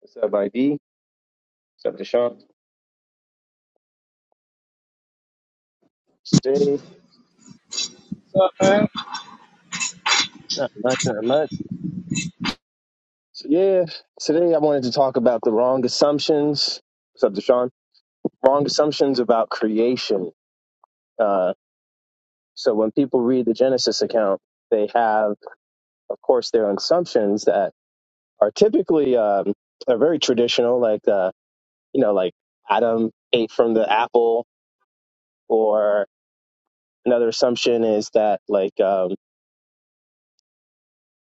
What's up, ID? What's up, Deshaun? Today, Uh, man. not much, not much. So, yeah, today I wanted to talk about the wrong assumptions. What's up, Deshaun? Wrong assumptions about creation. Uh, so when people read the Genesis account, they have, of course, their assumptions that are typically um, are very traditional, like uh, you know, like Adam ate from the apple, or another assumption is that like um,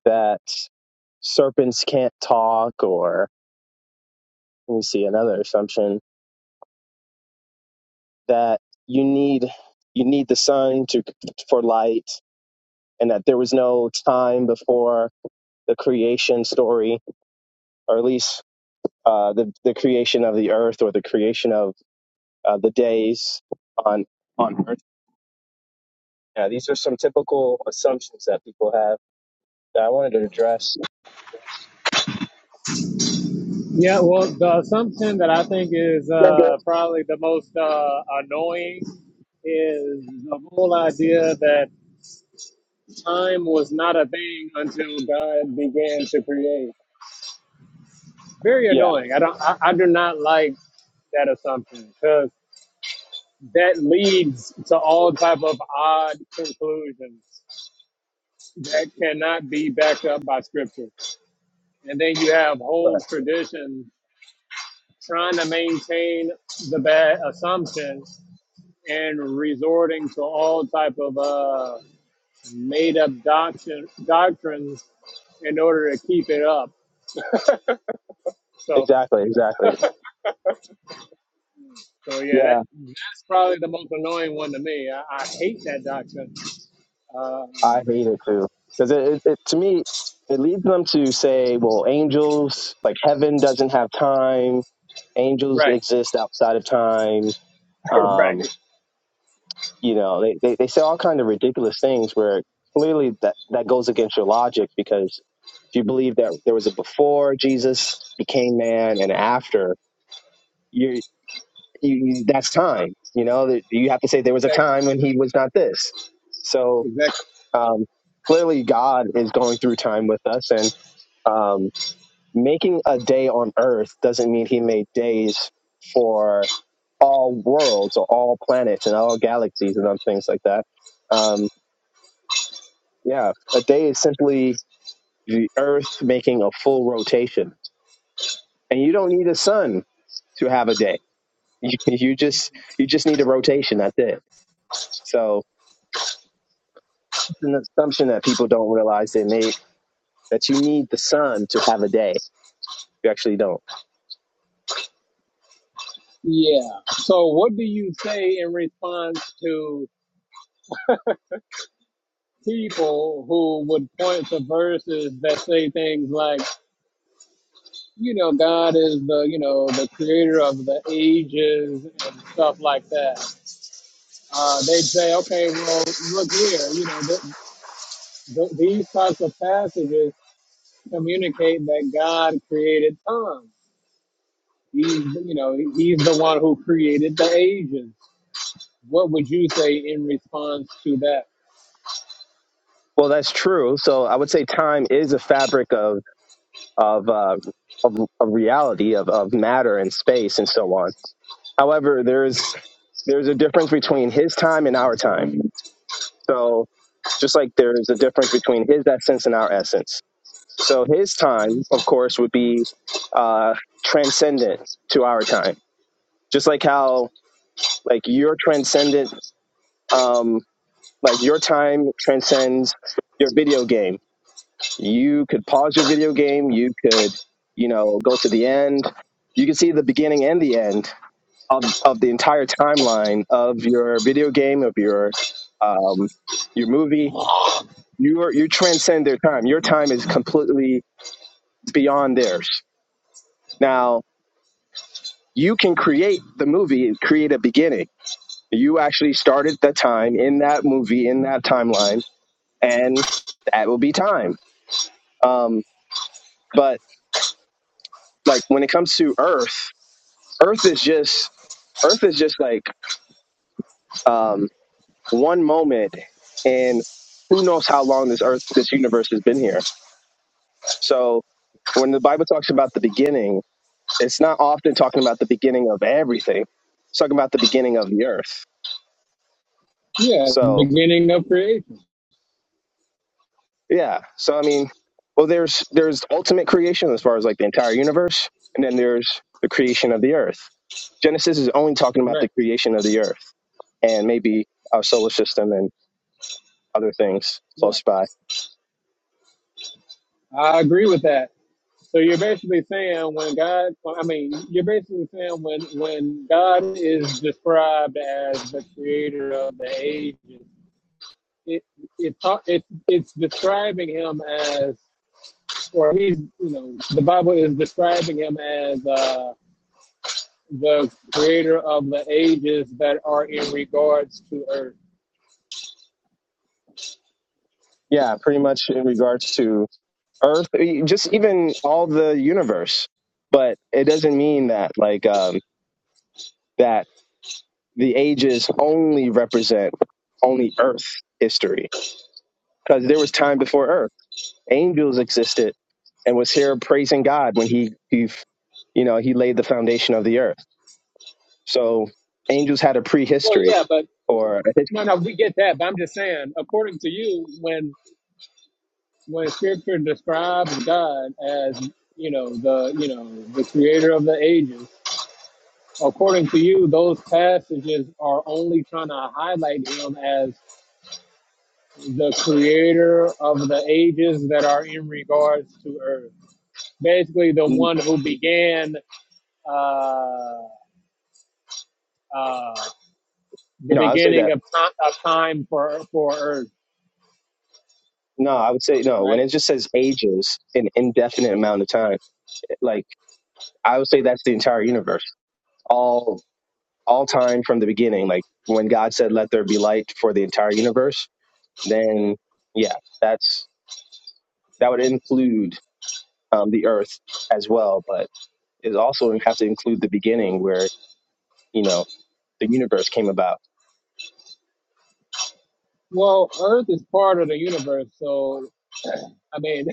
that serpents can't talk, or we see another assumption that you need you need the sun to for light and that there was no time before the creation story or at least uh, the the creation of the earth or the creation of uh, the days on on earth yeah these are some typical assumptions that people have that I wanted to address Yeah, well, the assumption that I think is Okay. uh, probably the most uh, annoying is the whole idea that time was not a thing until God began to create. Very yeah annoying. I don't. I, I do not like that assumption because that leads to all type of odd conclusions that cannot be backed up by scripture. And then you have whole but- traditions trying to maintain the bad assumption and resorting to all type of uh, made up doctrine, doctrines in order to keep it up. So, exactly exactly so yeah, Yeah, that, that's probably the most annoying one to me. I, I hate that doctrine. I Um, hate it too because it, it, it to me it leads them to say, well, angels like heaven doesn't have time. Angels right, exist outside of time. right, Um, you know, they, they, they say all kind of ridiculous things where clearly that, that goes against your logic because if you believe that there was a before Jesus became man and after, you, you that's time. You know, that you have to say there was a exactly, time when he was not this. So exactly. um, clearly God is going through time with us, and um, making a day on Earth doesn't mean He made days for all worlds or all planets and all galaxies and other things like that. Um, yeah, a day is simply the Earth making a full rotation, and you don't need a sun to have a day. You, you just you just need a rotation. That's it. So it's an assumption that people don't realize they made that you need the sun to have a day. You actually don't. Yeah. So, what do you say in response to people who would point to verses that say things like? you know, God is the, you know, the creator of the ages and stuff like that. Uh, they'd say, okay, well, look here, you know, th- th- these types of passages communicate that God created time. He's, you know, he's the one who created the ages. What would you say in response to that? Well, that's true. So I would say time is a fabric of of uh, of, of reality, of, of matter and space and so on. However, there's there's a difference between his time and our time. So just like there's a difference between his essence and our essence. So his time, of course, would be uh, transcendent to our time. Just like how like your transcendent, um, like your time transcends your video game you could pause your video game you could you know go to the end you can see the beginning and the end of, of the entire timeline of your video game of your um, your movie you are, you transcend their time your time is completely beyond theirs now you can create the movie create a beginning you actually started the time in that movie in that timeline and that will be time um, but like when it comes to earth Earth is just Earth is just like um, one moment, and who knows how long this Earth, this universe has been here. So when the Bible talks about the beginning, it's not often talking about the beginning of everything. It's talking about the beginning of the Earth. Yeah, So beginning of creation. yeah. So I mean, well, there's there's ultimate creation as far as like the entire universe, and then there's the creation of the Earth. Genesis is only talking about Right. the creation of the Earth and maybe our solar system and other things Yeah, close by. I agree with that. So you're basically saying when God, I mean, you're basically saying when when God is described as the creator of the ages, it it ta- it it's describing him as, or he's you know, the Bible is describing him as uh, the creator of the ages that are in regards to earth. Yeah, pretty much in regards to Earth, e- just even all the universe. But it doesn't mean that like um, that the ages only represent only Earth history, because there was time before Earth. Angels existed and was here praising God when he he you know he laid the foundation of the earth. So angels had a Well, prehistory yeah, but or a no, no, we get that. But I'm just saying, according to you, when when scripture describes God as, you know, the, you know, the creator of the ages, according to you, those passages are only trying to highlight him as the creator of the ages that are in regards to earth. Basically, the history. one who began, uh, uh, the No, I'll say that beginning of time, of time for, for earth, No, I would say no. When right? it just says ages, an indefinite amount of time, like I would say that's the entire universe, all all time from the beginning. Like when God said, "Let there be light" for the entire universe, then yeah, that's that would include um, the Earth as well, but it also would have to include the beginning where you know the universe came about. Well, earth is part of the universe. So, I mean,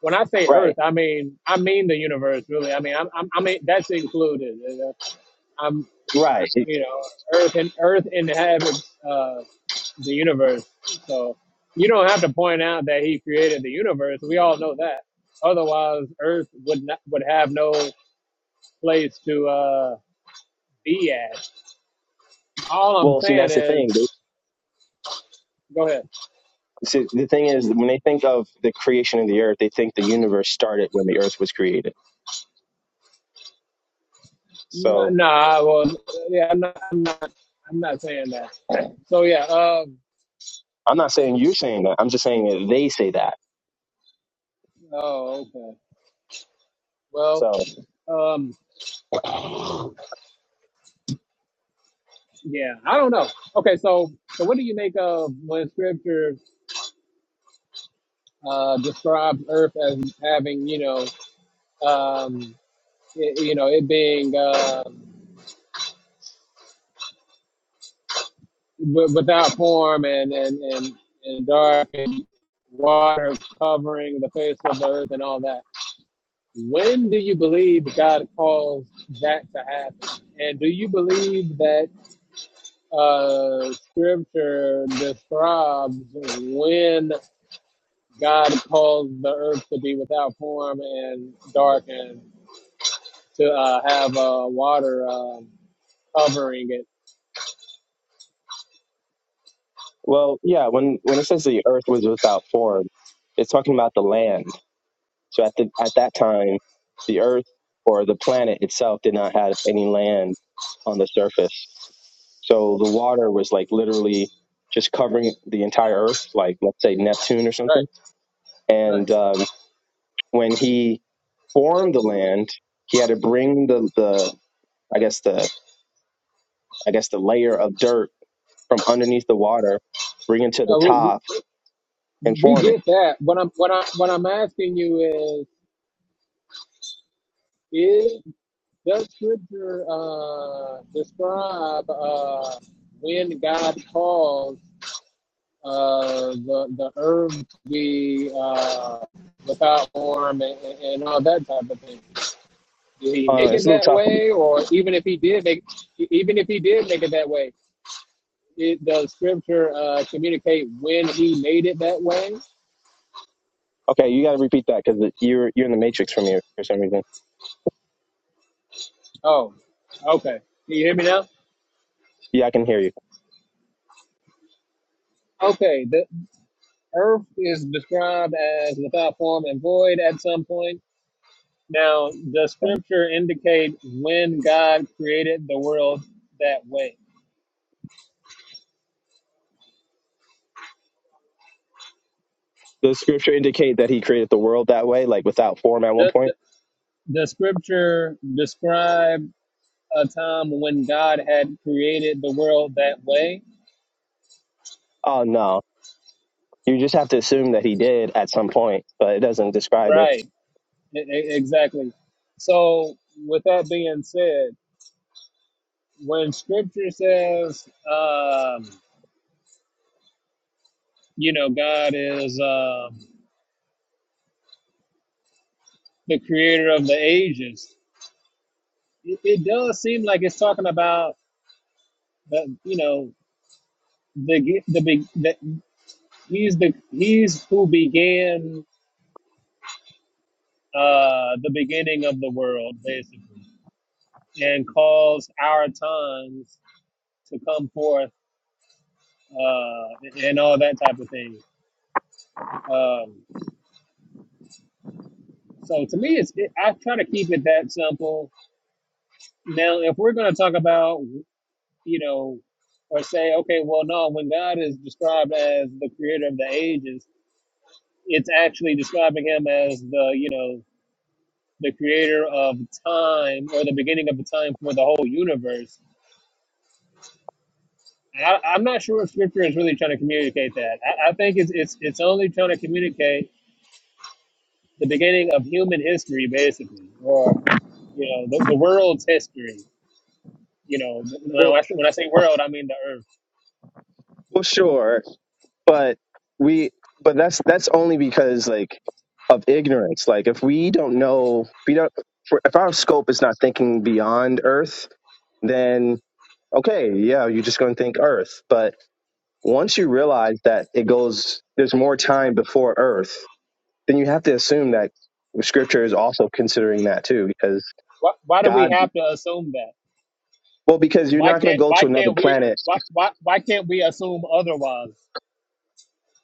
When I say Right, Earth, I mean I mean the universe, really. I mean I'm, I'm, I mean that's included. you I'm right. It- you know Earth and Earth inhabits uh, the universe, so you don't have to point out that He created the universe. We all know that. Otherwise, Earth would not would have no place to uh, be at. All I'm Well, see, saying that's the is, thing. They- go ahead. See, the thing is, when they think of the creation of the Earth, they think the universe started when the Earth was created. So No, nah, well, yeah, I'm not, I'm not, I'm not saying that. So yeah, um, I'm not saying you're saying that. I'm just saying that they say that. oh, okay. Well, So, um, Yeah, I don't know. Okay, so so what do you make of when Scripture uh, describes Earth as having, you know, um, it, you know, it being um, w- without form and and and and dark and water covering the face of the earth and all that? When do you believe God caused that to happen? And do you believe that uh, Scripture describes when God caused the earth to be without form and dark and to uh, have uh, water um, covering it. well, yeah, when when it says the earth was without form, it's talking about the land. So at the at that time, the earth or the planet itself did not have any land on the surface. So the water was like literally just covering the entire earth, like let's say Neptune or Right, something. right. And um, when he formed the land, he had to bring the the I guess the I guess the layer of dirt from underneath the water, bring it to the Uh, we, top, we and form it. get that. What I'm what I am what I'm asking you is is does scripture uh, describe uh, when God caused uh, the the earth to be uh, without form and, and all that type of thing? Did he Uh, make it's it a little that tough. way, or even if he did make, even if he did make it that way, it, does Scripture uh, communicate when he made it that way? Okay, you got to repeat that because you're you're in the matrix from here for some reason. Oh, okay. Can you hear me now? Yeah, I can hear you. Okay. The earth is described as without form and void at some point. Now, does Scripture indicate when God created the world that way? Does scripture indicate that he created the world that way, like without form at one Does, point? does Scripture describe a time when God had created the world that way? Oh no, you just have to assume that he did at some point, but it doesn't describe it. Right. E- e- Exactly. So, with that being said, when Scripture says, um, you know, God is um, the creator of the ages, it, it does seem like it's talking about the, you know, the ge- the big that he's the he's who began uh, the beginning of the world basically and caused our tongues to come forth uh, and and all that type of thing. Um, So to me, it's it, I try to keep it that simple. Now, if we're going to talk about, you know, or say, okay, well, no, when God is described as the creator of the ages, it's actually describing him as the, you know, the creator of time or the beginning of the time for the whole universe. I, I'm not sure if Scripture is really trying to communicate that. I, I think it's, it's it's only trying to communicate the beginning of human history, basically, or you know, the, the world's history You know, when Well, I say, when I say world, I mean the earth. well, sure, but we, but that's that's only because like of ignorance. Like if we don't know, if we don't, if our scope is not thinking beyond Earth, then okay, yeah, you're just going to think Earth. But once you realize that it goes, there's more time before Earth, then you have to assume that Scripture is also considering that too, because Why, why do we God, have to assume that? well, because you're Why not going to can't go why to another can't we planet. why why, why can't we assume otherwise?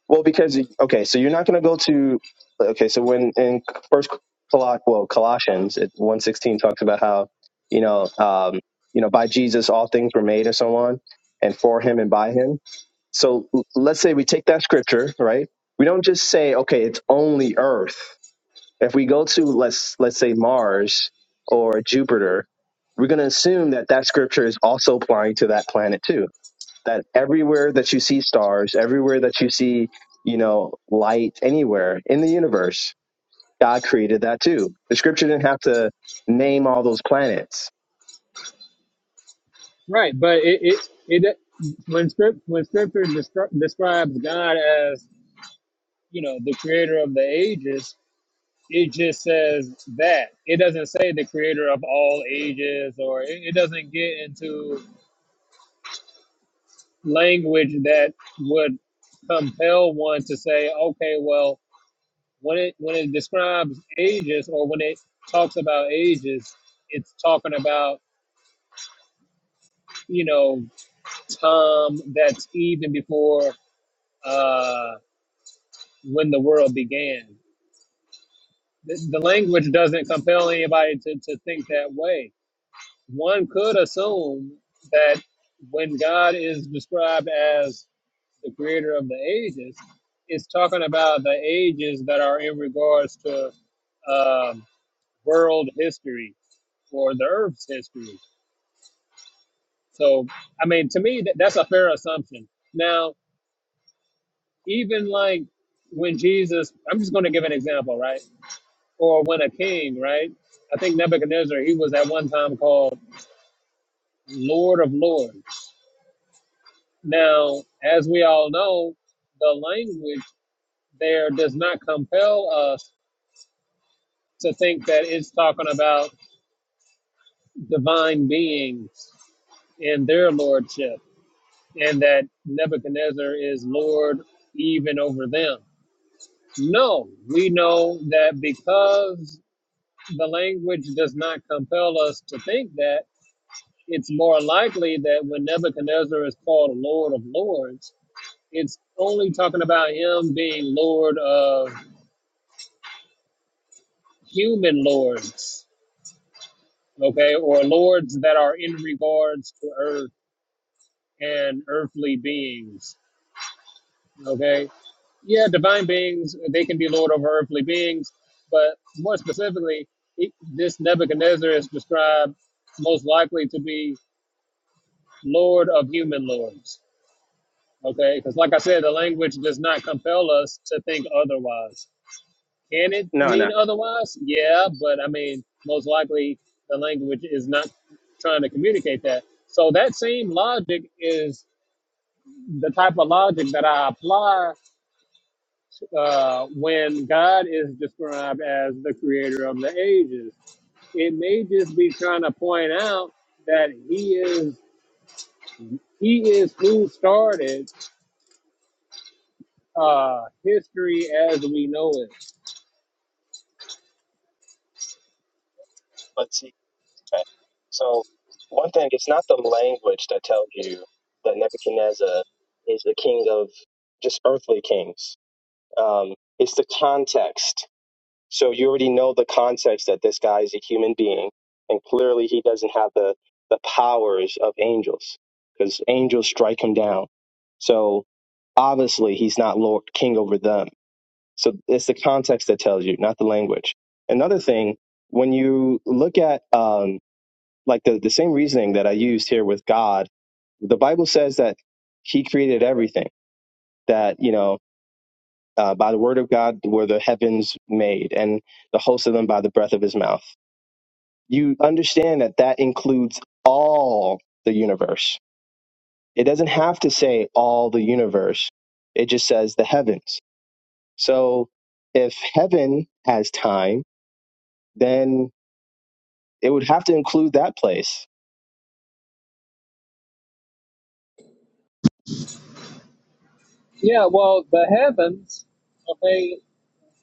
Well, because okay, so you're not going to go to okay, so when in First Coloss, well, Colossians it, one sixteen talks about how you know, um, you know, by Jesus all things were made and so on, and for Him and by Him. So let's say we take that scripture, right? We don't just say, okay, it's only Earth. If we go to let's let's say Mars or Jupiter, we're going to assume that that scripture is also applying to that planet too. That everywhere that you see stars, everywhere that you see, you know, light anywhere in the universe, God created that too. The scripture didn't have to name all those planets. Right, but it it, it when script when scripture descri- describes God as you know the creator of the ages, it just says that. It doesn't say the creator of all ages, or it, it doesn't get into language that would compel one to say, okay, well. when it when it describes ages or when it talks about ages, it's talking about you know time that's even before uh, when the world began. The, the language doesn't compel anybody to, to think that way. One could assume that when God is described as the creator of the ages, it's talking about the ages that are in regards to um, world history for the Earth's history. So, I mean, to me, that, that's a fair assumption. Now, even like when Jesus, I'm just going to give an example, right? Or when a king, right? I think Nebuchadnezzar, he was at one time called Lord of Lords. Now, as we all know, the language there does not compel us to think that it's talking about divine beings and their lordship. and that Nebuchadnezzar is Lord even over them. No, we know that because the language does not compel us to think that, it's more likely that when Nebuchadnezzar is called Lord of Lords, it's only talking about him being Lord of human lords, okay, or lords that are in regards to earth and earthly beings, okay? yeah, divine beings, they can be lord over earthly beings, but more specifically, he- this Nebuchadnezzar is described most likely to be lord of human lords. Okay, because like I said, the language does not compel us to think otherwise. Can it No, no. mean otherwise? Yeah, but I mean, most likely the language is not trying to communicate that. So that same logic is the type of logic that I apply uh, when God is described as the creator of the ages. It may just be trying to point out that he is he is who started uh, history as we know it. Let's see. Right? So, one thing, it's not the language that tells you that Nebuchadnezzar is the king of just earthly kings. Um, it's the context. So you already know the context that this guy is a human being, and clearly he doesn't have the the powers of angels because angels strike him down. So obviously he's not Lord King over them. So it's the context that tells you, not the language. Another thing, when you look at um, like the, the same reasoning that I used here with God, the Bible says that He created everything, that, you know, uh, by the word of God were the heavens made, and the host of them by the breath of His mouth. You understand that that includes all the universe. It doesn't have to say all the universe, it just says the heavens. So if heaven has time, then it would have to include that place. Yeah, well, the heavens, okay,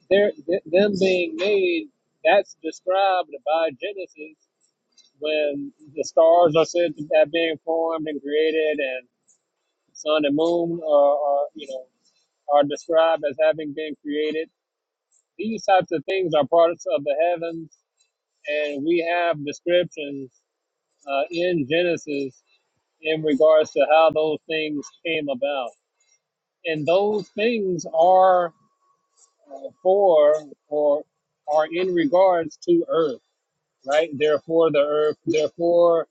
they're, th- them being made, that's described by Genesis when the stars are said to have been formed and created, and sun and moon are, are you know are described as having been created These types of things are products of the heavens, and we have descriptions uh, in Genesis in regards to how those things came about. And those things are uh, for or are in regards to earth, right? Therefore, the earth, therefore,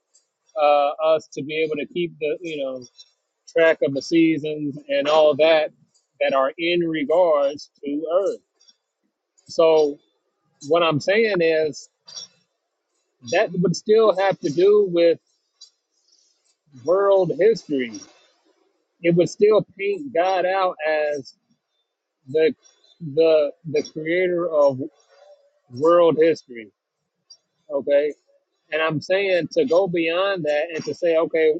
uh, us to be able to keep the, you know, track of the seasons and all that that are in regards to earth. So, what I'm saying is that would still have to do with world history. It would still paint God out as the the the creator of world history. Okay. And I'm saying to go beyond that and to say, okay,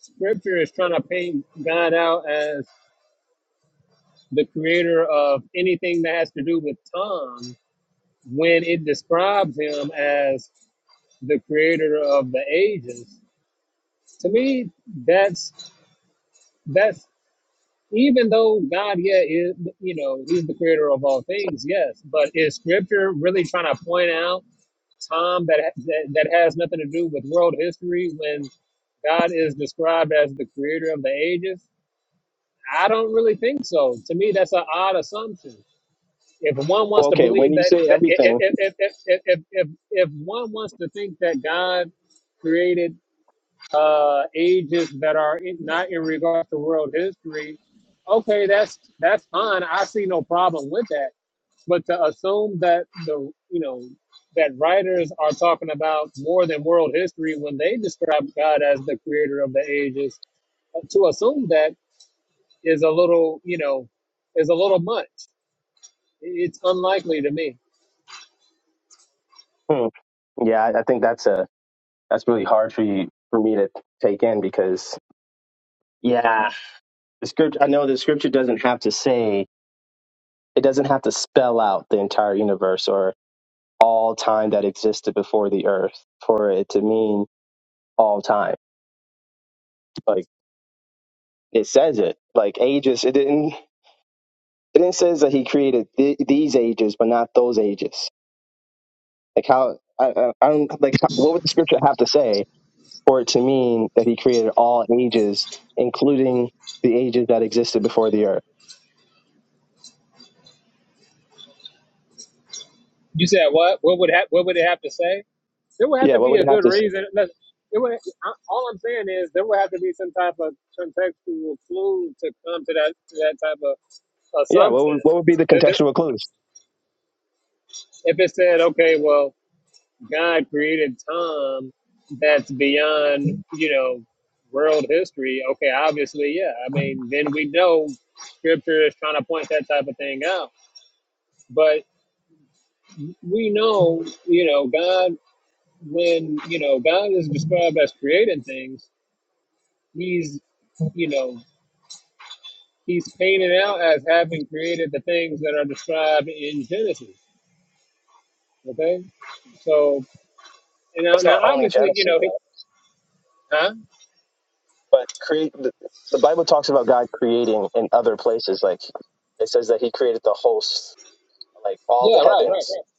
scripture is trying to paint God out as the creator of anything that has to do with time when it describes him as the creator of the ages. To me, that's that's even though God, yeah, is, you know, He's the creator of all things, yes, but is Scripture really trying to point out time that, that that has nothing to do with world history when God is described as the creator of the ages? I don't really think so. To me, that's an odd assumption. If one Well, wants to okay, when believe you that, say that if, everything, if, if, if, if, if if one wants to think that God created uh, ages that are in, not in regard to world history, okay, that's that's fine. I see no problem with that. But to assume that the you know that writers are talking about more than world history when they describe God as the creator of the ages, uh, to assume that is a little you know is a little much. It's unlikely to me. Hmm. Yeah, I I think that's a that's really hard for you for me to take in because yeah, the script. I know the scripture doesn't have to say it doesn't have to spell out the entire universe or all time that existed before the earth for it to mean all time. Like it says it, like ages. It didn't. But it says that he created th- these ages, but not those ages. Like how I, I, I don't like how, what would the scripture have to say for it to mean that he created all ages, including the ages that existed before the earth? You said what? What would ha- what would it have to say? There would have Yeah, to what be would a it have good to? s- reason. Look, It would, I- all I'm saying is there would have to be some type of contextual clue to come to that to that type of Yeah, what assumption. would what would be the If it contextual clues? if it said, okay, well, God created time that's beyond you know world history. Okay, obviously, yeah. I mean, then we know Scripture is trying to point that type of thing out. But we know, you know, God. when you know God is described as creating things, He's you know He's painted out as having created the things that are described in Genesis. Okay, so and now It's not now only obviously you Genesis, know he, though. huh? But create the, the Bible talks about God creating in other places. Like it says that he created the hosts, like all Yeah, the right, right, heavens. right,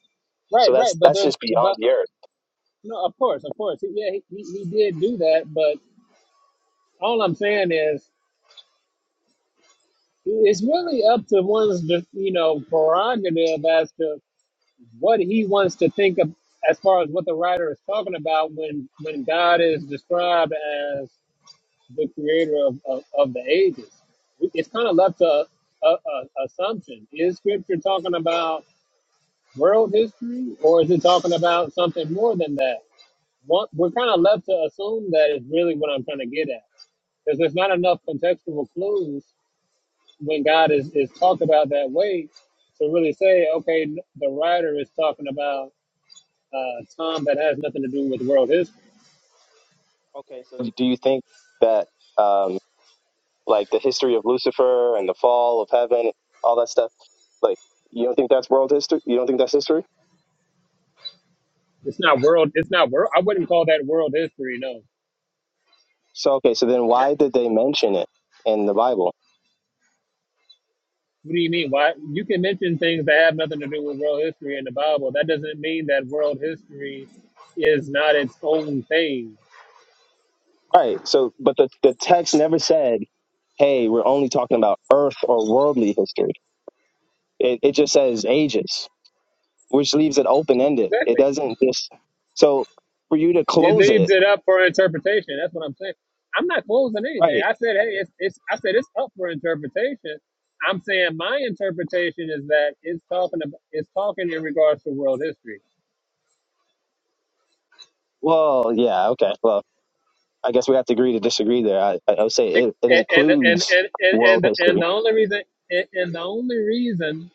So right, right. that's But that's there's just beyond but the earth. no, of course, of course, He- yeah, he, he, he did do that. But all I'm saying is it's really up to one's you know prerogative as to what he wants to think of as far as what the writer is talking about when when God is described as the creator of, of, of the ages. It's kind of left to a, a assumption. Is scripture talking about world history or is it talking about something more than that? One, we're kind of left to assume that is really what I'm trying to get at. Because there's not enough contextual clues when God is, is talked about that way to really say, okay, the writer is talking about uh, Tom that has nothing to do with world history. Okay, so do you think that? um, like the history of Lucifer and the fall of heaven, all that stuff. Like, you don't think that's world history? You don't think that's history? It's not world. It's not world. I wouldn't call that world history. No. So, okay, so then That- why did they mention it in the Bible? What do you mean? Why you can mention things that have nothing to do with world history in the Bible? That doesn't mean that world history is not its own thing. All right, so, but the, the text never said, hey, we're only talking about earth or worldly history. It, it just says ages, which leaves it open ended. It Exactly. doesn't just, so for you to It close leaves it, it up for interpretation. That's what I'm saying. I'm not closing anything. right? I said, hey, it's, it's I said it's up for interpretation. I'm saying my interpretation is that it's talking about it's talking in regards to world history Well, yeah, okay. Well, I guess we have to agree to disagree there. I, I would say Be- it, it And and and includes and world and, history and the only reason and, and the only reason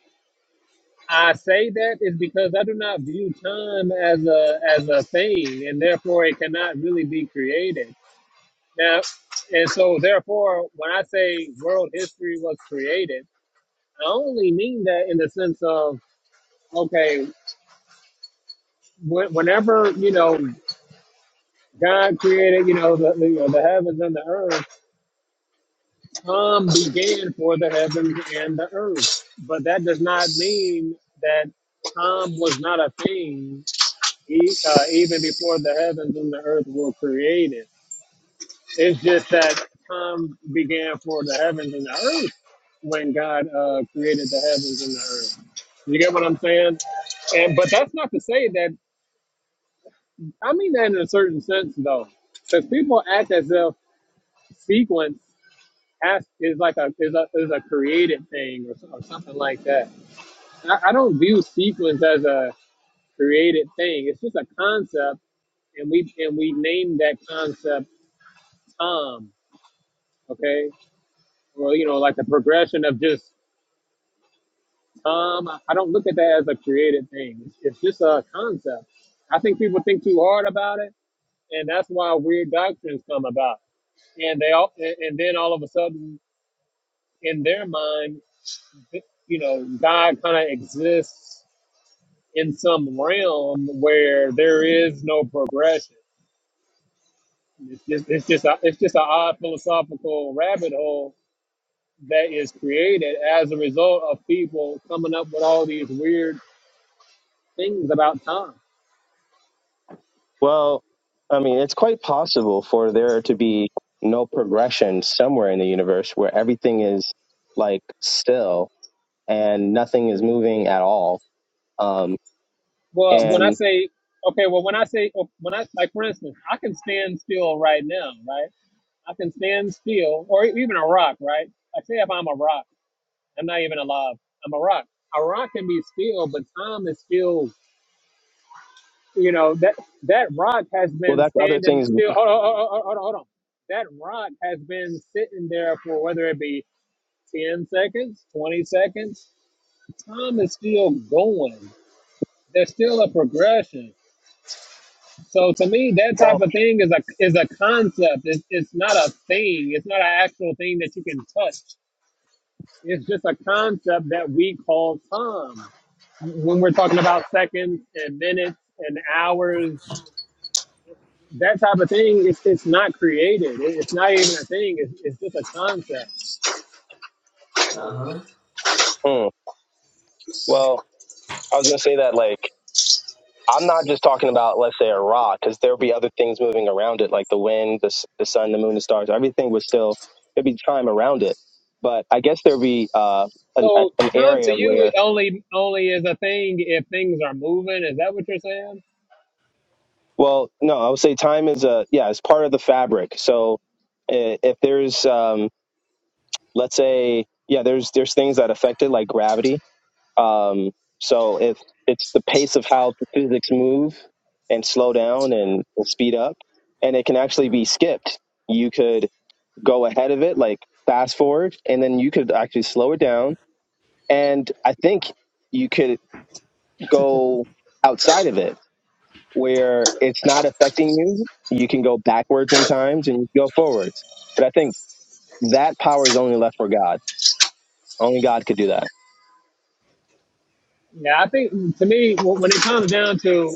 I say that is because I do not view time as a as a thing, and therefore it cannot really be created. Now, and so therefore, when I say world history was created, I only mean that in the sense of okay, wh- whenever you know God created, you know the the, you know, the heavens and the earth time began for the heavens and the earth. But that does not mean that time was not a thing e- uh, even before the heavens and the earth were created. It's just that time began for the heavens and the earth when God uh, created the heavens and the earth. You get what I'm saying? And but that's not to say that I mean that in a certain sense though, because people act as if sequence. has is like a is a is a created thing or, so- or something like that. I, I don't view sequence as a created thing. It's just a concept, and we and we name that concept Tom. Okay, or you know, like the progression of just Tom. I I don't look at that as a created thing. It's, it's just a concept. I think people think too hard about it, and that's why weird doctrines come about. And they all and and then all of a sudden, in their mind, you know, God kind of exists in some realm where there is no progression. It's just it's just a, it's just an odd philosophical rabbit hole that is created as a result of people coming up with all these weird things about time. Well, I mean, it's quite possible for there to be no progression somewhere in the universe where everything is like still and nothing is moving at all. Um, Well, when I and say okay, well when I say oh, when I like for instance, I can stand still right now, right? I can stand still, or even a rock, right? I say if I'm a rock, I'm not even alive. I'm a rock. A rock can be still, but time is still You know that that rock has well, been that's other standing things. still. Hold on, hold on, hold on, hold on. That rock has been sitting there for whether it be ten seconds, twenty seconds. Time is still going. There's still a progression. So to me, that type Well, of thing is a is a concept. It's, it's not a thing. It's not an actual thing that you can touch. It's just a concept that we call time. When we're talking about seconds and minutes and hours that type of thing it's, it's not created It- it's not even a thing it's, it's just a concept Uh huh. mm, well, I was going to say that like I'm not just talking about let's say a rock because there'll be other things moving around it, like the wind, the s- the sun, the moon, the stars. Everything would still there'd be time around it. But I guess there'd be uh, an, a- so an time to area where you only only is a thing if things are moving is that what you're saying Well, no, I would say time is a yeah, it's part of the fabric. So i- if there's um, let's say yeah, there's there's things that affect it like gravity. Um, so if it's the pace of how the physics move and slow down and, and speed up, and it can actually be skipped. You could go ahead of it, like fast forward, and then you could actually slow it down. And I think you could go outside of it where it's not affecting you. You can go backwards in times and you can go forwards. But I think that power is only left for God. Only God could do that. yeah i think to me wh- when it comes down to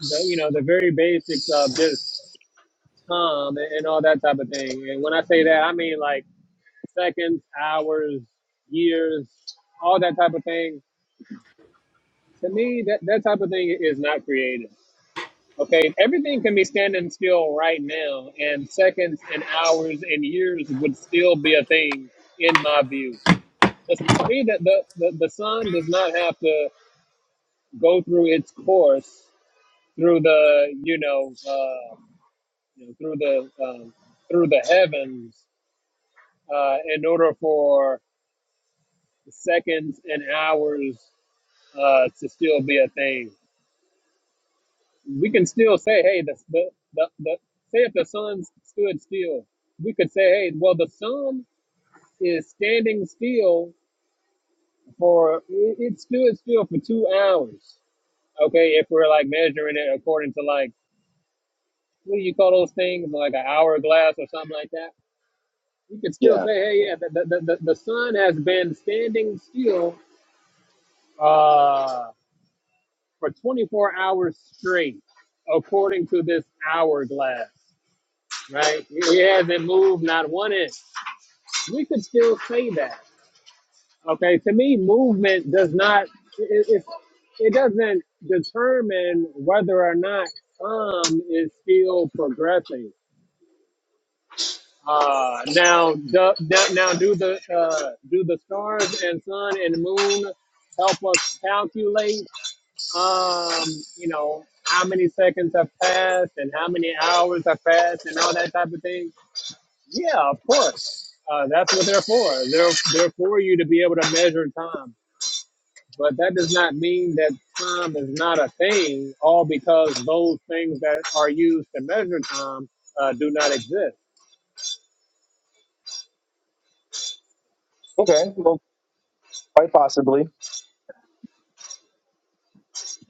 the, you know the very basics of just time and, and all that type of thing and when i say that i mean like seconds hours years all that type of thing to me that, that type of thing is not created Okay, everything can be standing still right now, and seconds and hours and years would still be a thing, in my view. Just to me, that the, the, the sun does not have to go through its course through the you know, uh, you know through the um, through the heavens uh, in order for seconds and hours uh, to still be a thing. we can still say, hey, the, the, the, the say if the sun stood still, we could say, hey, well, the sun is standing still for it, it stood still for two hours. Okay, if we're like measuring it according to like what do you call those things, like an hourglass or something like that, we could still Yeah. say, hey, yeah, the the, the, the the sun has been standing still uh, for 24 hours straight according to this hourglass. right? He hasn't moved not one inch. We could still say that. Okay, to me, movement does not it, it, it doesn't determine whether or not some is still progressing. Uh, now, do, now, now, do the uh, do the stars and sun and moon help us calculate? Um, you know how many seconds have passed and how many hours have passed and all that type of thing Yeah, of course. Uh, that's what they're for. They're they're for you to be able to measure time. But that does not mean that time is not a thing, all because those things that are used to measure time uh, do not exist. Okay. Well, quite possibly.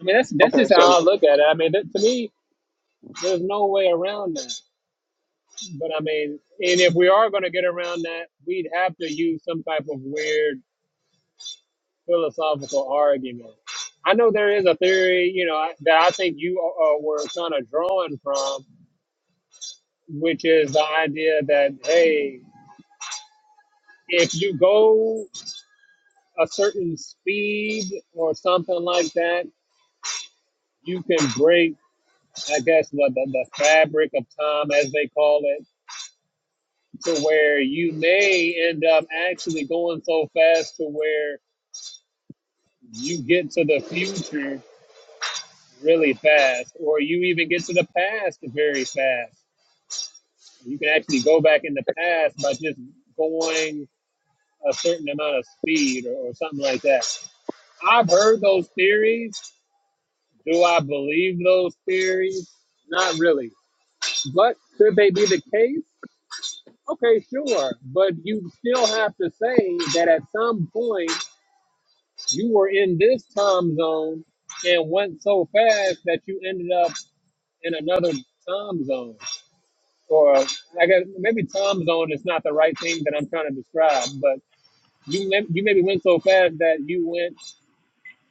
I mean, that's that's Okay. just So how I look at it. I mean, that, to me, there's no way around that. But I mean, and if we are going to get around that, we'd have to use some type of weird philosophical argument. I know there is a theory, you know, I- that I think you uh, uh, were kind of drawing from which is the idea that hey, if you go a certain speed or something like that, you can break, I guess, what the, the fabric of time, as they call it, to where you may end up actually going so fast to where you get to the future really fast, or you even get to the past very fast. You can actually go back in the past by just going a certain amount of speed or, or something like that I've heard those theories. Do I believe those theories? Not really. But could they be the case? Okay, sure. But you still have to say that at some point you were in this time zone and went so fast that you ended up in another time zone. Or I guess maybe time zone is not the right thing that I'm trying to describe, but you, may- you maybe went so fast that you went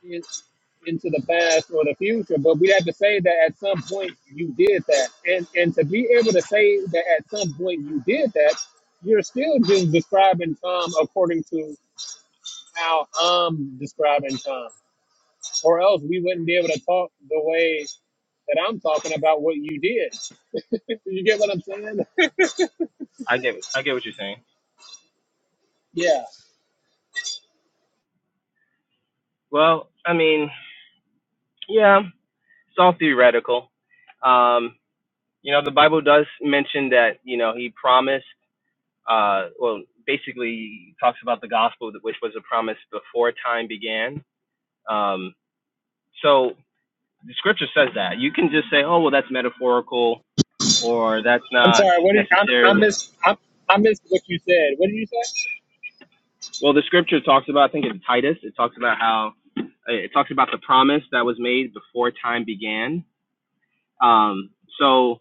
in- into the past or the future, but we have to say that at some point you did that. And and to be able to say that at some point you did that, you're still just describing time according to how I'm describing time. Or else we wouldn't be able to talk the way that I'm talking about what you did. You get what I'm saying? I get I get what you're saying. Yeah. Well, I mean, yeah, it's all theoretical. Um, you know, the Bible does mention that you know he promised. Uh, well, basically, he talks about the gospel, which was a promise before time began. Um, so the scripture says that. You can just say, oh, well, that's metaphorical or that's I'm not sorry. What did you, I, I necessarily. missed? I, I missed what you said. What did you say? Well, the scripture talks about, I think it's Titus, it talks about how it talks about the promise that was made before time began. Um, so,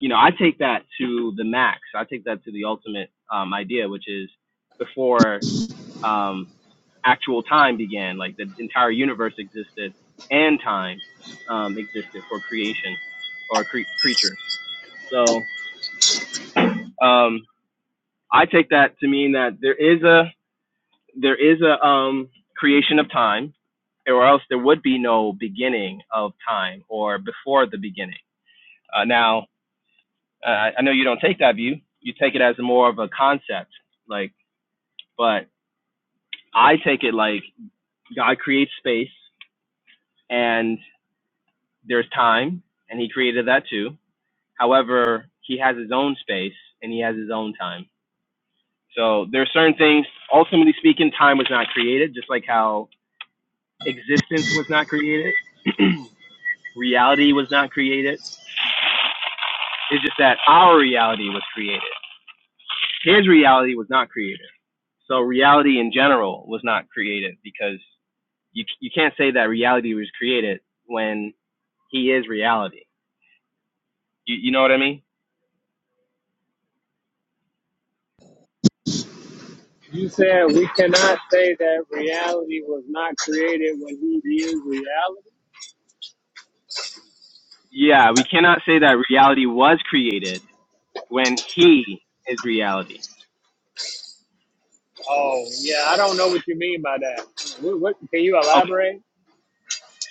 you know, I take that to the max. I take that to the ultimate um, idea, which is before um, actual time began, like the entire universe existed and time um, existed for creation or cre- creatures. So, um, I take that to mean that there is a there is a um, creation of time, or else there would be no beginning of time or before the beginning. Uh, now, uh, I I know you don't take that view. You take it as more of a concept, like, but I take it like God creates space and there's time, and He created that too. However, He has His own space and He has His own time. So there are certain things. Ultimately speaking, time was not created, just like how existence was not created, reality was not created. It's just that our reality was created. His reality was not created. So reality in general was not created because you you can't say that reality was created when he is reality. You you know what I mean? You said we cannot say that reality was not created when he is reality. Yeah, we cannot say that reality was created when he is reality. Oh, yeah, I don't know what you mean by that. What, what can you Okay. elaborate?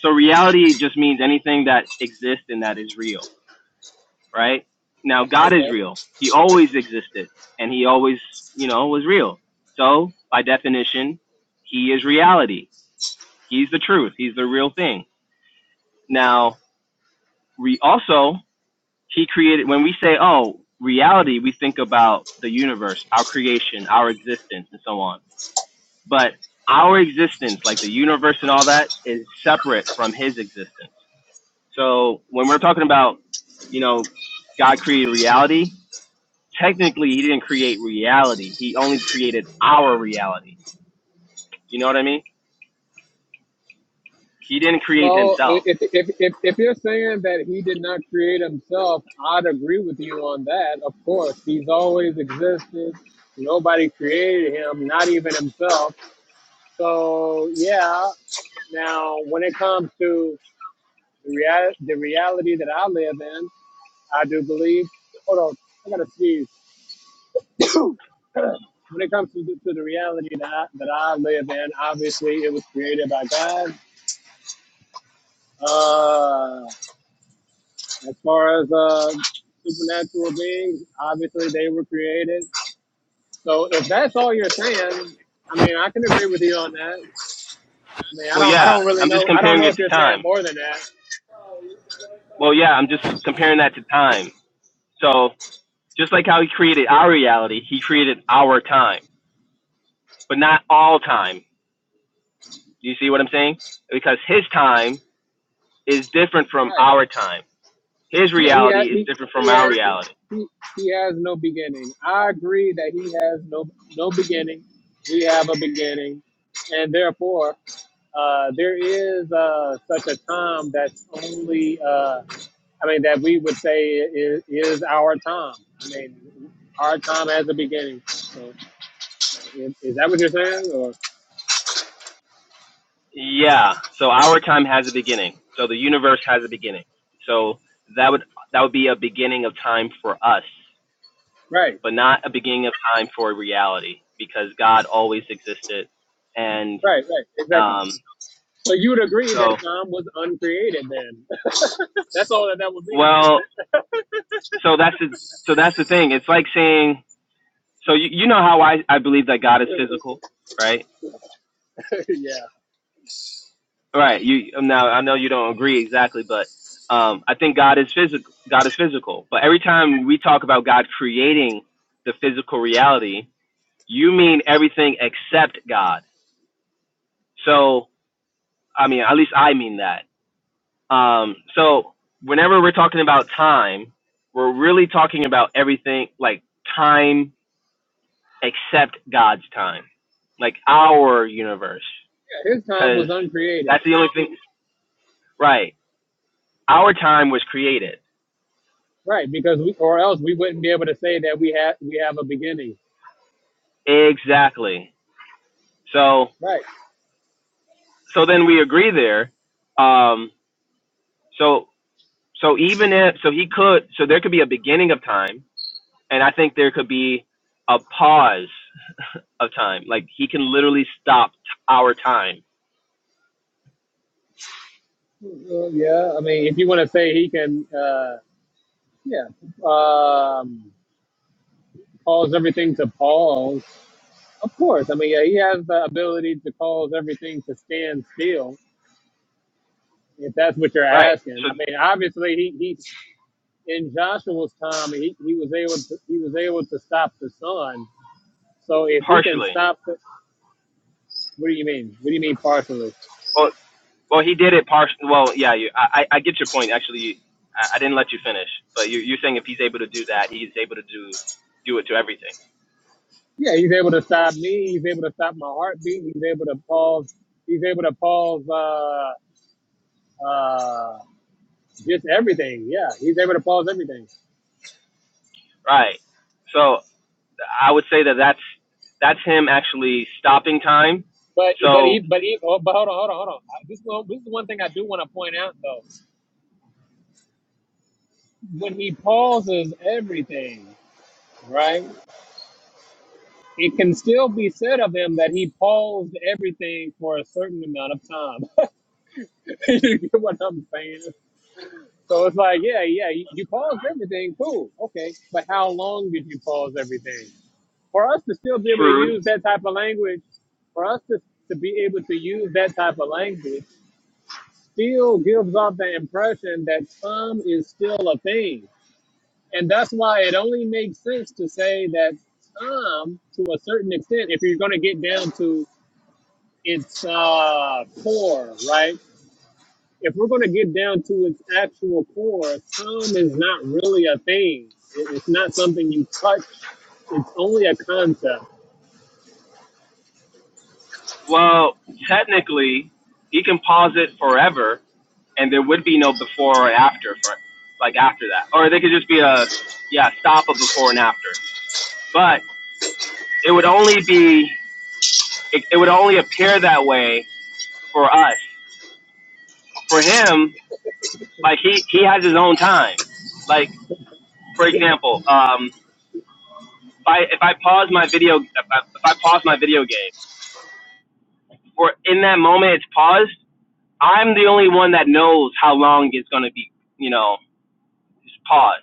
So reality just means anything that exists and that is real. right? Now God is Okay. real. He always existed and he always, you know, was real. So, by definition, he is reality. He's the truth. He's the real thing. Now, we also he created when we say, "Oh, reality," we think about the universe, our creation, our existence and so on. But our existence, like the universe and all that, is separate from his existence. So, when we're talking about, you know, God created reality, technically he didn't create reality. He only created our reality. You know what I mean? He didn't create Well, i- himself. if, if, if, if you're saying that he did not create himself, I'd agree with you on that. Of course, he's always existed. Nobody created him, not even himself. So, yeah. Now, when it comes to the, real, the reality that I live in, I do believe. Hold on, I gotta sneeze. When it comes to, to the reality that I, that I live in, obviously it was created by God. Uh, as far as uh, supernatural beings, obviously they were created. So if that's all you're saying, I mean, I can agree with you on that. I mean, I Well, don't, I yeah, don't really I'm just know. I don't comparing know it if to you're saying time. more than that. Well, yeah, I'm just comparing that to time. So just like how he created our reality, he created our time, but not all time. Do you see what I'm saying? Because his time is different from Right. our time. His Yeah, he reality has, is he, different from he our has reality. he, he has no beginning. I agree that he has no no beginning. We have a beginning, and therefore uh, there is uh, such a time that's only uh, I mean that we would say is, is our time. I mean our time has a beginning. So is, is that what you're saying? Or Yeah. So our time has a beginning. So the universe has a beginning. So that would that would be a beginning of time for us, right, but not a beginning of time for reality because God always existed. And right, right, exactly. um So you would agree that so time was uncreated then. That's all that that would mean. well, so that's the so that's the thing. It's like saying so you, you know how I I believe that God is physical, right? yeah. Right. You um, now I know you don't agree exactly, but um, I think God is physical. God is physical. But every time we talk about God creating the physical reality, you mean everything except God. So I mean, at least I mean that. Um, so whenever we're talking about time, we're really talking about everything like time except God's time, like our universe, His time because was uncreated, that's the only thing. Right. Our time was created right? Because we, or else we wouldn't be able to say that we have we have a beginning, Exactly. So right? so then we agree there. Um, so so even if so he could so there could be a beginning of time, and I think there could be a pause of time. Like he can literally stop t- our time. Uh, yeah, I mean, if you want to say he can, uh, yeah, um, cause everything to pause. Of course, I mean, yeah, he has the ability to cause everything to stand still. If that's what you're Right. asking, So I mean, obviously he, he in Joshua's time he, he was able to he was able to stop the sun. So if he can partially. stop, the, what do you mean? What do you mean partially? Well, well, he did it partially. Well, yeah. You, I I I get your point. Actually, I, I didn't let you finish, but you, you're saying if he's able to do that, he's able to do do it to everything. Yeah, he's able to stop me. He's able to stop my heartbeat. He's able to pause. He's able to pause uh, uh, just everything. Yeah, he's able to pause everything. Right. So I would say that that's that's him actually stopping time. But but So he but he, oh, but hold on hold on hold on. I- This is one- this is one thing I do want to point out though. When he pauses everything, right? It can still be said of him that he paused everything for a certain amount of time. you get what I'm saying? So it's like, yeah, yeah, you you paused everything, cool, okay, but how long did you pause everything? For us to still be able to true. use that type of language, for us to, to be able to use that type of language, still gives off the impression that time is still a thing, and that's why it only makes sense to say that time, to a certain extent, if you're going to get down to its uh, core, right? if we're going to get down to its actual core, time is not really a thing. It- It's not something you touch. It's only a concept. Well, technically, he can pause it forever, and there would be no before or after for like after that, or they could just be a yeah stop a before and after. But it would only be it, it would only appear that way for us. For him, like he he has his own time. Like for example, um, if I if I pause my video if I, if I pause my video game or in that moment it's paused, I'm the only one that knows how long it's going to be, you know, it's paused.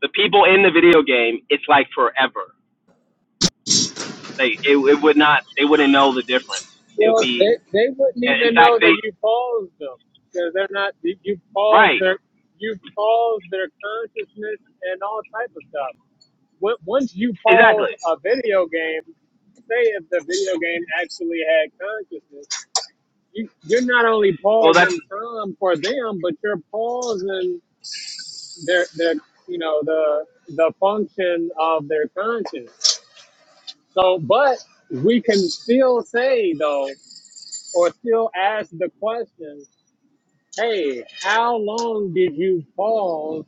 The people in the video game, it's like forever. Like it, it would not they wouldn't know the difference. It would Well, be they, they wouldn't in in even fact know they that you paused them because they're not. You paused right their you paused their consciousness and all type of stuff. When- Once you exactly. pause a video game, say if the video game actually had consciousness, you, you're not only Well that's pausing time for them, but you're pausing their their you know the the function of their conscience. So, but we can still say though, or still ask the question, hey, how long did you pause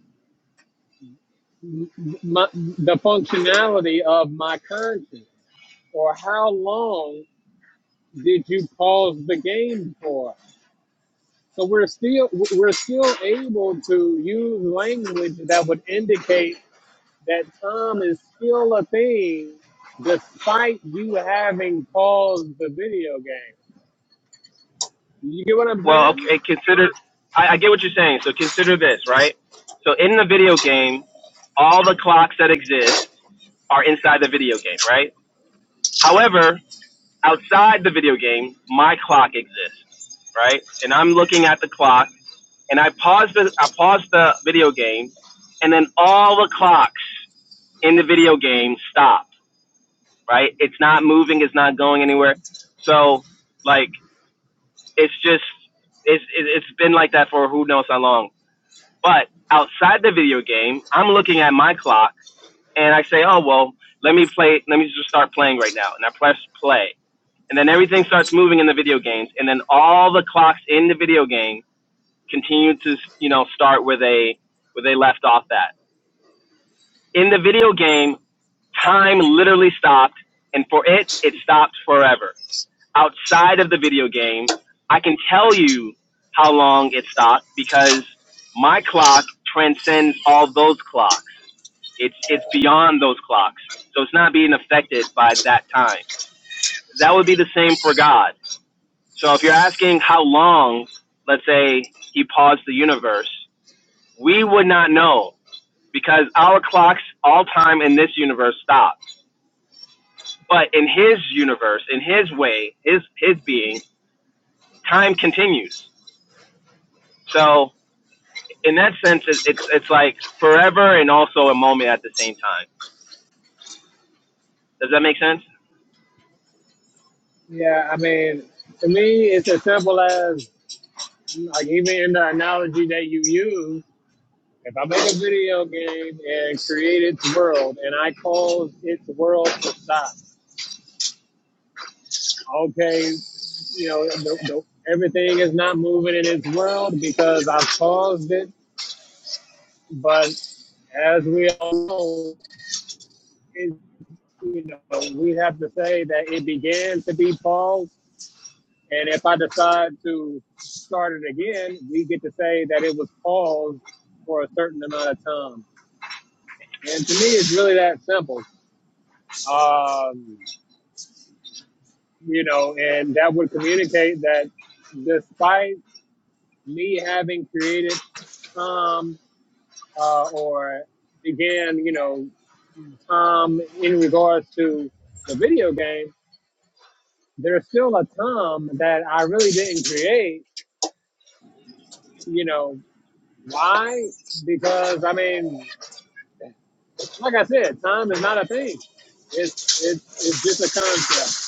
m- my, the functionality of my conscience, or how long did you pause the game for? So we're still we're still able to use language that would indicate that time is still a thing despite you having paused the video game. You get what I'm well saying? okay consider I, I get what you're saying. So consider this right. So in the video game, all the clocks that exist are inside the video game, right? However, outside the video game, my clock exists, right? And I'm looking at the clock, and I pause the I pause the video game, and then all the clocks in the video game stop, right? It's not moving, it's not going anywhere. So, like, it's just it's it- has been like that for who knows how long. But outside the video game, I'm looking at my clock, and I say, oh well, let me play, let me just start playing right now, and I press play and then everything starts moving in the video games, and then all the clocks in the video game continue to you know start where they where they left off. That in the video game, time literally stopped, and for it, it stopped forever. Outside of the video game, I can tell you how long it stopped because my clock transcends all those clocks. It's it's beyond those clocks, so it's not being affected by that time. That would be the same for God. So if you're asking how long, let's say he paused the universe, we would not know because our clocks, all time in this universe stopped. But in his universe, in his way, his his being, time continues. So in that sense, it, it's it's like forever and also a moment at the same time. Does that make sense? Yeah, I mean, to me, it's as simple as, like, even in the analogy that you use, if I make a video game and create its world and I cause its world to stop, okay, you know, the, the, everything is not moving in its world because I've caused it. But as we all know, it you know, we have to say that it began to be Paul's. And if I decide to start it again, we get to say that it was Paul's for a certain amount of time. And to me, it's really that simple. Um, you know, and that would communicate that despite me having created Tom uh, or began, you know, Tom in regards to the video game, there's still a Tom that I really didn't create You know, why? Because I mean, like I said, time is not a thing. It's it's it's just a concept.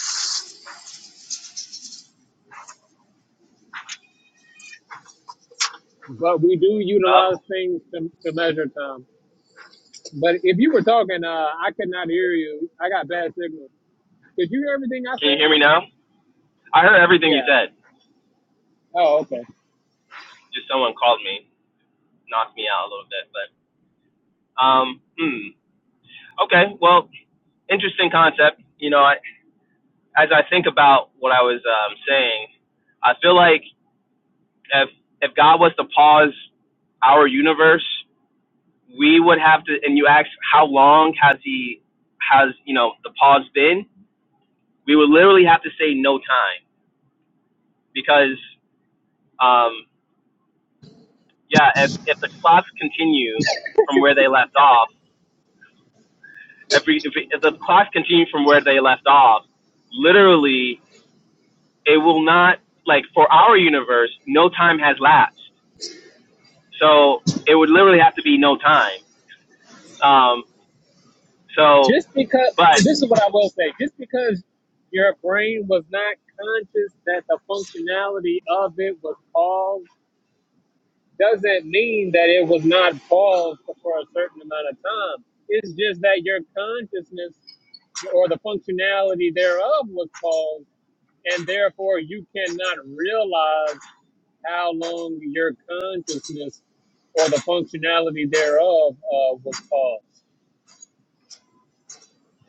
But we do utilize Oh, things to, to measure time. But if you were talking, uh, I could not hear you. I got bad signal. Did you hear everything I can you said? hear me now? I heard everything you Yeah. said. Oh, okay. Just someone called me, knocked me out a little bit. But um, hmm. okay. Well, interesting concept. You know, I, as I think about what I was um, saying, I feel like if if God was to pause our universe, we would have to. And you ask, how long has He has you know the pause been? We would literally have to say no time because um, yeah, if if the clocks continue from where they left off, if we, if, we, if the clocks continue from where they left off, literally it will not like for our universe no time has lapsed so it would literally have to be no time um so Just because but this is what I will say. Just because your brain was not conscious that the functionality of it was paused doesn't mean that it was not paused for a certain amount of time. It's just that your consciousness or the functionality thereof was paused, and therefore you cannot realize how long your consciousness or the functionality thereof uh, was paused.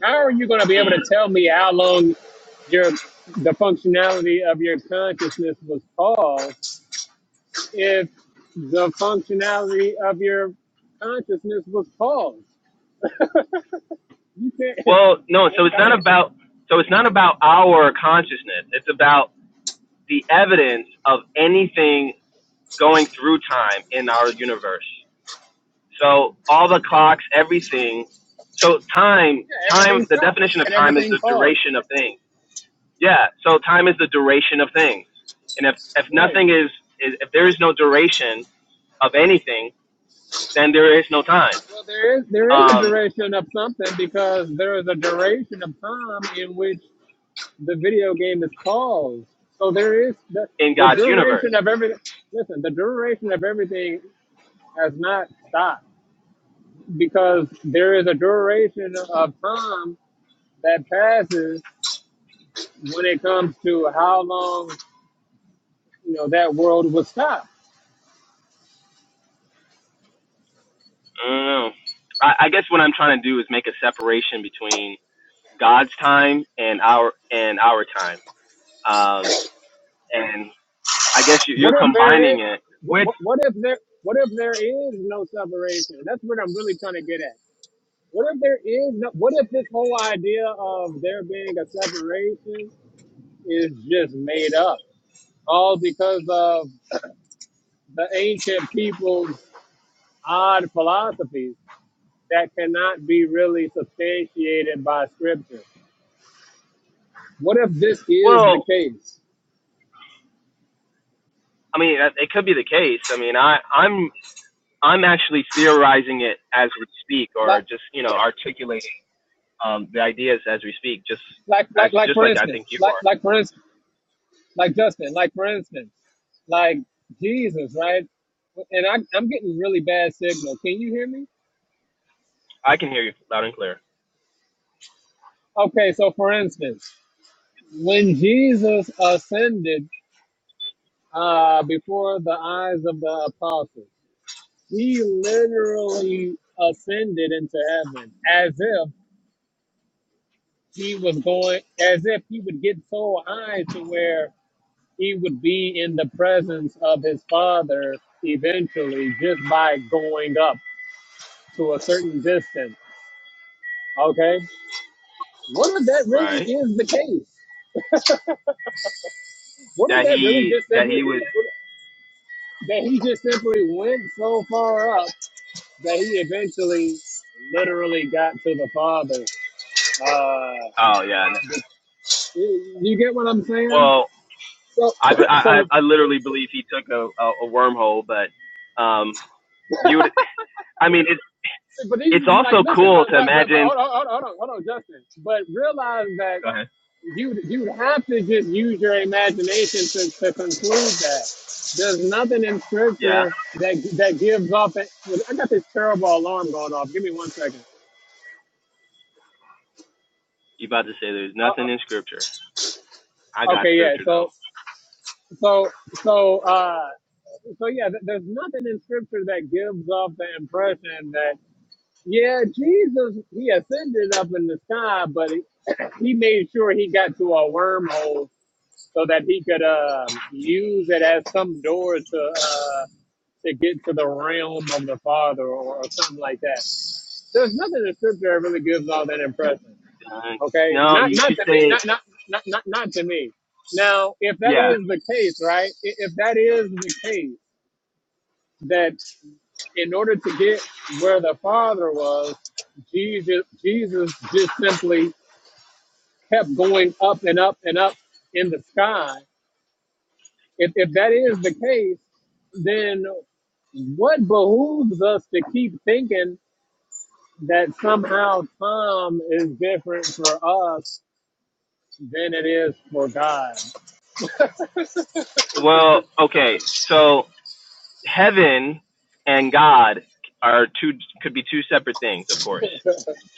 How are you going to be able mm, to tell me how long your the functionality of your consciousness was paused if the functionality of your consciousness was paused. You can't. well no so That's it's kind not of, about so it's not about our consciousness it's about the evidence of anything going through time in our universe so all the clocks everything so time yeah, time everything the stops. You definition of said time is everything the paused. duration of things Yeah. So time is the duration of things, and if if Right. nothing is, is if there is no duration of anything, then there is no time Well, there is there is a um, duration of something because there is a duration of time in which the video game is paused. So there is the in the God's universe. duration of everything. Listen, the duration of everything has not stopped because there is a duration of time that passes when it comes to how long you know that world was stopped. I don't know. I, I guess what I'm trying to do is make a separation between God's time and our and our time. Um, and I guess you, you're What if there is? combining it, What, with. what what if there? What if there is no separation? That's what I'm really trying to get at. What if there is no? What if this whole idea of there being a separation is just made up, all because of the ancient people's odd philosophies that cannot be really substantiated by scripture? What if this is the well, case? I mean, it could be the case. I mean, I I'm I'm actually theorizing it as we speak, or Like, just you know articulating. Um, the idea is as we speak, just like, as like, like just for like I instance, think you like, are. like for instance. Like Justin, like for instance, like Jesus, right? And I, I'm getting really bad signal. Can you hear me? I can hear you loud and clear. Okay, so for instance, when Jesus ascended uh, before the eyes of the apostles, he literally ascended into heaven as if he was going, as if he would get so high to where he would be in the presence of his Father eventually just by going up to a certain distance Okay. What if that really Right. is the case? What if That that really he just that simply he was. that he just simply went so far up that he eventually literally got to the father? Uh, Oh yeah. you you get what I'm saying? Well, So, I I I so, literally believe he took a a, wormhole, but um, you would. I mean, it's but he's it's just like, also listen, cool but to but but, but imagine. hold on, hold on, hold on, hold on, Justin. But realize that. Go ahead. you you have to just use your imagination to, to conclude that. There's nothing in Yeah. scripture that that gives off. A, I got this terrible alarm going off. Give me one second. You about to say there's Uh, nothing in scripture. I uh, got okay, yeah. scripture though. So so so uh so yeah. th- There's nothing in scripture that gives off the impression that yeah, Jesus he ascended up in the sky, but he, he made sure he got to a wormhole so that he could um use it as some door to uh, to get to the realm of the Father or, or something like that. There's nothing in Scripture that really gives all that impression. Uh, Okay, no, not you not should to me, say not not not not, not to me. Now, if that yeah. is the case, right? i- If that is the case, that in order to get where the Father was, Jesus Jesus just simply kept going up and up and up in the sky If, if that is the case, then what behooves us to keep thinking that somehow time is different for us than it is for God? Well, okay. So heaven and God are two could be two separate things, of course.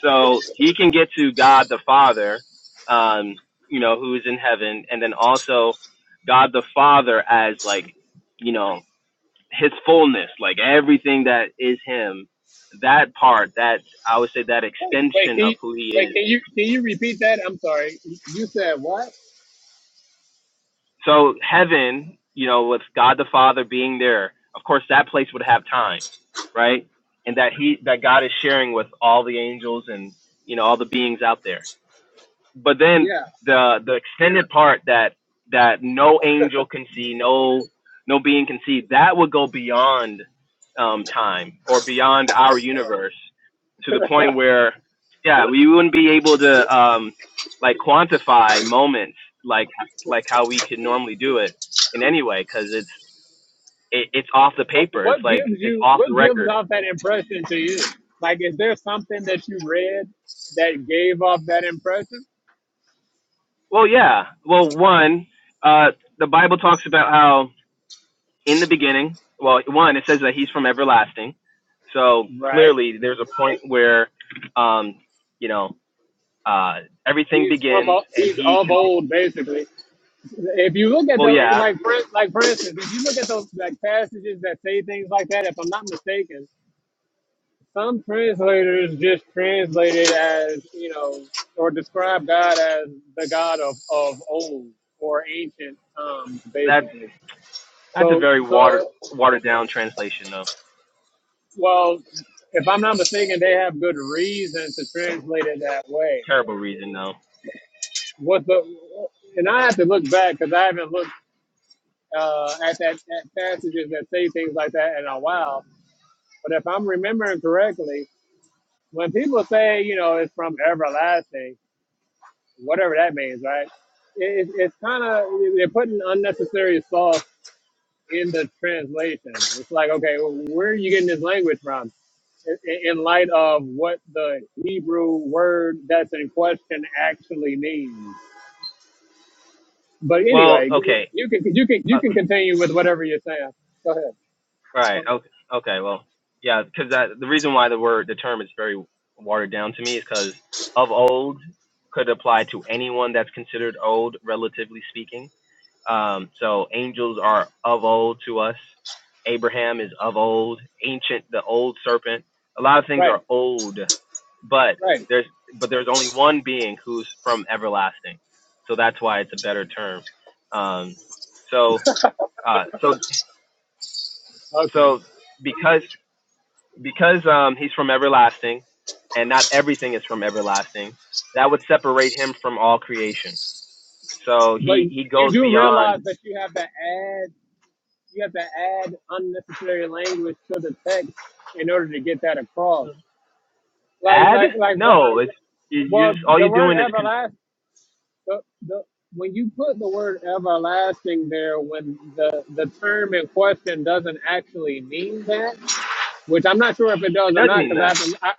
So he can get to God the Father, um, you know, who is in heaven, and then also God the Father as like, you know, his fullness, like everything that is him. That part, that I would say, that Wait, wait, extension can of you, who he wait, is can you can you repeat that? I'm sorry. You said what? So heaven, you know, with God the Father being there, of course that place would have time, right? And that he that God is sharing with all the angels and you know all the beings out there but then Yeah. the the extended part that that no angel can see, no no being can see, that would go beyond um, time or beyond our universe to the point where yeah, we wouldn't be able to um, like quantify moments like like how we could normally do it in any way because it's it, it's off the paper. It's What like gives it's you off the what gives record. off that impression to you? Like, is there something that you read that gave off that impression? Well, yeah. Well, one, uh, the Bible talks about how in the beginning, well, one, it says that he's from everlasting. So Right. clearly, there's a point where, um, you know, uh, everything He's from begins, o- and he's he of can. old, basically. if you look at Well, the yeah, like for like for instance, if you look at those like passages that say things like that, if I'm not mistaken, some translators just translate it as you know or describe God as the God of of old or ancient times, that's basically. that's a So very watered so watered down translation, though. well, if I'm not mistaken, they have good reason to translate it that way. Terrible reason, though. What the and I have to look back because I haven't looked uh, at that at passages that say things like that in a while But if I'm remembering correctly, when people say, you know, it's from everlasting, whatever that means, right? It, it, it's kind of, they're putting unnecessary sauce in the translation. It's like, okay, where are you getting this language from? In, in light of what the Hebrew word that's in question actually means. But Well, anyway, okay, you can you can you uh, can continue with whatever you're saying. Go ahead. right, okay, okay, well, yeah, because the reason why the word the term is very watered down to me is because of old could apply to anyone that's considered old, relatively speaking Um, so angels are of old to us. Abraham is of old, ancient, the old serpent. A lot of things Right. are old, but Right. there's but there's only one being who's from everlasting. So that's why it's a better term. Um, so uh, so Okay. so because because um, he's from everlasting, and not everything is from everlasting, that would separate him from all creation. So But he he you goes do beyond realize that you have to add you have to add unnecessary language to the text in order to get that across. Like, Add? like, like, bro- No, it's you you well, just all you're the word doing is con- it everlasting, the, the, when you put the word everlasting there, when the, the term in question doesn't actually mean that, which I'm not sure if it does or does not, mean because I that. haven't, I,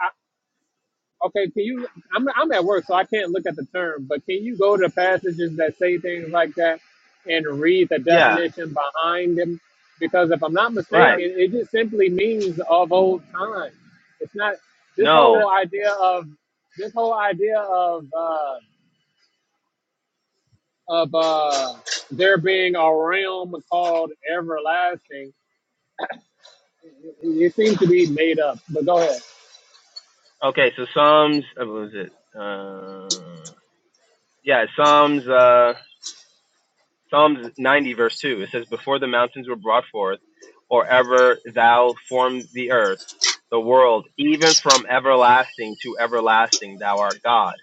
Okay, can you? I'm I'm at work, so I can't look at the term. But can you go to passages that say things like that and read the Yeah, definition behind them? Because if I'm not right. mistaken, it just simply means of old time. It's not this No. whole idea of this whole idea of uh, of uh, there being a realm called everlasting. It, it seems to be made up. But go ahead. Okay, so Psalms uh, what was it? Uh, yeah, Psalms uh Psalms 90 verse 2. It says before the mountains were brought forth or ever thou formed the earth, the world, even from everlasting to everlasting thou art God.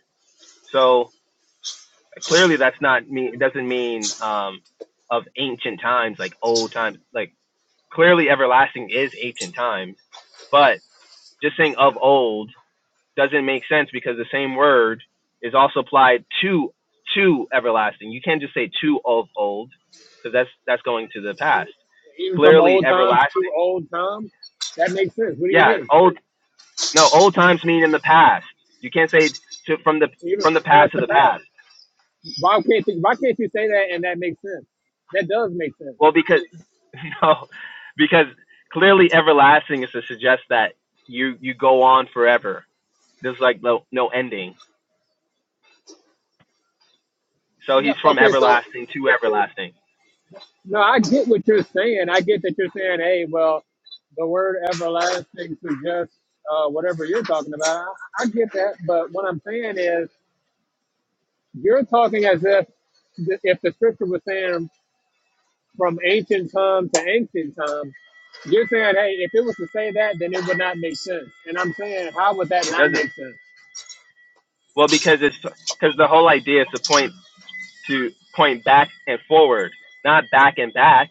So clearly that's not mean it doesn't mean um of ancient times like old times like clearly everlasting is ancient times, but just saying of old doesn't make sense because the same word is also applied to to everlasting. You can't just say to of old because that's that's going to the past. Even from Clearly old times everlasting. to old times, that makes sense. What do you Yeah, mean? old no, old times mean in the past. You can't say to from the even from the from past past to to the past. past. Why can't you, why can't you say that and that makes sense? That does make sense. Well, because no, because clearly everlasting is to suggest that you you go on forever. There's like no no ending. So Yeah. he's from Okay. So everlasting to everlasting. no, I get what you're saying. I get that you're saying, hey, well, the word everlasting suggests uh, whatever you're talking about. I, I get that, but what I'm saying is you're talking as if th- if the scripture was saying from ancient time to ancient time. You're saying, hey, if it was to say that, then it would not make sense. And I'm saying, how would that It not doesn't make sense? well because it's because the whole idea is to point to point back and forward, not back and back.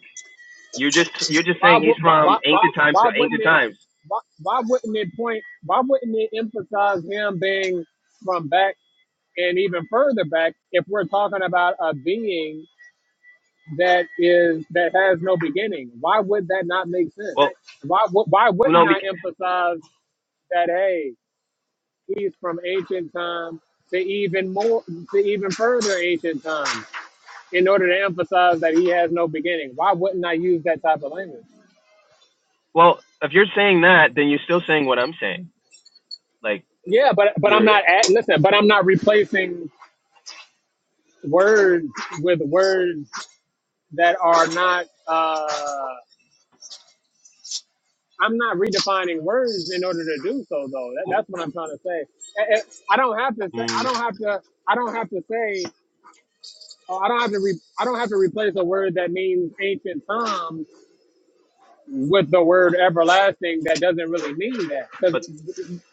You're just you're just why, saying he's wou- why, from why, why ancient times to why wouldn't ancient it times. why, why wouldn't it point why wouldn't it emphasize him being from back and even further back if we're talking about a being that is that has no beginning why would that not make sense Well, why wou- why no, wouldn't bec- i emphasize that hey he's from ancient time to even more to even further ancient time in order to emphasize that he has no beginning why wouldn't i use that type of language well if you're saying that, then you're still saying what I'm saying. Like Yeah, but but I'm you're, not at, listen, but I'm not replacing words with words that are not. Uh, I'm not redefining words in order to do so, though. That, that's what I'm trying to say. Eh, eh, I don't have to say. I mm, don't have to. I don't have to say. oh, I don't have to. Re, I don't have to replace a word that means ancient times. with the word everlasting that doesn't really mean that. 'Cause but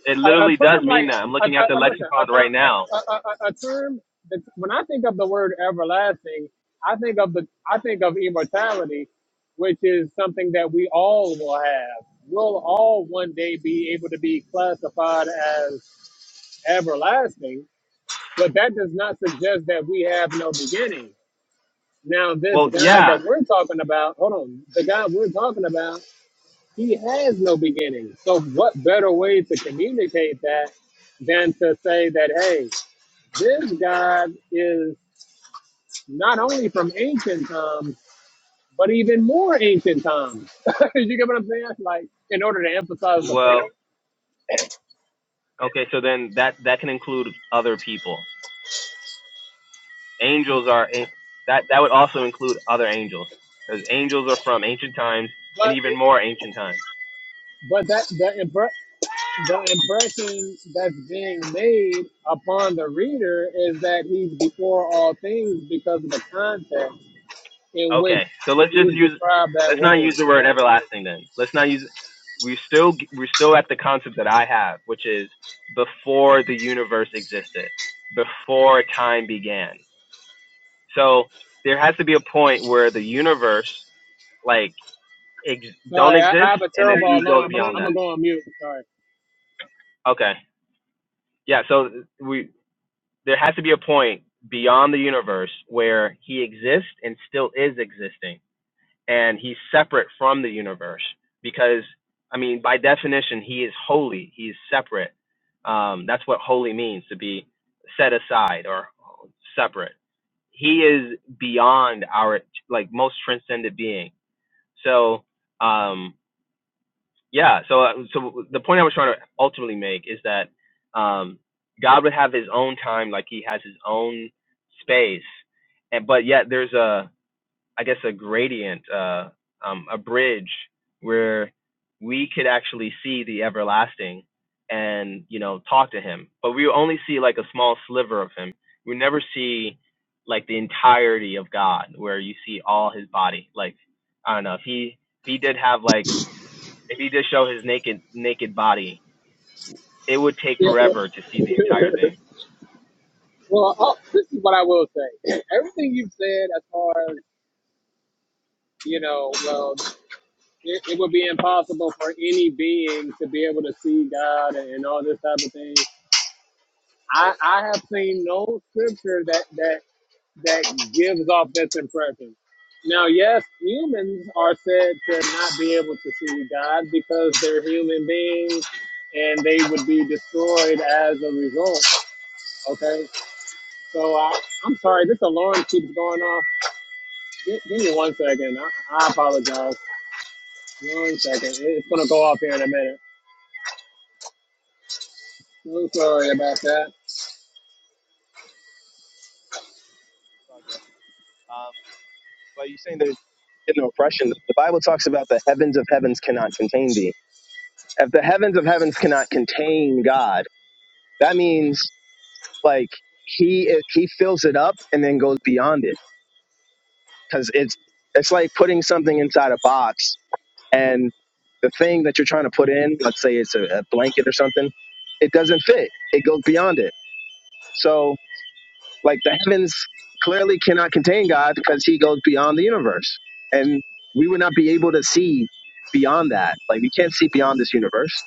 it A, a literally does term mean like, that. I'm a, a, looking at the a- listen, a lexicon term, right now. a, a, a a term. That, when I think of the word everlasting, I think of the, I think of immortality, which is something that we all will have. We'll all one day be able to be classified as everlasting, but that does not suggest that we have no beginning. Now, this Well, God yeah. that we're talking about, hold on, the God we're talking about he has no beginning. So, what better way to communicate that than to say that, hey, this God is not only from ancient times, but even more ancient times. you get what I'm saying? Like, in order to emphasize the Well, point. okay. So then that that can include other people angels are that that would also include other angels because angels are from ancient times and But, even it, more ancient times. but that the, impre- the impression that's being made upon the reader is that he's before all things because of the context in Okay, which so let's just he's use described that let's not way. use the word everlasting then. Let's not use we're still we're still at the concept that I have, which is before the universe existed, before time began. So there has to be a point where the universe like ex- don't Sorry, I, I exist have a and then terrible he goes alarm. I'm, beyond I'm that. gonna go on mute. Sorry. Okay. Yeah, so we there has to be a point beyond the universe where he exists and still is existing and he's separate from the universe because i mean by definition he is holy he is separate um, that's what holy means to be set aside or separate he is beyond our like most transcendent being so um yeah so uh, so the point i was trying to ultimately make is that um god would have his own time like he has his own space and but yet there's a i guess a gradient uh um a bridge where we could actually see the everlasting and you know talk to him but we only see like a small sliver of him we never see like the entirety of god where you see all his body like i don't know if he if he did have like if he just show his naked naked body, it would take Yeah, well, forever to see the entire thing. well oh, this is what I will say. Everything you've said, as far as you know, well, it, it would be impossible for any being to be able to see God and, and all this type of thing. I, I have seen no scripture that that that gives off this impression. Now, yes, humans are said to not be able to see God because they're human beings and they would be destroyed as a result. Okay. So I, I'm sorry, this alarm keeps going off. Gi- Give, me one second. I, I apologize. One second. It- It's going to go off here in a minute. So sorry about that. Um, but you're saying they're getting oppression. The Bible talks about the heavens of heavens cannot contain thee. If the heavens of heavens cannot contain God, that means like he he fills it up and then goes beyond it because it's it's like putting something inside a box and the thing that you're trying to put in, let's say it's a, a blanket or something, it doesn't fit. It goes beyond it. So Like the heavens clearly cannot contain God because he goes beyond the universe. And we would not be able to see beyond that. Like we can't see beyond this universe.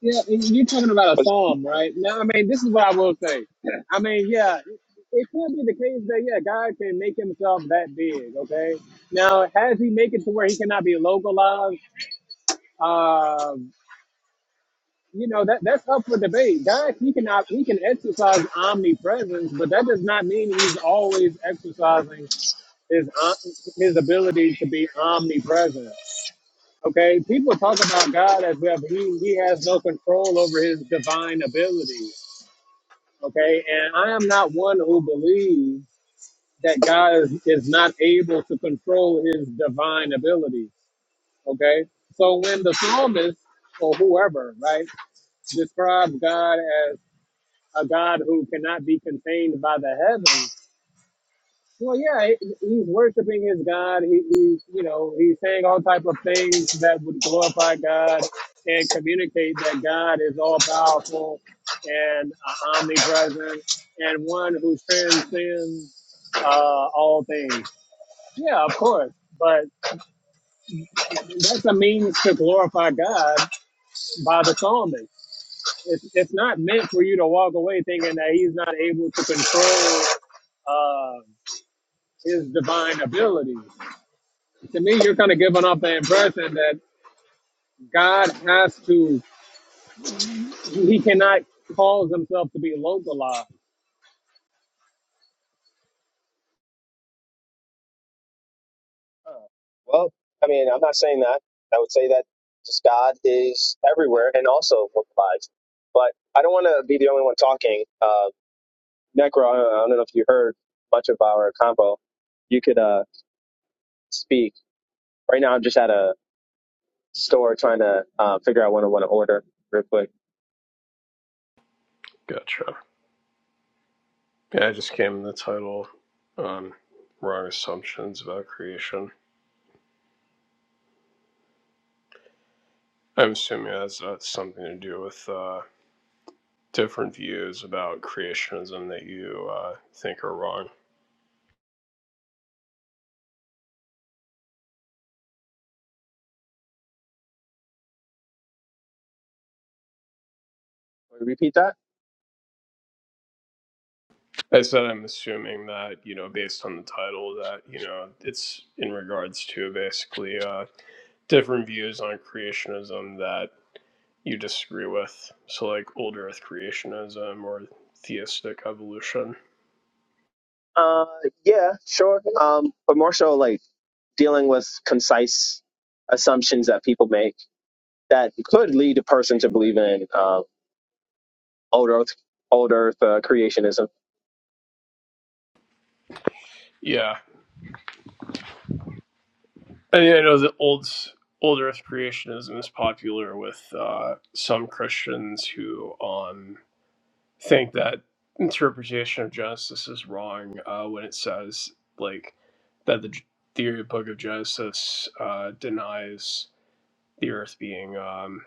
Yeah, and you're talking about a What's- psalm, right? Now, I mean, this is what I will say. I mean, yeah, it it could be the case that, yeah, God can make himself that big, okay? Now, has he make it to where he cannot be localized? Uh, you know, that that's up for debate. God, he cannot, he can exercise omnipresence, but that does not mean he's always exercising his uh, his ability to be omnipresent. Okay, people talk about God as if he, he has no control over his divine abilities. Okay, and I am not one who believes that God is, is not able to control his divine abilities. Okay, so when the psalmist or whoever, right, describes God as a God who cannot be contained by the heavens, Well, yeah, he- he's worshiping his God. He, he's, you know, he's saying all type of things that would glorify God and communicate that God is all powerful and uh, omnipresent and one who transcends uh, all things. Yeah, of course, but that's a means to glorify God by the psalmist. It's, it's not meant for you to walk away thinking that he's not able to control uh, his divine ability. to me, you're kind of giving off the impression that God has to, he cannot cause himself to be localized. uh, Well, I mean, I'm not saying that. I would say that just God is everywhere and also provides. But I don't want to be the only one talking. Uh, Necro, I don't I don't know if you heard much of our combo. You could uh, speak. Right now, I'm just at a store trying to uh, figure out what I want to order real quick. Gotcha. Yeah, I just came in the title on wrong assumptions about creation. I'm assuming that's, that's something to do with uh, different views about creationism that you uh, think are wrong. Repeat that? I said I'm assuming that, you know, based on the title, that, you know, it's in regards to basically uh, different views on creationism that you disagree with. So, like old earth creationism or theistic evolution. Uh, yeah, sure. Um, but more so like dealing with concise assumptions that people make that could lead a person to believe in uh, old earth, old earth uh, creationism. Yeah, I mean, I know that old old Earth creationism is popular with uh, some Christians who um, think that interpretation of Genesis is wrong uh, when it says like that the G- theory of Book of Genesis uh, denies the Earth being um,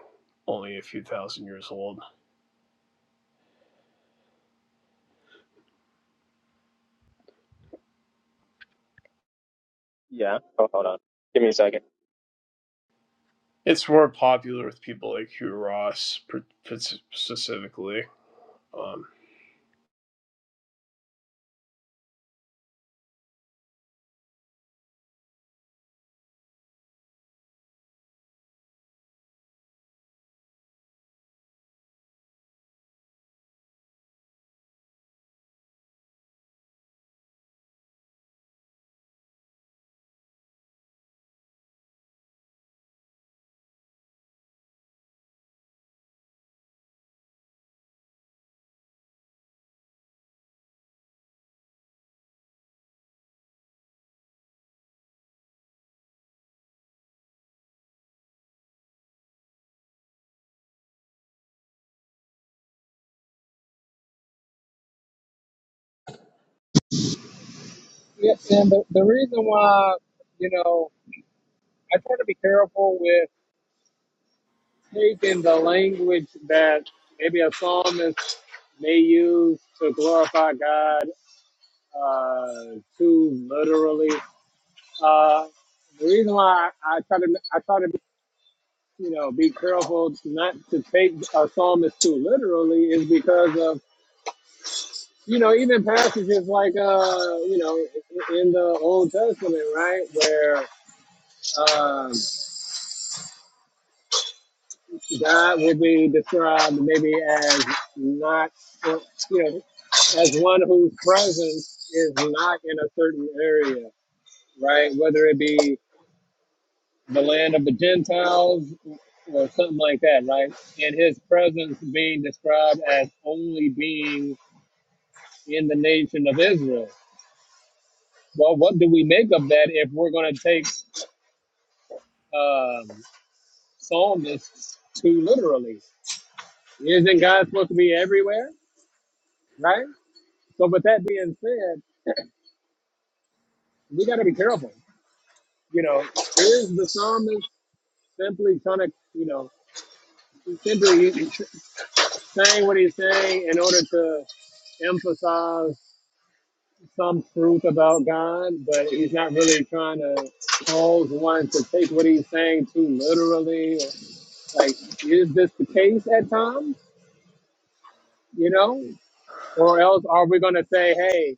only a few thousand years old. Yeah. Oh, hold on. Give me a second. It's more popular with people like Hugh Ross, per- per- specifically. Um, Yes, and the, the reason why, you know, I try to be careful with Taking the language that maybe a psalmist may use to glorify God uh, too literally. Uh, the reason why I, I try to, I try to, you know, be careful not to take a psalmist too literally is because of you know, even passages like, uh, you know, in the Old Testament, right, where um, God would be described maybe as not, you know, as one whose presence is not in a certain area, right, whether it be the land of the Gentiles or something like that, right, and his presence being described as only being in the nation of Israel. Well, what do we make of that if we're going to take um, psalmists too literally. Isn't God supposed to be everywhere, right? So, with that being said, we got to be careful. You know, is the psalmist simply trying to, you know, simply saying what he's saying in order to emphasize some truth about God, but he's not really trying to cause one to take what he's saying too literally. Like, is this the case at times? You know, or else are we going to say, hey,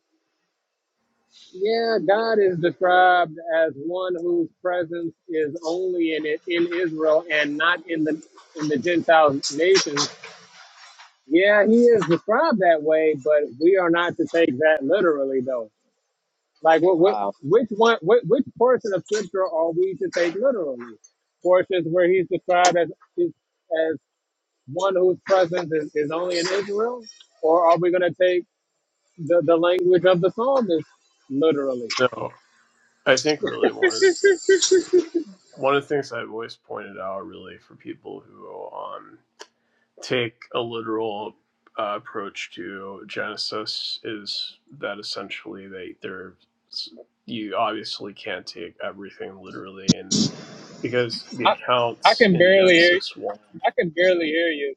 Yeah, God is described as one whose presence is only in it in Israel and not in the in the Gentile nations. Yeah, he is described that way, but we are not to take that literally, though. Like, what, what Wow. which one, which, which portion of Scripture are we to take literally? Portions where he's described as is- as one whose presence is, is only in Israel, or are we going to take the, the language of the psalmist literally? so I think really one. of One of the things I've always pointed out, really, for people who um, take a literal uh, approach to Genesis is that essentially they they're you obviously can't take everything literally, and because the I, I accounts can in barely hear. Genesis one. I can barely hear you.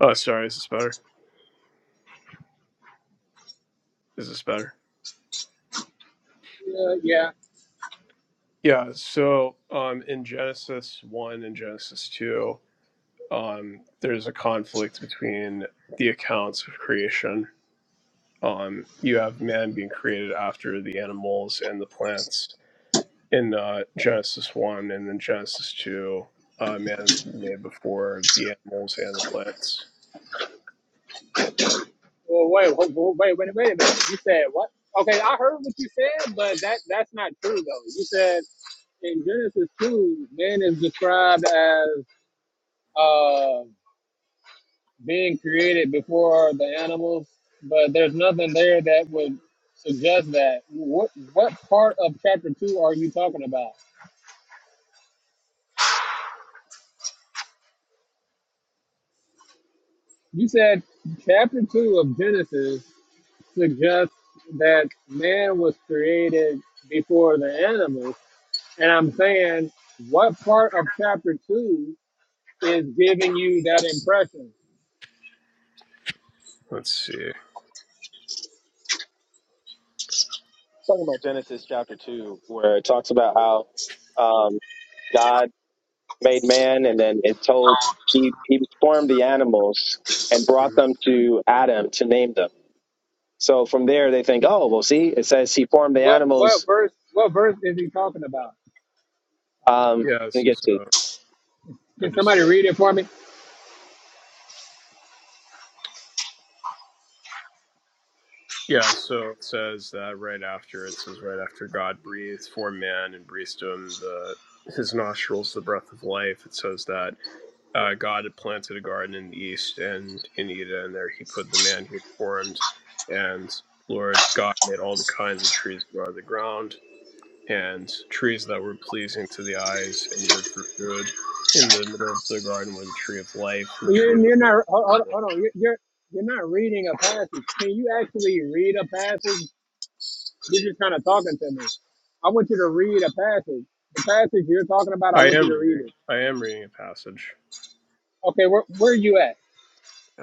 Oh, sorry, is this better? Is this better? Yeah, yeah. Yeah. So, um, in Genesis one and Genesis two, um, there's a conflict between the accounts of creation um, you have man being created after the animals and the plants in uh, Genesis 1 and then Genesis 2. Uh, man is made before the animals and the plants. Well, wait, wait, wait, wait, wait a minute. You said what? Okay, I heard what you said, but that that's not true though. You said in Genesis two, man is described as uh, being created before the animals, but there's nothing there that would suggest that. What what part of chapter two are you talking about? You said chapter two of Genesis suggests that man was created before the animals. And I'm saying, what part of chapter two is giving you that impression? Let's see. Talking about Genesis chapter two, where it talks about how um, God made man, and then it told he he formed the animals and brought Mhm. them to Adam to name them. So from there, they think, oh, well, see, it says he formed the What animals what verse? What verse is he talking about? Um, going to Yes. get to So I'm Can just somebody looking. read it for me? Yeah. So it says that right after it says right after God breathed for man and breathed to him the his nostrils the breath of life. It says that uh, God had planted a garden in the east and in Eden, and there he put the man he formed. And Lord God made all the kinds of trees grow out of the ground, and trees that were pleasing to the eyes and good for food. In the middle of the garden were the tree of life and the tree You're, of knowledge. you're not. Hold, hold hold on. You're, you're you're not reading a passage. Can you actually read a passage? You're just kind of talking to me. I want you to read a passage. The passage you're talking about, I I want you am to read reading. it. I am reading a passage. Okay, where where are you at?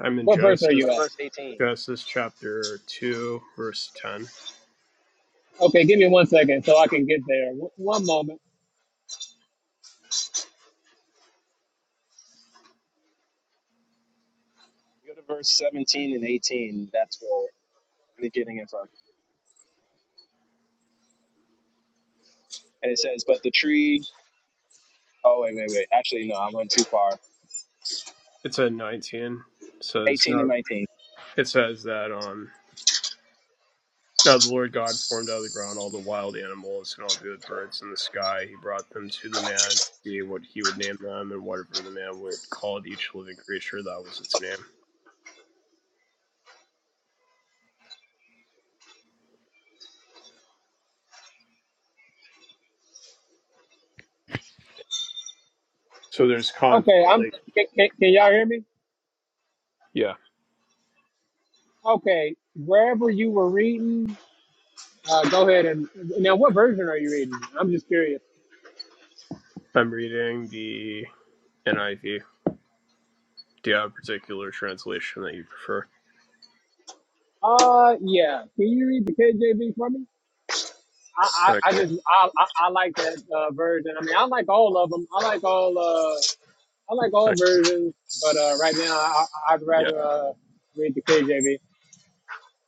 I'm in What verse are Genesis, go you to at? verse 18. Genesis chapter two, verse ten. Okay, give me one second so I can get there. W- one moment. Go to verse 17 and 18. That's where we're getting it from. And it says, "But the tree." Oh wait, wait, wait. Actually, no, I went too far. It's at nineteen. It says 18 and no. 19. It says that on. Now the Lord God formed out of the ground all the wild animals and all the birds in the sky. He brought them to the man, to see what he would name them, and whatever the man would call each living creature, that was its name. So there's con Okay, I'm. like Can, can, can y'all hear me? yeah. Okay, wherever you were reading, uh, go ahead and now. What version are you reading? I'm just curious. I'm reading the NIV. Do you have a particular translation that you prefer? Uh, yeah. Can you read the KJV for me? I, Okay. I, I just I, I, I like that uh, version. I mean, I like all of them. I like all uh I like all okay. versions, but uh, right now I, I- I'd Yeah. rather uh, read the KJV.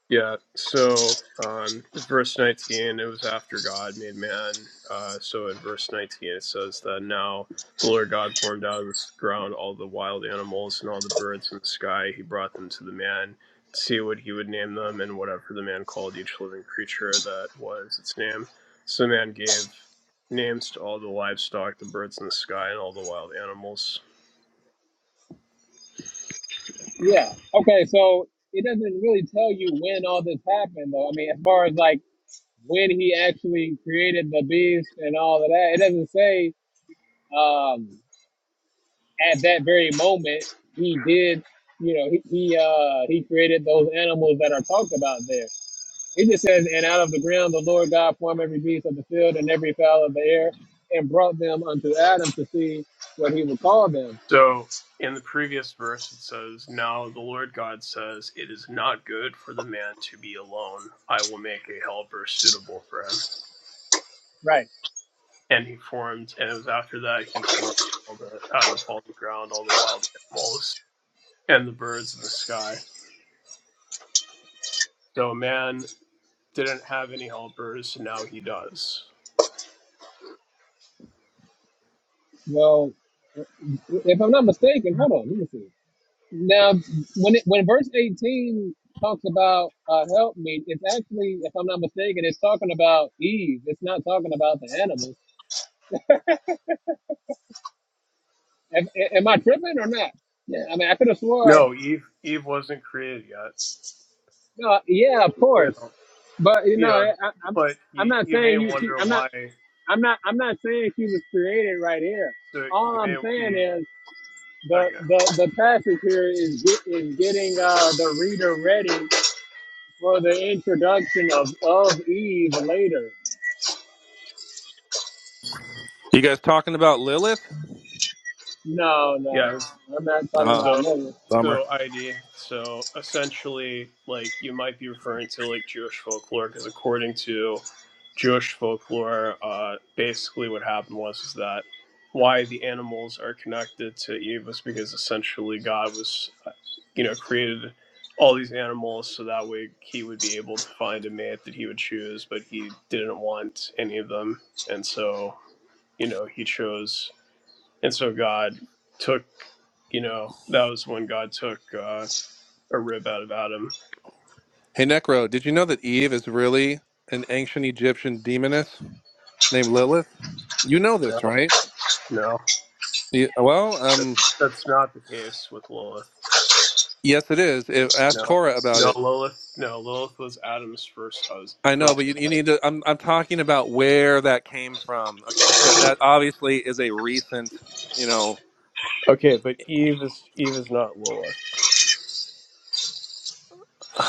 Yeah, so um, verse 19, it was after God made man. Uh, so in verse 19, it says that now the Lord God formed out of the ground all the wild animals and all the birds in the sky. He brought them to the man to see what he would name them, and whatever the man called each living creature, that was its name. So the man gave names to all the livestock, the birds in the sky, and all the wild animals. Yeah. Okay. So it doesn't really tell you when all this happened, though. I mean, as far as like when he actually created the beast and all of that. It doesn't say um, at that very moment he did. You know, he he, uh, he created those animals that are talked about there. It just says, "And out of the ground the Lord God formed every beast of the field and every fowl of the air, and brought them unto Adam to see what he would call them." So in the previous verse, it says, Now the Lord God says, It is not good for the man to be alone. I will make a helper suitable for him. Right. And he formed, and it was after that he formed all the out of all the ground, all the wild animals and the birds in the sky. So man didn't have any helpers, so now he does. Well, if I'm not mistaken, hold on, let me see. Now, when it, when verse 18 talks about uh, help me, it's actually, if I'm not mistaken, it's talking about Eve. It's not talking about the animals. Am, am I tripping or not? Yeah, I mean, I could have swore. No, Eve Eve wasn't created yet. No, yeah, of You course. know, But you you know, know, I, I- I'm but I'm you not you may saying you. She, wonder I'm not. why. I'm not. I'm not saying she was created right here. So you All may I'm saying be is the okay. the, the passage here is get, is getting uh, the reader ready for the introduction of of Eve later. You guys talking about Lilith? No, no, Yeah. I'm not talking Ah, about So, money. bummer. so ID. So essentially, like you might be referring to like Jewish folklore, because according to Jewish folklore, uh, basically what happened was is that why the animals are connected to Eve was because essentially God was, uh, you know, created all these animals so that way he would be able to find a mate that he would choose, but he didn't want any of them, and so, you know, he chose and so God took, you know, that was when God took uh, a rib out of Adam. Hey, Necro, did you know that Eve is really an ancient Egyptian demoness named Lilith? You know No, this, right? no, Yeah, well, that, um, that's not the case with Lilith. yes, it is. If, ask No, Cora about no, it. Lilith, no, Lilith was Adam's first husband, I know, but you, first you wife. need to. I'm, I'm talking about where that came from. That obviously is a recent, you know. Okay, but Eve is Eve is not Lilith.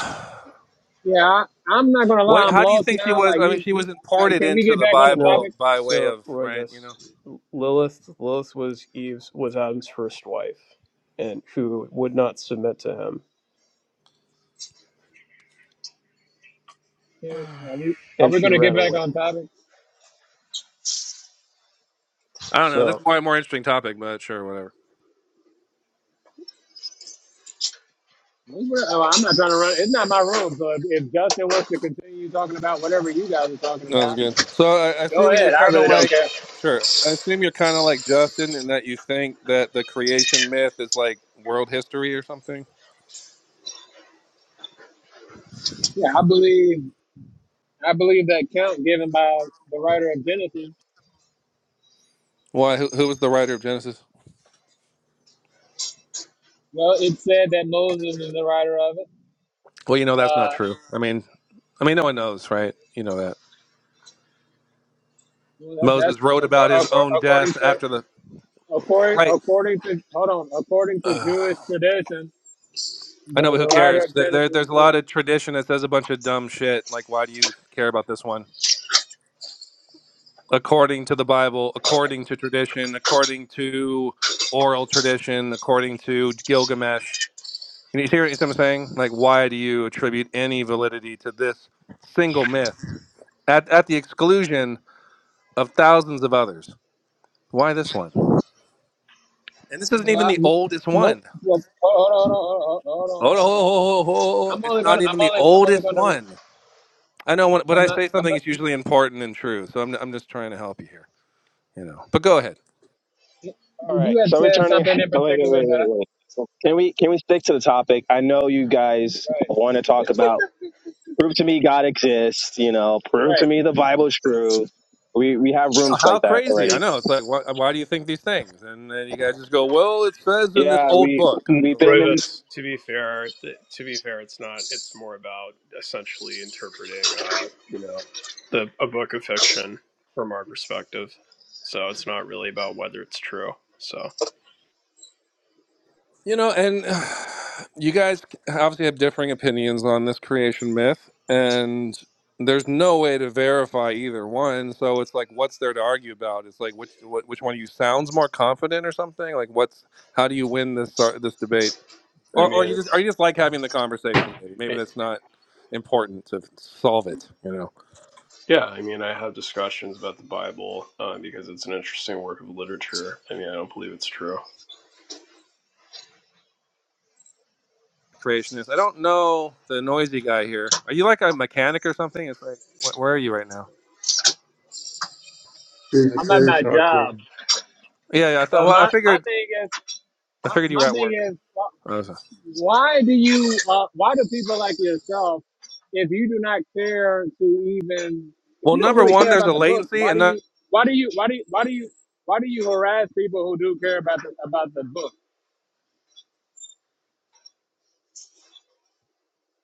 Yeah, I, I'm not gonna lie, What? I'm How do you lost think she now. was? Like I mean, you, she you was uh, imported can we into get the back on the No, Bible topic? by way so of Roy, right. You know, Lilith, Lilith was Eve's was Adam's first wife, and who would not submit to him, Can, are we are and we she gonna ran get back away. on topic? I don't know. So. This is probably a more interesting topic, but sure, whatever. It's real- oh, I'm not trying to run. It's not my room. So if, if Justin wants to continue talking about whatever you guys are talking That was about, good. So I, I go assume you're ahead. I kind of really don't like, care. sure. I assume you're kind of like Justin in that you think that the creation myth is like world history or something. Yeah, I believe I believe that count given by the writer of Genesis. Why? Who, who was the writer of Genesis? Well, it said that Moses is the writer of it. Well, you know that's not Uh, true. I mean, I mean, no one knows, right? You know that well, that, that's Moses wrote about accor- his accor- own according death to after the According, right. according to hold on, according to Ugh. Jewish tradition, I know, the, but who the writer cares? of There, Genesis there, there's a is lot of tradition that says a bunch of dumb shit. Like, why do you care about this one? according to the Bible, according to tradition, according to oral tradition, according to Gilgamesh. And you hear what I'm saying? Like, why do you attribute any validity to this single myth at, at the exclusion of thousands of others? Why this one? And this isn't well, even I- the oldest no, one. well, hold on, hold on, hold on, hold on, hold Oh, on, no, oh, hold on. oh, oh, oh, I'm it's only not gonna, I'm even the only, I'm only oldest gonna, re- one. I know when, when I'm I not, say I'm something, not. it's usually important and true. So I'm, I'm just trying to help you here, you know. But go ahead. All right. You had So we're said turning. something in Oh wait, wait, particular wait, that, I, wait, wait. Can we can we stick to the topic? I know you guys want to talk about prove to me God exists. You know, right, prove to right. me the Bible's true. We we have I know rooms like how that crazy. I already. know. It's like, why, why do you think these things? And then you guys just go, well, it says in this Yeah, old we book. And I we've go, been well, in. Rovis, to be fair, th- to be fair, it's not. It's more about essentially interpreting, uh, you know, the a book of fiction from our perspective. So it's not really about whether it's true. So you know, and you guys obviously have differing opinions on this creation myth, and there's no way to verify either one. So it's like, what's there to argue about? It's like, which wh- which one of you sounds more confident or something? Like, what's how do you win this ar- this debate? I Or or mean, you just are it's you just like having the conversation? Maybe maybe it, that's not important to solve it. You know. yeah. I mean, I have discussions about the Bible uh, because it's an interesting work of literature. I mean, I don't believe it's true. creationist. I don't know the noisy guy here. Are you like a mechanic or something? It's like, wh- where are you right now? Dude, It's I'm at very my shocking. job, Yeah, yeah. I thought. but Well, I my my figured. thing is, I my, figured you were my at thing work. is. Okay. why do you uh, why do people like yourself if you do not care to even if Well, you don't number really one, care there's about a the book latency, why and do no- you why do you why do you why do you why do you harass people who do care about the about the book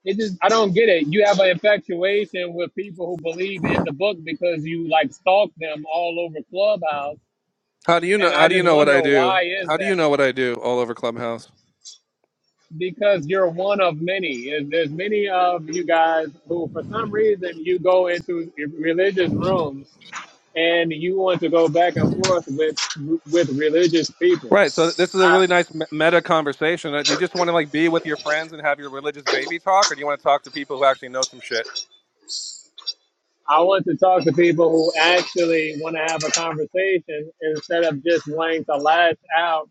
it just i don't get it you have an infatuation with people who believe in the book because you like stalk them all over clubhouse how do you know? and i How do you just know what wonder I do? why is How do you that know what I do all over Clubhouse? because you're one of many. And There's many of you guys who, for some reason, you go into religious rooms and you want to go back and forth with with religious people. Right. So this is a I really nice me- meta conversation. Uh, Do you just want to like be with your friends and have your religious baby talk, or do you want to talk to people who actually know some shit? I want to talk to people who actually want to have a conversation instead of just wanting to lash out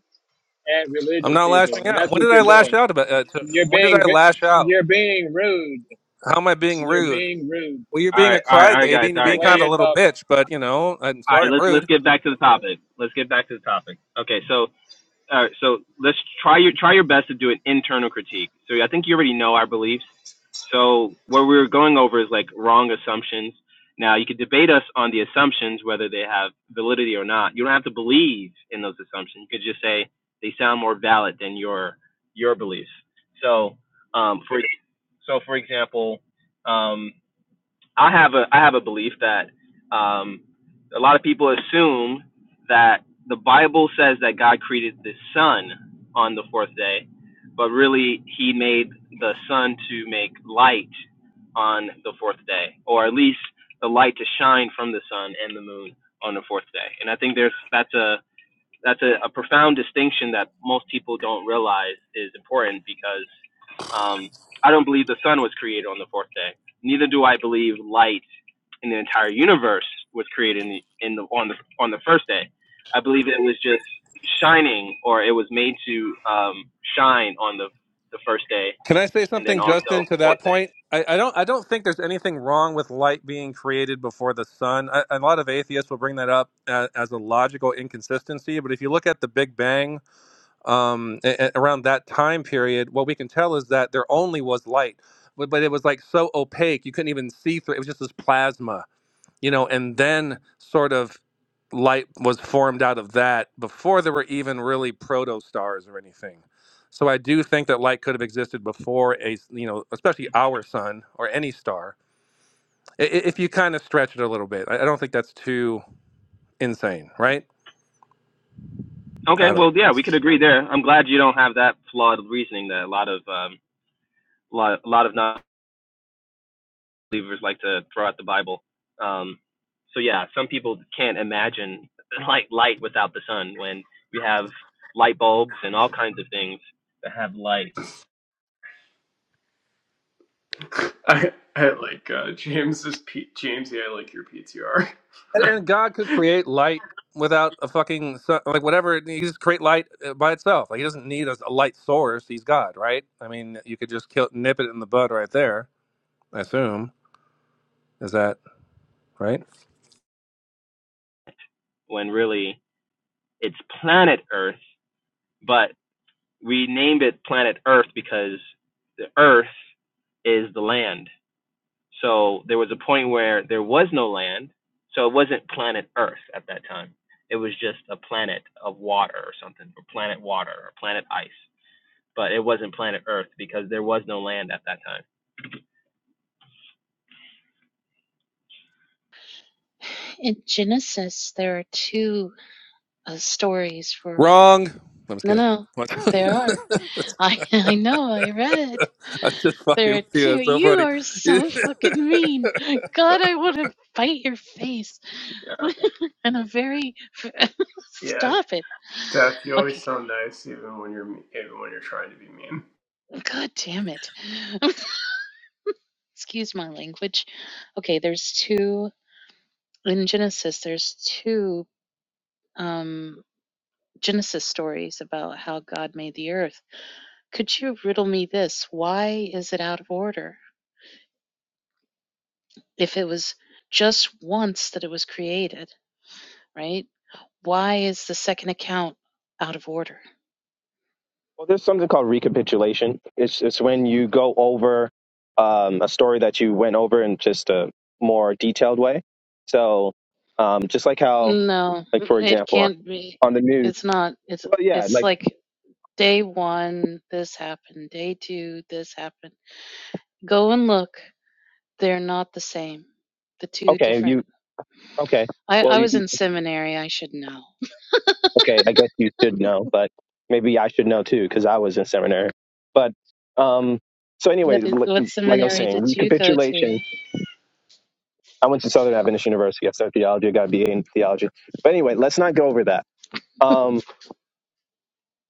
at I'm religious not people, lashing and out. that's When what did you're I lash doing. out about? Uh, to, You're when did being I vi- lash out? you're being rude. How am I being You're rude? being rude Well, you're All being a right, all right, all right, crybaby guys, and you're all the being right, way kind guys. of you're a little talking. bitch, but you know, I'm All right, sorry, I'm let's let's rude. get back to the topic. Let's get back to the topic. Okay, so all right, so let's try your try your best to do an internal critique. So I think you already know our beliefs. So what we're going over is like wrong assumptions. Now you could debate us on the assumptions whether they have validity or not. You don't have to believe in those assumptions. You could just say they sound more valid than your your beliefs. So um, for so for example, um, I have a I have a belief that um, a lot of people assume that the Bible says that God created the sun on the fourth day, but really He made the sun to make light on the fourth day, or at least the light to shine from the sun and the moon on the fourth day. And I think there's that's a that's a, a profound distinction that most people don't realize is important because um, I don't believe the sun was created on the fourth day. Neither do I believe light in the entire universe was created in the, in the on the on the first day. I believe it was just shining, or it was made to um, shine on the the first day, Can I say and then something, also Justin, to fourth that day. point? I, I don't I don't think there's anything wrong with light being created before the sun. I, A, lot of atheists will bring that up as, as a logical inconsistency, but if you look at the Big Bang um, a- a- around that time period, what we can tell is that there only was light, but, but it was like so opaque you couldn't even see through. It was just this plasma you know, and then sort of light was formed out of that before there were even really proto stars or anything. So I do think that light could have existed before a, s- you know, especially our sun or any star. I- i- If you kind of stretch it a little bit, I I don't think that's too insane, right? Okay, I don't. well, yeah, we could agree there. I'm glad you don't have that flawed reasoning that a lot of um, a lot a lot of not. believers like to throw out the Bible. Um, so yeah, some people can't imagine like light without the sun when we have light bulbs and all kinds of things that have light I, I like uh, James's P- Jamesy. I like your PTR. And and God could create light without a fucking sun, like whatever. He just create light uh, by itself. Like he doesn't need a, a light source. He's God, right? I mean, you could just kill, nip it in the bud right there. I assume is that right? when really it's planet Earth, but we named it planet Earth because the Earth is the land. So there was a point where there was no land, so it wasn't planet Earth at that time. It was just a planet of water or something, or planet water or planet ice. but it wasn't planet Earth because there was no land at that time. In Genesis, there are two uh, stories for. Wrong. No, I'm just No, kidding. no, What? there are. I I know. I read. I am just fucking There are with you. two. That's so You funny. are so fucking mean. God, I want to bite your face. yeah. and a very. Yeah, Stop it. Death, you always Okay. sound nice, even when you're even when you're trying to be mean. God damn it. Excuse my language. Okay. There's two in Genesis. There's two um Genesis stories about how God made the earth Could you riddle me this? Why is it out of order? If it was just once that it was created, right? Why is the second account out of order? Well, there's something called recapitulation. It's it's when you go over um, a story that you went over in just a more detailed way. So, um, just like how, No, like for it example, can't be. on the news. It's not. It's Well, yeah, it's like like day 1 this happened, day 2 this happened. Go and look. They're not the same. The two okay, you different. okay. I Well, I you was in seminary, I should know. okay. I guess you should know, but maybe I should know too because I was in seminary. But um, so, What anyways, is like, what like I was seminary saying, did you go recapitulation. to? I went to Southern Adventist University. I studied theology. I got a BA in theology. But anyway, let's not go over that. Um,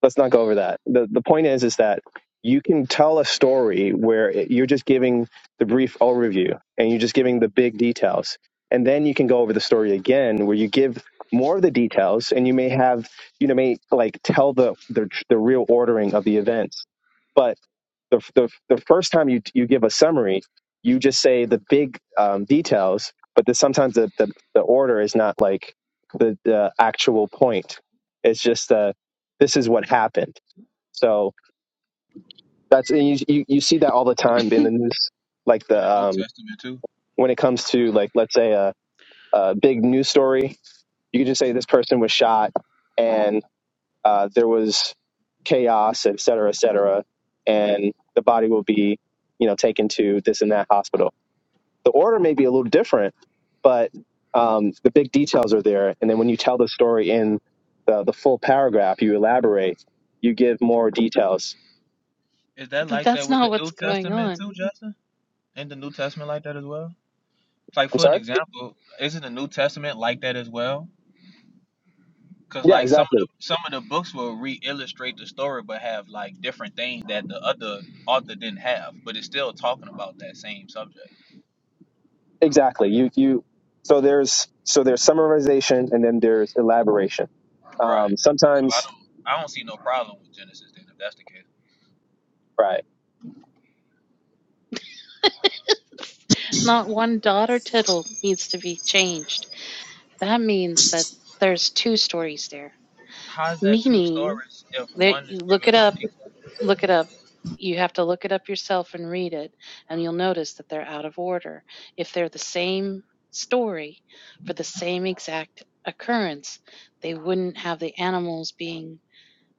let's not go over that. The the point is is that you can tell a story where it, you're just giving the brief overview and you're just giving the big details, and then you can go over the story again where you give more of the details, and you may have you know may like tell the the, the real ordering of the events but the, the, the first time you, you give a summary, you just say the big um, details, but the, sometimes the, the, the order is not like the, the actual point. It's just uh, this is what happened. So that's and you, you, you see that all the time in the news, like the in the New um, Testament too. when it comes to like let's say a, a big news story, you can just say this person was shot and uh, there was chaos, et cetera, et cetera, and the body will be, you know, taken to this and that hospital. The order may be a little different, but um, the big details are there. And then when you tell the story in the, the full paragraph, you elaborate, you give more details. Is that But like that that's with the not New what's going Testament on. too, Justin? Ain't the New Testament like that as well? Like I'm for an sorry. example, isn't the New Testament like that as well? Cause Yeah, like some of the exactly, some of the books will re-illustrate the story, but have like different things that the other author didn't have, but it's still talking about that same subject. exactly. You you. So there's so there's summarization and then there's elaboration. Um, Right. So I sometimes, don't I don't see no problem with Genesis then if that's the case. right? Not one dot or tittle needs to be changed. That means that there's two stories there. How's that two Meaning stories if that one you is look given it more up, detail? look it up. You have to look it up yourself and read it, and you'll notice that they're out of order. If they're the same story for the same exact occurrence, they wouldn't have the animals being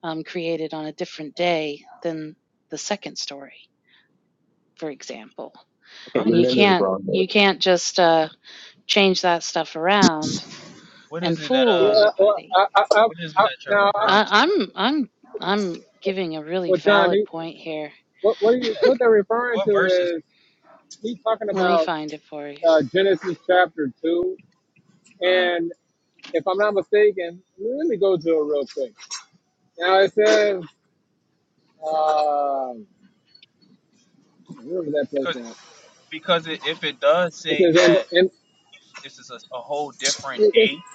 um, created on a different day than the second story, for example. Okay, I'm you And you listening. remember it can't wrong. There. you can't just uh, change that stuff around What and is it that fool uh Yeah. Well, everybody. I, I, I, what is it I, that you're now, I, referring to? I, I'm I'm I'm giving a really well, John, valid he, point here. what what he, Yeah. what they're referring What to verses is he's talking Let me about find it for you. uh, Genesis chapter two Uh, and. if I'm not mistaken, let me go to it real quick. Now it says, um where was that place cause at? because it, if it does It say says, and, that and this is a, a whole different it, it's day,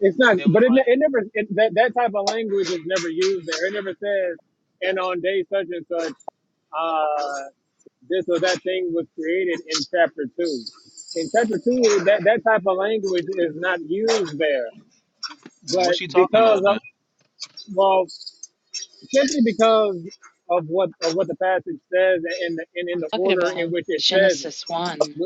it's and not, then we but it, ne- it might. never it, that that type of language is never used there. It never says, and on day such and such, uh, this or that thing was created in chapter two. In chapter two, that that type of language is not used there, Oh, what's but she talking because about of then? well, simply because of what of what the passage says and the, and in I'm the talking order in about which it says Genesis it. one.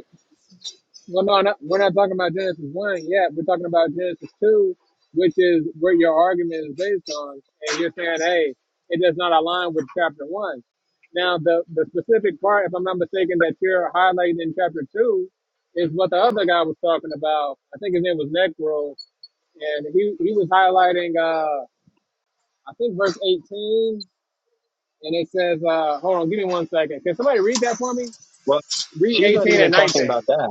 Well, no, not we're not talking about Genesis one yet. We're talking about Genesis two, which is where your argument is based on, and you're saying, hey, it does not align with chapter one. Now, the the specific part, if I'm not mistaken, that you're highlighting in chapter two, is what the other guy was talking about. I think his name was Necro, and he he was highlighting, uh, I think verse 18 and it says, uh, hold on, give me one second. Can somebody read that for me? Well, Read she's not 18 even and talking 19. about that.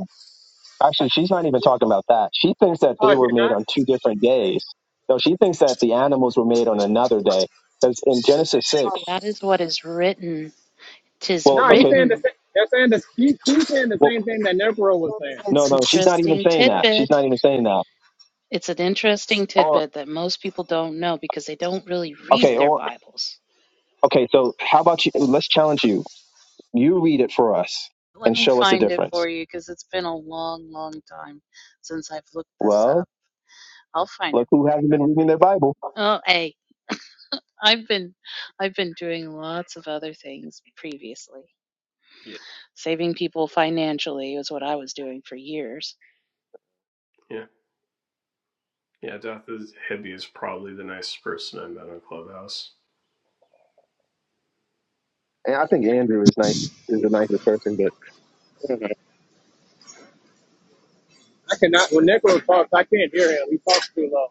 Actually, she's not even talking about that. She thinks that Oh, they if were you're not? made on two different days. No, she thinks that the animals were made on another day. Because in Genesis 6, Oh, that is what is written. Tis well, No, he's okay, saying the written. same. They're saying the he, he's saying the well, same thing that Necro was saying. no, It's an no, she's not even interesting saying that. She's tidbit. not even saying that. It's an interesting Or, tidbit that most people don't know because they don't really read okay, their or, Bibles. okay, so how about you? Let's challenge you. You read it for us Let and me show us the find it difference. for you because it's been a long, long time since I've looked this Well, up. I'll find look it who for hasn't been you. reading their Bible. Oh, hey, I've been I've been doing lots of other things previously. Yeah. Saving people financially is what I was doing for years. Yeah, yeah. Death is Hibby is probably the nicest person I've met on Clubhouse. And I think Andrew is nice, is the nicest person, but I cannot when Necro talks, I can't hear him. He talks too low.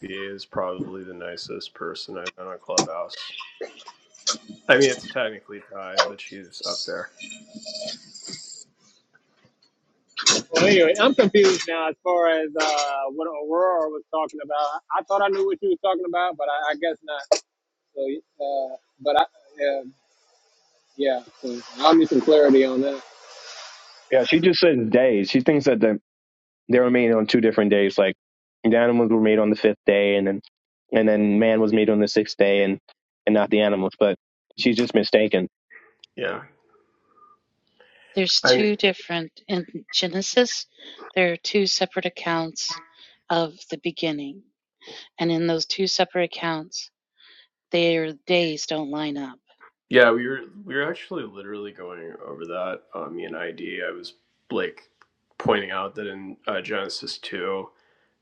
BA is probably the nicest person I've met on Clubhouse. I mean, it's technically tied, but she's up there. Well, anyway, I'm confused now as far as uh, what Aurora was talking about. I I thought I knew what you was talking about, but I, I guess not. So, uh, but I, uh, yeah, so I'll need some clarity on that. yeah, she just says days. She thinks that. the. They were made on two different days. Like the animals were made on the fifth day, and then and then man was made on the sixth day, and and not the animals. But she's just mistaken. Yeah, There's I two different in Genesis, there are two separate accounts of the beginning. And in those two separate accounts, their days don't line up. yeah. We were we were actually literally going over that. Um, me and ID. I was like pointing out that in uh, Genesis two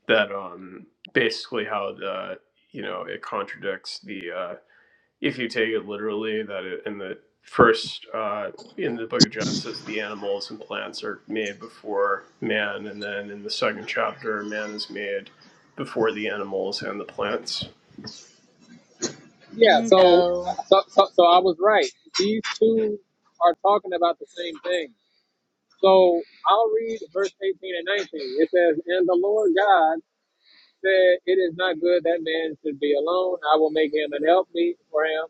that um basically how the you know it contradicts the uh, if you take it literally that it, in the first uh, in the book of genesis the animals and plants are made before man and then in the second chapter man is made before the animals and the plants Yeah, so, Bingo. so so so I was right. These two are talking about the same thing. So I'll read verse 18 and 19. It says, And the Lord God said, It is not good that man should be alone. I will make him an helpmeet for him.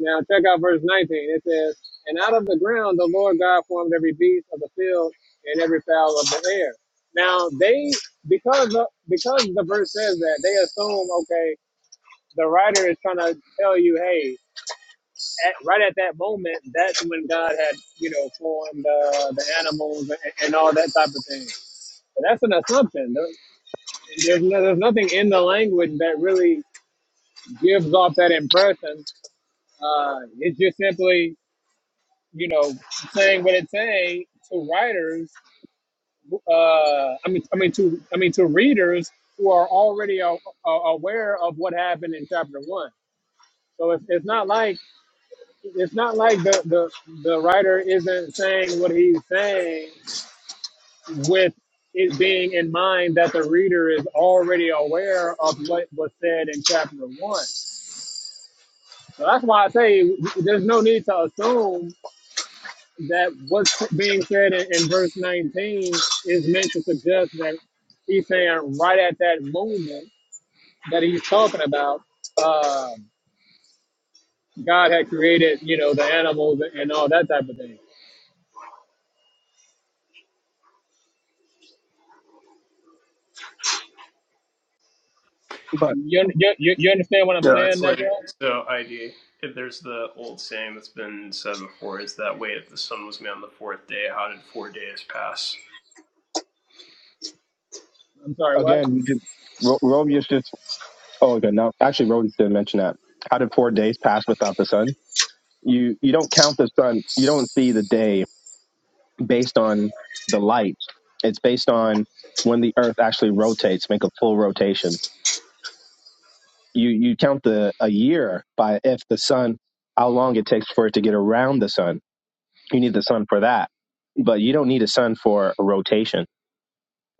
Now check out verse 19. It says, And out of the ground the Lord God formed every beast of the field and every fowl of the air. Now they because the, because the verse says that, they assume, okay, the writer is trying to tell you, hey, at, right at that moment, that's when God had, you know, formed uh, the animals and, and all that type of thing. But that's an assumption. There, there's, no, there's nothing in the language that really gives off that impression. Uh, it's just simply, you know, saying what it's saying to writers. Uh, I mean, I mean to, I mean to readers who are already a, a- aware of what happened in chapter one. So it's, it's not like it's not like the, the the writer isn't saying what he's saying with it being in mind that the reader is already aware of what was said in chapter one. So that's why I say there's no need to assume that what's being said in, in verse 19 is meant to suggest that he's saying right at that moment that he's talking about, uh, God had created, you know, the animals and all that type of thing But You, you, you you understand what I'm so Yeah. it's saying, like Negro? so id if there's the old saying that's been said before is that wait if the sun was made on the fourth day how did four days pass I'm sorry, what? again, you did, Ro- Robius just. Oh, okay. No, actually, Robius didn't mention that. How did four days pass without the sun? You you don't count the sun. You don't see the day based on the light. It's based on when the Earth actually rotates, make a full rotation. you you count the a year by if the sun how long it takes for it to get around the sun you need the sun for that but you don't need a sun for a rotation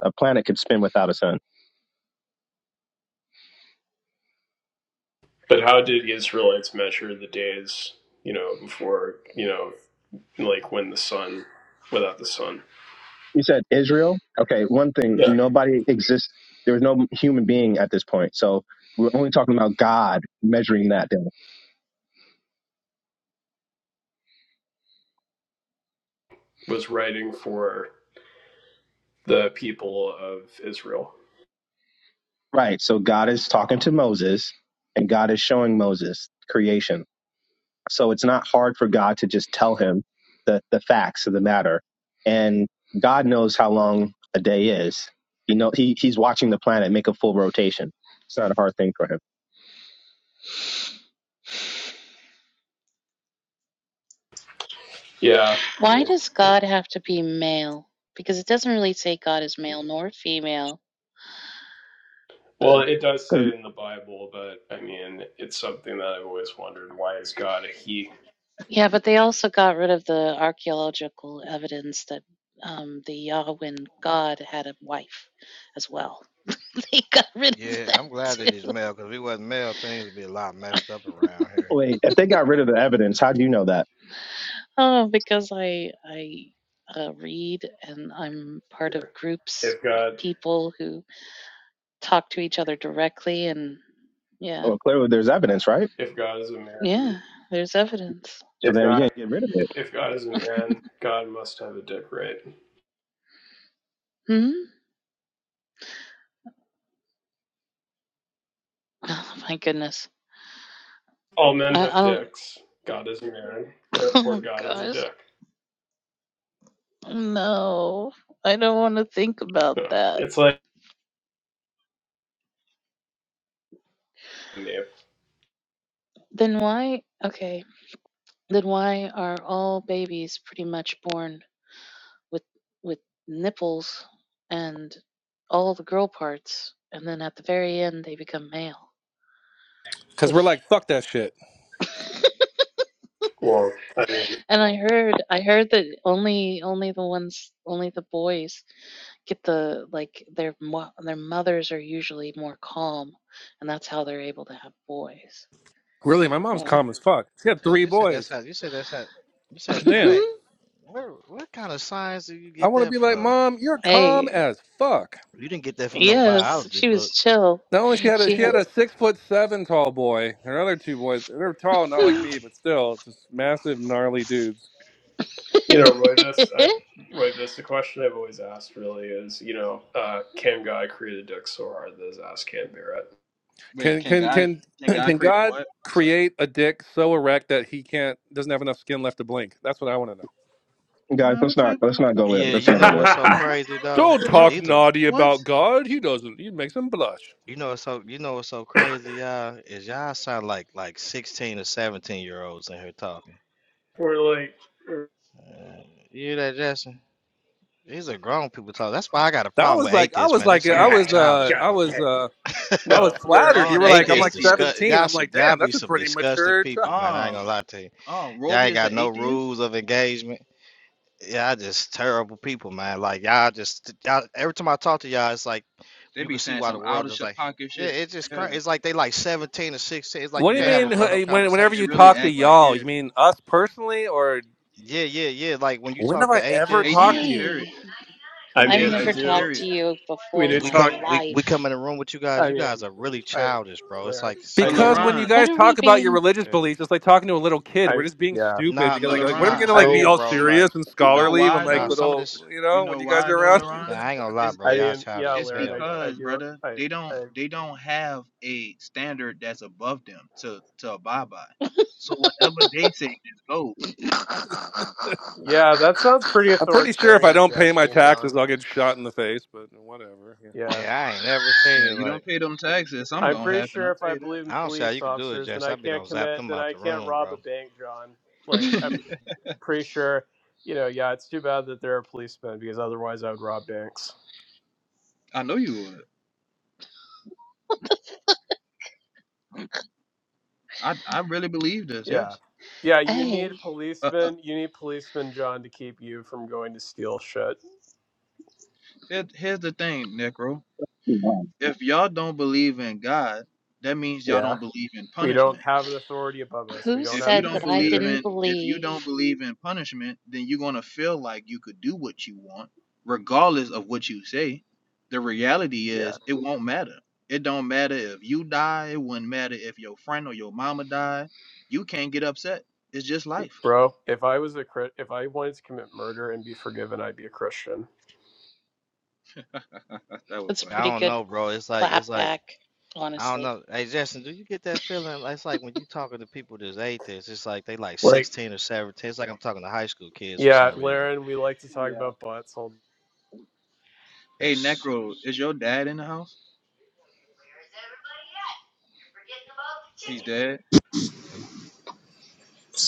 a planet could spin without a sun but how did the israelites measure the days you know before you know like when the sun without the sun you said israel okay one thing Yeah. nobody exists there was no human being at this point so we're only talking about god measuring that down was writing for the people of Israel. right so god is talking to moses and god is showing moses creation So it's not hard for God to just tell him the, the facts of the matter. And God knows how long a day is. You know, he, he's watching the planet make a full rotation. It's not a hard thing for him. Yeah. Why does God have to be male? Because it doesn't really say God is male nor female. Well, it does say Because it in the Bible, but I mean, it's something that I've always wondered: why is God a he? Yeah, but they also got rid of the archaeological evidence that um, the Yahweh God had a wife as well. They got rid of Yeah, that I'm glad that he's too. male because if he wasn't male, things would be a lot messed up around here. wait, if they got rid of the evidence, how do you know that? Oh, because I I uh, read and I'm part Yeah. of groups If of God, people who talk to each other directly, and yeah, Well, clearly there's evidence, right? if God is a man, yeah, there's evidence. So if then we God, didn't get rid of it. if God is a man, God must have a dick, right? Hmm. Oh my goodness. All men I, have I don't. dicks. God is a man, therefore Oh God has a gosh. dick. No, I don't want to think about No, that. it's like Then why okay, then why are all babies pretty much born with with nipples and all the girl parts and then at the very end they become male? Because we're If like, fuck that shit. Well, I mean, and I heard I heard that only only the ones only the boys get the like their mo- their mothers are usually more calm and that's how they're able to have boys. Really, my mom's Yeah. calm as fuck. She had You three said you said that's boys. how. You said that's how. You said that Damn. ain't. Where, what kind of science did you I get want to that be like, from? mom, you're calm hey, as fuck. You didn't get that from no yes, biology she book. was chill. Not only she had a She she yeah. had had a six foot seven tall boy. Her other two boys, they're tall, not like me, but still, just massive, gnarly dudes. You know, Roy, this I have Roy, this the question I've always asked really is, you know, uh, can God create a dick so hard that his ass can't bear Wait, Can can can God can can God can create a God what? I'm sorry. create a dick so erect that he can't doesn't have enough skin left to blink? That's what I want to know. Guys, Man, what let's not, type let's of not go there. Yeah, Let's you not go know there. what's so Come on. what crazy type of though? Don't it? bro? talk These are. naughty What? about God. He doesn't. He makes him blush. You know what's so. You know what's so crazy, y'all? Is y'all sound like like 16 or 17 year olds in here talking. We're like, Uh, you hear that, Justin? These are grown people talking. That's why I got a That problem was with like I atheists, was man. They like so I dang was childish, uh I bro. God, was uh I was no, flattered. Laren. Oh, You were that's an like I'm Atheists like discuss atheist. 17. y'all I'm some like y'all damn, be that's a some pretty disgusting mature people, man. child. I ain't gonna Oh, lie to you. oh, Y'all Rovi ain't is got an no atheist. rules of engagement. Yeah, Y'all just terrible people, man. Like y'all just y'all every time I talk to y'all, it's like They you can be see saying why the some out world of is shit like pocket yeah, shit. it's just crazy. Yeah, It's like they like 17 or 16. It's like you What do you can't have yeah, mean a grown bro. up wh- It, when, whenever they conversation, you bro. really talk to act like y'all? it. You mean us personally or Yeah, yeah, yeah. Like when you when talk have I to ever atheists talked to Atheist, you? period. hey, I and you, I've we mean, I never can Atheist, do. talked period. to you We before in and do we my come talk. we, we come life. in the room with you guys, I you guys mean, are really I, childish, bro. It's Laren. like I But some of y'all Because mean, when like you LaRon, What guys are we talk about your being? religious eh, beliefs, it's like talking to a little kid. We're I just being yeah. stupid Nah, because But no, like, like what are we nah, LaRon, gonna I like be you no, mean, all bro. you Like, serious and you know nah, scholarly when why nah. like though? Some of little this, you You know when know you guys why are though, around? LaRon? yeah, I ain't gonna lie, It's bro. I Y'all it's mean, childish yeah, as it's Laren. hell, bro. I I because, do. brother, I they don't I they don't have a standard that's above them to to abide by. So whatever they say just goes. yeah. That sounds pretty I'm pretty sure if I authoritarian, if don't you pay ask my me, taxes, John. I'll get shot in the face. But whatever. Yeah. Yeah, I ain't never seen Yeah, it. you Like, don't pay them taxes, something I'm gonna pretty happen. sure I if I tell you that. believe in I don't see how police you could do it, officers, then Jess. I I be can't done zap commit, them then out I the can't room, rob bro. a bank, John. Like, I'm pretty sure, you know, yeah, it's too bad that there are policemen because otherwise I would rob banks. I know you would. I I really believe this. Yeah. Yes. Yeah, you need hey, Uh, uh, policemen. You need policemen, John, to keep you from going to steal shit. here, here's the thing, Necro. If y'all don't believe in God, that means y'all Yeah. don't believe in We punishment. don't have an authority above us, we who don't if have you a said don't that I believe dictator. didn't in if you believe? don't believe in punishment, then you're gonna feel like you could do what you want, regardless of what you say. The reality Yeah, is it won't matter. It don't matter if you die, it wouldn't matter if your friend or your mama die. You can't get upset. It's just life. bro. If I was a Chri- if I wanted to commit murder and be forgiven, I'd be a Christian. that was That's a funny. I pretty don't good know, bro. It's like, it's clap like, back, I don't honestly. know. Hey, Justin, do you get that feeling? Like, It's like when you talking to people that's atheists, it's like they like Like, 16 or 17. It's like I'm talking to high school kids for yeah, some reason. Laren, we like to talk about butts all Hey That's, Necro, is your dad in the house? He's dead? the time.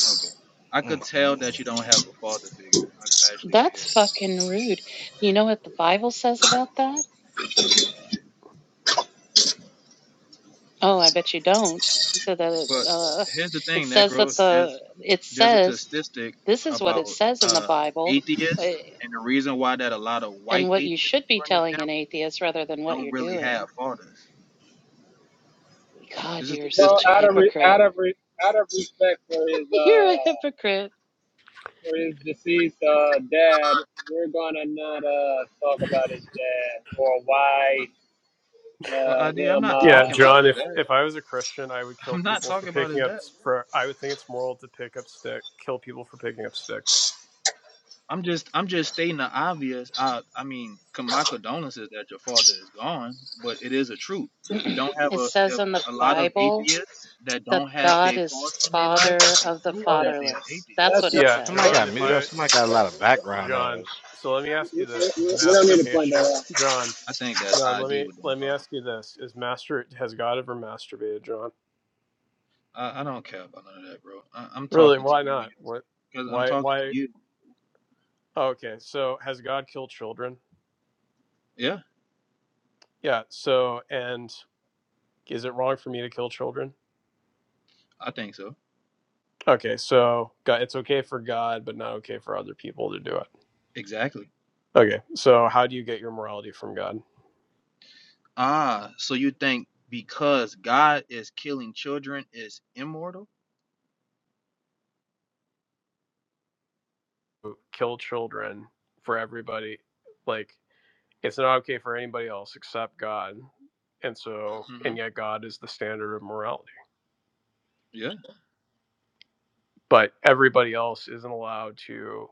Okay. I mm, could mm, tell mm. that you don't have a father figure. I actually could hear it. That's fucking rude. You know what the Bible says about that? Oh, I bet you don't. He said that But uh, here's the it thing, says that Necro. the There's it there's a says statistic this is what it about says in the uh, Bible. atheists, and the reason why that a lot of and white what you atheists, should be for an telling example, an atheist rather than what don't you're really have doing. fathers. This God, is a you're Well, such statistic, a out actually. of re, out hypocrite. of re, out of respect for his You're a uh hypocrite. for his deceased uh dad, we're gonna not uh talk about his dad or why Well, uh I, I'm him uh. not Yeah, talking about John. is If that. if I was a Christian, I would kill I'm not people for talking about picking is up. that. For I would think it's moral to pick up stick, kill people for picking up sticks. I'm just I'm just stating the obvious. I I mean, con- my condolences that your father is gone, but it is a truth. If you don't have it a says if in the a lot of Bible atheists that that don't have God their is father in their life, father it of the proves Well, that let, they are fatherless. atheists. That's let's what not. it Yeah, Somebody says. John. got If We, muted up. I Somebody got a lot of background John. noise. So let me we, ask you this: we, Is we we don't need to point that masturbation, out. John? I think that John, let ID me with them. let me Uh, ask you this: Is master has God ever masturbated, John? I I don't care about none of that, bro. I, I'm Really? talking to Why you and not? What? because I'm Why? talking to Why? you. Okay, so has God killed children? Yeah, Yeah, so and is it wrong for me to kill children? I think so. Okay, so God, it's okay for God, but not okay for other people to do it. Exactly. Okay, so how do you get your morality from God? Ah, so you think because God is killing children is immortal? Kill children for everybody. Like, it's not okay for anybody else except God. And so, Mm-hmm. and yet God is the standard of morality. Yeah, But everybody else isn't allowed to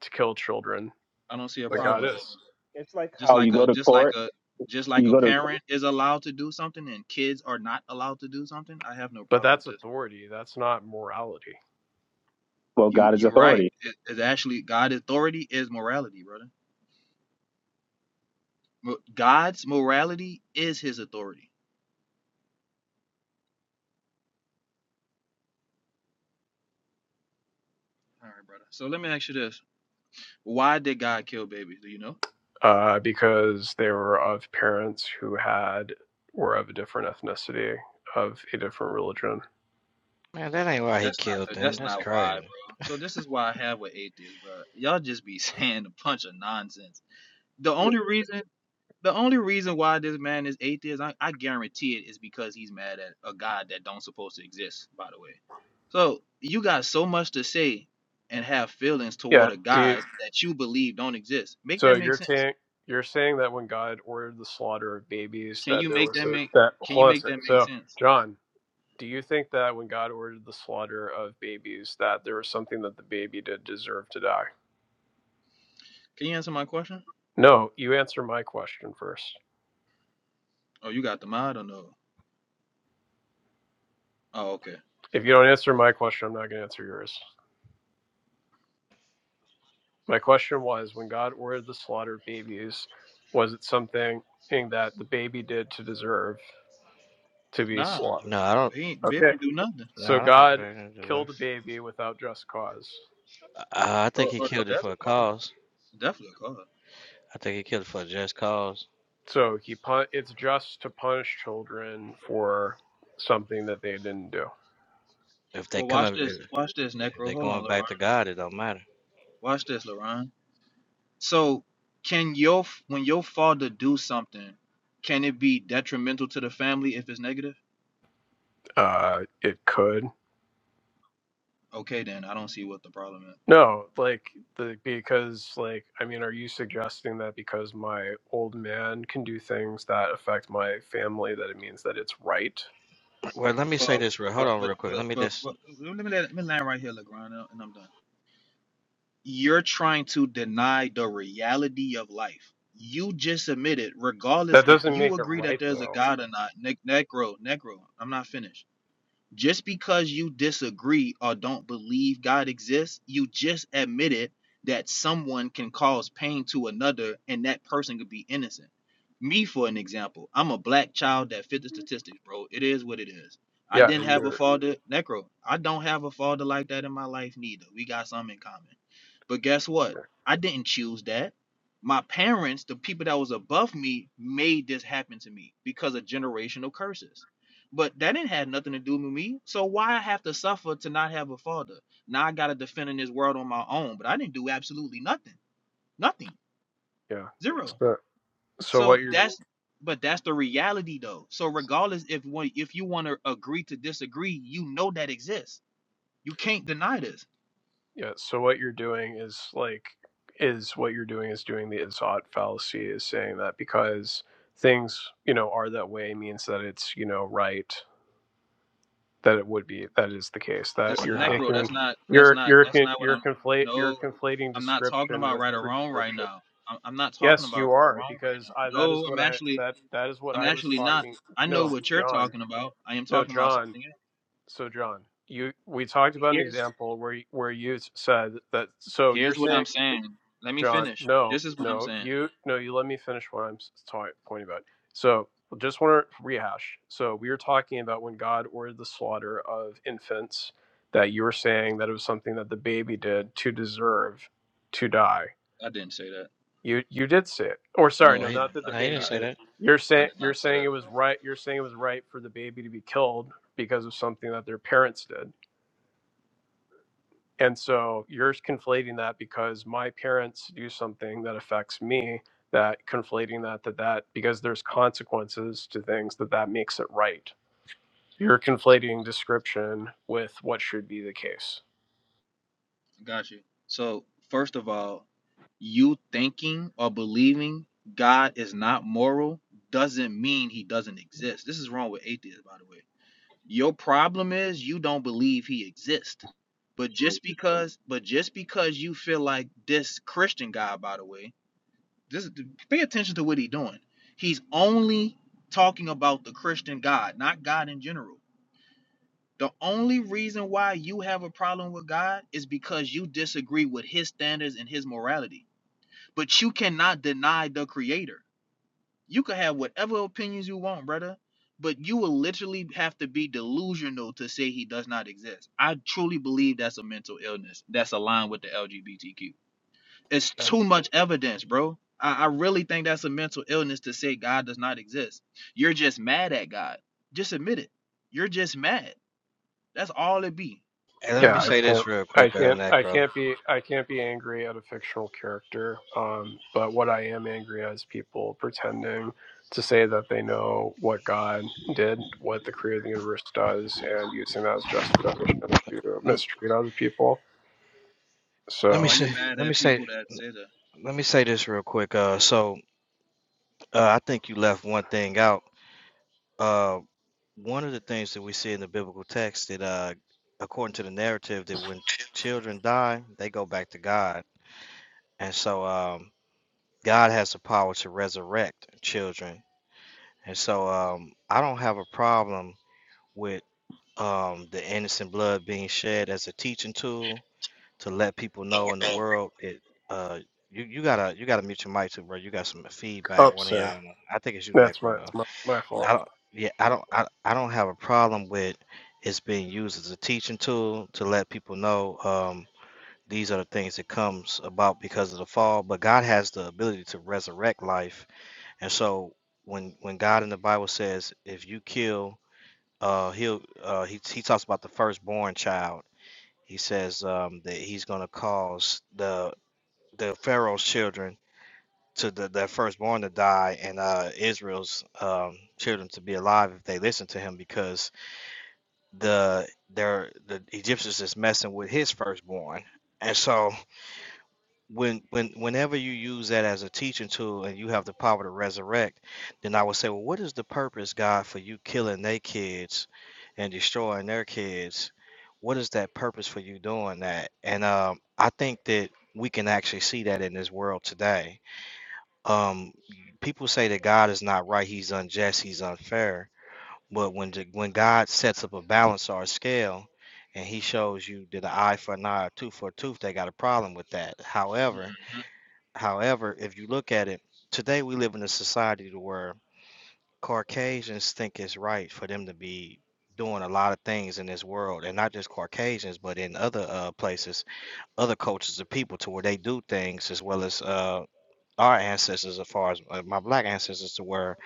to kill children, I don't see a but Well, problem God with that. is. it's like Just how you like go a to just like court, a just like you a go to, parent is allowed to do something and kids are not allowed to do something. I have no But problem with that's this. authority. That's not morality well, You God is you're right. authority. It, it's actually God's authority is morality, brother. Mo- God's morality is His authority. All right, brother. So let me ask you this: Why did God kill babies? Do you know? uh, because they were of parents who had were of a different ethnicity, of a different religion. Man, that ain't why he That's not killed uh, them. that's That's not why, crazy. bro. So this is why I have with atheists, bro. Y'all just be saying a bunch of nonsense. The only reason the only reason why this man is atheist, I, I guarantee it, is because he's mad at a God that don't supposed to exist. By the way, so you got so much to say and have feelings Yeah. toward a Do you, God that you believe don't exist. Make so that make you're sense? saying you're saying that when God ordered the slaughter of babies, Can that you there make was that a, make? that Can hold you on a make sec. that make So sense? John, do you think that when God ordered the slaughter of babies, that there was something that the baby did deserve to die? Can you answer my question? No. You answer my question first. Oh, you got the mod or no? Oh, okay. If you don't answer my question, I'm not going to answer yours. My question was when God ordered the slaughter of babies, was it something that the baby did to deserve to be Nah, slaughtered? No, I don't. he ain't, baby Okay. didn't do nothing. No, So I don't think God Brandon killed a deserves. baby without just cause. I, I think Oh, he oh, oh, killed it that's for a a call. cause. Definitely a call. I think he killed it for a just cause. So he pun- it's just to punish children for something that they didn't do. If they Well, come watch up, this. if, Watch this, if Necro. they Hold on, going LaRon. back to God, it don't matter. Watch this, LaRon. So, can your f- when your father do something, can it be detrimental to the family if it's negative? Uh it could. Okay, then I don't see what the problem is. No, like the because like I mean are you suggesting that because my old man can do things that affect my family that it means that it's right? Well, let me But say this real. Hold but on, but real quick. but, Let me but, just. but let me let, let me land right here, LaGron, and I'm done. you're trying to deny the reality of life. You just admitted, regardless That if doesn't you make it agree right that there's a though. God or not, ne- Necro, Necro, I'm not finished just because you disagree or don't believe God exists, you just admitted that someone can cause pain to another and that person could be innocent. Me, for an example, I'm a black child that fit the statistics, bro. It is what it is. I Yeah, didn't and have a you're father, Necro. I don't have a father like that in my life, neither. We got some in common. But guess what? yeah. I didn't choose that. My parents, the people that was above me, made this happen to me because of generational curses but that didn't have nothing to do with me. So why I have to suffer to not have a father? Now I gotta defend in this world on my own. But I didn't do absolutely nothing. Nothing. yeah. Zero. So so So what you're that's but that's the reality though. So regardless if one if you wanna agree to disagree, you know that exists. You can't deny this. yeah, so what you're doing is like is what you're doing is doing the Izzat fallacy is saying that because things, you know, are that way means that it's, you know, right that it would be that is the case that oh, That's you're No, necro, taking that's not that's you're not you're that's con- not what you're I'm conflate you're no. conflating I'm not talking description about with right or wrong right prescription. now. I'm, I'm not talking Yes, about you right or are wrong right because now. I that No, is what I'm I actually that that is what I'm I was actually not. talking. I know No, what you're John. talking about. I am No, talking about John. something else. So John, you we talked about an Here's example where y- where you s- said that. So you're here's what saying, I'm saying. Let me John, finish. no, This is what I'm no, saying. you no, you let me finish what I'm s- ta- pointing about. So just want to rehash. So we were talking about when God ordered the slaughter of infants. That you were saying that it was something that the baby did to deserve to die. I didn't say that. You you did say it, or sorry, No, no, I, not that the I no, he did didn't baby not. say did. that. You're I saying did you're not say that saying it at was all. right. You're saying it was right for the baby to be killed because of something that their parents did And so you're conflating that because my parents do something that affects me, that conflating that, that, that, because there's consequences to things, that that makes it right. You're conflating description with what should be the case. I got you. So first of all, you thinking or believing God is not moral doesn't mean he doesn't exist. This is wrong with atheists, by the way. Your problem is you don't believe he exists. But just because but just because you feel like this Christian guy, by the way, Just pay attention to what he's doing. He's only talking about the Christian God, not God in general. The only reason why you have a problem with God is because you disagree with his standards and his morality. But you cannot deny the creator. You can have whatever opinions you want, brother, but you will literally have to be delusional to say he does not exist. I truly believe that's a mental illness that's aligned with the LGBTQ. It's Um, too much evidence, bro. I, I really think that's a mental illness to say God does not exist. You're just mad at God. Just admit it. You're just mad. That's all it be. and let Yeah, me Nothing I say else. this can't. real I quick, uh, can't. I Necro. can't be. I can't be angry at a fictional character. Um, but what I am angry at is people pretending to say that they know what God did, what the creator of the universe does, and using that as justification to Let mistreat other people. let me So Why you say. mad Let me at say. people that say that? Let me say this real quick. Uh, so uh, I think you left one thing out. Uh. one of the things that we see in the biblical text that uh according to the narrative that when children die they go back to god and so um god has the power to resurrect children and so um i don't have a problem with um the innocent blood being shed as a teaching tool to let people know in the world it uh you, you gotta you gotta mute your mic too, bro. You got some feedback. up, One of y'all, I sir. don't know. I think it's you, That's my. Necro, though. It's my my fault. I don't. Yeah, I don't. I, I don't have a problem with it's being used as a teaching tool to let people know um, these are the things that comes about because of the fall. But God has the ability to resurrect life, and so when when God in the Bible says, if you kill, uh, he'll uh, he he talks about the firstborn child. He says um, that he's going to cause the the Pharaoh's children to the, their firstborn to die and uh, Israel's um, children to be alive if they listen to him because the their the Egyptians is messing with his firstborn. And so when when whenever you use that as a teaching tool and you have the power to resurrect, then I would say, well, what is the purpose, God, for you killing their kids and destroying their kids? What is that purpose for you doing that? And um, I think that we can actually see that in this world today um, people say that God is not right, he's unjust, he's unfair. But when the, when God sets up a balance or a scale and he shows you that an eye for an eye, a tooth for a tooth, they got a problem with that. However, Mhm. however, if you look at it, today we live in a society to where Caucasians think it's right for them to be doing a lot of things in this world and not just Caucasians but in other uh, places, other cultures of people to where they do things as well as uh our ancestors as far as uh, my black ancestors to where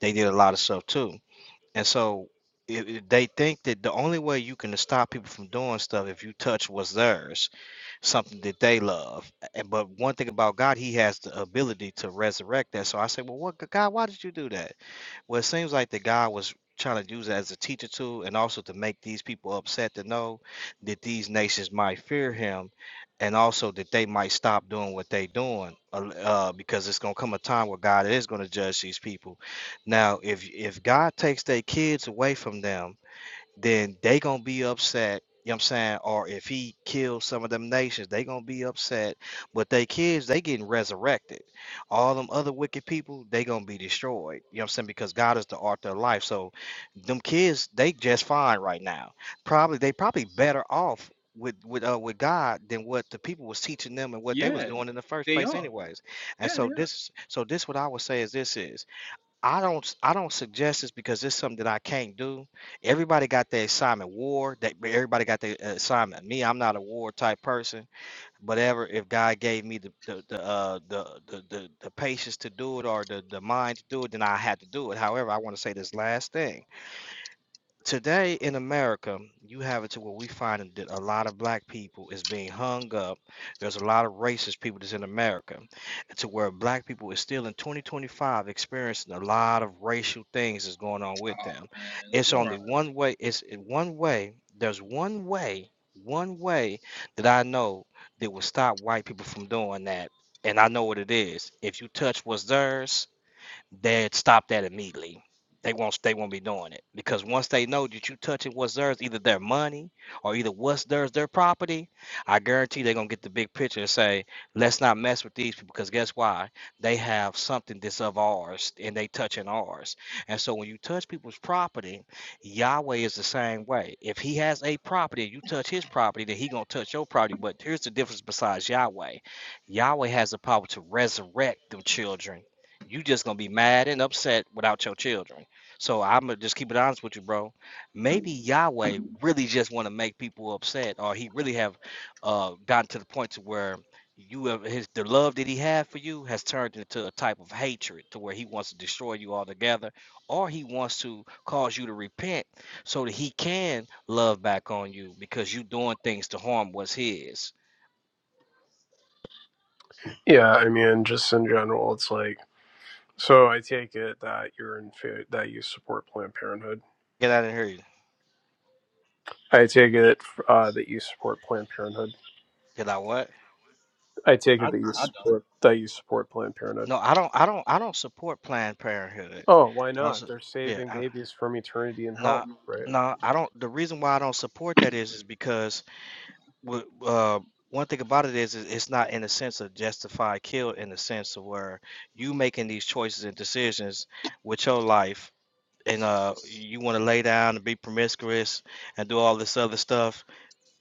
they did a lot of stuff too and so it, it- they think that the only way you can stop people from doing stuff if you touch what's theirs something that they love. And but one thing about God, He has the ability to resurrect that. So I say, well, what God? Why did you do that? Well, it seems like the God was trying to use it as a teacher tool and also to make these people upset to know that these nations might fear him and also that they might stop doing what they doing uh, uh, because it's going to come a time where god is going to judge these people now if if god takes their kids away from them then they gonna be upset. You know what I'm saying? Or if he kills some of them nations, they gonna be upset. But they kids, they getting resurrected. All them other wicked people, they gonna be destroyed. You know what I'm saying? Because God is the author of life. So them kids, they just fine right now. Probably they probably better off with with uh, with God than what the people was teaching them and what they was Yeah, doing in the first they place are. anyways. And Yeah, they so are. this so this what I would say is this is I don't s- I don't suggest this because it's something that I can't do. Everybody got their assignment war. That everybody got their uh, assignment. Me, I'm not a war type person. But ever if God gave me the the the uh, the, the the the patience to do it or the the mind to do it, then I had to do it. However, I want to say this last thing today in America, you have it to where we find that a lot of black people is being hung up. There's a lot of racist people that's in America, to where black people is still in 2025 experiencing a lot of racial things that's going on with Oh them. man, It's only Laurent, one way. It's one way. There's one way. One way that I know that will stop white people from doing that, and I know what it is. If you touch what's theirs, they'd stop that immediately. They won't they won't be doing it because once they know that you touching what's theirs, either their money or either what's theirs, their property, I guarantee they're gonna get the big picture and say, let's not mess with these people because guess why? They have something that's of ours and they touching ours. And so when you touch people's property, Yahweh is the same way. If he has a property, you touch his property, then he gonna touch your property. But here's the difference besides Yahweh. Yahweh has the power to resurrect them children you just gonna be mad and upset without your children. So I'm gonna just keep it honest with you, bro. Maybe Yahweh really just want to make people upset, or he really have uh, gotten to the point to where you have his the love that he had for you has turned into a type of hatred to where he wants to destroy you altogether, or he wants to cause you to repent so that he can love back on you because you doing things to harm what's his. Yeah, I mean, just in general, it's like. So I take it that you're in fa- that you support Planned Parenthood. Get out of here. I take it uh, that you support Planned Parenthood. Did I what? I take it I that you I don't support that you support Planned Parenthood. No, I don't. I don't. I don't support Planned Parenthood. Oh, why I don't. not? su- They're Yeah. saving I, babies from eternity in hell, no. right? No. I don't. The reason why I don't support that is is because w- uh, one thing about it is, is it's not in the sense of justified kill in the sense of where you making these choices and decisions with your life and uh you want to lay down and be promiscuous and do all this other stuff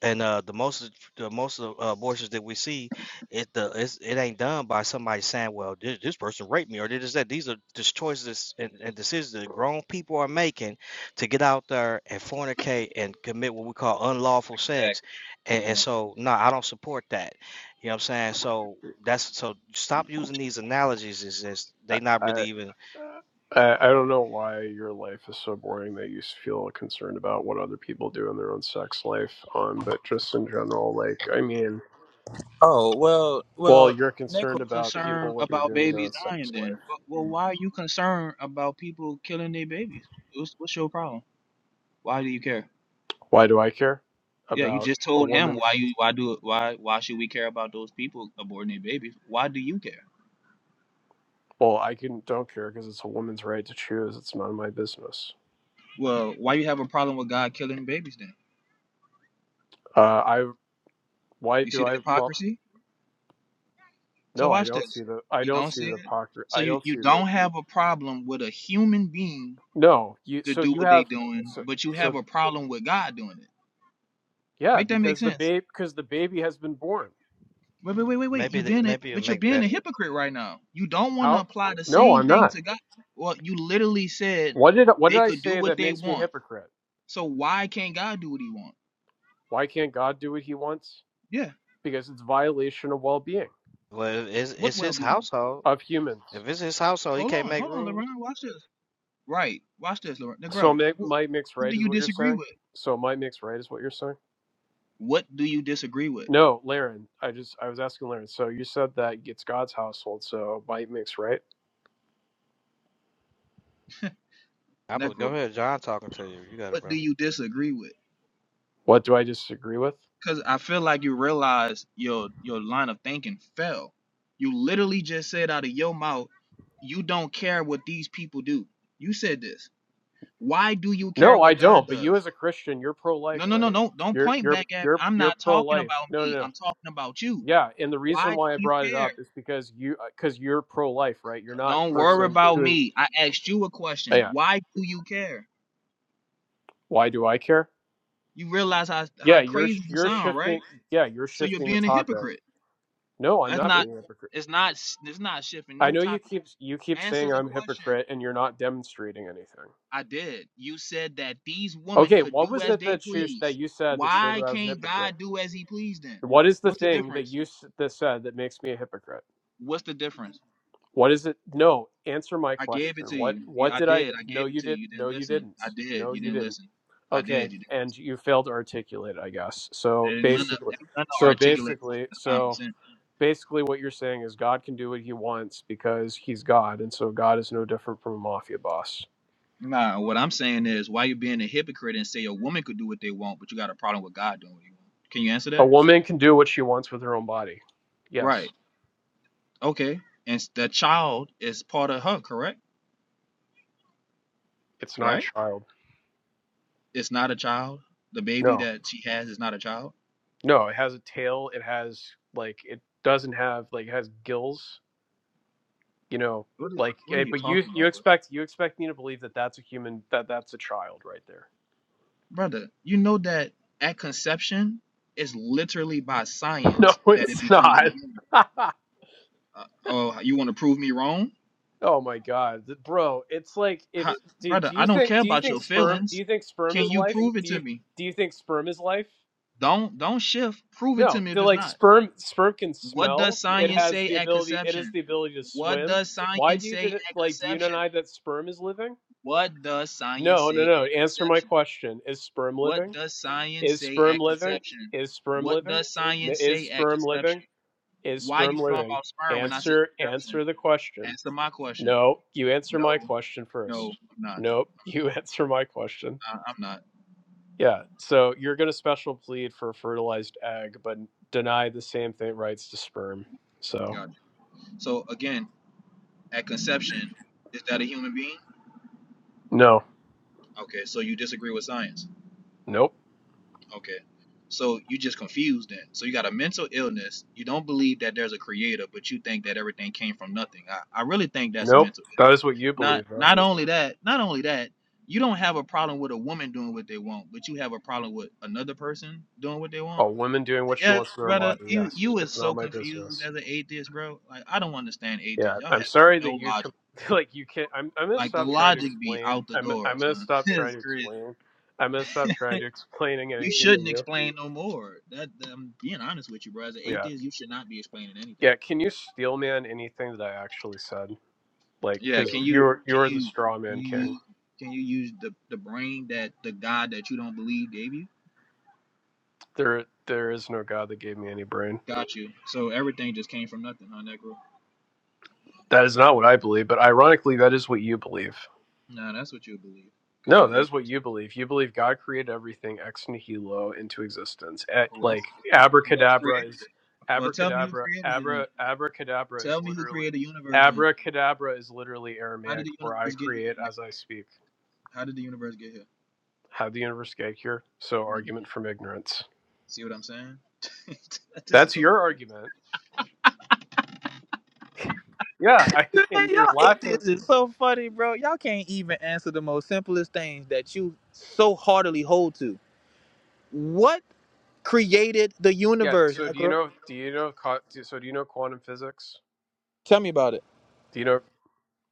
and uh, the most of the most of the abortions that we see, it the it's, it ain't done by somebody saying, "Well, this, this person raped me," or this that. These are just choices and, and decisions that grown people are making to get out there and fornicate and commit what we call unlawful sex. exactly. And, and Man. so, no, I don't support that. You know what I'm saying? So that's so stop using these analogies. Is just they not really I even I, I don't know why your life is so boring that you feel concerned about what other people do in their own sex life, um, but just in general, like, I mean, Oh well, well, well, you're necro. concerned You about concerned people what they're about doing in their babies own sex dying life. then? But well, why are you concerned about people killing their babies? What's what's your problem? Why do you care? Why do I care Yeah, you about just a told him why woman's? you why do why why should we care about those people aborting their babies? Why do you care? Well, I can don't care because it's a woman's right to choose. It's none of my business. Well, why you have a problem with God killing babies then? Uh, I why You see do the I have a problem hypocrisy? So No, I watch don't this. see the I You don't don't see see the it? pocket So I you, don't you see the don't have a problem with a human being No, you to so do you what they have doing, so but you have so a problem with God doing it. yeah, Make that make because the sense. babe because the baby has been born. Wait, wait, wait, wait, wait. maybe You're they, being a, maybe it'll but you're make being a better. hypocrite right now. You don't want to How apply the No, same I'm thing not. to God. Well, you literally said What did what did they I could do say what that they makes me a want hypocrite? So why can't God do what he wants? Why can't God do what he wants? Yeah. Because it's violation of well-being Well, it's What it's well his being? household. of humans. If it's his household, he Hold can't on, make hold on, rules. Laverne. Watch this. Right. Watch this, Laverne. So Negro, mi- what, might mix what right do is you what you're disagree saying? with? So might mix right is what you're saying? What do you disagree with? No, Laren, I just I was asking Laren. So you said that it's God's household, so might mix right? I go Negro, ahead, John talking to you. You got it, what bro. do you disagree with? What do I disagree with? Cause I feel like you realize your your line of thinking fell. You literally just said out of your mouth, you don't care what these people do. You said this. Why do you care No, I what God don't. But does? you, as a Christian, you're pro-life, No, no, no, right? no. Don't You're point you're back at me. you're I'm you're not talking pro-life. about No, no, me. no. I'm talking about you. Yeah, and the Why reason do why I you brought it care? up is because you because you're pro-life, right? You're not Don't worry person about who. me. I asked you a question. Yeah. Why do you care? Why do I care? You realize how Yeah, how you're crazy you you're sound, shifting. right? Yeah, you're So you're shifting the being a topic. hypocrite. No, I'm That's not not. being a hypocrite. It's not. It's not shifting. I No know you topic. keep you keep Answer saying the I'm a question. hypocrite, and you're not demonstrating anything. I did. You said that these women Okay, could what do was as it they that you that please. you said that showed that Why I was a can't hypocrite? God do as He pleased then? What is the What's the thing that difference? you s- that said that makes me a hypocrite? What's the difference? What is it? No, answer my I question. gave it to What you. you. what I did I did. I No, gave it you to did you. You no didn't you listen. I didn't. did. No You you didn't didn't. listen. I Okay, did. You didn't and listen. you failed to articulate, it, I guess. So And none of, basically none of so articulate basically common so sense. basically what you're saying is God can do what he wants because he's God and so God is no different from a mafia boss. Nah, what I'm saying is, why you being a hypocrite and say a woman could do what they want, but you got a problem with God doing what He wants? Can you answer A that? woman can do what she wants with her own body. Yes. Right. Okay. And the child is part of her, correct? It's not a Right. child. It's not a child. The baby No. that she has is not a child. No, it has a tail, it has like it doesn't have like it has gills you know What are, like What are eh, you but you talking you about, bro? expect you expect me to believe that that's a human that that's a child right there Brother, you know that at conception, it's literally by no science that it it's becomes not a human. Uh, oh, you want to prove me wrong, oh my god Th- bro it's like if How, do, brother? do I you don't think care do you about think your sperm do feelings. you think sperm Can is you life prove it do to you me? do you think sperm is life Don't don't shift. Prove it to no me if they're it's like not. sperm sperm can What does smell it science has say the at ability it has conception? the ability to What swim does why do science you say did it at like do you conception? deny that sperm is living What does science no say no no at answer my conception? question is sperm What living does science Is say sperm at living? conception? Is sperm What living? does science Is say at sperm living? conception? Is Why sperm you talking living? about sperm when I said Answer conception? answer the question. Answer my question. No, you answer my No, question no, first. I'm not. Nope, you answer my question. I, I'm not. Yeah, so you're going to special plead for a fertilized egg, but deny the same thing rights to sperm. So, Gotcha. So again, at conception, is that a human being? no, Okay, so you disagree with science. nope, Okay. So you just confused then. So you got a mental illness. You don't believe that there's a creator, but you think that everything came from nothing. I, I really think that's a nope. mental That illness. is what you Not believe, though. not only that, not only that, you don't have a problem with a woman doing what they want, but you have a problem with another person doing what they want. A woman doing what she Yeah, wants to her brother, body. you Yes, you is it's not so my confused business. as an atheist, bro. Like I don't understand Yeah, atheists. Y'all I'm have sorry that no you com- logic. like you can't. I'm I'm gonna Like the stop trying to logic be explain. out the I'm door, I'm gonna son. stop trying It's to crazy. explain. I'm gonna stop trying to explaining You anything to shouldn't you. explain no more. That that- I'm being honest with you, bro. As an Yeah, atheist, you should not be explaining anything. yeah. Can you steel man anything that I actually said? Like, Yeah, cause can you you're can you're the you straw can man you king. use can you use the the brain that the God that you don't believe gave you? There there is no god that gave me any brain. Got you. So everything just came from nothing huh, Negro? That is not what I believe, but ironically, that is what you believe. Nah, that's what you believe because No, you're an that's what atheist. you believe. You believe God created everything ex nihilo into existence. A- Who like else? Who else who else abracadabra created is it? Well, tell me who abracadabra created it then. abra abracadabra is Tell me who literally created the universe then. abracadabra is literally How did Aramaic the for I universe get here? create Negro? as I speak. How did the universe get here? How the universe get here? So Mm, argument from ignorance. see what I'm saying? this is That's your hilarious. argument. Yeah, I, Man, and you're y'all laughing. atheists is so funny, bro. Y'all can't even answer the most simplest things that you so heartily hold to. What created the Yeah. universe, So do you Necro? know? Do you know? co- So do you know quantum physics? Tell me about it. Do you know?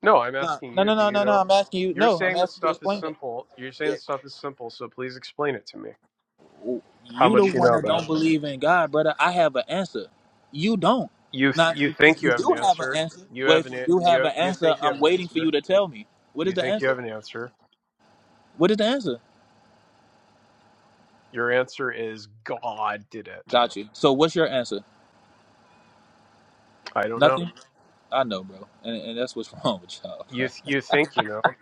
No, I'm No, asking no, you. no, Do no, you no, no. know? I'm asking you. You're No, I'm saying this asking you to stuff is explain it. simple. You're saying Yeah. this stuff is simple, so please explain it to me. How You the much you one know that about? don't it. believe in God, brother. I have an answer. You don't. You Now, th- if you you, think if you you have an do have an answer. answer, You well, have if an you a- do you have have, an you answer, think you have I'm an waiting for answer. you to tell me. What is You the think you answer? have an answer. What is the answer? Your answer is God did it. Got you. So what's your answer? I don't know. Nothing? I know, bro. And, and that's what's wrong with y'all, You th- you think you know.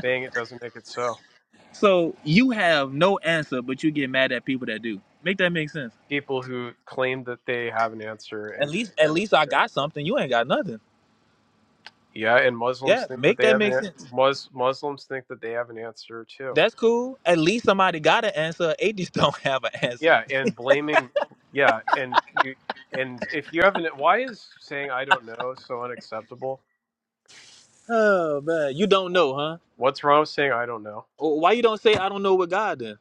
Saying it doesn't make it so. So you have no answer, but you get mad at people that do. Make that make sense. People who claim that they have an answer At and can least, at demonstrate. least I it. got something. You ain't got nothing. Yeah, and Muslims Yeah, think that make they that have an make an- sense. Mus- Muslims think that they have an answer too That's cool. At least somebody got an answer. Atheists don't have an answer. Yeah, and blaming, yeah, and you, and if you haven't, why is saying I don't know so unacceptable? Oh man, you don't know, huh? What's wrong with saying I don't know? Wh- Why you don't say I don't know with God then?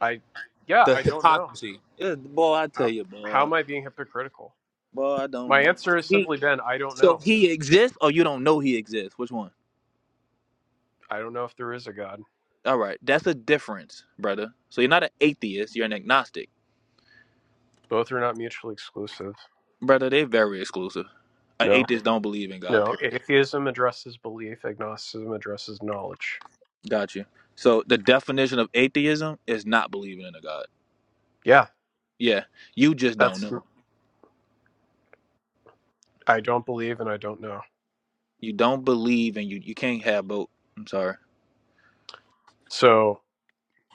I, yeah, The I don't know. hypocrisy. Yeah, boy, I How tell you, how boy, am I being hypocritical? boy, I don't My know. answer So has he, simply been I don't so know. he exists, or you don't know he exists. Which one? I don't know if there is a God. All right, that's a difference, brother. So you're not an atheist. You're an agnostic. Both are not mutually exclusive. brother, they very exclusive. An No, atheist don't believe in God. no. Period. Atheism addresses belief. Agnosticism addresses knowledge. Got you. So the definition of atheism is not believing in a God. Yeah, Yeah, you just don't that's know. I don't believe and I don't know. You don't believe, and you you can't have both. I'm sorry. So.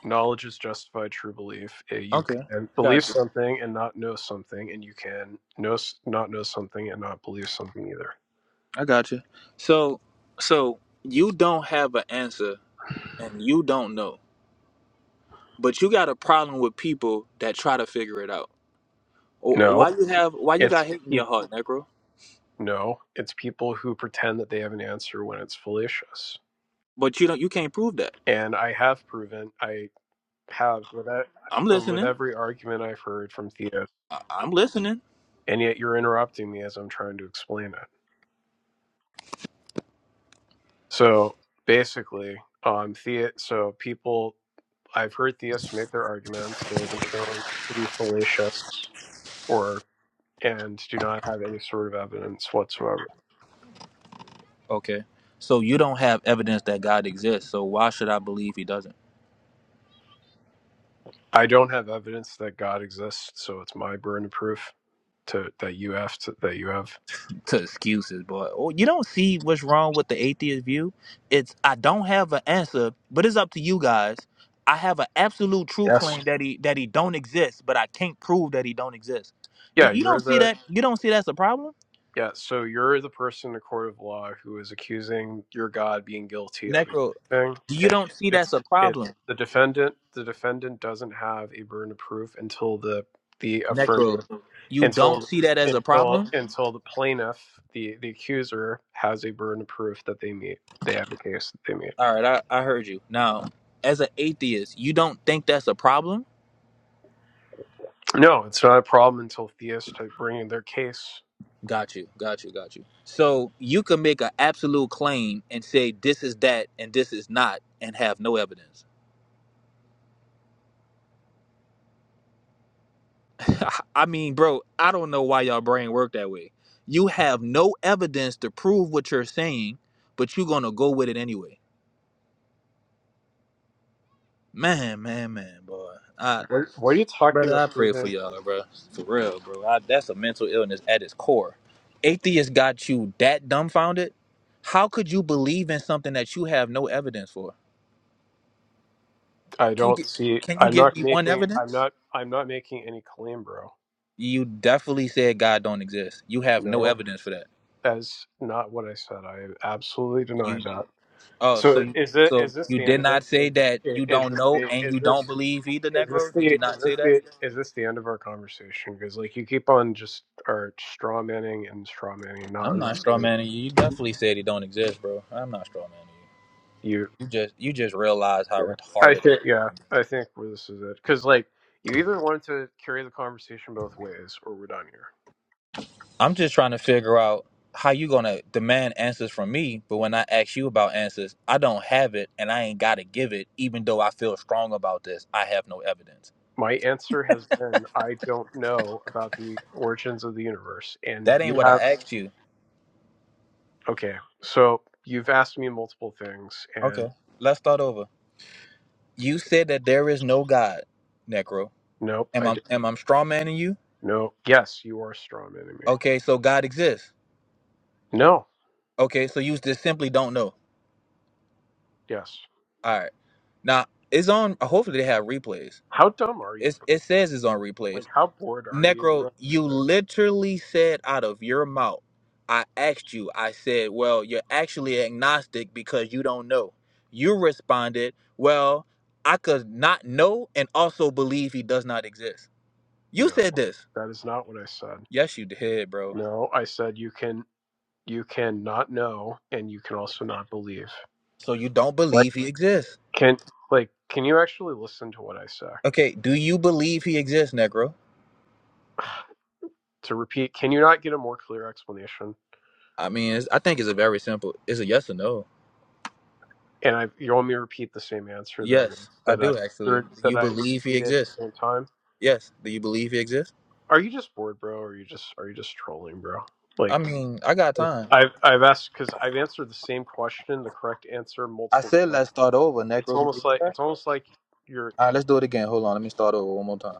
Knowledge is justified true belief. Eh, You Okay, can believe got you. something and not know something, and you can know s- not know something and not believe something either. I got you. So so you don't have an answer, and you don't know, but you got a problem with people that try to figure it out. Wh- Why No, you have? Why you got it's hate in your peop- heart, Necro? no, it's people who pretend that they have an answer when it's fallacious. But you don't. You can't prove that. And I have proven, I have with that, I'm with listening. every argument I've heard from Theo, I- I'm listening. and yet you're interrupting me as I'm trying to explain it. So basically, um, Theo, so people I've heard theists make their arguments. They have been shown to be fallacious or and do not have any sort of evidence whatsoever. Okay. So you don't have evidence that God exists. So why should I believe he doesn't? I don't have evidence that God exists, so it's my burden of proof to that you have to, that you have. To excuses, boy. Oh, you don't see what's wrong with the atheist view? It's I don't have an answer, but it's up to you guys. I have an absolute true Yes. claim that he that he don't exist, but I can't prove that he don't exist. You Yeah, you don't you're see the that? You don't see that's a problem? Yeah, so you're the person in the court of law who is accusing your God being guilty of a Necro, thing, you and don't see that's it's a problem. it's the defendant. The defendant doesn't have a burden of proof until the the affirming Necro, you don't until see that as a until problem? until the plaintiff, the the accuser, has a burden of proof that they meet. They have a case that they meet. All right, I, I heard you. Now, as an atheist, you don't think that's a problem? No, it's not a problem until theists bring in their case. Got you, got you, got you. So you can make an absolute claim and say this is that and this is not and have no evidence. I mean, bro, I don't know why y'all brain work that way. You have no evidence to prove what you're saying, but you're gonna go with it anyway. Man, man, man, boy. I What, what are you talking brother, about I pray proving? for y'all, bro. For real, bro. I, that's a mental illness at its core. Atheists got you that dumbfounded. How could you believe in something that you have no evidence for? I Can you, don't gi- see. can you I'm give not me one making. I'm evidence? not. I'm not making any claim, bro. You definitely said God don't exist. You have no No, evidence for that. that's not what I said. I absolutely deny You that. oh so So you is it is so this you the end did of it? not say Is, that you is don't this know the, and is you don't this believe either, is this Negro. Did the you is not this say that? the is this the end of our conversation? Because like you keep on just are straw manning and straw manning and not I'm not straw understanding manning you. You definitely said he don't exist, bro. I'm not straw manning you. you. You just you just realize how Yeah, I retarded think atheism yeah, is. I think where this is it. Because like you either want to carry the conversation both ways, or we're done here. I'm just trying to figure out how you gonna demand answers from me, but when I ask you about answers, I don't have it and I ain't gotta give it, even though I feel strong about this. I have no evidence. My answer has been I don't know about the origins of the universe, and That you ain't what have. I asked you. Okay, so you've asked me multiple things, and Okay, let's start over. You said that there is no God, Necro. nope, I Am I did. am I straw manning you? No, yes, you are strong enemy. Okay, so God exists. No, Okay, so you just simply don't know. yes. All right. Now it's on. Hopefully they have replays. How dumb are you? It's, bro? it says it's on Like, replays. how bored are you? Necro, bro? you literally said out of your mouth. I asked you. I said, well, you're actually agnostic because you don't know. You responded, well, I could not know and also believe he does not exist. You No, said this. that is not what I said. Yes, you did, bro. No, I said you can you can not know, and you can also not believe. So you don't Like, believe he exists. can like can you actually listen to what I say? Okay, do you believe he exists, Negro? To repeat, can you not get a more clear explanation? I mean, it's, I think it's a very simple. It's a yes or no. And I, you want me to repeat the same answer that I Yes, I that do actually. I Do that you I believe he repeated at the exists? same time? Yes. Do you believe he exists? Are you just bored, bro? Or are you just are you just trolling, bro? Like I mean, I got time. I've I've asked because I've answered the same question, the correct answer I multiple said times. let's start over, It's Necro. Did you almost hear like that? it's almost like you're All right, let's do it again. Hold on, let me start over one more time.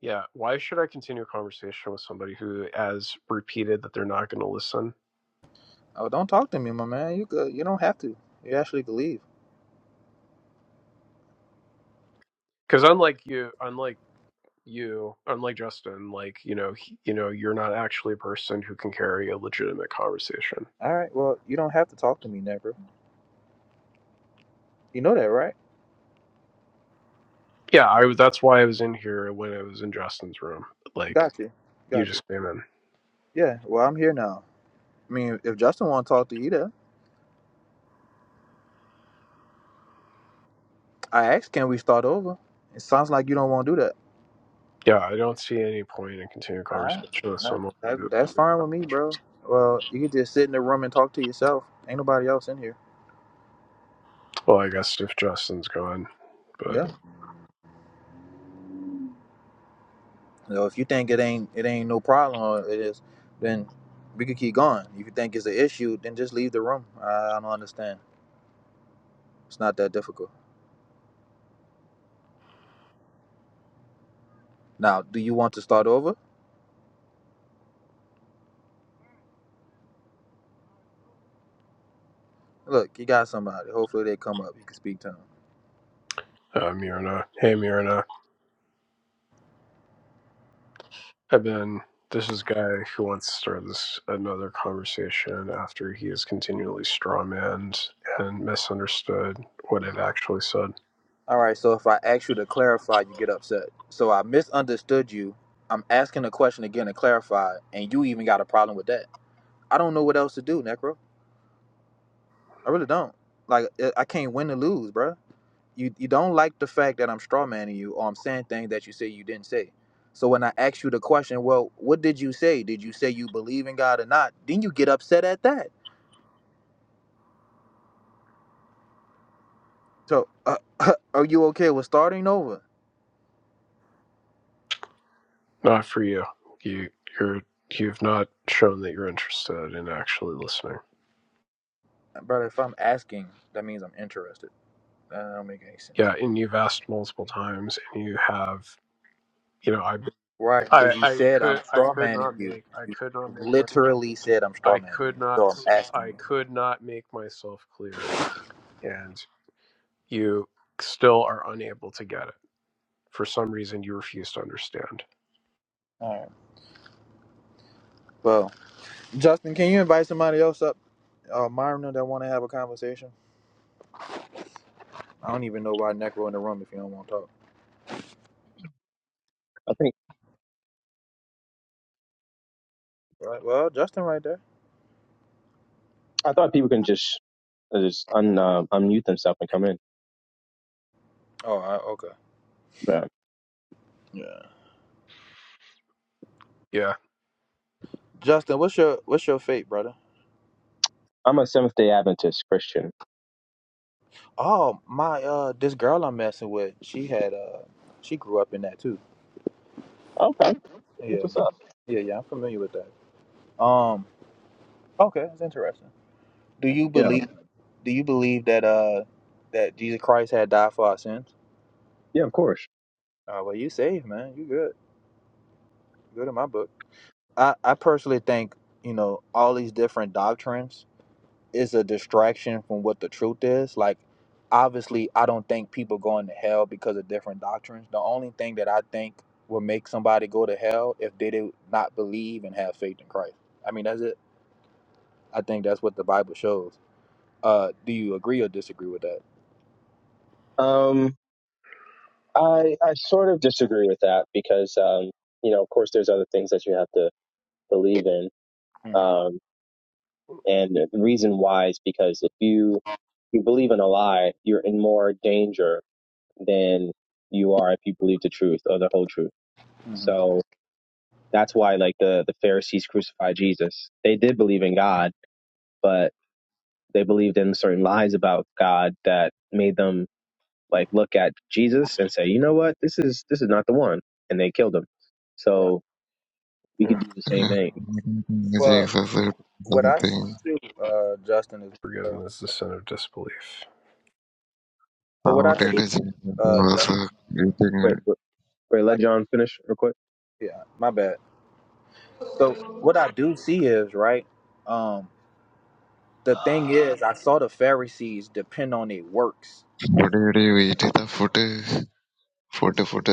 yeah. Why should I continue a conversation with somebody who has repeated that they're not going to listen? Oh, don't talk to me, my man. You could, you don't have to. You actually could leave. Because unlike you, unlike you, unlike Justin, like you know, he, you know, you're not actually a person who can carry a legitimate conversation. All right. Well, you don't have to talk to me, Necro. You know that, right? Yeah, I was. That's why I was in here when I was in Justin's room. Like Got you. you Got you. just came in. Yeah. Well, I'm here now. I mean, if Justin want to talk to you, I asked, can we start over? It sounds like you don't want to do that. Yeah, I don't see any point in continuing All right, conversation with that, someone. who- that- that's fine with me, bro. Well, you can just sit in the room and talk to yourself. Ain't nobody else in here. Well, I guess if Justin's gone, but Yeah. So if you think it ain't it ain't no problem or it is, then we could keep going. If you think it's an issue, then just leave the room. I, I don't understand. It's not that difficult. Now, do you want to start over? Look, you got somebody. Hopefully they come up. You can speak to them. uh, Mirna, hey Mirna, I've been. This is guy who wants to start this another conversation after he is continually strawmanned and misunderstood what I've actually said. All right, so if I ask you to clarify, you get upset. So I misunderstood you. I'm asking a question again to clarify, and you even got a problem with that. I don't know what else to do, Necro. I really don't. Like, I can't win or lose, bro. You, you don't like the fact that I'm strawmanning you or I'm saying things that you say you didn't say. So when I ask you the question, well, what did you say? Did you say you believe in God or not? Then you get upset at that. So uh, are you okay with starting over? Not for you. You you're you've not shown that you're interested in actually listening. Brother, if I'm asking, that means I'm interested. That don't make any sense. Yeah, and you've asked multiple times, and you have. You know, I've. Right, I because you I said I'm could I straw could manning not you. make I could not You make my Literally said I'm straw I manning could you. not So I'm s- asking I you. could not make myself clear, and you still are unable to get it. For some reason, you refuse to understand. All right. Well, Justin, can you invite somebody else up? Uh, Myrna that want to have a conversation. I don't even know why Necro in the room if you don't want to talk. I think, Right. Well, Justin, right there. I thought people can just, just un, uh, unmute themselves and come in. Oh, I, okay. Yeah. Yeah. Yeah, Justin, what's your what's your fate, brother? I'm a Seventh Day Adventist Christian. Oh, my. Uh, this girl I'm messing with. She had. Uh, she grew up in that too. Okay, that's Yeah. what's up. Yeah. Yeah. I'm familiar with that. Um. Okay. That's interesting. Do you Yeah, believe? Do you believe that uh that Jesus Christ had died for our sins? yeah, of course. Uh, well, you saved, man. You good. Good in my book. I I personally think you know all these different doctrines is a distraction from what the truth is. Like, obviously, I don't think people going to hell because of different doctrines. The only thing that I think will make somebody go to hell if they did not believe and have faith in Christ. I mean, that's it. I think that's what the Bible shows. Uh, do you agree or disagree with that? Um, I I sort of disagree with that because um, you know, of course, there's other things that you have to believe in. hmm Um, and the reason why is because if you you believe in a lie, you're in more danger than you are if you believe the truth or the whole truth. hmm So that's why, like the the Pharisees crucified Jesus. They did believe in God, but they believed in certain lies about God that made them like look at Jesus and say, you know what, this is this is not the one, and they killed him. Right. So we could yeah. do the same Jesus thing. Well, is what I something. uh, Justin as well. Forgiveness is the sin of disbelief. So what How I Wait, did see, Jesus uh, was Justin, uh, eating wait, wait, wait, let like, John finish real quick. yeah, my bad. So what I do see is right. Um, the thing is, I saw. how did you eat the food? Food food.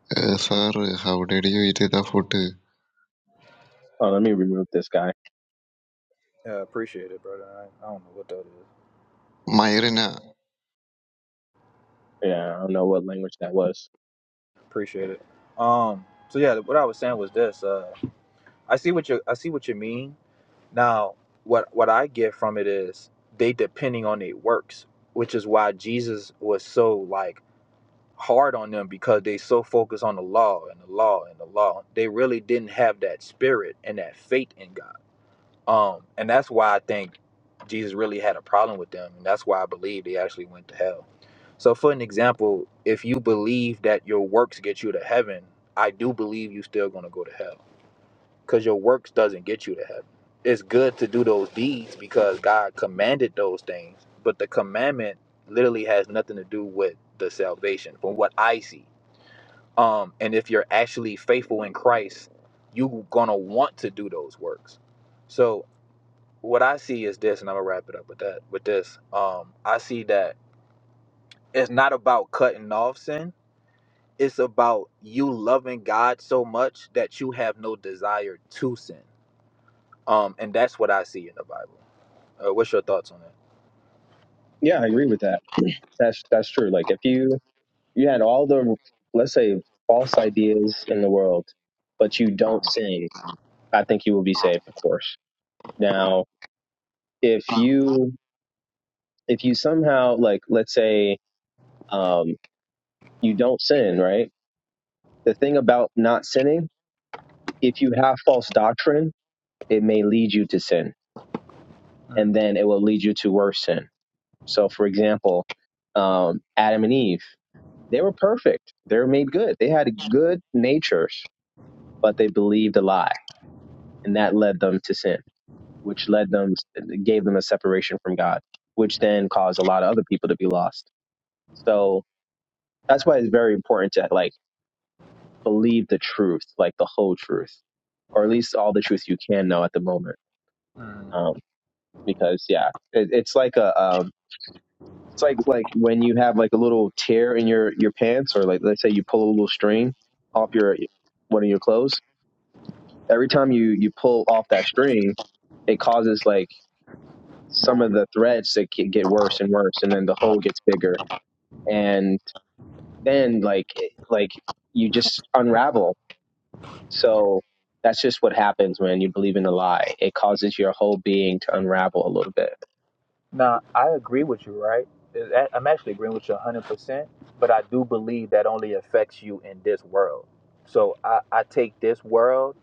Uh, sir, how did you eat the food? Oh, let me remove this guy. Yeah, appreciate it, brother. I, I don't know what that is. Myrina. Yeah, I don't know what language that was. Appreciate it. Um, so yeah, what I was saying was this. Uh, I see what you I see what you mean. Now, what what I get from it is they depending on their works, which is why Jesus was so like hard on them because they so focused on the law and the law and the law. They really didn't have that spirit and that faith in God. Um, and that's why I think Jesus really had a problem with them, and that's why I believe they actually went to hell. So, for an example, if you believe that your works get you to heaven, I do believe you're still going to go to hell because your works doesn't get you to heaven. It's good to do those deeds because God commanded those things, but the commandment literally has nothing to do with the salvation, from what I see um, and if you're actually faithful in Christ, you're gonna want to do those works. So what I see is this, and I'm gonna wrap it up with that. With this, um, I see that it's not about cutting off sin. It's about you loving God so much that you have no desire to sin. Um, and that's what I see in the Bible. Uh, what's your thoughts on that? Yeah, I agree with that. That's that's true. Like if you you had all the let's say false ideas in the world, but you don't sin, I think you will be saved, of course. Now, if you if you somehow like let's say um you don't sin, right? The thing about not sinning, if you have false doctrine, it may lead you to sin, and then it will lead you to worse sin. So, for example, um, Adam and Eve, they were perfect. They were made good. They had good natures, but they believed a lie, and that led them to sin, which led them, gave them a separation from God, which then caused a lot of other people to be lost. So that's why it's very important to like believe the truth, like the whole truth, or at least all the truth you can know at the moment. Um, because yeah, it, it's like a um, it's like like when you have like a little tear in your your pants, or like let's say you pull a little string off your one of your clothes. Every time you you pull off that string, it causes like some of the threads to ke- get worse and worse, and then the hole gets bigger, and then like it- like you just unravel. So that's just what happens when you believe in a lie. It causes your whole being to unravel a little bit. Now, I agree with you, right? I- I'm actually agreeing with you 100%, but I do believe that only affects you in this world. So I, I take this world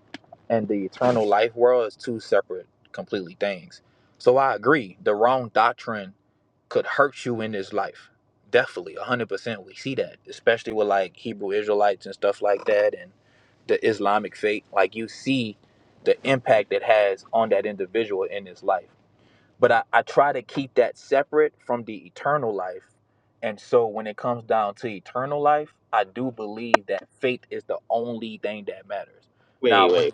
and the eternal life world as two separate, completely things. So I agree. The wrong doctrine could hurt you in this life. Definitely, 100%. We see that, especially with like Hebrew Israelites and stuff like that and the Islamic faith. Like you see the impact it has on that individual in his life but I, I try to keep that separate from the eternal life. And so when it comes down to eternal life, I do believe that faith is the only thing that matters. Wait Now, wait. when,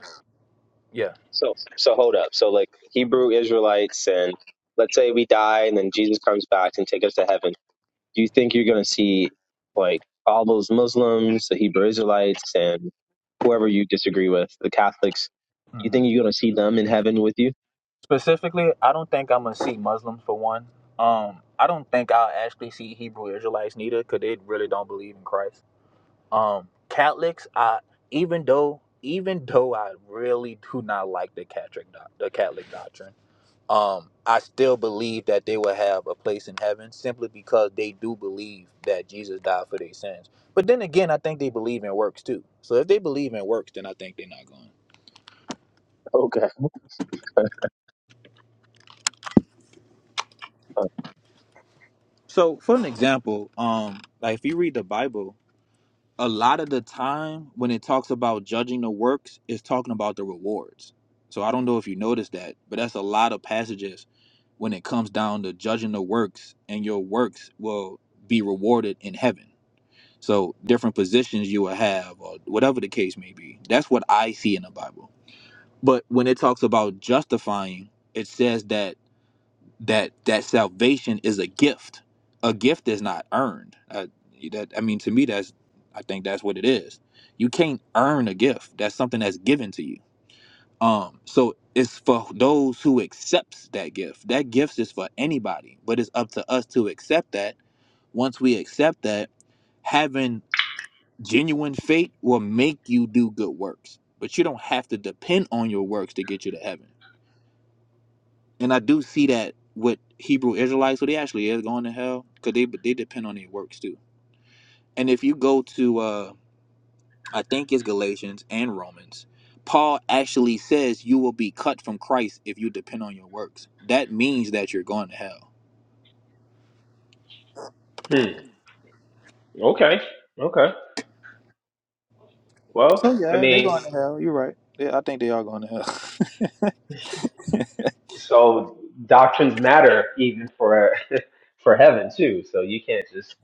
yeah, So so hold up. So like Hebrew Israelites and let's say we die and then Jesus comes back and take us to heaven. Do you think you're gonna see like all those Muslims, the Hebrew Israelites and whoever you disagree with, the Catholics, you Mhm. think you're gonna see them in heaven with you? specifically, I don't think I'm gonna see Muslims for one. Um, I don't think I'll actually see Hebrew Israelites neither, cause they really don't believe in Christ. Um, Catholics, I even though even though I really do not like the Catholic doc- the Catholic doctrine. um, I still believe that they will have a place in heaven simply because they do believe that Jesus died for their sins. But then again, I think they believe in works too. So if they believe in works, then I think they're not going. Okay. So for an example, um, like if you read the Bible, a lot of the time when it talks about judging the works, it's talking about the rewards. So I don't know if you noticed that, but that's a lot of passages when it comes down to judging the works, and your works will be rewarded in heaven. So different positions you will have, or whatever the case may be. That's what I see in the Bible. But when it talks about justifying, it says that that that salvation is a gift. A gift is not earned. Uh, that I mean, to me, that's I think that's what it is. You can't earn a gift. That's something that's given to you. Um, so it's for those who accepts that gift. That gift is for anybody, but it's up to us to accept that. Once we accept that, having Genuine faith will make you do good works, but you don't have to depend on your works to get you to heaven. And I do see that with Hebrew Israelites, so they actually is going to hell because they they depend on their works too. And if you go to uh, I think it's Galatians and Romans, Paul actually says you will be cut from Christ if you depend on your works. That means that you're going to hell. Hmm. Okay. Okay. So Well, I yeah, they're mean, going to hell. You're right. Yeah, I think they are going to hell. so doctrines matter even for for heaven too. So you can't just.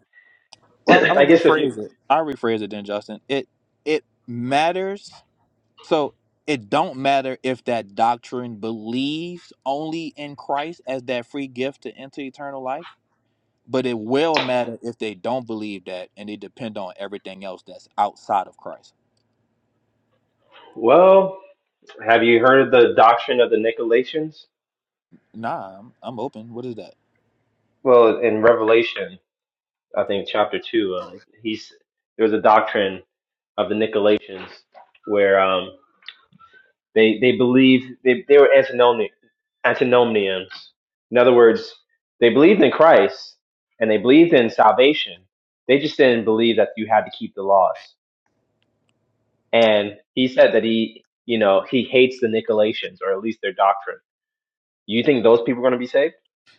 well, I, I guess if you I rephrase it then, Justin. It it matters So it don't matter if that doctrine believes only in Christ as that free gift to enter eternal life, but it will matter if they don't believe that and they depend on everything else that's outside of Christ. well, Have you heard of the doctrine of the Nicolaitans? Nah, I'm, I'm open. What is that? Well, in Revelation, I think chapter two, uh, he's there was a doctrine of the Nicolaitans where um, they they believe they they were antinomni- antinomians. In other words, they believed in Christ and they believed in salvation. They just didn't believe that you had to keep the laws. And he said that he, you know, he hates the Nicolaitans or at least their doctrine. You think those people are going to be saved?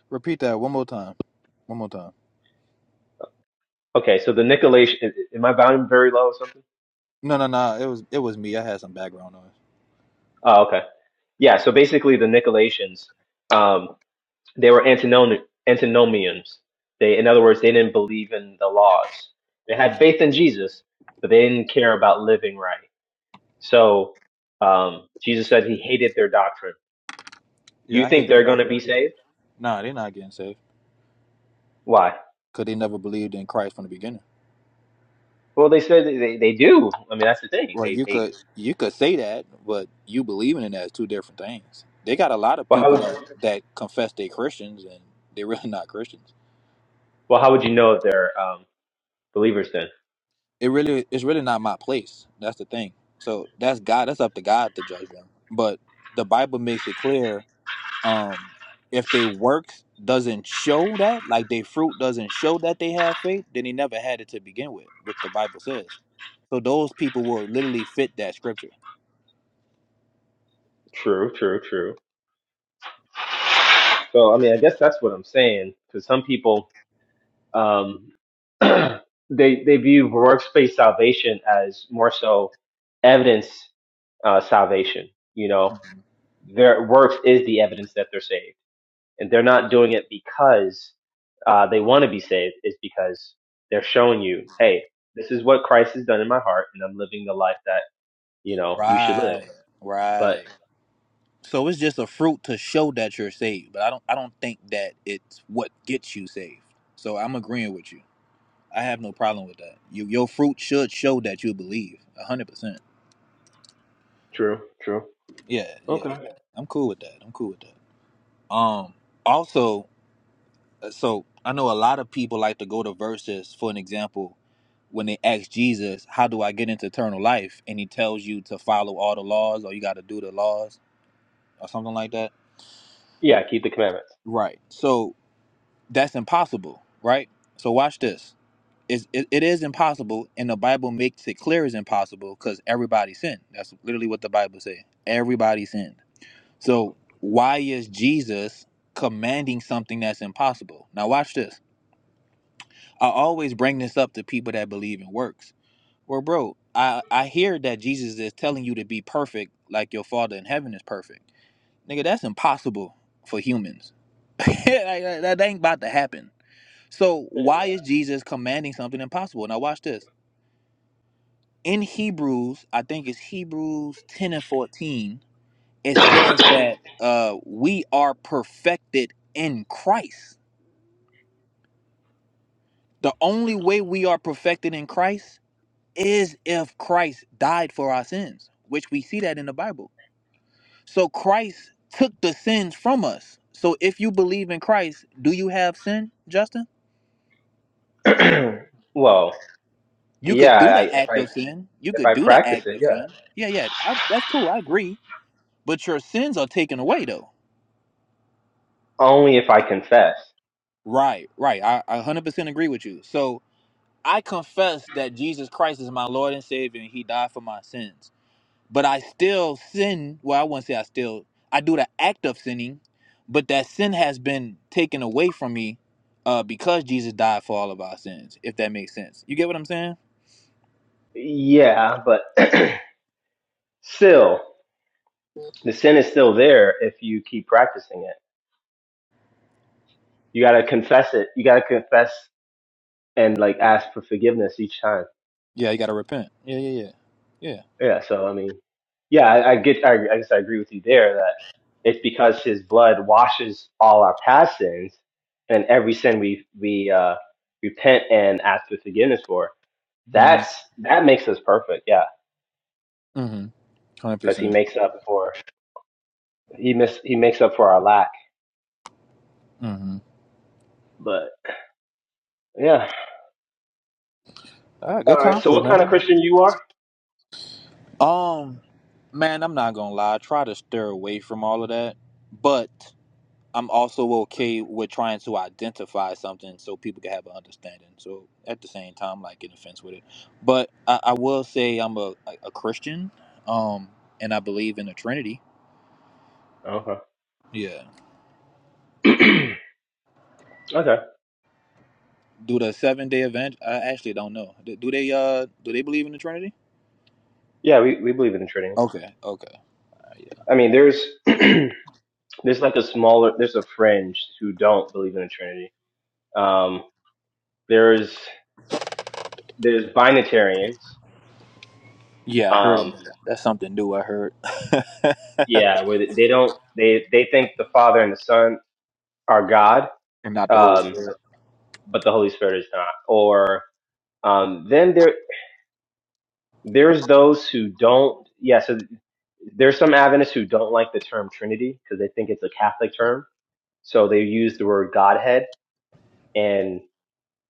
Repeat that one more time. One more time. Okay, so the nickelation, am I volume very low or something? No, no, no. It was it was me. I had some background noise. Oh, okay. Yeah, so basically the Nicolaitans, um, they were antinom- antinomians. They, in other words, they didn't believe in the laws. They had Mm. faith in Jesus, but they didn't care about living right. So um, Jesus said he hated their doctrine. Yeah, You I hate think their they're going to doctrine. be saved? Nah, they're not getting saved Why? because they never believed in Christ from the beginning. Well, they said they, they, they do. I mean, that's the thing. Well, They, you they, could you could say that, but you believing in that is two different things. They got a lot of well, how people would you, that that confess they Christians and they're really not Christians. well, how would you know if they're um, believers then? It really it's really not my place. That's the thing. So that's God. That's up to God to judge them. But the Bible makes it clear um, if they works doesn't show that, like they fruit doesn't show that they have faith, then they never had it to begin with, which the Bible says. So those people will literally fit that scripture. True, true, true. So I mean, I guess that's what I'm saying. Because some people, um, they they view workspace salvation as more so evidence uh, salvation. You know, their works is the evidence that they're saved, and they're not doing it because uh, they want to be saved. It's because they're showing you, hey, this is what Christ has done in my heart, and I'm living the life that you know you should live. Right. But Right. So it's just a fruit to show that you're saved, but I don't I don't think that it's what gets you saved. So I'm agreeing with you. I have no problem with that. You, your fruit should show that you believe. 100%. true, true, Yeah, yeah, yeah. okay, I'm cool with that. I'm cool with that. Um also, uh, so I know a lot of people like to go to verses for an example when they ask Jesus, "How do I get into eternal life?" and he tells you to follow all the laws or you got to do the laws or something like that. yeah, keep the commandments. Right. So that's impossible, right? So watch this. It's, it, it is impossible, and the Bible makes it clear it's impossible because everybody sinned. That's literally what the Bible said. Everybody sinned. So why is Jesus commanding something that's impossible? Now watch this. I always bring this up to people that believe in works. Well, bro, I, I hear that Jesus is telling you to be perfect like your Father in heaven is perfect. Nigga, that's impossible for humans. Like, that that ain't about to happen so why is Jesus commanding something impossible? Now watch this. In Hebrews, I think it's Hebrews 10 and 14, it says that uh we are perfected in Christ. The only way we are perfected in Christ is if Christ died for our sins, which we see that in the Bible. So Christ took the sins from us. So if you believe in Christ, do you have sin, Justin? well. You Yeah, could do I, the if act I of sin. You if could I do the practice act it, of yeah. sin. Yeah, yeah. I, that's cool. I agree. but your sins are taken away though Only if I confess. right right i, I 100% agree with you so i confess that jesus christ is my lord and savior and he died for my sins but i still sin well i wouldn't say i still i do the act of sinning but that sin has been taken away from me uh, because jesus died for all of our sins if that makes sense you get what i'm saying Yeah, but still, the sin is still there if you keep practicing it. You gotta confess it. You gotta confess and like ask for forgiveness each time. yeah you gotta repent yeah yeah yeah yeah Yeah. So I mean, yeah, I, I get. I, I guess I agree with you there that it's because His blood washes all our past sins and every sin we we uh, repent and ask for forgiveness for. mm-hmm That's that makes us perfect. Yeah. mm-hmm because he 100% makes up for he miss he makes up for our lack. mm-hmm But yeah, all right all good right. So combo what kind of man Christian you are? Um, man, I'm not gonna lie. I try to steer away from all of that, but I'm also okay with trying to identify something so people can have an understanding. So at the same time, like in offense with it, but I, I will say I'm a, a Christian, um, and I believe in the Trinity. Okay. Yeah. okay. Do the seven day event? I actually don't know. Do, do they uh do they believe in the Trinity? Yeah, we, we believe in the Trinity. Okay. Okay. Yeah. I mean, there's there's like a smaller there's a fringe who don't believe in the Trinity. Um, there's there's binitarians. Yeah, I heard of Um, that. That's something new. I heard, yeah, where they they don't they they think the Father and the Son are God, and not the Holy um, Spirit. but the Holy Spirit is not. Or um, then there There's those who don't. Yeah, so there's some Adventists who don't like the term Trinity because they think it's a Catholic term. So they use the word Godhead, and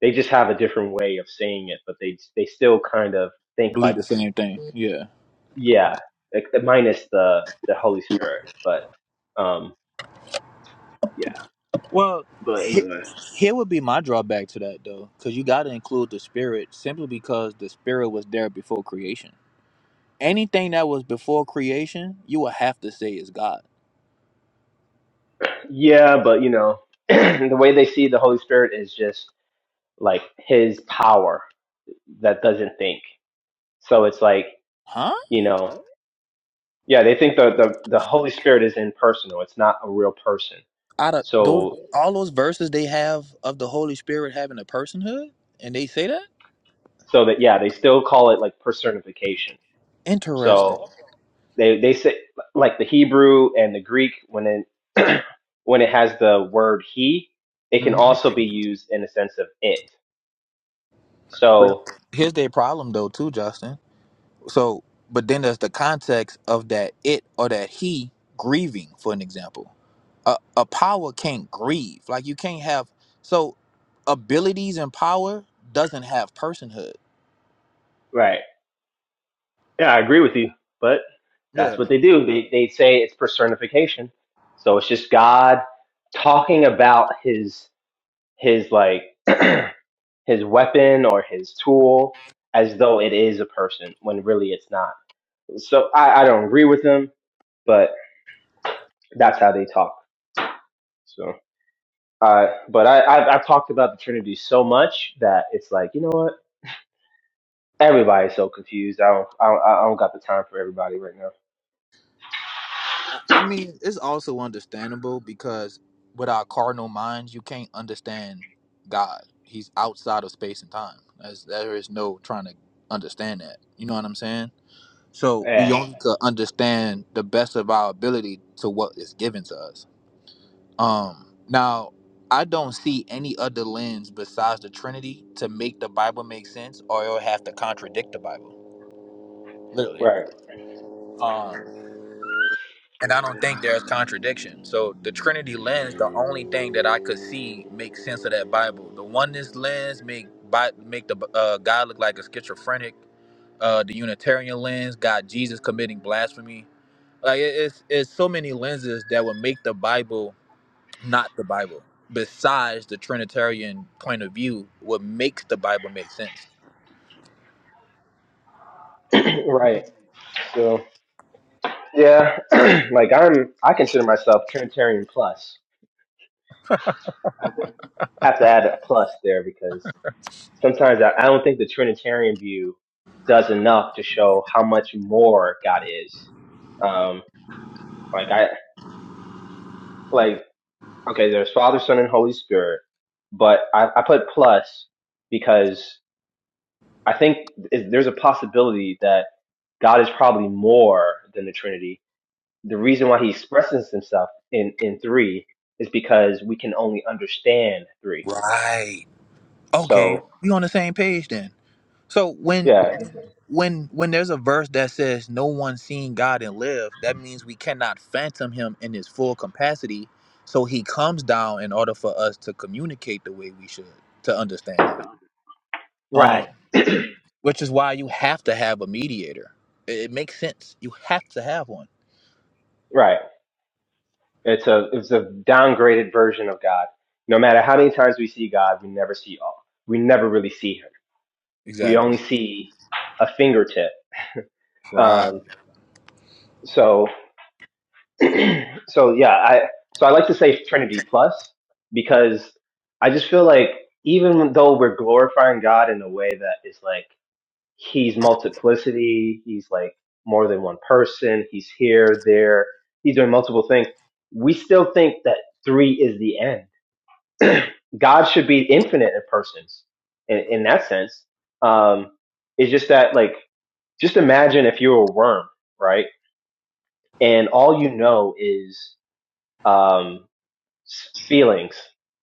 they just have a different way of saying it, but they they still kind of think Believe like, the same thing. Yeah. yeah, like minus the the Holy Spirit, but um, yeah. Well, But he, anyway, here would be my drawback to that though, because you got to include the spirit simply because the spirit was there before creation. Anything that was before creation, you will have to say is God, yeah, but you know, the way they see the Holy Spirit is just like His power that doesn't think. So it's like huh? you know. Yeah, they think the, the, the Holy Spirit is impersonal. It's not a real person. Out of those, So all those verses they have of the Holy Spirit having a personhood, and they say that so that yeah, they still call it like personification. interesting. So they they say like the Hebrew and the Greek when it when it has the word he, it can hmm also be used in a sense of it. But So here's their problem though, too, Justin. So, but then there's the context of that it or that he grieving, for an example. A, a power can't grieve. Like you can't have so abilities and power doesn't have personhood. right. Yeah, I agree with you. But that's Yeah. what they do. They they say it's personification. So it's just God talking about his his like his weapon or his tool as though it is a person when really it's not. So I, I don't agree with them, but that's how they talk. So, uh, but I, I've, I've talked about the Trinity so much that it's like, you know what? Everybody's so confused. I don't, I don't, I don't got the time for everybody right now. I I mean, it's also understandable because with our carnal minds, you can't understand God. He's outside of space and time. As there is no trying to understand that. You know what I'm saying? So we Yeah. only could understand the best of our ability to what is given to us. Um, now I don't see any other lens besides the Trinity to make the Bible make sense, or it'll have to contradict the Bible. Literally. Right. Um, and I don't think there's contradiction. So the Trinity lens, the only thing that I could see make sense of that Bible. The oneness lens make Bi- make the uh, God look like a schizophrenic. Uh, the Unitarian lens got Jesus committing blasphemy. Like it- it's it's so many lenses that would make the Bible not the Bible. Besides the Trinitarian point of view, what makes the Bible make sense? Right. So, yeah, like I'm, I consider myself Trinitarian plus. Have to add a plus there because sometimes I, I don't think the Trinitarian view does enough to show how much more God is. Um, like I like okay, there's Father, Son, and Holy Spirit, but I, I put plus because I think is- there's a possibility that God is probably more than the Trinity. The reason why He expresses Himself in in three is because we can only understand three. Right. Okay, So we on the same page then. So when yeah, when when there's a verse that says no one seen God and live, that means we cannot phantom him in his full capacity. So he comes down in order for us to communicate the way we should to understand him. Right. Um, which is why you have to have a mediator. It, it makes sense. You have to have one. right. It's a it's a downgraded version of God. No matter how many times we see God, we never see all. We never really see her. We Exactly. only see a fingertip. Right. Um, so so yeah, I so I like to say Trinity plus because I just feel like even though we're glorifying God in a way that is like he's multiplicity, he's like more than one person, he's here, there, he's doing multiple things. We still think that three is the end God should be infinite in persons in, in that sense. Um, it's just that like, just imagine if you were a worm, right? And all you know is, um, feelings.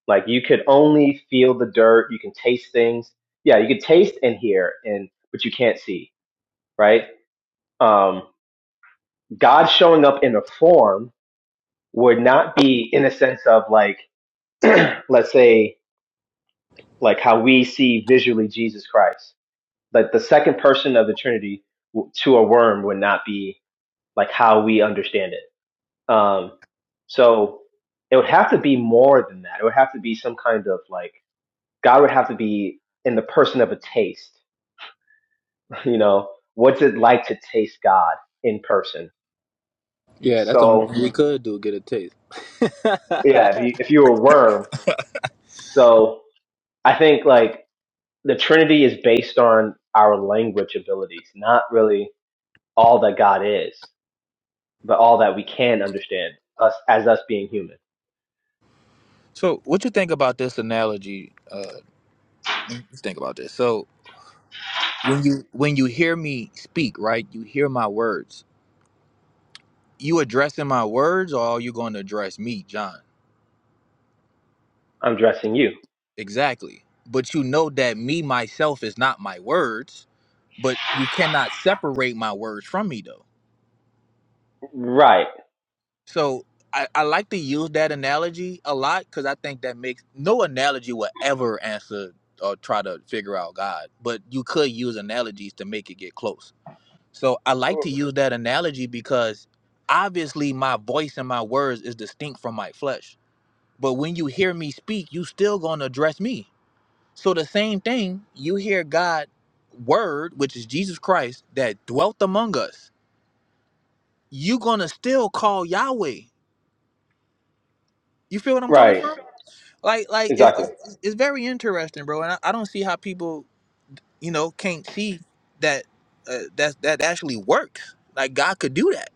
Like you could only feel the dirt. You can taste things. Yeah. You could taste and hear and, but you can't see, right? Um, God showing up in a form would not be in a sense of like, let's say like how we see visually Jesus Christ Like the second person of the Trinity to a worm would not be like how we understand it. Um, so it would have to be more than that. It would have to be some kind of like God would have to be in the person of a taste. You know, what's it like to taste God in person? Yeah, that's the only thing we So could do, get a taste. yeah, if you if you're a worm, so I think like the Trinity is based on our language abilities, not really all that God is. but all that we can understand us as us being human. so what you think about this analogy? Uh you think about this. So when you when you hear me speak, right, you hear my words. You addressing my words or are you gonna address me, John? I'm dressing you. Exactly. But you know that me myself is not my words, but you cannot separate my words from me though. Right. So I, I like to use that analogy a lot because I think that makes no analogy will ever answer or try to figure out God, but you could use analogies to make it get close. So I like to use that analogy because obviously my voice and my words is distinct from my flesh. But when you hear me speak, you still gonna address me. So the same thing, you hear God word, which is Jesus Christ, that dwelt among us. You gonna still call Yahweh. You feel what I'm coming Right. from? like like it's, Exactly. it's, it's very interesting bro and I, I don't see how people you know can't see that uh, that that actually works like god could do that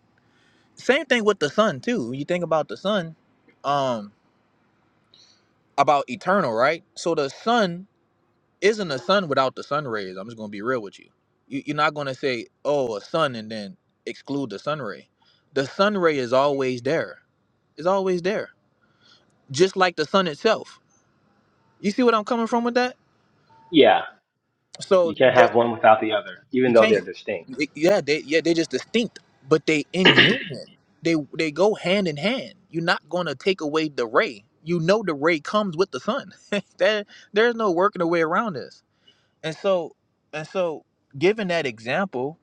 same thing with the sun too when you think about the sun um about eternal right so the sun isn't a sun without the sun rays i'm just gonna be real with you, you you're not gonna say oh a sun and then exclude the sun ray the sun ray is always there it's always there just like the sun itself you see what i'm coming from with that Yeah. You so can't that. have one without the other, even You though can't. they're distinct. Y- Yeah, they yeah they're just distinct, but they in union. They they go hand in hand. You're not gonna take away the ray. You know the ray comes with the sun. there there's no working a way around this. And so and so given that example,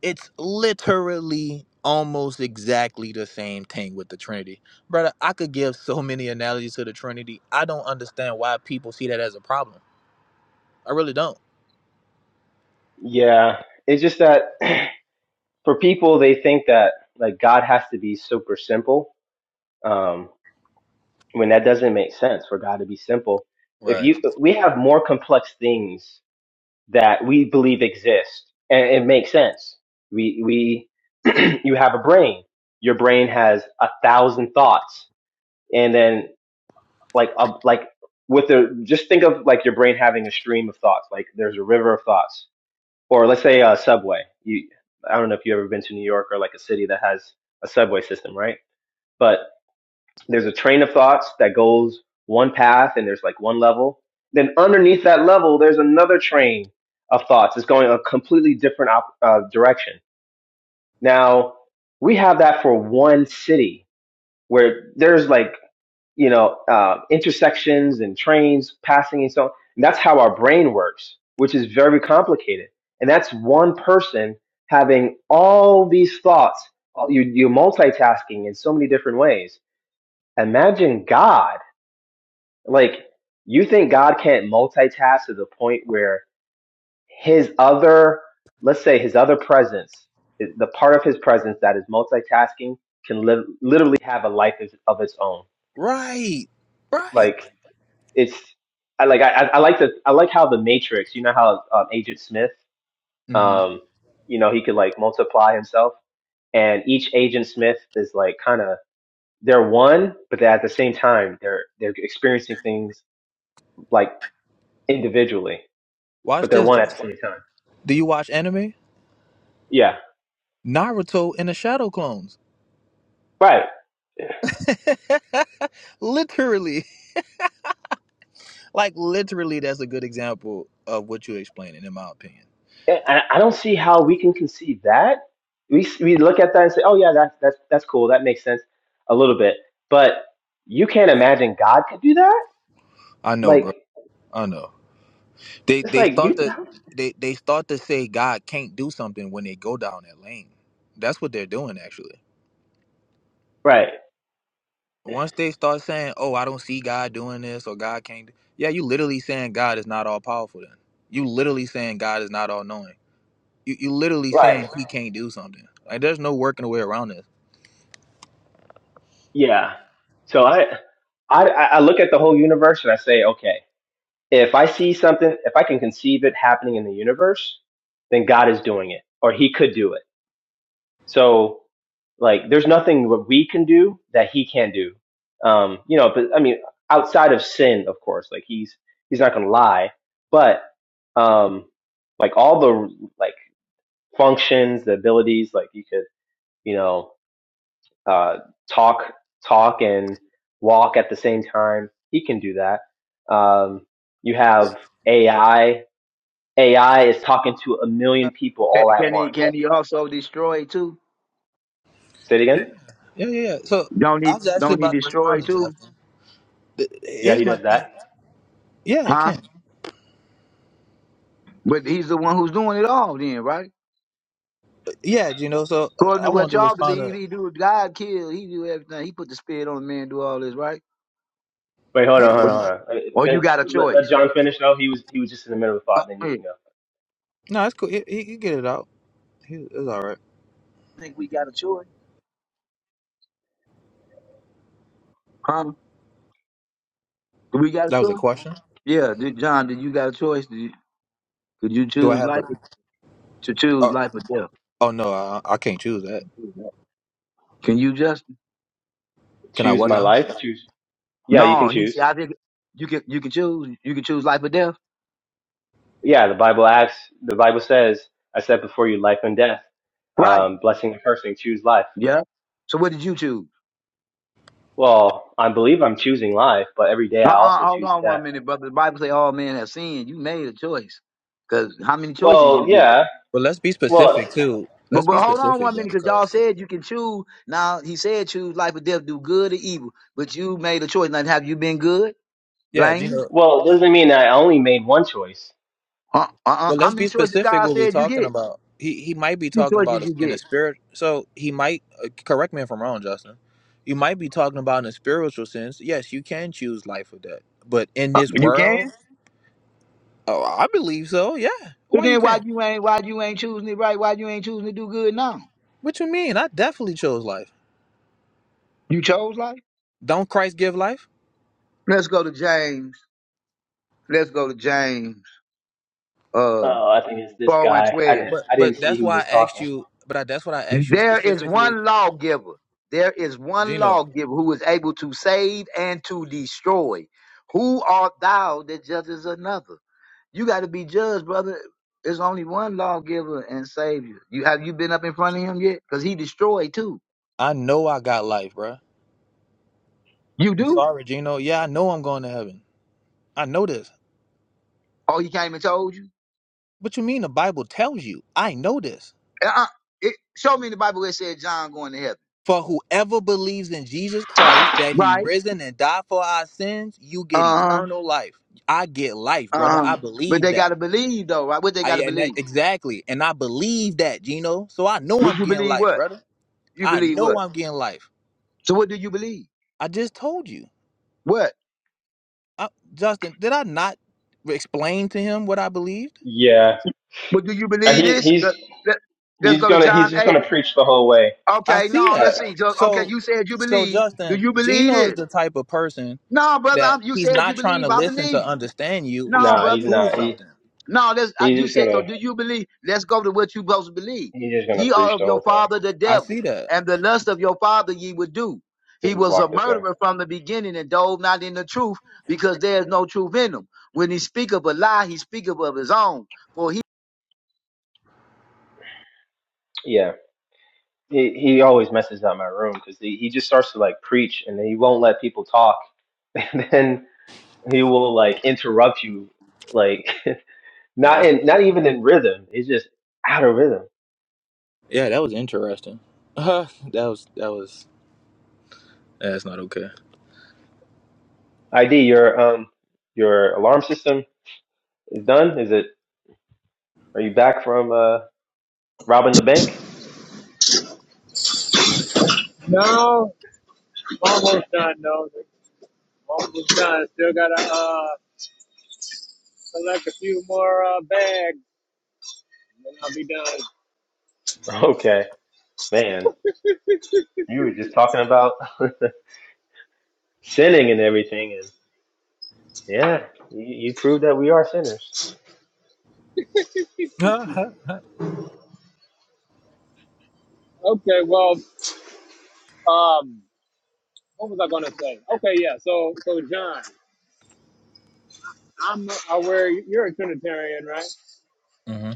it's literally almost exactly the same thing with the Trinity. Brother, I could give so many analogies to the Trinity. I don't understand why people see that as a problem. I really don't. Yeah. It's just that for people they think that like God has to be super simple. Um when that doesn't make sense for God to be simple. If Right. you we have more complex things that we believe exist and it makes sense we we you have a brain your brain has a thousand thoughts and then like a, like with the just think of like your brain having a stream of thoughts like there's a river of thoughts or let's say a subway you i don't know if you've ever been to new york or like a city that has a subway system right But there's a train of thoughts that goes one path and there's like one level. Then underneath that level, there's another train of thoughts. It's going a completely different op- uh, direction. Now, we have that for one city where there's like, you know, uh, intersections and trains passing and so on. And that's how our brain works, which is very complicated. And that's one person having all these thoughts. You, you're multitasking in so many different ways. Imagine God like, you think God can't multitask to the point where his other, let's say his other presence, the part of his presence that is multitasking can live, literally have a life of of its own. Right. Right. Like it's, I like, I, I I like the, I like how the matrix, you know, how um, agent Smith, um, you know, he could like multiply himself and each agent Smith is like kind of, they're one, but they're at the same time, they're, they're experiencing things like individually but Watch they're this. one at the Justin. same time. Do you watch anime? Yeah, Naruto and the Shadow Clones. right. literally, like literally, that's a good example of what you're explaining, in my opinion. And I don't see how we can conceive that. We we look at that and say, "Oh yeah, that's that's that's cool. That makes sense a little bit." But you can't imagine God could do that. I know, Like bro. I know. They it's they like start you, to they they start to say God can't do something when they go down that lane. That's what they're doing, actually. right, Once they start saying, "Oh, I don't see God doing this," or "God can't," do-" yeah, you literally saying God is not all powerful. Then you literally saying God is not all knowing. You you literally right, saying he can't do something. Like there's no working a way around this. yeah. So I, I I look at the whole universe and I say, okay, if I see something, if I can conceive it happening in the universe, then God is doing it, or He could do it So like there's nothing that we can do that he can do um you know but i mean outside of sin of course like he's he's not going to lie but um like all the like functions the abilities like you could you know uh talk talk and walk at the same time he can do that um you have ai ai is talking to a million people Can all at can he once can he also destroy too? say it again Yeah. Yeah, yeah, yeah. So Don't I he was actually don't he about to destroy respond to too? Justin. Th- yeah he Here's my does thing. that Yeah, it Huh? can. But he's the one who's doing it all then, right? But yeah, you know. So uh, According I to wanted what to y'all respond believe, to. he do God kill, he do everything. He put the spirit on the man, do all this, right? Wait, hold on, hold Or, on, hold on. Uh, or fin- you got a Let, let choice. John finish though. He was he was just in the middle of a Uh, thought. Then you yeah. can go. No, it's cool. He, he, he get it out. He, it's all right. I think we got a choice. Huh? Do we got a That was a choice? question. Yeah, did, John, did you got a choice? Did you, could you Do I choose have life a? or, to choose Oh, life or death? oh no, I, I can't choose that. Can you just? Can I Choose what my now? life. Choose. Yeah, you can No, he choose. said. I think you can. You can choose. You can choose life or death. Yeah, the Bible asks. The Bible says, "I set before you life and death, Right. um, blessing and cursing. Choose life." Yeah. So what did you choose? Well, I believe I'm choosing life, but every day I Uh-uh, also hold choose on death. one minute, brother. The Bible say all men have sinned. You made a choice. Because how many choices Well, you get? yeah. But let's be specific Well, too. But Let's be but hold on specific one though, minute, because y'all because said you can choose. Now, he said choose life or death, do good or evil. But you made a choice. Now, have you been good? yeah, Blameless? Gino. well, doesn't mean I only made one choice. Uh, uh-uh. Well, How let's be many choices specific. God What we said you talking get? How about? He he might be many talking choices about it you in a get? spirit. So he might uh, correct me if I'm wrong, Justin. You might be talking about in a spiritual sense. Yes, you can choose life or death. But in Uh, this You can. world, oh, I believe so. Yeah. So Why you then why can't? you ain't why you ain't choosing it right? Why you ain't choosing to do good now? What you mean? I definitely chose life. You chose life? Don't Christ give life? Let's go to James. Let's go to James uh Oh, I think it's this 4 and guy. I 12. didn't. But I didn't but see that's who why was I asked talking. you. But I, that's what I asked you There is specifically, one lawgiver. There is one Gino. lawgiver who is able to save and to destroy. Who art thou that judges another? You got to be judged, brother. There's only one lawgiver and savior. You have you been up in front of him yet? Because he destroyed too. I know I got life, bruh. You I'm do? sorry, Gino. Yeah, I know I'm going to heaven. I know this. Oh, he came and told you? What you mean? The Bible tells you. I know this. Uh-uh. It, show me in the Bible where it said John going to heaven. For whoever believes in Jesus Christ, that he Right. risen and died for our sins, you Uh get huh. eternal life. I get life, brother. Uh I huh. But believe they got that. to believe though, right? What they I got to and that, believe? exactly. And I believe that, Gino. So I know Would I'm you getting believe life, what? brother. You I believe know what? I'm getting life. So what do you believe? I just told you. What? I, Justin, did I not explain to him what I believed? Yeah, But do you Uh, believe he this? he's Let, let- let's he's go to gonna he's John just 8. gonna preach the whole way. I Okay, see no, that. let's see. Just, okay, So you said you so believe. Do Justin, you believe Gino is this? the type of person No, brother, that I'm, you he's said you not trying believe. to I listen believe to you. understand you. He's No, trying Nah, to he's brother. prove not. He something. No, let's, I, he's you just said, so gonna do you believe? Let's go to what you both believe. he's just gonna Ye are preach of the your whole time. father the I devil, see that. and the lust of your father ye would do. Or He just was a block this guy. murderer from the beginning and dove not in the truth because there is no truth in him. When he speaketh a lie, he speaketh of his own Yeah, he he always messes up my room because he he just starts to like preach and then he won't let people talk, and then he will like interrupt you, like Yeah. it's not in not even in rhythm. It's just out of rhythm. Yeah, that was interesting. Uh, that was that was that's not okay. ID your um your alarm system is done. Is it? Are you back from uh robbing the bank? No, almost done. No, almost done. Still gotta uh select a few more uh bags, and then I'll be done. Okay, man, you were just talking about sinning and everything Yeah, you, you proved that we are sinners. Uh-huh. Okay, well, um. what was I gonna say? Okay, yeah. So so John, I'm aware you're a Trinitarian, right? hmm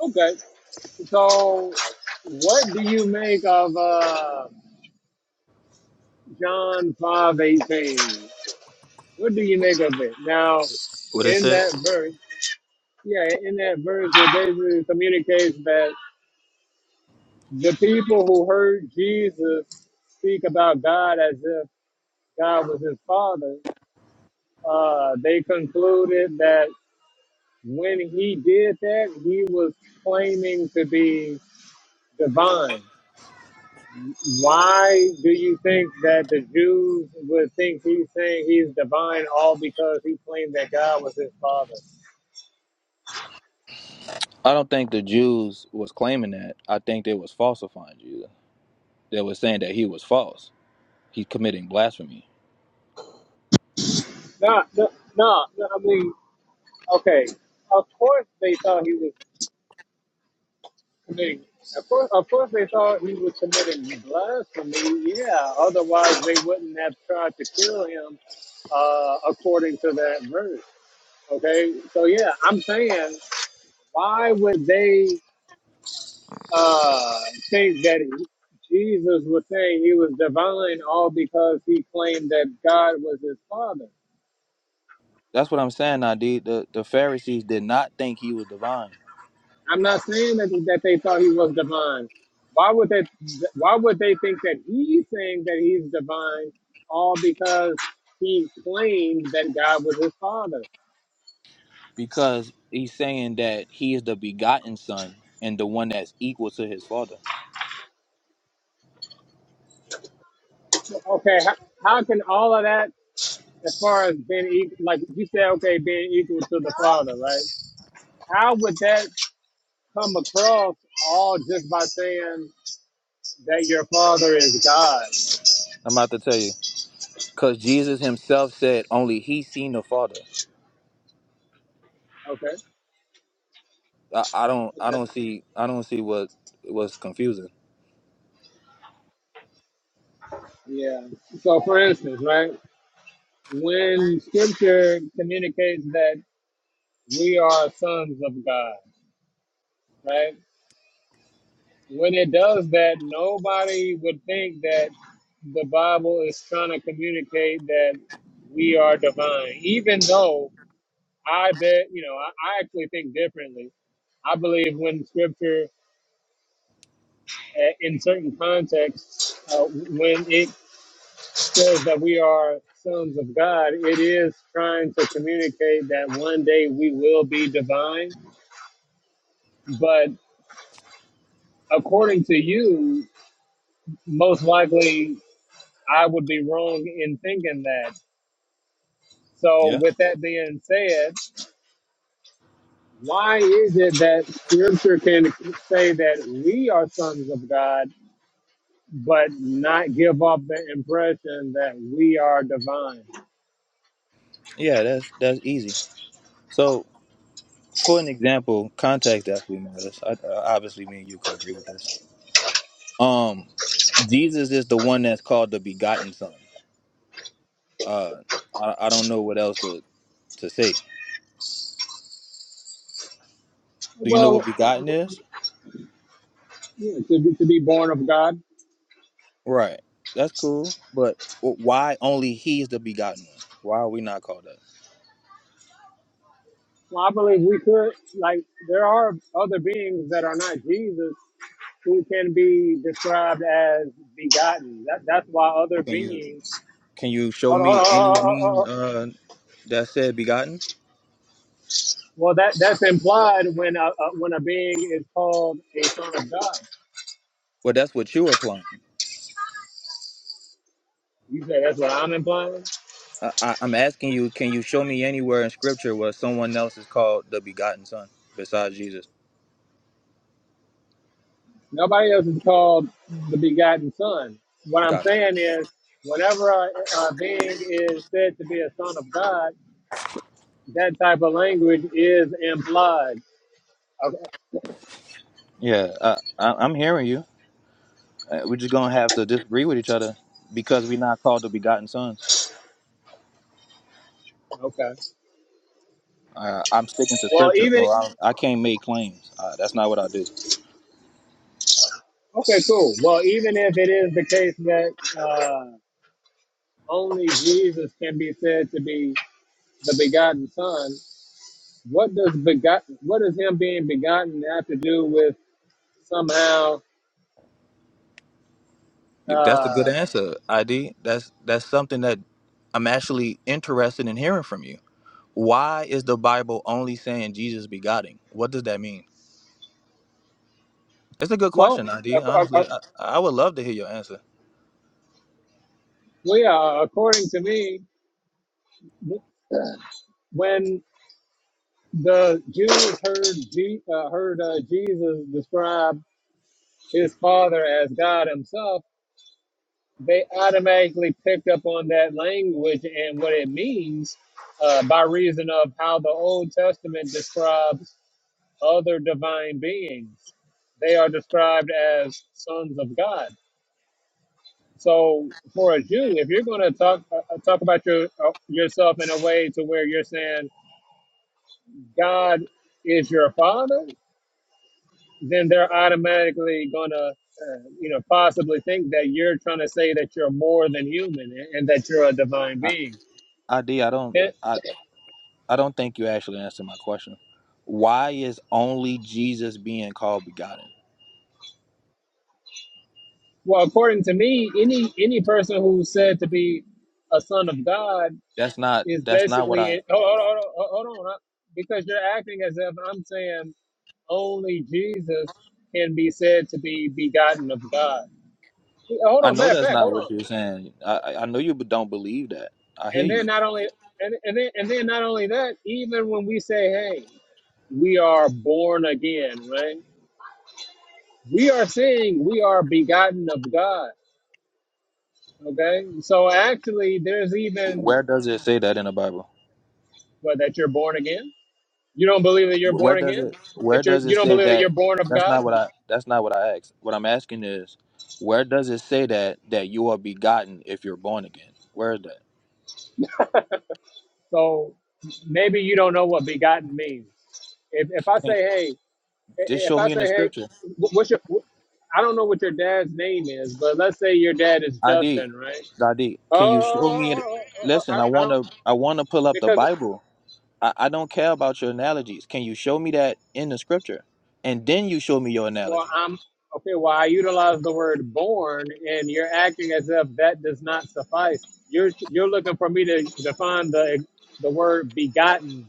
Okay. So what do you make of uh, John five eighteen? What do you make of it? Now, What it in said? that verse, yeah, in that verse, it basically communicates that the people who heard Jesus speak about God as if God was his father, uh, they concluded that. When he did that, he was claiming to be divine. Why do you think that the Jews would think he's saying he's divine all because he claimed that God was his father? I don't think the Jews was claiming that. I think they was falsifying Jesus. They was saying that he was false. He's committing blasphemy. No, no, no, no I mean, okay. Of course they thought he was committing. Of course, of course they thought he was committing blasphemy. Yeah, otherwise they wouldn't have tried to kill him uh, according to that verse. Okay, so yeah, I'm saying why would they uh, think that Jesus was saying he was divine all because he claimed that God was his father? That's what I'm saying, Nadi. The the Pharisees did not think he was divine I'm not saying that, that they thought he was divine. Why would that? Why would they think that he's saying that he's divine all because he claimed that God was his father? because he's saying that he is the begotten son and the one that's equal to his father. Okay, how, how can all of that, as far as being equal, like you said, okay, being equal to the father, right? How would that? come across all just by saying that your father is God. I'm about to tell you. Because Jesus himself said only he seen the father. Okay, I, I don't I okay. don't see I don't see what was confusing. Yeah. So, for instance, right, when scripture communicates that we are sons of God, right, when it does that, nobody would think that the Bible is trying to communicate that we are divine, even though I bet, you know, I, I actually think differently. I believe when scripture a- in certain contexts, uh, when it says that we are sons of God, it is trying to communicate that one day we will be divine. But according to you, most likely I would be wrong in thinking that. So, Yeah, with that being said, why is it that scripture can say that we are sons of God, but not give off the impression that we are divine? yeah, that's that's easy. So, for an example, context definitely matters. I, I- obviously, me and you could agree with this. Um, Jesus is the one that's called the begotten Son. Uh, I, I don't know what else to to say. Do you know Well, what begotten is? yeah, to be to be born of God. Right, that's cool. But wh- why only he's the begotten one? Why are we not called that? Well, I believe we could like there are other beings that are not Jesus who can be described as begotten. That, that's why other Can you beings. can you show Hold on, hold me on, any hold on, hold being on. uh that said begotten? Well, that that's implied when a, a when a being is called a son of God. Well, that's what you applying. You say that's what I'm implying. I, I- I'm asking you, can you show me anywhere in Scripture where someone else is called the begotten Son besides Jesus? Nobody else is called the begotten son. What I'm Got you. saying is, whenever a, a being is said to be a son of God, that type of language is implied. Okay. Yeah, uh, I, I'm hearing you. Uh, We're just gonna have to disagree with each other because we're not called the begotten sons. okay. Uh, I'm sticking to Well, scripture, bro. even I, I can't make claims. Uh, that's not what I do. okay, cool. Well, even if it is the case that uh, only Jesus can be said to be the begotten Son, what does begotten? What does him being begotten have to do with somehow? That's a good Uh, answer, ID. That's that's something that I'm actually interested in hearing from you. Why is the Bible only saying Jesus begotten? What does that mean? It's a good well, question, ID. ac- Honestly, ac- I, I would love to hear your answer. well, yeah. According to me, when the Jews heard Je- uh, heard uh, Jesus describe his father as God Himself they automatically picked up on that language and what it means uh, by reason of how the Old Testament describes other divine beings. They are described as sons of God. So, for a Jew, if you're going to talk uh, uh, talk about your uh, yourself in a way to where you're saying God is your father, then they're automatically going to, uh, you know, possibly think that you're trying to say that you're more than human and and that you're a divine I, being ID, I don't I, I don't think you actually answered my question. Why is only Jesus being called begotten? Well, according to me, any any person who's said to be a son of God That's not is that's not what I basically. Hold on, hold on, hold on, hold on, because you're acting as if I'm saying only Jesus can be said to be begotten of God. Hold I on, know matter of that's fact, not hold what on. you're saying. I I I know you don't believe that. I hear And then you. not only and, and then and then not only that, even when we say, "Hey, we are born again," right? We are saying we are begotten of God. Okay, so actually, there's even Where does it say that in the Bible? what that you're born again. You don't believe that you're Where born does again? it where That you're does you it don't say believe that that you're born of that's God? not what I that's not what I asked. What I'm asking is where does it say that that you are begotten if you're born again? Where is that? So maybe you don't know what begotten means. If if I say Can't- hey, Just if show I me in the say hey, scripture. wh- what's your wh- I don't know what your dad's name is, but let's say your dad is I did. Justin, right? I did. Can you Oh, show oh, me it? oh, oh, oh, oh, oh, oh, Listen, I I, I don't wanna I wanna pull up the because Bible. I, I don't care about your analogies. Can you show me that in the scripture? And then you show me your well analogy. I'm okay. Well, I utilize the word born, and you're acting as if that does not suffice. You're you're looking for me to define the the word begotten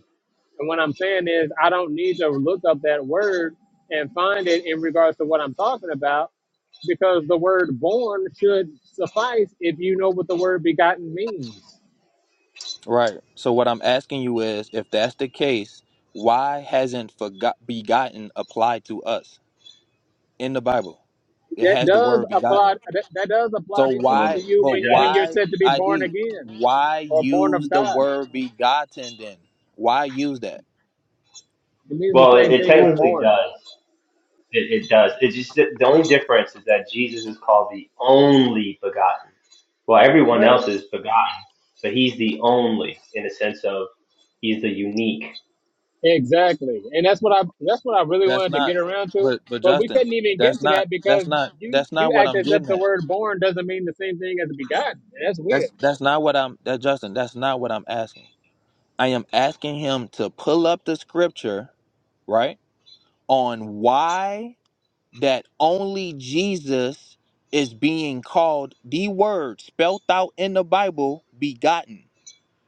And what I'm saying is, I don't need to look up that word and find it in regards to what I'm talking about, because the word born should suffice if you know what the word begotten means. Right. So what I'm asking you is if that's the case, why hasn't forgot begotten applied to us in the Bible? It That has the does word apply. begotten. That, that does apply So to, Well, to why you but it when when does. you're why said to be born ID again why or born of use the God. word begotten then? Why use that? It means the Well, it, same it thing as technically born. does. It, it does. It's just that the only difference is that Jesus is called the only begotten. Well, everyone Right. else is begotten, but he's the only in the sense of he's the unique, Exactly, and that's what I that's what I really That's wanted to not. get around to, But but but we Justin, couldn't even get that's to not. that because That's not. you That's you not what act I'm as if getting the at. word born doesn't mean the same thing as begotten. And That's weird. That's that's not what I'm. That Justin, that's not what I'm asking. I am asking him to pull up the scripture, right, on why that only Jesus is being called the word spelt out in the Bible, begotten.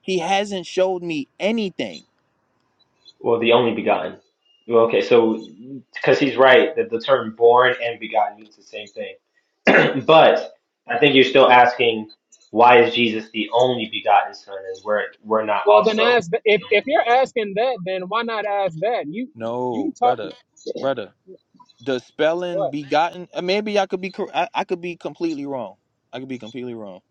He hasn't showed me anything. well, the only begotten. Well, okay, so because he's right that the term born and begotten means the same thing. but I think you're still asking why is Jesus the only begotten son and we're we're not Well, then also. ask th- if if you're asking that, then why not ask that? You you No, talk brother, brother. Does spelling what? begotten? uh, Maybe I could be. cor- I, I could be completely wrong. I could be completely wrong.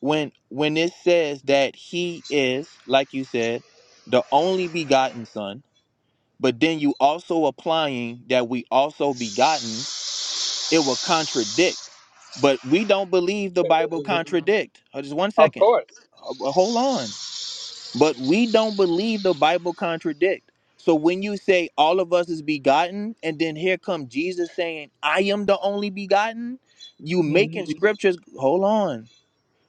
When when it says that he is, like you said, the only begotten son, but then you also applying that we also begotten, it will contradict. But we don't believe the Bible contradict. Uh, Just one Of second. course. Uh, uh, Hold on but we don't believe the bible contradict so when you say all of us is begotten and then here come jesus saying i am the only begotten you hmm making Mhm. scriptures hold on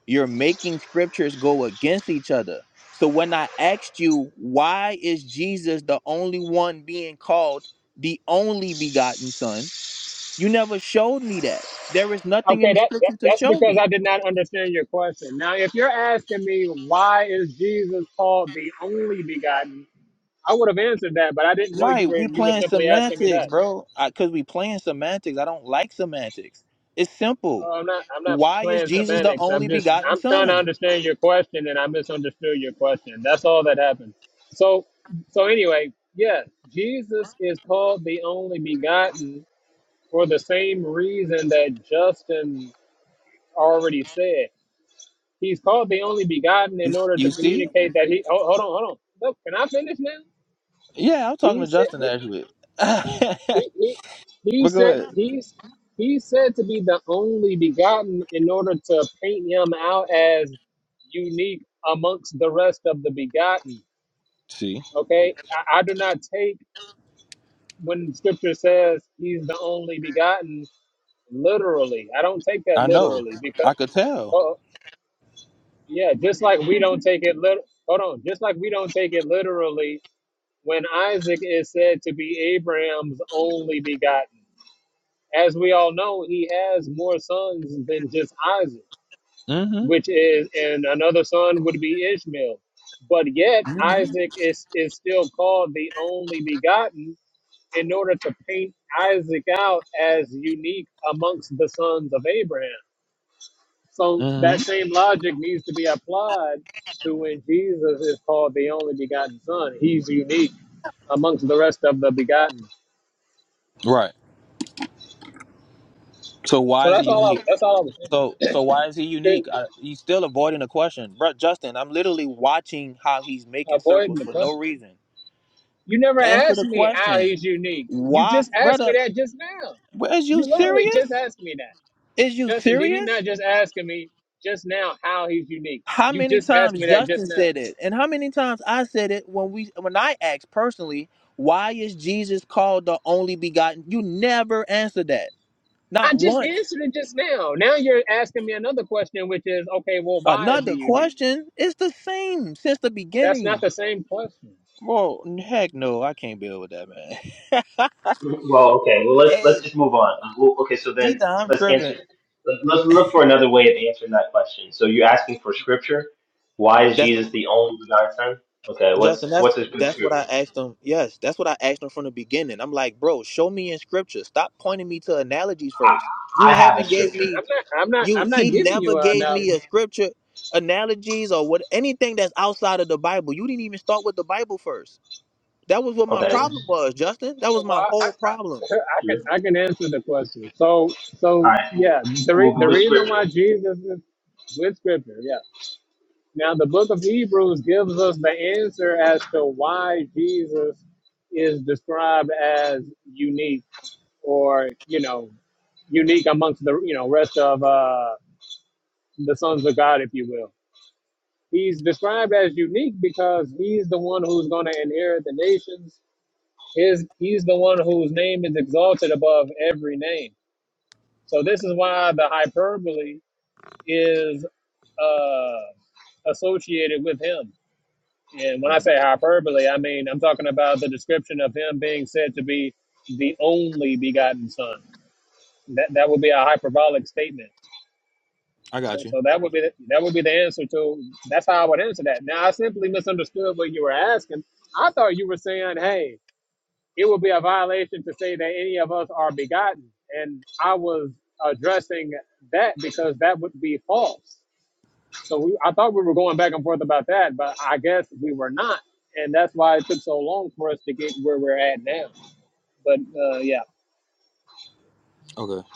you're making scriptures go against each other so when i asked you why is jesus the only one being called the only begotten son you never showed me that there is nothing in Okay, the that, that scripture to that's show because me I did not understand your question. Now, if you're asking me why is Jesus called the only begotten, I would have answered that, but I didn't know you Right, were we you were playing simply asking me that. semantics, bro. I, Cause we playing semantics. I don't like semantics. It's simple. Oh, I'm not. I'm not Why is playing Jesus the semantics. I'm only just. begotten I'm trying to Son? understand your question, and I misunderstood your question. That's all that happened. So, so anyway, yes, Jesus is called the only begotten for the same reason that Justin already said. He's called the only begotten in You, order to you see? communicate that he. Oh, hold on, hold on. Look, can I finish now? Yeah, I'm talking He to said. Justin actually. He, he, he but go said ahead. he's he's said to be the only begotten in order to paint him out as unique amongst the rest of the begotten. See, Okay, I, I do not take when Scripture says he's the only begotten literally. I don't take that I know. literally because I could tell. oh yeah, just like we don't take it lit. Hold on, just like we don't take it literally when Isaac is said to be Abraham's only begotten. as we all know, he has more sons than just Isaac, Mm-hmm. which is, and another son would be Ishmael. But yet, Mm-hmm. Isaac is, is still called the only begotten in order to paint Isaac out as unique amongst the sons of Abraham. So that Mm-hmm. same logic needs to be applied to when Jesus is called the only begotten son. He's unique amongst the rest of the begotten. Right. So So why is he that's all unique? I, that's all I was saying. So so why is he unique? Good. I, he's still avoiding the question, bro. Justin, I'm literally watching how he's making Avoiding circles the for question. no reason. You never Answer asked the me how question. he's unique. You Why, just asked me brother? that just now. wh- Is you You literally just serious? asked me that. Is you Justin, did he not serious? just ask me just now how he's unique? How You many just asked times me that just Justin now. said it, and how many times I said it when we when I asked personally, why is Jesus called the only begotten? You never answered that, not I just once. answered it just now. Now you're asking me another question, which is, okay, well, why is he Another unique? question. It's the same since the That's not beginning. the same question. Bro, heck no, I can't build with that man. Well, okay. Well, let's hey, let's just move on. Uh, Well, Okay, so then either I'm let's answer. tripping. let- Let's look for another way of answering that question. So you're asking for scripture. Why is That's. Jesus the only begotten Son? Okay, what's Justin, that's what's a good that's what I scripture? asked him. Yes, that's what I asked him from the beginning. I'm like, bro, show me in scripture. Stop pointing me to analogies first. I, You I have a haven't gave scripture. me I'm not. I'm not. you I'm not he giving never you a gave no. me a scripture analogies or what anything that's outside of the Bible. You didn't even start with the Bible first. That was what my Okay, what's problem was, Justin. That was my Well, I, I, whole problem. I I can. scripture? I can answer the question. So. All So right, cool. yeah. The We'll re, go the with reason scripture. why Jesus is with Scripture. yeah. Now, the book of Hebrews gives us the answer as to why Jesus is described as unique or, you know, unique amongst the, you know, rest of uh, the sons of God, if you will. He's described as unique because he's the one who's going to inherit the nations. His, he's the one whose name is exalted above every name. So this is why the hyperbole is uh, associated with him And when I Mhm. say hyperbole, I mean I'm talking about the description of him being said to be the only begotten Son. That that would be a hyperbolic statement. I So, got you. so that would be the, that would be the answer to. That's how I would answer that. Now I simply misunderstood what you were asking. I thought you were saying, "Hey, it would be a violation to say that any of us are begotten," and I was addressing that because that would be false. So we, I thought we were going back and forth about that, but I guess we were not, and that's why it took so long for us to get where we're at now. But uh, yeah, Okay.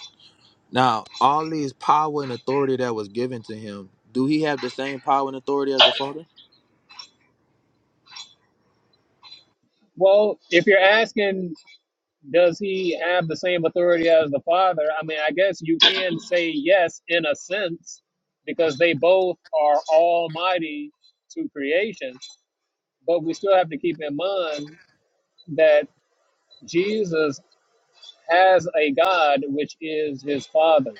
Now, all these power and authority that was given to him, do he have the same power and authority as the Father? well, if you're asking, does he have the same authority as the Father? I mean, I guess you can say yes in a sense, because they both are Almighty to creation. But we still have to keep in mind that Jesus has a God which is his Father.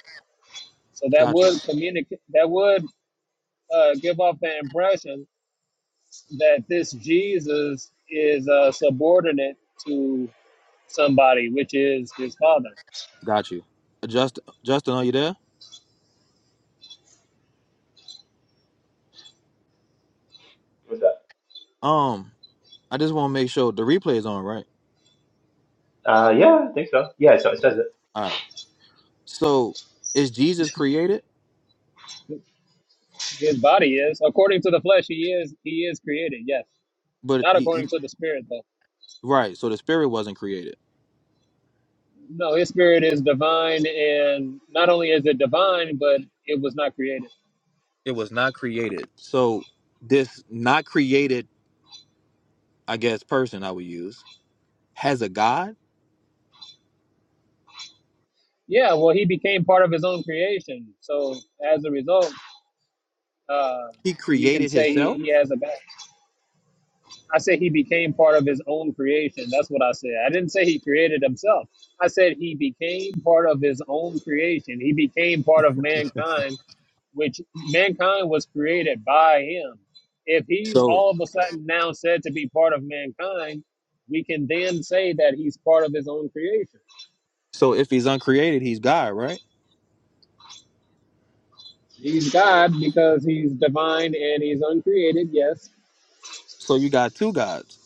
So that Got you. would communicate. That would uh, give off the impression that this Jesus is uh, subordinate to somebody, which is his father. Got you. Justin, Justin, are you there? What's that? Um, I just want to make sure the replay is on, right? Uh, yeah, I think so. Yeah, so it says All right. So is Jesus created? His body is, according to the flesh, he is he is created. Yes, But not he, he- according to the spirit though. right. So the spirit wasn't created. No, his spirit is divine, and not only is it divine, but it was not created. It was not created. So this not created, I guess, person I would use has a God. Yeah, well, he became part of his own creation, so as a result, uh, He we can say he, go. he has a back. I said he became part of his own creation. That's what I said. I didn't say he created himself. I said he became part of his own creation. He became part of mankind, which mankind was created by him. If he's So all of a sudden now said to be part of mankind, we can then say that he's part of his own creation. so if he's uncreated, he's God, right? He's God because he's divine and he's uncreated, yes, So you got two gods.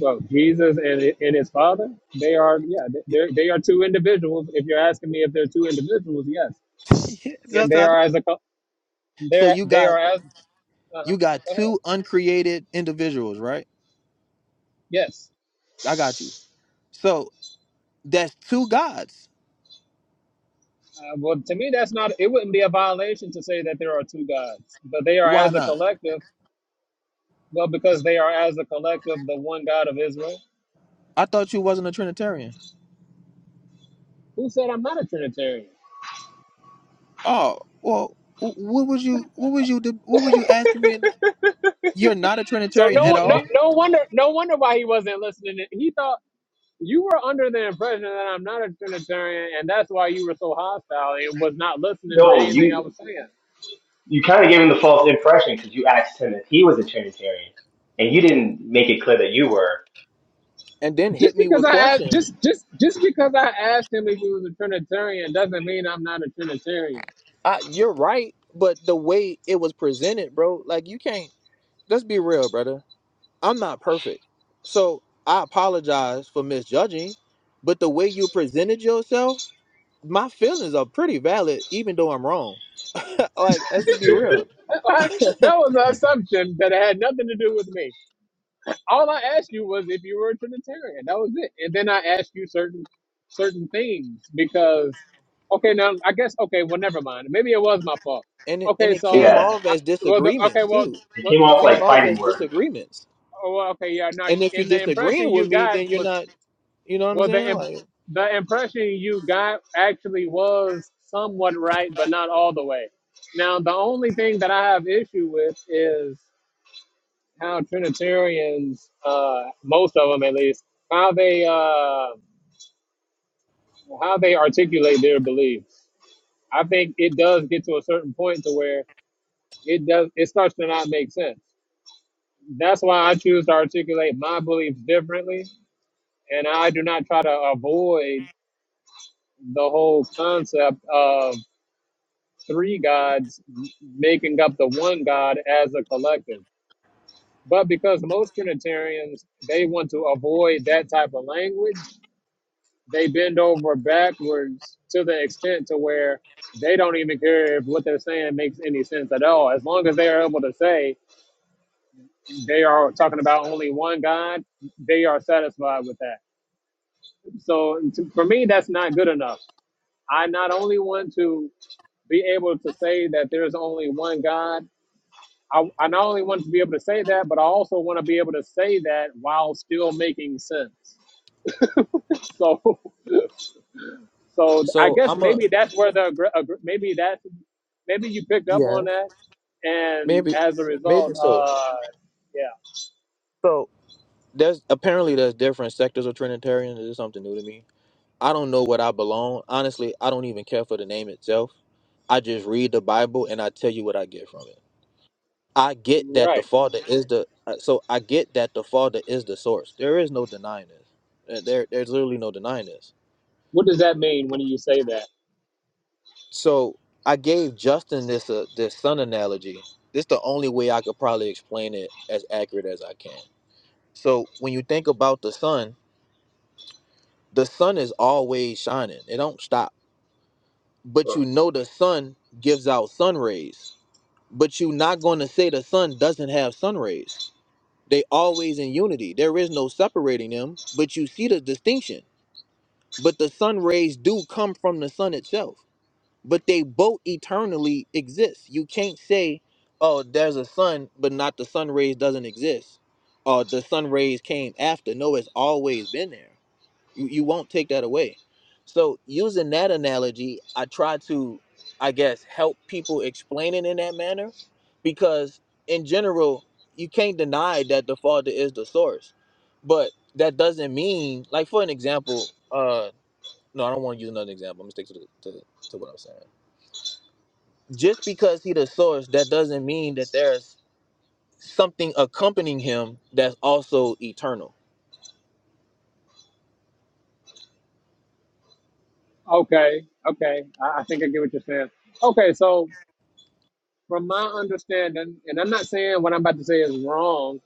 Well, Jesus and and his father, they are yeah, they they are two individuals. If you're asking me if they're two individuals, yes, and That's they how. I- are as a co- So they're you they got are as uh go you got ahead. two uncreated individuals, right? yes. I got you. So that's two gods. Uh, well, to me, that's not. It wouldn't be a violation to say that there are two gods, but they are Why as a not? collective. Well, because they are as a collective, the one God of Israel. I thought you wasn't a Trinitarian. Who said I'm not a Trinitarian? Oh well, wh- what was you? What was you? de- What was you asking me? You're not a So Trinitarian at no, it. no, all, no wonder, no wonder why he wasn't listening. He thought you were under the impression that I'm not a Trinitarian, and that's why you were so hostile and was not listening to No, anything I you was saying. you kind of gave him the false impression because you asked him if he was a Trinitarian, and you didn't make it clear that you were. and then Just hit me because with I asked, questions. just just just because I asked him if he was a Trinitarian doesn't mean I'm not a Trinitarian. I, you're right, but the way it was presented, bro, like you can't. Let's be real, brother. I'm not perfect, so I apologize for misjudging. But the way you presented yourself, my feelings are pretty valid, even though I'm wrong. like, let's just be that real. was an assumption that it had nothing to do with me. all I asked you was if you were a Trinitarian. That was it. And then I asked you certain certain things because okay, now I guess okay, well never mind. Maybe it was my fault. And it, Okay, and it so came Yeah, off I, as well the, okay, disagreements well too. it what came It off well came like because off fighting as words. disagreements. oh, well, okay yeah no And you- if you're and the impression disagreeing you with me, got then you're was not. You know what I'm well saying? the im- Like, the impression you got actually was somewhat right but not all the way. Now the only thing that I have issue with how Trinitarians, uh, most of them at least, how they uh, how they articulate their beliefs. I think it does get to a certain point to where it does it starts to not make sense. That's why I choose to articulate my beliefs differently, and I do not try to avoid the whole concept of three gods making up the one God as a collective. But because most Trinitarians they want to avoid that type of language they bend over backwards to the extent to where they don't even care if what they're saying makes any sense at all. As long as they are able to say they are talking about only one God, they are satisfied with that. So to, for me, that's not good enough. I not only want to be able to say that there is only one God. I, I not only want to be able to say that, but I also want to be able to say that while still making sense. So, so I so guess I'm a maybe that's where the aggr- aggr- maybe that. maybe you picked up on yeah, that, and maybe, as a result, maybe so. uh, So there's apparently there's different sectors of Trinitarian. This is something new to me. I don't know what I belong. Honestly, I don't even care for the name itself. I just read the Bible and I tell you what I get from it. I yeah, get that the right. Father is the uh, so I get that the Father is the source. There is no denying this. Uh, There, there's literally no denying this What does that mean when you say that? So I gave Justin this uh, this sun analogy. This the only way I could probably explain it as accurate as I can. So when you think about the sun, the sun is always shining. It don't stop. But you know the sun gives out sun rays. But you're not going to say the sun doesn't have sun rays. They always in unity. There is no separating them. But you see the distinction. But the sun rays do come from the sun itself. but they both eternally exist. You can't say, "Oh, there's a sun, but not the sun rays doesn't exist." Or the sun rays came after. No, it's always been there. You, you won't take that away. So using that analogy, I try to, I guess, help people explain it in that manner, because in general, you can't deny that the Father is the source, but that doesn't mean, like for an example, uh, no, I don't want to use another example. I'm gonna stick to the, to, to what I'm saying just because he the source, that doesn't mean that there's something accompanying him that's also eternal. Okay, okay, I, I think I get what you're saying. Okay, so from my understanding, and I'm not saying what I'm about to say is wrong.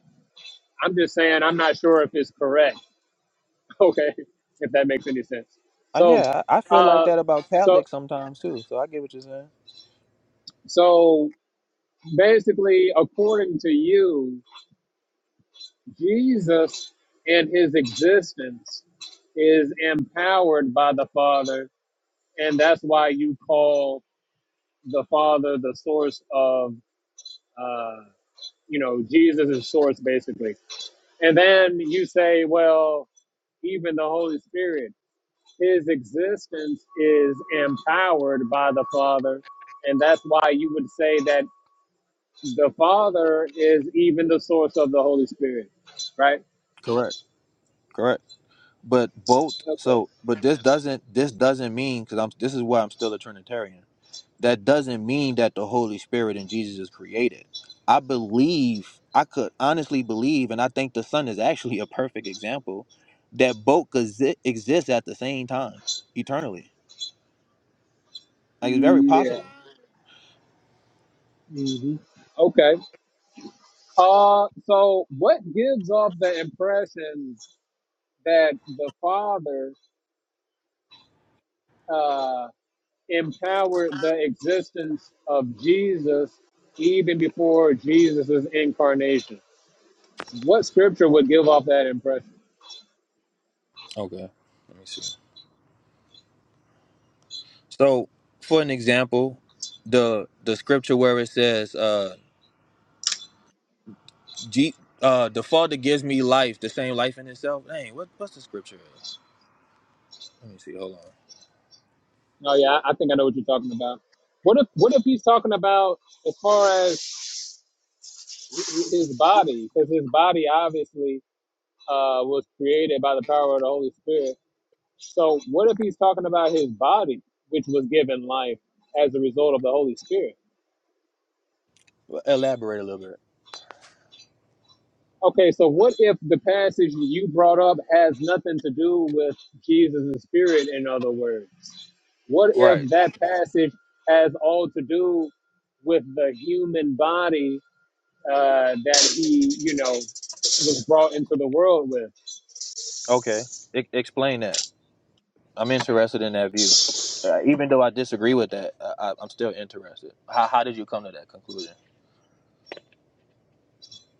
I'm just saying I'm not sure if it's correct. Okay, if that makes any sense. Uh, So, yeah, I I feel like uh, that about so Catholics sometimes too. So I get what you're saying. so basically, according to you. Jesus in his existence is empowered by the Father, and that's why you call the Father the source of, uh, you know, Jesus is source basically. And then you say, well, even the Holy Spirit, his existence is empowered by the Father, and that's why you would say that the Father is even the source of the Holy Spirit, right? Correct, correct. But both. Okay. So, but this doesn't this doesn't mean because I'm this is why I'm still a Trinitarian. That doesn't mean that the Holy Spirit and Jesus is created. I believe I could honestly believe, and I think the Son is actually a perfect example that both exi- exist at the same time eternally Like it's very Yeah. possible. hmm Okay. Uh, so what gives off the impression that the Father uh, empowered the existence of Jesus even before Jesus' incarnation? What scripture would give off that impression? Okay. So, for an example, the the scripture where it says, uh, G, uh, "The Father gives me life, the same life in itself." Dang, what what's the scripture is? Let me see. Hold on. Oh yeah, I I think I know what you're talking about. What if what if he's talking about as far as his body? Because his body obviously uh, was created by the power of the Holy Spirit. So what if he's talking about his body, which was given life as a result of the Holy Spirit? Well, Elaborate a little bit. Okay, so what if the passage you brought up has nothing to do with Jesus' spirit, in other words? What if Right. that passage has all to do with the human body uh, that he, you know, was brought into the world with? Okay. E- explain that. I'm interested in that view. Uh, even though I disagree with that, I, I- I'm still interested. How, how did you come to that conclusion?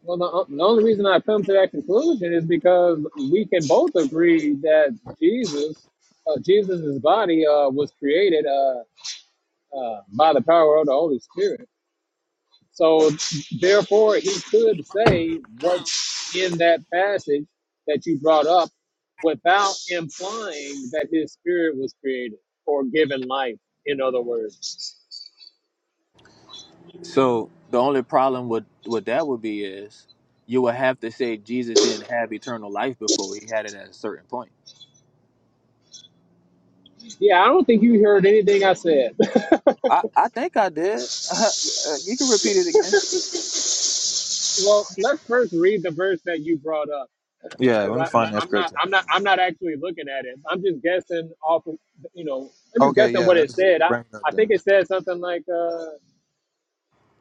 Well, the, uh, the only reason I come to that conclusion is because we can both agree that Jesus, uh, Jesus's body uh, was created uh, uh, by the power of the Holy Spirit. So, therefore, he could say what's in that passage that you brought up without implying that his spirit was created or given life, in other words. So the only problem with with that would be is you would have to say Jesus didn't have eternal life before he had it at a certain point. Yeah, I don't think you heard anything I said. I, I think I did. Uh, you can repeat it again. well, let's first read the verse that you brought up. Yeah, because let me I find that I'm not scripture. I'm not I'm not actually looking at it. I'm just guessing off of you know I'm just Okay, guessing yeah, what it let's said. I bring it up I then. think it said something like uh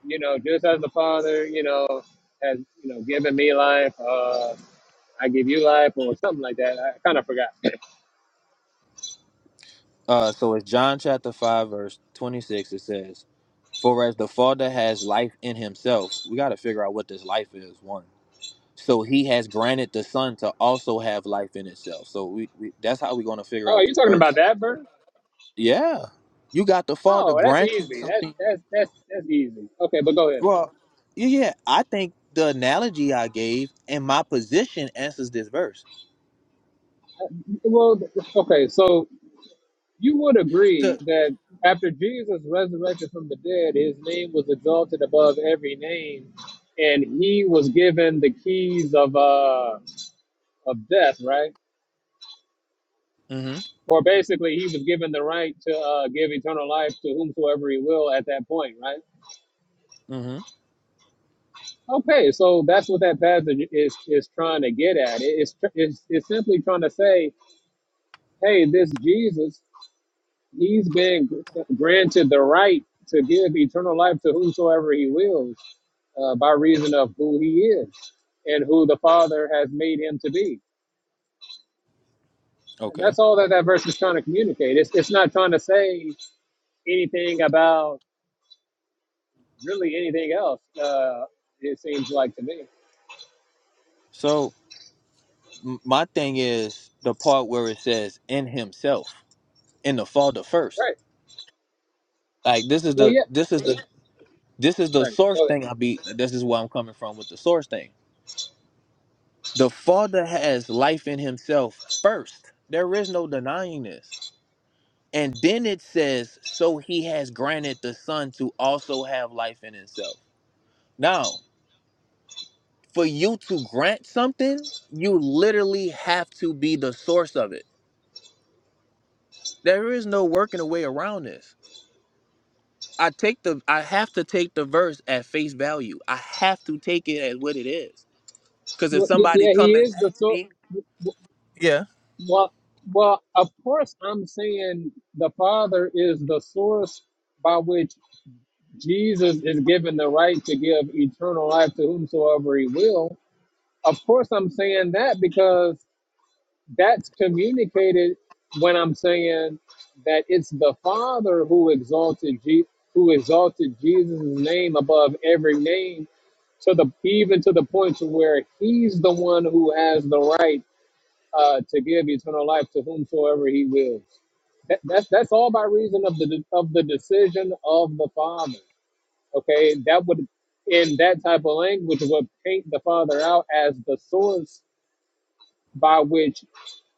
you know just as the Father you know has you know given me life, uh I give you life or something like that. I kind of forgot. Uh, so it's John chapter 5, verse 26. It says, For as the Father has life in himself, we got to figure out what this life is, one. So he has granted the Son to also have life in itself. So we, we that's how we're going to figure Oh, out you this talking verse. about that, Bert? Yeah, you got the Father Oh, that's granting easy. That's something. that's that's that's easy. Okay, but go ahead. Well, yeah, yeah, I think the analogy I gave and my position answers this verse. Well, okay, so You would agree to that after Jesus resurrected from the dead, his name was exalted above every name, and he was given the keys of uh of death, right? mm-hmm Or basically, he was given the right to uh, give eternal life to whomsoever he will at that point, right? mm-hmm Okay, so that's what that passage is is trying to get at. It- It's it's, it's simply trying to say, hey, this Jesus, he's been granted the right to give eternal life to whomsoever he wills. uh, by reason of who he is and who the Father has made him to be. And okay that's all that that verse is trying to communicate. It's, it's not trying to say anything about really anything else, uh, it seems like to me. so m- my thing is the part where it says in himself in the father first Right. like this is Well, the yeah. this is the this is the Right. source So, thing i be this is where i'm coming from with the source thing the father has life in himself first there is no denying this and then it says so he has granted the son to also have life in himself now for you to grant something you literally have to be the source of it There is no working a way around this. I take the I have to take the verse at face value. I have to take it as what it is. Cause if well, yeah, somebody yeah, come he and is the ask so. me Yeah. Well, well, of course, I'm saying the Father is the source by which Jesus is given the right to give eternal life to whomsoever he will of course I'm saying that because that's communicated when I'm saying that it's the Father who exalted Je- who exalted Jesus' name above every name to the even to the point to where he's the one who has the right uh, to give eternal life to whomsoever he wills. That, that's that's all by reason of the of the decision of the Father. Okay, that would in that type of language would paint the Father out as the source by which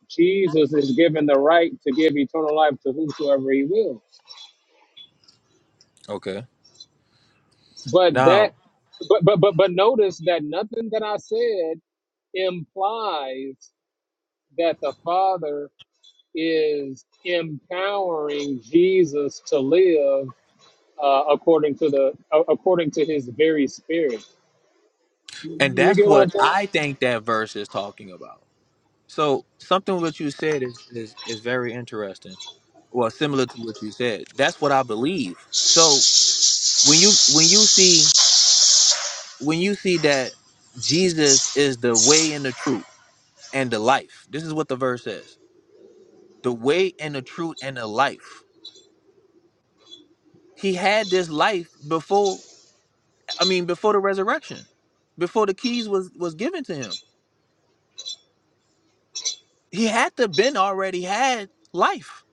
Jesus is given the right to give eternal life to whomsoever he wills. Okay. But that Now but but but but notice that nothing that I said implies that the Father is empowering Jesus to live uh, according to the uh, according to his very spirit. and You that's get what I'm what saying? I think that verse is talking about. So something what you said is, is is very interesting. Well, similar to what you said. That's what I believe. So when you when you see when you see that Jesus is the way and the truth and the life, this is what the verse says the way and the truth and the life. He had this life before I mean before the resurrection, before the keys was was given to him. He had to been already had life.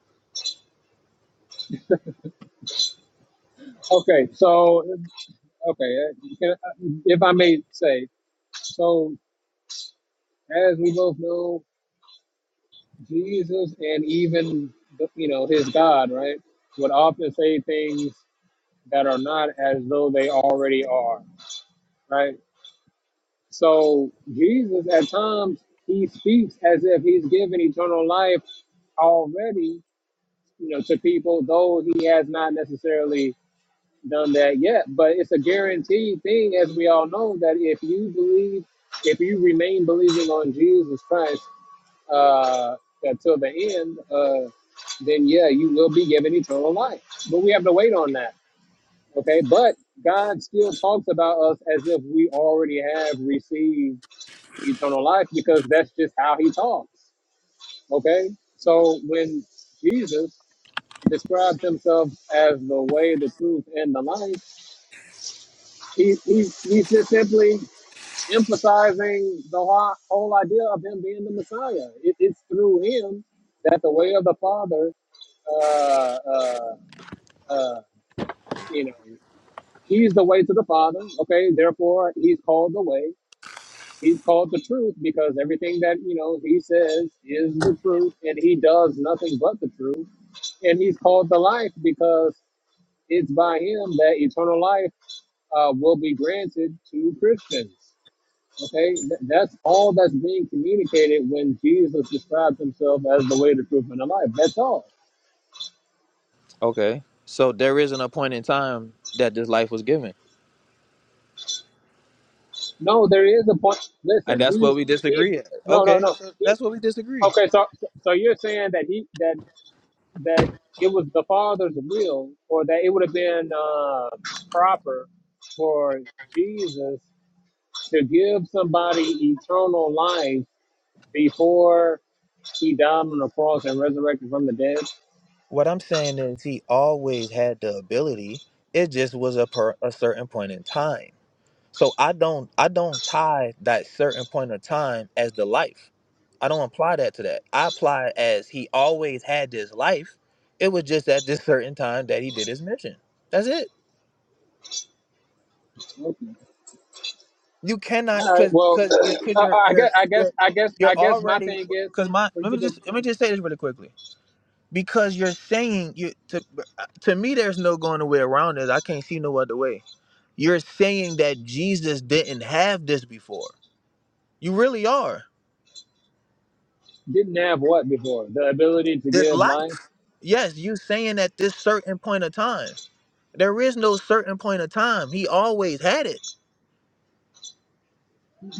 Okay, so okay, uh, if I may say, so as we both know. Jesus and even you know his God, right, would often say things that are not as though they already are, right? So Jesus at times he speaks as if he's given eternal life already, you know, to people, though he has not necessarily done that yet. But it's a guaranteed thing, as we all know, that if you believe, if you remain believing on Jesus Christ uh, until the end, uh, then yeah, you will be given eternal life. But we have to wait on that. Okay. But God still talks about us as if we already have received eternal life because that's just how he talks. Okay. So when Jesus describes himself as the way, the truth, and the life, he, he's, he's just simply emphasizing the whole, whole idea of him being the Messiah. It, it's through him that the way of the Father uh, uh, uh, you know, he's the way to the Father. Okay, therefore, he's called the way. He's called the truth because everything that you know he says is the truth, and he does nothing but the truth. And he's called the life because it's by him that eternal life uh, will be granted to Christians. Okay, Th- that's all that's being communicated when Jesus describes himself as the way, the truth, and the life. That's all Okay. So there isn't a point in time that this life was given. No, there is a point. And Listen, that's what he's we he's disagree at. no no Okay. no. So He that's what we disagree. okay. So so so you're saying that he that that it was the father's will, or that it would have been uh, proper for Jesus to give somebody eternal life before he died on the cross and resurrected from the dead. What I'm saying is he always had the ability. It just was a per a certain point in time. So I don't I don't tie that certain point of time as the life. I don't apply that to that. I apply it as he always had this life. It was just at this certain time that he did his mission. That's it. Okay. You cannot All right. cause Well, cause you're cause you're I, I guess you're I guess you're, I guess I you're guess my already thing is cause my for let you me to just let me just say this really quickly. Because you're saying you to to me there's no going away around it. I can't see no other way. You're saying that Jesus didn't have this before. You really are. didn't have what before the ability to This give life. life. Yes, you saying at this certain point of time. There is no certain point of time. He always had it.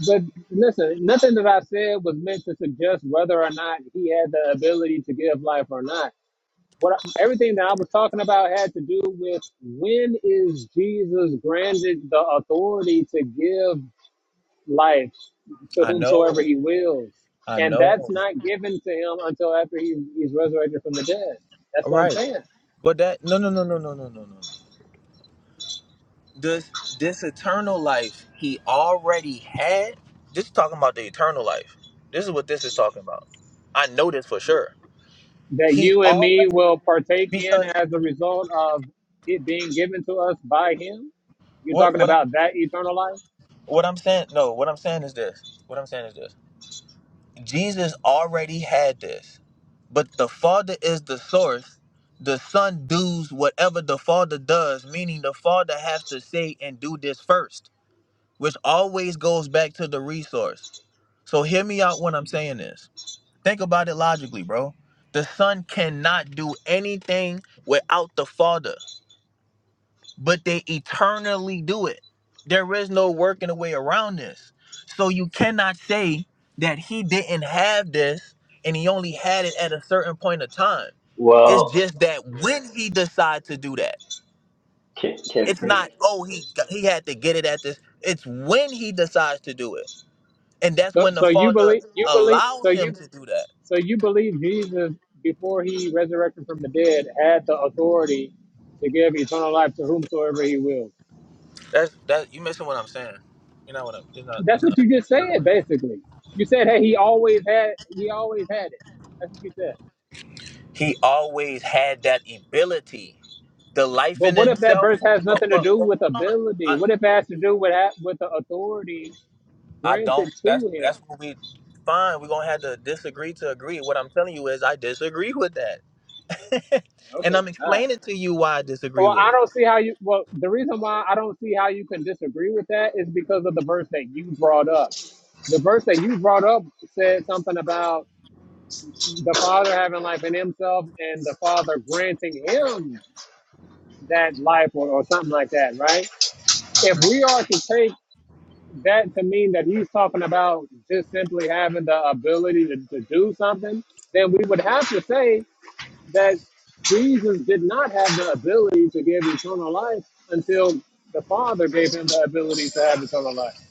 But listen, nothing that I said was meant to suggest whether or not he had the ability to give life or not. What I- everything that I was talking about had to do with when is Jesus granted the authority to give life to I whomsoever know. he wills, I and know. that's not given to him until after he, he's resurrected from the dead. That's All what I'm right. saying. But that no no no no no no no no no. This this eternal life he already had. This is talking about the eternal life. This is what this is talking about. I know this for sure. That He you and me already will partake in because as a result of it being given to us by him. You're what talking what I'm about that eternal life. what I'm saying no, what I'm saying is this. What I'm saying is this. Jesus already had this, but the Father is the source. The Son does whatever the Father does, meaning the Father has to say and do this first, which always goes back to the resource. So hear me out when I'm saying this. Think about it logically, bro. The Son cannot do anything without the Father but they eternally do it. There is no working a way around this. So you cannot say that he didn't have this and he only had it at a certain point of time. It's Well, just that when he decides to do that, can, can, it's can not oh he got- he had to get it at this. It's when he decides to do it, and that's So, when the so you father believe you believe so allows him you to do that. so you believe Jesus before he resurrected from the dead had the authority to give eternal life to whomsoever he will. That's that you missing what I'm saying. you know what I'm. You're not. That's That's what you just said, not. basically. You said, "Hey, he always had he always had it." That's what you said. He always had that ability. The life But in what if that himself. verse has But, nothing to but, do but hold with on. ability? I, What if it has to do with ha- with the authority I don't. granted That's to him? that's what we. Fine. We're gonna have to disagree to agree. What I'm telling you is, I disagree with that, and Okay, I'm all right. explaining to you why I disagree Well, with I it. don't see how you. Well, the reason why I don't see how you can disagree with that is because of the verse that you brought up. The verse that you brought up said something about the Father having life in Himself and the Father granting Him that life or, or something like that, right? If Mhm. we are to take that to mean that He's talking about just simply having the ability to, to do something, then we would have to say that Jesus did not have the ability to give eternal life until the Father gave him the ability to have eternal life.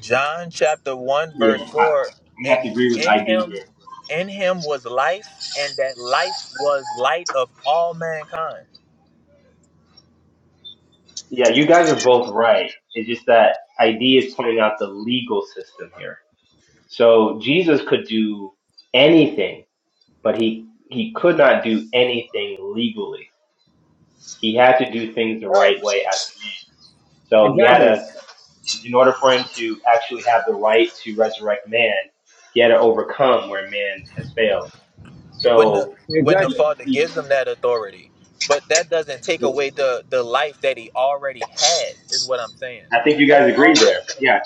John chapter one yeah, verse I, four. I'm gonna And have to agree with in ID him, here. in him was life, and that life was light of all mankind. Yeah, you guys are both right. It's just that ID is pointing out the legal system here. So Jesus could do anything, but he he could not do anything legally. He had to do things the right Right. way as Jesus. So he had Right. Exactly. to, in order for him to actually have the right to resurrect man, he had to overcome where man has failed. when the So when the Exactly. he, father gives he- him that authority but that doesn't take away the the life that he already had is what i'm saying I think you that's guys agree all there. Yeah,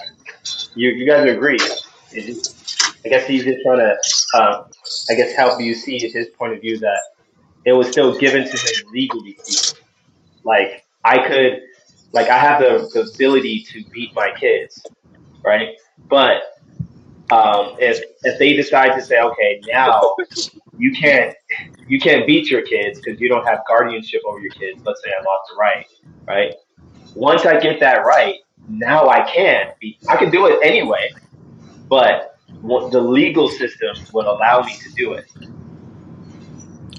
you you guys agree. It's just- I guess he's just trying to, um, I guess, help you see his point of view that it was still given to him legally speaking. Like I could, like I have the, the ability to beat my kids, right? But um, if if they decide to say, okay, now you can't you can't beat your kids because you don't have guardianship over your kids. Let's say I lost the right, right? Once I get that right, now I can. Be, I can do it anyway, but what the legal system would allow me to do it.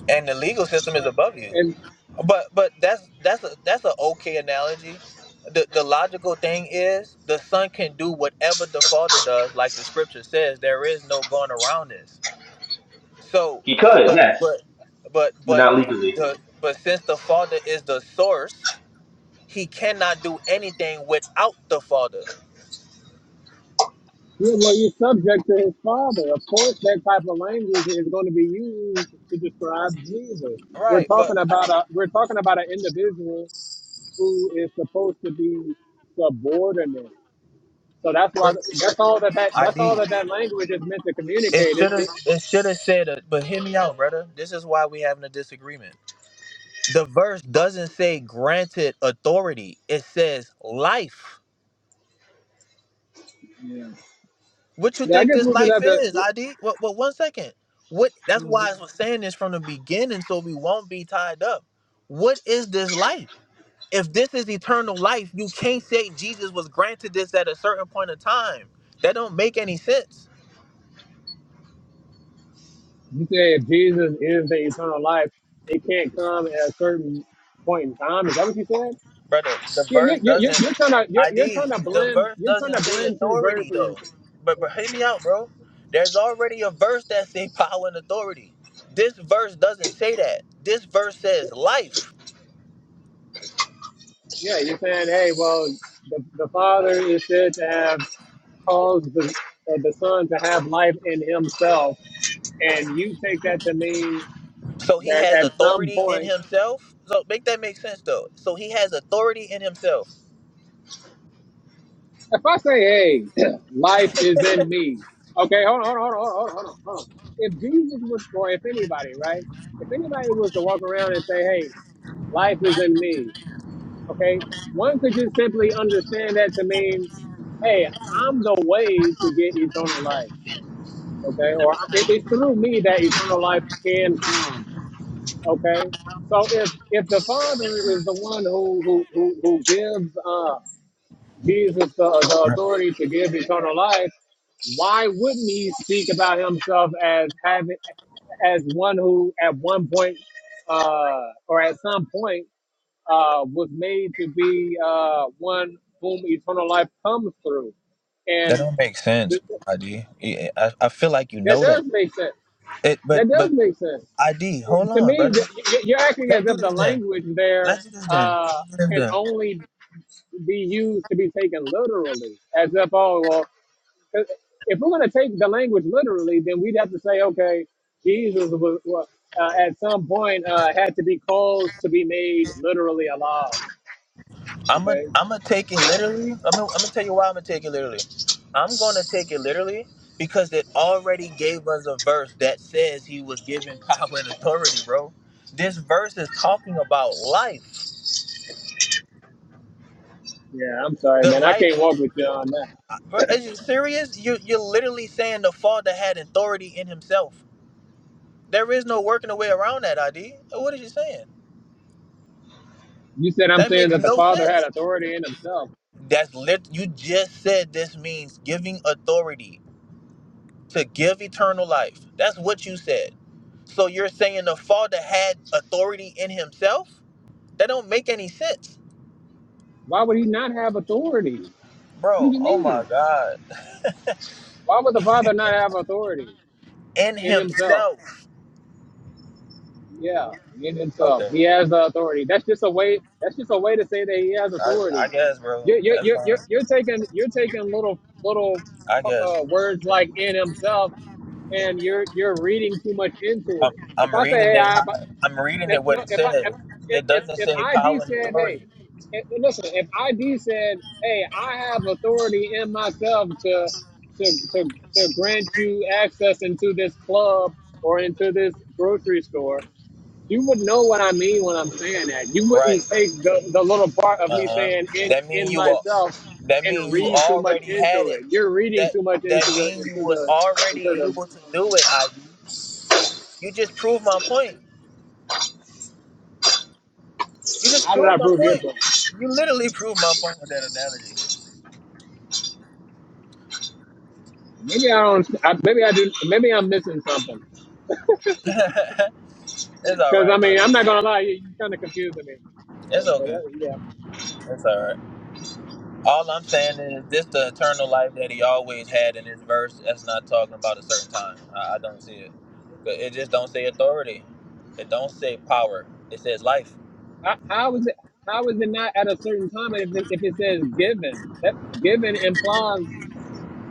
and the legal system is Right. above you And but but that's that's a that's an okay analogy the, the logical thing is the son can do whatever the father does like the scripture says there is no going around this so He could, but yes, but but but but not legally. the but since the father is the source he cannot do anything without the father you well, you're subject to his Father. Of course, that type of language is going to be used to describe Jesus. We're Right, but talking I about a don't. we're talking about an individual who is supposed to be subordinate. So that's why But that's all that, that I that's all did. that that language is meant to It communicate. It, should have. it, It should have said. uh but hear me out, brother. This is why we having a disagreement. The verse doesn't say granted authority. It says life. Yeah. What you Yeah, I think guess this we just life have to. is, ID? What? What? One second. What? That's why I was saying this from the beginning, so we won't be tied up. What is this life? If this is eternal life, you can't say Jesus was granted this at a certain point of time. That don't make any sense. You said Jesus is the eternal life. It can't come at a certain point in time. Is that what you said? brother. The Yeah, yeah, verse yeah. You're, doesn't. you're trying to you're, you're ID. trying to The blend verse you're trying doesn't to say blend two authority verses. though. But, but hear me out, bro. There's already a verse that say power and authority. This verse doesn't say that. This verse says life. Yeah, you're saying, hey, well, the, the Father is said to have caused the uh, the Son to have life in Himself, and you take that to mean So he that has at some authority in point himself. So make that make sense though. So he has authority in himself. If I say, hey, life is in me, okay, hold on, hold on, hold on, hold on, hold on. If Jesus was, or if anybody, right? If anybody was to walk around and say, hey, life is in me, okay, one could just simply understand that to mean, hey, I'm the way to get eternal life, okay? Or it, it's through me that eternal life can come, okay? So if if the Father is the one who who who, who gives uh, Jesus the, the authority to give eternal life, why wouldn't he speak about himself as having as one who at one point uh, or at some point uh, was made to be uh, one whom eternal life comes through? And That don't make sense, th- ID. Yeah, I, I I feel like you that know does that. make sense. It, but That does but make sense. ID. Hold To on, me, brother. th- y- you're acting Let's as do if the this then. language there Let's do this then. uh, Let's do this can then. only be used to be taken literally, as if, oh, well, 'Cause If we're going to take the language literally, then we'd have to say, okay, Jesus was, wa- uh, at some point uh, had to be caused to be made literally alive. I'm a, Okay. I'm gonna take it literally. I'm gonna, I'm gonna tell you why I'm gonna take it literally. I'm gonna take it literally because it already gave us a verse that says he was given power and authority, bro. This verse is talking about life. Yeah, I'm sorry, The man. I can't life. walk with you on that. Bro, Is you serious? You you're literally saying the Father had authority in Himself. There is no working a way around that. ID. What is you saying? You said I'm That makes saying that the no Father had sense. authority in Himself. That's lit. You just said this means giving authority to give eternal life. That's what you said. So you're saying the Father had authority in himself? That don't make any sense. Why would He not have authority? What do Bro, you oh my mean? God. Why would the Father not have authority In in himself. Himself? Yeah, in himself, Okay. he has the authority. That's just a way. That's just a way to say that he has authority. Yes, bro. You're you're That's- you're you're, you're taking you're taking little little I guess. uh, words like in himself, and you're you're reading too much into I'm, it. If I'm I say, reading hey, it. I I'm reading if it what no, it if I if says. if, It if doesn't if say ID power and said, hey, authority. and- and listen, if ID said, hey, I have authority in myself to to to, to grant you access into this club or into this grocery store you would know what I mean when I'm saying that. You wouldn't Right. take the, the little part of me Uh-huh. saying in That mean in you are myself that and mean you read too much already had into it. it. You're reading That too much into that the mean you into was the already into the. able to do it, ID. You just proved my point. You just How did I proved my prove your point. point? You literally proved my point with that analogy. Maybe I don't. I, maybe I do. Maybe I'm missing something. it's all Because right, I mean, brother. I'm not gonna lie. You, you kind of confusing me. So, It's But uh, okay. yeah, It's all right. All I'm saying is this: the eternal life that he always had in his verse. That's not talking about a certain time. I, I don't see it. But it just don't say authority. It don't say power. It says life. how, how is it? How is it not at a certain time? And if it, if it says given, that given implies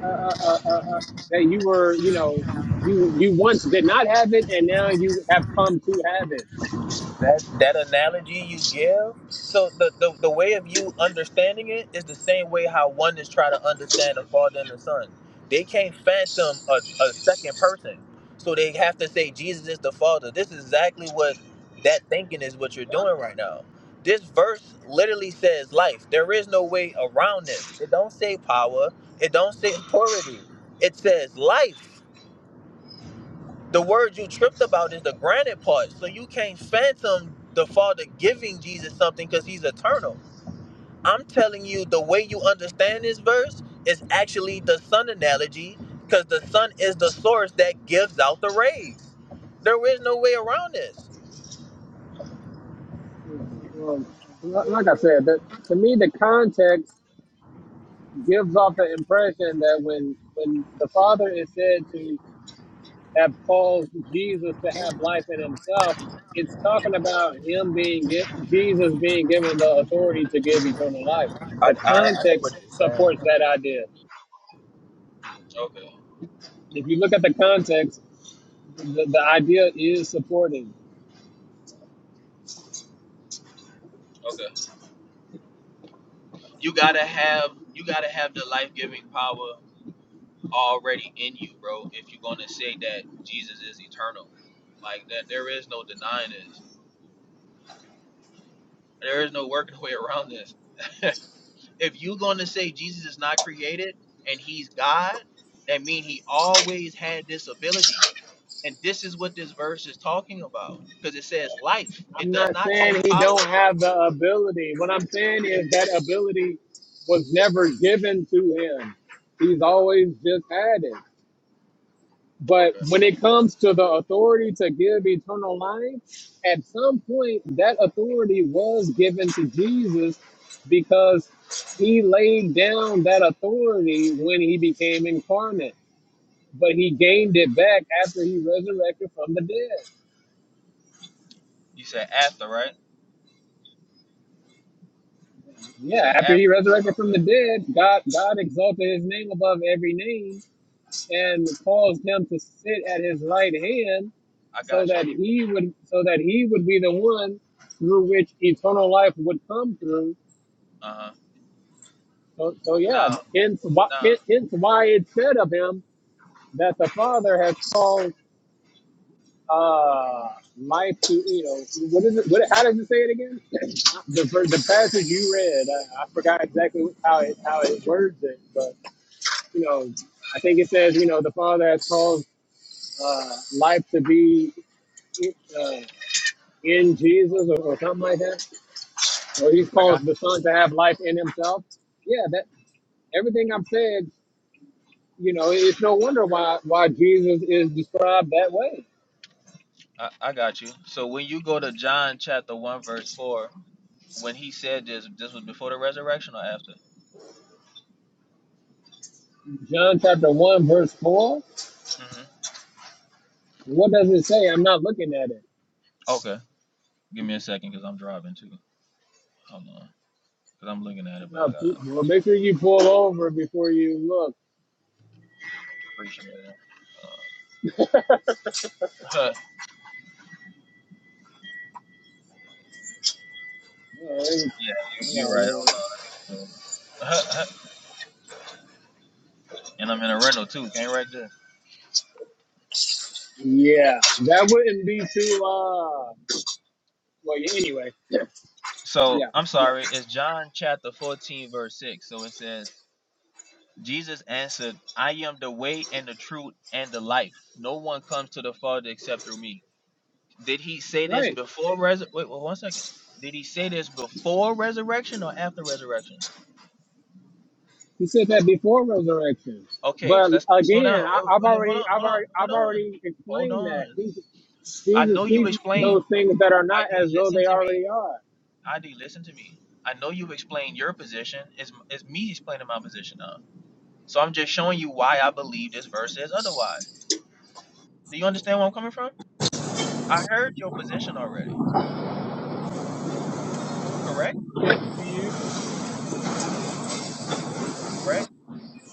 uh, uh, uh, uh, that you were, you know, you you once did not have it, and now you have come to have it. that that analogy you give so the, the the way of you understanding it is the same way how one is trying to understand the father and the son they can't phantom a, a second person so they have to say jesus is the father this is exactly what that thinking is what you're Huh? doing right now this verse literally says life there is no way around this it don't say power it don't say authority it says life the word you tripped about is the granted part. So you can't phantom the Father giving Jesus something because he's eternal. I'm telling you, the way you understand this verse is actually the sun analogy because the sun is the source that gives out the rays. There is no way around this. Yeah, yeah. well, li- like I said, that to me the context gives off the impression that when when the Father is said to have caused Jesus to have life in Himself, it's talking about Him being gi- Jesus being given the authority to give eternal life. The I, context supports that idea. okay, If you look at the context, The, the idea is supported. okay. You gotta have you gotta have the life giving power already in you, bro. If you're gonna say that Jesus is eternal, like that, there is no denying this. There is no working way around this. if you're going to say Jesus is not created and he's God, that means he always had this ability. And this is what this verse is talking about because it says life. I'm It does not not saying say he don't power. have the ability. What I'm saying You is that ability was never given to him. He's always just had it. But Okay. when it comes to the authority to give eternal life, at some point that authority was given to Jesus because he laid down that authority when he became incarnate, but he gained it back after he resurrected from the dead. You said after, right? You Yeah, said after he after. resurrected from the Okay. dead, God God exalted his name above every name and caused him to sit at his right hand I so got you. that he would so that he would be the one through which eternal life would come through. Uh huh. So, so yeah, Now, hence why, now, hence hence why it said of him that the Father has called uh life to you know what is it what how does it say it again the ver- the passage you read I, I forgot exactly how it how it words it but you know, I think it says, you know, the Father has called uh, life to be uh, in Jesus or, or something like that, or He calls the Son to have life in Himself. Yeah, that everything I've said, you know, it's no wonder why why Jesus is described that way. I, I got you. So when you go to John chapter 1, verse 4, when he said this, this was before the resurrection or after? John chapter one verse four. Mm hmm. What does it say? I'm not looking at it. Okay. Give me a second because I'm driving too. Hold on. Because I'm looking at it, but No, I pe- got. well, So. make sure you pull over before you look. Appreciate it. yeah, All right. you, you're Yeah, right. no. Also. and I'm in a rental too. Can't right there. Yeah, that wouldn't be too. Uh, well, yeah, anyway. So Yeah, I'm sorry. It's John chapter 14, verse 6. So it says, Jesus answered, I am the way and the truth and the life. No one comes to the Father except through me. Did he say this right. before res? Wait, wait, one second. Did he say this before resurrection or after resurrection? He said that before resurrection. Okay, so But let's, let's slow down. again, I, Wait, wait, I've wait, hold already, on, I've hold on, already, hold I've on, already hold explained on. that He- I Jesus know you speaks explained. those things that are I not did as though listen they to me. already are. ID, listen to me. I know you explained your position. It's, it's me explaining my position now. So I'm just showing you why I believe this verse says otherwise. Do you understand where I'm coming from? I heard your position already. Correct? Correct.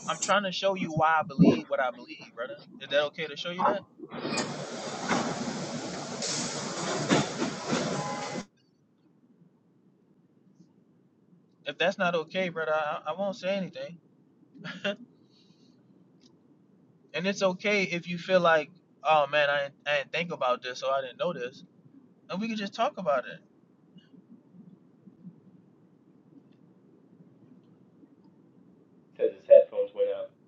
I'm trying to show you why I believe what I believe, brother. Is that okay to show you that? If that's not okay, brother, I, I won't say anything. And it's okay if you feel like, oh man, I, didn't- I didn't think about this, so I didn't know this. And we can just talk about it. Because his headphones went out.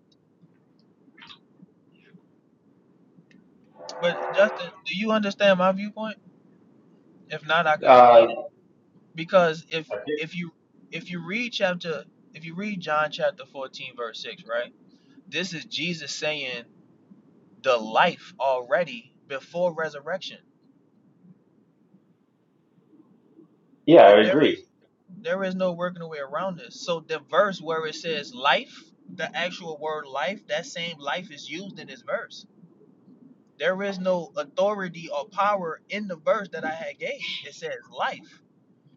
But Justin, do you understand my viewpoint? If not, I could explain. Uh, because if okay. if you if you read chapter if you read John chapter 14 verse 6, right? This is Jesus saying the life already before resurrection. yeah, Th- I There is agree. there is no working a way around this. So the verse where it says life, the actual word life, that same life is used in this verse. There is no authority or power in the verse that I had gave. It says life.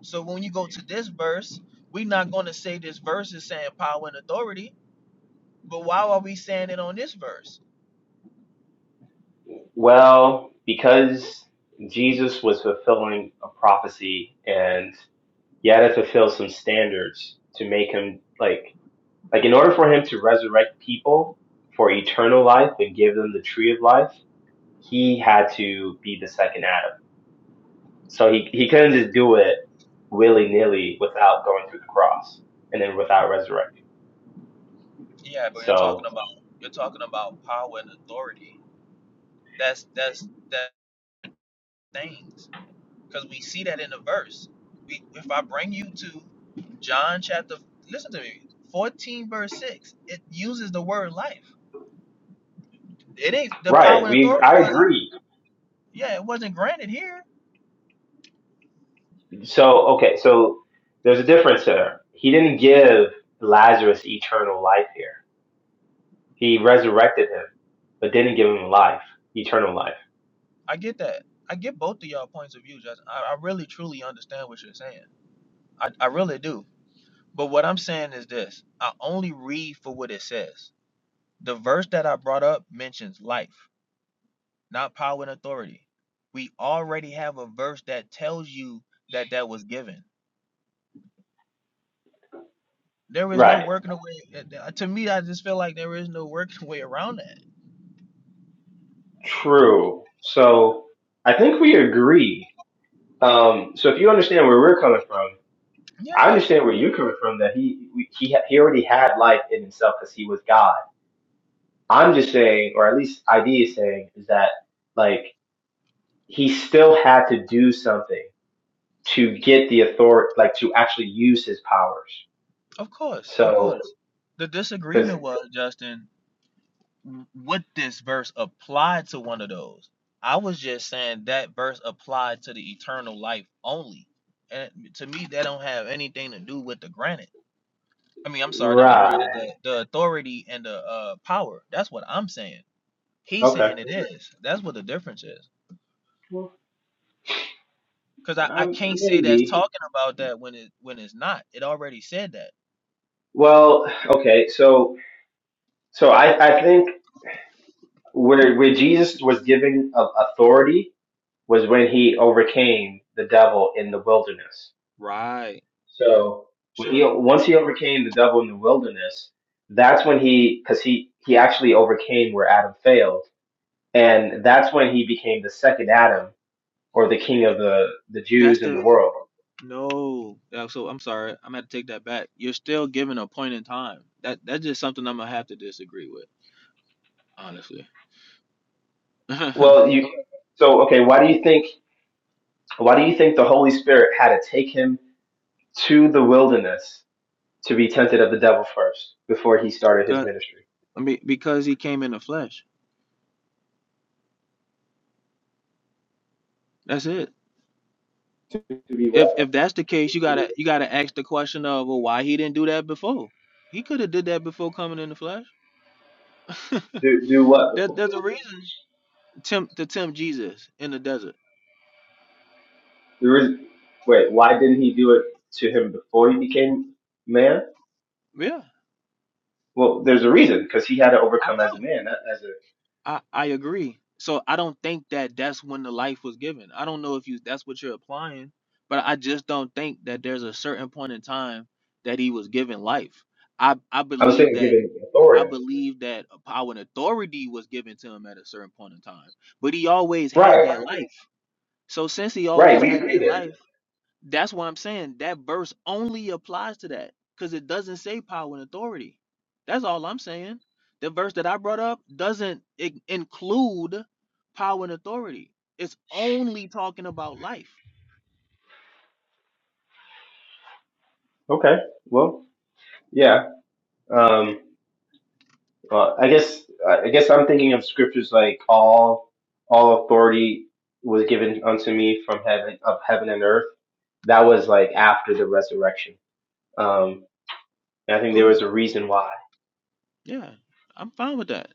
So when you go to this verse, we're not going to say this verse is saying power and authority. But why are we saying it on this verse? Well, because Jesus was fulfilling a prophecy and he had to fulfill some standards to make him like like in order for him to resurrect people for eternal life and give them the tree of life, he had to be the second Adam. So he, he couldn't just do it willy nilly without going through the cross and then without resurrecting. Yeah, but you're talking So about you're talking about power and authority. That's that's that things because we see that in the verse. We, if I bring you to John chapter, listen to me, 14 verse 6. It uses the word life. It ain't the right, power and we authority I wasn't. agree. Yeah, it wasn't granted here. So okay, so there's a difference there. He didn't give Lazarus eternal life here. He resurrected him, but didn't give him life, eternal life. I get that. I get both of y'all points of view, Justin. I, I really truly understand what you're saying. I, I really do. But what I'm saying is this: I only read for what it says. The verse that I brought up mentions life, not power and authority. We already have a verse that tells you that that was given. There is no Right. working away. To me, I just feel like there is no working way around that. True. So I think we agree. Um, so if you understand where we're coming from, I Yeah, understand where you're coming from that he he he already had life in himself because he was God. I'm just saying, or at least idea is saying, is that like he still had to do something to get the authority, like to actually use his powers. of course, of So, course. The because disagreement was Justin. w- Would this verse apply to one of those? I was just saying that verse applied to the eternal life only, and to me, that don't have anything to do with the granite. I mean, I'm sorry, not the granted, right, the, the authority and the uh power. That's what I'm saying. He's okay, saying it is. That's what the difference is. well, Cause I, I um, can't say that's maybe. talking about that when it when it's not. It already said that. Well, okay, so so I I think where where Jesus was given a- authority was when he overcame the devil in the wilderness Right. Right. So when he Sure. once he overcame the devil in the wilderness, that's when he because he he actually overcame where Adam failed, and that's when he became the second Adam or the king of the the That's Jews in the the world. no. Yeah, so I'm sorry. I'm gonna take that back. You're still given a point in time. That that's just something I'm gonna have to disagree with. hon- Well, you so okay. Why do you think why do you think the Holy Spirit had to take him to the wilderness to be tempted of the devil first before he started his 'Cause, ministry? I mean, To to be if what? if that's the case, you gotta you gotta ask the question of well, why he didn't do that before. He could have did that before coming in the flesh. Do do what That before? that's reason tempt to tempt Jesus in the desert. There is wait. Why didn't he do it to him before he became man? Yeah, Well, there's a reason because he had to I overcome as a know. man, not as a. I I agree. So I don't think that that's when the life was given. I don't know if you that's what you're applying, but I just don't think that there's a certain point in time that he was given life. I I I was believe saying that given I authority. believe that a power and authority was given to him at a certain point in time, but he always had Right, that life. So since he right. always We had agree that life. there. That's why I'm saying that verse only applies to that because it doesn't say power and authority. That's all I'm saying. The verse that I brought up doesn't in- include power and authority. It's only talking about life. Okay. Well, yeah. Um. Well, I guess I guess I'm thinking of scriptures like all all authority was given unto me from heaven of heaven and earth. That was like after the resurrection. Um. And I think there Cool. was a reason why. Yeah, I'm fine with that.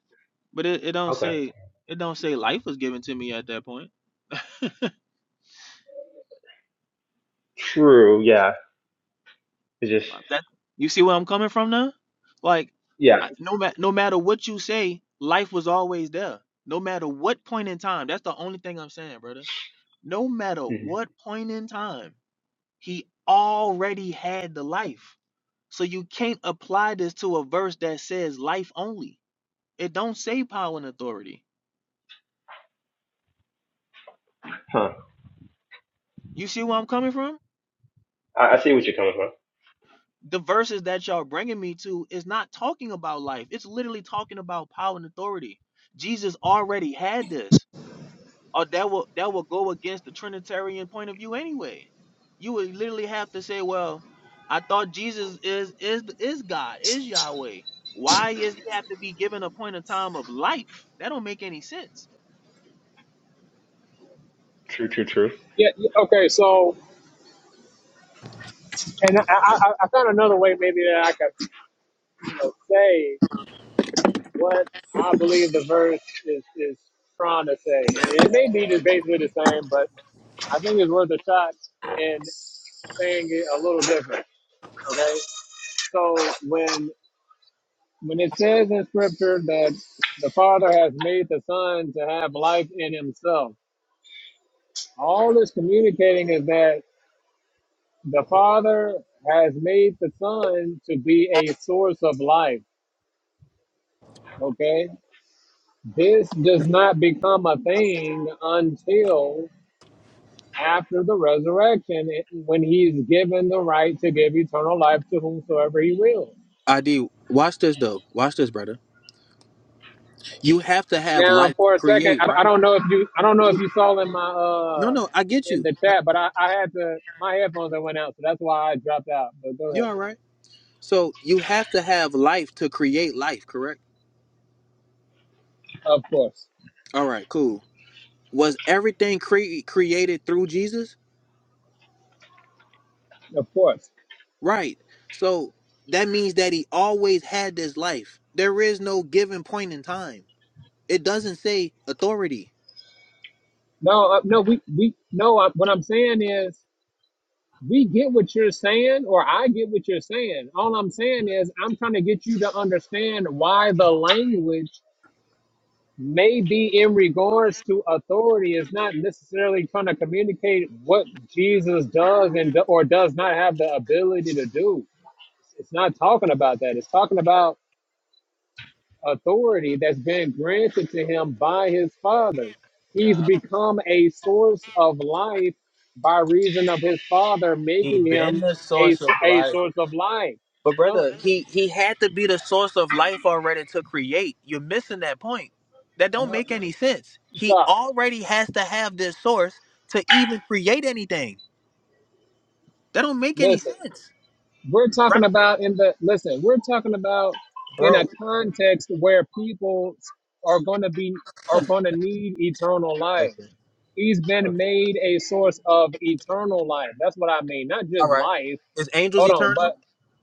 But it, it don't Okay. say it don't say life was given to me at that point. True. Yeah. It's just Like That you see where I'm coming from now? Like yeah. I, no ma- no matter what you say, life was always there. No matter what point in time. That's the only thing I'm saying, brother. no matter hmm what point in time, he already had the life. So you can't apply this to a verse that says life only. It don't say power and authority. Huh. You see where I'm coming from? I, I see what you're coming from. The verses that y'all bringing me to is not talking about life. It's literally talking about power and authority. Jesus already had this. or that will that will go against the Trinitarian point of view anyway. You would literally have to say, well, I thought Jesus is is is God, is Yahweh. Why is he have to be given a point of time of life? That don't make any sense. True. True. True. Yeah. yeah, Okay. So, and I, I, I I found another way maybe that I could you know, say what I believe the verse is is trying to say. And it may be just basically the same, but I think it's worth a shot in saying it a little different. Okay. So when When it says in scripture that the Father has made the Son to have life in himself, all it's communicating is that the Father has made the Son to be a source of life. Okay? This does not become a thing until after the resurrection it- when he's given the right to give eternal life to whomsoever he wills. ID, watch this though. Watch this, brother. You have to have Now, life to for a second, create, I, I right? don't know if you, I don't know if you saw in my, No, uh, no, I get in you. the chat, but I, I had to, my headphones that went out, so that's why I dropped out. But go You're ahead. all right. So you have to have life to create life, correct? Of course, All right, cool. Was everything cre- created through Jesus? of course. Right. So that means that he always had this life. There is no given point in time. It doesn't say authority. No, uh, no, we, we, no. I, what I'm saying is, we get what you're saying, or I get what you're saying. All I'm saying is, I'm trying to get you to understand why the language maybe in regards to authority is not necessarily trying to communicate what Jesus does and do- or does not have the ability to do. It's not talking about that. It's talking about authority that's been granted to him by his father. He's Uh, become a source of life by reason of his father he making been him the a, source of so- a life. source of life. But No, brother, he he had to be the source of life already to create. You're missing that point. That don't no, make any sense. He stop. already has to have this source to even create anything. That don't make any Listen. sense, We're talking brother. about in the listen, we're talking about in a Bro, context where people are going to be are going to need eternal life. He's been made a source of eternal life. That's what I mean, not all just right. life. Is angels Hold on, eternal? but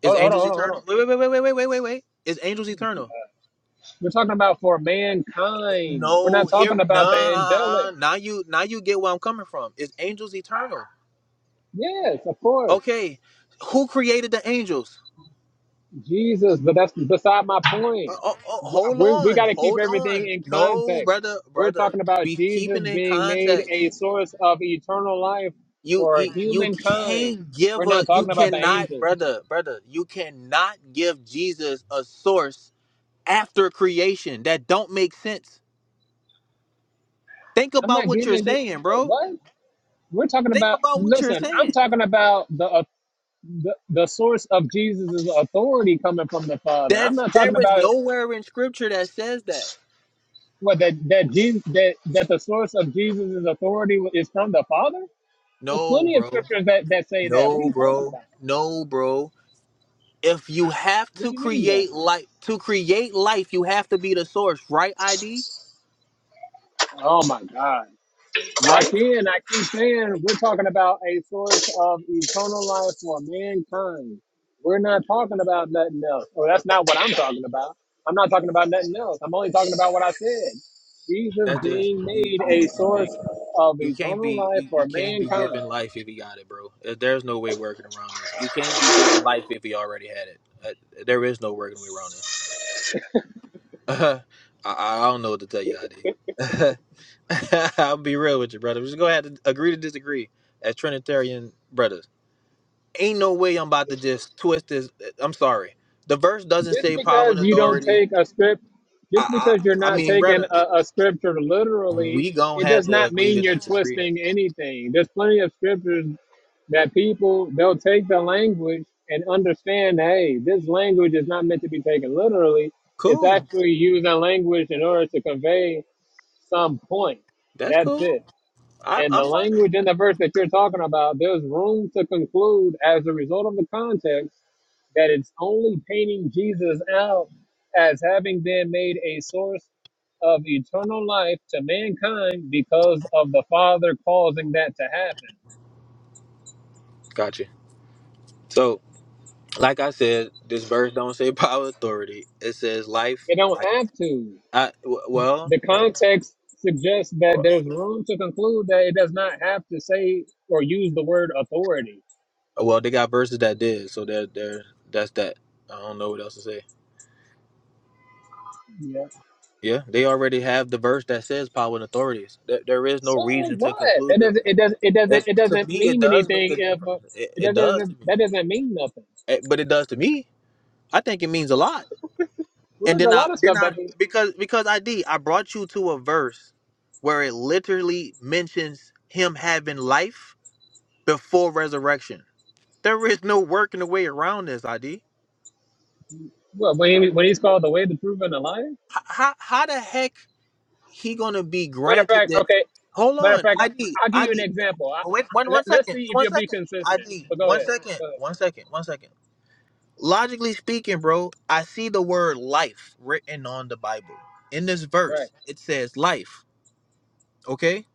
Is hold on, hold on, angels hold on. hold eternal? on. Wait, wait, wait, wait, wait, wait, wait, wait. wait. Is angels eternal? We're talking about for mankind. We're No, not hear talking me. about the angelic. Nah, now you now you get where I'm coming from. Is angels eternal? Yes, of course. Okay, who created the angels? Jesus, but that's beside my Uh, point. oh, oh, hold We we on, got to keep hold everything on. in No, context. brother, We're brother, talking about be Jesus keeping in being made a context. source of eternal life You, for you you humankind. can't We're give a not you talking about the cannot, angels. brother, brother. You cannot give Jesus a source after creation. That don't make sense. Think I'm about not what you're giving you saying, wait, bro. what we're talking Think about. about what you're Listen, I'm saying. talking about the uh, the, the source of Jesus' authority coming from the Father. I'm That's not there talking is about nowhere in scripture that says that. what that that Jesus that that the source of Jesus' authority is from the Father. There's No, plenty of bro. scriptures that, that say that. What are No, you talking bro. about? No, bro. If you have What do to you mean though? create life to create life, you have to be the source, right? ID, Oh my God. right? Again, I keep saying we're talking about a source of eternal life for mankind. We're not talking about nothing else. Well, that's not what I'm talking about. I'm not talking about nothing else. I'm only talking about what I said. Jesus That just being you made you, a you can't, source of you can't eternal be life you, you for can't be mankind. given life if you got it, bro. Uh, There's no way working around this. You can't be given life if you already had it. Uh, There is no working way around this. I, I I don't know what to tell you, ID. I'll be real with you, brother. Just go ahead and agree to disagree as Trinitarian brothers. Ain't no way I'm about to just twist this. I'm sorry. The verse doesn't just say power and because you don't authority. take a script, I, just I, because you're I not mean, taking brother, a, a scripture literally, we gonna it have does to not agree mean to you're disagree. twisting anything. There's plenty of scriptures that people they'll take the language and understand. Hey, this language is not meant to be taken literally. It's Cool. actually using language in order to convey some point. That's That's cool. it. I, And the I'm fine. language in the verse that you're talking about, there's room to conclude as a result of the context that it's only painting Jesus out as having been made a source of eternal life to mankind because of the Father causing that to happen. Gotcha. So, like I said, this verse don't say power authority. It says life. It don't I, have to. I w- well, The context suggests that there's room to conclude that it does not have to say or use the word authority. well, they got verses that did. So they're, they're, that's that. I don't know what else to say. Yeah. Yeah, they already have the verse that says power and authorities. There, there is no So reason to what? That conclude it. doesn't. It does. It doesn't. it. It To doesn't me, it mean does make anything a if difference. uh, It, it it does to doesn't. That me, doesn't mean nothing. Eh, but it does to me. I think it means a lot. Well, And There's then a I, lot of then stuff I, that means. because because I D, I brought you to a verse where it literally mentions him having life before resurrection. There is no working the way around this, ID. Well, when he, when he's called the way, the truth, and the life. How, how, how the heck? he gonna be Matter of granted fact, that. okay. Hold Matter of on, fact, ID, I, I'll give you an ID. example. I, Wait, one, let, one let's second, see if one you'll be second. consistent. ID, But go one ahead. second, Go ahead. one second, one second. Logically speaking, bro, I see the word life written on the Bible. In this Right. verse, it says life. Okay.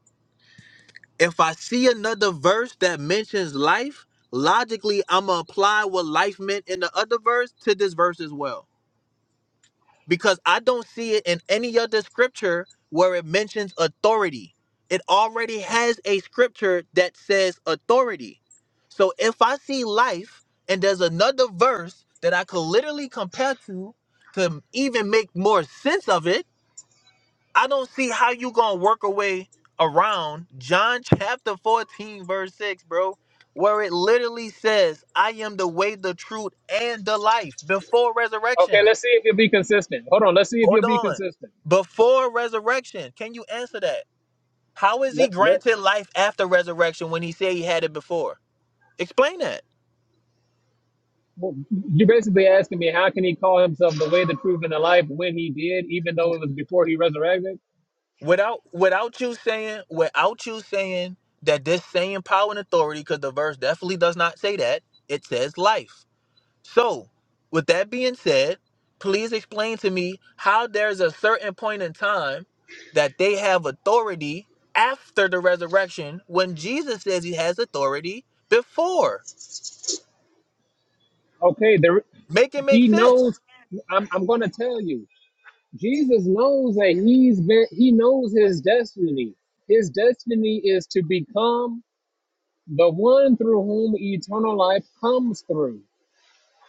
If I see another verse that mentions life, logically, I'ma apply what life meant in the other verse to this verse as well. because I don't see it in any other scripture where it mentions authority. It already has a scripture that says authority. So if I see life and there's another verse that I could literally compare to to even make more sense of it, I don't see how you gonna work away around John chapter 14 verse 6, bro, where it literally says, "I am the way, the truth, and the life before Okay. resurrection." Let's see if you'll be consistent. Hold on. Let's see if you'll Hold be on. consistent. Before resurrection, can you answer that? How is he Let, let, granted life after resurrection when he said he had it before? Explain that. well, you're basically asking me how can he call himself the way, the truth, and the life when he did, even though it was before he resurrected? Without without you saying without you saying that this same power and authority, because the verse definitely does not say that, it says life. So, with that being said, please explain to me how there's a certain point in time that they have authority after the resurrection when Jesus says he has authority before. Okay. There, Make it make he sense. knows. I'm, I'm going to tell you. Jesus knows that he's been. He knows his destiny. His destiny is to become the one through whom eternal life comes through.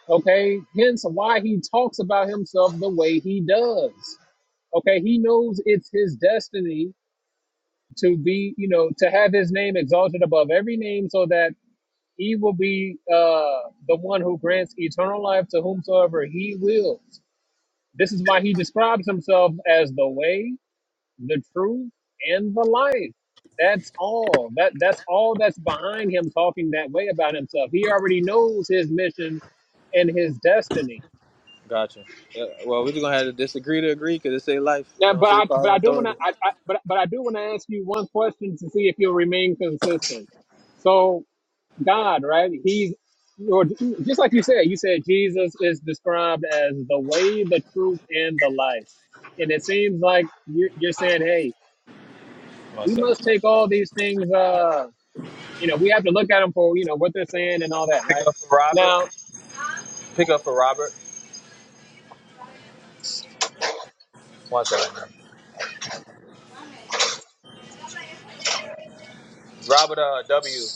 Okay, hence why he talks about himself the way he does. Okay, he knows it's his destiny to be, you know, to have his name exalted above every name so that he will be uh, the one who grants eternal life to whomsoever he wills. This is why he describes himself as the way, the truth and the life. That's all. That that's all that's behind him talking that way about himself. He already knows his mission and his destiny. Gotcha. Yeah, well, we just gonna have to disagree to agree because it say life. It Now, don't but say I power but and I do want to authority. I, I but but I do want to ask you one question to see if you'll remain consistent. So God, right? He's or just like you said, you said Jesus is described as the way, the truth, and the life. And it seems like you're, you're saying, hey, One we must second. take all these things. Uh, you know, we have to look at them for, you know, what they're saying and all that, Pick right? up for Robert. Now, Pick up for Robert. One second. Robert uh, W.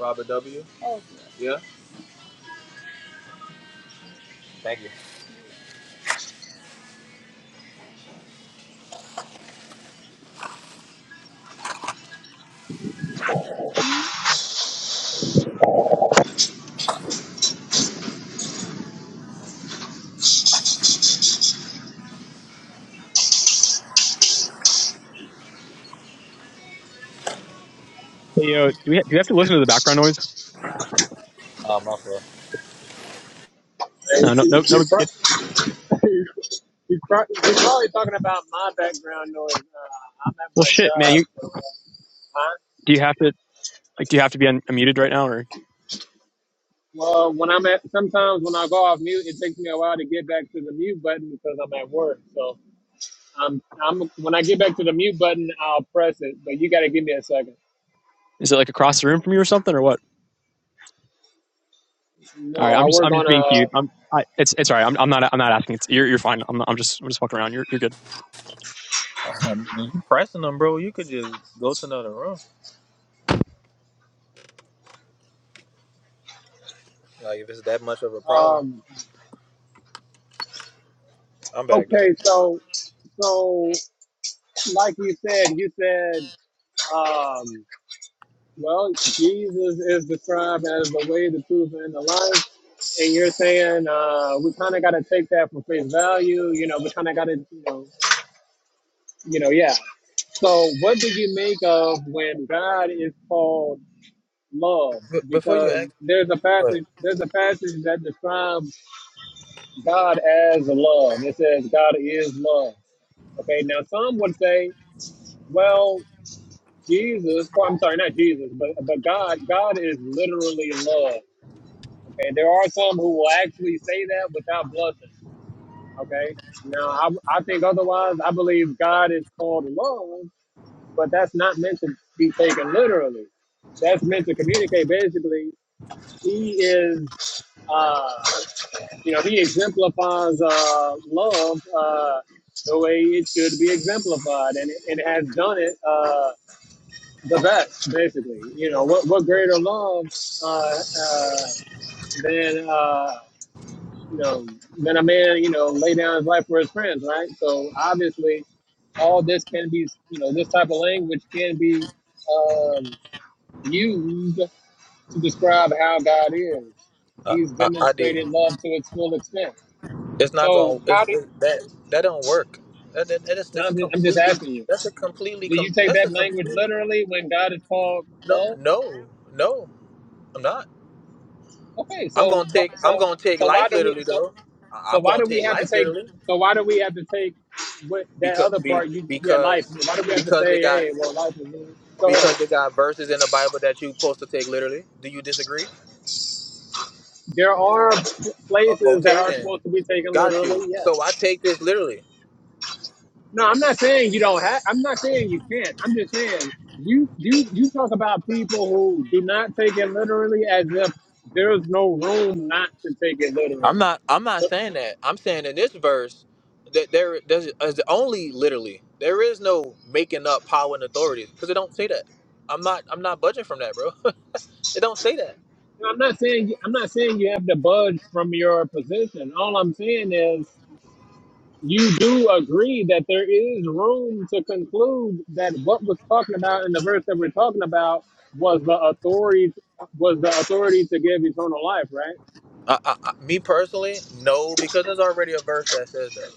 Robert W. Yeah. Thank you. Hey, yo, do we ha- do you have to listen to the background noise? Uh, my fault. No, no, no, no. It, you're, pro- you're probably talking about my background noise. I'm at well, my, shit, man. You huh? do you have to like? Do you have to be un- unmuted right now, or Well, when I'm at, sometimes when I go off mute, it takes me a while to get back to the mute button because I'm at work. So I'm, I'm, when I get back to the mute button, I'll press it, but you got to give me a second. is it like across the room from you or something, or what? All right, No, I'm I just work I'm just on being cute. a, I'm I, it's it's all right. I'm I'm not I'm not asking. It's you're you're fine. I'm I'm just I'm just fucking around. You're you're good. Bro, much of a problem. um, I'm back though. okay. So, so like you said, you said, um. Well, Jesus is described as the way, the truth, and the life. And you're saying uh, we kind of got to take that for face value. You know, we kind of got to, you know, you know, yeah. So, what do you make of when God is called love? B- before you Because ask, there's a but passage, there's a passage that describes God as love. It says God is love. Okay, now some would say, well, Jesus, well, I'm sorry, not Jesus, but but God, God is literally love. Okay, there are some who will actually say that without blushing. Okay, now I, I think otherwise. I believe God is called love, but that's not meant to be taken literally. That's meant to communicate. Basically, He is, uh, you know, He exemplifies uh, love uh, the way it should be exemplified, and it, it has done it uh, the best. Basically, you know, what what greater love uh, uh, than. Uh, you know, that a man, you know, lay down his life for his friends, right? So obviously, all this can be, you know, this type of language can be um, used to describe how God is. uh, He's I, I did. demonstrated love to its full extent. It's not So gonna. how It's, do it, that that don't work. That, that, that is now that's I'm just, I'm just completely. asking you? That's a completely. Do you Com, take that's a that language completely. literally when God is called No, love? no, no. I'm not. Okay, I'm so gonna take wh- I'm so gonna take so why life do we? literally so, though. I- So I'm why gonna do we take have to life take? literally So why do we have to take what that because other be, part? You yeah, life. because Why do we have to because they say, got hey, well, life is good? Go ahead. because they got verses in the Bible that you supposed to take literally. Do you disagree? There are Uh, places that okay are then, supposed to be taken got you. literally. So I Yes. take this literally. No, I'm not saying you don't have. I'm not saying you can't. I'm just saying you you you talk about people who do not take it literally as if there's no room not to take it literally. I'm not I'm not So saying that. I'm saying in this verse that there there's is only literally. There is no making up power and authority because it don't say that. I'm not I'm not budging from that, bro. It don't say that. I'm not saying I'm not saying you have to budge from your position. All I'm saying is you do agree that there is room to conclude that what was talking about in the verse that we're talking about was the authority was the authority to give eternal life, right? I, I, I, me personally, no, because there's already a verse that says that.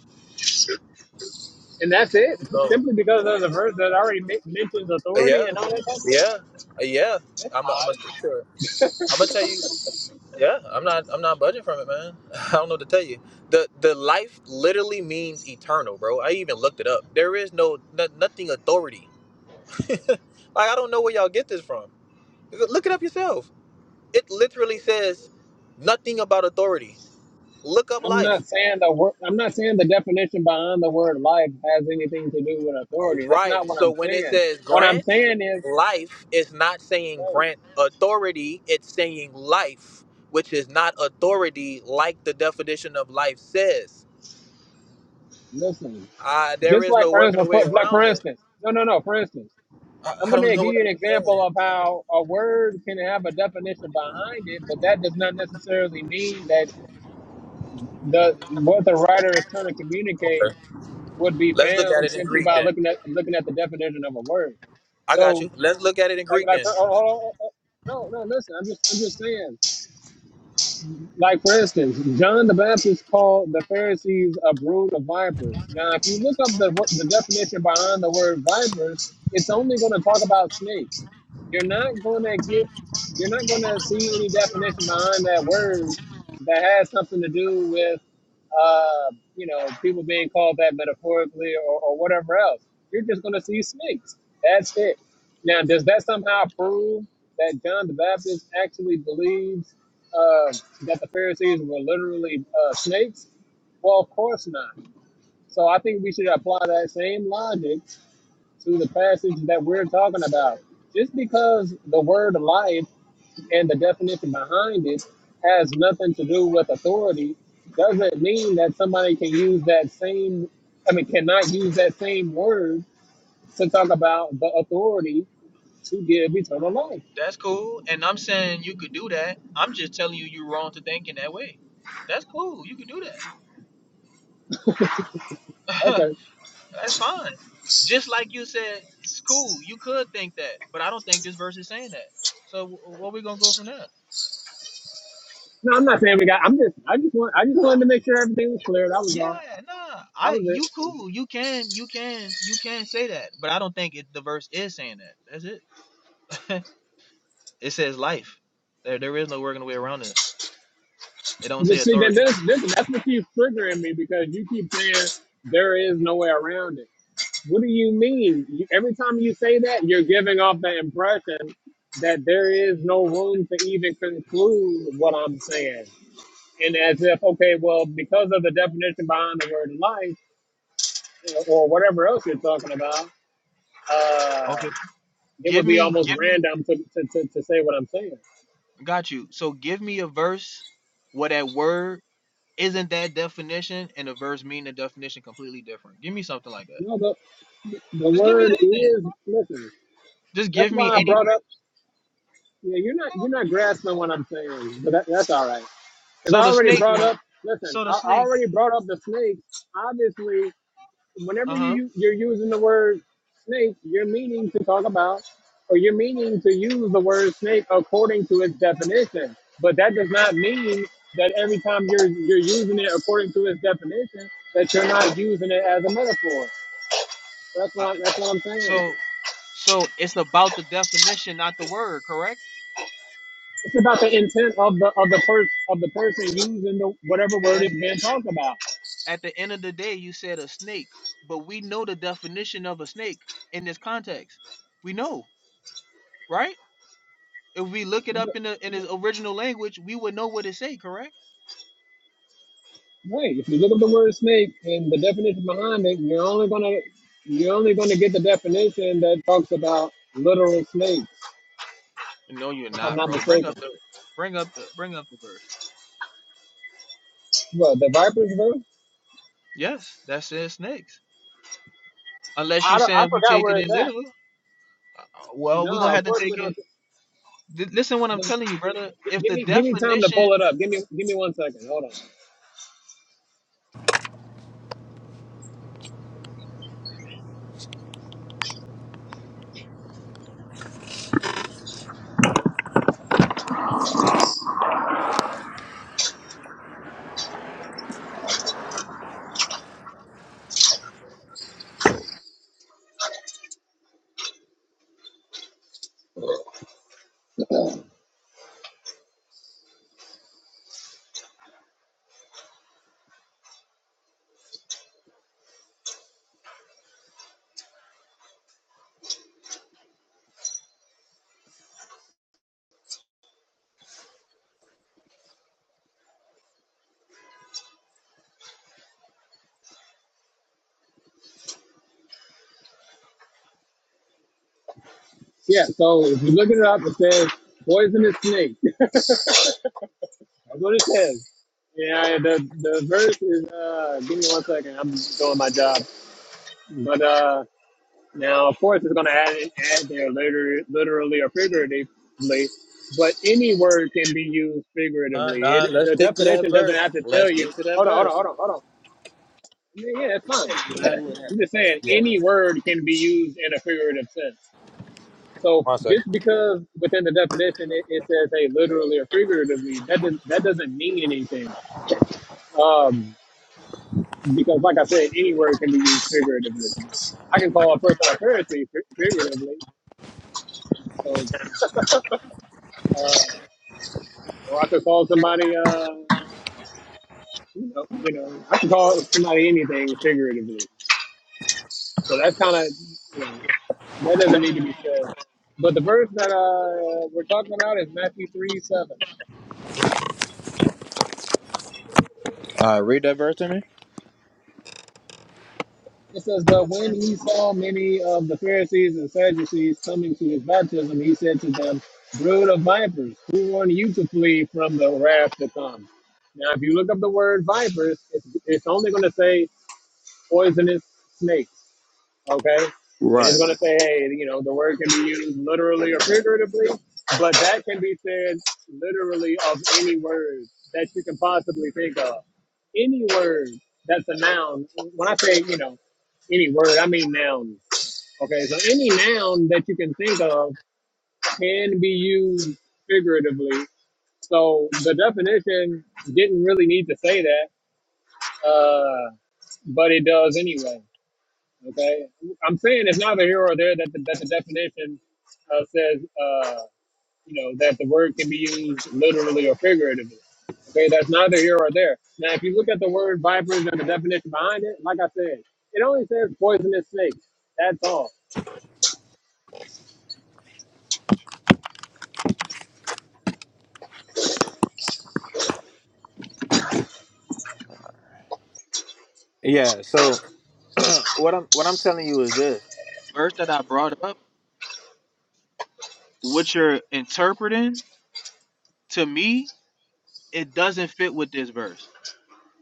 And that's it. Oh, Simply because of the verse that already men- mentions authority yeah, and all that type of thing. yeah, uh, yeah. I'm i I'm gonna stick to it. I'm gonna tell you. Yeah, I'm not. I'm not budging from it, man. I don't know what to tell you. The the life literally means eternal, bro. I even looked it up. There is no no- nothing authority. like I don't know where y'all get this from. Look it up yourself. It literally says nothing about authority. Look up I'm not life. saying the word. I'm not saying the definition behind the word life has anything to do with authority. That's not Right. what So I'm when it saying. says What I'm grant saying is, life, it's not saying hey, grant authority, it's saying life, which is not authority like the definition of life says. listen. Uh, there Just is like no for working a instance, way for, like for around it. instance, no, no, no. For instance. I, I'm I going don't to know give what you an I'm saying. example of how a word can have a definition behind it, but that does not necessarily mean that the what the writer is trying to communicate Okay. would be Let's look at found it in simply Greek by then. looking at looking at the definition of a word. I got So, you. Let's look at it in like, Greek like, then. oh, oh, oh, oh, oh, no, no, listen, I'm just, I'm just saying. like for instance, John the Baptist called the Pharisees a brood of vipers. Now, if you look up the wor- the definition behind the word vipers, it's only going to talk about snakes. You're not going to get, you're not going to see any definition behind that word that has something to do with, uh, you know, people being called that metaphorically or, or whatever else. You're just going to see snakes. That's it. Now, does that somehow prove that John the Baptist actually believes? uh? that the Pharisees were literally uh, snakes? Well, of course not. So I think we should apply that same logic to the passage that we're talking about. Just because the word life and the definition behind it has nothing to do with authority doesn't mean that somebody can use that same, I mean, cannot use that same word to talk about the authority to give eternal life. That's cool. And I'm saying you could do that. I'm just telling you you're wrong to think in that way. That's cool. You could do that. Okay. That's fine. Just like you said, it's cool. You could think that, but I don't think this verse is saying that. So what we gonna go from there? No, I'm not saying we got. I'm just. I just want. I just wanted to make sure everything was clear. That was Yeah, all. nah. That I was it. you cool. You can you can you can say that, but I don't think it, the verse is saying that. That's it. It says life. There there is no working way around this. It don't But say see that authority. this, this that's what keeps triggering me because you keep saying there is no way around it. What do you mean? You, every time you say that, you're giving off the impression that there is no room to even conclude what I'm saying. And as if, okay, well, because of the definition behind the word life or whatever else you're talking about, uh, Okay. it Give would be me almost give me random to, to, to, to say what I'm saying. got you. So give me a verse where that word isn't that definition and the verse mean the definition completely different. Give me something like that. No, the, the Just give me word anything. is, listen, just that's give me why I any brought up. Yeah, you're not you're not grasping what I'm saying, but that, that's all right. Because So I the already snake brought one. up. Listen, So the I, I snake. already brought up the snake. Obviously, whenever Uh you huh. u- you're using the word snake, you're meaning to talk about, or you're meaning to use the word snake according to its definition. But that does not mean that every time you're you're using it according to its definition, that you're not using it as a metaphor. That's I, what I, that's what I'm saying. So so it's about the definition, not the word, correct? It's about the intent of the of the person of the person I- using the whatever word is That's being talked about. at the end of the day, you said a snake, but we know the definition of a snake in this context. We know, right? If we look it up in the in its original language, we would know what it say, correct? Right. if you look up the word snake and the definition behind it, you're only gonna you're only gonna get the definition that talks about literal snakes, No, you're if I'm not, not bro. Bring mistaken. up the bring up the bring up the verse. Well, the vipers, bro. Yes, that says snakes. Unless I you don't, I saying we forgot take it where it's in at. literal. Uh, uh, Well, we're No, gonna of have to course we take it don't. Th- listen what I'm telling you, brother. If Give the me give me time to definition pull it up. Give me give me one second. Hold on. Yeah. So if you look it up, it says poisonous snake. That's what it says. Yeah, the the verse is. Uh, give me one second. I'm doing my job. But uh, now, of course, it's going to add add there later, literally or figuratively. But any word can be used Nah, figuratively. nah, It, let's the stick to that definition doesn't verse. have to Let's tell stick you. to that Hold on, hold on, verse. hold on, hold on. I mean, yeah, that's fine. I'm just saying Yeah. any word can be used in a figurative sense. So One second. just because within the definition it, it says, "Hey, literally or figuratively," that doesn't that doesn't mean anything. Um. because like I said, any word can be used figuratively. I can call a person a Pharisee fi- figuratively, so uh, or I could call somebody, uh, you know, you know, I can call somebody anything figuratively. So that's kind of, you know, that doesn't need to be said. But the verse that uh, we're talking about is Matthew three seven. All right, read that verse to me. It says, But when he saw many of the Pharisees and Sadducees coming to his baptism, he said to them, Brood of vipers, who warned you to flee from the wrath to come? Now, if you look up the word vipers, it's, it's only going to say poisonous snake okay? And it's going to say, hey, you know, the word can be used literally or figuratively, but that can be said literally of any word that you can possibly think of. Any word that's a noun, when I say, you know, any word, I mean nouns. okay? So any noun that you can think of can be used figuratively. So the definition didn't really need to say that, uh, but it does anyway. Okay, I'm saying it's neither here or there that the, that the definition uh, says, uh, you know, that the word can be used literally or figuratively. Okay, that's neither here or there. Now, if you look at the word vipers and the definition behind it, like I said, it only says poisonous snakes. That's all. Yeah, so what I'm what I'm telling you is this. Verse that I brought up, what you're interpreting to me, it doesn't fit with this verse.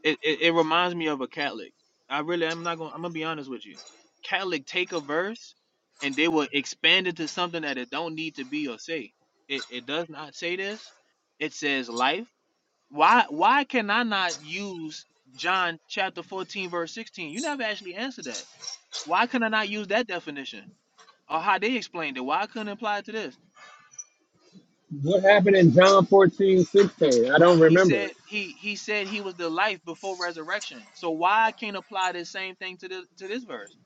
it, it, it reminds me of a Catholic. I really I'm not gonna I'm gonna be honest with you. Catholic take a verse and they will expand it to something that it don't need to be or say. It it does not say this. It says life. Why why can I not use John chapter 14 verse 16? You never actually answered that. Why can I not use that definition? Or how they explained it. Why I couldn't apply it to this? What happened in John 14:16? I don't He remember. said he he said he was the life before resurrection. So why I can't apply this same thing to the to this verse?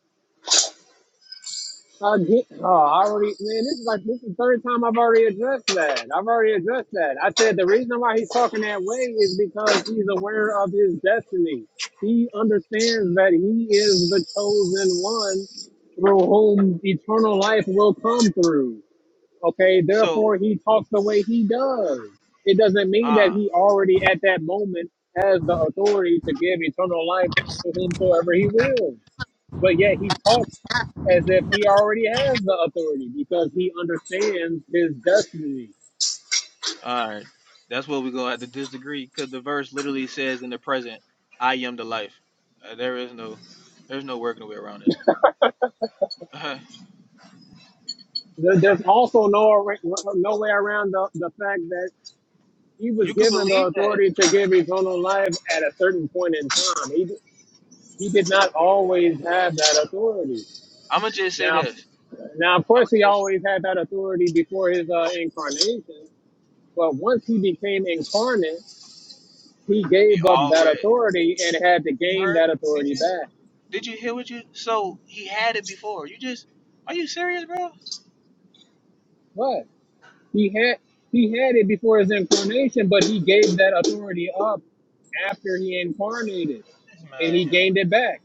I oh, I already, man, this is like, this is the third time I've already addressed that. I've already addressed that. I said the reason why he's talking that way is because he's aware of his destiny. He understands that he is the chosen one through whom eternal life will come through. Okay, So therefore he talks the way he does. It doesn't mean that Ah, he already at that moment has the authority to give eternal life to whomsoever he will but yet he talks as if he already has the authority because he understands his destiny. all right. That's what we're gonna have to disagree because the verse literally says in the present, "I am the life." Uh, there is no, there's no working way around this. Uh, There- There's also no ar- no way around the, the fact that he was you could given the believe that. authority to give eternal life at a certain point in time. He d- he did not always have that authority. I'm gonna just say Now, this. now of I'm course gonna he just always had that authority before his uh, incarnation. But once he became incarnate, he be gave up all that red. authority and had to You gain heard? that Did authority you? back. Did you hear what you? So he had it before. You just? Are you serious, bro? What? He had he had it before his incarnation, but he gave that authority up after he incarnated, and he gained it back.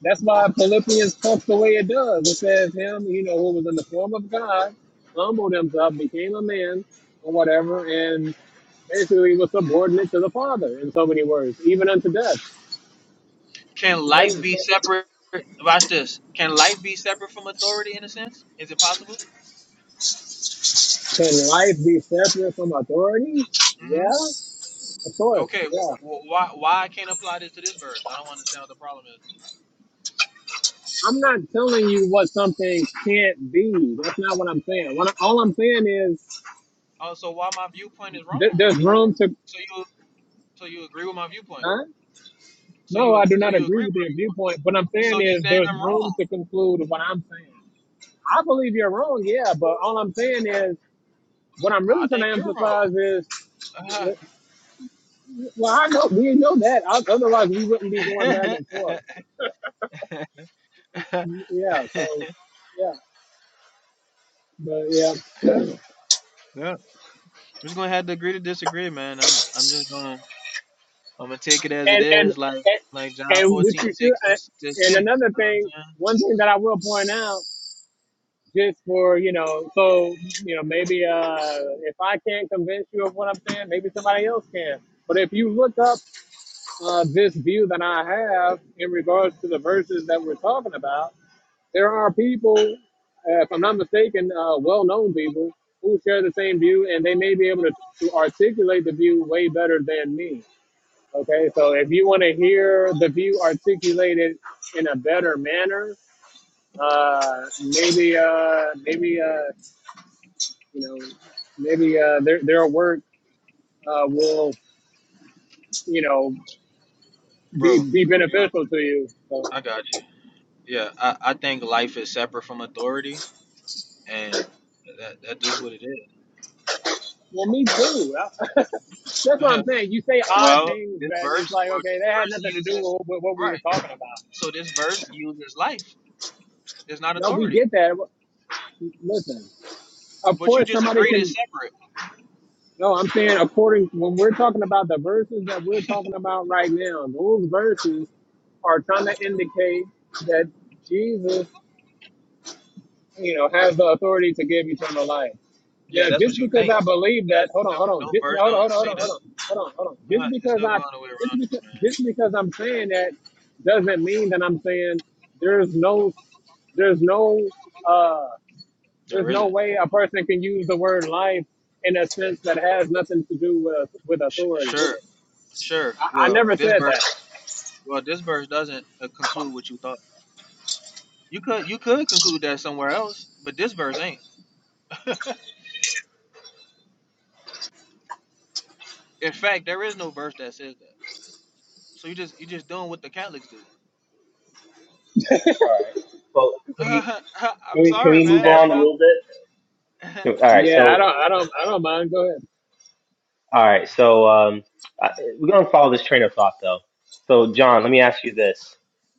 That's why Philippians talks the way it does. It says him, you know, who was in the form of God, humbled himself, became a man, or whatever, and basically was subordinate to the Father in so many words, even unto death. Can life Okay? be separate? Watch this. Can life be separate from authority in a sense? Is it possible? So can life be separate from authority? hmm Yeah, of course. Okay. Yeah. wh why? Why I can't apply this to this verse? I don't understand what the problem is. I'm not telling you what something can't be. That's not what I'm saying. What I- all I'm saying is Oh, so why my viewpoint is th- wrong? there's room to. So you so you agree with my viewpoint? Huh? So No, you I do so not you agree agree? with With, your viewpoint. What I'm so saying you is saying there's I'm wrong, room to conclude what I'm saying. I believe you're wrong, yeah, but all I'm saying is what I'm really trying to emphasize is well, I know we know that. O- Otherwise, we wouldn't be going back and forth. Yeah. So, yeah, but yeah, and and and, and what you feel, and another thing, one thing that I will point out. just for you know so you know maybe uh if i can't convince you of what i'm saying maybe somebody else can but if you look up uh, this view that i have in regards to the verses that we're talking about there are people uh, if i'm not mistaken uh, well-known people who share the same view and they may be able to, to articulate the view way better than me okay so if you want to hear the view articulated in a better manner uh, maybe uh, maybe uh, you know, maybe uh, their their work uh, will, you know, bro? be be you- beneficial to you. So, I got you. Yeah, I, I think life is separate from authority, and that that is what it is. well, me too. I- That's what I'm saying. You say odd well, things this that it's verse like, well okay, this that had verse nothing to do uses with, with what we were right. talking about. So this verse uses life. It's not No, we authority. get that. Listen, of But you course, just somebody agreed it's can. separate. No, I'm saying according when we're talking about the verses that we're talking about right now, those verses are trying to indicate that Jesus, you know, has the authority to give eternal life. Yeah, Now, that's just what you because think. I believe that, That's, hold on, no, hold on, no just, now, verse hold on, don't hold say on, hold on, that. hold on, hold on, hold on. Uh, Just there's because no I, going away just around this, because, man. just because I'm saying that, doesn't mean that I'm saying there's no, there's no, uh, there's There no isn't. way a person can use the word life in a sense that has nothing to do with with Sh- authority. sure, sure. I, I Well, never this verse said that. Well, this verse doesn't uh, conclude what you thought. You could you could conclude that somewhere else, but this verse ain't. In fact, there is no verse that says that. So you just you just doing what the Catholics do. All right. Well, I'm Can we, can sorry, we move man. Cat. Like on a little I'm, bit? All right. yeah. Yeah, I So, don't, I don't, I don't mind. Go ahead. all right. So, um, I, we're going to follow this train of thought, though. So, John, let me ask you this.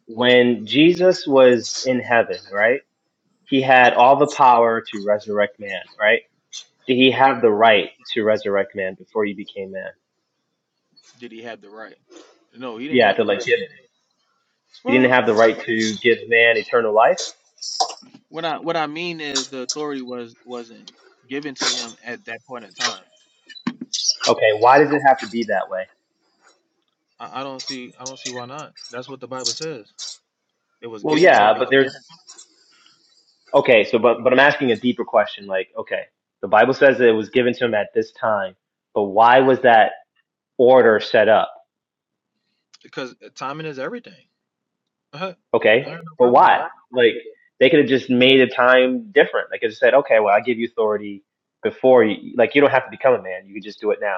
When Jesus was in heaven, right, he had all the power to resurrect man, right? Did he have the right to resurrect man before he became man? Did he have the right? No, he didn't Yeah, have to the like right. give, he didn't Well, have the what right to give man eternal life? what I what I mean is the authority was wasn't given to him at that point in time. Okay, why does it have to be that way? I, I don't see I don't see why not. That's what the Bible says. It was Well, given to him yeah, but there's Okay, so but but I'm asking a deeper question. Like, okay, the Bible says that it was given to him at this time, but why was that order set up? because timing is everything. I have no Okay, but problem with that. why? Like, they could have just made a time different. They could have said, okay, well, I give you authority before you. Like, you don't have to become a man. You could just do it now.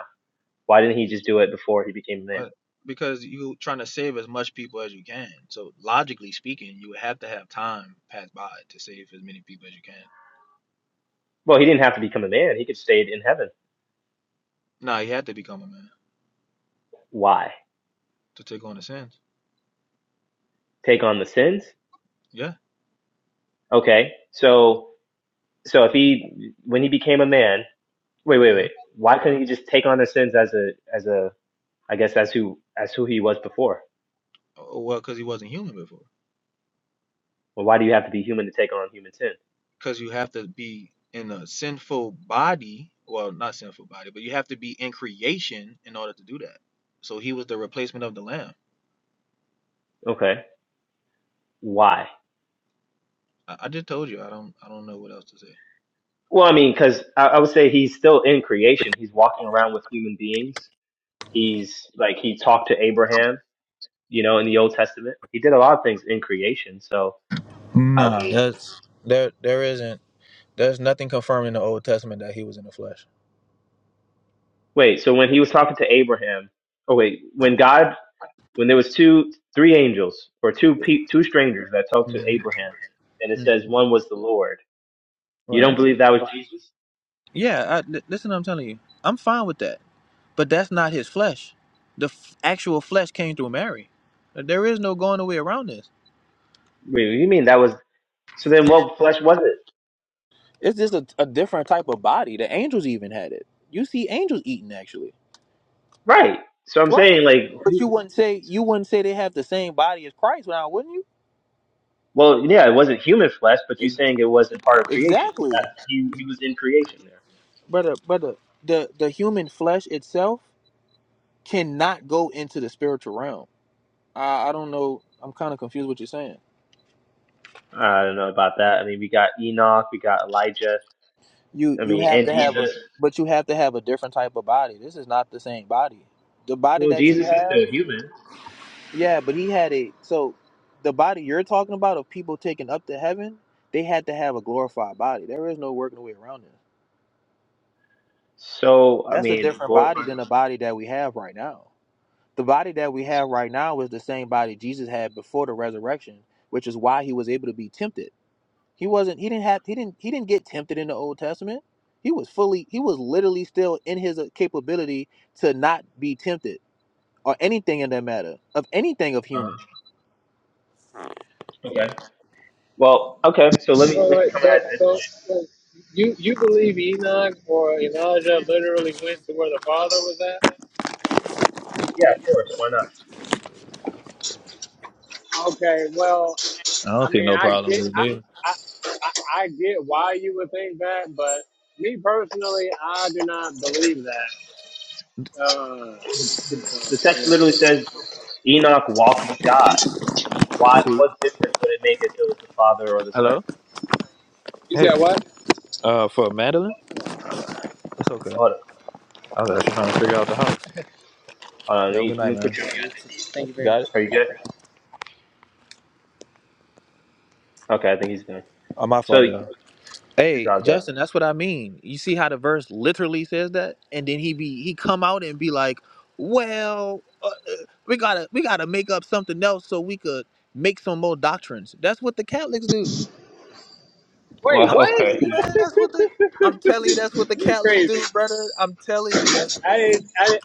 Why didn't he just do it before he became a man? Uh, because you trying to save as much people as you can. So logically speaking, you would have to have time pass by to save as many people as you can. Well, he didn't have to become a man. He could stayed in heaven. Nah, he had to become a man Why? to take on the sins. Take on the sins. Yeah. Okay, so so if he when he became a man. Wait, wait, hmm wait. Why couldn't he just take on the sins as a as a I guess as who as who he was before? Well, because he wasn't human before. Well, why do you have to be human to take on human sin? Because you have to be in a sinful body. Well, not sinful body, but you have to be in creation in order to do that. So he was the replacement of the lamb. Okay, why? I, I just told you. I don't. I don't know what else to say. Well, I mean, because I, I would say he's still in creation. He's walking around with human beings. He's like he talked to Abraham, you know, in the Old Testament. He did a lot of things in creation. So I Nah, mean, That's there. There isn't. There's nothing confirmed in the Old Testament that he was in the flesh. wait. So when he was talking to Abraham, oh wait, when God when there was two three angels or two pe- two strangers that talked to Mm-hmm. Abraham, and it says one was the Lord. You don't Right. believe that was Jesus? Yeah. I, th- listen, I'm telling you, I'm fine with that. But that's not his flesh. The f- actual flesh came through Mary. There is no going away around this. Wait, what do you mean that was? So then, what flesh was it? It's just a, a different type of body. The angels even had it. You see angels eating actually. Right. So I'm Right. saying like, But you wouldn't say you wouldn't say they have the same body as Christ now, wouldn't you? well, yeah, it wasn't human flesh, but you're Ex- saying it wasn't part of creation. Exactly. That, he he was in creation there. Brother, brother, the the human flesh itself cannot go into the spiritual realm. I, I don't know. I'm kind of confused what you're saying. I don't know about that. I mean, we got Enoch, we got Elijah. you I you mean, have and to have a Jesus. but you have to have a different type of body this is not the same body the body Well, that you Jesus is have still human. yeah but he had a so the body you're talking about of people taken up to heaven they had to have a glorified body there is no working way around this So I that's a mean, different body glorified. than the body that we have right now the body that we have right now is the same body jesus had before the resurrection which is why he was able to be tempted He wasn't. He didn't have. He didn't. He didn't get tempted in the Old Testament. He was fully. He was literally still in his uh, capability to not be tempted or anything in that matter of anything of uh human. Okay. Well, okay. So let me All let me right, come at so, it this way. so, so you you believe Enoch or Elijah literally went to where the Father was at? Yeah, of course. Why not? Okay, well, I I don't see mean, no I problem get, with I, it. I, I I get why you would think that, but me personally, I do not believe that. Uh, The, the so- text literally says Enoch walked with God. Why? See? What difference would it make if it was the father or the son? Hello? you Hey, said what? uh, for Madeline? It's okay. Hold on. I was actually trying to figure out the house. Hold on. Let Yo, me, good let night, me man. put you on mute. I think he's. it? much. Are It? you good? Okay, I think he's done. Oh, my So fault, this y'all. is Hey, it. Justin, that's what I mean. You see how the verse literally says that, and then he be he come out and be like, "Well, uh, uh, we gotta we gotta make up something else so we could make some more doctrines." That's what the Catholics do. Wait, I'm Well, what? okay. telling you, man. That's what the I'm telling you. That's what the You Catholics crazy? do, brother. I'm telling you that. I didn't. I didn't,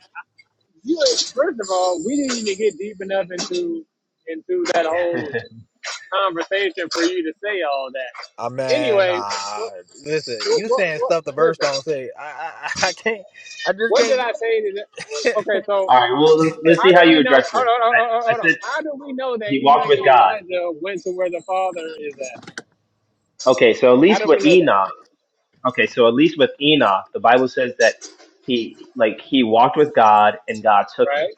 you. ain't- First of all, we didn't even get deep enough into into that whole conversation for you to say all Ah that. man, Anyway, nah. what, Listen, what, you what, saying what stuff the verse listen, don't say. I I, I I can't. I just what did can't do I it, say to that? Okay, so All right. Well, let's, let's see How how do you we know? address Hold this. on, hold on, I, I hold on. said How do we know that he Enoch walked with and God. Elijah went to where the Father is at? Okay. So at How least do we with know that? Enoch. Okay. So at least with Enoch, the Bible says that he like he walked with God and God took him. Right,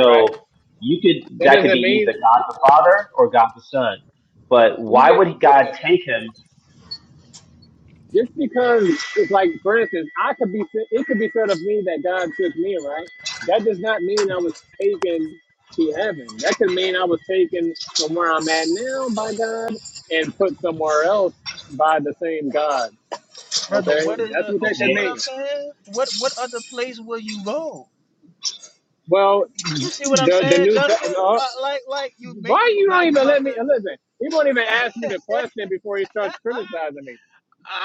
right. you could That that could be doesn't mean either God the Father or God the Son. But why even. would God Listen, take him? just because it's like, for instance, I could be. It could be said of me that God took me. Right. That does not mean I was taken to heaven. That could mean I was taken from where I'm at now by God and put somewhere else by the same God. brother. Okay, that's what You that see could what Okay. mean. I'm saying? What what place will you go? Well, You see what I'm the the saying, new. Justin? Testament. Uh, like, like you Why making you now don't you even about let me listen? He won't even to. ask me the question before he starts criticizing me.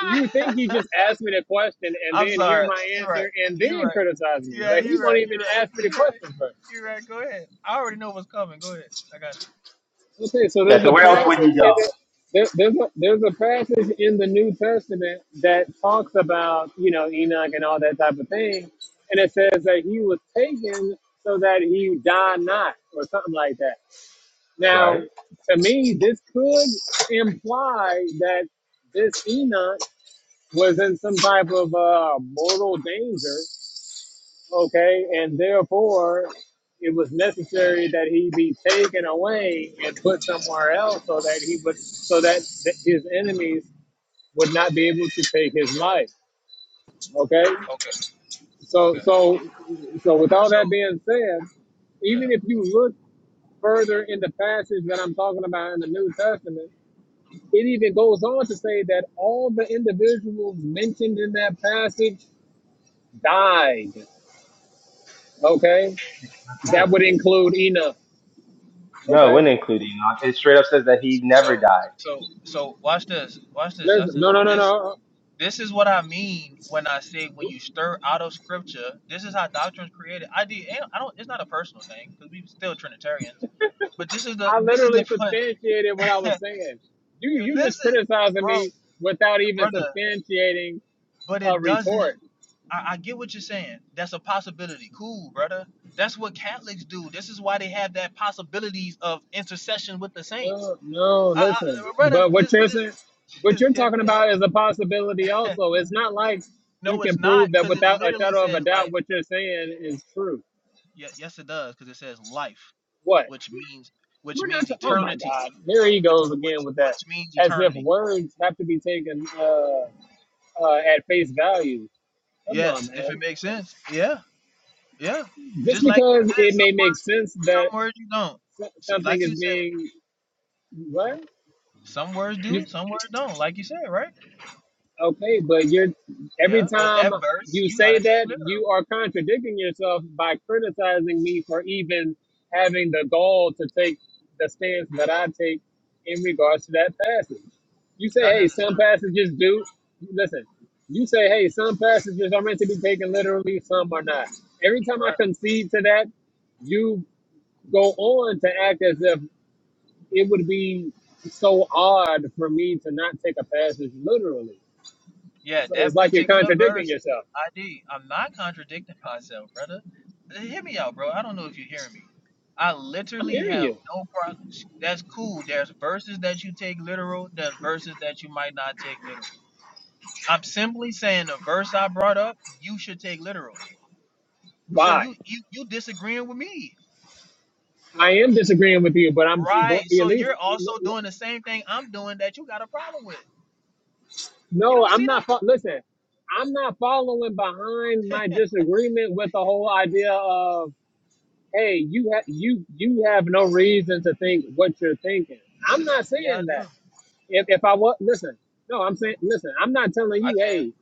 You think he just asked me the question and I'm then hear sorry. my You're right. answer and You're then right. criticize me? Yeah, But he you're won't right. even You're right. ask me the You're right. question first. You're right. Go ahead. I already know what's coming. Go ahead. I got Okay, so Yeah. there's So a where else would passage he go? in the there, there's a there's a passage in the New Testament that talks about you know Enoch and all that type of thing, and it says that he was taken so that he die not or something like that. Right. Now, to me, this could imply that this Enoch was in some type of uh, mortal danger, okay, and therefore it was necessary that he be taken away and put somewhere else so that he would, so that th- his enemies would not be able to take his life, okay. you. Okay. So, Okay. so, so, with all So that being said, yeah. even if you look further in the passage that I'm talking about in the New Testament It even goes on to say that all the individuals mentioned in that passage died. Okay, that Sure. would include Enoch. No, it hmm Okay, wouldn't include Enoch. It straight up says that he never So died. so so watch this. Watch this, listen, Justin. no, no, no, This no. this is what I mean when I say when you stir out of scripture. This is how doctrine's created. I did. I don't. It's not a personal thing because we still Trinitarians. But this is the I this is the literally point. substantiated what I was saying. You, you just Listen, criticizing bro, me without even brother. substantiating But a it doesn't. retort. I, I get what you're saying. That's a possibility. Cool, brother. That's what Catholics do. This is why they have that possibilities of intercession with the saints. No, no, I, listen. I, brother, But what this you're this saying, what is you're hit talking me out. about is a possibility. Also, it's not like you No, it's can not, prove that because it without a literally shadow of a says doubt life. what you're saying is true. Yeah, yes, it does, because it says life, What? which means which We're not. means To, oh my eternity, God! There he goes again which with that, which means as if eternity. words have to be taken uh, uh, at face value. Come on, Yes, if it man. makes sense. Yeah, yeah. Just Just like. because it may make sense that some words you don't. so- So, something like is you said, being what? some words You do, some words don't. Like you said, right? Okay, but you're Yeah. every Well, time that verse you you say gotta take that, literal, you are contradicting yourself by criticizing me for even having the gall to take the stance that I take in regards to that passage. You say, not hey, some necessarily, passages do. Listen, you say, hey, some passages are meant to be taken literally, some are not. Every time I right? concede to that, you go on to act as if it would be so odd for me to not take a passage literally Yeah, it's, it's that like you're particular contradicting verse. yourself. I am not contradicting myself, brother. Uh, Hear me out, bro. I don't know if you're hearing me. I I'm literally hearing have you. no problems. That's cool. There's verses that you take literal. There's verses that you might not take literal. I'm simply saying the verse I brought up, you should take literal. So you Why? you you disagreeing with me? I am disagreeing with you, but I'm but Right. at So least you're also doing the same thing I'm doing that you got a problem with. You no. don't I'm see that? not. fo- Listen, I'm not following behind my disagreement with the whole idea of hey, you have you you have no reason to think what you're thinking. I'm not Yeah, I saying that. do. If if I was listen, no, I'm saying listen. I'm not telling I you hey,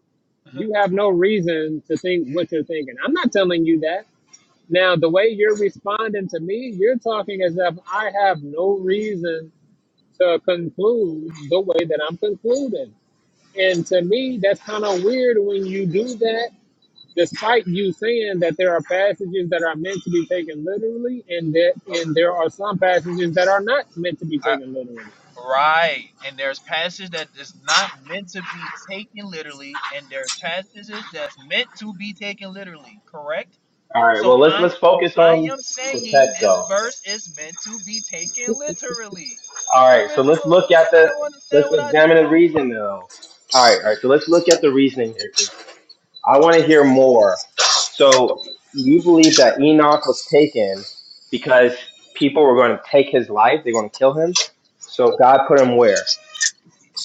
can. you have no reason to think what you're thinking. I'm not telling you that. Now, the way you're responding to me, you're talking as if I have no reason to conclude the way that I'm concluding. And to me, that's kind of weird when you do that, despite you saying that there are passages that are meant to be taken literally and that Okay. and there are some passages that are not meant to be I, taken literally. right. And there's passages that is not meant to be taken literally, and there's passages that's meant to be taken literally. Correct. All right. So Well, let's let's I, focus I on am the saying text this though. verse is meant to be taken literally. All right. There So is let's no. look at I the don't let's understand what ID examine the talking reason about. though. All right. All right. So let's look at the reasoning here. I want to hear more. So you believe that Enoch was taken because people were going to take his life? They're going to kill him. So God put him where?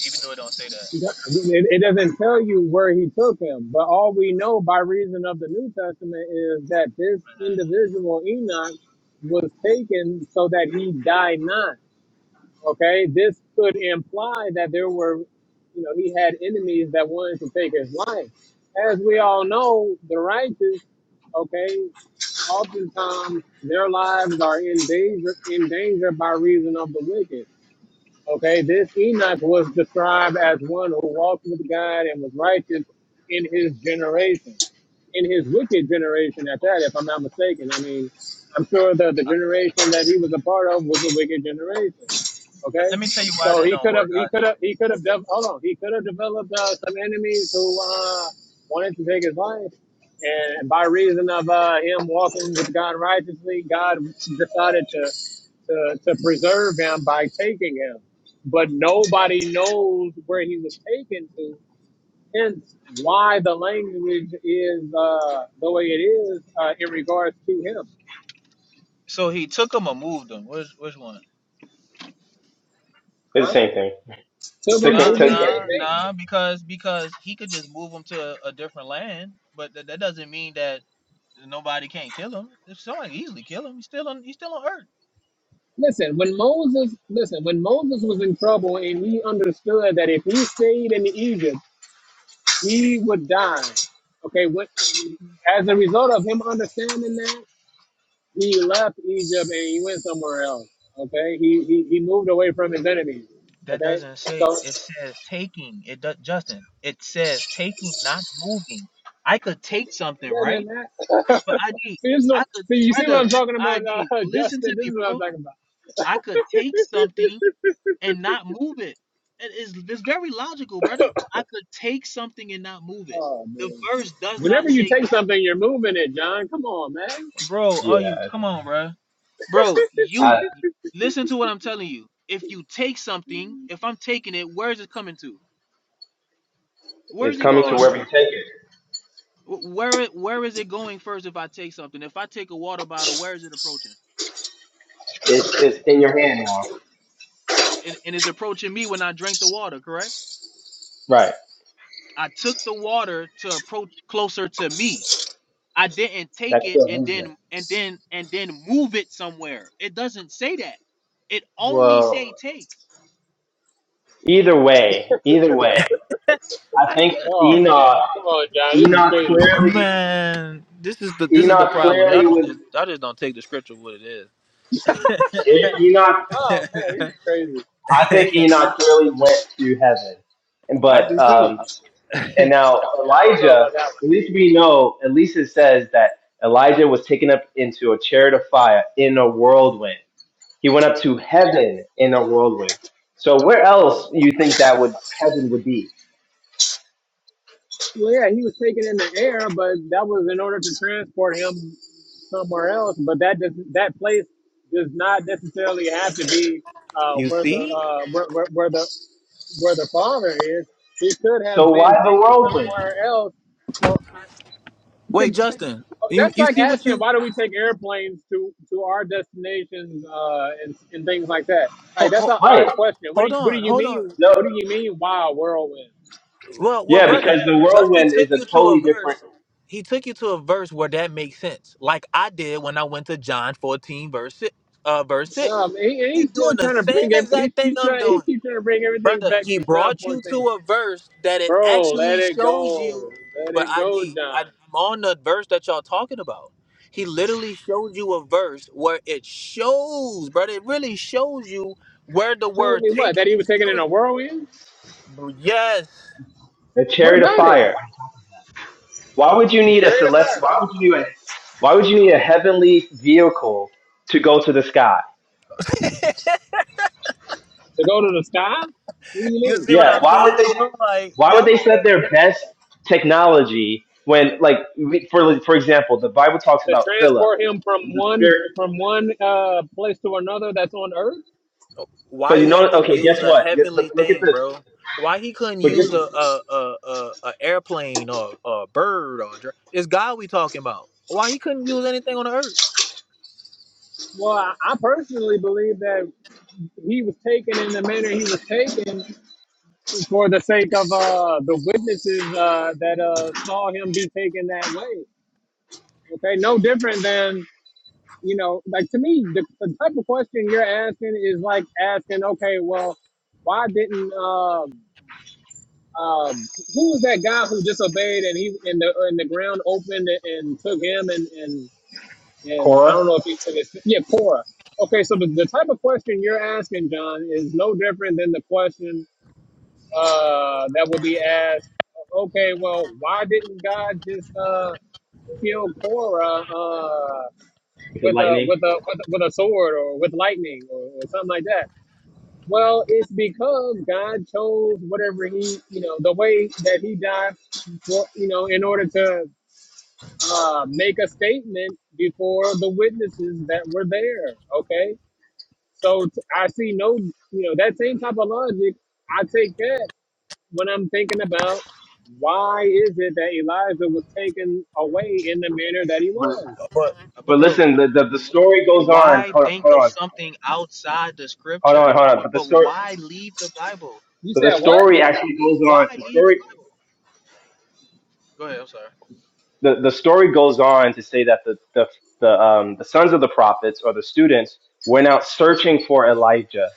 Even though it don't say that. It, it doesn't tell you where he took him, but all we know by reason of the New Testament is that this man. individual Enoch was taken so that he died not. Okay, this could imply that there were, you know, he had enemies that wanted to take his life. As we all know, the righteous, okay, oftentimes their lives are in danger, in danger by reason of the wicked. Okay, this Enoch was described as one who walked with God and was righteous in his generation, in his wicked generation at that, if I'm not mistaken. I mean, I'm sure that the generation that he was a part of was a wicked generation. Let, Okay, let me tell you why so that he don't could have, work. he ID. could have, he could have, de- hold on, he could have developed uh, some enemies who uh, wanted to take his life. And by reason of uh, him walking with God righteously, God decided to, to, to preserve him by taking him but nobody knows where he was taken to. Hence, why the language is uh, the way it is uh, in regards to him. So he took them or moved them. Which which one? It's the same thing. To Took them, Nah, it. who Took them, same it. nah, thing. nah. Because because he could just move him to a, a different land, but that that doesn't mean that nobody can't kill him. If someone can easily kill him, he's still on he's still on Earth. Listen, when Moses, listen, when Moses was in trouble and he understood that if he stayed in Egypt, he would die. Okay, what, as a result of him understanding that, he left Egypt and he went somewhere else. Okay, he, he, he moved away from his enemies. That Okay, doesn't say. so It says taking. It does, Justin. It says taking, not moving. I could take It something, doesn't right? But matter. ID, see, this is I what, could see, you see what I'm brother, talking about, ID. uh, Listen to Justin? This me, is what I'm bro. talking about. I could take something and not move it. It is it's very logical, brother. I could take something and not move it. Oh, The man. verse does Whenever not you say take something, you're moving it, John. Come on, man. move. Bro, are you Yeah. come on, bro. Bro, you Uh, listen to what I'm telling you. If you it's Come coming to on, wherever you John. take it. It's it's in your hand now. uh, Right. I That's still movement. it doesn't say that. It only Well, say take. either way, either way, I I didn't think Oh, man. Enoch. Come on, John. This is Enoch crazy. clearly. man. This is the this is the Enoch problem. Y'all clearly don't was. just y'all just don't take the scripture what it is. Enoch Oh, man. This is crazy. I think Enoch really went to heaven. And but um and now Yeah, I don't know Elijah, about that one. at least we know, at least it says that Elijah was taken up into a chariot of fire in a whirlwind. He went up to heaven Yeah. in a whirlwind. So where else you think that would heaven would be? Well, yeah, he was taken in the air, but that was in order to transport him somewhere else, but that does that place does not necessarily have to be uh, You where the see? uh, where, where, where the where the father is. He could So have why been the taken whirlwind? somewhere else. Well, to, Wait, Justin. You that's you like see what asking you why do we take airplanes to to our destinations uh, and, and things like that. Like Hold that's hold, an Right. odd question. What do hold, you, what do on, you hold on. mean? No. What do you mean? Wow, whirlwind. Well, well, Yeah, brother, because the Justin whirlwind took is a you to a totally different verse. He took you to a verse where that makes sense, like I did when I went to John fourteen verse six. Uh, verse six. Um, he, and He he's still doing the trying to same bring every, he's, exact thing he's I'm trying he doing, keeps trying to bring everything brother. back He to John brought you 14:16. to a verse that it Bro, let actually it shows go. you. Let But it go, ID, I, John. I'm on the verse that y'all talking about. He literally showed you a verse where it shows, brother. It really shows you where the Show word me what? That taking he was is taken in a used. whirlwind? Yes, the What chariot of about it? fire. Why would you need a Carried afar. celestial? Why Yeah. would you need a, Why would you need a heavenly vehicle to go to the sky? To go to the sky? What do you You mean? see what Yeah. I'm Why would saying, they? bro? Like, Why would yep. they set their best technology when, like, we- for for example, the Bible talks To about Philip, transport him from the one spirit. from one uh, place to another that's on earth? But Why you he know, had to okay, guess use a what? Yes, But heavenly look at thing, this. bro? Why he couldn't But get use a a a, a, a airplane or a bird or a dra- it's God we talking about? Why he couldn't use anything on the earth? Well, I, I personally believe that he was taken in the manner he was taken for the sake of uh, the witnesses uh, that uh, saw him be taken that way. Okay, no different than you know, like to me, the, the type of question you're asking is like asking, okay, well, why didn't um um who was that guy who disobeyed and he and the and the ground opened and, and took him and and and I Cora don't know if he took his yeah Cora. Okay, so the, the type of question you're asking, John, is no different than the question uh that would be asked. Okay, well, why didn't God just uh kill Cora? Uh with the with a lightning. with a with, with a sword or with lightning or, or something like that. Well, it's because God chose whatever he you know the way that he died for you know in order to uh, make a statement before the witnesses that were there. Okay, so t- I see no you know that same type of logic. I take that when I'm thinking about why is it that Elijah was taken away in the manner that he But, was. But but but bro, listen, the, the the story goes on. why Hold on, think hold of on, something outside the hold on, scripture? hold on. But the But story, why leave the Bible? You but the said what? story actually goes Why on. The leave story the Bible? Go ahead. I'm sorry. the, the story goes on to say that the, the, the, um, the sons of the prophets or the students went out searching for Elijah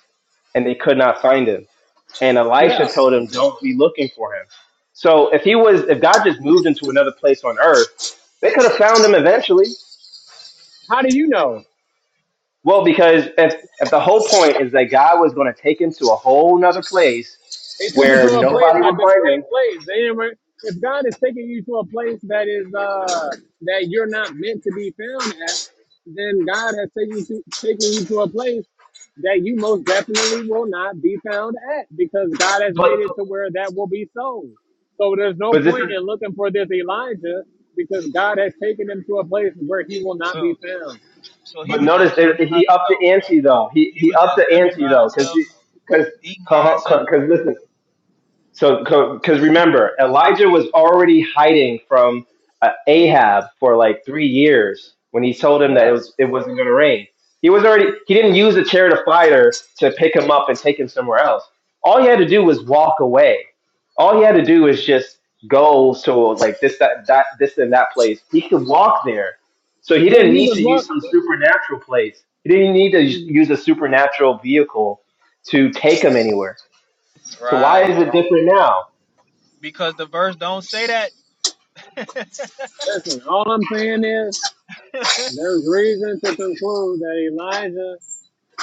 and they could not find him. And Yeah. Elisha told him, don't be looking for him. So if he was, if God just moved him to another place on earth, they could have found him eventually. How do you know? Well, because if, if the whole point is that God was going to take him to a whole nother place They took him where to a place, nobody a would find discreet him, place. They didn't. re- If God is taking you to a place that is uh, that you're not meant to be found at, then God has taken you to, taken you to a place that you most definitely will not be found at because God has but, made it to where that will be so. So there's no but this is point in looking for this Elijah because God has taken him to a place where he will So not be found. so he But was just notice that living by he upped himself. the ante though. He He he was just upped the living ante by though, because himself, because eating because listen, so, because remember, Elijah was already hiding from uh, Ahab for like three years when he told him that it Yeah, was it wasn't going to rain. He was already he didn't use a chariot of fire to pick him up and take him somewhere else. All he had to do was walk away. All he had to do was just go to like this that that this and that place. He could walk there, so he but didn't he need was to use what? some supernatural place. He didn't need to use a supernatural vehicle to take him anywhere. by So why right is it different now? because the verse don't say that Listen, all I'm saying is There's reason to conclude that Elijah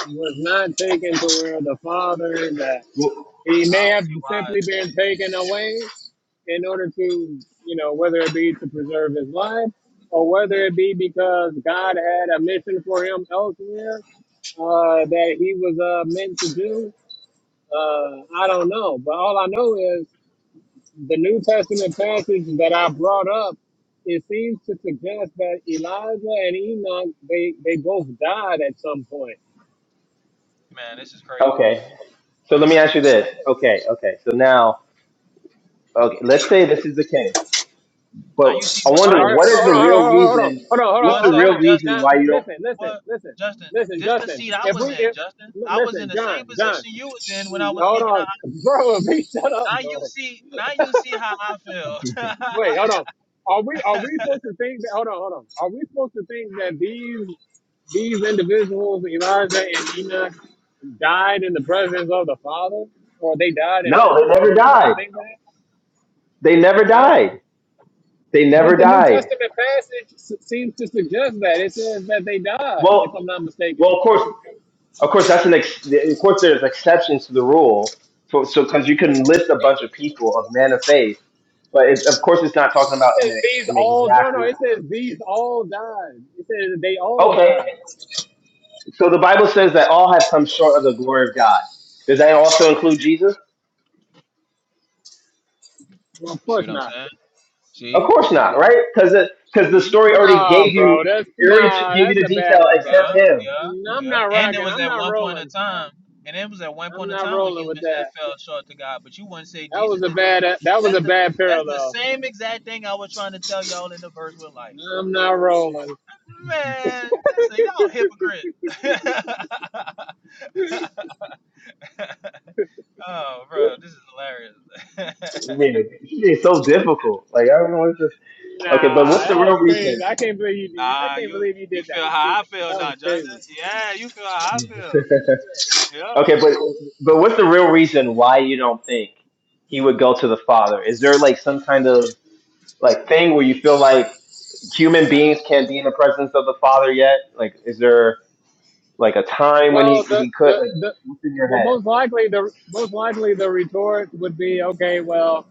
was not taken to where the Father is at. Well, He I may don't have see why. simply been taken away in order to, you know, whether it be to preserve his life or whether it be because God had a mission for him elsewhere uh, that he was uh, meant to do. Uh, I don't know. But all I know is the New Testament passage that I brought up, it seems to suggest that Elijah and Enoch they, they both died at some point. Man, this is crazy. Okay. So let me ask you this. Okay. Okay. So now, okay, let's say this is the case, but Now you see I my All now wonder you right, what is all the right, hold on, real hold on, hold on, reason? hold on, hold on, What's one the hold on, second, hold real on. reason Now why Justin. li- you don't? listen, listen, What listen, Justin, listen, this the Justin. seat I If was we in, if Justin. li- I was in listen, the John, same John, position you was in when I was hold speaking out. on, bro, be shut up, Now you bro. see now you see how I feel. Wait, hold on. Are we are we supposed to think that? Hold on, hold on. Are we supposed to think that these? These individuals, Elijah and Enoch, died in the presence of the Father, or they died in No, they heaven. Are never we supposed to died. think that? They never Huh? died. They never But the New died. Testament passage s- seems to suggest that it says that they died, Well, if I'm not well, mistaken. of course, of course, that's an ex- of course there's exceptions to the rule. So, so because you can list a bunch of people of men of faith, but it, of course it's not talking It about an says these an all no exact no. It says these all died. It says they all list. died. So the Bible says that all have come short of the glory of God. Does that also include Jesus? Well, of see course what I'm not. saying? Of See? course not, right? Because because the See? story already No, gave you bro, that's it already no, gave you that's the a bad detail one, Yeah, bro. except him. yeah, No, I'm yeah. not And it rocking. was I'm at not one point in rolling. time and it was at one I'm point in not time where rolling with humans had that. fell short to God, but you wouldn't say That was Jesus a did that. bad. That was That's a the bad that's the parallel. same exact thing I was trying to tell y'all in the verse with life. I'm not rolling. Man, listen, y'all hypocrite. oh, bro, this is hilarious. I mean, it's so difficult. Like I don't know what's this. Okay, Nah, but what's the that real was reason? crazy. I can't believe you. Did, I nah, can't you believe you you did feel that. how I feel That was now, Justin. crazy. Yeah, you feel how I feel. Yep. okay, but but what's the real reason why you don't think he would go to the Father? Is there like some kind of like thing where He, you feel he, like he human ain't got a beings can't be in the presence of the Father yet? Like, is there? like a time when Well, he, the he could the like the what's in your well, head most likely the most likely the retort would be okay. Well,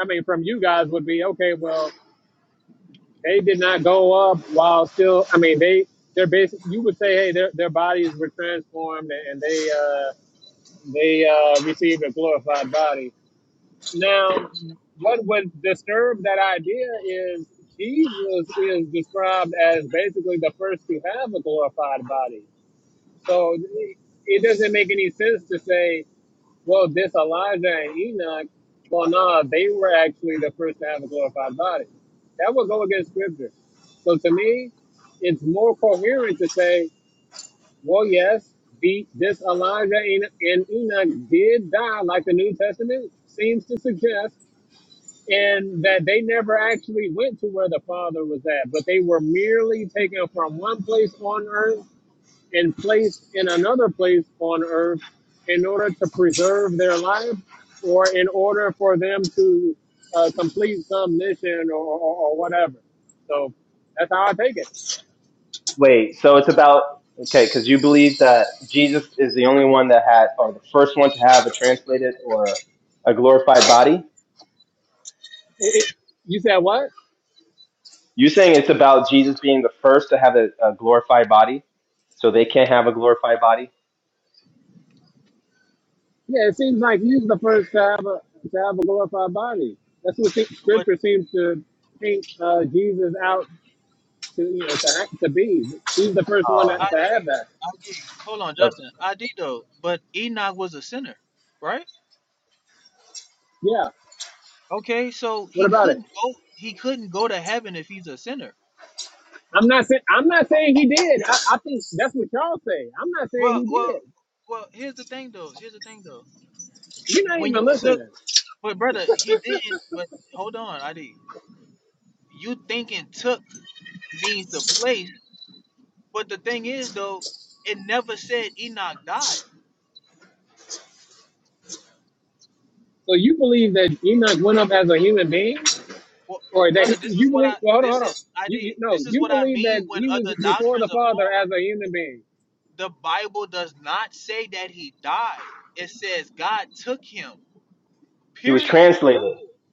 I mean, from you guys would be okay. Well, they did not go up while still. I mean, they they're basic. You would say, hey, their their bodies were transformed and they uh they uh received a glorified body. Now, what would disturb that idea is Jesus is described as basically the first to have a glorified body. So it doesn't make any sense to say, well, this Elijah and Enoch, well, no, they were actually the first to have a glorified body. That would go against scripture. So to me, it's more coherent to say, well, yes, the, this Elijah and and Enoch did die, like the New Testament seems to suggest and that they never actually went to where the Father was at, but they were merely taken from one place on earth and placed in another place on earth in order to preserve their life or in order for them to uh, complete some mission or, or, or whatever. So that's how I take it. wait so it's about okay because you believe that jesus is the only one that had or the first one to have a translated or a glorified body It- it- You said what? you saying it's about jesus being the first to have a, a glorified body so they can't have a glorified body Yeah, it seems like he's the first to have a, to have a glorified body. That's what the but, scripture seems to paint uh, Jesus out to you know to, ha- to be. He's the first one oh to but I no did, have that. I did. Hold on, That's- Justin. I did though. But Enoch was a sinner, right? Yeah. Okay, so What he about it? couldn't go. He couldn't go to heaven if he's a sinner. I'm not saying I'm not saying he did. I, I think that's what y'all say. I'm not Well, saying he well, did. well. Here's the thing, though. Here's the thing, though. You're not When you even took, listening. but brother, he didn't. But hold on, ID. You thinking took means the place, but the thing is though, it never said Enoch died. So you believe that Enoch went up as a human being, Well, or brother, that he- this is you what believe? I Well, hold on, this hold on. is I You, you did. no, This is you what I believe mean that when he was other before the doctrines are Father as formed. a human being. The Bible does not say that he died. It says God took him. he was Period. translated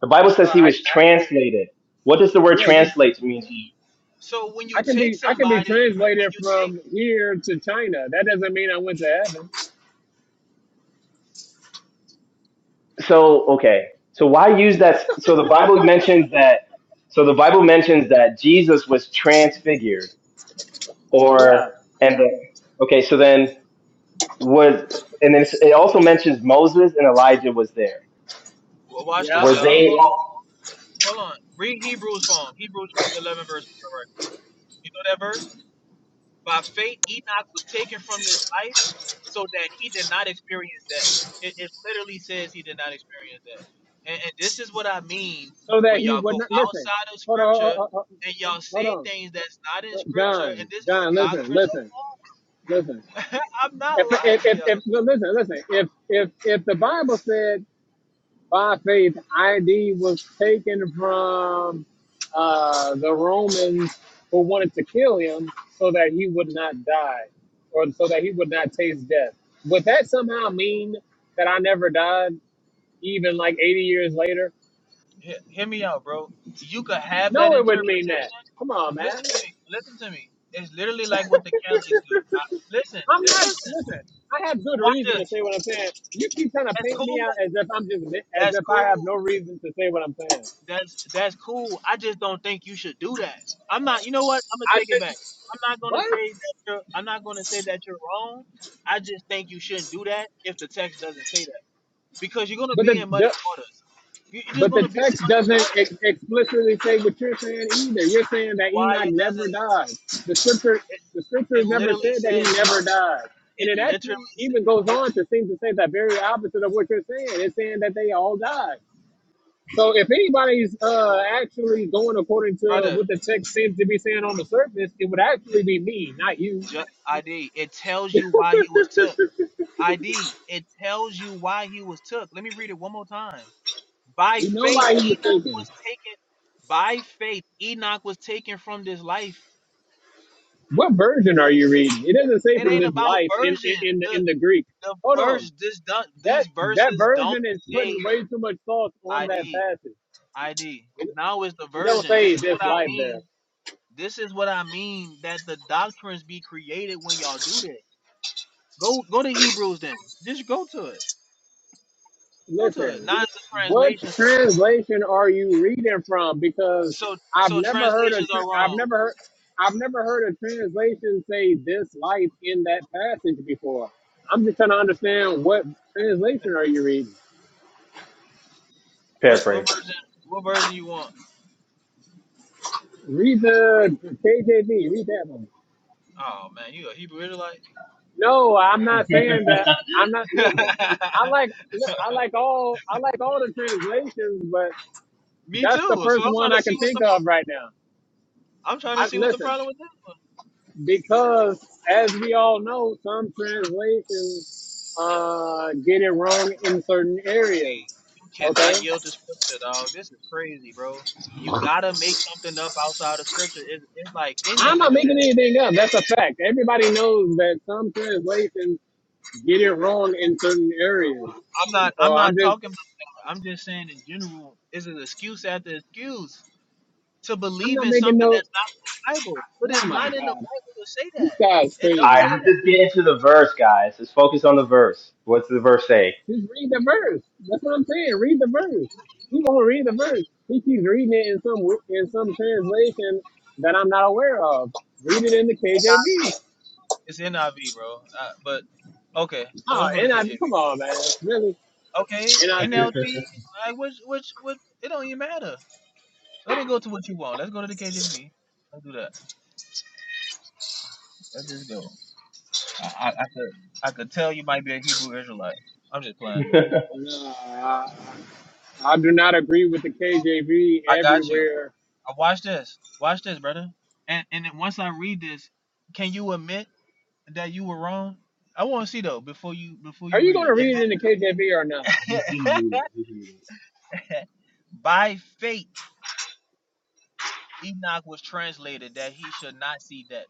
the bible So says he I, I was translated what does the word yeah, you. translate mean to you? So when you I can take be I can be somebody, when translated you take from here to China. That doesn't mean I went to heaven. so okay so why use that so the bible mentions that so the bible mentions that jesus was transfigured or Yeah, and the, okay so then was and then it also mentions moses and elijah was there well, watch yeah. this, were y'all. Hold they on, hold on. Read Hebrews for him. Hebrews chapter eleven, verse. All right. You know that verse? By faith, Enoch was taken from this life so that he did not experience that. It, it literally says he did not experience that. And, and this is what I mean so that when he y'all would go not listen. outside of Hold on, scripture hold on, and y'all hold say on. things that's not in scripture, John, and this is John, listen, doctrine of listen, Paul. listen. I'm not If lying if to if, y'all. if no, listen, listen. If if if the Bible said by faith ID was taken from uh, the Romans who wanted to kill him so that he would not die or so that he would not taste death, would that somehow mean that I never died even like 80 years later? He- hear me out, bro. You could have that No, it wouldn't mean that. interpretation. Come on, man. Listen to me. Listen to me. It's literally like what the Catholics do. I, listen, I'm just not listen. listen. I have good Watch reason to this. say what I'm saying. You keep trying to That's paint cool. me out as if I'm just as That's if I have cool. no reason to say what I'm saying. That's that's cool. I just don't think you should do that. I'm not. You know what? I'm gonna I take it shouldn't. back. I'm not gonna What? say that you're. I'm not gonna say that you're wrong. I just think you shouldn't do that if the text doesn't say that because you're gonna But be the, in muddy the waters. You, you're just but the gonna be in text muddy doesn't waters. ex- explicitly say what you're saying either. You're saying that Why Enoch it never doesn't? died. The scripture It, the scripture it never literally said that he says he. never died. And It it actually literally. sa- even goes It on to seem to say the very opposite of what you're saying. It's saying that they all died. So if anybody's uh, actually going according to brother. what the text seems to be saying on the surface, it would actually be me, not you. Ju- ID. It tells you why he was took. ID. It tells you why he was took. Let me read it one more time. By we know faith, why he was Enoch taken. was taken. By faith, Enoch was taken from this life. What version are you reading? It doesn't say It from ain't this about life in in version. in the, The in the Greek. the Hold on, verse this do, that these that verses don't version is putting say way too much thought on that ID passage. ID. Now is the It don't version. This say is what this I life there. mean. This is what I mean that the doctrines be created when y'all do that. Go go to Hebrews then. Just go to it. Go to it. Listen, Not the what translations. translation are you reading from? Because So I've so never heard a translations are tr- I've wrong. never heard I've never heard a translation say this life in that passage before. I'm just trying to understand what translation are you reading. What what paraphrase version? What version you want? Read the KJV. Read that one. Oh man, you a Hebrew Israelite? No, I'm not saying that. I'm not. Listen, I like look, I like all I like all the translations, but Me that's the too. So first I'm one trying to I see can what's think the pro- of right now. I'm trying to I see what the listen. problem with this one. because as we all know, some translations uh, get it wrong in certain areas. See, you Okay, cannot yield to scripture, dog. This is crazy, bro. You gotta make something up outside of scripture. It's, it's like in I'm you to not do making this. anything up. That's a fact. Everybody knows that some translations get it wrong in certain areas. I'm not I'm So I'm not just, talking I'm just saying in general, it's an excuse after excuse to I'm believe not in making something no. that's not Bible. But Oh it's my not in the God, Bible to say this guy's that. It all don't say crazy. right let's just get into the verse guys let's focus on the verse what's the verse say Just read the verse. That's what I'm saying. Read the verse. He won't read the verse. He keeps reading it in some in some translation that I'm not aware of. Read it in the KJV. that. It's NIV, bro. Uh, but okay, so Oh, let's go to KJV. NIV, come on, man. Really? Okay, NIV? NLT. Like which which which it don't even matter. Let me go to what you want. Let's go to the KJV. Let's do that. Let's just go. I, I, I could I could tell you might be a Hebrew Israelite. I'm just playing, man. No, I, I do not agree with the KJV I got you. everywhere. I watch this. Watch this, brother. And and then once I read this, can you admit that you were wrong? I want to see though before you before Are you you read going to it. If read it in the KJV or not? just, just it read it just read it by faith Enoch was translated that he should not see death.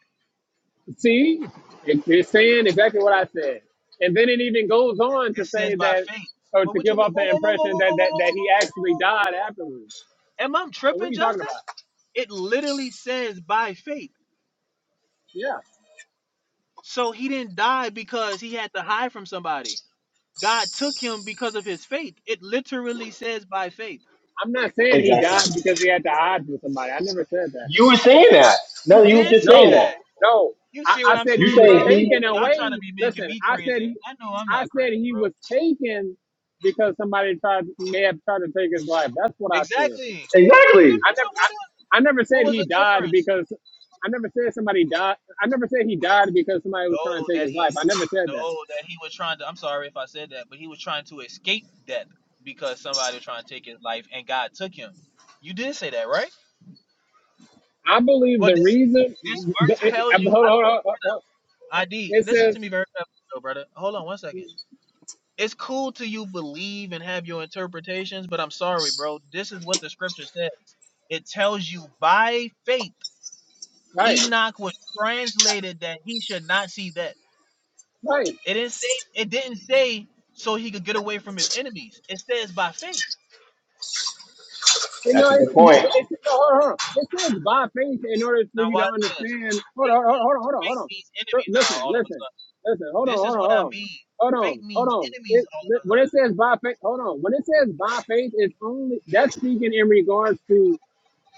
See, it, it's saying exactly what I said. And then it even goes on to It says say by that, faith. or Well, to what you give mean? off Whoa, the whoa, whoa, whoa, impression whoa, that, whoa, whoa, whoa, that, whoa, whoa, that he actually whoa, whoa, died afterwards. whoa. Am I So what are tripping, you talking Justin? about? It literally says by faith. Yeah. So he didn't die because he had to hide from somebody. God took him because of his faith. It literally says by faith. I'm not saying he exactly died because he had to hide from somebody. I never said that. you were saying that no You you were did just say saying No, that that. no. You I, see I what I'm said you he saying, was bro? saying taken he Y'all trying to away. be making Listen, me I said crazy. he, I know I'm I not said crazy, he bro. was taken because somebody tried may have tried to take his life. That's what I said. Exactly. And What the exactly I difference of never, what? is- I, I never What said was he the died difference? because I never said somebody died. I never said he died because somebody was trying No, to take that his life. he, I never said that. no, that he was trying to. I'm sorry if I said that, but he was trying to escape death because somebody was trying to take his life, and God took him. You did say that, right? I believe Well, the this reason. this The, verse it, it- tells you. hold on, hold on, hold on. I don't, ID. It Listen says to me very carefully, though, brother. Hold on one second. It's cool to you believe and have your interpretations, but I'm sorry, bro. This is what the scripture says. It tells you by faith right, Enoch was translated that he should not see death. right. It didn't say. It didn't say so he could get away from his enemies. It says by faith. You that's a know, good it's, point it's no, hold on, hold on. This is by faith in order for Now you to watch this. understand. Hold Faith, on, hold on, hold on, hold on. faith Hold on. means Sir, enemies now. Listen, All of a listen, sudden, listen. Hold on, this is hold on, what I hold on. mean. Hold Faith on, hold means on. enemies It, all of a when it sudden. says by faith, hold on. When it says by faith, it's only that's speaking in regards to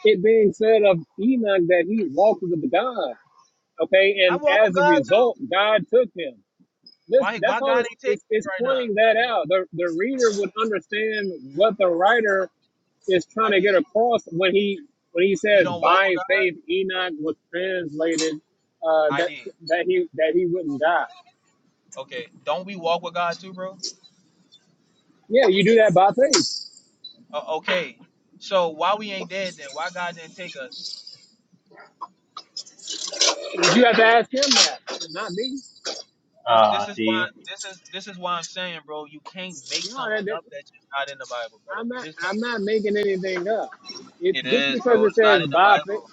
it being said of Enoch that he walked with God. Okay, I and walk with as a God too. result, God took him. This Why that's why all. God It's, ain't it's, taking me it's right now? pointing that out. The the reader would understand what the writer is trying I to did. get across when he when he We says don't walk by with God. faith Enoch was translated uh, I that did. that he that he wouldn't die. Okay. Don't we walk with God too, bro? Yeah, you do that by faith. Uh, okay. So why we ain't there take us? You have to ask him that, not me. This uh this is why see. this is this is why I'm saying, bro. You can't make No, that, something that up that's just not in the Bible, brother. I'm You not just can't. I'm not making anything up. It It just is, because bro. it It's not says in the by faith, Bible.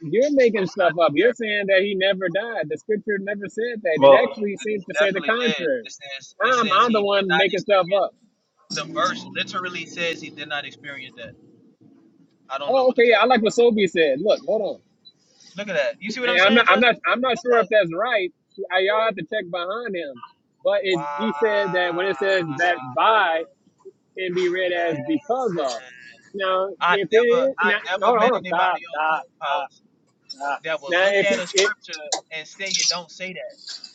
you're making It's not stuff in up. You're there. saying that he never died. The scripture never said that. It Well, actually It seems to say the definitely did. contrary. It says it I'm says I'm the he did one not making experience. stuff up. The verse literally says he did not experience that. I don't know Oh, what to okay, tell yeah, I you. like what Sobe said. Look, hold on. Look at that. You see what I'm I- I'm saying, not. I'm Justin? not. I'm not Look sure at that. if that's right. I, y'all have to check behind him. But it, he said that when it says Wow. that by, it can be read as Man, because of. Now, I if it never, is, I now, never hold on, hold met on, stop, anybody on stop, stop, Clubhouse stop. that would Now, look if at it, a it scripture and say it don't say that.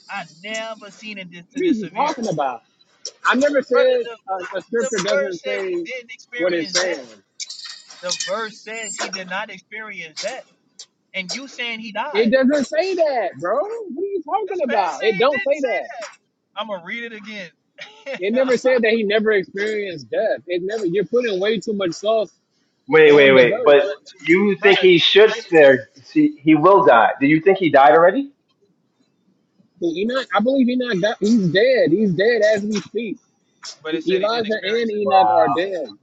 I never seen it this, what to are this you severe, talking about? I never brother. said The, a, a the scripture doesn't verse said he say didn't what it's experience that. saying. The verse says he did not experience that, and you saying he It died. doesn't say that, bro. What are you talking This man about? say It he don't didn't say say that. that. I'm gonna read it again, It never but said that he never experienced death. It never. You're putting way too much sauce Wait, wait, on the wait. But verse. you think brother, he should spare? See, he will die. Do you think he died already? Enoch, I believe Enoch got, he's dead. He's dead as we speak. but it E- said he didn't Elijah and experience Enoch are Wow. dead.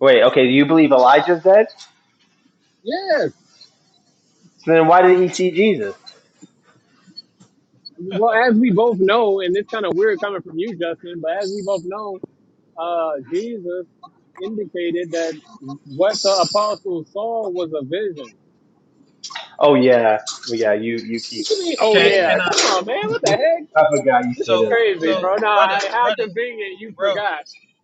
Wait. Okay. Do you believe Elijah's dead? Yes. So then, why did he see Jesus? Well, as we both know, and it's kind of weird coming from you, Justin, but as we both know, uh, Jesus indicated that what the apostles saw was a vision. Oh yeah, Well, yeah. You you keep What you mean? it. Oh Can saying yeah. can that. I? Come on, man. What the heck? I forgot you This say is this. So crazy, Yeah. so bro. Nah, brother, I, how brother, convenient you bro. forgot.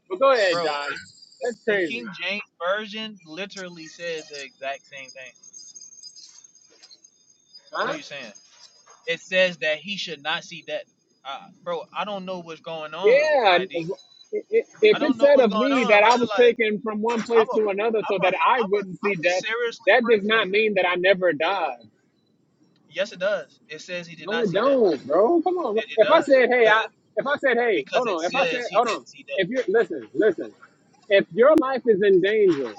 But go ahead, Bro, John. the, the, That's the crazy. King James version literally says the exact same thing. Huh? What are you saying? It says that he should not see death. Uh, bro, I don't know what's going on, Yeah, and ID. i- i- I if it don't know said what's of going me on, that brother. I was Like, taken from one place I'm a, to another so I'm a, that I I'm a, wouldn't see I'm a death, seriously that does pray for not you. mean that I never died. Yes, it does. It says he did No, not it see death. don't, bro. Come on. bro. It, it If I does. said, hey, Cause I, it, if I said, hey, because hold it on. If I said, says he hold on. didn't see death. If you listen, listen. If your life is in danger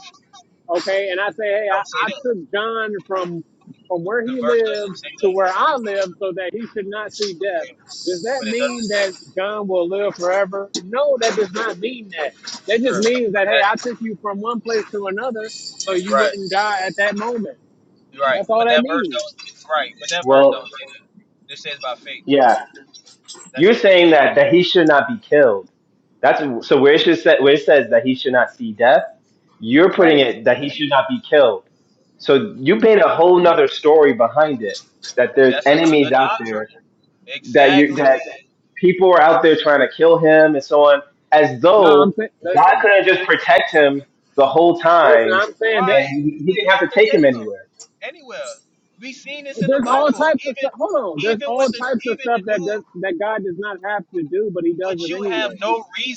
okay? And I say, hey, I, Don't say I that. took John from from where he lived to where I live so that he should not see death. Does that mean that John will live forever? No, that does not mean that. That just means that hey, I took you from one place to another so you wouldn't die at that moment. That's all that means, Well, yeah. You're saying that that he should not be killed. That's so where it should say, where it says that he should not see death. You're putting right? it that he should not be killed. So you made a whole nother story behind it that there's enemies out there Ex- that you that people are out there trying to kill him and so on, as No, though I'm saying, God listen, could have just protect him the whole listen, time I'm saying that I and he he didn't have have to to take him take him anywhere. anywhere. We seen this in the there's all Bible. types of stuff. Even Hold on, there's even all when the types of even stuff the that does dude, that God does not have to do, but He does but it you have anyway. no reason.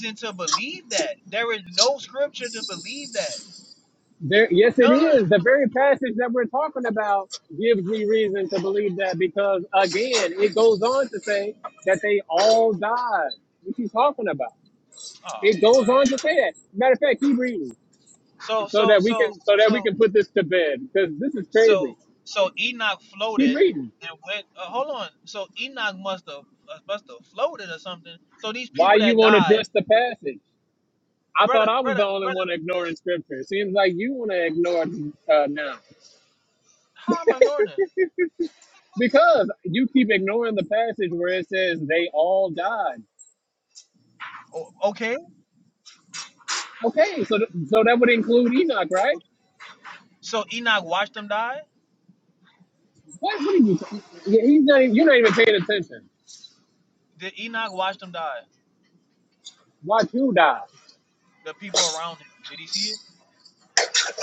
that. There is no scripture to believe that. There, yes, None. it is. The very passage that we're talking about gives me reason to believe that because, again, it goes on to say that they all died. What you talking about? Oh It goes my. on to say that. Matter of fact, keep reading So so so that we so can so that so we can put this to bed because this is crazy. so so Enoch Keep floated reading. and went. Uh, hold on. So Enoch must have uh, must have floated or something. So these Why people you that want to died, address the passage? uh, I thought brother, I was brother, the only brother. one ignoring This scripture. It seems like you want to ignore it uh, now how am I ignoring it? because you keep ignoring the passage where it says they all died. Oh, okay. Okay, so th- so that would include Enoch, right? So Enoch watched them die. What? What are you? Yeah, he's not. Even, you're not even paying attention. Did Enoch watch them die? Watch you die. The people around him. Did he see it?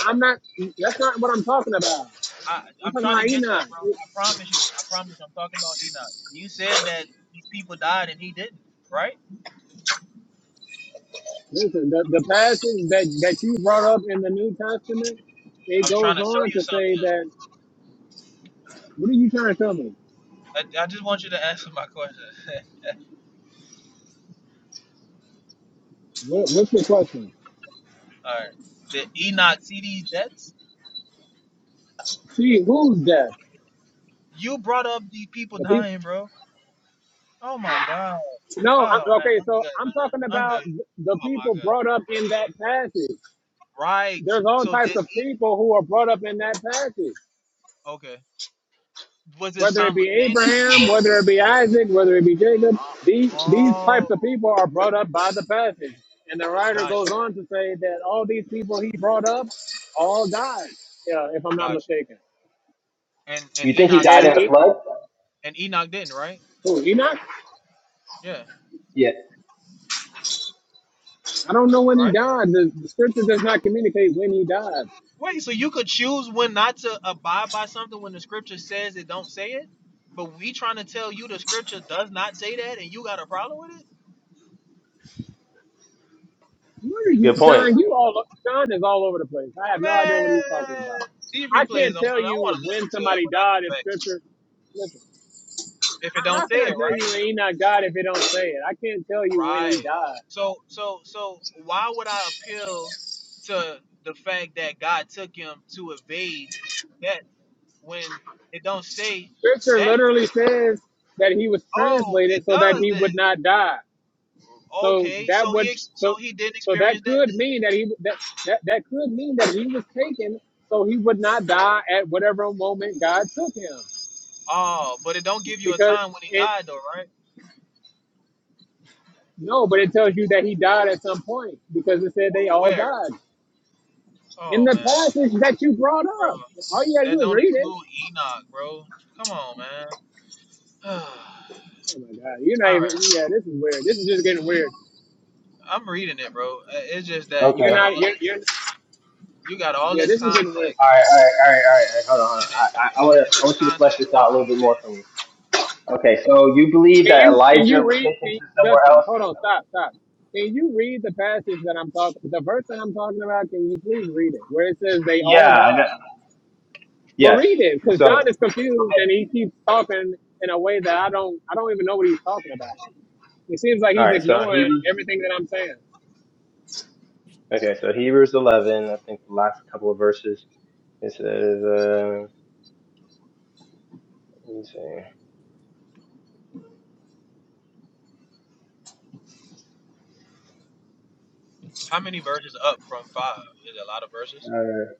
I'm not. That's not what I'm talking about. I, I'm I'm talking trying to about get that, Enoch. bro. I promise you. I promise. I'm talking about Enoch. You said that these people died and he didn't, right? Listen, the, the passage that that you brought up in the New Testament, it I'm trying goes to show on you. to say that. What are you trying to tell me? I, I just want you to answer my question. What, what's your question? All right. Did Enoch see these deaths? See, who's death? You brought up the people The people. dying, bro. Oh my god. No, I, Oh man, okay, I'm good, so I'm man. talking I'm about good. th- the Oh my people god. brought up in that passage. Right. There's all So types did of he? people who are brought up in that passage. Okay. Was it whether it be simultaneously? Abraham, whether it be Isaac, whether it be Jacob, these, these Oh, types of people are brought up by the passage. And the writer got goes you, on to say that all these people he brought up all died, yeah, if I'm not got you. mistaken. And You and think he Enoch did. died And in the he, flood? And Enoch didn't, right? who, Enoch, Yeah. Yeah, I don't know when Right. he died. The, the scripture does not communicate when he died. Wait, so you could choose when not to abide by something when the scripture says it don't say it? But we trying to tell you the scripture does not say that and you got a problem with it? What are you, good point. John? You all, John is all over the place. I have no idea Man, what he's talking about. these I replays can't on tell and I want you to listen when to it somebody when I died come in back. scripture. Listen. If it How don't how say can I it, tell you right? he not God if it don't say it? I can't tell you when he Right. died. So so so why would I appeal to the fact that God took him to evade that when it don't say Scripture that? literally says that he was Oh, translated it so that does he would then. not die. So Okay, that so he would ex- so so, he did so that experience that. could mean that he that, that that could mean that he was taken so he would not die at whatever moment God took him. Oh, but it don't give you a Because time when he it died though, right? no, but it tells you that he died at some point because it said they Wh- all Where? died. In Oh the man, passage that you brought bro, up, all you gotta that do is don't read it. include Enoch, bro. Come on, man. All Oh my god, you're not even. right, Yeah, this is weird. This is just getting weird. I'm reading it, bro. Uh, It's just that you You're Okay. got all not. You're. this, you're you got all yeah, this this is getting weird. context, All right, all right, all right, all right. all right. Hold on, hold on. and I, it, I, I want to, and I this want you to flesh context this out a don't little be. bit more for me. Okay, so you believe Can that you? Can Elijah you was read? taken Can, to somewhere Justin, else? hold on. Stop. Stop. Can you read the passage that I'm talking? The verse that I'm talking about. Can you please read it? Where it says they all Yeah, I know. died. Well, Yes. read it, because So, John is confused all and he keeps talking in a way that I don't. I don't even know what he's talking about. It seems like he's right. So ignoring Hebrews. everything that I'm saying. Okay, so Hebrews 11. I think the last couple of verses. It says, uh, let me see. How many verses up from five? Is it a lot of verses? Uh,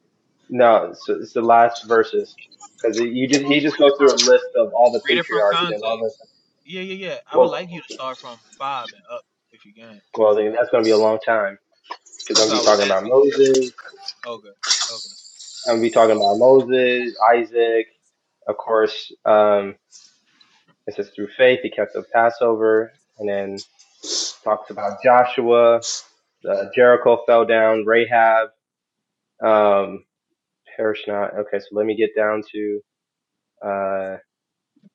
no, it's, it's the last verses because you just he just Read goes it from, through a list of all the read it from patriarchs and all context. the Yeah, yeah, yeah. I would like well, you to start from five and up if you can. well, then that's going to be a long time But because I'm that's gonna what be I was talking about asking. Moses. Okay, okay. And we talking about Moses, Isaac. Of course, um, it says through faith he kept the Passover, and then talks about Joshua. The Jericho fell down. Rahab um, perish not. Okay, so let me get down to uh,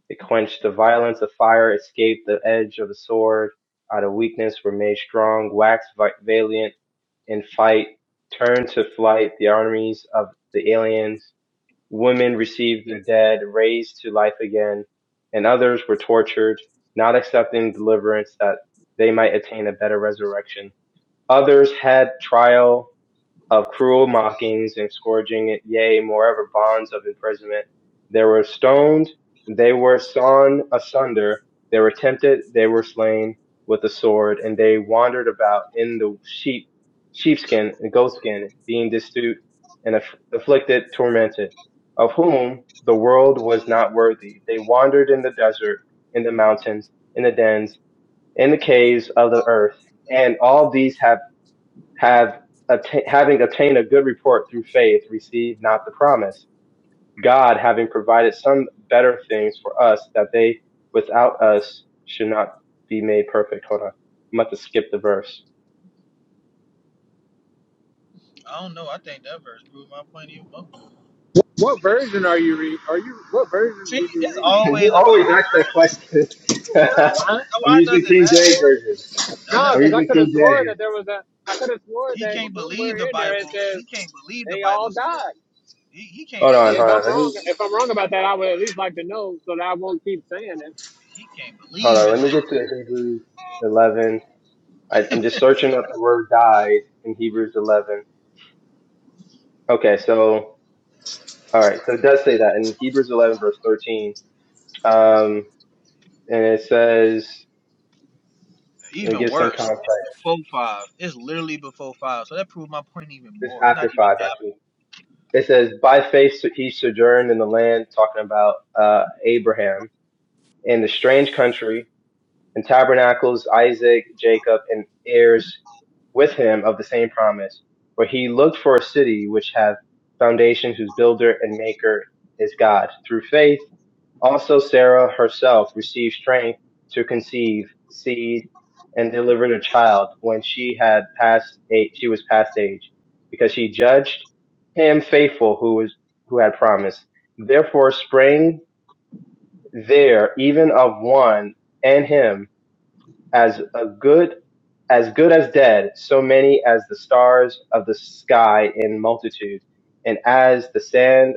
it quenched the violence of fire, escaped the edge of the sword. Out of weakness were made strong, waxed valiant in fight, turned to flight the armies of the aliens Women received the dead raised to life again, and others were tortured, not accepting deliverance that they might attain a better resurrection. Others had trial of cruel mockings and scourging, yea, moreover, bonds of imprisonment. They were stoned, they were sawn asunder, they were tempted, they were slain with the sword, and they wandered about in the sheep, sheepskin and goatskin, being destitute and aff- afflicted, tormented, of whom the world was not worthy. They wandered in the desert, in the mountains, in the dens, in the caves of the earth, and all these have have atta- having attained a good report through faith, received not the promise. God, having provided some better things for us, that they without us should not be made perfect. Hold on, I'm about to skip the verse. I don't know. I think that verse proved my point even more. What version are you read? Are you? What version did See, you it's read? always you about always the ask that version. question. Like, why, Huh? I'm why using does it King James matter? version. No, I'm because I using could King have swore James. that there was a. I could have swore he that can't believe somewhere the in there it Bible. says He can't believe the they all Bible said that. died. He, he can't Hold on, believe hold If the on. I'm Bible. Let me wrong, if I'm wrong about that, I would at least like to know so that I won't keep saying He can't hold believe on. it Let me said get to Hebrews 11. I, I'm just searching up the word "died" in Hebrews 11. Okay, so All right, so it does say that in Hebrews 11, verse 13. Um, and it says, that. and it even gives some worse. context. It's before five. It's literally before five. So that proved my point even This more. It's not after even. five, actually. It says, by faith he sojourned in the land, talking about uh, Abraham, in the strange country, and tabernacles Isaac, Jacob, and heirs with him of the same promise. For he looked for a city which hath foundation, whose builder and maker is God. Through faith, Also Sarah herself received strength to conceive seed and delivered a child when she had passed age, she was past age, because she judged him faithful who was who had promised. Therefore sprang there even of one and him as a good as good as dead, so many as the stars of the sky in multitude, and as the sand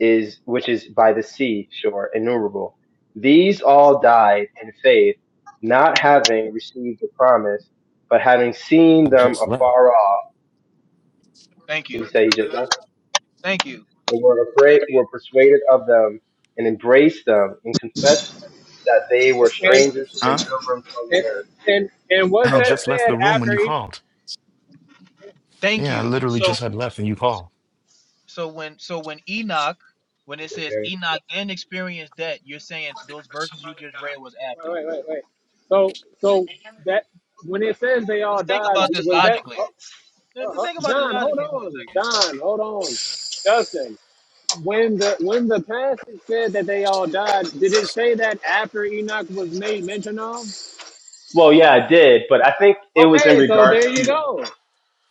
is which is by the sea shore innumerable. These all died in faith, not having received the promise, but having seen I them just left. afar off. Thank He you. said he just left. Thank you. They were Thank afraid, you. were persuaded of them, and embraced them, and confessed that they were it. strangers and Huh? pilgrims on And the and earth. and and I was had that just left said the room when after you each? called. Thank Yeah, I you. literally So just had left and you called. so when so when Enoch when it says Okay. Enoch then experienced that, you're saying those verses you just read was after. Wait, wait, wait, wait. So so that when it says they all Just think died, about this was that logically. uh, Just uh, uh, think about this John? logically Hold on, for John. Hold on, Justin. When the when the passage said that they all died, did it say that after Enoch was made mention of? Well, yeah, I did, but I think it was in Okay, so regards there you to go.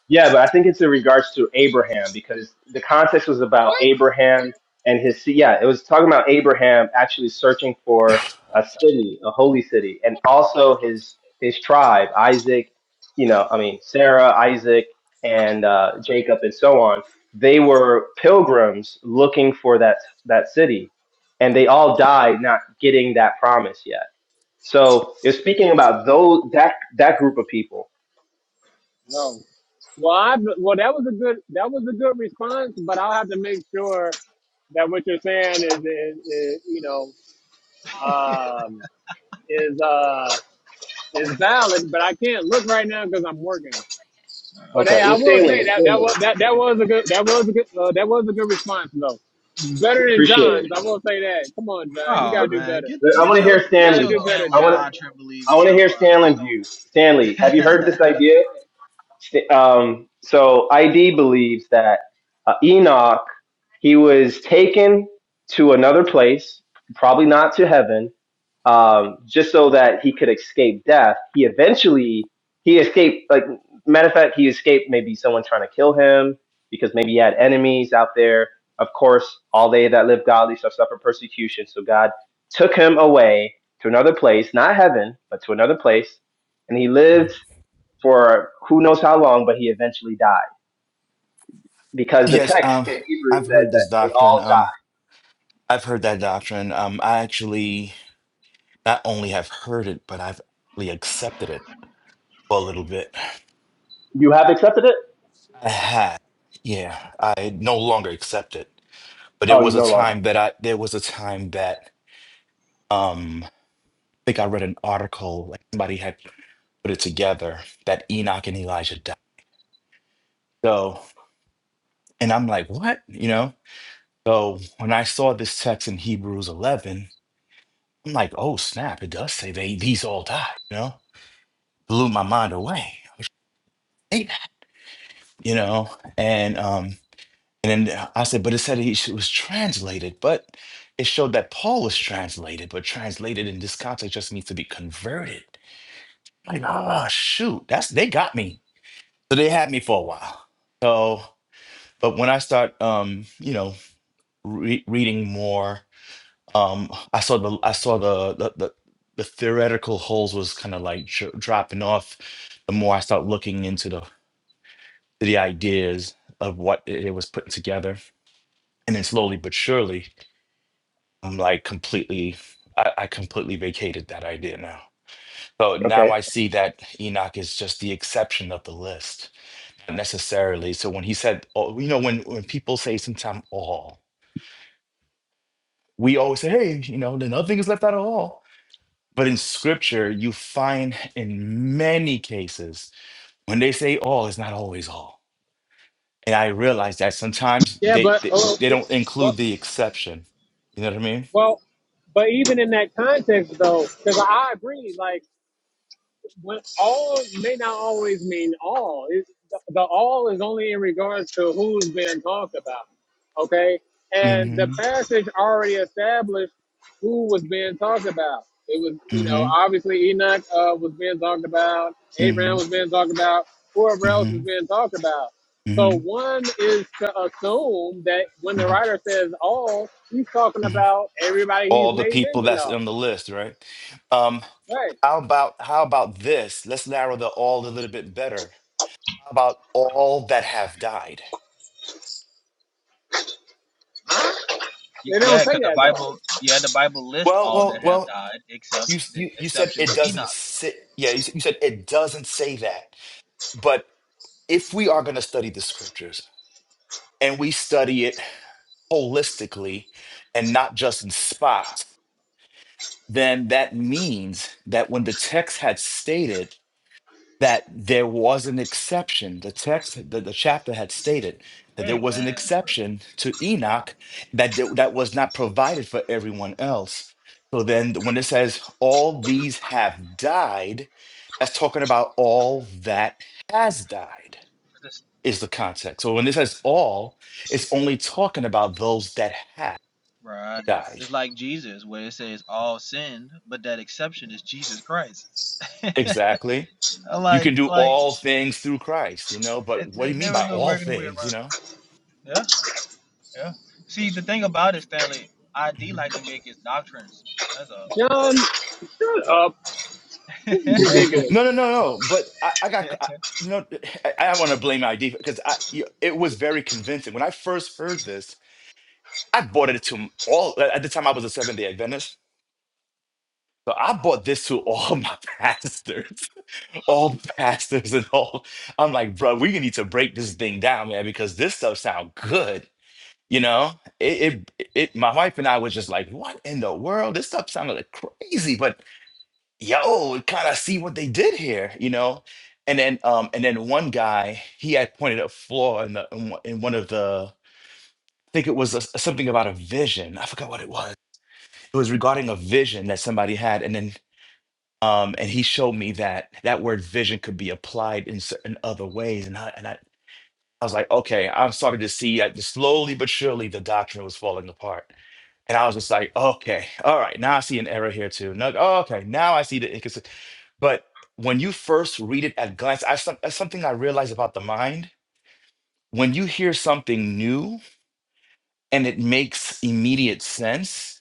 yeah, but I think it's in regards to Abraham because the context was about What? Abraham and his seed. Yeah, it was talking about Abraham actually searching for a city, a holy city, and also his his tribe, Isaac. You know, I mean Sarah, Isaac, and uh, Jacob, and so on. They were pilgrims looking for that that city, and they all died not getting that promise yet so it's speaking about those that that group of people. No. Well, I well that was a good that was a good response, but I'll have to make sure that what you're saying is, is, is you know um, is uh, is valid. But I can't look right now because I'm working. a second. But Oh Okay. hey, man. Well, I will say Stanley, that that was that, that was a good that was a good uh, that was a good response though. Better than appreciate it. John's, I will say that. Come on, John, you Oh gotta do man, better. get Okay. I want get to your hear You get gotta Stanley your do though. better, I Catholic John. want doctrine I believing want to self hear Stanley's out view. Stanley, have of you heard here. this idea? St- Um, so ID believes that uh, Enoch he was taken to another place, probably not to heaven, um, just so that he could escape death. He eventually he escaped. Like matter of fact, he escaped maybe someone trying to kill him because maybe he had enemies out there. Of course, all they that live godly shall suffer persecution. So God took him away to another place, not heaven, but to another place, and he lived for who knows how long, but he eventually died because the Yes, text um, in Hebrew I've says heard that this they doctrine. all Um, died. I've heard that doctrine. Um, I actually not only have heard it, but I've actually accepted it for a little bit. You have accepted it. I had, yeah, I no longer accept it. But it Oh, you was a no longer. time that I there was a time that um, I think I read an article like somebody had put it together that Enoch and Elijah died. So, and I'm like, what? You know? So when I saw this text in Hebrews 11, I'm like, oh snap, it does say they these all died, you know? Blew my mind away. I was like, "Hey, that," You know, and um and then I said, but it said he was translated, but it showed that Paul was translated, but translated in this context just means to be converted. Like, oh shoot, that's they got me. So they had me for a while. So, but when I start, um, you know, re- reading more um i saw the i saw the the the, the theoretical holes was kind of like dr- dropping off the more i start looking into the the ideas of what it it was putting together and then slowly but surely i'm like completely I, I completely vacated that idea now so now Okay. i see that enoch is just the exception of the list not necessarily so when he said oh, you know when when people say sometimes all we always say hey you know then nothing is left out of all But in scripture, you find in many cases when they say all, it's not always all. And I realize that sometimes Yeah, they but they, oh, they don't well, include the exception. You know what I mean? Well, but even in that context, though, because I agree, like what all may not always mean all. It, the, the all is only in regards to who's being talked about. Okay? And the Mm-hmm. passage already established who was being talked about. It was, you know, Mm-hmm. obviously Enoch uh, was being talked about, Abraham was Mm-hmm. being talked about, whoever else is Mm-hmm. being talked about. So one is to assume that when the Mm-hmm. writer says all, he's talking hmm about everybody he's All the made people mention that's of. on the list, right? Um, Right. how about how about this? Let's narrow the all a little bit better. How about all that have died? Y- They don't Yeah, say because the that though. Bible, yeah, the Bible lists Well, all well, that have well. died except you the you you said exception it was doesn't Enoch. sit. Yeah, you, said- you said it doesn't say that. But if we are going to study the scriptures and we study it holistically and not just in spots, then that means that when the text had stated that there was an exception. The text, the, the chapter had stated that there Hey was an man, exception to Enoch that th- that was not provided for everyone else. So then, when it says all these have died, that's talking about all that has died it's is the context. So when it says all, it's only talking about those that have right. died. It's like Jesus where it says all sinned, but that exception is Jesus Christ. Exactly. You like can do like all things through Christ, you know. But it, what do th- you mean there is by no all working way things? You around know. it. yeah, yeah. See, the thing about it, Stanley, I do Mm-hmm. like to make his doctrines. That's all. John, shut up. This is No, ridiculous. no, no, no. But I, I got, I, you know, I, I want to blame ID because I, y- it was very convincing. When I first heard this, I bought it to m- all, at at the time I was a Seventh day Adventist. So I bought this to all my pastors, all pastors and all. I'm like, bro, we need to break this thing down, man, because this stuff sounds good. You know, it, it, it, my wife and I was just like, what in the world? This stuff sounded like crazy, but yo, kind of see what they did here, you know? And then um and then one guy, he had pointed a flaw in the in one in one of the I think it was a, something about a vision. I forgot what it was. It was regarding a vision that somebody had and then um and he showed me that that word vision could be applied in certain other ways and I and I I was like, okay, I'm starting to see that slowly but surely the doctrine was falling apart. And I was just like, okay, all right, now I see an error here too. No, oh, okay, now I see the inconsist But when you first read it at glance, I, some- that's something I realized about the mind. When you hear something new and it makes immediate sense,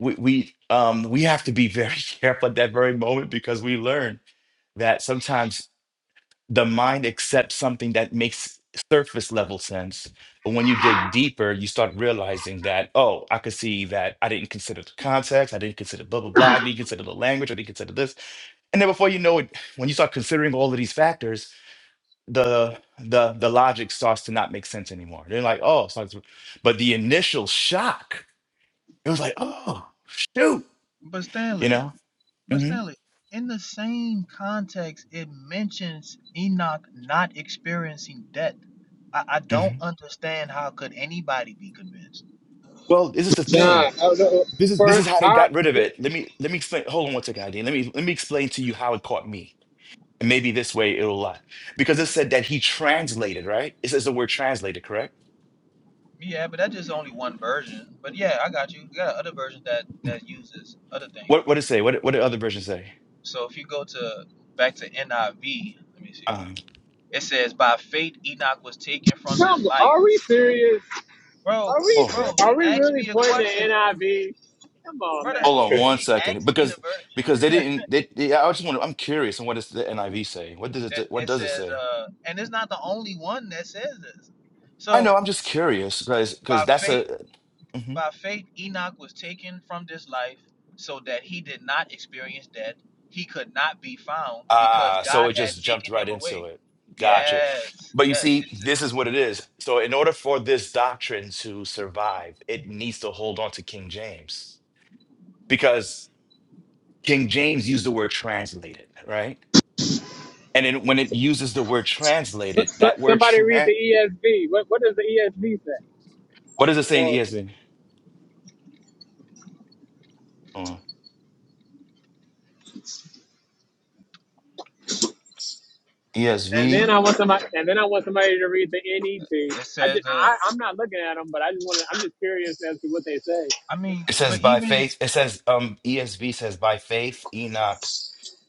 we, we um we have to be very careful at that very moment because we learn that sometimes the mind accepts something that makes surface level sense. But when you dig deeper, you start realizing that, oh, I could see that I didn't consider the context, I didn't consider blah, blah, blah, I didn't consider the language, I didn't consider this. And then before you know it, when you start considering all of these factors, the the the logic starts to not make sense anymore. They're like, oh, it starts to- but the initial shock, it was like, oh, shoot, But you Stanley. know? But hmm Stanley, in the same context, it mentions Enoch not experiencing death. I, I hmm don't understand how could anybody be convinced. Well, this is the Nah, thing. I don't know. This is this for is how they our, got rid of it. Let me let me explain. Hold on one second, ID. Let me let me explain to you how it caught me. And maybe this way it'll lie. Because it said that he translated, right? It says the word translated, correct? Yeah, but that's just only one version. But yeah, I got you. You got other versions that that uses other things. What what did it say? What what did other versions say? So if you go to back to NIV, let me see. Um It says, "By faith Enoch was taken from this come, life." are we serious? Are Bro, we hold ser- on. bro, are he we asked really me a putting the question, NIV? Come on, man. brother. Hold on one He second. asked me the Because verse. because they didn't they, they I just want to I'm curious on what does the NIV say? What does It, it what it does it says, say? uh, and it's not the only one that says this. I know, So I'm just curious because by because that's faith, a mhm. by faith, Enoch was taken from this life, so that he did not experience death. He could not be found because Ah, so God it had just jumped taken right him into away. it. Gotcha. Yes, But you yes. see, It says, this is what it is. So, in order for this doctrine to survive, it needs to hold on to King James because King James used the word translated, right? And then when it uses the word translated, S- s- that word, somebody read the tra- ESV. What what does the ESV say? what does it say in Or ESV? Uh, and then ESV? I want somebody and then I want somebody to read the NET. it I says just the. I I'm not looking at them, but I just want to. I'm just curious as to what they say. I mean, It says but by even faith. It says, um, ESV says by faith, Enoch.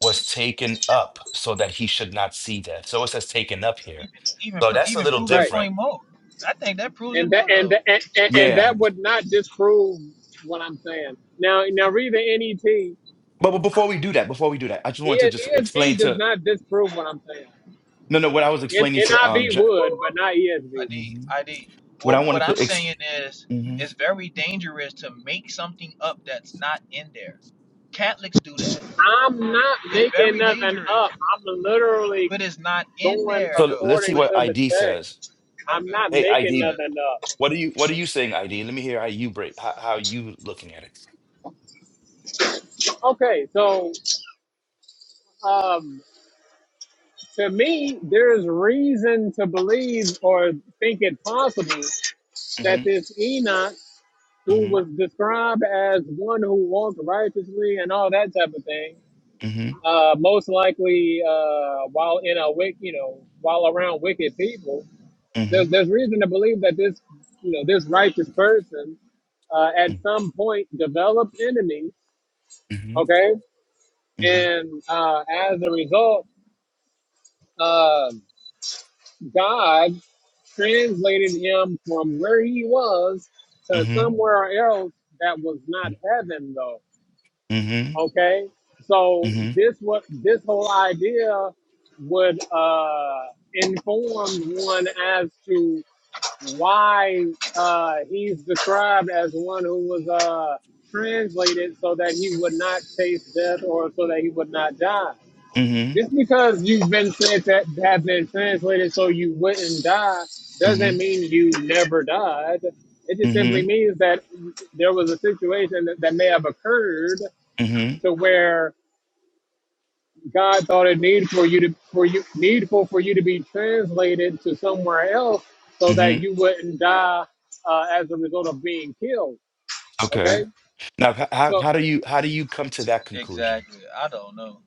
was taken up so that he should not see death. So it says taken up here. even even So pr- that's a even little prove the Right. different. point more. I think that proves it And that more and though. that and, and, and Yeah. that would not disprove what I'm saying. Now now read the NET But, but before we do that, before we do that, I just wanted to Yeah, just ESV explain does to not disprove what I'm saying. no no what I was N- explaining to um NIV Ja- would, but not ESV. ID Mhm. ID. what I What what wanted to I'm exp- saying is, mhm. it's very dangerous to make something up that's not in there Catholics do that. am not It's making very nothing up. dangerous, I'm literally but it's not in going there so l- though. let's see according But it, what to the ID text. says. okay, I'm go not Hey making ID, ahead. nothing up. what are you what are you saying ID? Let me hear how you break how, how you looking at it. Okay, so um, to me, there's reason to believe or think it possible that Mhm. this Enoch, who Mhm. was described as one who walked righteously and all that type of thing, Mhm. uh, most likely uh, while in a wick, you know, while around wicked people, there's Mhm. there's reason to believe that this, you know, this righteous person uh, at some point developed enemies. Mhm. Okay, and uh, as a result, uh, God translated him from where he was to Mhm. somewhere else that was not heaven, though Mhm. Mhm. Okay, so Mhm. this what this whole idea would uh, inform one as to why uh, he's described as one who was uh, translated so that he would not taste death or so that he would not die. Mhm. Mhm. Just because you've been said to have been translated so you wouldn't die doesn't Mhm. mean you never died. It just simply Mhm. means that there was a situation that, that may have occurred Mhm. to where God thought it need for you to for you needful for you to be translated to somewhere else so Mhm. that you wouldn't die uh, as a result of being killed. Okay, Okay. Now, h- how so how do you how do you come to that conclusion? exactly. I don't know.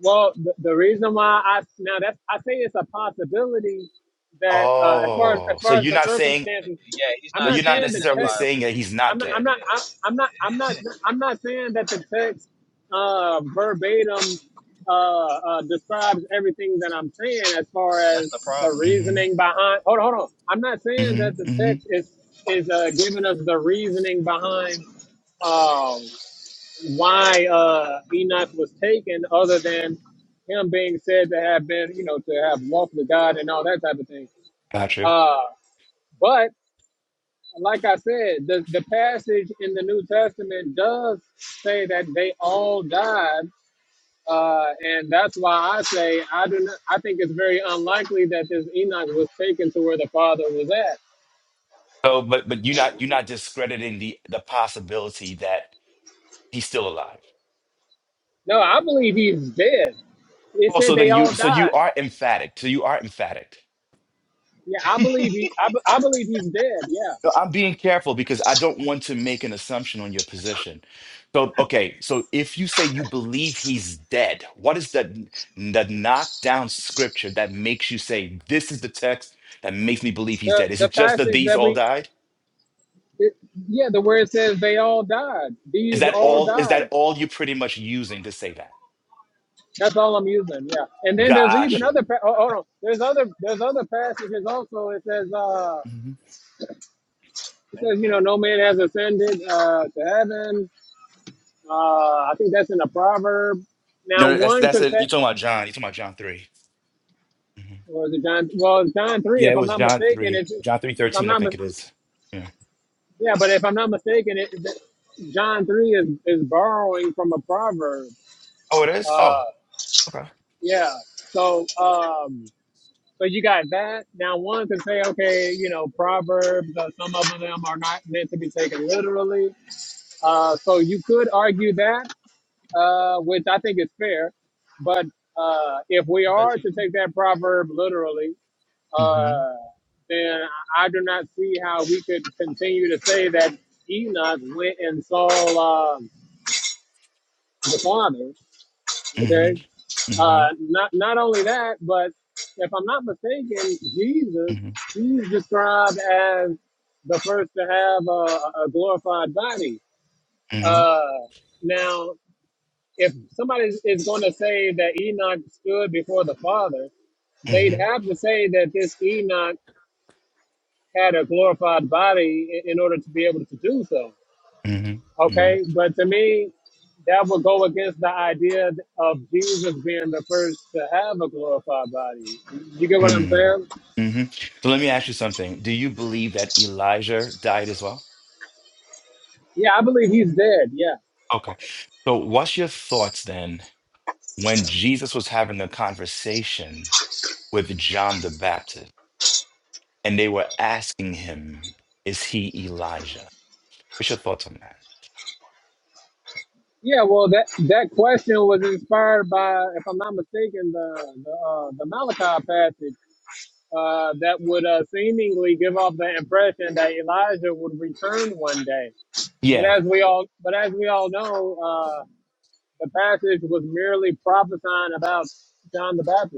well the, the reason why I now that I say it's a possibility that uh, as far as Oh, as so far as you're the not saying Eh, circumstances, Yeah, he's I'm so not not you're not saying saying it's the in the necessarily text. Bible. saying that he's I'm not not, Yeah, I'm dead. not, yeah, I- I'm not, i am not, I'm not saying that the text uh, verbatim uh, uh, describes everything that I'm saying as far that's the as the problem. hmm reasoning behind. Hold on, hold on. I'm not saying hmm that the hmm text is is uh, giving us the reasoning behind um, why uh, Enoch was taken, other than him being said to have been, you know, to have walked with God and all that type of thing. Gotcha. Uh, but like I said, the, the passage in the New Testament does say that they all died. Uh, and that's why I say I do not, I think it's very unlikely that this Enoch was taken to where the father was at. So, but but you're not you're not discrediting the the possibility that he's still alive. No, I believe he's dead. It said Also, they then all you so you died. are emphatic. So you are emphatic. Yeah, I believe he. I, be- I believe he's dead. Yeah, No, I'm being careful because I don't want to make an assumption on your position. So, okay, so if you say you believe he's dead, what is that the knockdown scripture that makes you say this is the text that makes me believe he's the dead? Is the it just that passage these that all we, died? it, yeah, the word says they all died. Is These that all all? Is died. that all you're pretty much using to say that? That's all I'm using. Yeah. And then there's even Gotcha. other. Pa- oh, hold on. There's other. There's other passages also. It says. Uh, Mhm. it says you know no man has ascended uh, to heaven. Uh, I think that's in a proverb. Now No, no, that's one that's it. confess. You're talking about John. You're talking about John 3 Mhm. Or is it John? Well, it's John three, Yeah, if it I'm was not John mistaken. three, It's John three if I'm thirteen, I not. Mis- think it is. Yeah. yeah, but if I'm not mistaken, it, John three is is borrowing from a proverb. Oh, it is. Uh, Oh, okay. yeah. So. Um, So you got that. Now one can say, okay, you know, proverbs. Uh, some of them are not meant to be taken literally. Uh, so you could argue that, uh, which I think is fair. But uh, if we I bet are you to do. take that proverb literally, hmm uh, then I do not see how we could continue to say that Enoch went and saw um the Father. hmm Okay hmm Uh, not not only that, but if I'm not mistaken, Jesus Mhm, he's described as the first to have a, a glorified body. mhm, Uh, now, if somebody is going to say that Enoch stood before the Father, they'd mhm, have to say that this Enoch had a glorified body in, in order to be able to do so. mhm, mhm, Okay, but to me, that would go against the idea of Jesus being the first to have a glorified body. You get what I'm mhm, saying? mhm. So let me ask you something. Do you believe that Elijah died as well? Yeah, I believe he's dead. Yeah. Okay. So what's your thoughts then when Jesus was having a conversation with John the Baptist and they were asking him, is he Elijah? What's your thoughts on that? Yeah, well, that that question was inspired by, if I'm not mistaken, the the, uh, the Malachi passage uh, that would uh, seemingly give off the impression that Elijah would return one day. But Yeah, as we all, but as we all know, uh, the passage was merely prophesying about John the Baptist.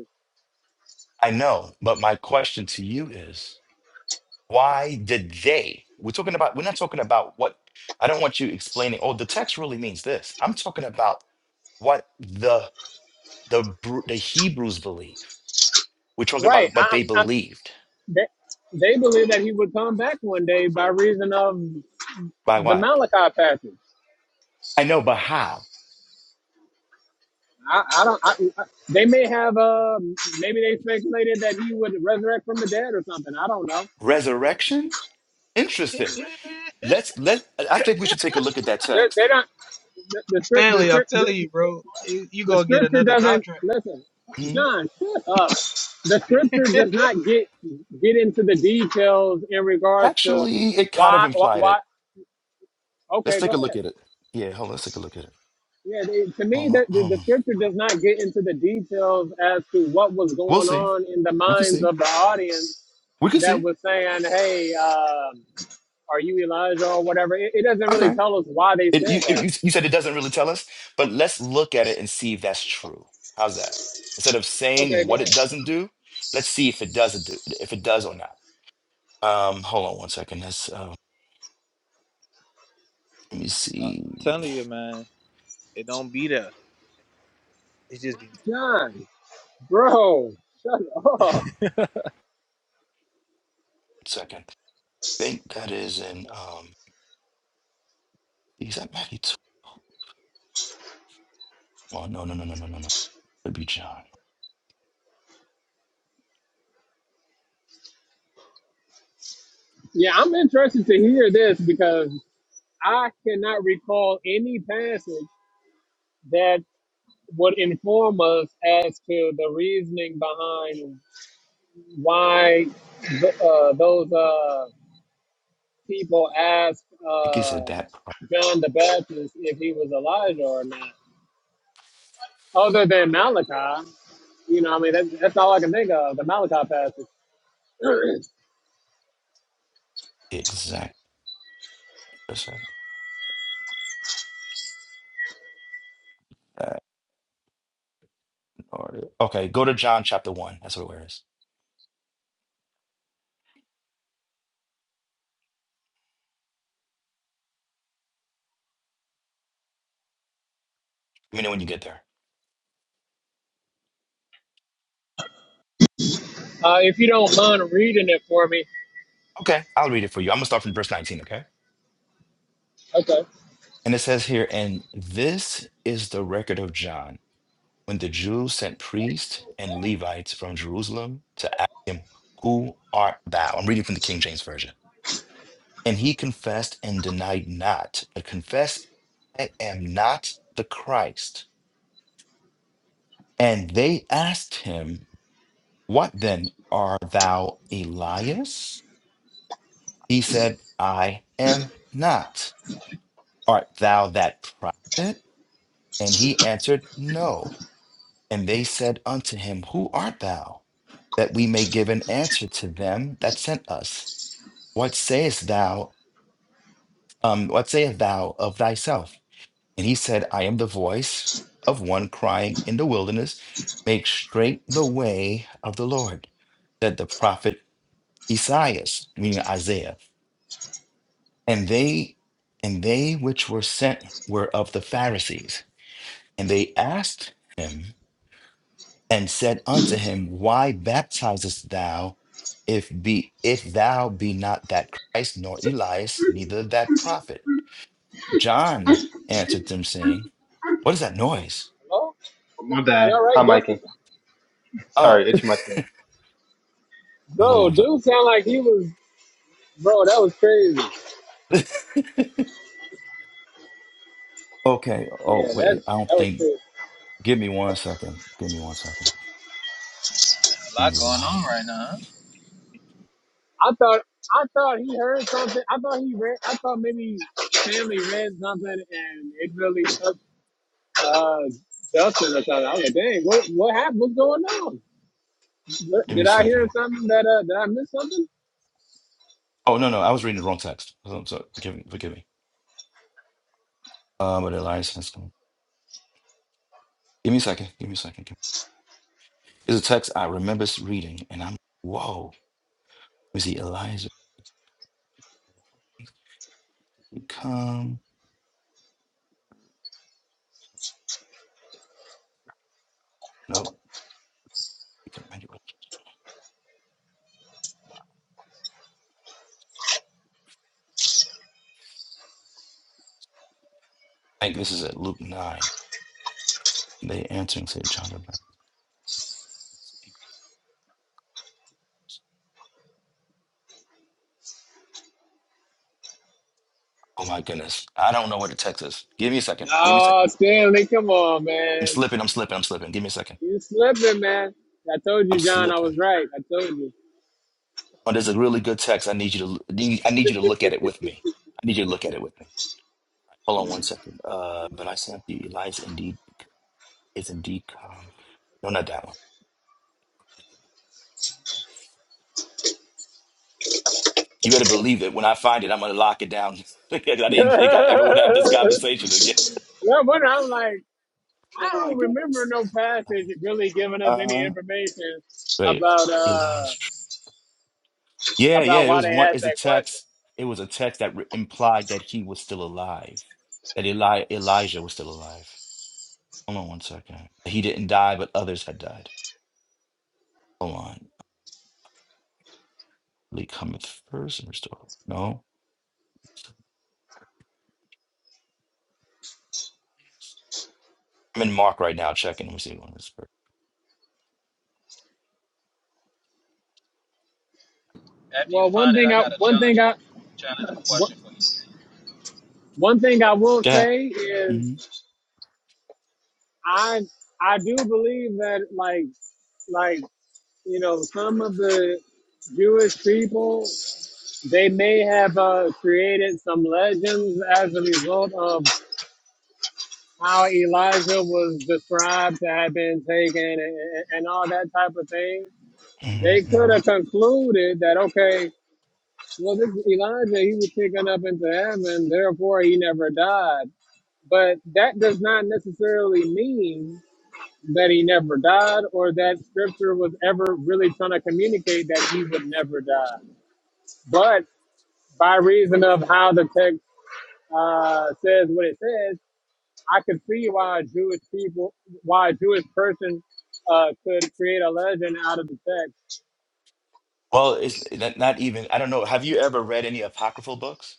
I know. But my question to you is, Why did they? We're talking about, we're not talking about what, I don't want you explaining, oh, the text really means this. I'm talking about what the the Bru- the Hebrews believe. We're talking Right. about what I'm, they I'm, believed. they, they believe that he would come back one day by reason of By the what? Malachi passage. I know, but how? I, I don't. I, I, they may have. Uh, maybe they speculated that he would resurrect from the dead or something. I don't know. Resurrection? Interesting. Let's let I think we should take a look at that They're, text. they don't. The, the script. The, script- the, the scripture doesn't listen. Hmm? John, shut up. The scripture does not get get into the details in regards to Actually, it kind of why. Why? implied why it. Let's okay, go take a ahead. look at it. Yeah, hold on, let's take a look at it. Yeah, they, to me, Hold on, that the, hold the on. scripture does not get into the details as to what was We'll going see. on in the We could minds see. of the audience We could that see. was saying, "Hey, um, are you Elijah or whatever?" It, it doesn't really Okay. tell us why they It, said you, that. you you said it doesn't really tell us, but let's look at it and see if that's true. How's that? Instead of Okay, saying go what ahead, it doesn't do, let's see if it doesn't do if it does or not. Um, hold on one second. Let's uh, let me I- see. I'm One telling you, man, it don't be there. John, bro, shut up. second. I think that is in um. Is that Matthew? Tw- Oh no no no no no no no. It'd be John. Yeah, I'm interested to hear this because I cannot recall any passage that would inform us as to the reasoning behind why th- uh, those. Uh, people asked I guess uh, it's that part. John the Baptist if he was Elijah or not, other than Malachi. You know, I mean, that, that's all I can think of, the Malachi passage. exact person. That order. Okay, go to John chapter one. That's what it is. Let me know when you get there. uh, if you don't mind reading it for me. Okay, I'll read it for you. I'm gonna start from verse 19. Okay. Okay. And it says here, and this is the record of John when the Jews sent priests and Levites from Jerusalem to ask him, Who art thou? I'm reading from the King James Version. And he confessed and denied not, but confessed, I am not the Christ. And they asked him, What then? Are thou Elias? He said, I am not. Art thou that prophet? And he answered, No. And they said unto him, Who art thou? That we may give an answer to them that sent us. What sayest thou? Um, what sayest thou of thyself? And he said, I am the voice of one crying in the wilderness, make straight the way of the Lord, that the prophet Esaias, meaning Isaiah, and they and they which were sent were of the Pharisees, and they asked him and said unto him, Why baptizest thou, if be if thou be not that Christ, nor Elias, neither that prophet? John answered them, saying, What is that noise? Hello? My You bad. all right, Hi, Mike. Justin? Oh, Sorry, itch my thing. Bro, hold on. dude sound like he was, bro, that was crazy. a sec. okay. Yeah, Oh, wait. that, I don't that was think. crazy. Give me one second. Give me one second. A lot going on Elias. right now. huh? I thought, I thought he heard something. I thought he read, I thought maybe family read something and it really upset uh, Dustin or something. I was like, dang, what what happened? What's going on? What, Give me a did I second. hear something that uh, did I miss something? Oh no, no. I was reading the wrong text. So, so forgive me. Forgive me. Uh, but Elias has come. Give me a second. Give me a second. Give me... It's a text I remember reading, and I'm whoa. Was he Elijah? come? Nope. He come back. I think this is at Luke 9. They answering said John the Baptist. Oh my goodness. I don't know where the text is. Give me a second. Give me a Oh, second. Stanley, come on, I'm man, slipping. I'm slipping. I'm slipping. Give me a second. you slipping, man. I told you, I'm John, I was slipping. right. I told you. Oh, there's a really good text. I need you to I need you to look at it with me. I need you to look at it with me. Hold on one second. Uh but I sent the Elijah indeed is indeed come. No, not that one. You better believe it. When I find it, I'm gonna lock it down. Because I didn't think I ever would have this conversation again. well, but I'm like, I Oh my don't remember goodness. no passage really giving us any Uh information wait. about Eli uh is tr- Yeah, about yeah, it why was they one asked it's a that question. text. It was a text that re- implied that he was still alive. That Eli Elijah was still alive. Hold on one second. He didn't die, but others had died. Hold on. Lee cometh first and restore. No. I'm in Mark right now checking. Let me see one is first. After you Well, one find it, thing I I got a one thing I challenging, challenging one question for you, Stanley. one thing I will Yeah. say is hmm I I do believe that like like you know some of the Jewish people they may have uh, created some legends as a result of how Elijah was described to have been taken and, and all that type of thing. hmm They could hmm have concluded that okay, well this Elijah he was taken up into heaven, therefore he never died. But that does not necessarily mean that he never died or that scripture was ever really trying to communicate that he would never die. But by reason of how the text uh, says what it says, I could see why Jewish people, why a Jewish person uh, could create a legend out of the text. Well, it's not not even I don't know. Have you ever read any apocryphal books?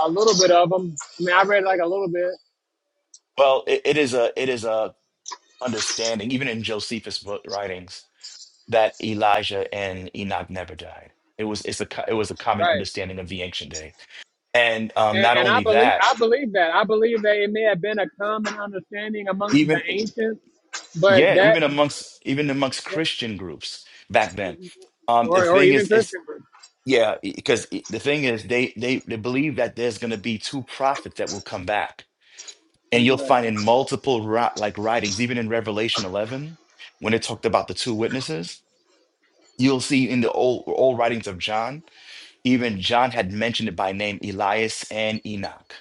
A little bit of them. I mean, I read like a little bit, Well, it, it is a it is a understanding, even in Josephus' book writings, that Elijah and Enoch never died. It was it's a co- it was a common right? understanding of the ancient day, and um, not And, and I only believe, that, I believe that. I believe that it may have been a common understanding amongst the even ancients, but yeah, that, even amongst even amongst Christian groups back then, um, the or, or thing even is it's Christian, right? yeah because the thing is they they they believe that there's going to be two prophets that will come back, and you'll find right. in multiple ri- like writings, even in Revelation 11, when it talked about the two witnesses. You'll see in the old old writings of John, even John had mentioned it by name Elias and Enoch.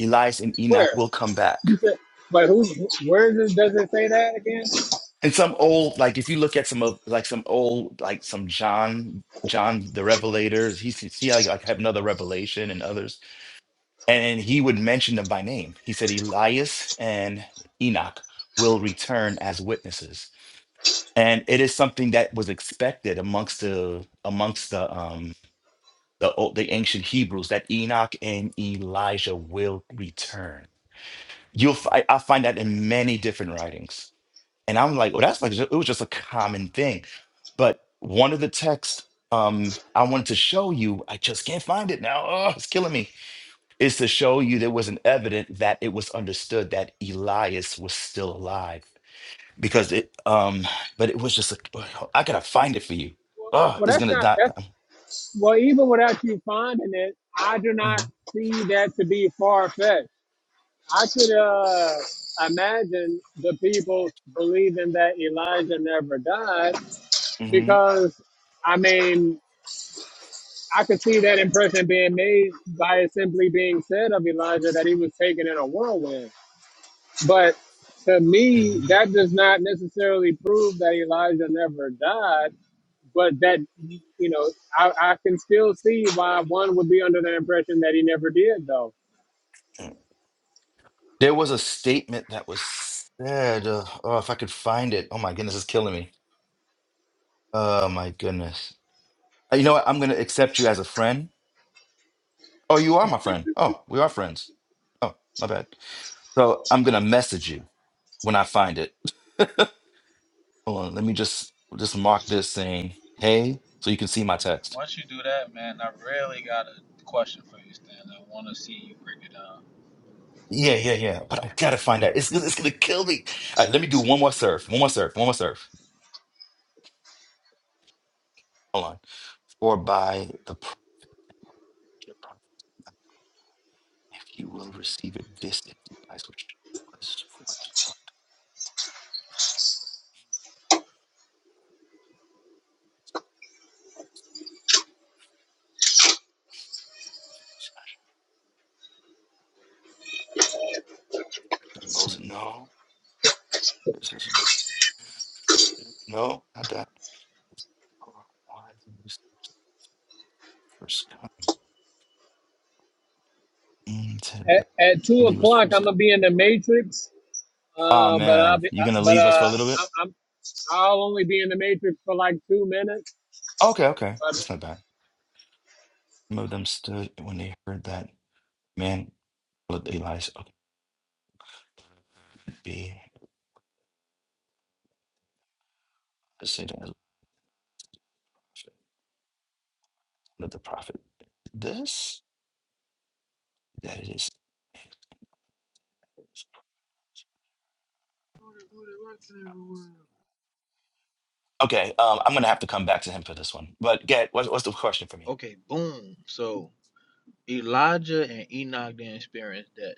Elias and Enoch Where? will come back. You said, but who? Where does, does it say that again? And some old, like if you look at some of like some old, like some John, John the Revelators, he see see, like, like have another revelation and others. And he would mention them by name. He said Elias and Enoch will return as witnesses. And it is something that was expected amongst the amongst the um. the, the ancient Hebrews that Enoch and Elijah will return. You'll fi- I find that in many different writings, and I'm like, well, that's like it was just a common thing. But one of the texts um, I wanted to show you, I just can't find it now. Oh, it's killing me. Is to show you there was an evident that it was understood that Elias was still alive because it. Um, but it was just a, I gotta find it for you. Oh, Well, it's that's gonna not. die. That's well. Even without you finding it, I do not Mhm, see that to be far fetched. I could uh, imagine the people believing that Elijah never died mhm, because, I mean, I could see that impression being made by it simply being said of Elijah that he was taken in a whirlwind. But to me, mhm. that does not necessarily prove that Elijah never died but that you know I, I can still see why one would be under the impression that he never did though There was a statement that was said. Uh, oh, if I could find it. Oh my goodness, it's killing me. Oh my goodness. Uh, You know what? I'm gonna accept you as a friend. Oh, you are my friend. Oh, we are friends. Oh, my bad. So I'm gonna message you when I find it. Hold on. Let me just just mark this saying hey, so you can see my text. Once you do that, man, I really got a question for you, Stanley. I want to see you break it down. Yeah, yeah, yeah. But I gotta find that. It's it's gonna kill me. All right, let me do one more surf. One more surf. One more surf. Hold on. Or by the. If you will receive it, this is the place which was for it to come to us, And Moses, no, this is no, not that. Why did you say first come? Mm, ten- I at, at two believe it was o'clock first i'm come. gonna be in the matrix Ah uh, but i'll man, be you uh, gonna but leave us for a uh little bit? I, i'm i'll only be in the matrix for like two minutes Okay, okay, but that's not bad. Some of them stood when they heard that man called Elias up to be the Satan as a prophet. Let the prophet this that it is. Okay, um, I'm gonna have to come back to him for this one. But get what, what's the question for me? Okay, boom. So Elijah and Enoch didn't experience that.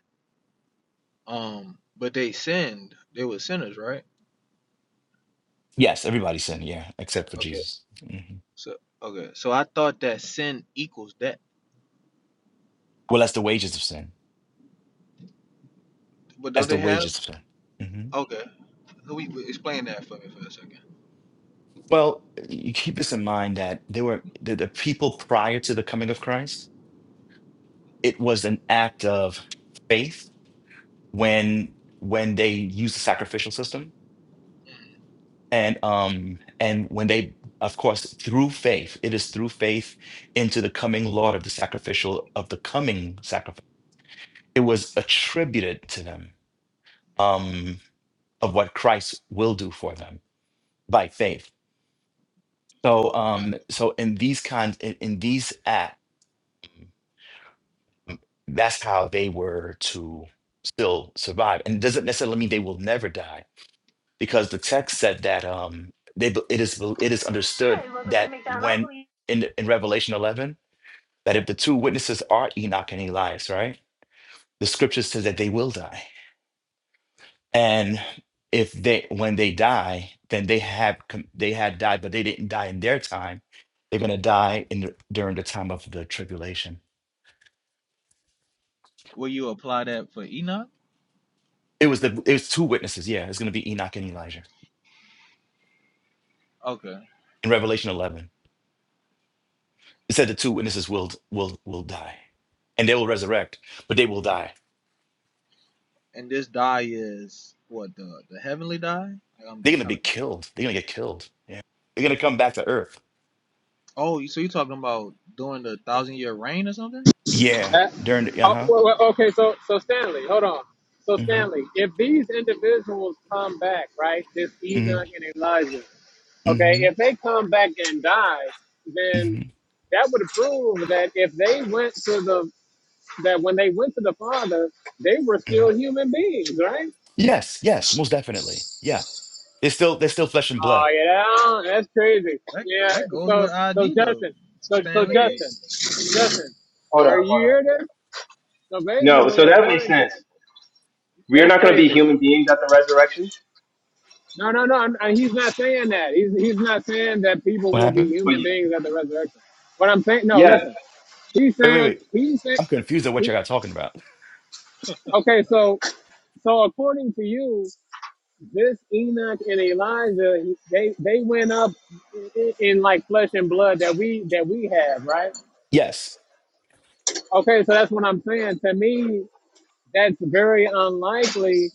Um, but they sinned. They were sinners, right? Yes, everybody sinned, yeah, except for Okay. Jesus. hmm So okay. So I thought that sin equals death. Well, that's the wages of sin. But don't That's the they have? wages of sin. hmm Okay. So we we- explain that for me for a second. Well, you keep this in mind that there were the, the people prior to the coming of Christ. It was an act of faith when when they used the sacrificial system, and um and when they, of course, through faith. It is through faith into the coming Lord of the sacrificial of the coming sacrifice. It was attributed to them um, of what Christ will do for them by faith. So um so in these kinds in, in these acts that's how they were to still survive. And it doesn't necessarily mean they will never die because the text said that um they be- it is be- it is understood that when in in Revelation 11 that if the two witnesses are Enoch and Elias, right? The scripture says that they will die. and if they when they die then they have com- they had died but they didn't die in their time they're going to die in the, during the time of the tribulation Will you apply that for Enoch? it was the it was two witnesses yeah it's going to be enoch and elijah Okay. in revelation 11 it said the two witnesses will will will die and they will resurrect but they will die And this die is what the the heavenly die? Like, I'm, they're I'm going to kind be of. killed they're going to get killed yeah they're going to come back to earth Oh, you- so you're talking about doing the thy- your reign or something? yeah that, during the, oh, uh-huh well, well, okay so so stanley hold on so hmm stanley if these individuals come back right this hmm enoch and elijah okay hmm if they come back and die then hmm that would prove that if they went to the that when they went to the Father, they were still human beings, right? yes yes most definitely yeah they're still they're still flesh and blood Oh yeah, that's crazy. That Yeah. that goes with So so ID though, Justin, so so Stanley. Wait, Justin, Justin, hold on, are hold you on. here there? So No, basically, so that makes according to sense. We are that's not going to be crazy. human beings at the resurrection, No, no, no. I'm, I, he's not saying that. He's he's not saying that people What will be happened? but human you, beings at the resurrection. But I'm saying no. yeah, Listen, he's Wait, wait, saying wait. he's saying. I'm confused at what He, you got talking about. okay, so so according to you, this Enoch and Elijah, he- they they went up in, in like flesh and blood that we that we have, right? Yes. Okay, so that's what I'm saying. To me, that's very unlikely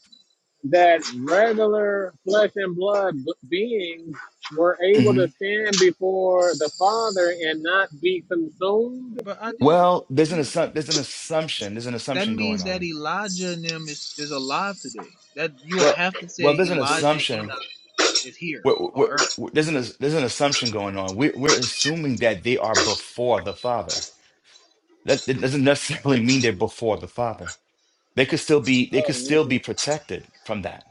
that regular flesh and blood b- beings were able hmm to stand before the Father and not be consumed. But I did. Well, there's an You assumption. There's an assumption. There's an that assumption means going that on. Elijah and them is, is alive today. That you would Well, have to well, say there's an Elijah and assumption. Enoch is here We're, we're, on earth. we're- there's an there's an assumption going on. We're, we're assuming that they are before the Father. That, that doesn't necessarily mean they're before the Father. They could still be. They could Oh, still be okay. protected from that.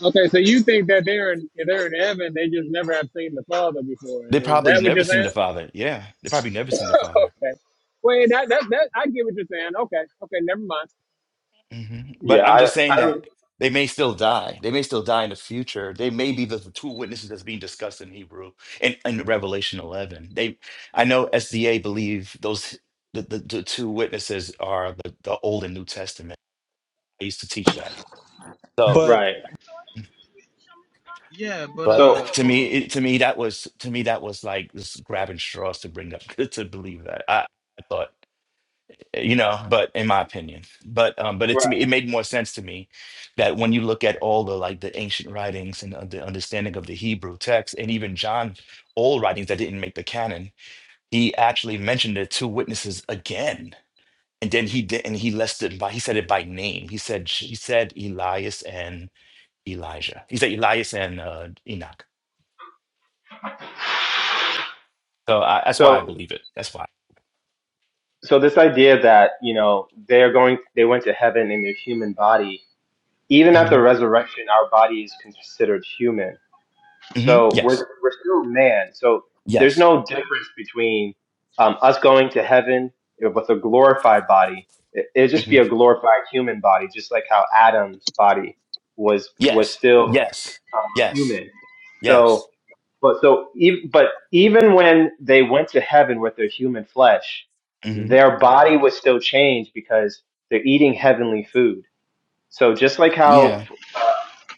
Okay, so you think that they're in they're in heaven? They just never have seen the Father before. They Is probably that what never you're seen saying? the Father. Yeah, they probably never seen the Father. okay. Wait, that, that that I get what you're saying. Okay, okay, never mind. hmm yeah. But I'm I, just I saying don't. that they may still die. They may still die in the future. They may be the two witnesses that's being discussed in Hebrew and in, in Revelation 11. They, I know SDA believe those the, the, the two witnesses are the, the Old and New Testament. I used to teach that. So, Right. But Yeah, but but uh So, to hold me, on. it, to me that was to me that was like just grabbing straws to bring up to believe that. I, I thought. you know but in my opinion but um but it to right. me it made more sense to me that when you look at all the like the ancient writings and uh, the understanding of the hebrew text and even john old writings that didn't make the canon he actually mentioned the two witnesses again and then he did and he listed by he said it by name he said he said elias and elijah he said elias and uh enoch so I, that's why i So, believe it that's why so this idea that you know they're going, they went to heaven in their human body. Even at the hmm resurrection, our body is considered human. hmm So we're yes we're still man. So there's yes no difference between um, us going to heaven with a glorified body. It, it'd just hmm be a glorified human body, just like how Adam's body was was yes still yes yes human. yes So, but so even but even when they went to heaven with their human flesh, hmm their body was still changed because they're eating heavenly food. So just like how Yeah, uh,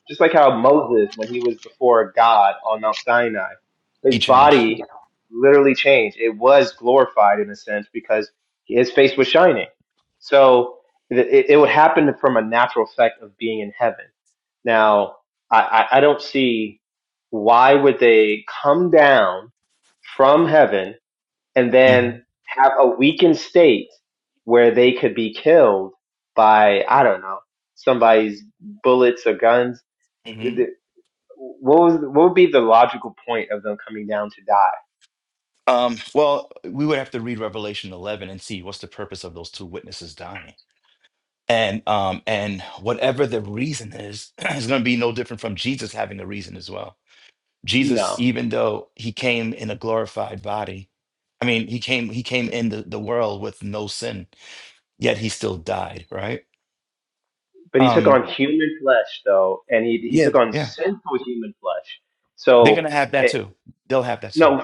just like how Moses, when he was before God on Mount Sinai, he his changed. body literally changed. It was glorified in a sense because his face was shining. So it, it would happen from a natural effect of being in heaven. Now, I, I I don't see why would they come down from heaven and hmm then have a weakened state where they could be killed by I don't know somebody's bullets or guns. hmm The- What was what would be the logical point of them coming down to die? Um, well, we would have to read Revelation 11 and see what's the purpose of those two witnesses dying. And um, and whatever the reason is, is going to be no different from Jesus having a reason as well. Jesus, No, even though he came in a glorified body, I mean, he came he came in the, the world with no sin, yet he still died, right? but he took Um, on human flesh though, and he he yeah, took on yeah. sinful human flesh. They're So gonna have that it, too. They'll have that too. no,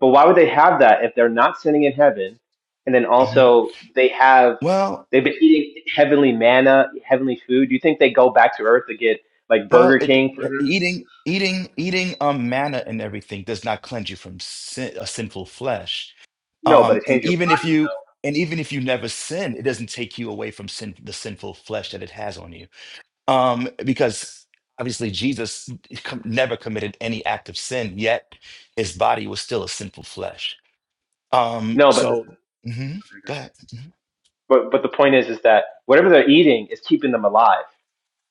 but why would they have that if they're not sinning in heaven, and then hmm also they have Well, they've been eating heavenly manna, heavenly food. Do you think they go back to earth to get like Well, Burger it, King? for it- eating eating eating um manna and everything does not cleanse you from sin, a sinful flesh. No, but Um, it and changed your even if body you though. and even if you never sin, it doesn't take you away from sin, the sinful flesh that it has on you. Um, because obviously Jesus com- never committed any act of sin, yet his body was still a sinful flesh. Um, No, but so mhm, go ahead. Mm-hmm. but but the point is, is that whatever they're eating is keeping them alive.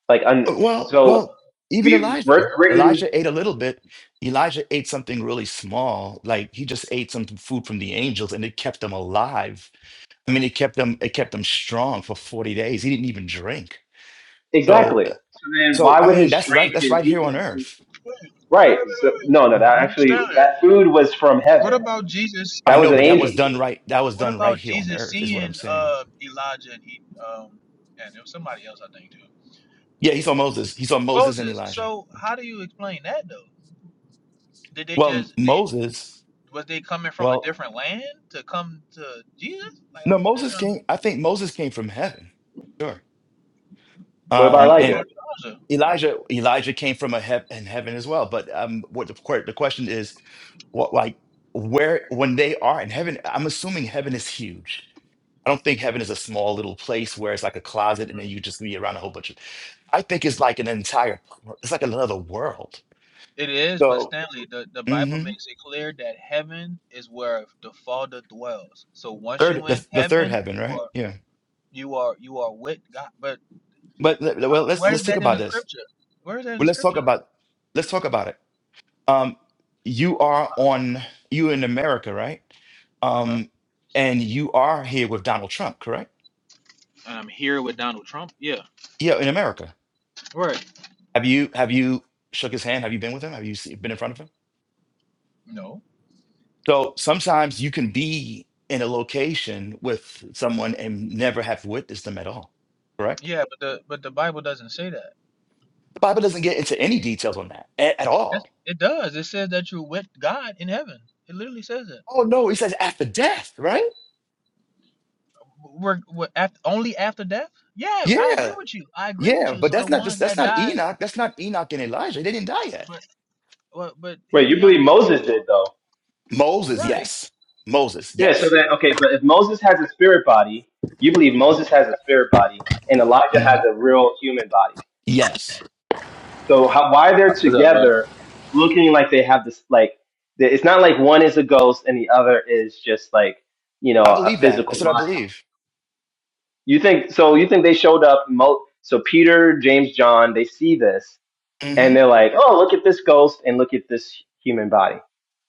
Like, un, Uh, Well, so well, even We we're, Elijah. we Elijah ate a little bit. Elijah ate something really small, like he just ate some food from the angels, and it kept him alive. I mean, it kept him, it kept him strong for forty days. He didn't even drink. So, Exactly. uh, So then, so Why I would mean, his that's right. strength That's and right here on vegan Earth. Wait, right? wait, wait, So wait, no, no. That hmm wait. Stay actually, there. that food was from What heaven. about Jesus I That was know, an but that angel. was done right. That was what done right about here on Jesus Earth, is what I'm seeing saying. uh Elijah and he um and there was somebody else I think too. Yeah, he saw Moses. He saw Moses and Moses. Elijah. So how do you explain that though? Did they Well, just Moses. was they coming from a Well, different land to come to Jesus? Like no, I'm Moses came. I think Moses came from heaven. Sure. What all about right, Um, what and Elijah? about Elijah? Elijah Elijah came from a hea- in heaven as well. But um, what the, que- the question is, what like where when they are in heaven? I'm assuming heaven is huge. I don't think heaven is a small little place where it's like a closet and then you just be around a whole bunch of. I think it's like an entire. It's like another world. It is, but So Stanley, the, the Bible hmm makes it clear that heaven is where the Father dwells. So once third you in the, the third heaven, heaven, you right? are Yeah. you are, you are with God. But But le- well, let's where is let's think that in about the this. scripture? Where is that in the Well, let's talk scripture? about let's talk about it. um, you are on you in America, right? Uh huh. Um, and you are here with Donald Trump, correct? And I'm here with Donald Trump. Yeah. Yeah, in America. Right. Have you have you shook his hand? Have you been with him? Have you se- been in front of him? No. So sometimes you can be in a location with someone and never have witnessed them at all, correct? Yeah, but the but the Bible doesn't say that. The Bible doesn't get into any details on that at, at That's, all. it does. It says that you're with God in heaven. It literally says it. Oh no, he says after death, right? We're, we're after, only after death. Yeah, I agree Yeah, with you. I agree with yeah, you. but So the that's not ones just that's that not die, Enoch. That's not Enoch and Elijah. They didn't die yet. but but, but hear Wait, you me out believe though. Moses did though? Moses, Right. yes. Moses, Yeah. So yes. then, okay, but if Moses has a spirit body, you believe Moses has a spirit body, and Elijah has Mhm. a real human body. Yes. So how, why they're What's up, brother? together, looking like they have this like? the- It's not like one is a ghost and the other is just like you know I a believe that. physical That's what I body. believe. You think so? You think they showed up? Mo- so Peter, James, John, they see this and hmm they're like, "Oh, look at this ghost and look at this human body."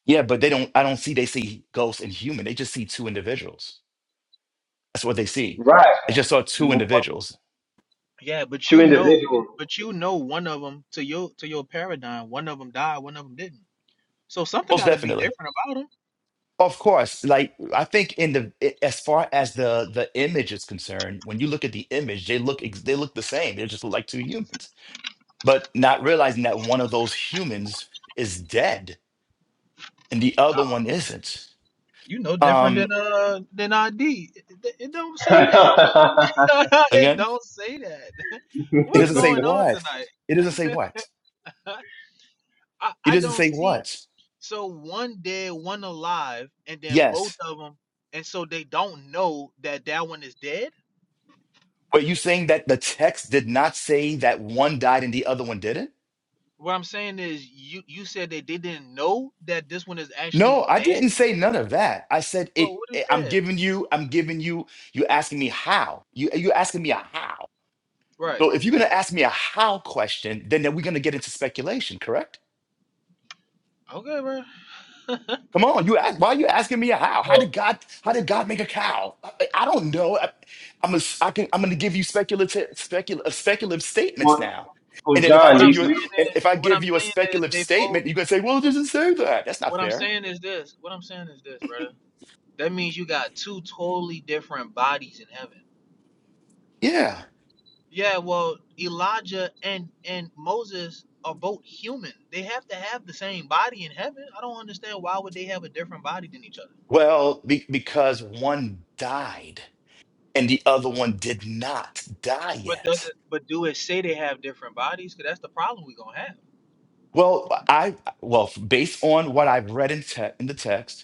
Yeah, but they don't, I don't see they see ghosts and human. They just see two individuals. That's what they see. Right, They just saw two individuals. Yeah, but two you know, individuals. but you know, one of them to your to your paradigm, one of them died, one of them didn't. So something Most got to be definitely. different about them. Of course. Like, I think in the, i- as far as the, the image is concerned, when you look at the image, they look, ex- they look the same. They just look like two humans, but not realizing that one of those humans is dead and the other one isn't. You know, different than Um, uh than ID. It, it it don't say that. well, it again? don't say that. It What's doesn't say going on what. tonight? It doesn't say what. I It I doesn't don't say see. what. So one dead, one alive, and then both Yes. of them, and so they don't know that that one is dead. But you saying that the text did not say that one died and the other one didn't? What I'm saying is, you you said that they didn't know that this one is No, actually I dead. didn't say none of that. I said Well, it. what is that? I'm giving you. I'm giving you. You asking me how? You you asking me a how? Right. So if you're gonna ask me a how question, then, then we're gonna get into speculation, correct? Okay, bro. Come on, you ask. Why are you asking me a how? How did God? How did God make a cow? I, I don't know. I, I'm a, am ai can. I'm going to give you speculative, speculative, speculative statements well, now. well, And then if I John, What I'm give you, you, a, you saying and is, if I what I'm give you a saying is, speculative they both. statement, you're going to say, "Well, it doesn't say that. That's not What I'm fair." saying is this. What I'm saying is this, brother. That means you got two totally different bodies in heaven. Yeah. Yeah. Well, Elijah and and Moses are both human. They have to have the same body in heaven. I don't understand why would they have a different body than each other. Well, be, because one died and the other one did not die But does yet. it? But do it say they have different bodies? Cause that's the problem we gonna have. Well, I well based on what I've read in te- in the text.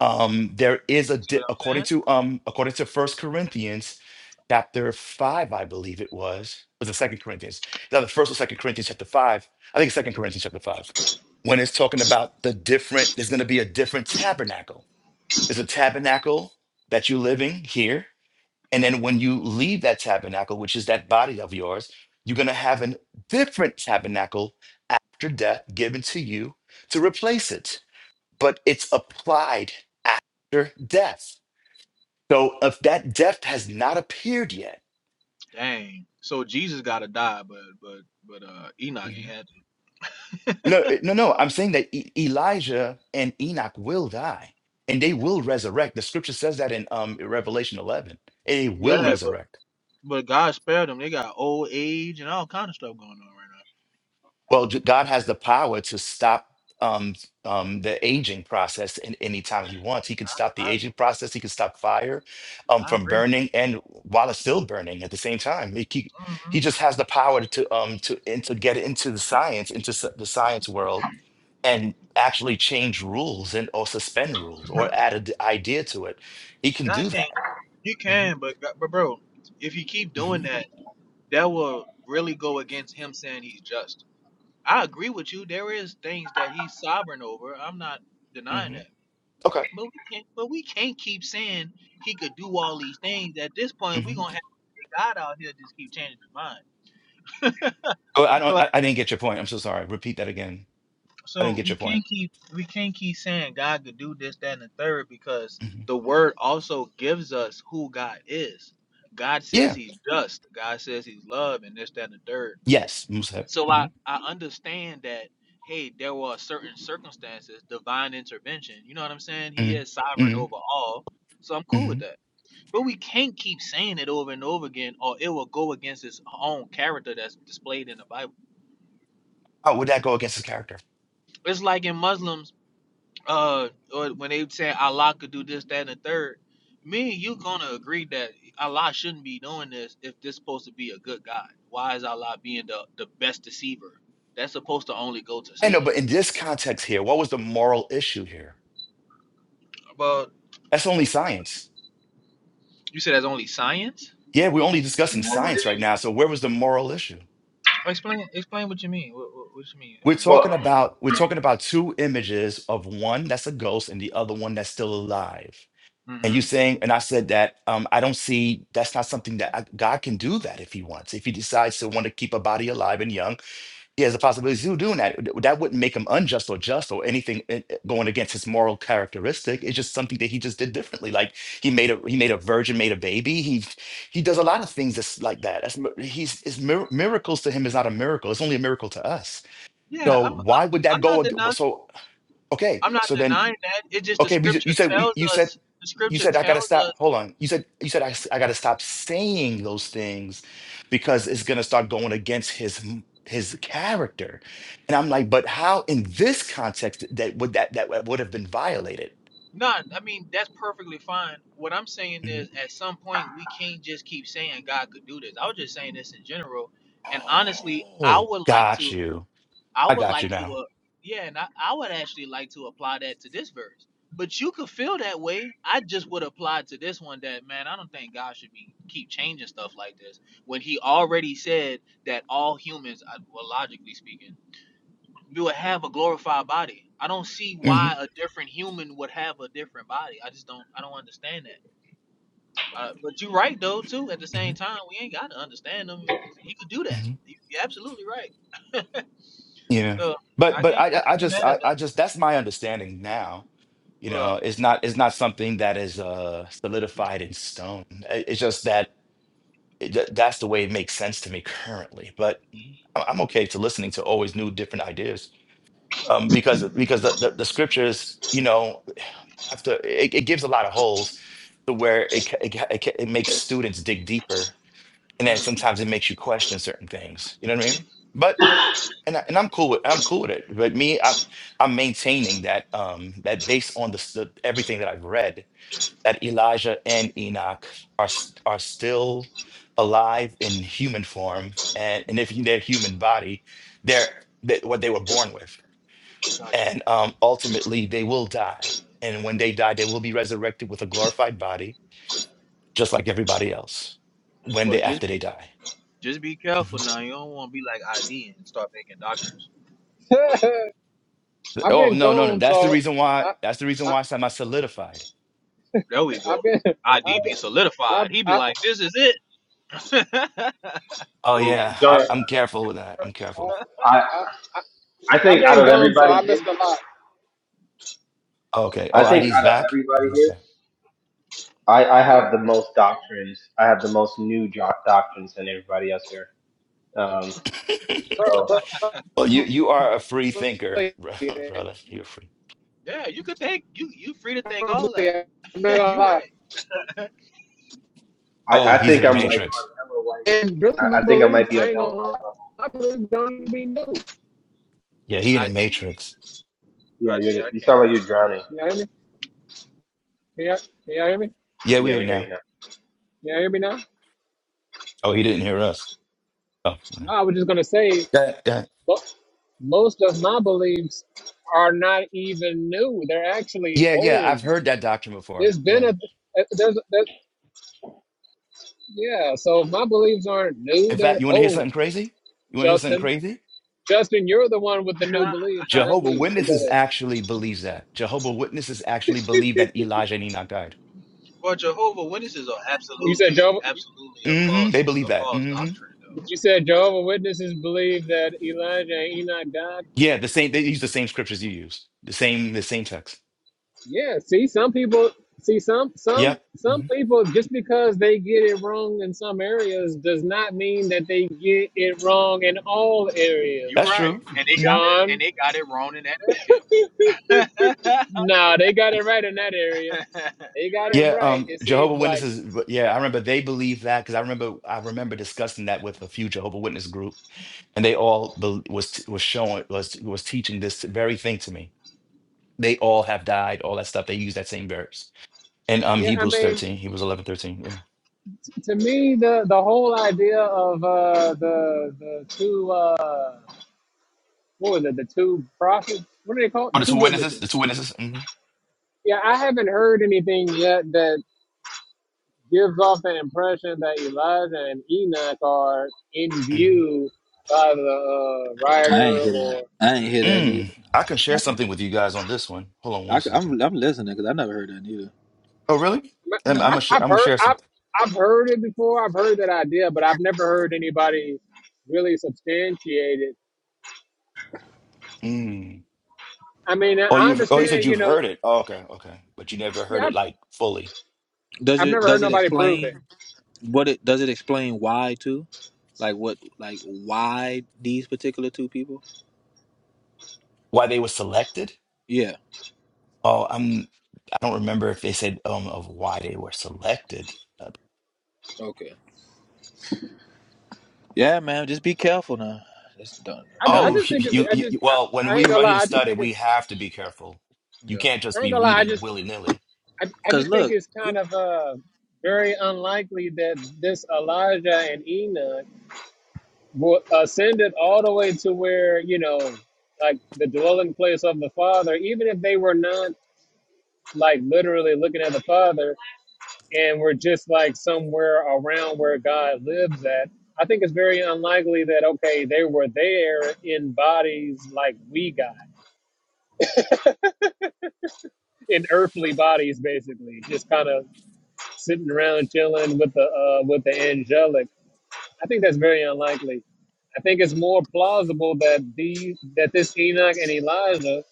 um there is a See di- what I'm according saying? to um according to first corinthians chapter 5 i believe it was was the second corinthians now the first or second corinthians chapter 5 i think it's second corinthians chapter 5 when it's talking about the different there's going to be a different tabernacle there's a tabernacle that you're living here and then when you leave that tabernacle which is that body of yours you're going to have a different tabernacle after death given to you to replace it but it's applied after death. So if that death has not appeared yet, Dang. So Jesus gotta die, but but but uh Enoch ain't Mhm. had to. no, eh, no, no, I'm saying that E- Elijah and Enoch will die and they will resurrect. The scripture says that in um, Revelation 11. They will Yeah, resurrect. But God spared them. They got old age and all kind of stuff going on right Well, j- God has the power to stop um, um, the aging process in any time He wants. He can stop the now. aging process. He can stop fire um, I, I from agree. burning, and while it's still burning at the same time, he he, hmm he just has the power to um to and to get into the science, into s- the science world, and actually change rules and or suspend rules or add an idea to it. He can God do can't. that. You hmm can, but God- but bro, if you keep doing hmm that, that will really go against Him saying He's just. I agree with you. There is things that He's sovereign over. I'm not denying hmm that. Okay. But we can't. But we can't keep saying He could do all these things. At this point, we're hmm gonna have God out here just keep changing His mind. Oh, I don't. I, I didn't get your point. I'm so sorry. Repeat that again. I didn't So get we your point. can't keep we can't keep saying God could do this, that, and the third because Mhm. the word also gives us who God is. God Yeah. says he's just. God says he's love and this, that, and the third. Yes, Musab. So hmm I, I understand that, hey, there were certain circumstances, divine intervention. You know what I'm saying? He hmm is sovereign hmm over all. So I'm cool hmm with that. But we can't keep saying it over and over again or it will go against his own character that's displayed in the Bible. How would that go against his character? It's like in Muslims uh or when they say Allah could do this, that, and the third, me and you gonna agree that Allah shouldn't be doing this if this supposed to be a good God. Why is Allah being the, the best deceiver? That's supposed to only go to I know, but Satan. in this context here, what was the moral issue here? Well, That's only science. you said that's only science. Yeah, we're only discussing science right now. So where was the moral issue? Explain explain what you mean. What, what, what you mean We're only well, talking science? about we're talking about two images of one that's a ghost and the other one that's still alive. And hmm you saying, and I said that um, I don't see that's not something that I, God can do that if He wants. If He decides to want to keep a body alive and young, he has the possibility of doing that. That wouldn't make him unjust or just or anything eh, eh, going against his moral characteristic. It's just something that he just did differently. Like he made a he made a virgin, made a baby. He he does a lot of things that's like that. That's mi- he's his mir- miracles to him is not a miracle. It's only a miracle to us. Yeah, I'm So I'm why would that I'm go? not ag- denying So okay, I'm not so then denying that. It's just the okay, we, ju- scripture you said we- tells you said us. The you scripture said I gotta tells us. stop. Hold on. You said you said I, s- I gotta stop saying those things because it's gonna start going against his m- his character. And I'm like, but how in this context that would that that would have been violated? No, I mean that's perfectly fine. What I'm saying Mhm. is, at some point, we can't just keep saying God could do this. I was just saying this in general, and honestly, I Oh, would like got to, you. I I would got you like to, now. uh, yeah, and I, I would actually like to apply that to this verse. But you could feel that way. I just would apply to this one that man, I don't think God should be keep changing stuff like this when He already said that all humans, uh, well, logically speaking, you would have a glorified body. I don't see hmm why a different human would have a different body. I just don't. I don't understand that. Uh, but you're right though too. At the hmm same time, we ain't got to understand him. He could do that. hmm You- are absolutely right. Yeah. So But I but can't. I I I I can't get just mad at I, I that. just that's my understanding now. You Well, know, it's not it's not something that is uh solidified in stone. I- It's just that it, tha- that's the way it makes sense to me currently. But I- I'm okay to listening to always new different ideas uh, um, because because the, the, the scriptures, you know, after it, it gives a lot of holes to where it ca- it, ca- it, ca- it makes students dig deeper, and then mm, sometimes it makes you question certain things. You know what I mean? But and, I, and I'm cool with I'm cool with it. But me, I'm I'm maintaining that um that based on the, s- the everything that I've read, that Elijah and Enoch are s- are still alive in human form, and and if their human body, they're that what they were born with, got you. and um, ultimately they will die, and when they die, they will be resurrected with a glorified body, just like everybody else. When Well, they just after they die. just be careful Mhm. now. You don't want to be like ID and start making doctrines. I've Oh been no no no! gone, That's the so reason why. I, That's the reason I why I said my solidified. There we I've go. been ID I've been be I solidified. He be I like, this is it. uh, Oh yeah, well, John, I, I'm careful with that. I'm I careful. I, I I, I I've think out been of gone, so everybody I missed here, a lot. Okay. I Oh, think ID's out of back. everybody ID's here, back. I, I Huh? have the most doctrines. I have the most new jo- doctrines than everybody else here. Um, So. Probably, Well, you you are a free thinker, bro- brother. You're free. yeah, you could think. You you free to think all probably, that. I'm not gonna you lie. right. I, Oh, I he's in think the I'm like on matrix. Ellen White. And really, I, my I think I might beliefs, be I on ain't Ellen gonna lie. White. level. My beliefs don't even be new. Yeah, he in the I. matrix. Yeah, I did. you I you can't sound like hear you're you. drowning. You know what I mean? Yeah, you hear me? Yeah, we Yeah, hear we you hear you now. now. You hear me now? Oh, he didn't hear us. Oh, No, I was just gonna say. yeah, yeah, Most of my beliefs are not even new; they're actually yeah, yeah. old. I've heard that doctrine before. It's been Yeah. a uh, there's there, yeah. So my beliefs aren't new; In fact, they're you want to hear old. something crazy? You want to hear something Justin, crazy? Justin, you're the one with the new beliefs, not Jehovah me. But go Witnesses ahead. actually believes that. Jehovah Witnesses actually believe that Elijah and Enoch died. Well, Jehovah Witnesses are You said absolutely, Jehovah, absolutely a hmm They false, believe a that. false hmm doctrine. you said Jehovah Witnesses believe that Elijah and Enoch died. Yeah, the same. They use the same scriptures you use. The same. The same text. Yeah. See, some people see some some Yep. some hmm people just because they get it wrong in some areas does not mean that they get it wrong in all Though you're That's areas. right, true. and they Mm-hmm. got it, John. and they got it wrong in that area. No, they got it right in that area. you're They got it right, Yeah, though. right. um, It Jehovah seems like Witnesses. but Yeah, I remember they believe that because I remember I remember discussing that with a few Jehovah Witness group, and they all bel was was showing was was teaching this very thing to me. They all have died, all that stuff. They use that same verse in um yeah. I Hebrews mean, thirteen, Hebrews eleven thirteen. Yeah. to me, the the whole idea of uh, the the two uh, what was it? The two prophets. What do they call Oh, it? the Two two witnesses. The witnesses. two witnesses. hmm Yeah, I haven't heard anything yet that gives off the impression that Elijah and Enoch are in hmm view by the uh, writer or Mm, I can share something with you guys on this one. Hold on I, one am second. I'm listening because I never heard that either. Oh, really? But I'm, I'm Nah. I've, gonna sh- I've I'm gonna heard share I've something. I've heard it before. I've heard that idea, but I've never heard anybody really substantiate it. Mm. I mean, I Oh, I you've oh you said understand, you you've know. heard it. Oh, okay, okay, but you never heard Yeah, it I've, like fully. Does I've it never heard does it nobody prove it. explain what it does it explain why too? Like what like why these particular two people? why they were selected. Yeah. Oh, I'm I don't remember if they said um of why they were selected. Uh, Okay. Yeah, man. Just be careful now. Just don't. I'm I, ju- I telling Oh, just think it's. you, I you, just. you I, well, when I we ain't gonna write lie. and I just study, think we it's. have to be careful. you. You Yeah. can't just I ain't be gonna lie. I reading just. willy nilly. I, I Cause just think look, it's kind of uh very unlikely that this Elijah and Enoch will ascend it all the way to where you know, like the dwelling place of the Father. Even if they were not like literally looking at the Father, and we're just like somewhere around where God lives at, I think it's very unlikely that, okay, they were there in bodies like we got, in earthly bodies, basically, just kind of sitting around chilling with the, uh, with the angelic. I think that's very unlikely. I think it's more plausible that these, that this Enoch and Elijah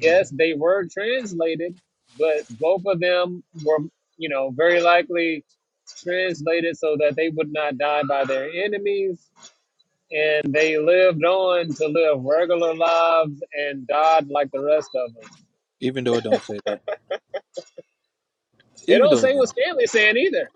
Yes, they were translated, but both of them were, you know, very likely translated so that they would not die by their enemies. And they lived on to live regular lives and died like the rest of them. even though it don't say that, It even don't though it say don't. what Stanley's saying either.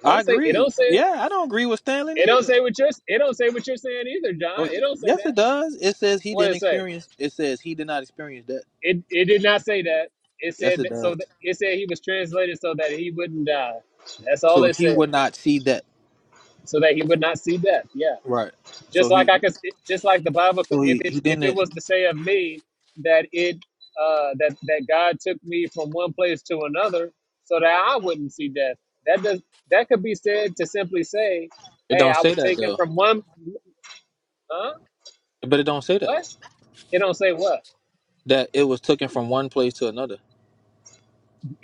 It I don't say. It agree. don't say. Yeah, I don't agree with Stanley It don't either. say what you're. It don't say what you're saying either, John. Oh, It don't say yes, that. it does. It says he What did didn't it say? experience. It says he did not experience that. It. It did not say that. It Yes, said it that, so. does. That, it said he was translated so that he wouldn't die. That's all So it he said. would not see that. so that he would not see death. Yeah, Right. just So like I he, could, just like the Bible. could- so If he, he it's if it didn't. was to say of me that it uh, that that God took me from one place to another so that I wouldn't see death, that does that could be said to simply say, It "Hey, don't I say was that taken though. from one." Huh? But it don't say that. What? It don't say what. That it was taken from one place to another.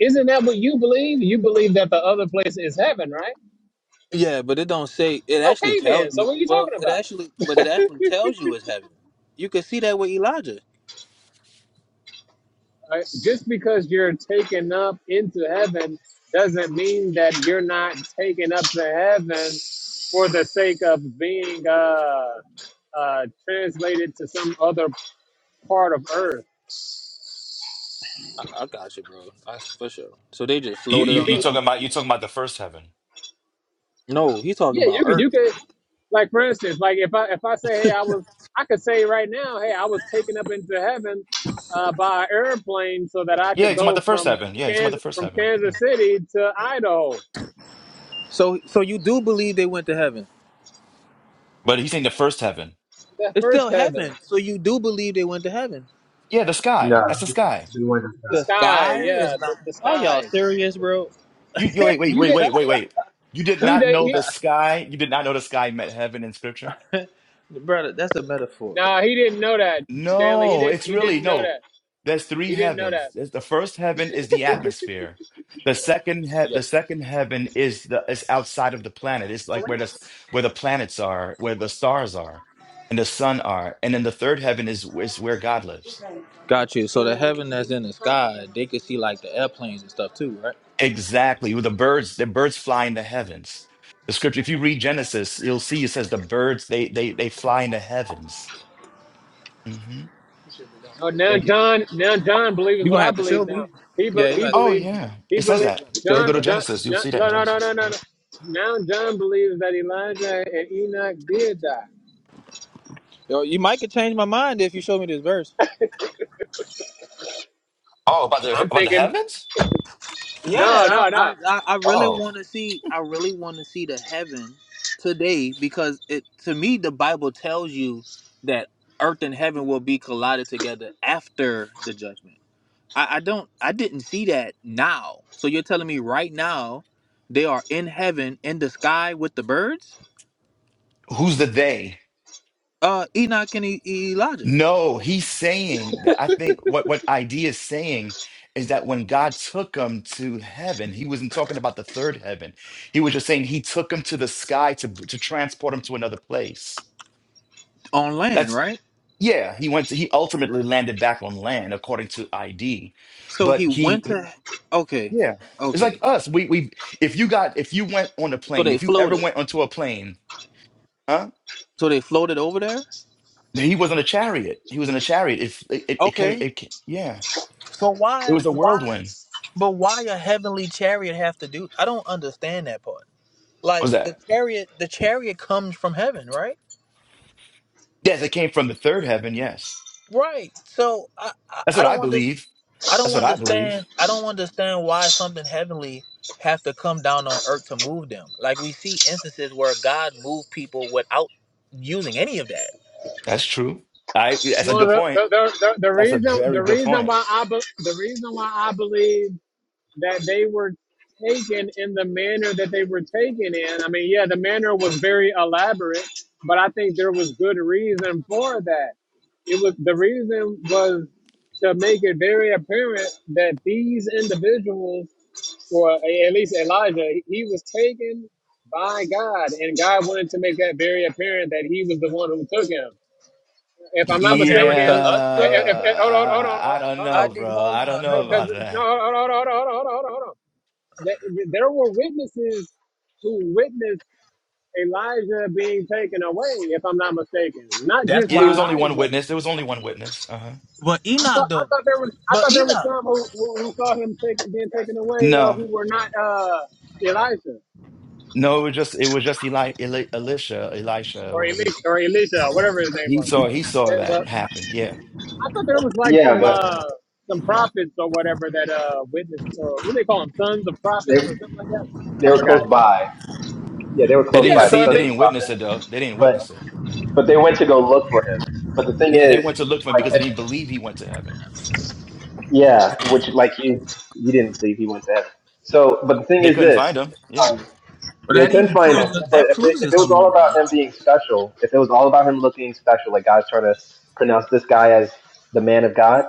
Isn't that what you believe? You believe that the other place is heaven, right? Yeah, but it don't say. It actually Okay, then. tells So you. what are you Well, talking it about? actually, but it actually tells you it's heaven. You can see that with Elijah. Uh, just because you're taken up into heaven doesn't mean that you're not taken up to heaven for the sake of being uh, uh, translated to some other part of earth. I, I got you, bro. That's for sure. So they just You, You floated you can on the. you be, Other. talking about you talking about the first heaven? No, he's talking yeah, you about can, Earth. you can, like for instance, like if I if I say, hey, I was, I could say right now, hey, I was taken up into heaven uh, by an airplane so that I Yeah, could he's talking about go the first from heaven. Yeah, he's talking about Kansas the first from heaven. Yeah, Kansas City to Idaho, So so you do believe they went to heaven. but he's saying the first heaven. that It's first still heaven, heaven. So you do believe they went to heaven. Yeah, the No, sky. That's the sky. we went the The inside. sky, sky yeah, is the, not the Are y'all sky serious, bro? You, you wait wait You wait did. wait wait wait. You did He not did. know He the sky. You did not know the sky meant heaven in scripture. Brother, that's a metaphor. nah. He didn't know that, Stanley. He No, didn't. it's He really didn't know no. that. There's three He didn't know heavens. that. There's, the first heaven is the atmosphere. The second he Yeah. the second heaven is the is outside of the planet. It's like where the where the planets are, where the stars are, and the sun are. And then the third heaven is is where God lives. Got you. So the heaven that's in the sky, they could see like the airplanes and stuff too, right? Exactly. With the birds, the birds fly in the heavens. The scripture, if you read Genesis, you'll see it says the birds they they they fly in the heavens. hmm So now Thank you. John. Now John believes you what gonna I have to show believe now. me. He be, Yeah, you gonna he have to Oh show believes. me. yeah, He it says Yeah, you believes. gonna that. have to show Yeah, John, go me to that. John. Genesis. You'll John. see that in No. No. No. Genesis. No. No. No. Now John believes that Elijah and Enoch did die. Yo, you might could change my mind if you show me this verse. Oh, about the I'm about the thinking. heavens? Yeah, No. I No. No. I I I really Oh, want to see I really want to see the heaven today because it to me the Bible tells you that earth and heaven will be collided together after the judgment. I I don't I didn't see that now. So you're telling me right now they are in heaven in the sky with the birds? who's the they? Uh Enoch and E- E- Elijah No, he's saying that I think what what idea is saying is that when God took him to heaven, he wasn't talking about the third heaven. He was just saying he took him to the sky to to transport him to another place. on land, That's right? yeah, he went to he ultimately landed back on land according to ID. So he But he went to Okay. yeah, it's Okay. like us. We we if you got if you went on a So plane, they if you ever floated. went onto a plane, huh? So they floated over there? No, he was on a chariot. He was in a chariot. If it, it, it came, Okay. it, ca- yeah, So it why was a why whirlwind. but why a heavenly chariot have to do I don't understand that part. What Like was the that? chariot the chariot comes from heaven, right? Yes, it came from the third heaven. Yes, Right. So I I, that's I what I don't under, believe. I don't That's what I believe. understand I don't understand why something heavenly have to come down on earth to move them. Like we see instances where God moved people without using any of that. That's true. I. That's a Well, good the point. the, the, the the That's a reason very the good reason point. why I be, the reason why I believe that they were taken in the manner that they were taken in. I mean, yeah, the manner was very elaborate, but I think there was good reason for that. It was the reason was to make it very apparent that these individuals, or at least Elijah, he was taken by God, and God wanted to make that very apparent that He was the one who took him. If I'm not Yeah, Apparent mistaken, to us though. if, if, hold on, hold on, hold on, I don't hold I know, did bro. hold I don't on, on, know hold because no, on. about no, that. hold on, hold on, hold on, hold on, hold on, hold on that there were witnesses who witnessed Elijah being taken away, if I'm not mistaken. Not That's just Yeah, it was why only one Elijah. witness. There was only one witness. Uh huh. but I Enoch thought I though. thought there was I But thought there was Enoch some who, who, who saw him take, being taken away uh, No, who were not uh, Elijah no, it was just it was just Eli, Eli Elisha, Elisha, or whatever he Elisha or Elisha, whatever his name he was. saw. He saw Uh, But that happened. Yeah. I thought there was like Yeah, some but uh, some prophets or whatever that uh, witnessed. Or what do they call them? Sons of they prophets or something like that. they I were forgot. close by. Yeah, they were They close didn't Yeah. by. The So see it. if They sons they of the didn't prophet. witness it, though. They didn't But witness it. but they went to go look for him. But the thing Yeah, they is, went to look for him like because they didn't believe he went to heaven. yeah, which like you you didn't believe he went to heaven. So, but the thing They is couldn't this. find him. Yeah. um, They couldn't find him. But if it, if it was all about him being special, if it was all about him looking special, like God's trying to pronounce this guy as the man of God,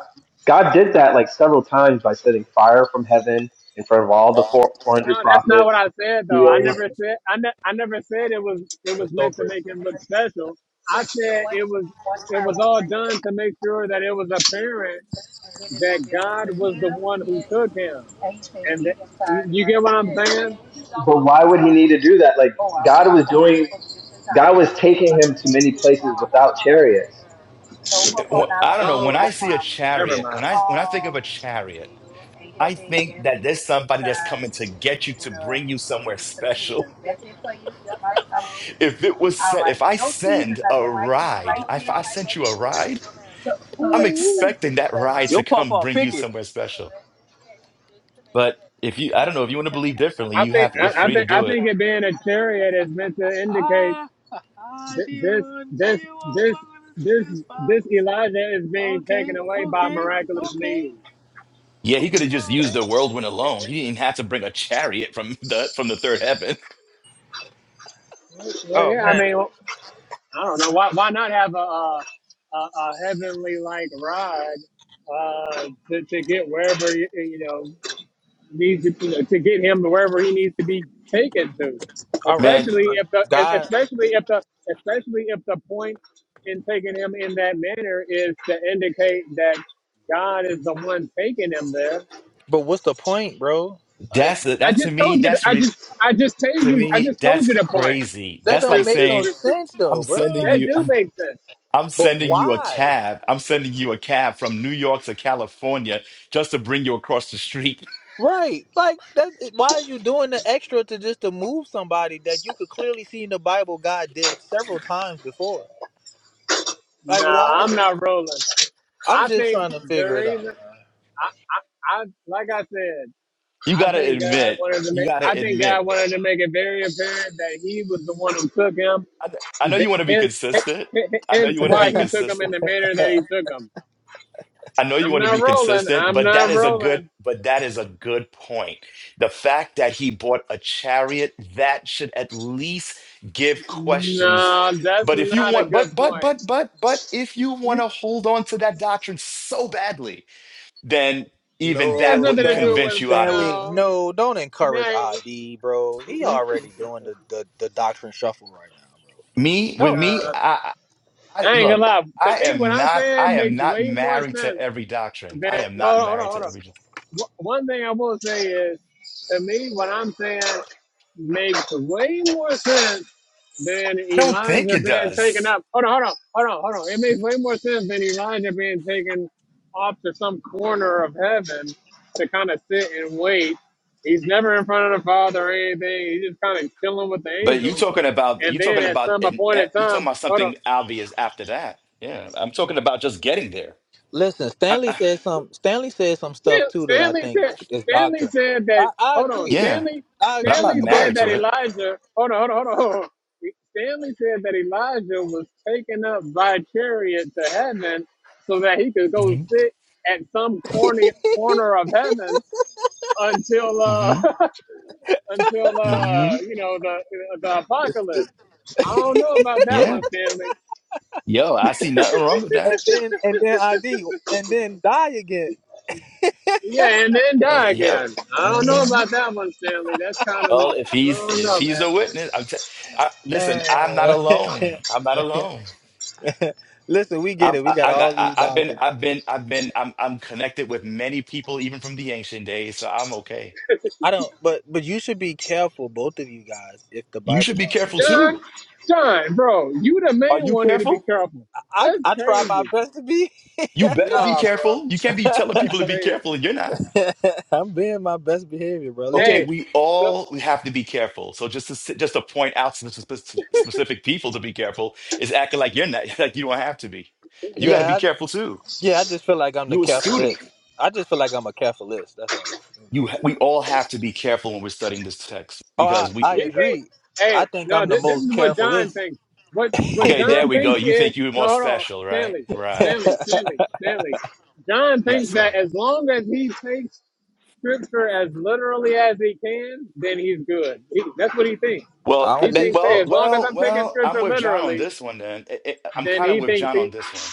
God did that like several times by sending fire from heaven in front of all the four, Well, 400 no, that's not what prophets. I said He though. I already, never said I, ne- I never said it was it was meant to make him look special. I said it was it was all done to make sure that it was apparent that God was the one who took him, and that, you you get what I'm saying? but why would he need to do that? Like God was doing, God was taking him to many places without chariots. It- wh- I don't know. When Oh, I see a never chariot, mind. when I when I think of a chariot, I think that there's somebody that's coming to get you to bring you somewhere special. If it was sent, if I send a ride, if I sent you a ride, I'm expecting that ride to Your come papa bring you somewhere special. But if you, I don't know, if you want to believe differently, I you think have you're I, I free to think I do it. think it being a chariot is meant to indicate th- this this this this this Elijah is being taken away by miraculous means. Yeah, he could have just used the whirlwind alone. He didn't have to bring a chariot from the from the third heaven. Well, Oh, yeah, I mean, I don't know why. Why not have a a, a a heavenly like ride uh, to to get wherever you, you know needs to you know, to get him to wherever he needs to be taken to, all right. Man, especially if the e, God, especially if the especially if the point in taking him in that manner is to indicate that God is the one taking him there. but what's the point, bro? Like that's I that to just me. told you. The, That's I re, just I just told to you. I me. just told That's you the point. crazy. that That's don't like make no saying sense though, I'm bro. sending that Like, you. do make sense. I'm but sending you a why? cab. I'm sending you a cab from New York to California just to bring you across the street. Right. Like that why are you doing the extra to just to move somebody that you could clearly see in the Bible God did several times before? Like why? Nah, I'm not rolling. I'm I just think trying to the figure it out. reason I, I, I like I said, You I gotta think God admit. wanted to You make I gotta think admit. God wanted to make it very apparent that He was the one who took him. I, I know you want to be Hence, consistent. I know hence you want to man. why be He took him consistent. in the manner that He took him. I know you I'm want to not be rolling. consistent, I'm but that not is a good, rolling. but that is a good point. The fact that he bought a chariot, that should at least give questions. No, that's But if you not a want, good but, but, point. but, but, but if you want You to hold on to that doctrine so badly, then even it has that no, nothing wouldn't to do Stanley, convince with you out of Stanley, it. no. no, don't encourage Nah, ID, bro. He already doing the, the, the doctrine shuffle right now, Me, with Don't do me, nah. that. I, I I- I ain't look, gonna lie. To I me, what am I'm not, I saying am makes not way more married to sense every doctrine. I than am hold not on, hold on, married to hold on. every doctrine. wh- one thing I will say is, to me, what I'm saying makes way more sense than I don't think Elijah it being taken does. up. Hold on, hold on, hold on, hold on. It makes way more sense than Elijah being taken off to some corner of heaven to kind of sit and wait. He's never in front of the Father or anything. He's just kind of chilling with the But you angels. talking about And you then talking at about some an e- appointed you talking time, about hold on, something obvious after that. Yeah, I'm talking about just getting there. Listen, I, Stanley I, said some. Stanley said some stuff Stan- too that I Stanley think said. is is Stanley doctrine. said that. I, I Hold on. agree. yeah, Stanley. I but I'm agree. not Stanley But said married that to it. Elijah. Hold on. Hold on. Hold on. Hold on. Stanley said that Elijah was taken up by chariot to heaven so that he could go hmm sit at some corny corner of heaven until uh hmm until hmm uh you know the the apocalypse. I don't know about that Yeah. one, Stanley. Yo, I see nothing wrong with and that. then and then ID and then die again. Yeah, and then I die was- yep. again. I don't know hmm about that one, Stanley. That's kind of Well, if I he's don't if know, he's man. a witness, I'm t- I, listen. I'm not Uh, alone. I'm not alone. listen, we get I'm, it. We I, got I got. all I, these I've been. doctrines. I've been. I've been. I'm. I'm connected with many people, even from the ancient days. So I'm okay. I don't. But but you should be careful, both of you guys, if the You Bible should be don't careful say that. John, too. John, bro, you the Are main you one that need to be careful? careful. I That's I try my crazy. best to be. You better be Nah, bro, careful. You can't be telling people that's to be crazy. careful and you're not. I'm being my best behavior, bro. Okay, Listen. Hey, we so all we have to be careful. So just to s- just to point out some spe- specific people to be careful is acting like you're not like you don't have to be. You got to be Yeah, I, careful too. yeah. I just feel like I'm the you a student. carefulist. I just feel like I'm a carefulist. That's all. You know what You I'm ha- saying? we all have to be careful when we're studying this text Oh, I, because we. I he think, agree. hey, I think no, I'm the this, this most is what John carefulest. thinks. What what Okay, I there John we go. thinks You is, think you're no, more hold on, special, right? Stanley, Right. Stanley, Stanley, Stanley. John Yes, thinks sir. that as long as he takes scripture as literally as he can, then he's good. He, that's what he thinks. Well, don't He that, leave thinks, hey, well, as scripture. long as well, I'm taking well. I'm scripture with John on literally, this one. Then I- I- I'm then kind of he with thinks John he on this one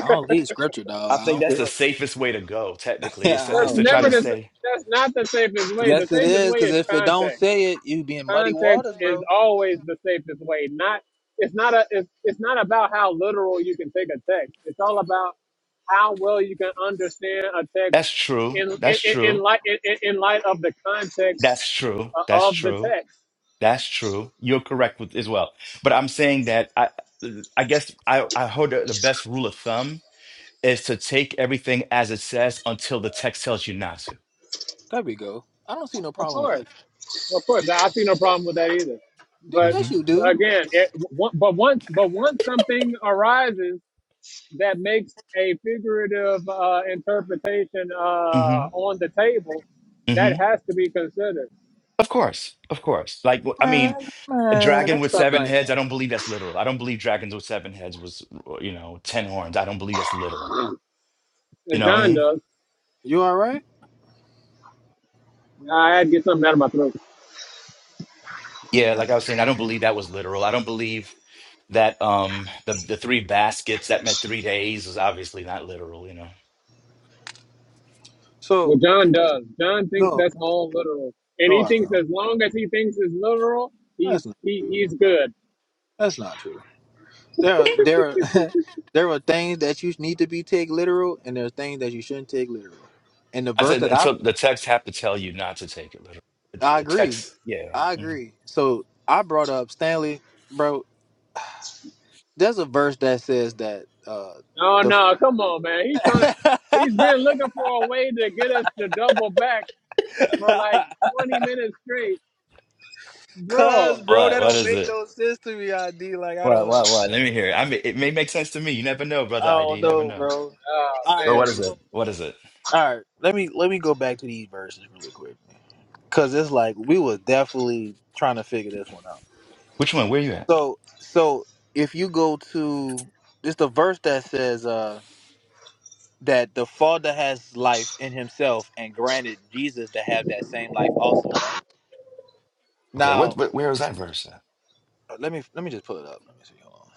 I don't leave scripture, dog. I I think that's don't. the safest way to go, technically, is Yeah, to, I is That's to don't try do never to it. the. say, That's not the safest way. The Yes, it safest is. way Because is if it don't context. say it, you be in muddy Context waters, is bro. always the safest way. Not. It's not a. It's, it's not about how literal you can take a text. It's all about how well you can understand a text that's true, in in, that's in, in true, light in, in in light of the context that's true, uh, that's of the true, text. that's true. You're correct with, as well. But I'm saying that I, I guess I, I hold the, the best rule of thumb is to take everything as it says until the text tells you not to. There we go. I don't see no Of problem with course, that. of course, I I see no problem with that either. Y- But hmm Yes, you do. again, it, but once but once something arises that makes a figurative uh, interpretation uh, hmm on the table, that hmm has to be considered. Of course, of course. Like, I mean, a dragon with Stop seven lying. heads, I don't believe that's literal. I don't believe dragons with seven heads was, you know, 10 horns. I don't believe that's literal. You And know what I John mean? does. You all right? I had to get something out of my throat. Yeah, like I was saying, I don't believe that was literal. I don't believe that um the the three baskets that meant three days is obviously not literal, you know. Well, So John does. John thinks no, that's all literal, and no, he I thinks don't. as long as he thinks it's literal, he's That's not he, true. he's good. That's not true. There are there are there are things that you need to be take literal, and there are things that you shouldn't take literal. And the I verse said, that and I so the text have to tell you not to take it literal. The I the agree. text, yeah. I Mhm. agree. So I brought up Stanley, bro. There's a verse that says that uh Oh the no, come on, man. He's trying to. He's been looking for a way to get us to double back for like 20 minutes straight, bro. Cuz bro, that What what don't is make it? no sense to me, ID. Like I What don't what understand what? Let me it, hear it. bro. I mean, it may make sense to me. You never know, brother I ID. don't You never know, know. bro. Oh But Alright, what man, is so it? What is it? Alright, let me let me go back to these verses really quick. Cause it's like we was definitely trying to figure this one out. Which one? Where you at? So so if you go to it's the verse that says uh, that the Father has life in Himself and granted Jesus to have that same life also, right? Okay, what, Now, what where is that verse at? uh, let me let me just pull it up. Hold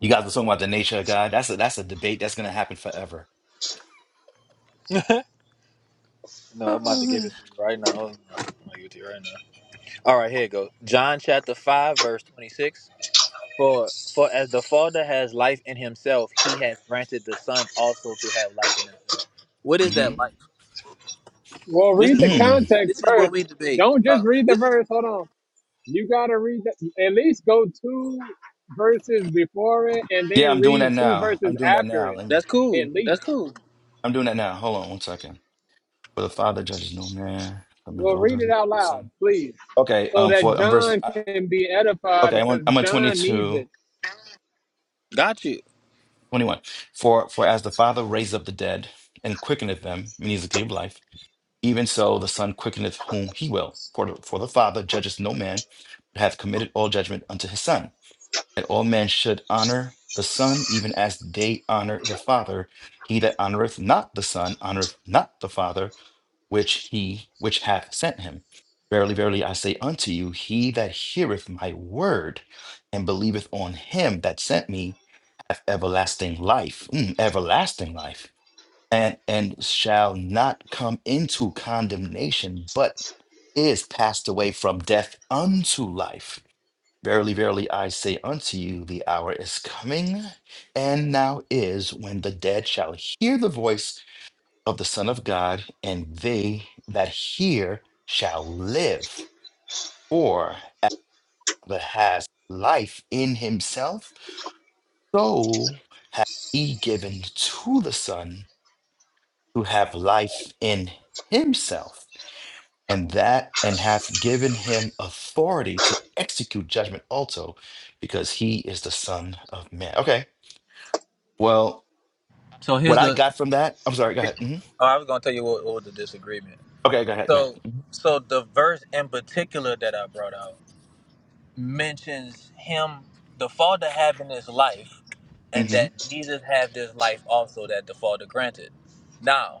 You guys are talking about the nature of God. That's a that's a debate that's gonna happen forever. on. no, I'm about to give Oh it to you right now. Hold on. I'm gonna give it to you right now. All right, here it goes. John chapter five, verse twenty-six. For for as the Father has life in Himself, He has granted the Son also to have life in Himself. What is that man. life? Well, This read is the what we hmm context this is what first. we debate. Don't Uh, just read the this is verse. Hold on. You gotta read the, at least go two verses before it, and Yeah, then I'm doing read that two now. verses I'm doing that after now. it. I'm, that's cool. At That's least. cool. I'm doing that now. Hold on one second. For the Father judges no man. Come to the Well, Old read it Testament, out the Son. loud, please, Okay, so um, that for um, verse. John uh, can be edified, Okay, I'm on, because I'm on John 22, needs twenty-one. it. Got you. For for as the Father raised up the dead and quickeneth them, meaning the gift of life, even so the Son quickeneth whom he will. For the, for the Father judges no man, but hath committed all judgment unto his Son. That all men should honor the Son, even as they honor the Father. He that honoreth not the Son honoreth not the Father which he which hath sent him. Verily, verily, I say unto you, he that heareth my word and believeth on him that sent me hath everlasting life, mm, everlasting life, and and shall not come into condemnation, but is passed away from death unto life. Verily, verily, I say unto you, the hour is coming, and now is, when the dead shall hear the voice of the Son of God, and they that hear shall live. For whoever has life in himself, so hath he given to the Son to have life in himself, and that and hath given him authority to execute judgment also, because he is the Son of Man. Okay. Well, So here's what I the. got from that, I'm sorry, go ahead. hmm Oh, I was gonna tell you what, what was the disagreement. Okay, go ahead, go So, so the verse in particular that I brought out mentions him, the Father having his life, ahead. and that hmm Jesus have this life also that the Father granted. Now,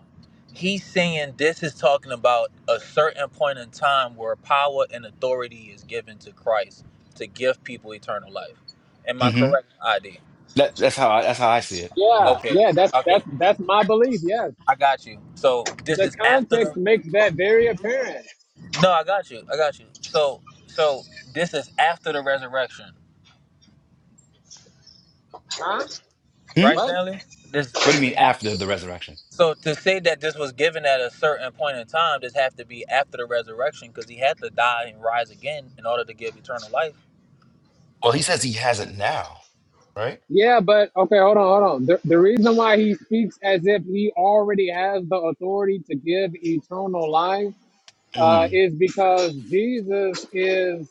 he's saying this is talking about a certain point in time where power and authority is given to Christ to give people eternal life. Am I hmm correct? ID. That, that's how I, that's how I see it. Yeah, Yeah. Okay. yeah. That's Okay. that's that's my belief. Yes. I got you. So this The is after the context makes that very apparent. No, I got you. I got you. So, so this is after the resurrection, Huh? Hmm? right, What? Stanley? This What this do you is mean after after. the resurrection? So to say that this was given at a certain point in time, this have to be after the resurrection because he had to die and rise again in order to give eternal life. Well, he says he has it now, right? Yeah, but okay, hold on, hold on. The, the reason why he speaks as if he already has the authority to give eternal life uh, Mm. is because Jesus is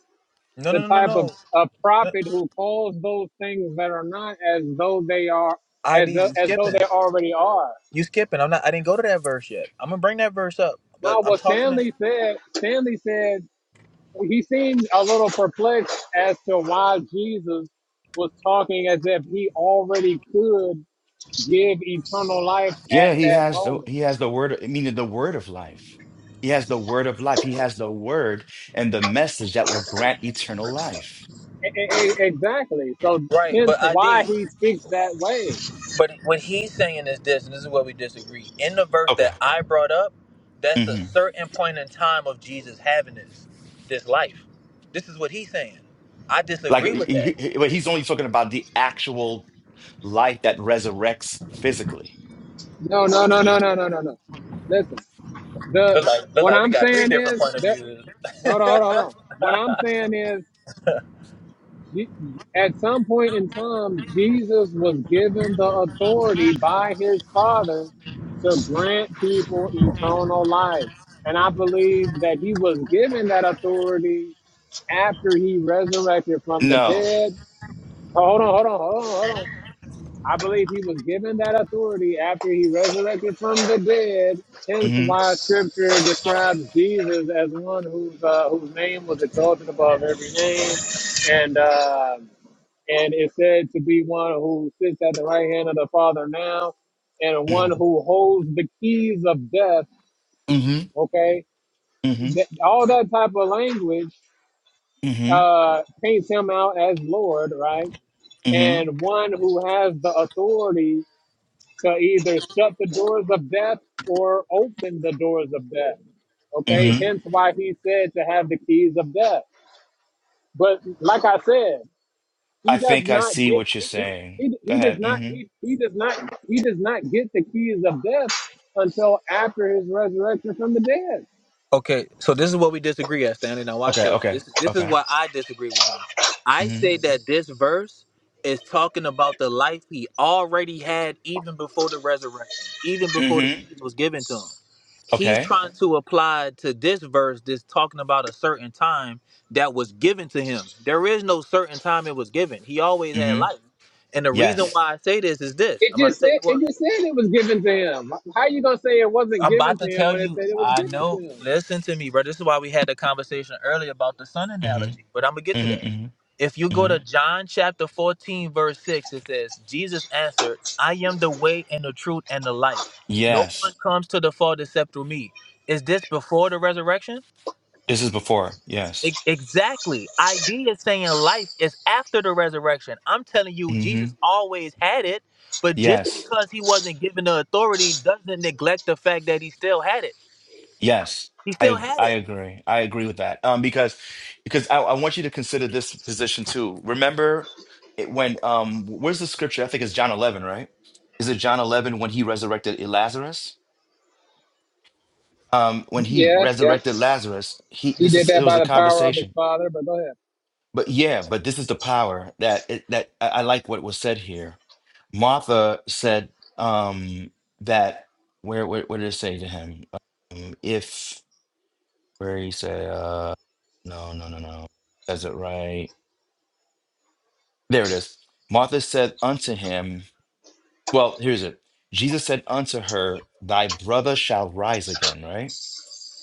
No, the no, no, type no, of a no. prophet who calls those things that are not as though they are, ID, as, you tho- as though skipping? they already are. You skipping? I'm not. I didn't go to that verse yet. I'm gonna bring that verse up, but Now, I'm what talking to. Stanley said, Stanley said he seemed a little perplexed as to why Jesus was talking as if he already could give eternal life at Yeah, he that has the moment. he has the word, meaning the word of life. He has the word of life. He has the word and the message that will grant eternal life. E- e- e- Exactly. So Right, hence but ID. why he speaks that way. But what he's saying is this, and this is where we disagree. In the verse Okay. that I brought up, that's a hmm certain point in time of Jesus having this, this life. This is what he's saying. I Like, disagree with that. he- he- but he's only talking about the actual life that resurrects physically. No, no, no, no, no, no, no, no. Listen, the Look like, look what like we I'm got three saying different is point of that views hold on, hold on, hold on. What I'm saying is Je- at some point in time, Jesus was given the authority by his father to grant people eternal life. And I believe that he was given that authority after he resurrected from the No. dead Oh, Hold on, hold on, hold on, hold on. I believe he was given that authority after he resurrected from the dead. Hence, hmm why Scripture describes Jesus as one whose uh, whose name was exalted above every name, and uh, and is said to be one who sits at the right hand of the Father now, and hmm one who holds the keys of death. hmm Okay, hmm that, all that type of language hmm uh, paints him out as Lord, right? hmm And one who has the authority So either shut the doors of death or open the doors of death. Okay, hmm hence why he said to have the keys of death. But like I said, I he does think I not see get what you're he, saying. he, Go he does ahead. not hmm he, he does not he does not get the keys of death until after his resurrection from the dead. Okay, so this is what we disagree at, Stanley. Now watch Okay. this. Okay. This this is Okay. why I disagree with him. I say hmm Mm-hmm. that this verse is talking about the life he already had even before the resurrection, even before the Mm-hmm. keys was given to him. He's Okay. trying to apply to this verse this talking about a certain time that was given to him. There is no certain time it was given. He always had Mm-hmm. life. And the reason Yes. why I say this is this. It I'm about to just tell said you why. it just said it was given to him. How you gonna say it wasn't I'm about given to to him tell when it you, said it was I given know. to him? Listen to me, bro. This is why we had the conversation earlier about the sun Mm-hmm. analogy, but I'm going to get to that. Mm-hmm. Mm-hmm. If you go hmm to John chapter 14, verse 6, it says, Jesus answered, I am the way and the truth and the life. No one Yes. comes to the Father except through me. Is this before the resurrection? This is before. E- Yes. exactly. ID is saying life is after the resurrection. I'm telling you, Mm-hmm. Jesus always had it, but just Yes. because he wasn't given the authority doesn't neglect the fact that he still had it. Yes. He still I had I it. agree. I agree with that. Um, because because I, I want you to consider this position too. Remember it when um where's the scripture? I think it's John eleven, right? Is it John eleven when he resurrected Lazarus? Um, when he Yeah, yeah. resurrected Lazarus, he He this did is it that was by a the power of his conversation father, but go ahead. But yeah, but this is the power that it, that I, I like what was said here. Martha said um that where where what did it say to him? Um, if where he said uh no no no no says it right. There it is. Martha said unto him, well, here's it. Jesus said unto her, Thy brother shall rise again, right?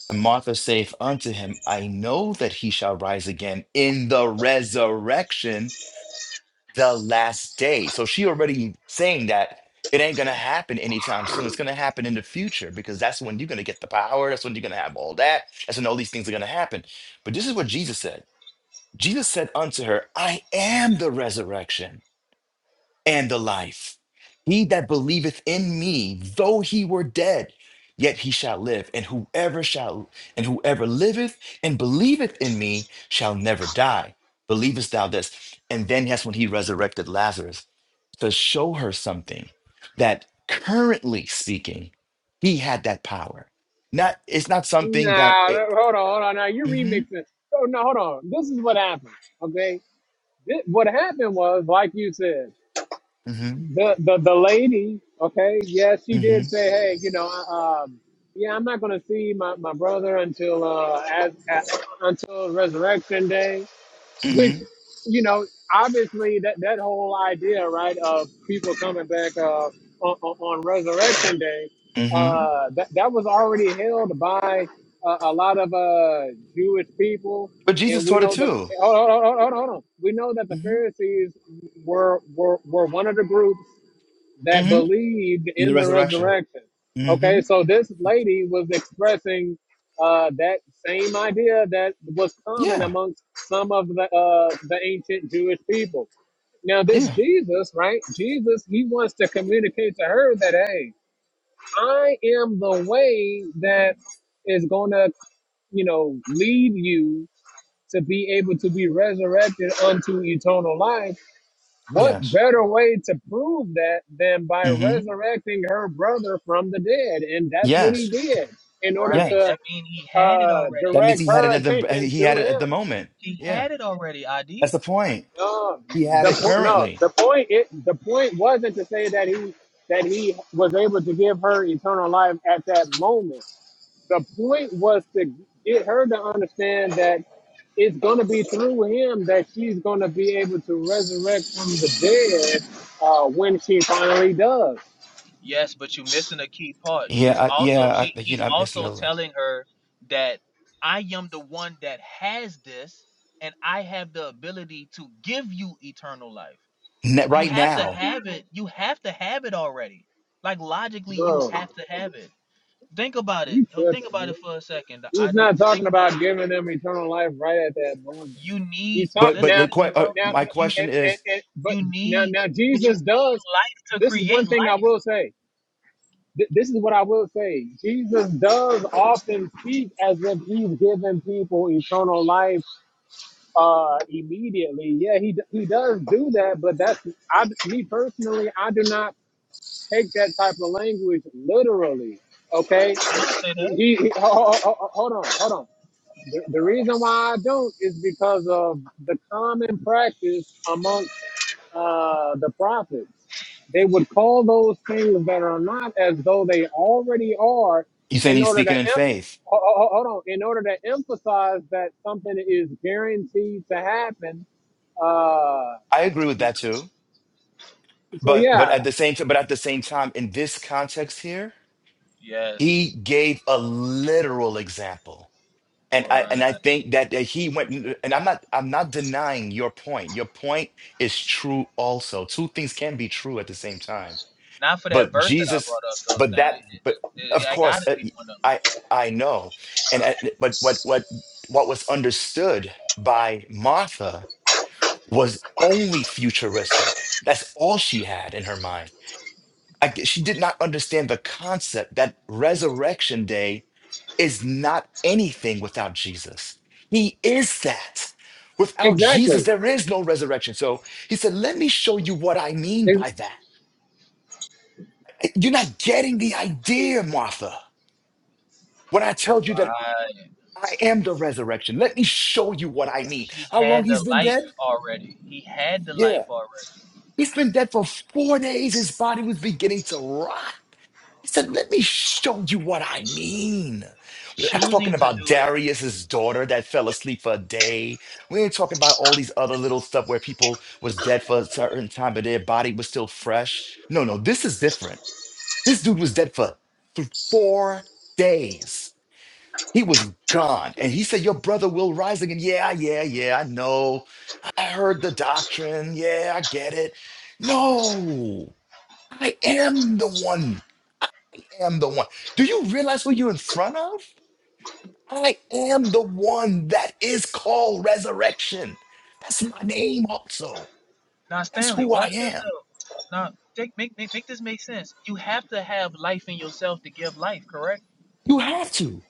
And Martha saith unto him, I know that he shall rise again in the resurrection the last day. So she already saying that it ain't gonna happen anytime soon. It's gonna happen in the future because that's when you're gonna get the power. That's when you're gonna have all that. That's when all these things are gonna happen. But this is what Jesus said. Jesus said unto her, I am the resurrection and the life. He that believeth in me, though he were dead, yet he shall live. And whoever shall and whoever liveth and believeth in me shall never die. Believest thou this? And then that's when he resurrected Lazarus to show her something that currently speaking, he had that power. Not it's not something that Nah, no, it, hold on, hold on. Now you're hmm remixing. Oh, no, hold on. This is what happened. Okay, Thi- what happened was, like you said, hmm the the the lady. Okay, yeah, she hmm did say, hey, you know, I, um, yeah, I'm not gonna see my, my brother until uh as, as until resurrection day which hmm you know obviously that that whole idea right of people coming back uh, on, on resurrection day hmm uh, that that was already held by uh, a lot of uh, Jewish people But and Jesus we taught it know the too. hold on, hold on, hold on, hold on. we know that the hmm Pharisees were were, were one of the groups that hmm believed In the in the resurrection. resurrection. Okay, hmm so this lady was expressing uh, that same idea that was common Yeah. amongst some of the uh, the ancient Jewish people. Now, this Yeah. Jesus, right? Jesus, he wants to communicate to her that, hey, I am the way that is going to, you know, lead you to be able to be resurrected unto eternal life what Yes. better way to prove that than by hmm resurrecting her brother from the dead? And that's what he Yes. did in order Right. Yes. to That mean he had it uh, already. That means direct he had it her at the attention he to had it at the him. moment. He Yeah. had it already, That's ID. the point. Um, He had the it po- no, currently. the point it the point wasn't to say that he that he was able to give her eternal life at that moment. The point was to get her to understand that it's going to be through him that she's going to be able to resurrect from the dead uh, when she finally does. Yes, but you're missing a key part. He's Yeah. I, also yeah. she I, you he's know, I'm missing also a, li- telling her that I am the one that has this and I have the ability to give you eternal life. Ne- You right have to now. have it. You have to have it already. Like logically you Bro, have to have it. Think about it. you Oh, tripping, Think about man. it for a second, the He's ID. not Just think talking about about it. giving them eternal life right at that moment. You need He's but But talking but listen now, the to me, que- bro. uh, now, my You and, question and, is, and, but you now, need now but you Jesus does. life to This is one create thing I life. will say. Th- This is what I will say. Jesus does often speak as if he's giving people eternal life uh immediately. Yeah, he he does do that, but that's I me personally, I do not take that type of language literally. Okay, he, he ho- ho- ho- hold on, hold on. The, the reason why I don't is because of the common practice amongst uh, the prophets. They would call those things that are not as though they already are, you saying in he's order to speaking em- in faith? ho- ho- ho- hold on, in order to emphasize that something is guaranteed to happen uh, I agree with that too. so But but yeah, at the same time, but at the same time, in this context here, Yes, he gave a literal example, and I right. and I think that, that he went. And I'm not I'm not denying your point. Your point is true also. Two things can be true at the same time. Not for that But verse that I Jesus, brought up though, but Stanley. that, but It, it, it, of I course, gotta uh, be one of them. I I know, and uh, but what what what was understood by Martha was only futuristic. That's all she had in her mind. I, she did not understand the concept that resurrection day is not anything without Jesus. He is that. Without Jesus, exactly. there is no resurrection. So he said, Let me show you what I mean It's, by that. You're not getting the idea, Martha, when I told you that Right. I am the resurrection. Let me show you what I mean. He How long had the he's been life dead? already. He had the Yeah. life already. He's been dead for four days. His body was beginning to rot. He said, Let me show you what I mean. We're not talking Choosing to about do it. Darius's daughter that fell asleep for a day. We ain't talking about all these other little stuff where people was dead for a certain time, but their body was still fresh. No, no, this is different. This dude was dead for th- four days. He was gone. And he said, Your brother will rise again. Yeah, yeah, yeah, I know. I heard the doctrine. Yeah, I get it. No, I am the one am the one. Do you realize who you're in front of? I am the one that is called resurrection. That's my name also. Now, That's Stanley, who I watch this am. though. Now, take, make, make make this make sense. You have to have life in yourself to give life, correct? You have to.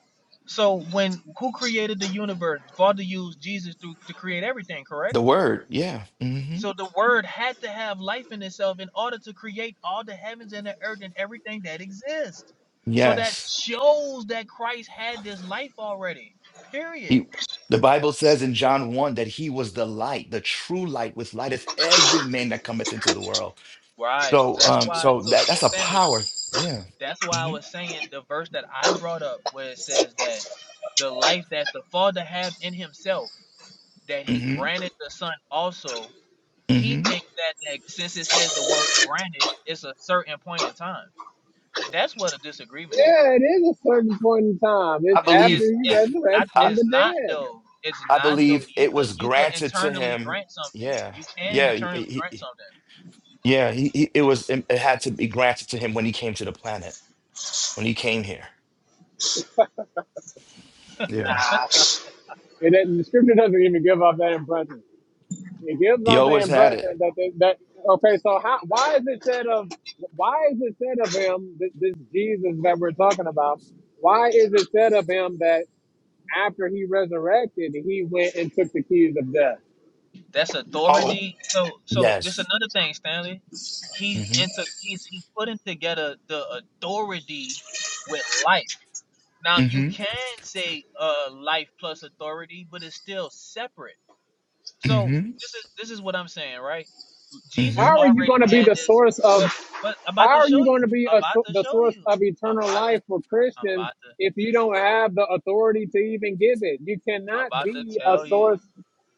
So, when who created the universe? Father used Jesus to to create everything, correct? The word, yeah. hmm So the word had to have life in itself in order to create all the heavens and the earth and everything that exists. So that Yes. shows that Christ had this life already. Period. He, the Bible says in John 1 that he was the light, the true light, which lighteth every man that cometh into the world. Right. So So that's um, why so so that, so that's a Stanley, power. Yeah. that's why I hmm was saying the verse that I brought up where it says that the life that the Father have in himself, that he hmm granted the Son also, he hmm thinks that, that since it says the word granted, it's a certain point in time. That's what a disagreement is. yeah, it is a certain point in time. I It's it- after believe. it's he it's I, resurrects from it's the not dead. though. It's I not though. believe You it could was you could granted to internally him. grant something. Yeah, You can yeah, he, internally he- grant something. yeah. He, he, it was. It had to be granted to him when he came to the planet. When he came here. Yeah. Nah, it, doesn't- the scripture doesn't even give off that impression. It gives He off the always had impression it. that they, that okay. So how why is it said of why is it said of him this, this Jesus that we're talking about? Why is it said of him that after he resurrected, he went and took the keys of death? That's Oh, authority. So so this yes. another thing, Stanley. He's Mm-hmm. into he's he's putting together the authority with life. Now you Mm-hmm. can say uh life plus authority, but it's still separate. So Mm-hmm. this is this is what I'm saying, right? Jesus How are Mm-hmm. you already going to be had the this, source of but but I'm about How to are you show you. going to be I'm a, about so- to the show source you. of I'm eternal about to life for I'm Christians about to if you don't have the authority to even give it? You I'm cannot about to be a tell you. source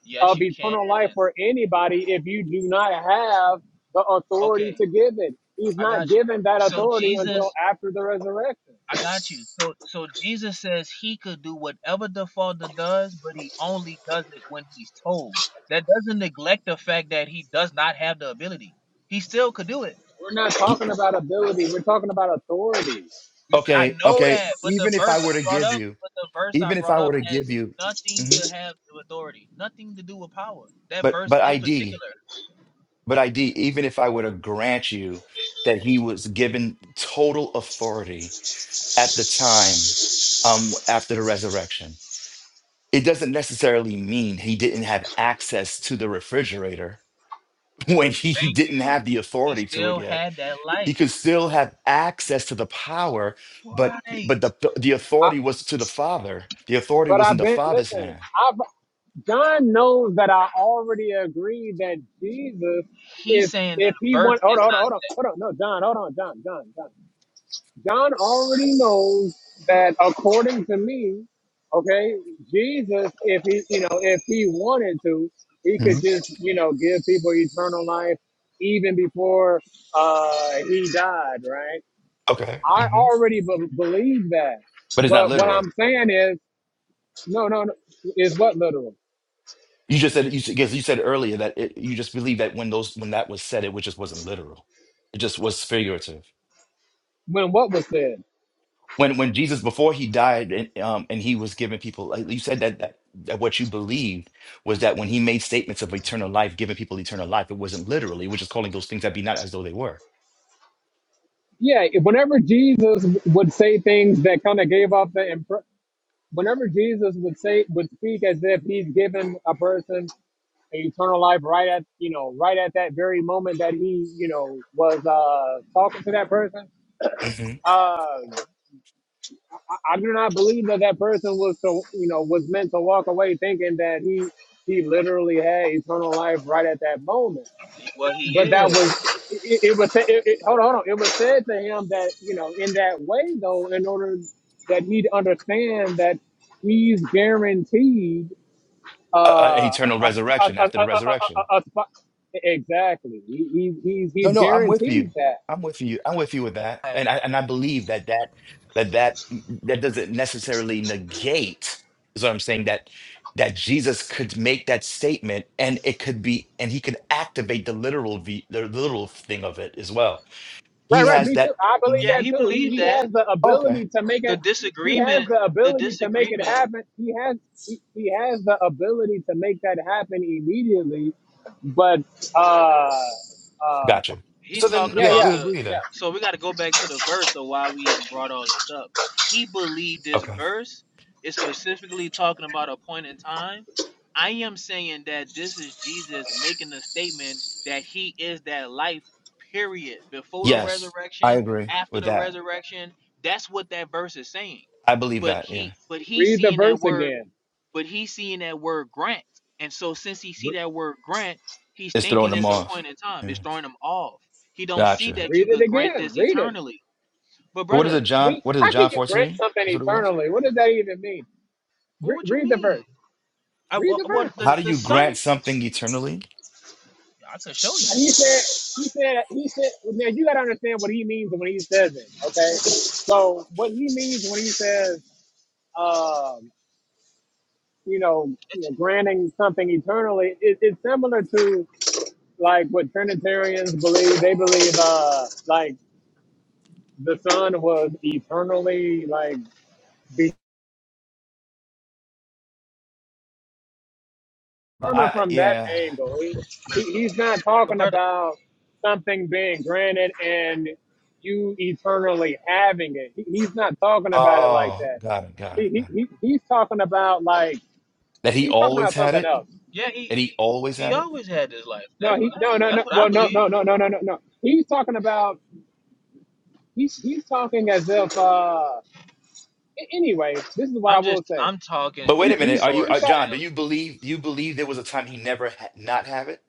Yes, of you can. eternal life for anybody if you do not have the Okay, authority to give it. He's I not got you. given that So authority until Jesus, after the resurrection. I got you. So so Jesus says he could do whatever the Father does, but he only does it when he's told. That doesn't neglect the fact that he does not have the ability. He still could do it. We're not talking about ability. We're talking about authority. You- I Okay. know Okay. that, but the Even if I verse were I to brought give up, you, but the verse I even if brought I up were to give has you, nothing hmm to have with authority, nothing to do with power. That but verse but in ID, particular. but ID. Even if I were to grant you that he was given total authority at the time um, after the resurrection. It doesn't necessarily mean he didn't have access to the refrigerator when he Thank didn't you. have the He authority to it still yet. had that life. He could still have access to the power, but Right. but the the I, authority was to the Father. The authority but was in I've the been Father's listen. hand. I've John knows that I already agree that Jesus, He's if saying that if he birth want, hold is on, hold on, hold on, hold on, no, John, hold on, John, John, John, John already knows that according to me, okay, Jesus, if he, you know, if he wanted to, he could Mhm. just, you know, give people eternal life even before uh, he died, right? Okay, I hmm already b- believe that, but it's not but what I'm literal. saying is, no, no, no, is what literal You just said you s- because you said earlier that it, you just believe that when those when that was said, it was- just wasn't literal. It just was figurative. when what was said. when when Jesus before he died and um and he was giving people like you said that that, that what you believed was that when he made statements of eternal life giving people eternal life it wasn't literally which is calling those things that be not as though they were yeah, whenever Jesus would say things that kind of gave off the impre- whenever Jesus would say would speak as if he's given a person eternal life right at you know right at that very moment that he you know was uh talking to that person. hmm Uh, I, I do not believe that that person was to you know was meant to walk away thinking that he he literally had eternal life right at that moment. He- Well, he but that is. was it, it was it, it, hold on, hold on. It was said to him that you know in that way though, in order that he to understand that he's guaranteed uh, uh, uh, an a, eternal a, a, resurrection a, after a, the resurrection a, a spot. Exactly, he, he, he's No, he's no, I'm with you. guaranteed that. I'm with you. I'm with you with that. And I and I believe that that that that mm, mm, that doesn't necessarily negate is what I'm saying that that Jesus could make that statement and it could be and he could activate the literal v, the literal thing of it as well. Right, He right. has Me too. that I believe yeah, Mhm. that he too. He, believed he that. has the Okay. ability to make The it. He has disagreement the the ability to make it disagreement happen. He has he, he has the ability to make that happen immediately. But uh, um, Gotcha. So He's then talking Yeah, yeah, about we yeah, the. agree yeah. then. So we got to go back to the verse of why we even brought all this up. He believed this Okay. verse is specifically talking about a point in time. I am saying that this is Jesus making the statement that he is that life, period. Before the Yes, I resurrection, agree after with the that. resurrection, that's what that verse is saying. I believe But that, yeah. he, but he's Read the seeing that verse word again. but he's seeing that word grant. And so since he see R- that word grant, he's It's throwing thinking them it's a off. point in time. Yeah. It's throwing him off. He don't see Gotcha. that you Read it could grant again. this Read it. eternally. But So what brother, is it, John? We, What is it, how can John you grant 14? something That's what it was? eternally? What does that even mean? well, what Re- would you read the mean? verse. I Read well the well, verse. the How do the you son grant something eternally? I could show Now, you. he said. He said. He said. Now you got to understand what he means when he says it. Okay. So what he means when he says, um, you know, you know granting something eternally, it, it's similar to like what Trinitarians believe. They believe, uh, like the Son was eternally like coming I from that yeah. angle. He, he he's not But talking brother, about something being granted and you eternally having it. He, he's not talking about it like Oh, that. got it, got He, it, got he, it. he he's talking about like That he he's talking always about had something it? else. yeah, he That he he, always he had it? always had this life. That's No, what he I, no no that's no what I well no believe. no no no no no no. He's talking about he's he's talking as if uh a- anyway, this is what I I'm will just say. I'm talking at But wait a He's the minute, he's are you he's uh source, talk, John, do you Stanley. believe do you believe there was a time he never had not have it?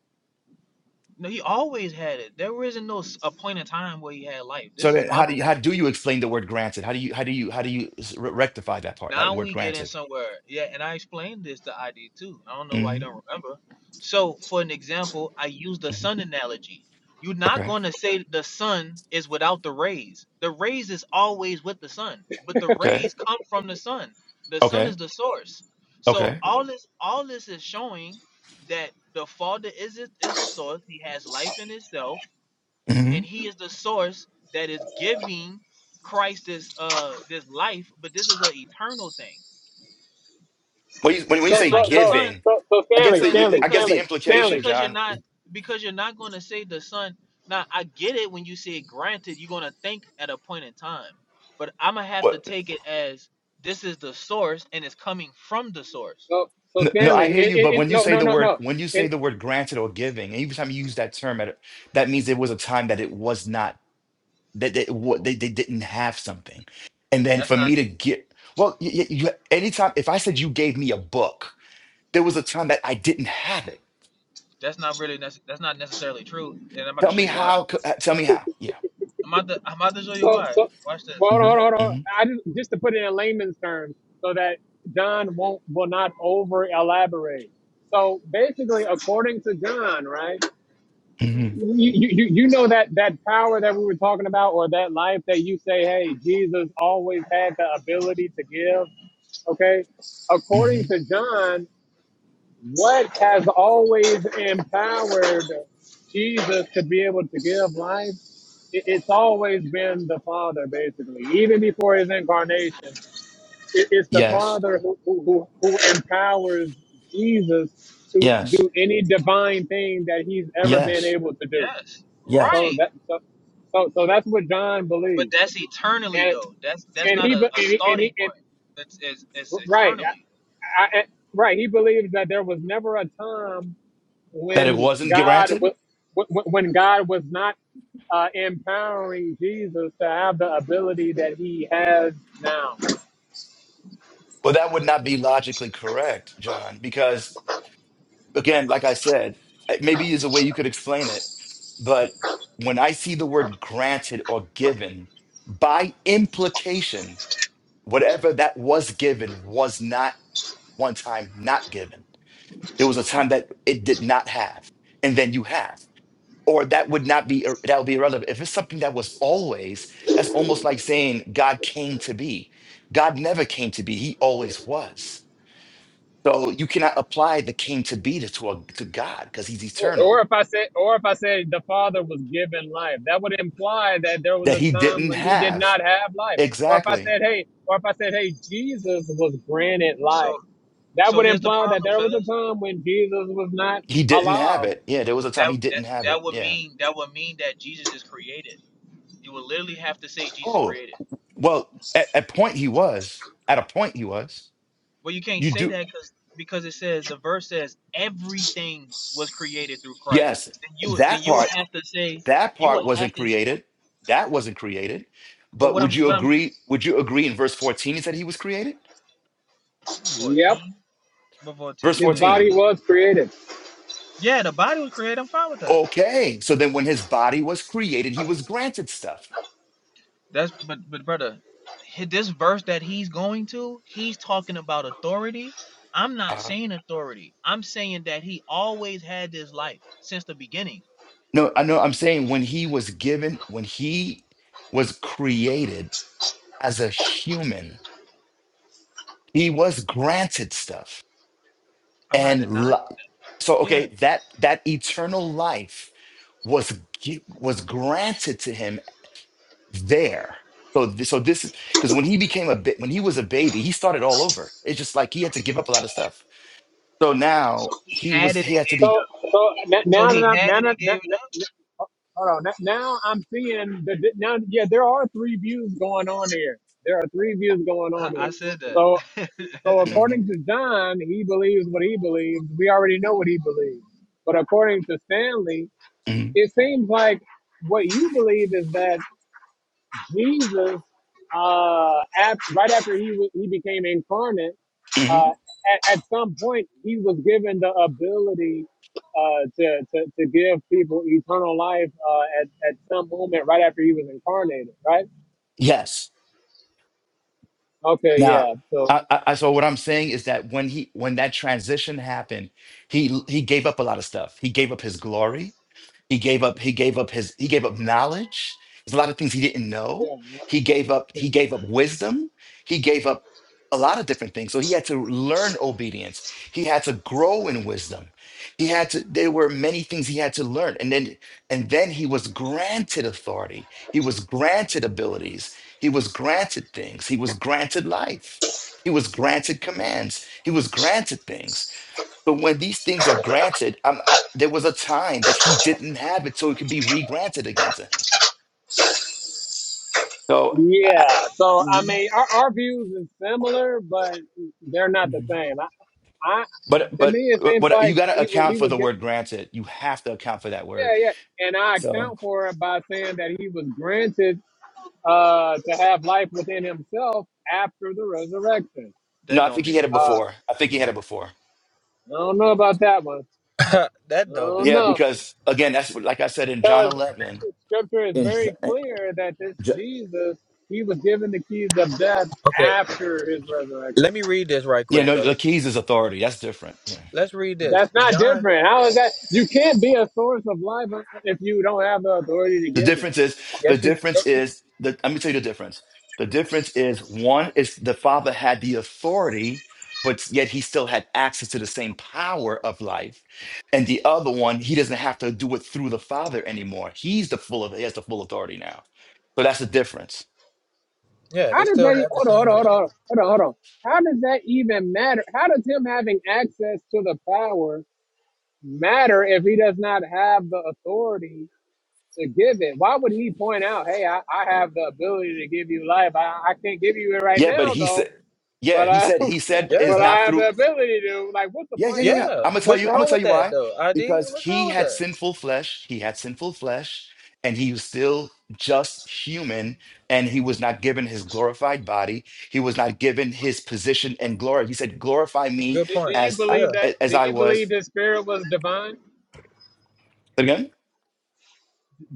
No, he always had it. There isn't no s- a point in time where he had life. So This is then my how do belief. you how do you explain the word granted? How do you how do you how do you s- re- rectify that part, that Now word we getting granted? somewhere. Yeah, and I explained this to ID too. I don't know why you hmm don't remember. So, for an example, I use the hmm sun analogy. You're not Okay. going to say the sun is without the rays. The rays is always with the sun, but the Okay. rays come from the sun. The sun is Okay. the source. So Okay. all this, all this is showing that the Father is it- is the source. He has life in Himself, hmm and He is the source that is giving Christ this uh this life. But this is an eternal thing When you, when, when you so just say like so the so son giving, so so I guess Stanley, because the Stanley, I guess because you the Stanley, Stanley. implication, because you're John. not because you're not going to say the son now i get it when you say granted you're going to think at a point in time but i'm gonna have to take it as this is the source and it's coming from the source So so No, no, that's I Stanley, it hear it, you, it, but it, when you no say no the no word no. when you In say the word granted or giving, and every time you use that term, at a- that means there was a time that it was not that they, wa- they they didn't have something, and then that's for not me to get well, y y- you, anytime if I said you gave me a book, there was a time that I didn't have it. that's not really that's that's not necessarily true and i'm about to Tell show me you why how. c- uh, Tell me how. Yeah. i'm about to i'm about to show you So, why so, watch this well, hold on, hmm hold on, hold on. hmm I just, just to put it in layman's terms, so that John won't will not over elaborate. So basically, according to John, right? hmm You, you you you know that that power that we were talking about, or that life that you say, hey, Jesus always had the ability to give. Okay, hmm according to John. What has always empowered Jesus to be able to give life? It- It's always been the Father, basically. Even before his incarnation, it- it's the Yes. Father who, who, who who empowers Jesus to Yes. do any divine thing that he's ever been Yes. able to do. yes Yes. So right that so so, so that's what John but believes, that's eternally and though that's that's and not he be- a, a and he, and he starting and, point it's, it's it's right eternally I, I, right he believes that there was never a time That it when wasn't God wa- granted. when God was not uh, empowering Jesus to have the ability that he has now. Well, that would not be logically correct, John, because again, like I said, eh, maybe is a way you could explain it, but when I see the word granted or given, by implication, whatever that was given was not one time not given. There was a time that it did not have, and then you have. Or that would not be that would be irrelevant. If it's something that was always, that's almost like saying God came to be. God never came to be. He always was. So you cannot apply the came to be to, to, a, to God because he's Or eternal or if I said, or if I said the Father was given life, that would imply that there was that a he time didn't when he did have. not have life. Or if I Exactly. said, hey, or if I said, hey, Jesus was granted So. life, that So would here's the imply that problem, there was a fellas. time when Jesus was not He didn't have alive. it. Yeah, there was a time That he that didn't have it. that would Yeah. mean that would mean that Jesus is created. You would literally have to say Jesus Oh, created. well, at a point he was. At a point he was. Well, you can't You say do. that because because it says the verse says everything was created through Christ. Yes, Then you would- then that you would part. have to say That you part would have wasn't to. s- created. That wasn't created. But But what I'm would you what I'm agree? Would you agree in verse 14 he said he was created? Yep, fourteen. What Verse fourteen his says? 14. body was created. Yeah, the body was created. I'm fine with that. Okay. So then when his body was created, he was granted stuff. That's but but brother, he- this verse that he's going to, he's talking about authority. I'm not Uh, saying authority. I'm saying that he always had this life since the beginning. no, I know I'm saying when he was given, when he was created, as a human. He was granted stuff. I'm not denying. And li- so Yeah, okay, that that eternal life was gi- was granted to him there. So this, so this is because when he became a bit when he was a baby, he started all over. It's just like he had to give up a lot of stuff. So so now he had was it. and- he had to be So, so n- So now that he I'm had now it and gave it. that, Hold on. Now now I'm seeing the the- now. Yeah, there are three views going on here. There are three views going on I, here. I said that. So so according Mhm, to John, he believes what he believes. We already know what he believes. But according to Stanley, mhm, it seems like what you believe is that Jesus, uh, after, right after he wa- he became incarnate, uh, mhm. at, at some point he was given the ability uh, to, to to give people eternal life uh, at at some moment right after he was incarnated, right? Yes. Okay, Now, yeah. So I, I, I- so what I'm saying is that when he when that transition happened, he he gave up a lot of stuff. He gave up his glory. He gave up, he gave up his, he gave up knowledge. There's a lot of things he didn't know. yeah, He gave up, he okay. gave up wisdom. He gave up a lot of different things. So he had to learn obedience. He had to grow in wisdom. He had to, there were many things he had to learn. And then, and then he was granted authority. He was granted abilities. He was granted things. He was granted life. He was granted commands. He was granted things. But when these things are granted, um, I, there was a time that he didn't have it, so it can be re-granted again to him. So, I, yeah. So I Mhm, mean, our, our views is similar, but they're not the mhm. same. I, I but to but me it uh, seems but you like got to he was he account for was the get, word granted. You have to account for that yeah word. yeah, and I So account for it by saying that he was granted uh, to have life within himself after the resurrection. no, That I don't think he make had it Uh, no before. I think he had it before. I don't know about that one. sense. I that though, don't big. Yeah, know. because again, that's what- like I said in John Because eleven. scripture is In, J- very clear that this J- Jesus, he was given the keys of death Okay, after his resurrection. let me read this right yeah, quick, no, the fella. keys is authority. That's different. Yeah. Let's read this. That's not John, different. How is that? You can't be a source of life if you don't have the authority to The give it. difference is the yes, you, difference yes, you. is the let me tell you the difference. The difference is one is the father had the authority, but yet he still had access to the same power of life. And the other one, he doesn't have to do it through the father anymore. He's the full of he has the full authority now. So that's the difference. Yeah, How they does still that, e- have the hold on, same hold on, hold ability. on, hold on, hold on. How does that even matter? How does him having access to the power? matter if he does not have the authority to give it? Why would he point out, hey, I, I have the ability to give you life. I, I can't give you it right Yeah, but now he though, said, yeah, but he I said, he said it's but Yeah, I not have through the ability to like what's the Yeah, yeah, point in yeah, that? yeah. yeah. I'm gonna tell What's you. I'm gonna wrong tell with you that why. though? ID, Because what's wrong he with had that? sinful flesh. He had sinful flesh, and he was still just human. And he was not given his glorified body. He was not given his position and glory. He said, "Glorify me Good Do, do point. you as Yeah. believe that I- as do I you believe was." the spirit was divine? Again,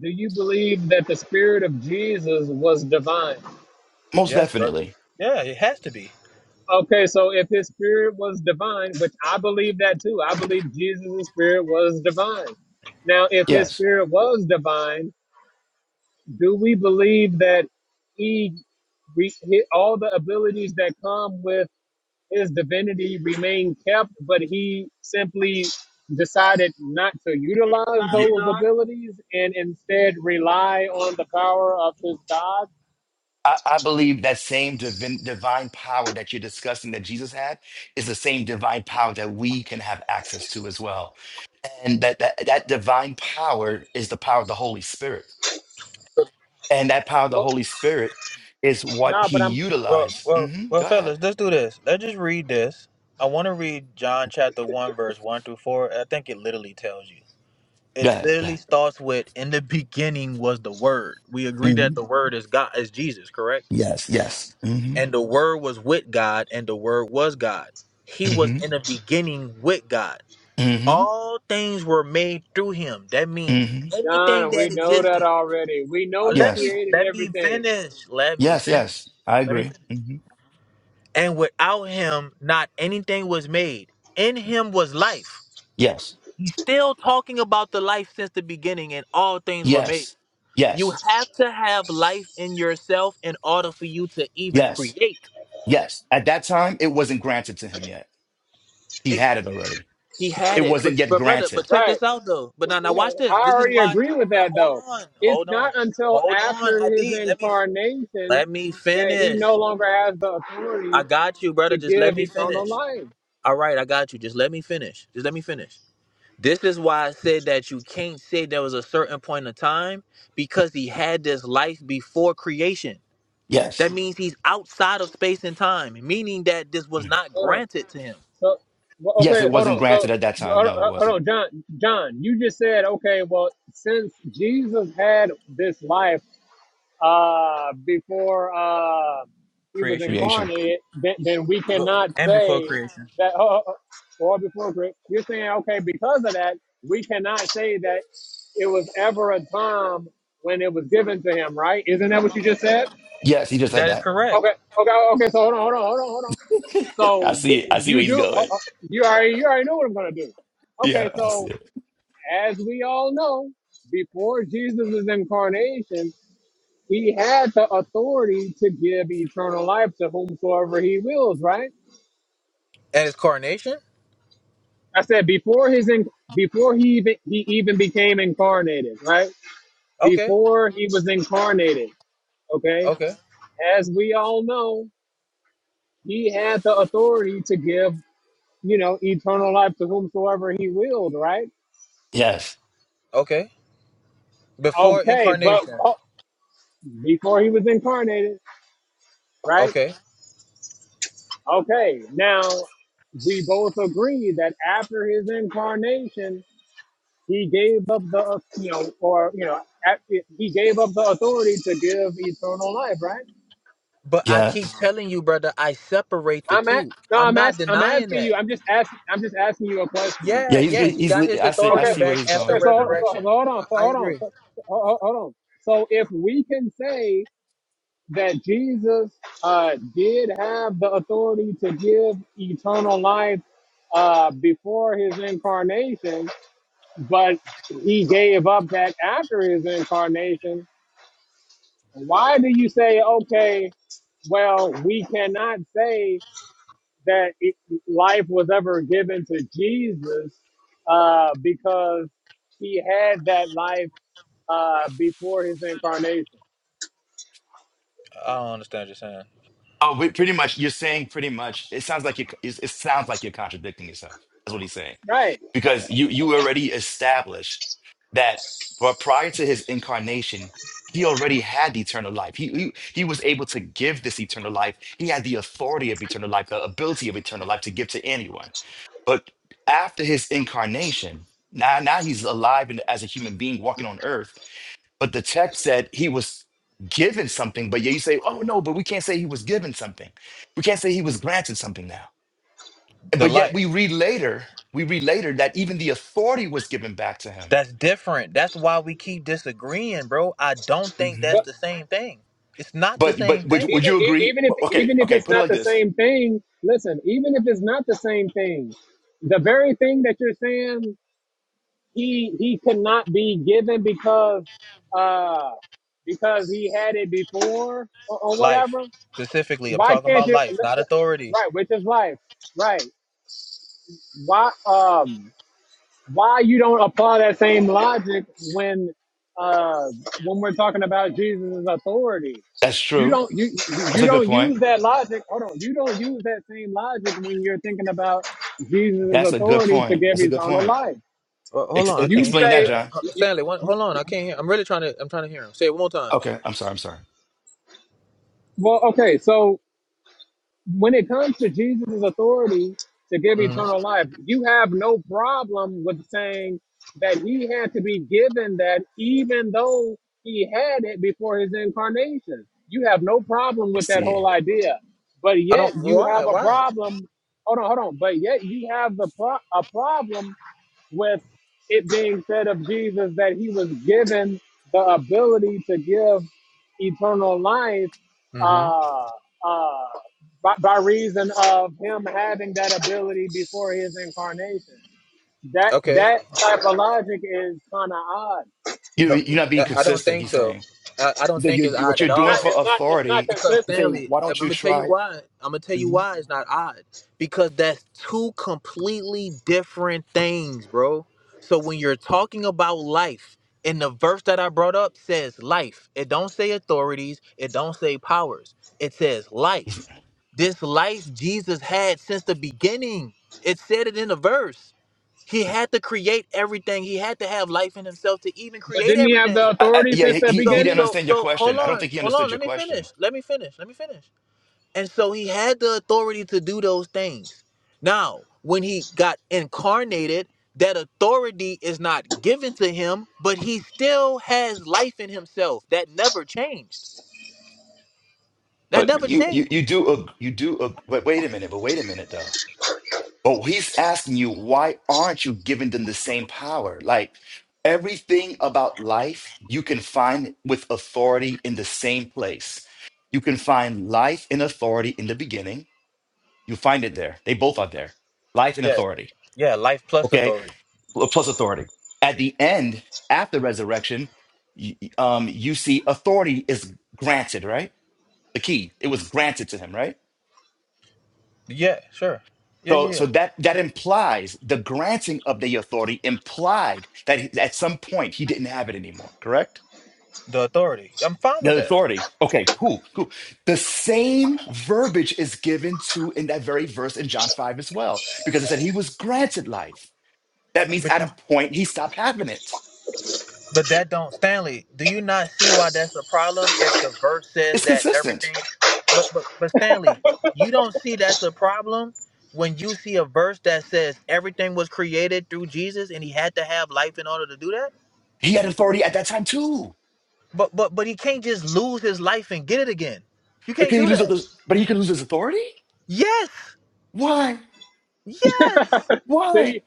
Do you believe that the spirit of Jesus was divine? most Yes, brother. definitely, Yeah, it has to be. Okay, so if his spirit was divine, which I believe that too, I believe Jesus' spirit was divine. Now, if his yes. spirit was divine, do we believe that he, re, he all the abilities that come with his divinity remain kept but he simply decided not to utilize those abilities and instead rely on the power of his god I, I believe that same divin, divine power that you're discussing that Jesus had is the same divine power that we can have access to as well. And that, that, that divine power is the power of the Holy Spirit. And that power of the well Holy Spirit is what nah he but i'm Well, utilized. well, hmm well, Go ahead. fellas, let's do this. Let's just read this. I want to read John chapter one, verse one through four. I think it literally tells you. Go It ahead. Go literally ahead. starts with, "In the beginning was the Word." We agree that hmm the Word is God, is Jesus, correct? Yes. Yes. hmm And the Word was with God, and the Word was God. He was hmm in the beginning with God. hmm All things were made through Him. That means hmm anything John, we that know that existed. already. We know Uh, he Let me Yes. created let me everything. finish. Let me Yes. finish. Yes. I Let me finish. agree. hmm And without him, not anything was made. In him was life. Yes. He's still talking about the life since the beginning, and all things were made. Yes. You Yes. have to have life in yourself in order for you to even Yes. create. Yes, at that time, it wasn't granted to him yet. He It- had it already. he had It it, but wasn't yet but brother, but granted. check this out though. But now now watch I this. This is already why. agree But with now, that hold though. on, It's hold on, not until hold on. after his ID, let me incarnation let me that he finish. no longer has the authority I got you, brother. to Just let give me eternal finish. life. All right, I got you. Just let me finish. Just let me finish. This is why I said that you can't say there was a certain point of time because he had this life before creation. Yes. That means he's outside of space and time, meaning that this was Mm. not Hold on. granted to him. So, well, Yes, okay, it hold wasn't on. So, granted at that uh, time. No, it uh, hold wasn't. on, John. John, you just said, okay, well, since Jesus had this life uh, before uh, he was Creation Creation. incarnated, then, then we Well, cannot and before say creation. that, oh, oh, oh, or before Christ. You're saying, okay, because of that, we cannot say that it was ever a time when it was given to him, right? Isn't that what you just said? Yes, he just said That is that. correct. Okay, okay, okay. So hold on, hold on, hold on, hold on. So I see it. I see you where he's do. Uh, going. uh, you already you already know what I'm gonna do. Okay, Yeah, I so see it. as we all know, before Jesus' incarnation, he had the authority to give eternal life to whomsoever he wills. Right? And his coronation? I said before his in, before he even he even became incarnated. Right? Okay, Before he was incarnated. Okay. okay, As we all know, he had the authority to give you know eternal life to whomsoever he willed. Right? Yes. okay. Before Okay, but incarnation. before he was incarnated, right? Okay. Okay, now we both agree that after his incarnation, he gave up the, you know, or, you know, at- he gave up the authority to give eternal life, right? But I keep Yes. telling you, brother, I separate the I'm at, two. no, I'm I'm not asking, I'm denying asking that. you, I'm just asking, I'm just asking you a question. Yeah, Yeah, he's yes, he he's got his I see I authority Okay, see where back he's after okay, so, going. hold- so, so resurrection. hold on, so I, I hold on, agree. so, so- hold hold on. So if we can say that Jesus uh, did have the authority to give eternal life uh, before his incarnation, but he gave up that after his incarnation. Why do you say, okay, well, we cannot say that it, life was ever given to Jesus uh, because he had that life uh, before his incarnation? I understand what you're saying. Oh, but pretty much. You're saying pretty much. It sounds like you. It it sounds like you're contradicting yourself. That's what he's saying, Right. because you you already established that, but prior to his incarnation, he already had the eternal life. He, he he was able to give this eternal life. He had the authority of eternal life, the ability of eternal life to give to anyone. But after his incarnation, now now he's alive and as a human being walking on earth. But the text said he was given something, but yet you say, oh no, but we can't say he was given something. We can't say he was granted something now. the But yet life. we read later, we read later that even the authority was given back to him. That's different. That's why we keep disagreeing, bro. I don't think that's Mhm. but. the same thing. It's not the But same but would, thing. would even you e- agree? even if but- Okay, even if okay, it's put it not like the this. same thing listen even if it's not the same thing the very thing that you're saying he he could not be given because uh because he had it before or, or Life, whatever specifically, I'm why talking can't about you l- life, not l- authority. right which is life right why um why you don't apply that same logic when uh, when we're talking about Jesus' authority. That's You true. don't you That's you a good don't point. use that logic. Hold on, you don't use that same logic when you're thinking about Jesus' That's a good authority to point. give That's a good eternal point. life. Well, hold Ex- on, I e- can't You hear him, explain that, say, Stanley. John. Uh, you- Stanley, one, hold on, I can't hear. I'm really trying to. I'm trying to hear him. Say it one more time. Okay, I'm sorry. I'm sorry. well, okay, so when it comes to Jesus' authority to give hmm eternal life, you have no problem with saying that he had to be given that even though he had it before his incarnation. You have no problem I with that see. whole idea. But I yet don't. you Why? have a Why? problem. Hold on, hold on. But yet you have the pro- a problem with it being said of Jesus that he was given the ability to give eternal life hmm uh, uh, by, by reason of him having that ability before his incarnation. That Okay. that type of logic is kind of odd. You, No, you're not being I I don't consistent. think He's so. saying. I, I He don't said, think it's you, odd what at you're doing not all. for it's not it's not authority. Because He's consistent. saying, Stanley, why I'm don't you gonna tell you try? why. I'm gonna tell you why it's not odd. Because that's two completely different things, bro. So when you're talking about life, and the verse that I brought up says life. It don't say authorities. It don't say powers. It says life. This life Jesus had since the beginning. It said it in the verse. He had to create everything. He had to have life in himself to even But create didn't he have everything. the I, I, authority yeah, since he the he he So didn't beginning? so understand your so hold question. I don't on, think he hold on. understood your Let me finish. question. Let me finish. Let me finish. And so he had the authority to do those things. Now, when he got incarnated, that authority is not given to him, but he still has life in himself. That never changed. That But never you changed. you you do ag- you do ag- but wait a minute, but wait a minute though. Oh, he's asking you why aren't you giving them the same power? Like everything about life you can find with authority in the same place. You can find life and authority in the beginning. You find it there. They both are there. Life and Yeah, authority. yeah, life plus Okay. authority. plus authority. At the end, at the resurrection, y- um, you see authority is granted, right? The key, it was granted to him, right? Yeah, sure. Yeah, So, yeah, yeah. so that that implies the granting of the authority implied that he- at some point he didn't have it anymore, correct? The authority. I'm fine with The that. authority. Okay, cool, cool. The same verbiage is given to in that very verse in John 5 as well, because it said he was granted life. That means But. at you a point he stopped having it. But that don't Stanley, do you not see why that's a problem if the verse says It's that consistent. everything but but but Stanley, you don't see that's a problem when you see a verse that says everything was created through Jesus and he had to have life in order to do that? He had authority at that time too. But but but he can't just lose his life and get it again. You But can't can he do lose that. his, but he can lose his authority? Yes. Why? Yes. Why? See,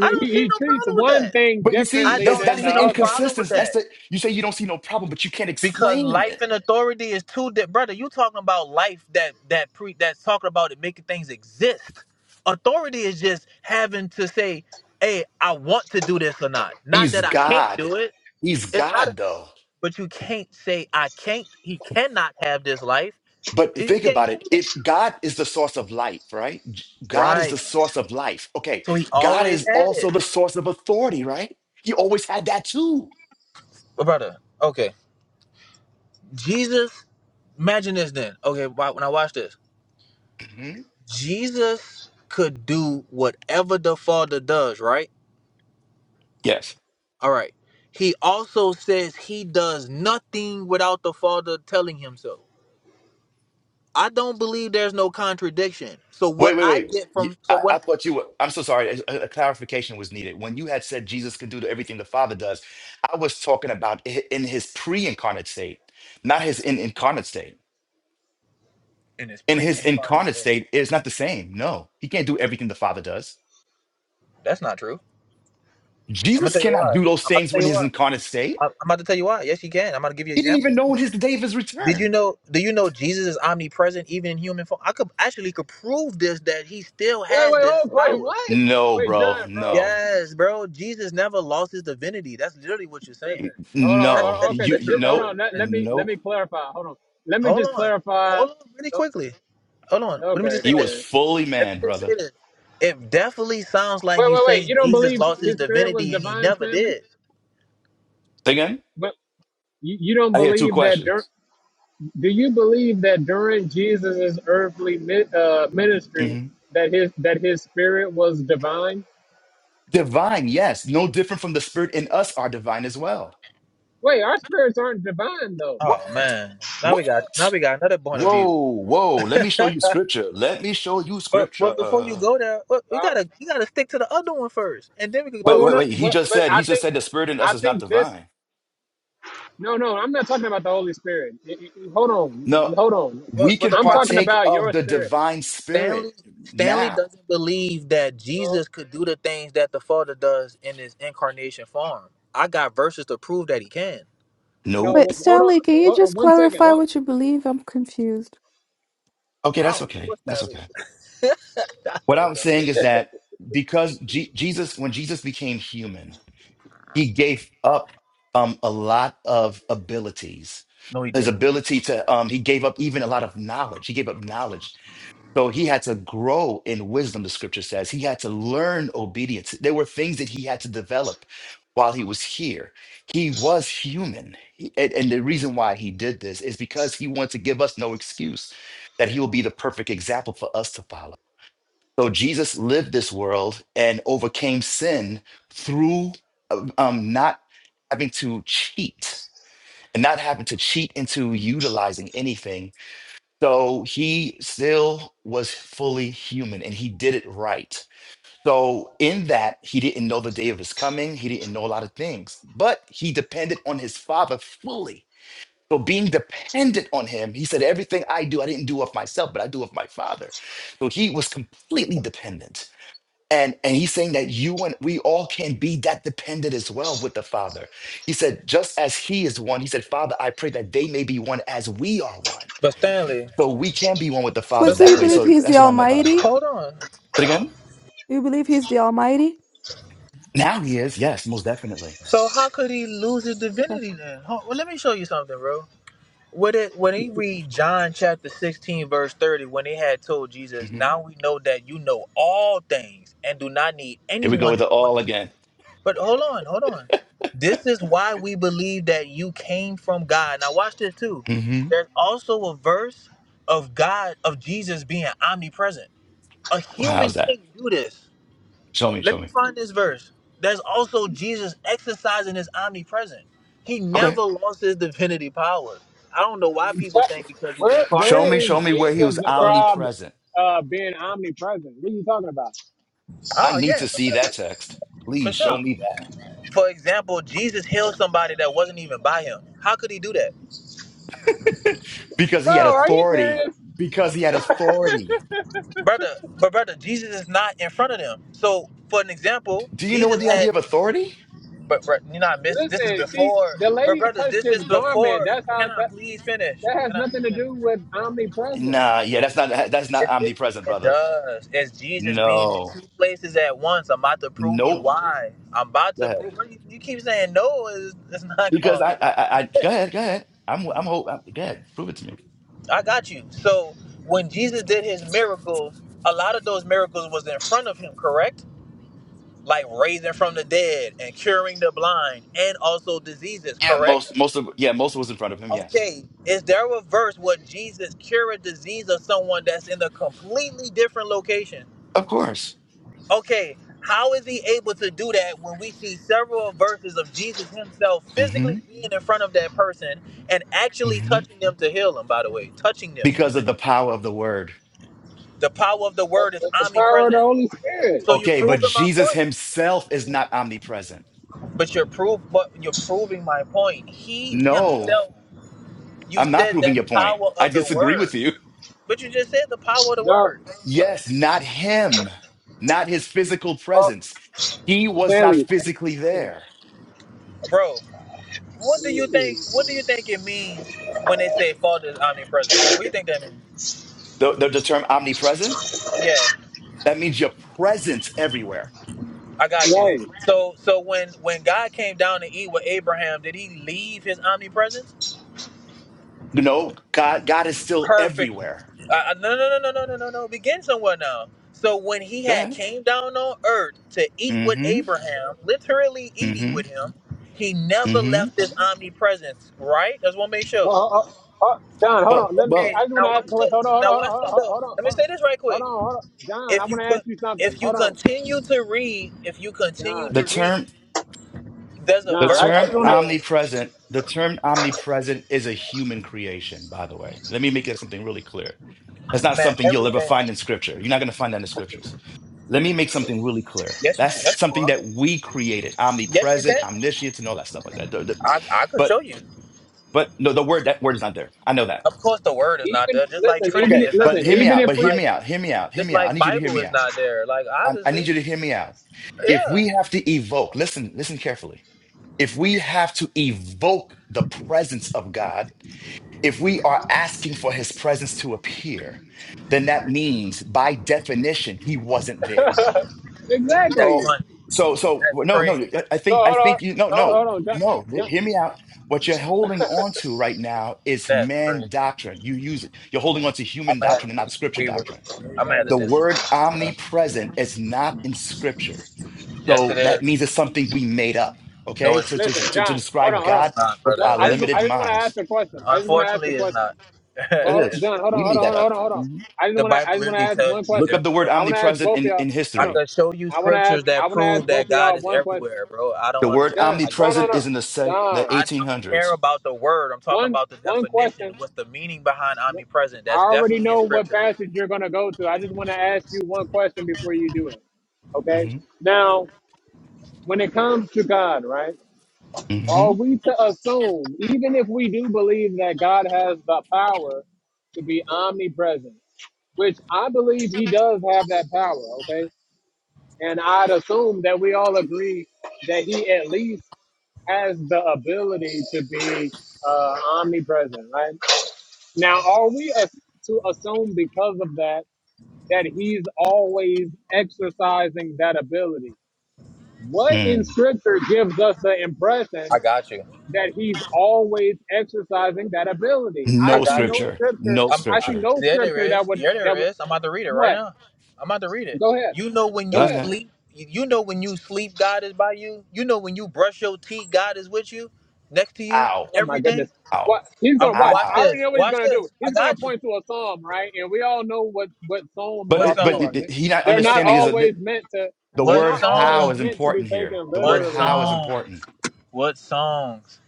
I don't see he no treats problem with one that. thing But you I see, differently that's don't than that's the see the no other. problem with inconsistency. That's that. the you say you don't see no problem, but you can't Because explain life it. and authority is two di- brother. You talking about life that that pre that's talking about it making things exist. Authority is just having to say, "Hey, I want to do this or not." Not He's that I can't God. do it. He's It's not. A, God though. but you can't say I can't. He cannot have this life. But You think can't about say it. that. If God is the source of life, right? J- God is Right. the source of life. Okay. So he God always is had also it, the source of authority, right? He always had that too. but brother. Okay, Jesus. Imagine this then. Okay, wa- when I watch this, Mhm. Jesus could do whatever the Father does. Right Yes. All right. He also says he does nothing without the Father telling him so. I don't believe there's no contradiction. So what Wait, wait, I wait. get You- from so I, what I thought you were. I'm so sorry. A, a clarification was needed. When you had said Jesus could do everything the Father does, I was talking about i- in his pre incarnate state, not his in incarnate state. In He his ain't part of this incarnate state, it's not the same. No, he can't do everything the Father does. that's not true. I'm gonna Jesus tell you cannot why. do those I'm about to things tell when you his why. incarnate state. I'm I'm about to tell you why. Yes, you can. I'm about to give you an He didn't example. even know when his the day of his Did you return. know? Do you know Jesus is omnipresent even in human form? I could actually could prove this that he still Wait, has wait, oh, this wait, power. what? No, Wait, bro. John, bro, No. Yes, bro. Jesus never lost his divinity. That's literally what you're saying. listen. Hold on, hold on, That's hold No. on. that's okay, You, this, you this, literally hold what nope. on. you're Let, saying. let me let me Nope. clarify. Hold on. Let me Hold just on. clarify. Hold on really Oh, quickly. Hold on. Let me Okay, just say He go was ahead. this. fully Let me man, just brother. say this. It definitely sounds like Wait, you wait, wait. You saying don't Jesus believe lost his his spirit was divinity and he divine, never Stanley? did. Again, But you, you don't I hear two believe that dur- questions. do you believe that during Jesus's earthly mi- uh, ministry Mm-hmm. that his that his spirit was divine? Divine, yes. No different from the spirit in us are divine as well. Wait, our spirits aren't divine though. What? Oh man. Now we What? got now we got another point of Whoa, view. whoa. Let me show you scripture. Let me show you But scripture. but before you go there, we we Well, gotta you gotta stick to the other one first, and then we can Wait, well, talk well, to wait, no, that. wait. He but just but said, I he just think said the spirit in us I is not think this divine. no no I'm not talking about the Holy Spirit. Y- y- y- Hold on, No, hold on. we But but can the I'm problem talking partake is about of your the spirit. divine Stanley spirit Stanley now. doesn't believe that No, Jesus could do the things that the Father does in his incarnation form. I got verses to prove that he can. Wait, Nope. no, hold on. Stanley, can you Hold- just One second. clarify what you believe? I'm confused. Okay, I that's don't know okay. what That's Stanley. okay. I What don't I'm know. saying is that because Je- Jesus, when Jesus became human, he gave up um, a lot of abilities. No, he His didn't. ability to, um, he gave up even a lot of knowledge. He gave up knowledge. So he had to grow in wisdom, the scripture says. He had to learn obedience. There were things that he had to develop while he was here. He was human. He- and, and the reason why he did this is because he wanted to give us no excuse that he will be the perfect example for us to follow. So Jesus lived this world and overcame sin through um, um, not having to cheat and not having to cheat into utilizing anything. So he still was fully human and he did it right. So in that, he didn't know the day of his coming. He didn't know a lot of things, but he depended on his father fully. So being dependent on him, he said, everything I do, I didn't do of myself, but I do of my father. So he was completely dependent. And, and he's saying that you and we all can be that dependent as well with the Father. He said, just as he is one, he said, Father, I pray that they may be one as we are one. But Stanley, So we can be one with the Wait, Father but so that you way. believe Stanley, So he's the that's what I meant by that. Almighty? hold on. Say it again? You believe he's the Almighty? Now he is. Yes, most definitely. So how could he lose his divinity then? Ho- Well, let me show you something, bro. When it when he read John chapter sixteen verse thirty, when they had told Jesus, Mhm. "Now we know that you know all things and do not need Here we go anyone with to the all question." again. you." But hold on, hold on. This is why we believe that you came from God. Now watch this too. hmm There's also a verse of God of Jesus being omnipresent. A human how's that? can't do this. Show me, Let show me me. find this verse. There's also Jesus exercising his omnipresence. He Okay. never lost his divinity powers. I don't know why people Tell- think because he's Where where Show me, incarnated. is show me where he Jesus was He lost. described omnipresent. uh, being omnipresent? What are you talking about, I Oh need yeah, to see that text. for Please show sure. me that. For example, Jesus healed somebody that wasn't even by him. How could he do that, Because he had bro? Are you authority. serious? Because he had authority brother? But brother, Jesus is not in front of them. So for an example, Do you know what Jesus the idea had. of authority? But bro, you know, I missed. This is Listen, she before. the But lady brother, touched this his is garment. before. That's how Can I that please finish? that has Can I please nothing to finish? do with omnipresence. Nah, yeah, that's not that's not It, it, omnipresent, it brother. does. It's Jesus being in No, two places at once. I'm about to prove you nope. why. I'm about Go to ahead. prove. You you keep saying no. It's, it's not Because I, going. I, I I- go ahead, go ahead. I'm, I'm, hope. I'm, go ahead. Prove it to me. I got you. So when Jesus did his miracles, a lot of those miracles was in front of him, correct? Like raising from the dead and curing the blind and also diseases, Yeah, correct? most, most of, yeah, most was in front of him. Yes, Okay, is there a verse where Jesus cure a disease of someone that's in a completely different location? of course. Okay, how is he able to do that when we see several verses of Jesus himself hmm physically being in front of that person and actually hmm touching them to heal them, by the way, touching them. Because of the power of the word. The power of the The, word is the, the power of the omnipresent. Holy Spirit. So you're Okay, but proving my Jesus point. himself is not omnipresent. But you're proof but you're proving my point. He No, himself you I'm not said proving that your point. power I of the disagree with word. you. But you just said the power of the No, word. Yes, not him, not his physical oh, presence. He was not Stanley, physically there. Bro, what do you think what do you think it means when they say father is omnipresent? What do you think that means? The, the, the term omnipresent, Yeah. that means your presence everywhere. I right? got you. Oh, So so when when God came down to eat with Abraham, did he leave his omnipresence? You know, God, God is still Perfect. everywhere. Uh, no no no no no no no no. Begin somewhere now. So when he Go had ahead. came down on earth to eat with Mm-hmm. Abraham, literally eating Mm-hmm. with him, he never Mm-hmm. left his omnipresence. Right? That's one make sure. oh, oh, oh, John, hold Well, on. Let me- Okay. well, I just want Now to ask a watch question. Hold on, this. hold on, Now hold watch on, this hold on, though. hold on, Let me hold on, say this right hold quick. on. Hold on. John, I If you want to could. ask you something. If you Hold on, continue to read, if you continue the to John. read, term there's a the John, verse I, I term just that want to says, omnipresent, the term omnipresent is a human creation, by the way. Let me make that something really clear. That's not "Man, something you'll ever everything." find in scripture. You're not gonna find that in the scriptures. Let me make something really clear. Yes, you. That's Yes, you something are. that we created, Yes, you can. omnipresent, omniscient, and all that stuff like that. The- the- I, I could show But you. but no, the word that word is not there. I know that. Of course, the word is not Even there. Just like listen, even Trinity Okay, if- is not but listen, hear me there. even out. if But Just hear we like me out. Hear me out. Hear just me out. I like need you to hear Bible me is out. not there. Like I, I need obviously, you to hear me out. If yeah. we have to evoke, listen, listen carefully. If we have to evoke the presence of God, if we are asking for His presence to appear, then that means by definition He wasn't there. That's exactly. So, funny. so, so That's no, no. crazy. I I So think, I hold on, think you. No, hold, no, hold on, John, no. H- John, Hear me out. What you're holding on to right now is That's man crazy. doctrine. You use it. You're holding on to I'm human gonna have doctrine and to not scripture disagree with. doctrine. You. I'm gonna have to The exactly. disagree word with you. Bro. omnipresent is not in scripture. Yes, it So that is. means it's something we made up. No, Okay, it's to not. to Listen, to, to John, hold on, describe hold on. God It's not, with No, brother. our I just It's limited I not. just want to ask minds. a question. I just want to ask a Unfortunately, it's question. not. Well, It hold on, It's is. not. John, hold on, We hold made that on, hold up. on, hold on. Mhm. I just The want to I Bible just want to literally ask tells one you he's Look question. up the word everywhere. I want to ask omnipresent both of in y'all. in I Hold history. on. could show you I want to ask scriptures that I want to ask prove both that of God y'all is one question. everywhere, bro. I don't The word understand John, how you no, no, say omnipresent no, is in the se- the John, I don't care 1800s. about the word. I'm talking one about the one definition. question. What's the meaning behind omnipresent? I That's already definitely in know what scripture. passage you're going to go to. I just want to ask you one question before you do it. Okay. Now, when it comes to God, right? hmm Are we to assume, even if we do believe that God has the power to be omnipresent, which I believe He does have that power, okay? And I'd assume that we all agree that He at least has the ability to be uh, omnipresent, right? Now, are we as- to assume because of that? that he's always exercising that ability. What in Mm. scripture gives us the I impression got you. that he's always exercising that ability? I I No see got no you. scripture. scripture. No I'm I I, see scripture. no yeah, there scripture that is. would Yeah, there that would is. I'm about to read it right what? now. I'm about to read it. Go ahead. You know when Go Go you ahead. ahead. sleep. You you know when you sleep, God is by you. You know when you brush your teeth, God is with you, next to you. Ow. Oh my goodness. Everything. Ow. What he's I gonna watch. watch I Ow. already this. know what he's Watch gonna do. this. I He's gonna got you. point to a psalm, right? And we all know what what psalms But What are it, but song? for. it, it- They- he not They're What not understanding is song? that always meant to. the They're What not word how always song? is meant to be important here. taken The word What literally, how is bro songs? important. What songs?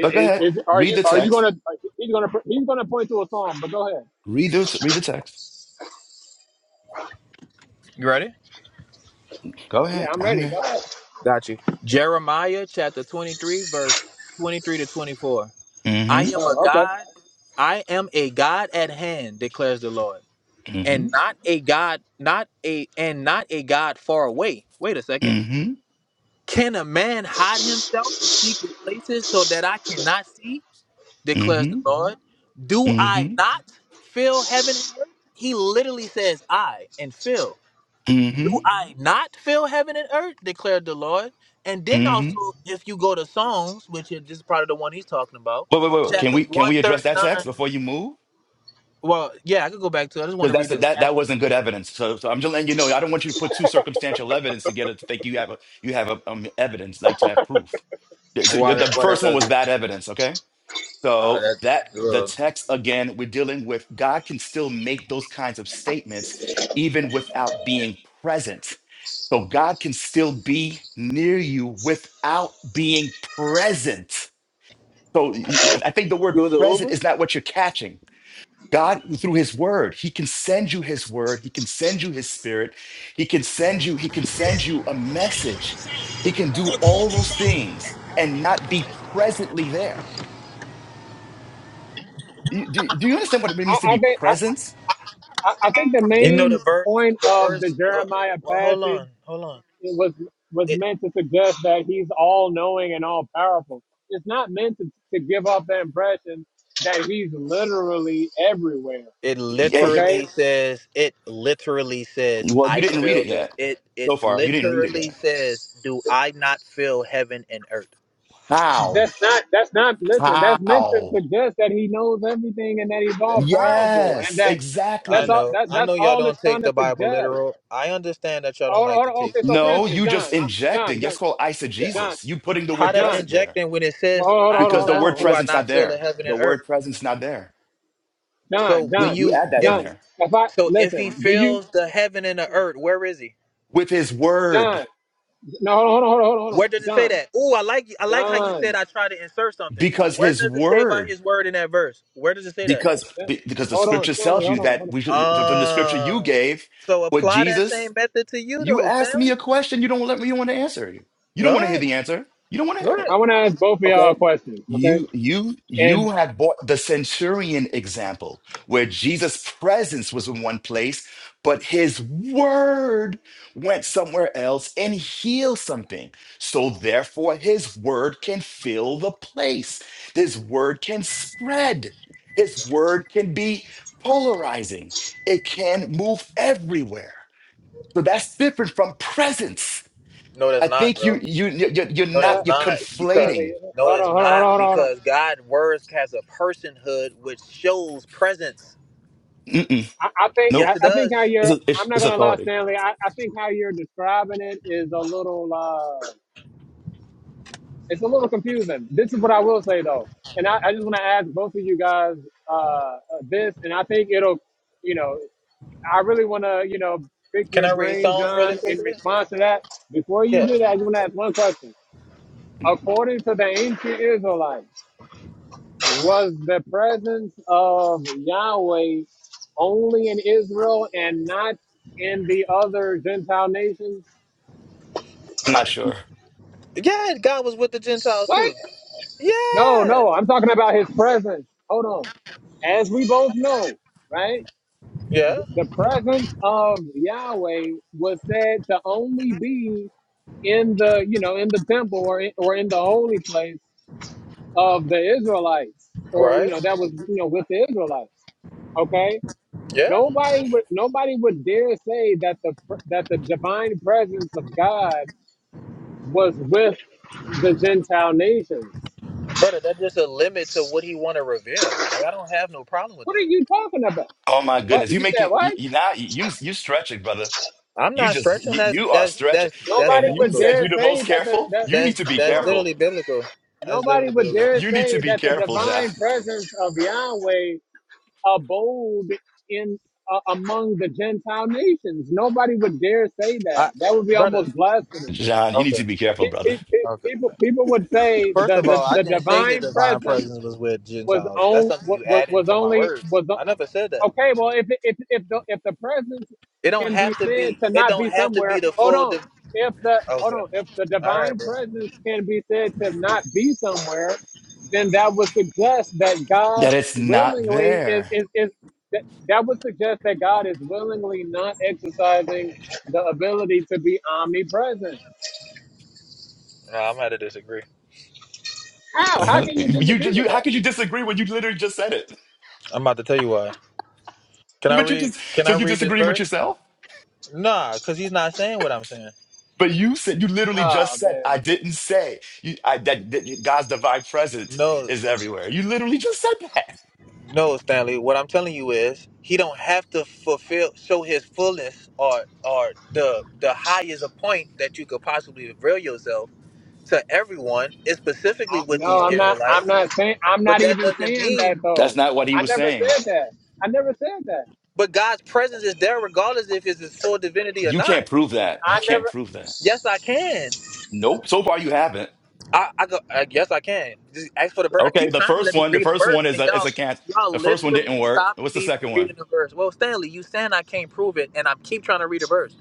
But go ahead. is, are Read you the are you text. gonna? He's gonna he's gonna point to a song, but go ahead. Read the read the text. You ready? Go Yeah, ahead. I'm I'm ready. Go here. ahead. Got you. Jeremiah chapter 23, verse 23 to 24. I Mm-hmm. am a Oh, okay. God. I am a God at hand, declares the Lord. Mm-hmm. And not a God, not a and not a God far away. Wait a second. Mm-hmm. Can a man hide himself in secret places so that I cannot see? declares the Mm-hmm. Lord. Do I Mm-hmm. not fill heaven and earth? He literally says I and fill. Mm-hmm. Do I not fill heaven and earth? declared the Lord. And then also, Mm-hmm. if you go to Psalms, which is this is probably the one he's talking about, Wait, wait, wait. wait. Can chapter we can we address that 139. text before you move? Well, yeah, I could go back to it. I just want Because to read that's the that last that wasn't good evidence. So, so I'm just letting you know. I don't want you to put two circumstantial evidence together to think you have a, you have a, um, evidence, like to have proof. The so one. What yeah, the first one does- was bad evidence. Okay, so that the text again, we're dealing with God can still make those kinds of statements even without being present. So God can still be near you without being present. So y- y- I think the word It was an present Uber? is not what you're catching. God, through his word, he can send you his word. He can send you his spirit. He can send you, he can send you a message. He can do all those things and not be presently there. You- Do, do you understand what it means to I, I be think I, present? I I think the You know, the main verse, point the of the verse, uh, Jeremiah well, hold passage on, hold on. it was was It, meant to suggest that he's all knowing and all powerful. It's not meant to, to give off the impression that he's literally everywhere. it Yeah, he, Okay, literally says, it literally says, well, you I didn't read fill it the, yet. it, it So far, you didn't read it literally yet. says, do I not fill heaven and earth? How? That's not. That's not. Listen. That's meant to How? suggest that he knows everything and that he's all That, man. powerful and Yes, that I that's all. exactly. know. That I that's know y'all all it's don't trying take to the Bible suggest. literal. I understand that y'all don't Hold on, like hold to on. take Okay. some So for things. No, instance, you John, just uh, John, injecting. John, That's called Yeah. John, eisegesis. You putting the How word that's John. present there. injecting when it Well, says, hold "I on, hold do because on, hold the on, not word hold on, do I presence not not fill the there heaven the and earth." word presence not there John, So when you John, you you add that in if John. there If I so if he listen, do you, fills the heaven and the earth, where is he? with his word John? No, hold on, hold on, hold on, hold on. Where does it say John, that? Ooh, I like I like how you said John. I try to insert something. Stop. because Where his does it say about word his word in that verse? Where does it say that? because Just- be- because the Hold on, scripture Stanley. tells Hold you on, that hold on. we should from the scripture you Uh gave so with apply that jesus same method to you you though, asked me Stanley. a question you don't let me you want to answer you you don't Go want to hear ahead. the answer you don't want to Go hear ahead. it I want to ask both of y'all Okay. a question, okay? You you And you have bought the centurion example where Jesus' presence was in one place, but his word went somewhere else and healed something. So therefore his word can fill the place. His word can spread. His word can be polarizing. It can move everywhere. So that's different from presence. No, that's I not, think you bro. you you- you're No, that's uh, not you're not because Stanley, conflating. no, hold on, it's hold on, hold on, hold not on. hold on. because God words has a personhood which shows presence. I, I think I, Yes, Nope. it I think how does. It's you're a, it's, I'm not it's gonna lie, authority. Stanley. I, I think how you're describing it is a little uh it's a little confusing. This is what I will say though. And I, I just wanna ask both of you guys uh this and I think it'll you know, I really wanna, you know, pick Can your I read brain, Psalms really John, in quickly? response to that. Before you Yeah, do that, I just wanna ask one question. Mhm. According to the ancient Israelites, Was the presence of Yahweh only in Israel and not in the other Gentile nations? I'm not sure. yeah. God was with the Gentiles What? too. No, Yeah, no, I'm talking about his presence. Hold on. As we both know, right? yeah. The presence of Yahweh was said to only be in the, you know, in the temple or in, or in the holy place of the Israelites, or you Right. know, that was, you know, with the Israelites. Okay Yeah, Nobody would nobody would dare say that the that the divine presence of God was with the Gentile nations. brother. That's just a limit to what He want to reveal. Like I don't have no problem with What are that. you talking about? Oh my What goodness, you you make said? it. You, What? you now you you stretching, brother. I'm You not just stretching. you, That's you are that's stretching, that's that's and Nobody you would biblical. said dare you're the say most that the careful. that You need That's to be that's hold on. literally careful. biblical. That's Nobody literally would biblical. dare You need to say be that the careful, John. divine presence of Yahweh abode in uh, among the Gentile nations. Nobody would dare say that. I, That would be brother. almost blasphemous. John, you need Okay. to be careful, pe- brother. pe- pe- Okay. people people would say First the, of the, all, I the didn't say his divine divine presence presence was with was Gentiles. That's on something you was, add was into my only words. was I o- never said that. okay. Well, if if if the if the presence It don't can be have to said be. to It not don't be have to somewhere, be the hold full. on. Div- If the hold okay. on, if the All right, divine bro. presence can be said to not be somewhere, then that would suggest that God That it's not willingly is there. is, is that, that would suggest that God is willingly not exercising the ability to be omnipresent No, I'm about to disagree. How? How Uh-huh. can you You disagree with you how that? could you disagree when you literally just said it? I'm about to tell you why. Can I But you read? just Can so I you read this disagreeing with verse? yourself? Nah, cause he's not saying what I'm saying. But you said you literally Oh just said I man, didn't say you, I, that, that God's divine presence No, is everywhere. You literally just said that. no, Stanley. What I'm telling you is he don't have to fulfill, show his fullness or or the the highest point that you could possibly reveal yourself to everyone, is specifically I, with no, these I'm not. Israelites. I'm not saying. I'm But not that even doesn't saying that mean, though. That's not what he I was never saying. said that. I never said that. but God's presence is there regardless if it's his full divinity or You can't not. prove that. You I can't never. prove that. Yes, I can. Nope. So far you haven't. I, I go, I guess I can. Just ask for the verse. I Okay. keep The trying to first let me one. The read a first verse one is and a is y'all, a can't. y'all The first one didn't literally work. stopping What's the me from second one? reading the verse. Well, Stanley, you saying I can't prove it and I keep trying to read a verse.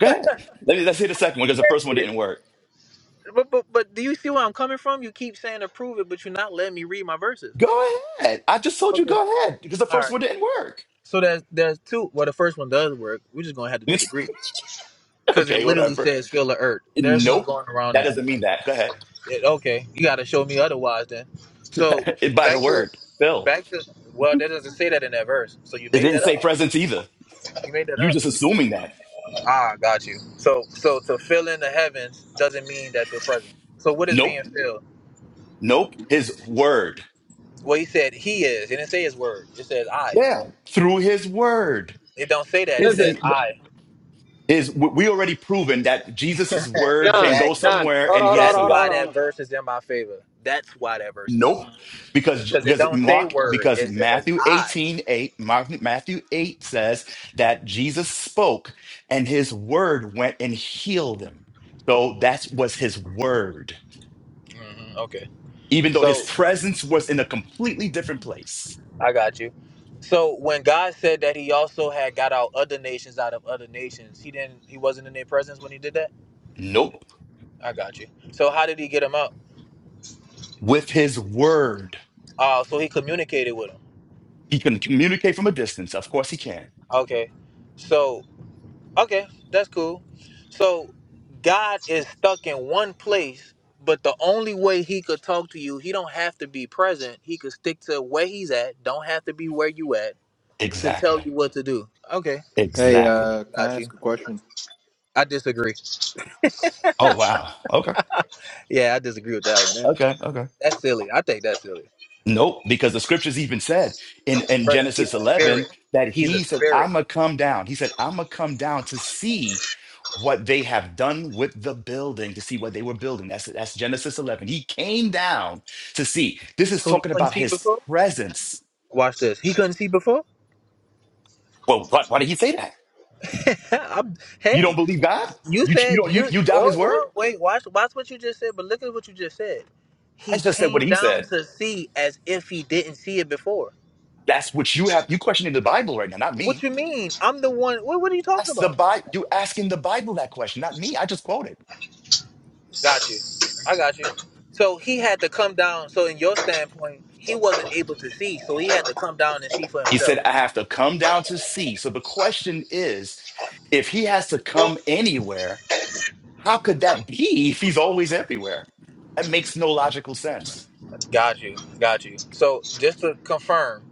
Go ahead. Let me, let's hear the second one because the first one didn't work. But, but, but do you see where I'm coming from? You keep saying to prove it, but you're not letting me read my verses. Go ahead. I just told you Okay. go ahead because the All first right. one didn't work. So there's there's two. Well, the first one does work. We're just gonna have to disagree because it okay. literally Whatever. says fill the earth. There's no Nope. going around That that. doesn't mean that. Go ahead. Yeah, okay, you got to show me otherwise then. So By the back to word, Phil. back to well, that doesn't say that in that verse. So you It made didn't that up. say presence either. You made that You up. just assuming that. Ah, got you. So so to fill in the heavens doesn't mean that you're present. So what is being Nope. filled? Nope. His word. Well, he said he is. It didn't say his word. It says I. Yeah. Through his word. It don't say that. It says His Listen, I. his we already proven that Jesus' word can John. go exactly. John. somewhere Hold and on. Hold on. Hold heal on. That's Hold on. why somebody. that verse is in my favor. That's why that verse is in my Nope. favor. Because Because it because don't say Mark word. because It says Matthew I. 18 8 Mark, Matthew 8 says that Jesus spoke and his word went and healed them. So that was his word. Mhm, Okay. Even though So his presence was in a completely different place. I got you. So when God said that He also had got out other nations out of other nations, He didn't. He wasn't in their presence when He did that. Nope. I got you. So how did He get them out? with his word. Oh, so He communicated with them. He can communicate from a distance. Of course he can. Okay. So okay, that's cool. So God is stuck in one place, but the only way He could talk to you, He don't have to be present. He could stick to where He's at. Don't have to be where you at to tell Exactly. you what to do. Okay, Hey, Exactly. uh, I can I got you. ask a question? I disagree. Oh wow. Okay. Yeah, I disagree with that one. Okay. Okay. That's silly. I think that's silly. Nope, because the scriptures even said in, in Brother, he's Genesis a 11 spirit. that He's a he said, spirit. I'm going to come down. He said, I'm going to come down to see what they have done with the building, to see what they were building. That's, that's Genesis 11. He came down to see. This is So he talking couldn't about see his before? presence. Watch this. He couldn't see before? Well, why, why did he say that? I'm, You don't hey, believe God? you You, you, said don't, you, you you doubt his oh word? well wait, watch watch what you just said, but look at what you just said. I He just said what came he down said. to see as if he didn't see it before. That's what you have. You questioning the Bible right now, not What me. you mean? I'm the one what what are you talking That's the about? Bible. You asking the Bible that question, not me. I just quoted. Got you. I got you. So he had to come down. So in your standpoint, he wasn't able to see, so he had to come down and see for He said, himself. I have to come down to see. So the question is, if he has to come anywhere, how could that be if he's always everywhere? That makes no logical sense. Got you. Got you. So just to confirm,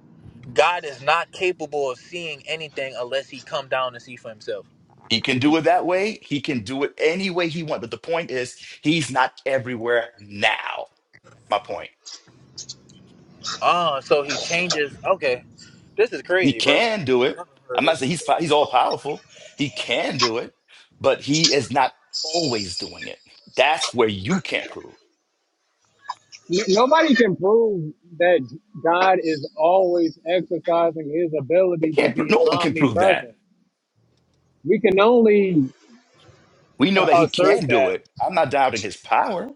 God is not capable of seeing anything unless he come down and see for himself. He can do it that way. He can do it any way he wants. But the point is, he's not everywhere now. My point. Ah, so he changes. Okay. This is He crazy, bro. can do I've it. never heard I'm this not saying before. he's po- he's all powerful. He can do it, but he is not always doing it. That's where you can't prove. N- Nobody can prove that God is always exercising His He ability to can't. pro- be No one can prove that. omnipresent. We can only We know that uh, he assert can do that. it. I'm not doubting his power,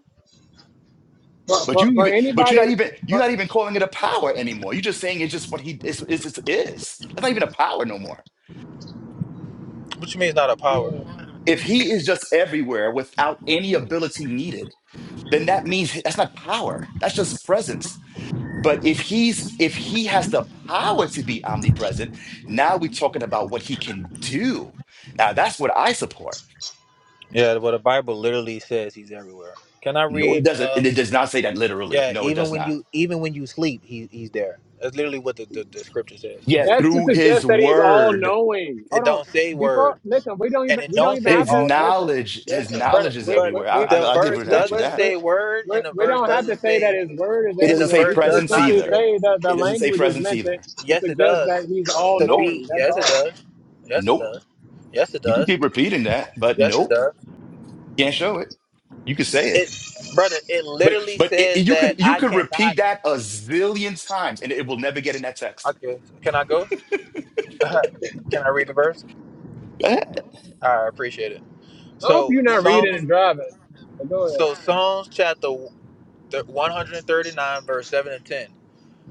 For, but for, you for even but you're not anybody, even you're for, not even calling it a power anymore. You're just saying it's just what he is is is. is. That's not even a power no more. What you mean it's not a power? yeah. If he is just everywhere without any ability needed, then that means that's not power. That's just presence. But if he's if he has the power to be omnipresent, now we're talking about what he can do. Now that's what I support. Yeah, well the Bible literally says he's everywhere. Can I No, it read doesn't. uh It does not say that literally. yeah, No, it even does when not. you even when you sleep, he he's there. That's literally what the, the, the scripture says. Yeah, That's to through his suggest that he's all word, knowing. Hold It on. don't say Before word. listen, we don't And even it we don't don't even say have his to all listen. knowing. knowledge, his Listen. knowledge But is We but we everywhere. I, we I, the we I'll give we verse an we answer to doesn't that. we, say word we, and the we verse don't have doesn't to say say that his word is It And doesn't the everywhere. say We verse could just does presence simply not either. say, say that the It doesn't say language is presence meant to, either. to yes, it suggest that does. he's all To Nope. be, knowing. That's yes, all. it I does. Yes, it Nope. does. Yes, it You can does. keep repeating that, but Yes, it nope. does. Can't show it. You can say it. It, brother, it But literally but it, says it- you that could you I could cannot. repeat that a zillion times and it will never get in that text. Okay, can I go? can I read the verse? Go ahead. I appreciate it. hope So you're not reading and Psalms, driving. But go ahead. so Psalms chapter one hundred thirty nine, verse seven and ten.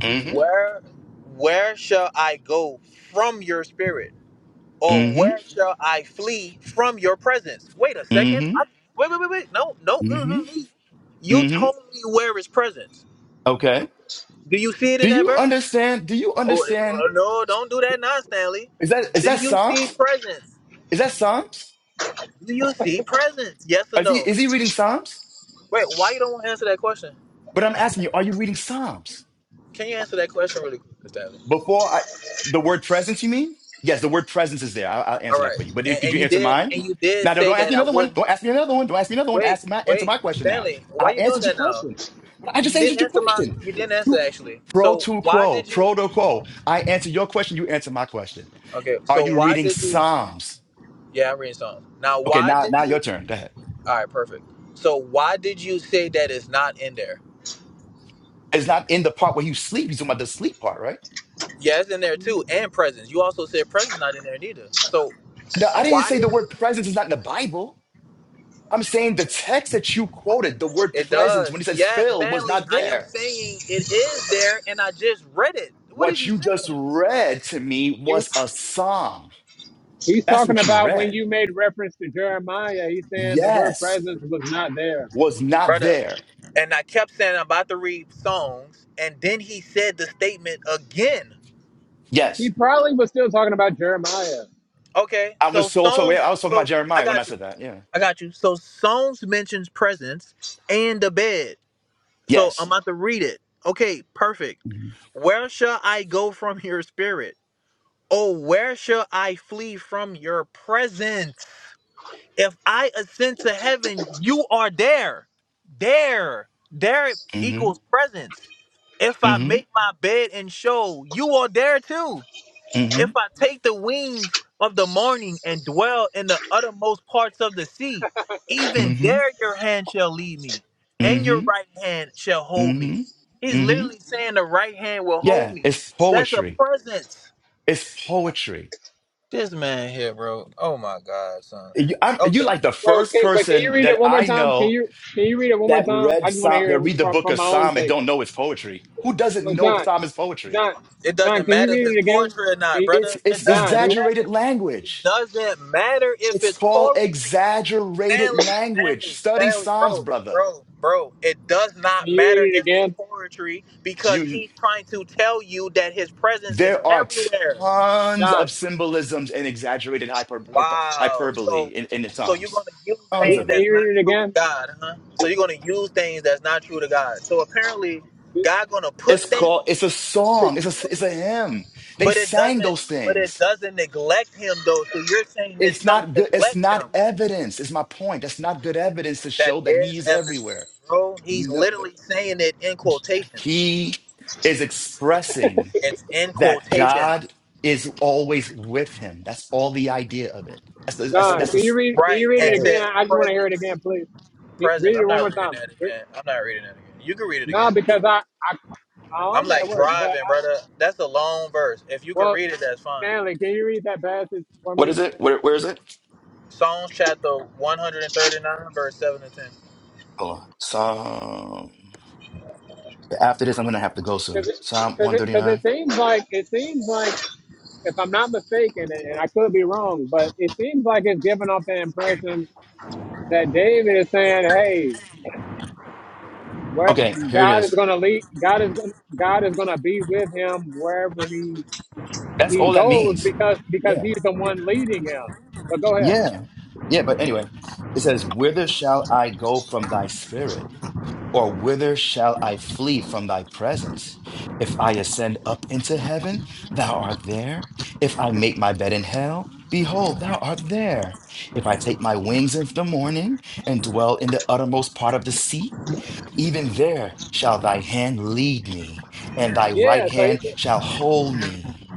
Mm-hmm. Where, where shall I go from your spirit? or Mm-hmm. where shall I flee from your presence? Wait a second. Mm-hmm. I, wait, wait, wait, wait. No, no. Mm-hmm. Mm-hmm. You Mm-hmm. told me where is presence. Okay. Do you see it in Do that you verse? understand? Do you Oh, understand? uh, no, don't do that now, Stanley. Is that is Do that you see Psalms? presence? Is that Psalms? Do you see presence? Yes or Is he no? is he reading Psalms? Wait, why you don't want to answer that question? But I'm asking you, are you reading Psalms? Can you answer that question really quick, Stanley? Before I, the word presence, you mean? Yes, the word presence is there. I'll, I'll All answer that right. for you. But if, And, could and you you answer did mine? and you did Now, no, say don't ask that me I another one. wouldn't Don't ask me another one. Don't ask me another one. wait, Ask my, answer wait, my question now. Stanley, why I you doing answered your that now? question. But I And just you didn't answered your answer my question. you didn't answer You, actually. pro So to why quo, did you pro to quo. I answer your question. You answer my question. Okay, Are so you why reading did you? Psalms? Yeah, I'm reading Psalms. Now, Okay, why now, did now your you? turn. Go ahead. All right, perfect. So, why did you say that it's not in there? It's not in the part where you sleep. He's talking about the sleep part, right? Yeah, it's in there too, and presence. You also said presence not in there neither. So, No, I didn't why say the did word you? presence is not in the Bible. I'm saying the text that you quoted, the word It presence, when does. he says Yes, "fill," was Stanley. not I am there. saying it is there, and I just read it. What is What you you just saying, read to me You was a psalm. he's That's talking what you about when read. you made reference to Jeremiah, he's saying the word Yes, presence was not there. was not brother? there. And I kept saying I'm about to read songs, and then he said the statement again. He Yes, probably was still talking about Jeremiah. Okay, I was so so so. yeah, songs. I was talking about So I Jeremiah when I got you. said that. Yeah. I got you. So Psalms mentions presence and the bed. So I'm Yes. about to read it. Okay, perfect. Mm-hmm. Where shall I go from your spirit? Oh, where shall I flee from your presence? If I ascend to heaven, you are there. There. There equals presence. If I Mm-hmm. make my bed and show, you are there too. If Mm-hmm. I take the wings of the morning and dwell in the uttermost parts of the sea, even Mm-hmm. there your hand shall lead me, Mm-hmm. and your Mm-hmm. right hand shall hold me. Mm-hmm. He's Mm-hmm. literally saying the right hand will hold Yeah, me. it's That's a poetry. presence. It's poetry. This man here, bro. Oh my God, son. You, I'm, you're Okay. like the Wait, wait, first can, wait, can you person read it that one more I time? Can know you can you read it one more that time? I read just want to Psalm, that hear it read the from, book from of my own Psalm and sake. don't know it's poetry. Who doesn't Well, know John, Psalm is poetry? John, It John, doesn't can you matter if read it's it again? poetry or Can not, you- It's brother. It it's John, doesn't read. matter. exaggerated It language. doesn't matter if It's it's called poetry. exaggerated Stanley, language. Stanley, Study Stanley, Psalms, bro, brother. bro, bro. It does Can not you matter read it if it's again? poetry because You he's trying to tell you that his presence is there are everywhere. tons John, of symbolisms and exaggerated hyper, hyper- Wow. hyperbole So, in, in the so you're gonna Psalms. use Tons re, things of can them. that's you not read it true to again? God, huh? So you're gonna use things that's not true to God. So apparently, God gonna put It's things called it's a to song. It's a it's a use, hymn. They but it sang doesn't. those But it things. doesn't neglect him though. So you're saying this It's song not good. It's neglect not him? evidence, is my point. That's not good evidence to That show that is he's evidence, everywhere. bro. He's No, literally saying it in quotations. he is expressing It's in that quotation, God is always with him. That's all the idea of it. That's the, that's, John, that's can you the, read? Can you right? read all it And that again? is. says I just want to hear it presence. again, please. Re- Presence. Read it I'm one more not reading time. that Re- again. I'm not reading that again. You can read it No, again. because I I I'm I'm at like work, but driving, I, brother. That's a long verse. If you can well, read it, that's fine. Stanley, can you read that passage for What is me? it? Where, where is it? Psalms chapter 139, verse 7 to Hold on. Psalm. After this, I'm going to have to go Because soon. it, Psalm cause it, cause it 139. seems like it seems like if I'm not mistaken, and, and I could be wrong, but it seems like it's giving off the impression that David is saying, "Hey, where, Okay, here it God is is. going to lead. God is gonna, God is going to be with him wherever he That's he all that goes means. because because Yeah. he's the one leading him." So go ahead. Yeah. Yeah. But anyway, it says, Whither shall I go from thy spirit? Or whither shall I flee from thy presence? If I ascend up into heaven, thou art there. If I make my bed in hell, behold, thou art there. If I take my wings into the morning and dwell in the uttermost part of the sea, even there shall thy hand lead me, and thy Yeah. right So he's hand shall hold me.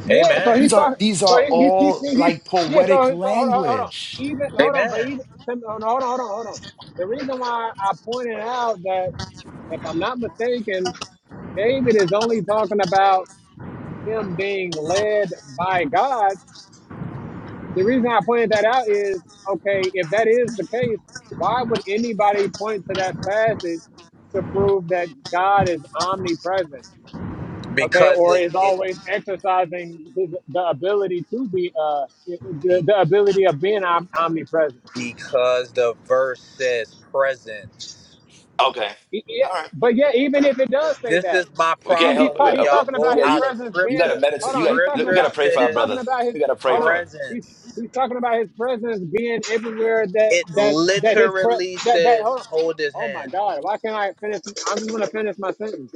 10. yeah. So These he's Amen. are talking. these So are he, he, he, all he, like he's yeah. poetic So, so hold on, hold on. language. Even hold on, but Amen. even hold on, hold on, hold on. The reason why I pointed out that if I'm not mistaken, David is only talking about him being led by God. The reason I pointed that out is okay, if that is the case, why would anybody point to that passage to prove that God is omnipresent? Okay, Because or it, is it always exercising his, the ability to be uh the, the ability of being om- omnipresent. because the verse says presence. Okay. He- yeah, all right. but yeah, even if it does say This that, is my we can't he, he's help. problem uh, ta- when he's uh, y'all talking go about Yeah, his out you of presence you got being. to scripture. The meditate. Hold You on, he's talking got we got scripture to about pray for he's our talking brother. says about his. We got to pray Hold for on, him. he's presence. he's talking about his presence being everywhere that It that that his pre literally that that. says Hold on. hold his Oh my hand. God, why can't I finish? I'm just gonna finish my sentence.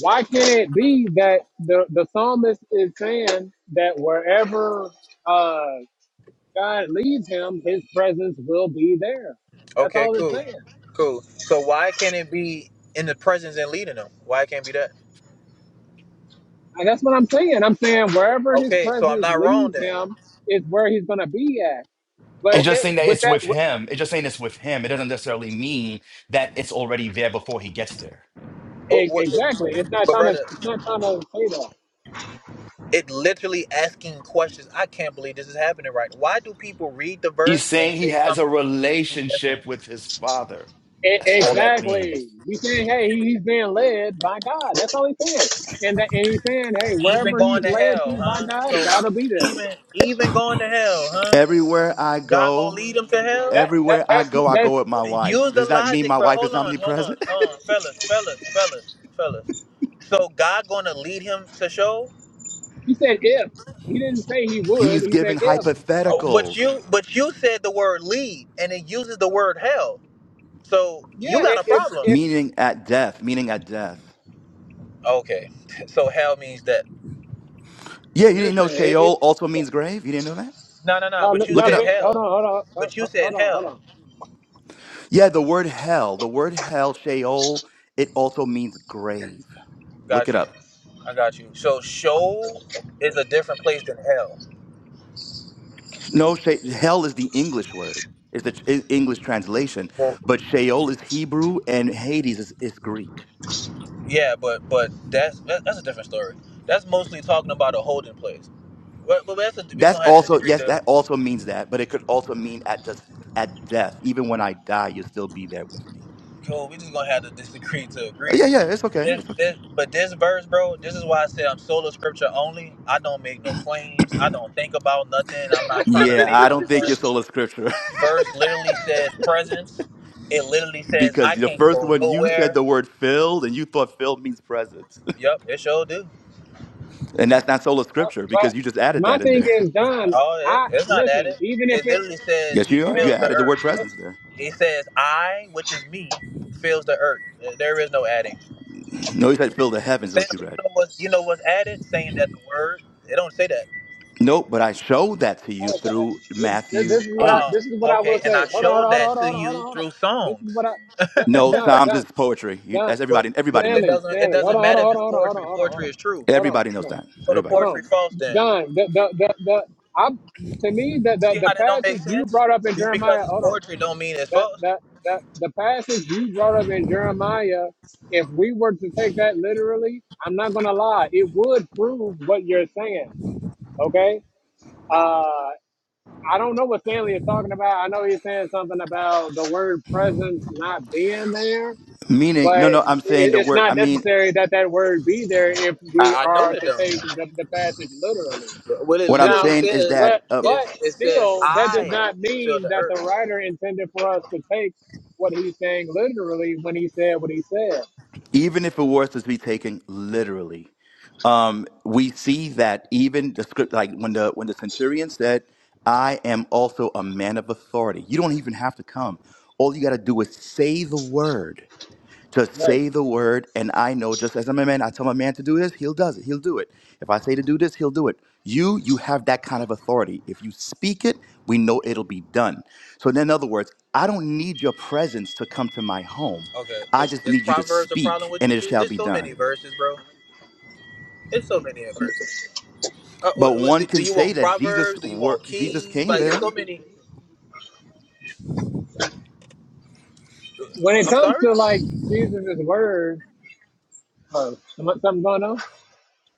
Why can't it be that the the psalmist is saying that wherever uh, God leads him, His presence will be there? That's Okay, all it's cool. saying. Cool. So why can't it be in the presence and leading them? Why it can't be that? And that's what I'm saying. I'm saying wherever his Okay, so I'm presence not wrong leads then. him is where he's gonna be at. It's But just Okay. saying that with it's that, with with- him. It's just saying it's with him. It doesn't necessarily mean that it's already there before he gets there. But, e- what, exactly. It's not but trying to. brother, It's not trying to say that. it literally asking questions. I can't believe this is happening right. now. Why do people read the He's verse and saying he say has a something completely different? relationship with his father. E- That's all Brother, that means. exactly. He's saying, hey, he's being led by God. That's all he's saying. And that, and he's saying, hey, even wherever going he's to led hell, to by huh? God, So God will be there. even even going to hell, huh? Everywhere I God gonna go, lead them to hell? That that everywhere I that's go, I that's. go with my wife. Use the Does that mean logic, my bro. wife Hold is on, hold on, omnipresent? hold on, fellas, fellas, fellas, fellas. So God gonna lead him to show, He said if. He didn't say he would. He's He said giving if. Oh, but hypotheticals, you, but you said the word lead, and it uses the word hell. So you Yeah. got It a it, problem. it meaning at death, meaning at death. Okay, so hell means that. Yeah, you didn't listen. know It, it, Sheol also means grave? You didn't know that? No, no, no. uh, But you Look y'all it said been, up. hold on, hell. hold on, hold But you hold- said hold on, hold hell. on. Yeah, the word hell, the word hell, Sheol, it also means grave. Look Got it you. up. I got you. So show is a different place than hell. No, she- hell is the English word, is the i- English translation, but Sheol is Hebrew and Hades is, is Greek. Yeah, but but that's that, that's a different story. That's mostly talking about a holding place. But, but that's a, we That's gonna have to also disagree. yes, that also means that, but it could also mean at just at death. Even when I die, you'll still be there with me. Cool. We just gonna have to disagree to Uh, Yeah, agree. yeah, it's okay, This, it's okay. this, but this verse, bro. This is why I said I'm solo scripture only. I don't make no claims. I don't think about nothing. I'm not trying to Yeah, make I no don't think your claims. soul is scripture This verse literally says presence. It literally says because I the can't first go one you said nowhere. the word filled, and you thought filled means presence. Yep, it sure do. And that's not sola scripture But because you just added my that in thing there. is, John, Oh, it, I it's not at listen. it. Even if It it, literally says yes, he you you are. know, You fills the added the word earth. look, look, presence there. It says I, which is me, fills the earth. There is no adding. No, you said fill the heavens, is Stanley, what you you read. know what's you know what's added? Saying that the word. It don't say that. Nope, but I showed that to you uh, through this, this Matthew this is what I Oh, 8. this is what I okay. will And say. I Hold on, hold showed on, that hold on, to hold on, hold on, you hold on. through This is what songs. I, No, John, Psalms is John, poetry. You, John, that's But everybody. Everybody it knows Stanley, that. doesn't it Stanley. Hold doesn't on, hold matter on, if it's hold on, hold on, poetry. hold on, hold Poetry on, hold is true. on, Everybody hold knows on, that. So the Everybody hold knows that. poetry on. false then. John, the the the, the I to me the, You the see the how that don't make passage you sense? brought up in Just Jeremiah. because it's Hold on. poetry don't mean it's that false. that that the passage you brought up in Jeremiah, if we were to take that literally, I'm not gonna lie, it would prove what you're saying. Okay. Uh I don't know what Stanley is talking about. I know he's saying something about the word presence not being there, Meaning, but no, it, no, I'm saying the it's word. I not mean, necessary that that word be there if we I, I know are it to don't. take the, the passage literally. What it what I'm Now, literally saying is says that. but um, but is it says still, that does I not fill mean the that earth. the writer intended for us to take what he's saying literally when he said what he said. even if it was to be taken literally um, we see that even the script like when the when the centurion said i am also a man of authority you don't even have to come all you got to do is say the word just Right. say the word, and I know. Just as I'm a man, I tell my man to do this, he'll does it. He'll do it. If I say to do this, he'll do it. You, you have that kind of authority. If you speak it, we know it'll be done. So, in other words, I don't need your presence to come to my home. Okay. I th- just Is need you to Proverbs a problem speak, with and you it too? shall It's be so many done. verses, bro. It's so many verses. Uh, But what, what, one do do can you say want that Jesus, Proverbs? Do you wor- want Jesus Kings? came Like it's so there. many. When it I'm comes sorry. to like Jesus' words, oh, some- something going on?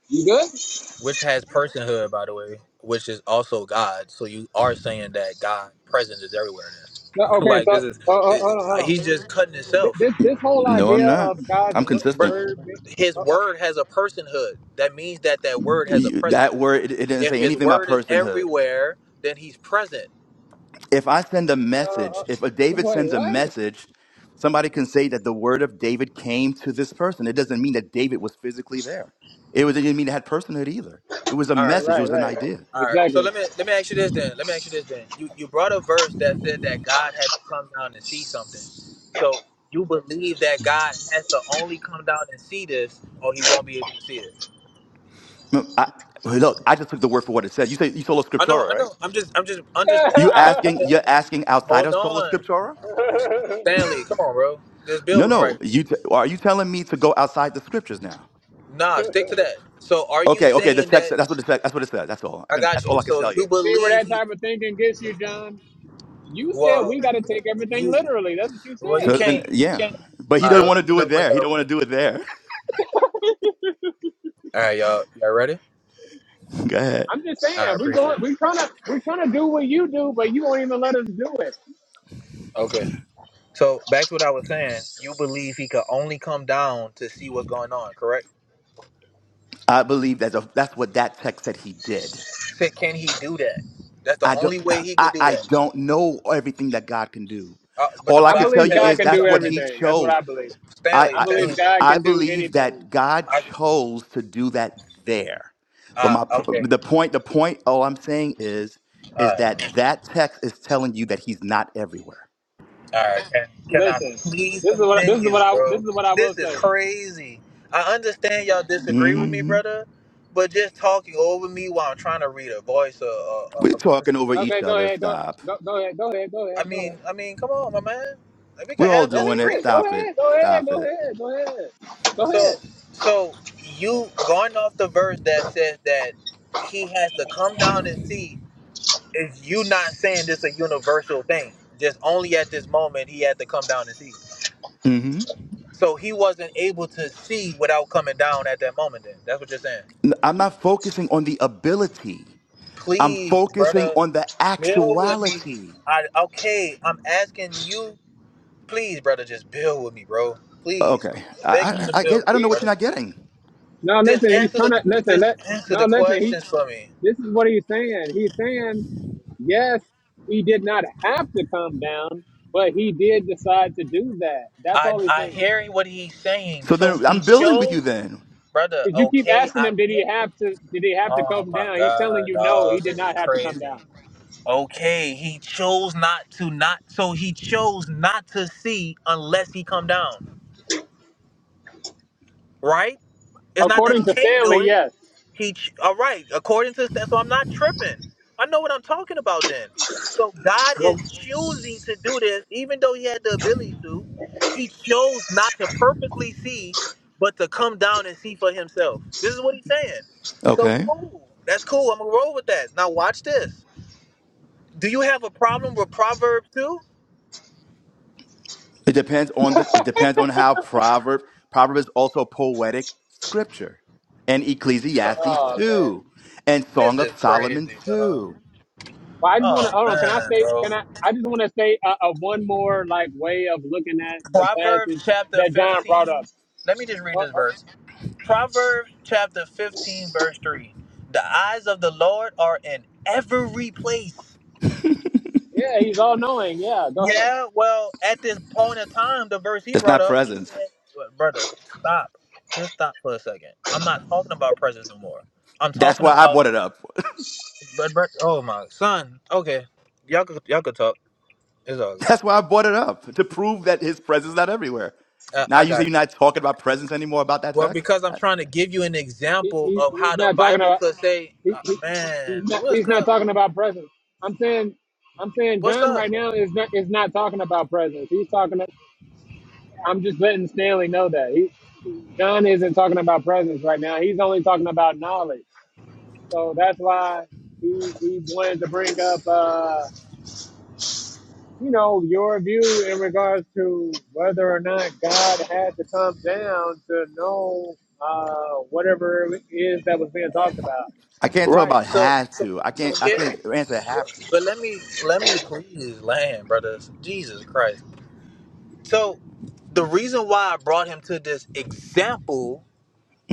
You good? which has personhood, by the way, which is also God. So you are saying that God presence is everywhere. Then, No, okay, like so this uh, uh, hold is, on, hold on. he's just cutting Th- himself. This this whole No, I'm idea not. of God's I'm wo- Bru- consistent. word, be- His uh, uh, word has a personhood. That means that that word has a presence. That word, it it didn't If say his anything about word is personhood. everywhere, then he's present. if I send a uh, message, uh, if a David wait, sends a what? message, somebody can say that the word of David came to this person. It doesn't mean that David was physically there. It, was, it didn't mean it had personhood either. It was a All right, message. It Right, right, was an right. idea. all right. So Exactly. let me let me ask you this then. Let me ask you this then. You you brought a verse that said that God had to come down and see something. So you believe that God has to only come down and see this, or he won't be able to see it. No, I, look, I just took the word for what it said. You say you sola I know, scriptura, I right? know. I'm just, I'm just You understanding. I'm asking? just- You're asking outside hold of sola on, scriptura? Stanley. Come on, bro. Just No, build with him, no. right. You t- are you telling me to go outside the scriptures now? Nah, stick to that. So, are you Okay, okay. The saying text. that That's what the text. That's what it says. That's all. I I can. That's got all you? I can So tell see, you you. see where believe that he? type of thinking gets you, John. You said Well, we got to take everything you, literally. That's what you well, you said. So then, can't, you yeah. can't. But he All right, doesn't well, want let to me do know it when there. He y'all don't want to ready. do it there. All right, y'all, y'all ready? go ahead. I'm just I saying we are appreciate going. it. We are trying to. We are trying to do what you do, but you won't even let us do it. Okay. So back to what I was saying. You believe he could only come down to see what's going on, correct? I believe that's a, that's what that text said he did. Said, can he do that? That's the I don't only way he I, could do I that. don't know everything that God can do. Uh, but the All I I can Bible tell believe you God tells is you can that's do what something. he everything. That's what chose. I believe. I Stanley, I I, Stanley. believe he- God I can do believe anything. that God I chose to do that there. But uh my po- okay. the point the point all I'm saying is All is right. that that text is telling you that he's not everywhere. All right. Can, can I Listen, this please is what this is what continue, I this bro? is what I will This is say. crazy. I understand y'all disagree with me, hmm brother, but just talking over me while I'm trying to read a voice or a, a, We're a verse talking or over Okay, each real. go other. ahead. Go Stop. go go ahead. Go ahead. Go ahead. I Go mean, ahead. I mean, come on, my man. Like, We could We're all have Go doing it. ahead. Go disagreements. Stop it. ahead. Go ahead. Stop Go it. ahead. Go ahead. Go ahead. So, so you going off the verse that says that he has to come down and see. It's you not saying this a universal thing. Just only at this moment he had to come down and see. hmm So he wasn't able to see without coming down at that moment. Then that's what you're saying. I'm not focusing on the ability. I'm Please, focusing brother, on the build with me. actuality. I okay. I'm asking you, please, brother, just build with me, bro. Please, Okay. I'm I, begging you I, to I, build get, with I me, don't He, know what you're brother. not getting. no, Just listen. He's answer trying the to listen. just Let answer no, the listen. He. questions for me. This is what he's saying. He's saying Yes, he did not have to come down, but he did decide to do that. That's I all he's I saying. hear what he's saying. So So then he I'm building with you chose, then. brother. Because you keep Okay, asking I him, did hear he have to? Did he have to Oh come my down? He's telling god, you, no, he dog, did this is not have to come crazy. down. Okay, he chose not to not so he chose not to see unless he come down, right? It's not that he According to can't Stanley, do it. yes. He ch- all right, according to that, so I'm not tripping. I know what I'm talking about then. So God Well, is choosing to do this, even though he had the ability to. He chose not to purposely see, but to come down and see for himself. This is what he's saying. So Okay. cool. That's cool. I'm gonna roll with that. Now watch this. Do you have a problem with Proverbs 2? It depends on the, it depends on how Proverbs, Proverbs is also poetic scripture and Ecclesiastes oh too man. and This Song is of Solomon crazy, dog. too. Well, I just want to Oh, hold on. Can I man, say? bro. Can I? I just want to say a, a one more like way of looking at the Proverbs passage chapter that John brought up. 15. Let me just Uh, read this uh, verse. Proverbs chapter 15, verse 3. The eyes of the Lord are in every place. yeah, he's all knowing. Yeah, go ahead. Yeah, well, at this point in time, the verse he That's brought not up, he said, presence. well, Brother, stop. Just stop for a second. I'm not talking about presence no more. I'm That's talking why I about, brought it up. but, but, oh, my son. Okay. Y'all could, y'all could talk. It's all good. That's why I brought it up to prove that his presence is not everywhere. I, Now I you say got. You. you're not talking about presence anymore about that Well, because I'm text? trying to give you an He, example he, of he's how the not talking Bible about. could say, He, uh, he- "Man, he's, not, what's he's not up? talking about presence. I'm saying, I'm saying What's John up?" right now is not is not talking about presence. He's talking. I'm just letting Stanley know that he John isn't talking about presence right now. He's only talking about knowledge. So that's why he he wanted to bring up, uh, you know, your view in regards to whether or not God had to come down to know uh, whatever it is that was being talked about. I can't talk Right. about So, has so, to. I can't. so I here's. can't answer have to. But let me let me please land, brothers. Jesus Christ. So, the reason why I brought him to this example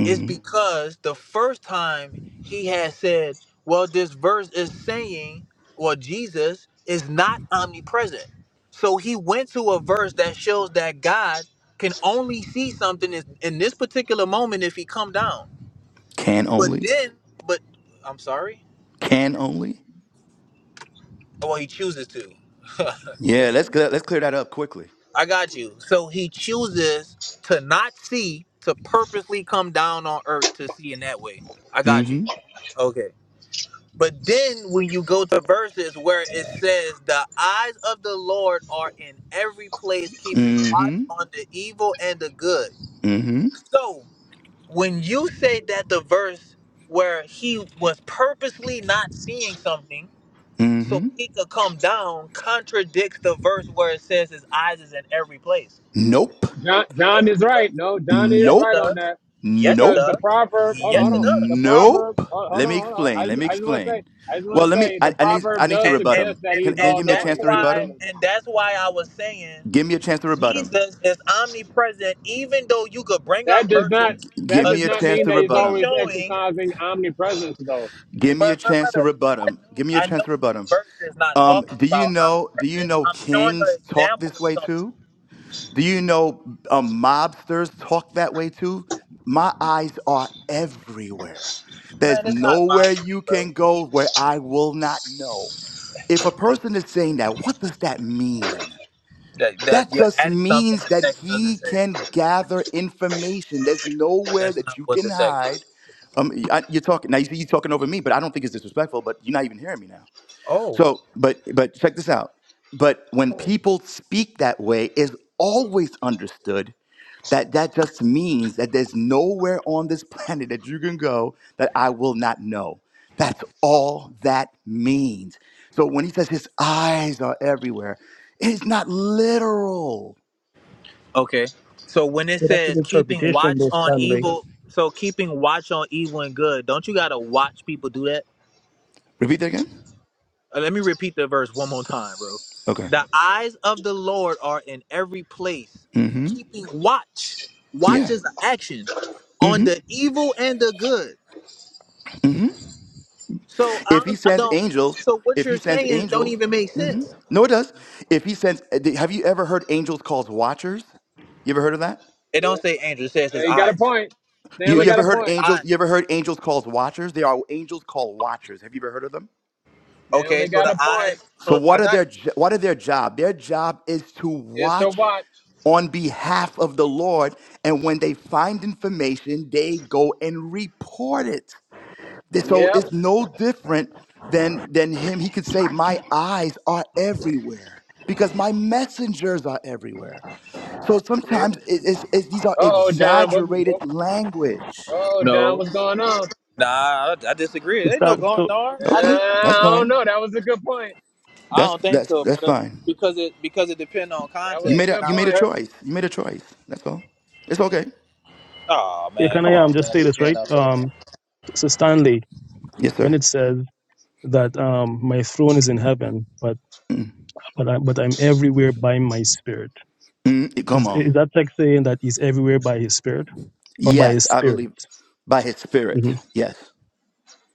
is because the first time he had said, well, this verse is saying, well, Jesus is not omnipresent. So he went to a verse that shows that God can only see something is- in this particular moment if he come down. Can But only. then, but I'm sorry. Can only. Well, he chooses to. Yeah. Let's clear, let's clear that up quickly. I got you. So he chooses to not see, to purposely come down on earth to see in that way. I got you. Mm-hmm. Okay. But then when you go to verses where it says, The eyes of the Lord are in every place, keeping watch Mm-hmm. on the evil and the good. Mm-hmm. So when you say that the verse where he was purposely not seeing something Mm-hmm. so he could come down contradicts the verse where it says his eyes is in every place. Nope. John, John Yes, is it does. right. No, John is Yes, it right Nope. does. on that Yes, it because the Nope. does. proverb. Hold Yes, on, hold it on. The does. Nope. proverb. Hold, hold Let on, me hold on. explain. I Let just, me I just want to explain. say. I just want Well, to let me. say the I, I need. I proverb need to does And rebut and suggest him. that and Can, he's can you and all give me a that's chance knowing. to I'm just rebut why him? saying and that's why I was saying Give me a chance to rebut him. Jesus is omnipresent, even though you could bring that up does not verses that Give uh, does me a not chance mean to that he's rebut specifically him. always showing, exercising omnipresence though. Give me a but but chance to brother, rebut I him. know Give me a I chance to know this rebut him. verse is not Um, talking do you about know? Do you omnipresence. know I'm showing kings an talk example this of way something. too? Do you know um, mobsters talk that way too? My eyes are everywhere. There's Man, it's not my nowhere you bro. can go where I will not know. If a person is saying that, what does that mean? That that That you're just adding something means the that text doesn't he say. can gather information. There's nowhere That's that not you what can the text hide. is. Um, I- you're talking now. You see, you're talking over me, but I don't think it's disrespectful. But you're not even hearing me now. So, but but check this out. But when people speak that way, it's always understood that that just means that there's nowhere on this planet that you can go that I will not know. That's all that means. So when he says his eyes are everywhere, it's not literal. Okay. So when it But that's an says keeping interpretation, watch though, on Stanley. evil, so keeping watch on evil and good, don't you gotta watch people do that? Repeat that again. Uh, Let me repeat the verse one more time, bro. Okay. The eyes of the Lord are in every place, Mm-hmm. keeping watch. Watch Yeah. is an action on Mm-hmm. the evil and the good. Mm-hmm. So I If he don't, I sends don't. angels, So what if you're he sends saying don't angels, even make mhm. sense. no, it does. If he sends, have you ever heard angels called watchers? You ever heard of that? It don't say angel. It says Uh, his He got a eyes. point. You, Stanley But you it got ever a says heard his point. angels? eyes. You ever heard angels called watchers? They are angels called watchers. Have you ever heard of them? Okay, Stanley so got the a point. eyes. So So I what are got their you. jo- what are their job? Their job is to It's to watch watch. on behalf of the Lord, and when they find information, they go and report it. So Yep. it's no different than than him. He could say, "My eyes are everywhere." Because my messengers are everywhere. So Uh sometimes it- it's, it's, these are oh, Don. What, exaggerated what, language. oh, Don. No, What's going on? Uh, nah, I, I disagree. So, There ain't no Stan, going so darn. I Okay, just, that's I don't fine. know. That was a good point. I That's don't think that's so, that's brother. fine. Because it because it depends on That You was a made context. a good Now you made a point. where is choice. You made a choice. That's all. It's okay. Oh yeah, man, can come I on, um, just say Stanley. You this, being right? upside down. Um, so, Stanley, Yes, when sir. it says that um, my throne is in heaven, but but, I, but I'm everywhere by my spirit, Mm, come is, on. is that text saying that he's everywhere by his spirit or by Yes, his I spirit? believe by His Spirit. hmm Yes.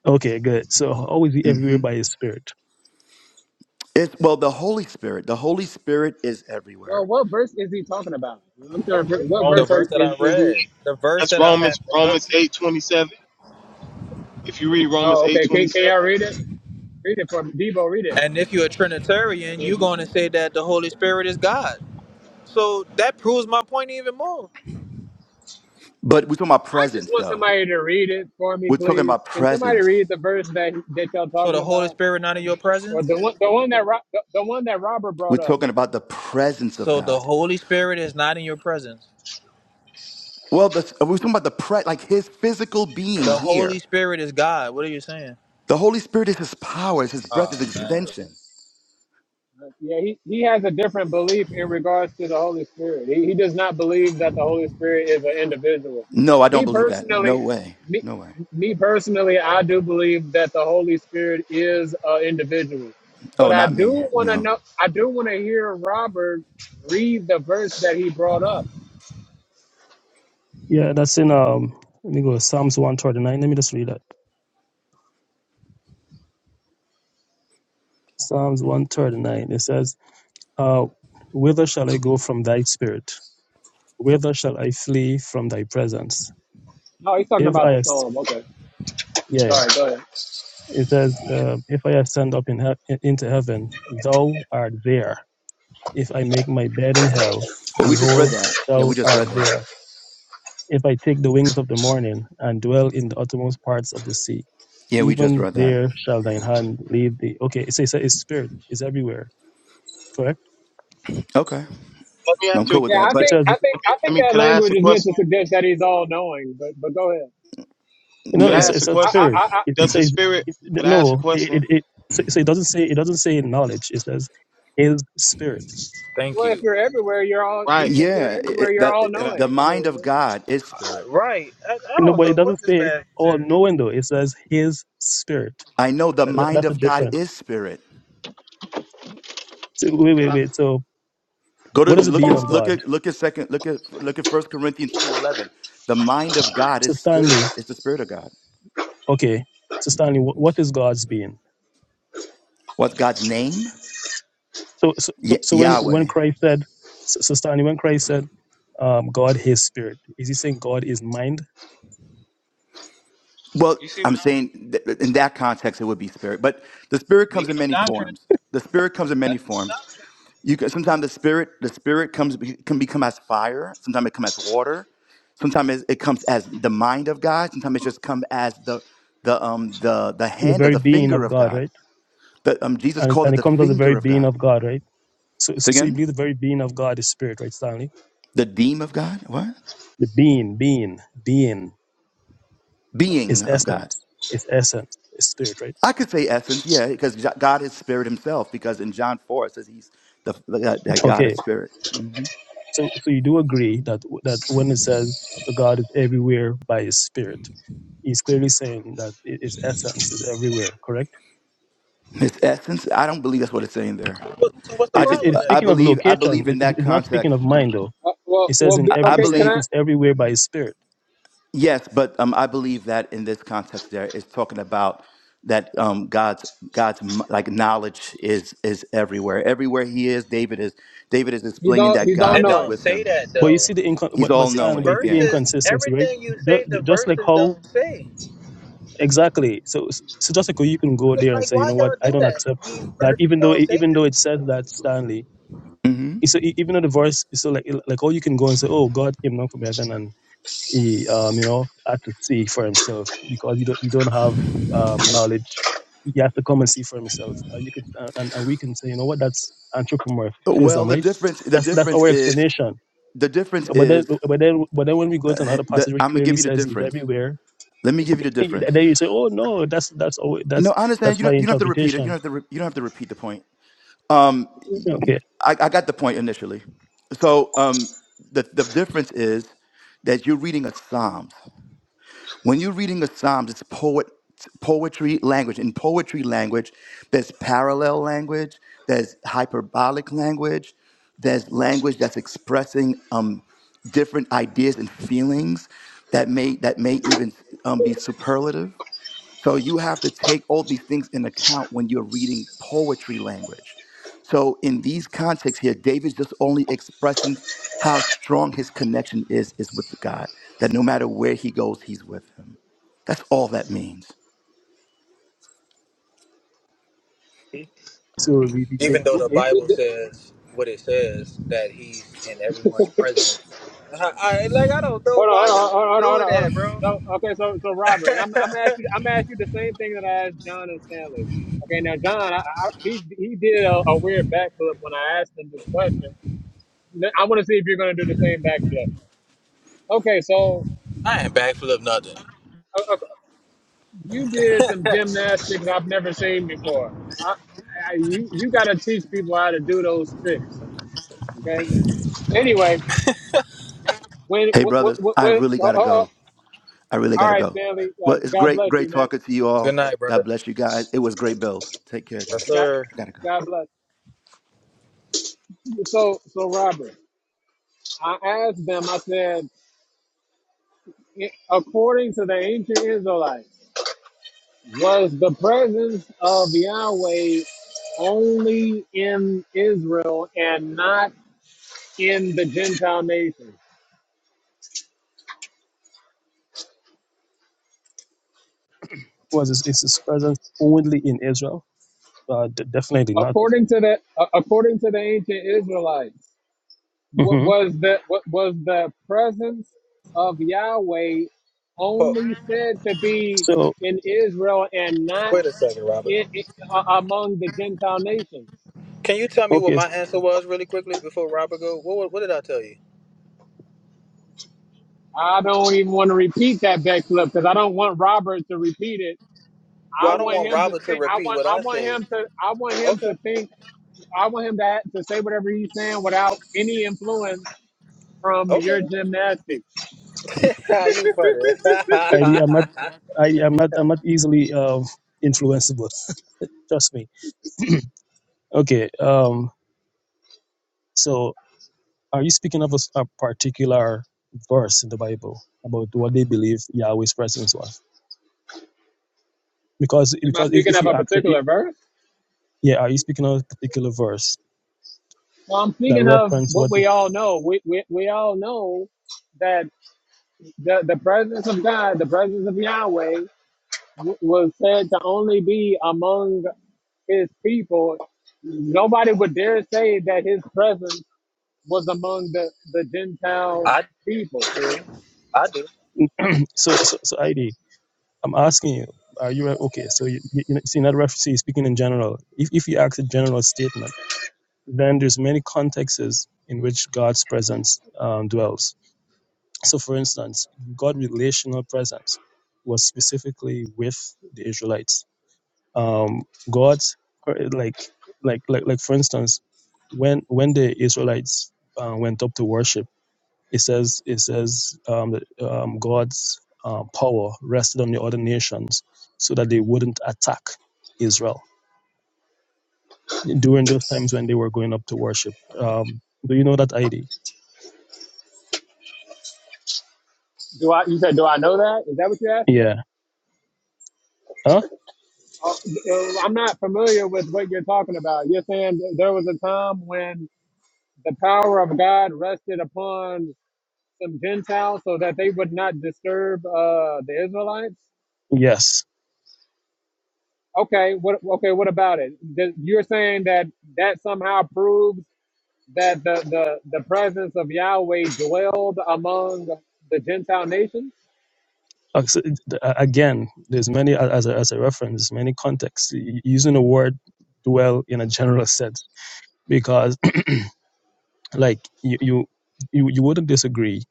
Okay, good. So, always be everywhere hmm by his spirit. It's well, the Holy Spirit. The Holy Spirit is Well, everywhere. what verse is he talking about? I'm trying to. What Romans, The verse are verse that I is, is he? read, the verse that's that I had Romans brought up Romans to. eight twenty seven. If you read Romans Oh, eight okay. twenty Can can seven, y'all read it? Read it for me. Debo. Read it. And if you're a Trinitarian, If you're you- going to say that the Holy Spirit is God. So that proves my point even more. But we're talking about I just presence, want though. somebody to read it for me, We're talking please. about Can somebody presence. read the verse that that y'all So talking the Holy about, Spirit not in your or presence. the one the one that Ro- the, the one that Robert We're brought up? talking about the presence of So the God. Holy Spirit is not in your presence. Well, the, we're talking about the pre, like His physical being The Holy here. Spirit is God. What are you saying? The Holy Spirit is His power. It's His breath. Uh, His extension. Yeah, he, he has a different belief in regards to the Holy Spirit. He, he does not believe that the Holy Spirit is an individual. No, I don't Me believe that. No personally, way. me, No way. me personally, I do believe that the Holy Spirit is an individual. But Oh, I not do me. want to No. know. I do want to hear Robert read the verse that he brought up. Yeah, that's in, um, let me go, Psalms 139. Let me just read that. Psalms 139. It says, uh, Whither shall I go from thy spirit? Whither shall I flee from thy presence? Oh, he's talking If about I, the as- psalm. Okay, yeah, yeah. sorry. Go ahead. it says, uh, if I ascend up in he- into heaven, thou art there. If I make my bed in hell, Well, we just read behold, that. Yeah, thou we just art read that. there. If I take the wings of the morning and dwell in the uttermost parts of the sea, Yeah, we just even read that. there shall thine Yeah. hand lead thee. Okay, so it's, it's spirit, it's everywhere, correct? Okay. let me ask I'm you a cool with Yeah, that. I question. It But think says. I Let think me, I let think me that could I ask language a is meant question? to suggest that he's all knowing. But but go ahead. No, Could I it's yeah, ask it's a a I question? spirit. I. It, it Does the says spirit it, could I ask a no. It, question? it it so so it doesn't say it doesn't say knowledge. It says his spirit. thank Well, if you. you're everywhere, you're all. Right. If you're yeah. everywhere, it- you're all Could the I the knowing. I mind mean, of God is spirit. Right. I, I No, don't but it know what doesn't this say man all do. knowing though. It says his spirit. I know the That, that- mind that's a of God difference. is spirit. So, wait, wait, could I wait. So Go to what is the look being at of look God? at look at second look at look at First Corinthians two eleven. The mind of God So is spirit. Stanley, It's the spirit of God. okay. So Stanley, what, what is God's being? What's God's name? So so so, Y- so when when Yahweh. Christ said, so, so Stanley, when Christ said, um, God his spirit, is he saying God is mind, Well, I'm saying th- in that context, it would be spirit. But the spirit comes in many forms. The spirit comes in many forms. You can, sometimes the spirit the spirit comes can become as fire. Sometimes it comes as water. Sometimes it comes as the mind of God. Sometimes it just comes as the the um the the the hand of very the being finger of of God, God. right? The, um, Jesus And it- called and it it the comes out the very finger of being God. of God, right? So, so So so you believe the again, very being of God is spirit, right, Stanley? the deem of God, what? The being, being, being is Being of God. essence, is essence, is spirit, right? I could say essence, yeah, because Jo- God is spirit himself, because in John 4 it says he's the, that that God is Okay. spirit. hmm So, so you do agree that that when it says God is everywhere by His Spirit, He's clearly saying that i- His essence is everywhere. Correct? His essence, I don't believe that's what it's saying there. What, so what's the It, I it, just, problem it's then? I speaking of believe, I location. believe It, in it- that it's not speaking of context. mind, though. uh, well, It says well, in be- I, every. I He okay. Can says believe, I? He's everywhere by His Spirit. yes, but um, I believe that in this context there is talking about that um, God's God's m- like knowledge is is everywhere. Everywhere he is, David is David is He's explaining all. that He's all God It is don't knowing. with say that him. But you though. see the incon- He's but but all These Stanley, but you knowing. see the Yeah. verses, inconsistency, right? everything you Just, say, the just like verses how don't say. exactly so so so Jessica, you can go Like, there and like, say you why know what y'all i do don't that? accept These that verses even though don't e, say even this. though it says that stanley hmm e, so e- even though the verse so like like oh you can go and say oh god came down from heaven and he um you know had to see for himself because you don't you don't have um knowledge he has to come and see for himself uh, you can uh, and, and we can say you know what that's Well, anthropomorphism the right difference the that's that's difference our is explanation the difference but then is but then but then when we go to uh, another the, passage which I'm gonna clearly give you the says he's difference. everywhere Let me give you the and difference. Then you say, "Oh no, that's that's always, that's No, I that's understand. You my don't. You don't have to repeat it. You interpretation." don't have to. Re- you don't have to repeat the point. Um, Okay, I, I got the point initially. So, um, the the difference is that you're reading a psalm. When you're reading the Psalms, it's poet poetry language. In poetry language, there's parallel language, there's hyperbolic language, there's language that's expressing um, different ideas and feelings that may that may even um, be superlative. So you have to take all these things in account when you're reading poetry language. So in these contexts here, David's just only expressing how strong his connection is is with God. That no matter where he goes, he's with him. That's all that means. so we, we take Even though the okay, Th- Bible th- says what it says, that he's in everyone's presence. I, I, like, I don't Hold know on, why hold on, y'all be hold on, hold doing on, hold on. that, bro. So, okay, so, so Robert, I'm, I'm gonna ask you. I'm gonna ask you the same thing that I asked John and Stanley. Okay, now John, I, I, he he did a, a weird backflip when I asked him this question. N- I want to see if you're gonna do the same backflip. Okay, so I ain't backflip nothing. uh, uh, you did some gymnastics I've never seen before. I, I, you you gotta teach people how to do those tricks Okay. Anyway, when, Hey when, brothers, when, I when really uh, gotta uh, uh, go. I really all gotta right, go. family. Uh, But it's God great, bless you, great man. talking to you all. God bless you guys. It was great build. Take care, yes, guys. God, sir. I gotta go. God bless. So, so Robert, I asked them. I said, according to the ancient Israelites, was the presence of Yahweh only in Israel and not in the Gentile nations? was his, is his presence only in Israel? Uh, d- definitely not. According to the uh, according to the ancient Israelites. What hmm was the what was the presence of Yahweh Oh, only said to be So in Israel and not wait a second, Robert. in, in- a- among the Gentile nations? Can you tell me what okay, my answer was really quickly before Robert go? What, what, what did I tell you? I don't even want to repeat that backflip because I don't want Robert to repeat it. Well, I I don't want want him to Robert to think. I repeat want. what I I want said. him to. I want him Okay, to think. I want him to ha- to say whatever he's saying without any influence from okay. your gymnastics. How you funny. I am not I am not I'm not easily um, influenceable. Trust me. okay, um, so are you speaking of a, s- a particular verse in the Bible about what they believe Yahweh's presence was? Because Am I because if, speaking if of you a ask, particular verse? yeah, are you speaking of a particular verse? Well, I'm that thinking of reference what what they we all know. We, we, we all know that the, the presence of God, the presence of Yahweh, w- was said to only be among his people. Nobody would dare say that his presence was among the, the Gentile I people. do. I do. so so so ID, I'm asking you, are you okay? So you, you, you see, not reference is speaking in general. If if you ask a general statement, then there's many contexts in which God's presence um, dwells. So, for instance, God' relational presence was specifically with the Israelites. Um, God's like like like like for instance, when when the Israelites uh, went up to worship It says it says um, that um, God's uh, power rested on the other nations so that they wouldn't attack Israel during those times when they were going up to worship. Um, do you know that ID? Do I? You said, do I know that? Is that what you're asking? Yeah. Huh? Uh, uh, I'm not familiar with what you're talking about. You're saying that there was a time when the power of God rested upon some Gentiles so that they would not disturb uh, the Israelites. Yes. Okay, what okay, what about it? Th- You're saying that that somehow proves that the, the, the presence of Yahweh dwelled among the Gentile nations? Uh, so it- uh, Again, there's many as a, as a reference, many contexts y- using the word dwell in a general sense because, like you you you, you wouldn't disagree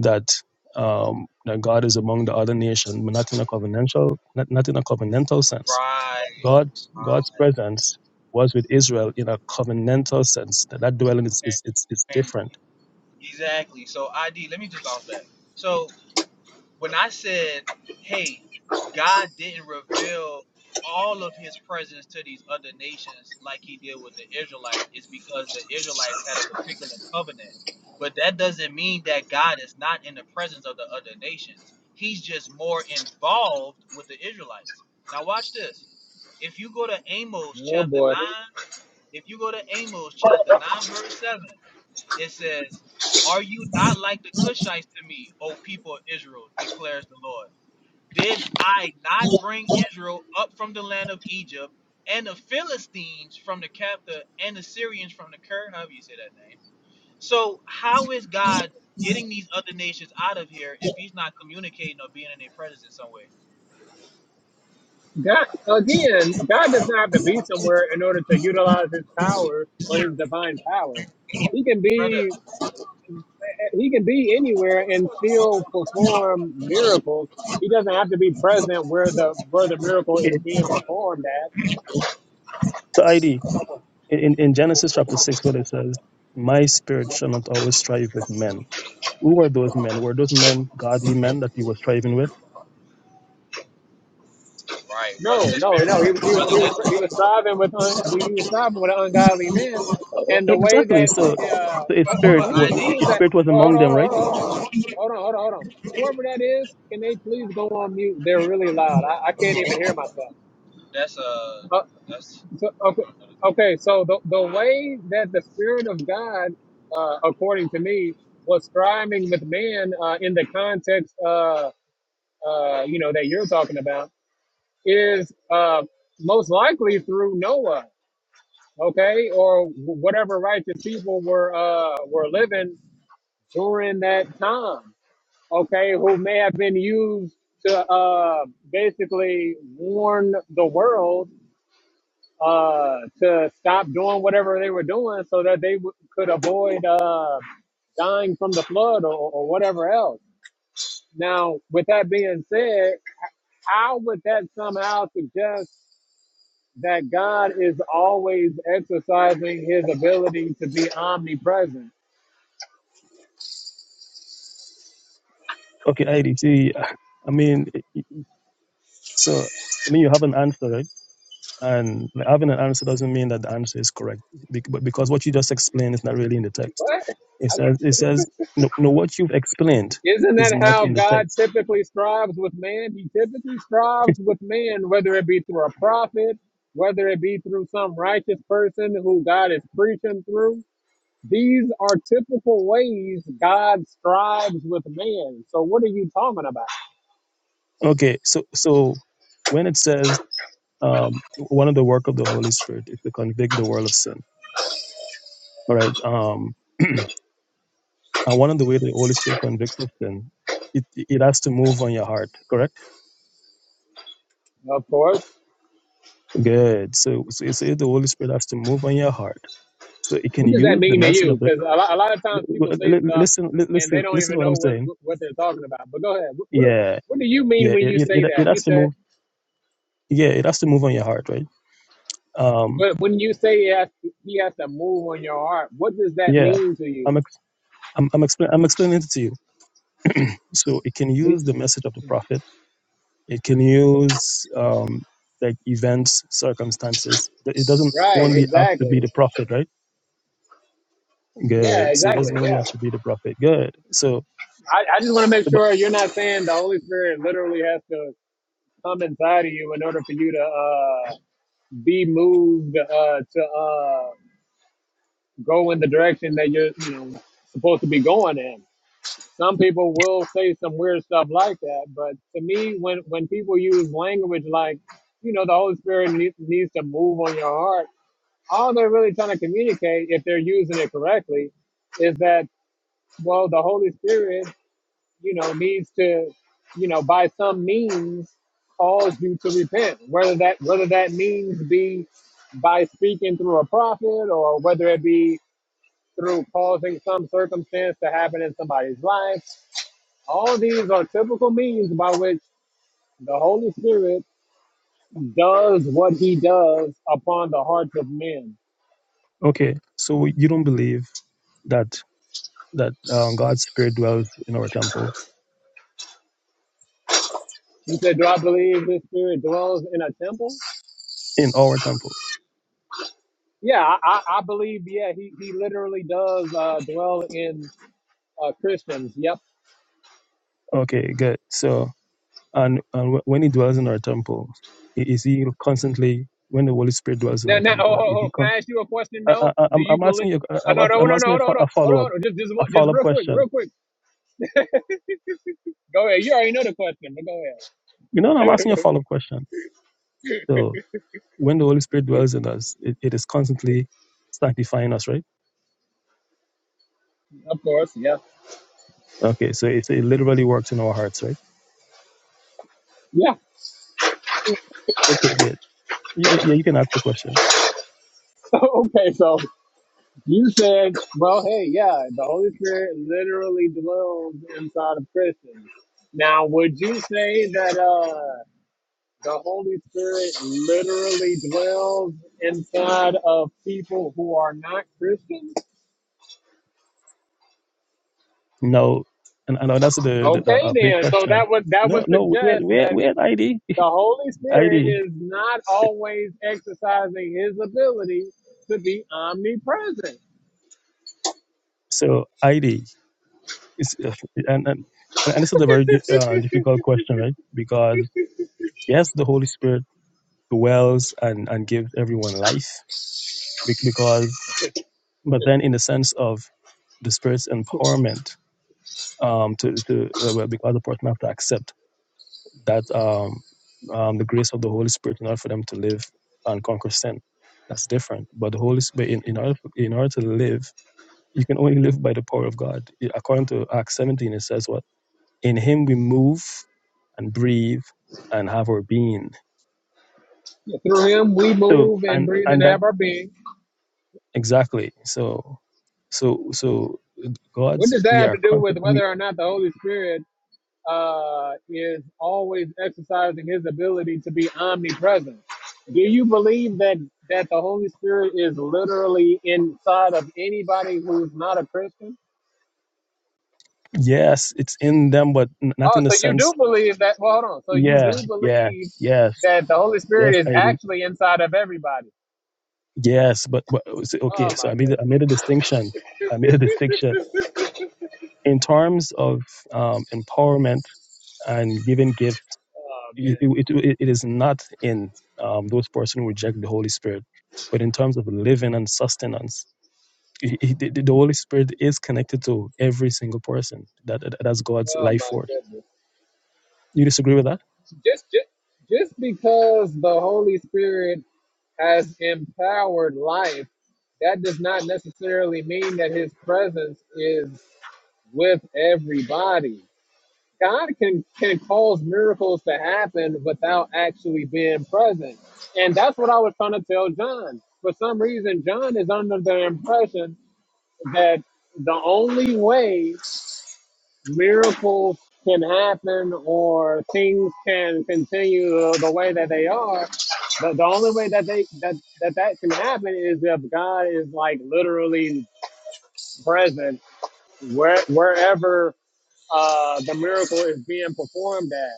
that um, that God is among the other nations, but not in a covenantal, not, not in a covenantal sense. Right. God, God's presence was with Israel in a covenantal sense. That that dwelling is is it's, it's And different. exactly. So ID, let me just bounce back. So when I said, hey, God didn't reveal all of his presence to these other nations like he did with the Israelites, it's because the Israelites had a particular covenant. But that doesn't mean that God is not in the presence of the other nations. He's just more involved with the Israelites. Now watch this. If you go to Amos Oh chapter 9, boy. if you go to Amos chapter 9 verse 7, it says, Are you not like the Cushites to me, O people of Israel, declares the Lord? Did I not bring Israel up from the land of Egypt, and the Philistines from the captive, and the Syrians from the Ker? However you say that name. So, how is God getting these other nations out of here if he's not communicating or being in their presence in some way? God again, God does not have to be somewhere in order to utilize his power or his divine power. He can Brother, be he can be anywhere and still perform miracles. He doesn't have to be present where the where the miracle is Okay. being performed at. So ID in, in in Genesis chapter six, where it says, "My spirit shall not always strive with men." Who were those men? Were those men godly men that he was striving with? it wasn't. No, no, no. He was he was he was he was striving with un, well, he was striving with an ungodly man, Uh, and the way exactly. that So, uh so his hold on spirit, who wa- wa- who is his that? spirit was Oh, hold among them, on right? hold on hold on hold on hold on hold on hold on. Whoever that is, can they please go on mute? They're really loud. I, I can't even hear myself. That's, uh, Uh, that's, So okay, okay. So the the way that the spirit of God, uh, according to me, was striving with man uh, in the context, uh, uh, you know, that you're talking about, is uh, most likely through Noah, okay, or whatever righteous people were uh, were living during that time, okay, who may have been used to uh, basically warn the world uh, to stop doing whatever they were doing so that they w- could avoid uh, dying from the flood or, or whatever else. Now, with that being said, how would that somehow suggest that God is always exercising his ability to be omnipresent? Okay, ID. See, I mean, So, I mean, you have an answer, right? And like, having an answer doesn't mean that the answer is correct, bec- but because what you just explained is not really in the text. What? It I- says, it says, no, no, what you've explained Isn't is that not how in the God text. typically strives with man? He typically strives with man, whether it be through a prophet, whether it be through some righteous person who God is preaching through. These are typical ways God strives with man. So what are you talking about? Okay, so so when it says um, one of the work of the Holy Spirit is to convict the world of sin, all right? Um, and one of the way the Holy Spirit convicts of sin, it it has to move on your heart, correct? Of course. Good. So so, so the Holy Spirit has to move on your heart, so it can What does that use the mean to message of you? the Because a lot, a lot of times L- people say l- stuff listen, li- and they listen, don't listen to even what I'm know what, saying. what, what they're talking about. But go ahead. What, what, do- Yeah, what do you mean yeah. when It, you it, say it it that? You has to said, move. Yeah, it has to move on your heart, right? Um, but when you say he has, to, he has to move on your heart, what does that yeah. mean to I'm you? ex- I'm I'm, explain, I'm explaining it to you. So it can Be- use the message of the prophet. It can use um like events, circumstances. Th- It doesn't Right, only have to be exactly. the prophet, right? Yeah, Good. So it exactly. doesn't only Yeah. have to be the prophet. Good. So, I, I just want to make but sure you're not saying the Holy Spirit literally has to come inside of you in order for you to uh, be moved uh, to uh, go in the direction that you're you know, supposed to be going in. Some people will say some weird stuff like that, but to me, when when people use language like, you know, the Holy Spirit needs, needs to move on your heart, all they're really trying to communicate, if they're using it correctly, is that well, the Holy Spirit you know, needs to, you know, by some means cause you to repent. Whether that whether that means be by speaking through a prophet or whether it be through causing some circumstance to happen in somebody's life. All these are typical means by which the Holy Spirit does what he does upon the hearts of men. okay. So you don't believe that that um, God's spirit dwells in our temples, You said, Do I believe this spirit dwells in a temple? in our temples. Yeah, I, I I believe, yeah, he, he literally does uh, dwell in uh, Christians. Yep. Okay, good. So, and, and when He dwells in our temple, i- is He constantly when the Holy Spirit dwells in Now, our now, hold, temple? hold, If He hold. Can con- I ask you a question? I, I, No. I- Do I'm, you I'm believe? asking you, I- Oh, I'm no, ask- no, I'm no, no, asking you a, hold on, fo- hold on, hold on. a follow up, hold on. Just, just, a one- just follow up real quick, question. real quick. Go ahead. You already know the question, but go You know, I'm ahead. asking you a follow up question. So, when the Holy Spirit dwells in us, it, it is constantly sanctifying us, right? of course, yeah, Okay, so it's, it literally works in our hearts, right? yeah. Okay, good. Y- Yeah, you can ask the question. okay, so you said, well, hey, yeah, the Holy Spirit literally dwells inside of Christians. Now, would you say that uh, the Holy Spirit literally dwells inside of people who are not Christians? No, and, and that's the, the, the Okay, a big then. So question. that would that No, would no, we had, suggest we had, that. we had ID. The Holy Spirit ID. is not always exercising his ability to be omnipresent. So ID is uh, and and, and this is a very di- uh, difficult question, right? Because yes, the Holy Spirit dwells and and gives everyone life, be- because but then in the sense of the Spirit's empowerment, um, to to uh, well, because the person have to accept that um, um the grace of the Holy Spirit in order for them to live and conquer sin. That's different. But the Holy Spirit, in, in order in order to live, you can only live by the power of God. According to Acts 17, it says what In Him we move and breathe and have our being. Through him, we So move and and breathe and and that's have our being. exactly so so so What God's does that we have are to do conquer- with we whether or not the Holy Spirit uh, is always exercising his ability to be omnipresent? Do you believe that, that the Holy Spirit is literally inside of anybody who's not a Christian? yes it's in them but n- not Oh, in the so you sense do believe that? Well, hold on. So you do yeah yeah believe yes that the Holy Spirit yes is ID actually inside of everybody? yes but, but so- Oh okay so my I made a- I goodness. made a distinction I made a distinction in terms of um, empowerment and giving gifts Oh it, man. it, it it is not in um, those persons who reject the Holy Spirit, but in terms of living and sustenance, he- he- the the Holy Spirit is connected to every single person. That that- that's God's Oh life my force. goodness. You disagree with that? Just, just, just because the Holy Spirit has empowered life, that does not necessarily mean that His presence is with everybody. God can can cause miracles to happen without actually being present. And that's what I was trying to tell John. For some reason, John is under the impression that the only way miracles can happen or things can continue the way that they are, the, the only way that they that, that that can happen is if God is like literally present where, wherever uh, the miracle is being performed at.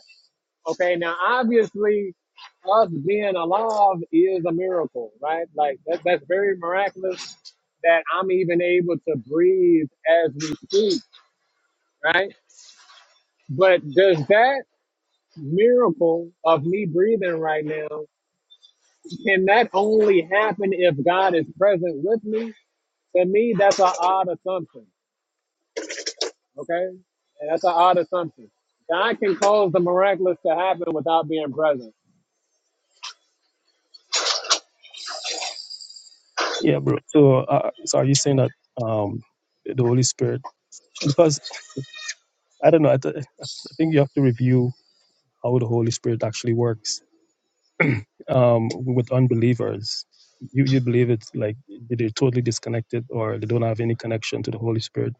Okay, now obviously, us being alive is a miracle, right? Like that, that's very miraculous that I'm even able to breathe as we speak, right? But does that miracle of me breathing right now can that only happen if God is present with me? To me, that's an odd assumption. Okay, and that's an odd assumption. God can cause the miraculous to happen without being present. Yeah, bro. So, uh, so are you saying that um, the Holy Spirit? Because I don't know. I, th- I think you have to review how the Holy Spirit actually works um, with unbelievers. You you believe it's like they're totally disconnected or they don't have any connection to the Holy Spirit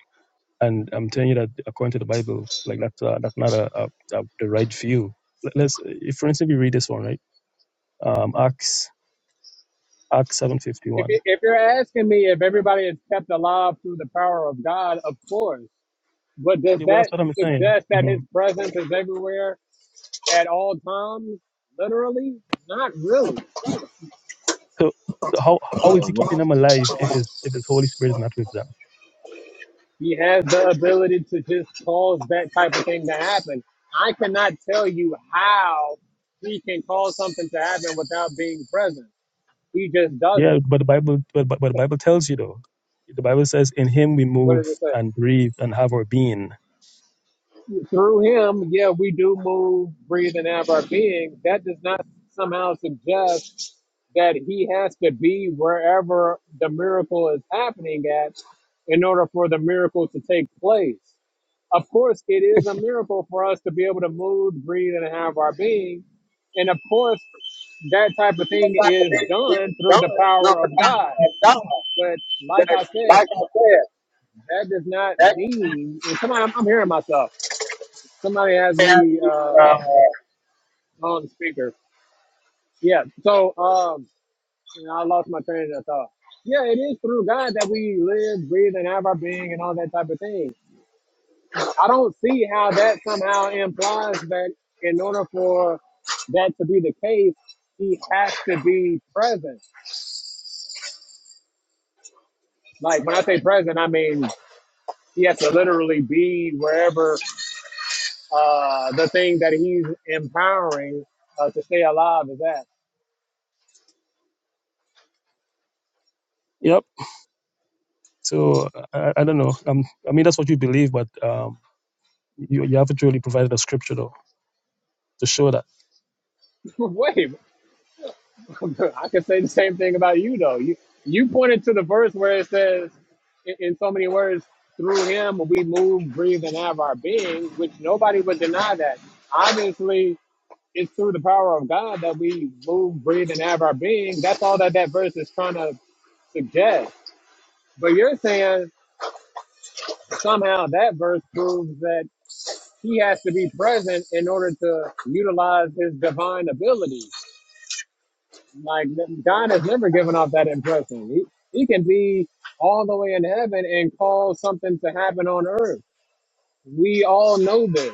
And I'm telling you that according to the Bible, like that's uh, that's not a, a, a the right view. Let- Let's, if for instance, we read this one, right? Um, Acts Acts seven fifty If, one. you- if you're asking me if everybody is kept alive through the power of God, of course. But does Well, that that's what I'm saying. suggest that hmm His presence is everywhere at all times? Literally, not really. So, so how how is he keeping them alive if his if his Holy Spirit is not with them? He has the ability to just cause that type of thing to happen. I cannot tell you how He can cause something to happen without being present. He just does Yeah, it but the Bible but but, but the Bible tells you though. The Bible says, "In Him we move and breathe and have our being." through Him. Yeah, we do move, breathe, and have our being. That does not somehow suggest that he has to be wherever the miracle is happening at in order for the miracle to take place. Of course, it is a miracle for us to be able to move, breathe, and have our being. And of course, that type of thing like is it is done through done, the you're power of the one who God. has done. But like I said, like I said, that does not that mean. and Somebody, I'm, I'm hearing myself. Somebody has me uh, has uh. on speaker. Yeah. So, um, You know, I lost my train of thought. Yeah, it is through God that we live, breathe, and have our being and all that type of thing. I don't see how that somehow implies that in order for that to be the case, he has to be present. Like when I say present, I mean he has to literally be wherever uh, the thing that he's empowering uh, to stay alive is at. Yep. So I, I don't know. Um, I mean, that's what you believe, but um, you you haven't really provided a scripture though to show that. Wait, I can say the same thing about you, though. You you pointed to the verse where it says, in, in so many words, through him we move, breathe, and have our being, which nobody would deny that. Obviously, it's through the power of God that we move, breathe, and have our being. That's all that that verse is trying to suggest. But you're saying somehow that verse proves that he has to be present in order to utilize his divine ability. Like God has never given off that impression. He he can be all the way in heaven and cause something to happen on earth. We all know this.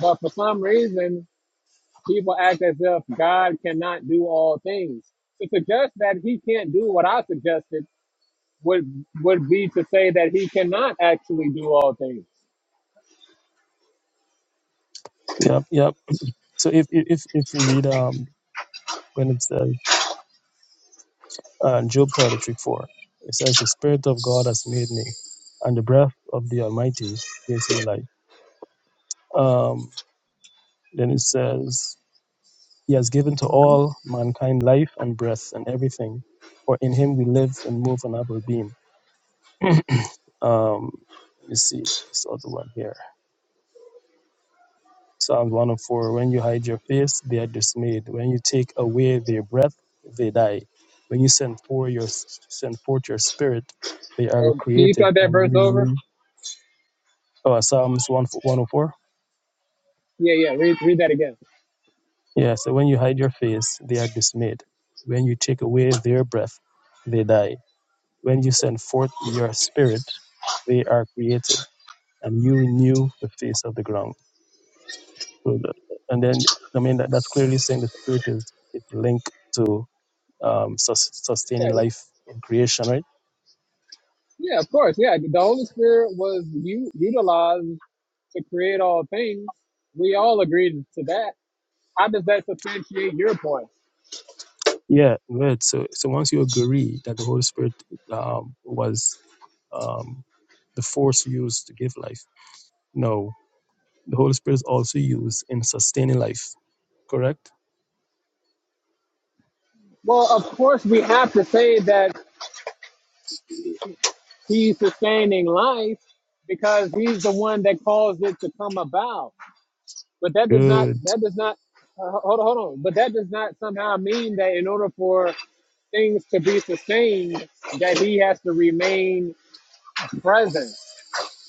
But for some reason, people act as if God cannot do all things. To suggest that he can't do what I suggested would would be to say that he cannot actually do all things. Yep. Yep. So if if if you read um when it says uh, Job toiletry four, it says the spirit of God has made me, and the breath of the Almighty gives me life. Um, then it says He has given to hmm all mankind life and breath and everything, for in Him we live and move and have our being. um, let me see, it's the other one here. Psalms 104 When you hide your face, they are dismayed. When you take away their breath, they die. When you send forth your send forth your spirit, they are So can you created start that and you verse over? renew. Oh, Psalms 1 104. Yeah, yeah. Read, read that again. Yeah, so when you hide your face, they are dismayed. When you take away their breath, they die. When you send forth your spirit, they are created and you renew the face of the ground. So the- And then, I mean, that, that's clearly saying the spirit is, is linked to. um, sus- sustaining Yeah, life in creation, right? yeah, of course. Yeah, the Holy Spirit was u- utilized to create all things. We all agreed to that. How does that substantiate your point? Yeah, right. So, so once you agree that the Holy Spirit um, was um, the force used to give life, no, the Holy Spirit is also used in sustaining life. Correct. Well, of course, we have to say that he's sustaining life because he's the one that caused it to come about. But that does not, Good. that does not, uh, hold on, hold on. But that does not somehow mean that in order for things to be sustained, that he has to remain present.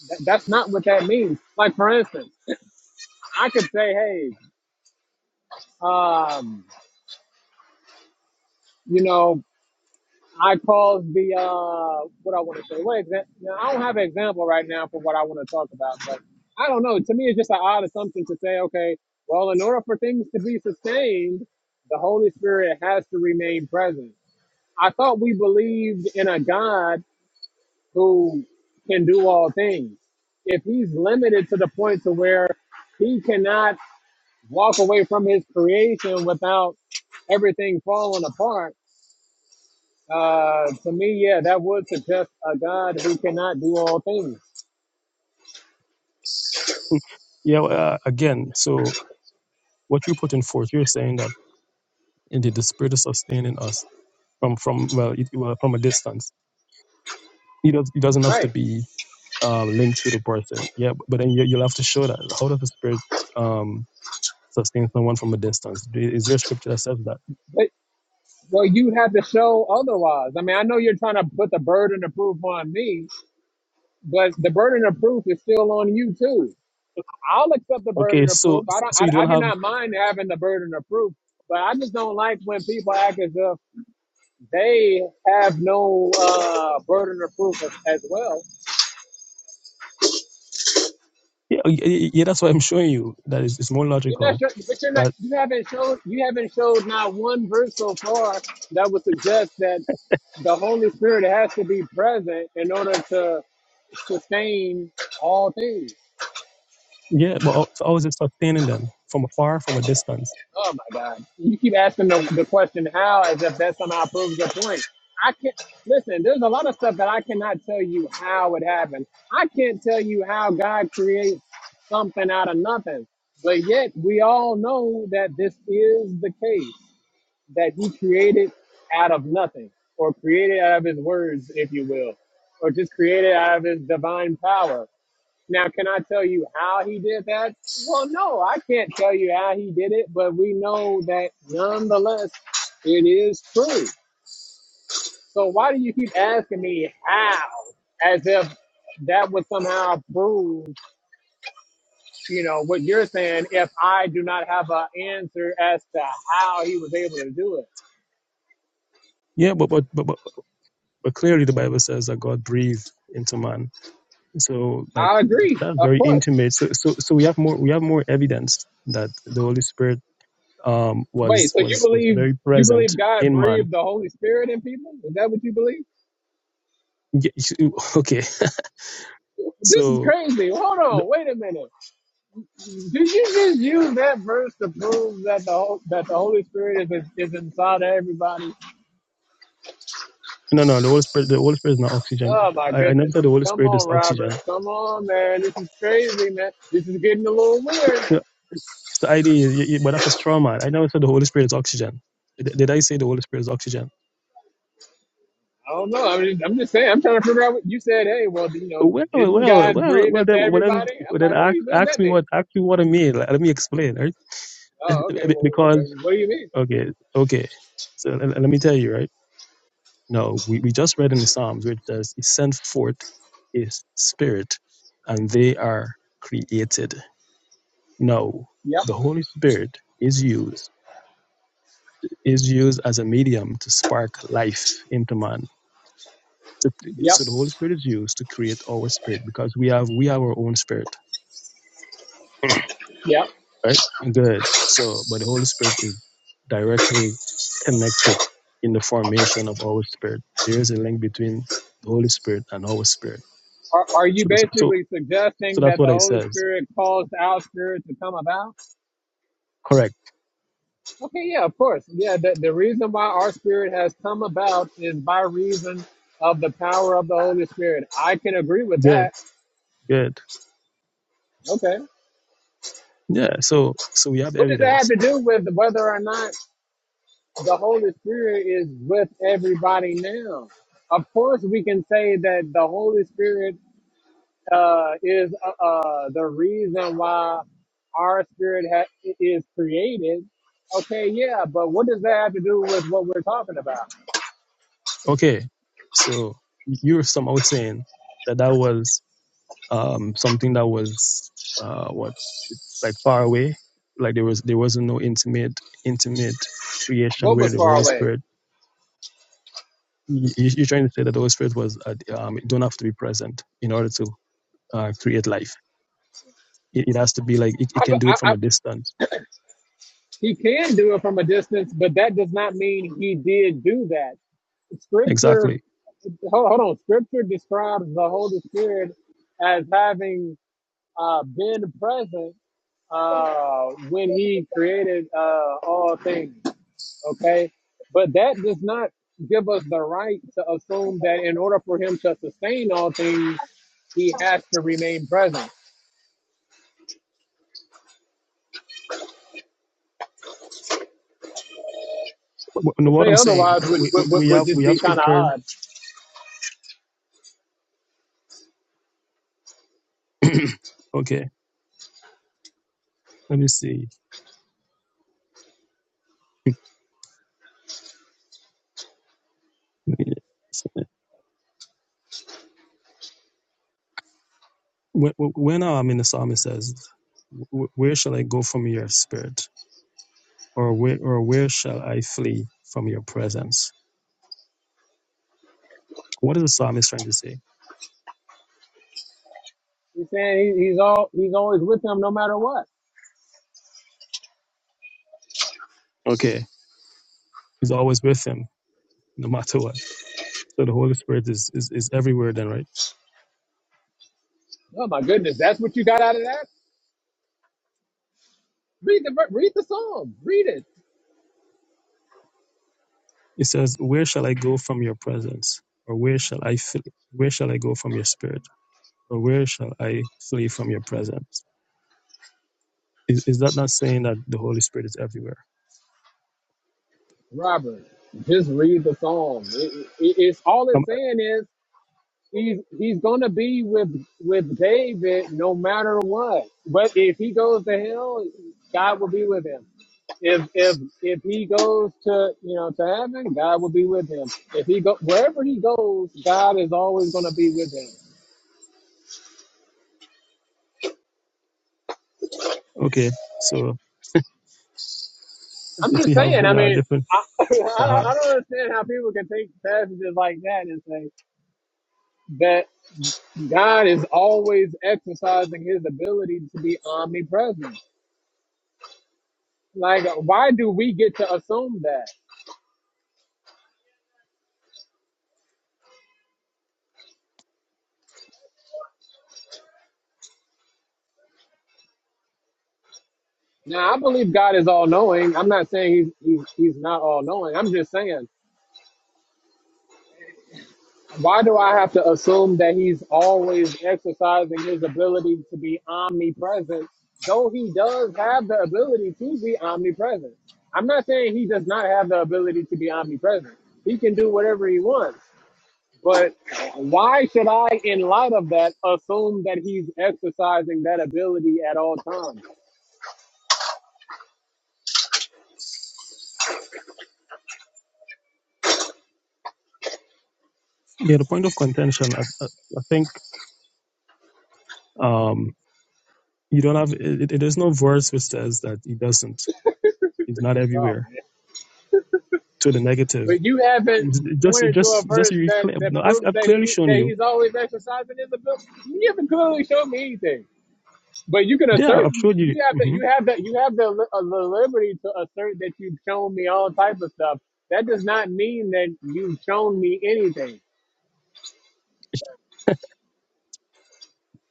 That, that's not what that means. Like, for instance, I could say, hey, um, you know, I caused the uh, what I want to say. What example? I don't have an example right now for what I want to talk about, but I don't know. To me, it's just an odd assumption to say, okay, well, in order for things to be sustained, the Holy Spirit has to remain present. I thought we believed in a God who can do all things. If He's limited to the point to where He cannot walk away from His creation without everything falling apart uh, to me, yeah, that would suggest a God who cannot do all things. Yeah. well, Uh, again, so what you're putting forth, you're saying that indeed the Spirit is sustaining us from from well, it, well from a distance. It, does, it doesn't have to Right. be um, linked to the person. Yeah, but but then you, you'll have to show that. How does the Spirit? um, sustain someone from a distance. Is there a scripture that says that? But well, you have to show otherwise. I mean, I know you're trying to put the burden of proof on me, but the burden of proof is still on you too. I'll accept the Okay, burden of so proof. I don't. so I, you don't I do have not mind having the burden of proof, but I just don't like when people act as if they have no uh, burden of proof as, as well. yeah y- yeah. That's what I'm showing you. That is it's more You're not logical. sure, but you're not. That You haven't showed. You haven't showed not one verse so far that would suggest that the Holy Spirit has to be present in order to sustain all things. yeah, but how- so how is it sustaining then from afar, from a distance? Oh my God! You keep asking the, the question how, as if that somehow proves your point. I can't listen. There's a lot of stuff that I cannot tell you how it happened. I can't tell you how God creates something out of nothing. But yet, we all know that this is the case. that he created out of nothing, or created out of his words, if you will, or just created out of his divine power. Now, can I tell you how he did that? Well, no, I can't tell you how he did it, but we know that nonetheless, it is true. So why do you keep asking me how, as if that would somehow prove, you know, what you're saying? If I do not have an answer as to how he was able to do it, Yeah, but but but but, but clearly the Bible says that God breathed into man. So like I th- agree, that's of very course. intimate. So so so we have more we have more evidence that the Holy Spirit um Wait, was so you was was believe very you present believe God in man. breathed the Holy Spirit in people? Is that what you believe? Yeah, okay, This is so. crazy. Hold on, wait a minute. Did you just use that verse to prove that the Hol- that the Holy Spirit is is inside of everybody? No, no, the Holy Spirit, the Holy Spirit is not oxygen. Oh my I, I never goodness! said the Holy Come Spirit is on, Robert. oxygen. Come on, man. This is crazy, man. This is getting a little weird. The- It's the idea, you, you, but that's a straw man. I never said the Holy Spirit is oxygen. Did, did I say the Holy Spirit is oxygen? I don't know. I'm just, I'm just saying. I'm trying to figure out what you said. Hey, well, you know, Well, well, didn't well, God well, breathe well, into then, well, then, everybody? well, I'm then like, what, do ask, you- what does ask that me what, mean? ask me what I mean. Like, let me explain, right? Oh, okay. Well, because, okay. What do you mean? okay, okay. So let, let me tell you, right? No, we, we just read in the Psalms, where it says, He sent forth His Spirit, and they are created. No, Yep. the Holy Spirit is used is used as a medium to spark life into man. So, Yep. so the Holy Spirit is used to create our spirit because we have we have our own spirit, Yep. right? Good. So, but the Holy Spirit is directly connected in the formation of our spirit. There is a link between the Holy Spirit and our spirit. Are, are you So, this, so, basically so suggesting that's that what the I Holy says. Spirit caused our spirit to come about? Correct. Okay, yeah, of course. Yeah, the, the reason why our spirit has come about is by reason of the power of the Holy Spirit. I can agree with Good. that. Good. Okay. Yeah. So, so we have What does that have evidence. to do with whether or not the Holy Spirit is with everybody now? Of course, we can say that the Holy Spirit uh, is uh, uh, the reason why our spirit ha- is created. Okay, yeah, but what does that have to do with what we're talking about? Okay. So you were somehow saying that that was um, something that was uh, what like far away. Like there was there wasn't no intimate intimate creation What where was the far Holy away? Spirit. You, you- are trying to say that the Holy Spirit was uh, um, it don't have to be present in order to uh, create life. It, it has to be like it, it I, can do I, it from I, a distance. he can do it from a distance, but that does not mean he did do that. Scripture, Exactly. hold, hold on, Scripture describes the Holy Spirit as having uh, been present uh, when he created uh, all things. okay? But that does not give us the right to assume that in order for him to sustain all things, he has to remain present. Wh- wh- To what say I'm saying, otherwise would, we, we would, would, we would have just we have be kind of scriptures. odd. okay, let me see. When, when um, in the psalm it says, "Wh- "Where shall I go from your spirit?" or where or where shall I flee from your presence? What is the psalmist trying to say? He's saying he, he's all he's always with them no matter what. Okay, he's always with him, no matter what. So the Holy Spirit is, is, is everywhere then, right? Oh my goodness, that's what you got out of that? Read the ver- read the psalm, read it, It says, Where shall I go from your presence? Or where shall I flee? where shall I go from your spirit? Or where shall I flee from your presence? Is, is that not saying that the Holy Spirit is everywhere? Robert. Just read the psalm. It, it, it's all Um, it's saying is he's he's gonna be with with David no matter what. But if he goes to hell, God will be with him. If if if he goes to you know to heaven, God will be with him. If he go wherever he goes, God is always gonna be with him. okay, so I'm let's just see how saying. I there are mean, different. I I, don't- Uh, I don't understand how people can take passages like that and say that God is always exercising His ability to be omnipresent. Like, why do we get to assume that? Now I believe God is all knowing. I'm not saying he's, he's he's not all knowing. I'm just saying, why do I have to assume that he's always exercising his ability to be omnipresent, though he does have the ability to be omnipresent? I'm not saying he does not have the ability to be omnipresent. He can do whatever he wants. But why should I, in light of that, assume that he's exercising that ability at all times? yeah, the point of contention, I, I, I think. um, You don't have, it, it, there's no verse which says that he doesn't. He's not Oh everywhere. man. To the negative. But you haven't It's- it just, it pointed to a just, it just verse really that, clear. No, that I've, proves I've that clearly he shown that you. he's always exercising his ability. You haven't clearly shown me anything. But you can Yeah, assert I've showed you. you have that hmm you have that you have the, uh, the liberty to assert that you've shown me all type of stuff. That does not mean that you've shown me anything,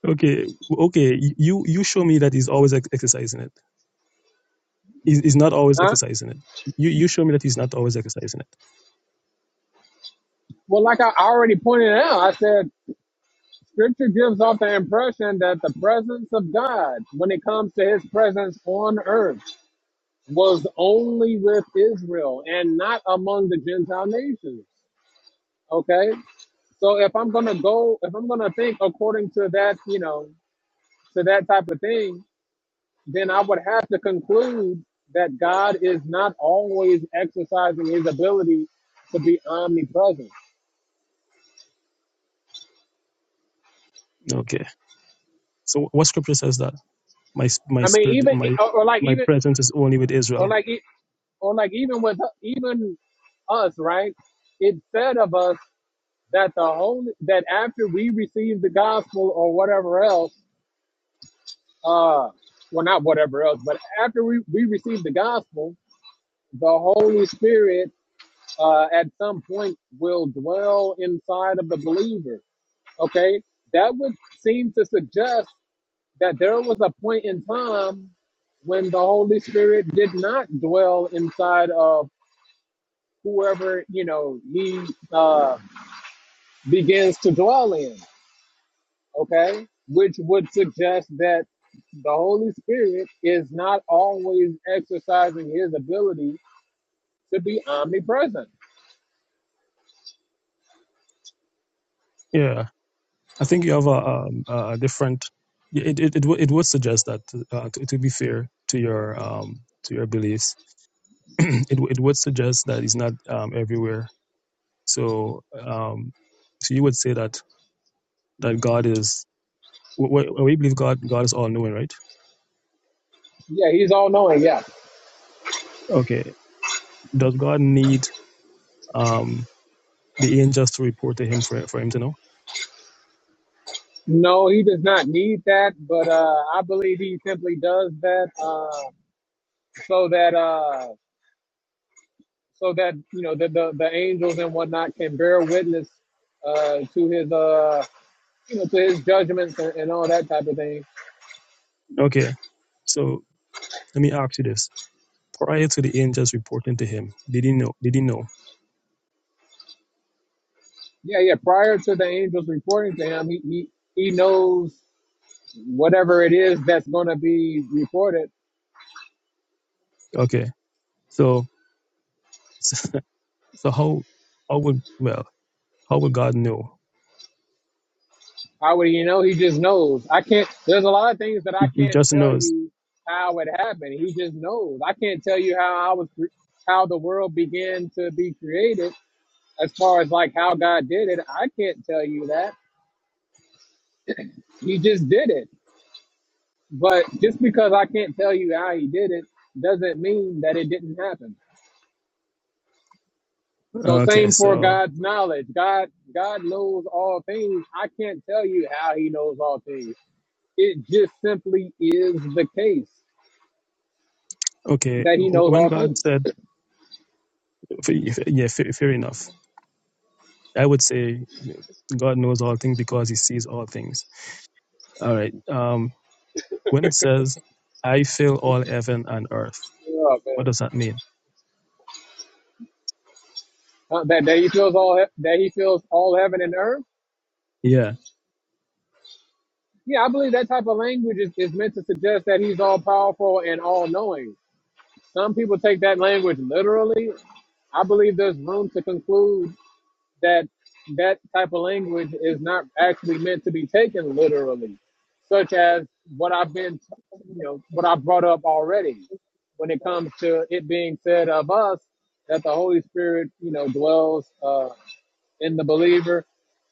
Okay, okay. You, you show me that he's always ex- exercising it. He's, he's not always huh? exercising it. You, you show me that he's not always exercising it. Well, like I already pointed out, I said Scripture gives off the impression that the presence of God, when it comes to His presence on earth. was only with Israel and not among the Gentile nations. Okay. So if I'm gonna go, if I'm gonna think according to that, you know, to that type of thing, then I would have to conclude that God is not always exercising his ability to be omnipresent. Okay. So what scripture says that? my s- my I mean, spirit even my or, or like my even presence is only with or Israel. like e- or like even with even us, right? It said of us that the holy that after we receive the gospel or whatever else uh well not whatever else but after we, we receive the gospel the holy spirit uh at some point will dwell inside of the believer okay that would seem to suggest that there was a point in time when the holy spirit did not dwell inside of whoever you know he uh begins to dwell in okay, which would suggest that the Holy Spirit is not always exercising his ability to be omnipresent. Yeah, I think you have a, um, a different. yeah, It it it, w- it would suggest that uh, to, to be fair to your um to your beliefs, it w- it would suggest that he's not um everywhere. So um so you would say that that God is we, we believe God God is all knowing, right? Yeah, he's all knowing. Yeah. Okay, does God need um the angels to report to him for for him to know? No, he does not need that, but uh, I believe he simply does that uh, so that uh, so that you know the, the the angels and whatnot can bear witness uh, to his uh, you know to his judgments and, and all that type of thing. Okay, so let me ask you this prior to the angels reporting to him. did he know. did he know. Yeah, yeah. Prior to the angels reporting to him, he he, he knows whatever it is that's going to be reported. Okay. So, so how, how would, well, how would God know? How would he know? He just knows. I can't. There's a lot of things that I He, he can't just tell knows. you how it happened. He just knows. I can't tell you how I was, cre- how the world began to be created. As far as like how God did it, I can't tell you that. He just did it. But just because I can't tell you how he did it doesn't mean that it didn't happen. So Okay. same for So, God's knowledge. God God knows all things. I can't tell you how he knows all things. It just simply is the case okay. that he wh- knows When all God things. said, f- f- yeah, fa- fair enough. I would say God knows all things because he sees all things. All right. Um, when it says, I fill all heaven and earth, Yeah, what man. does that mean? Uh, that, that he feels all he- that he feels all heaven and earth. Yeah. Yeah, I believe that type of language is, is meant to suggest that he's all powerful and all knowing. Some people take that language literally. I believe there's room to conclude that that type of language is not actually meant to be taken literally, such as what I've been, you know, what I brought up already when it comes to it being said of us that the Holy Spirit, you know, dwells uh, in the believer.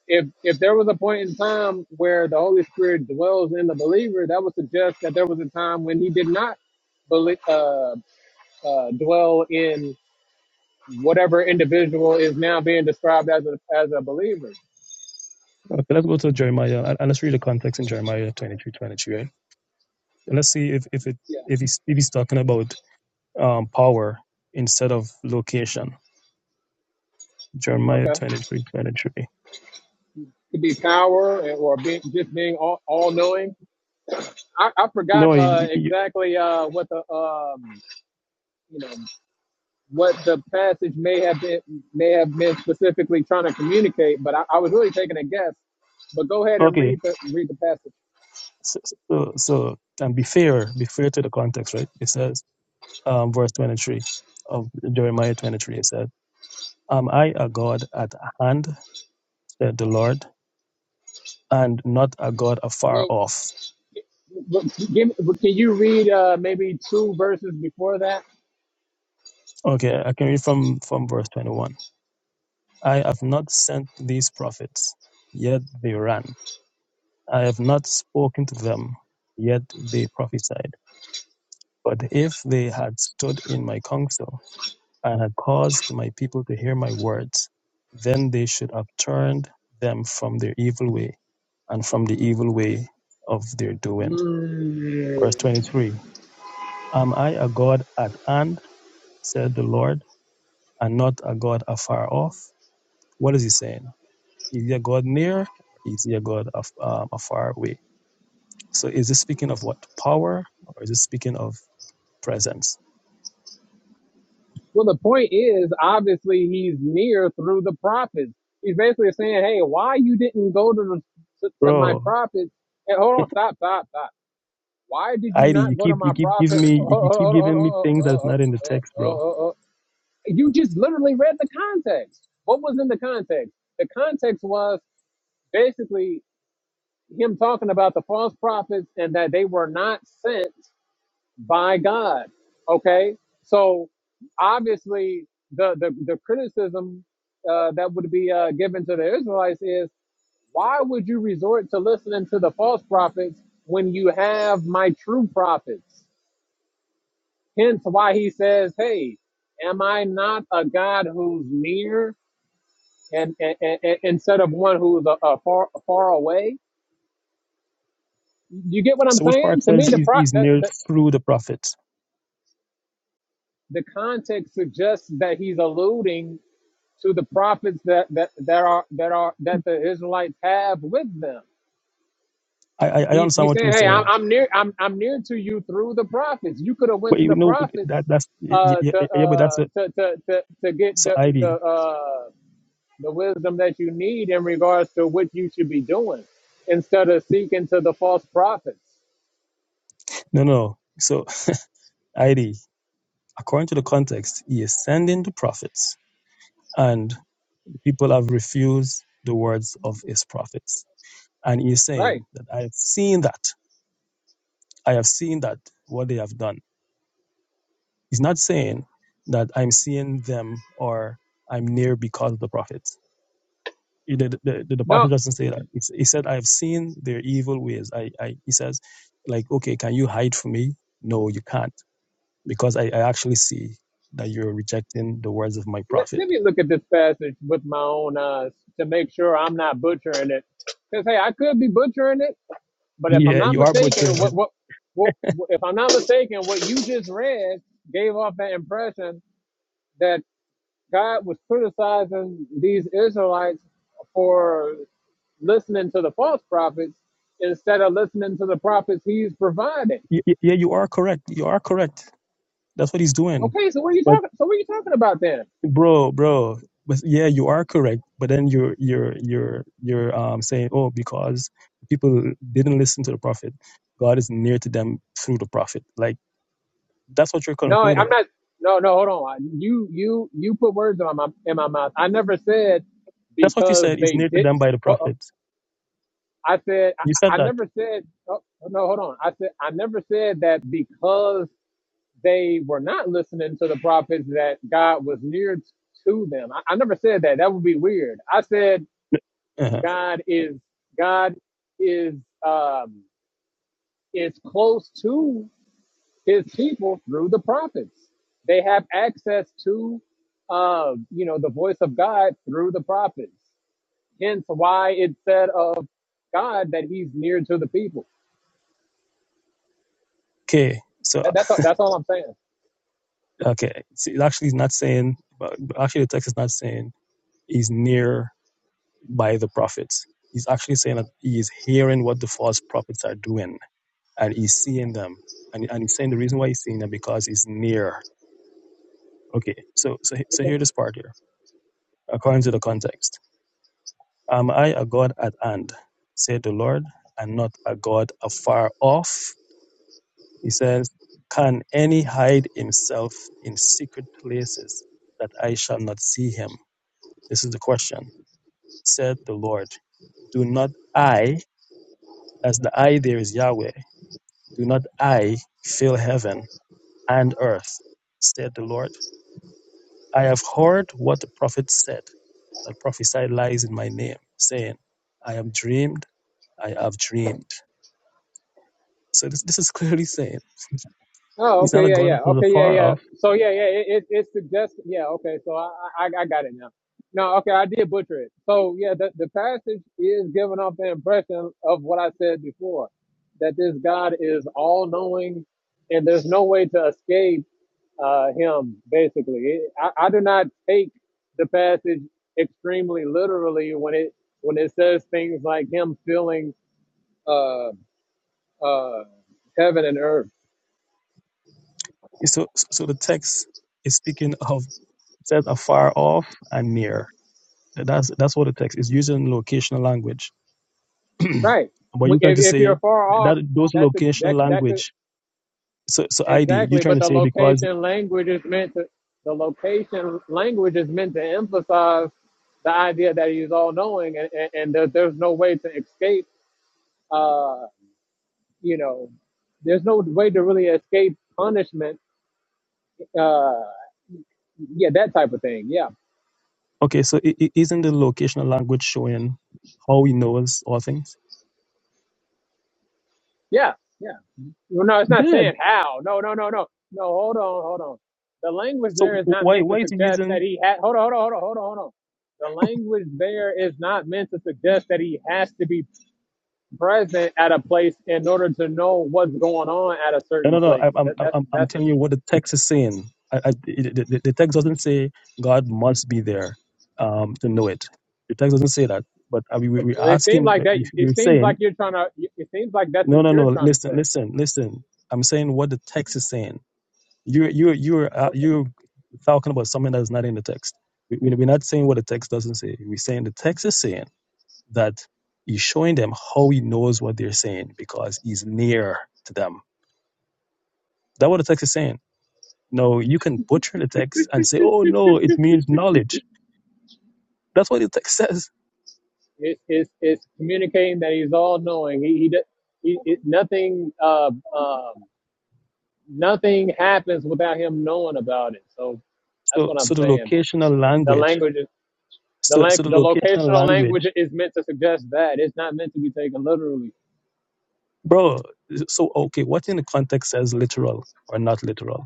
If if there was a point in time where the Holy Spirit dwells in the believer, that would suggest that there was a time when He did not believe, uh, uh, dwell in whatever individual is now being described as a as a believer. Okay, let's go to Jeremiah. and and Let's read the context in Jeremiah 23, twenty-two. right? let's see if if it Yeah. if he's if he's talking about um power instead of location jeremiah Okay. 23 23 Could be power and- or being, just being all, all knowing. I, I forgot no uh, you, you, exactly uh, what the um, you know what the passage may have been may have been specifically trying to communicate, but I, I was really taking a guess. But go ahead and okay read the read the passage. so, so so and be fair be fair to the context right it says um verse 23 of jeremiah 23 it says am i a god at hand said the lord and not a god afar Well, off w- give, but can you read uh, maybe two verses before that? okay i can read from from verse 21 i have not sent these prophets yet they ran I have not spoken to them, yet they prophesied. But if they had stood in my counsel, and had caused my people to hear my words, then they should have turned them from their evil way, and from the evil way of their doing. Verse Mm. 23 Am I a God at hand, said the Lord, and not a God afar off? What is he saying? Is he a God near, or is he a God af- um, afar away? So is this speaking of what? Power, or is this speaking of presence, Well, the point is, obviously, he's near through the prophets. He's basically saying, "Hey, why you didn't go to the, to, to my bro. prophets?" And hold on, stop, stop, stop. Why did you Heidi, you not go to keep you my keep giving prophet? me you Hold, on, keep hold, on, hold, on, giving me hold, things that's on, not in the hold, text, on, bro. hold, on. You just literally read the context. What was in the context? The context was basically him talking about the false prophets and that they were not sent by God. Okay, so obviously the the, the criticism uh, that would be uh, given to the Israelites is why would you resort to listening to the false prophets when you have my true prophets? Hence, why he says, "Hey, am I not a God who's near?" And, and, and and- instead of one who's a, a far far away, you get what I'm So which part saying? To me, says the, he's, pro, he's the near the through the prophets? the context suggests that he's alluding to the prophets that that that are that are that the Israelites have with them. I, I I He's understand he's what saying, you're hey, I'm, saying, I'm near, I'm I'm near to you through the prophets. You could have but went to you the know prophets that that's yeah, yeah, uh, yeah to, yeah, yeah, but that's uh, a, to to to to get so the the Heidi. uh, the wisdom that you need in regards to what you should be doing, instead of seeking to the false prophets. No, no. So Heidi, according to the context, he is sending the prophets, and the people have refused the words of his prophets, and he's Right saying that I have seen that I have seen that what they have done He's not saying that I'm seeing them or I'm near because of the prophets. He- The, the, the, the now, passage doesn't say that. It's, he said, I have seen their evil ways. I, I, he says, like, okay, can you hide from me? No, you can't, because I, I actually see that you're rejecting the words of my let, prophet. let me look at this passage with my own eyes to make sure I'm not butchering it. Because hey, I could be butchering it But if I'm Yeah, not you are mistaken, butchering what it. what what if I'm not mistaken, what you just read gave off that impression that God was criticizing these Israelites for listening to the false prophets instead of listening to the prophets he's providing. Y- y- Yeah, you are correct. You are correct. That's what he's doing Okay, so what are you talking so what are you talking about then? bro, bro. But yeah, you are correct. But then you're you're you're you're um saying, oh, because people didn't listen to the prophet, God is near to them through the prophet. Like that's what you're No, I'm concluding. not no, no, hold on. You you you put words in my in my mouth. I never said That's what you because said. Is they near to did. them by the Uh prophet. I said, I, You I said that. never said, oh, no, hold on. I said, I never said that because they were not listening to the prophets that God was near t- to them. I, I never said that. That would be weird. I said, uh God is, God is, um, is close to his people through the prophets. They have access to, uh, you know, the voice of God through the prophets. Hence why it said of God that he's near to the people. Okay. So uh, That, that's all, that's all I'm saying. okay, so it actually is not saying. but- but Actually, the text is not saying he's near by the prophets. He's actually saying that he is hearing what the false prophets are doing and he's seeing them. And, and he's saying the reason why he's seeing them because he's near. Okay, so so so hear this part here. According to the context, am I a God at hand? Said the Lord, and not a God afar off. He says, Can any hide himself in secret places that I shall not see him? This is the question. Said the Lord, Do not I, as the I there is Yahweh, do not I fill heaven and earth? Said the Lord I have heard what the prophet said, that prophesied lies in my name, saying, I am dreamed, I have dreamed. So this, this is clearly saying Oh, he's not okay, a yeah, God yeah, after the okay, yeah, far yeah. off. So yeah, yeah, it it, it suggests, yeah, okay. So I, I I got it now. No, okay, I did butcher it. So yeah, the the passage is giving off the impression of what I said before, that this God is all knowing, and there's no way to escape uh, Him. Basically, it, I I do not take the passage extremely literally when it when it says things like Him filling uh uh heaven and earth So, so the text is speaking of it says afar off and near. Th- That's that's what the text is using locational language. Right. but you're trying If, to if you're say far that off, those that's a, locational that that's a, language. So so ID, you're exactly. But trying to the say because location language is meant to the location language is meant to emphasize the idea that he's all knowing, and and, and there, there's no way to escape. Uh, you know, there's no way to really escape punishment. Uh, yeah, that type of thing. Yeah, okay, so is isn't the locational language showing how he knows all things? yeah, yeah. Well, no, it's not Good. saying how. No, no, no, no. No, hold on, hold on. The language So there is wh- not why meant to why is he suggest using? that he had, hold on, hold on, hold on, hold on, hold on. The language there is not meant to suggest that he has to be present at a place in order to know what's going on at a No certain no no. I, place. I'm That, I'm that's, I'm I'm that's, telling you what the text is saying. I, I, it- the, the the text doesn't say God must be there um, to know it. The text doesn't say that. But uh, we, we- we're it seems asking, like that, we- it we're seems saying like you're trying to, it seems like that's No, what no, you're no. trying to Listen, say. listen, listen. I'm saying what the text is saying. You're you're you're uh, Okay. you're talking about something that's not in the text. We, we- we're not saying what the text doesn't say. We're saying the text is saying that he's showing them how he knows what they're saying because he's near to them. That's what the text is saying. No, you can butcher the text and say, "Oh no, it means knowledge." That's what the text says. It's, it's, it's communicating that he's all knowing. He, he, d- he, it, nothing, uh, um nothing happens without him knowing about it. So that's So, what I'm so the saying. locational The language. language, is- the So, so lang- the the locational locational language. language is meant to suggest that it's not meant to be taken literally. bro so okay what in the context says literal or not literal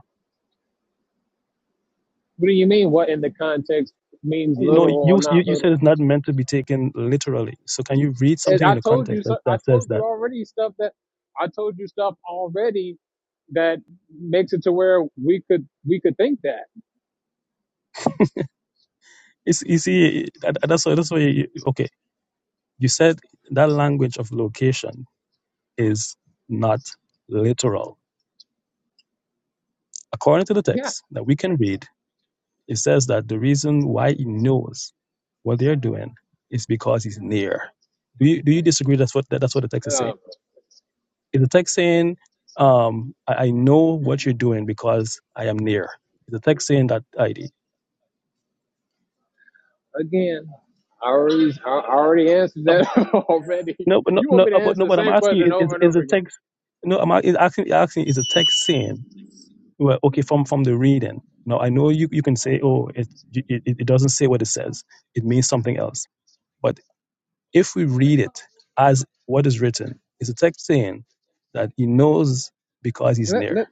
What do you mean? What in the context means you know literal you, or you not you said it's literal? not meant to be taken literally so can you read And something in I the told you, context that, so- I that says told you that already stuff that I told you stuff already that makes it to where we could we could think that. it's you see that, that's why that's why you, okay you said that language of location is not literal according to the Yeah. text that we can read it says that the reason why he knows what they're doing is because he's near do you do you disagree that's what that, that's what the text is saying Um, It's a text saying, um, I, I know what you're doing because I am near. It's a text saying that ID. again, I already I already answered Uh, that already. no, but no, You want no, me to uh, but answer no, the but I'm same asking question you, is, over and is over a again? text, no, I'm a- is asking, asking, is a text saying, well, okay, from, from the reading. Now, I know you, you can say, oh, it, it, it it doesn't say what it says. It means something else. But if we read it as what is written, it's a text saying that he knows because he's let near. let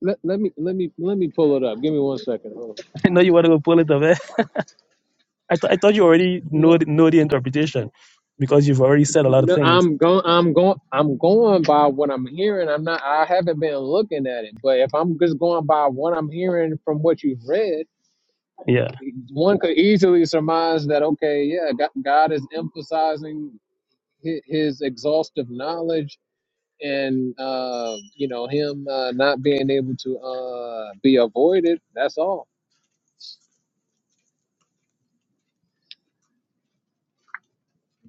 let let me let me let me pull it up. Give me one second. Hold I know you want to go pull it up, eh? I, th- I thought you already on. know the, know the interpretation because you've already said a lot of No, things. I'm going. I'm going. I'm going by what I'm hearing. I'm not. I haven't been looking at it. But if I'm just going by what I'm hearing from what you've read, Yeah, one could easily surmise that okay, yeah, Go- God is emphasizing hi- His exhaustive knowledge and uh, you know Him uh, not being able to uh, be avoided. That's all.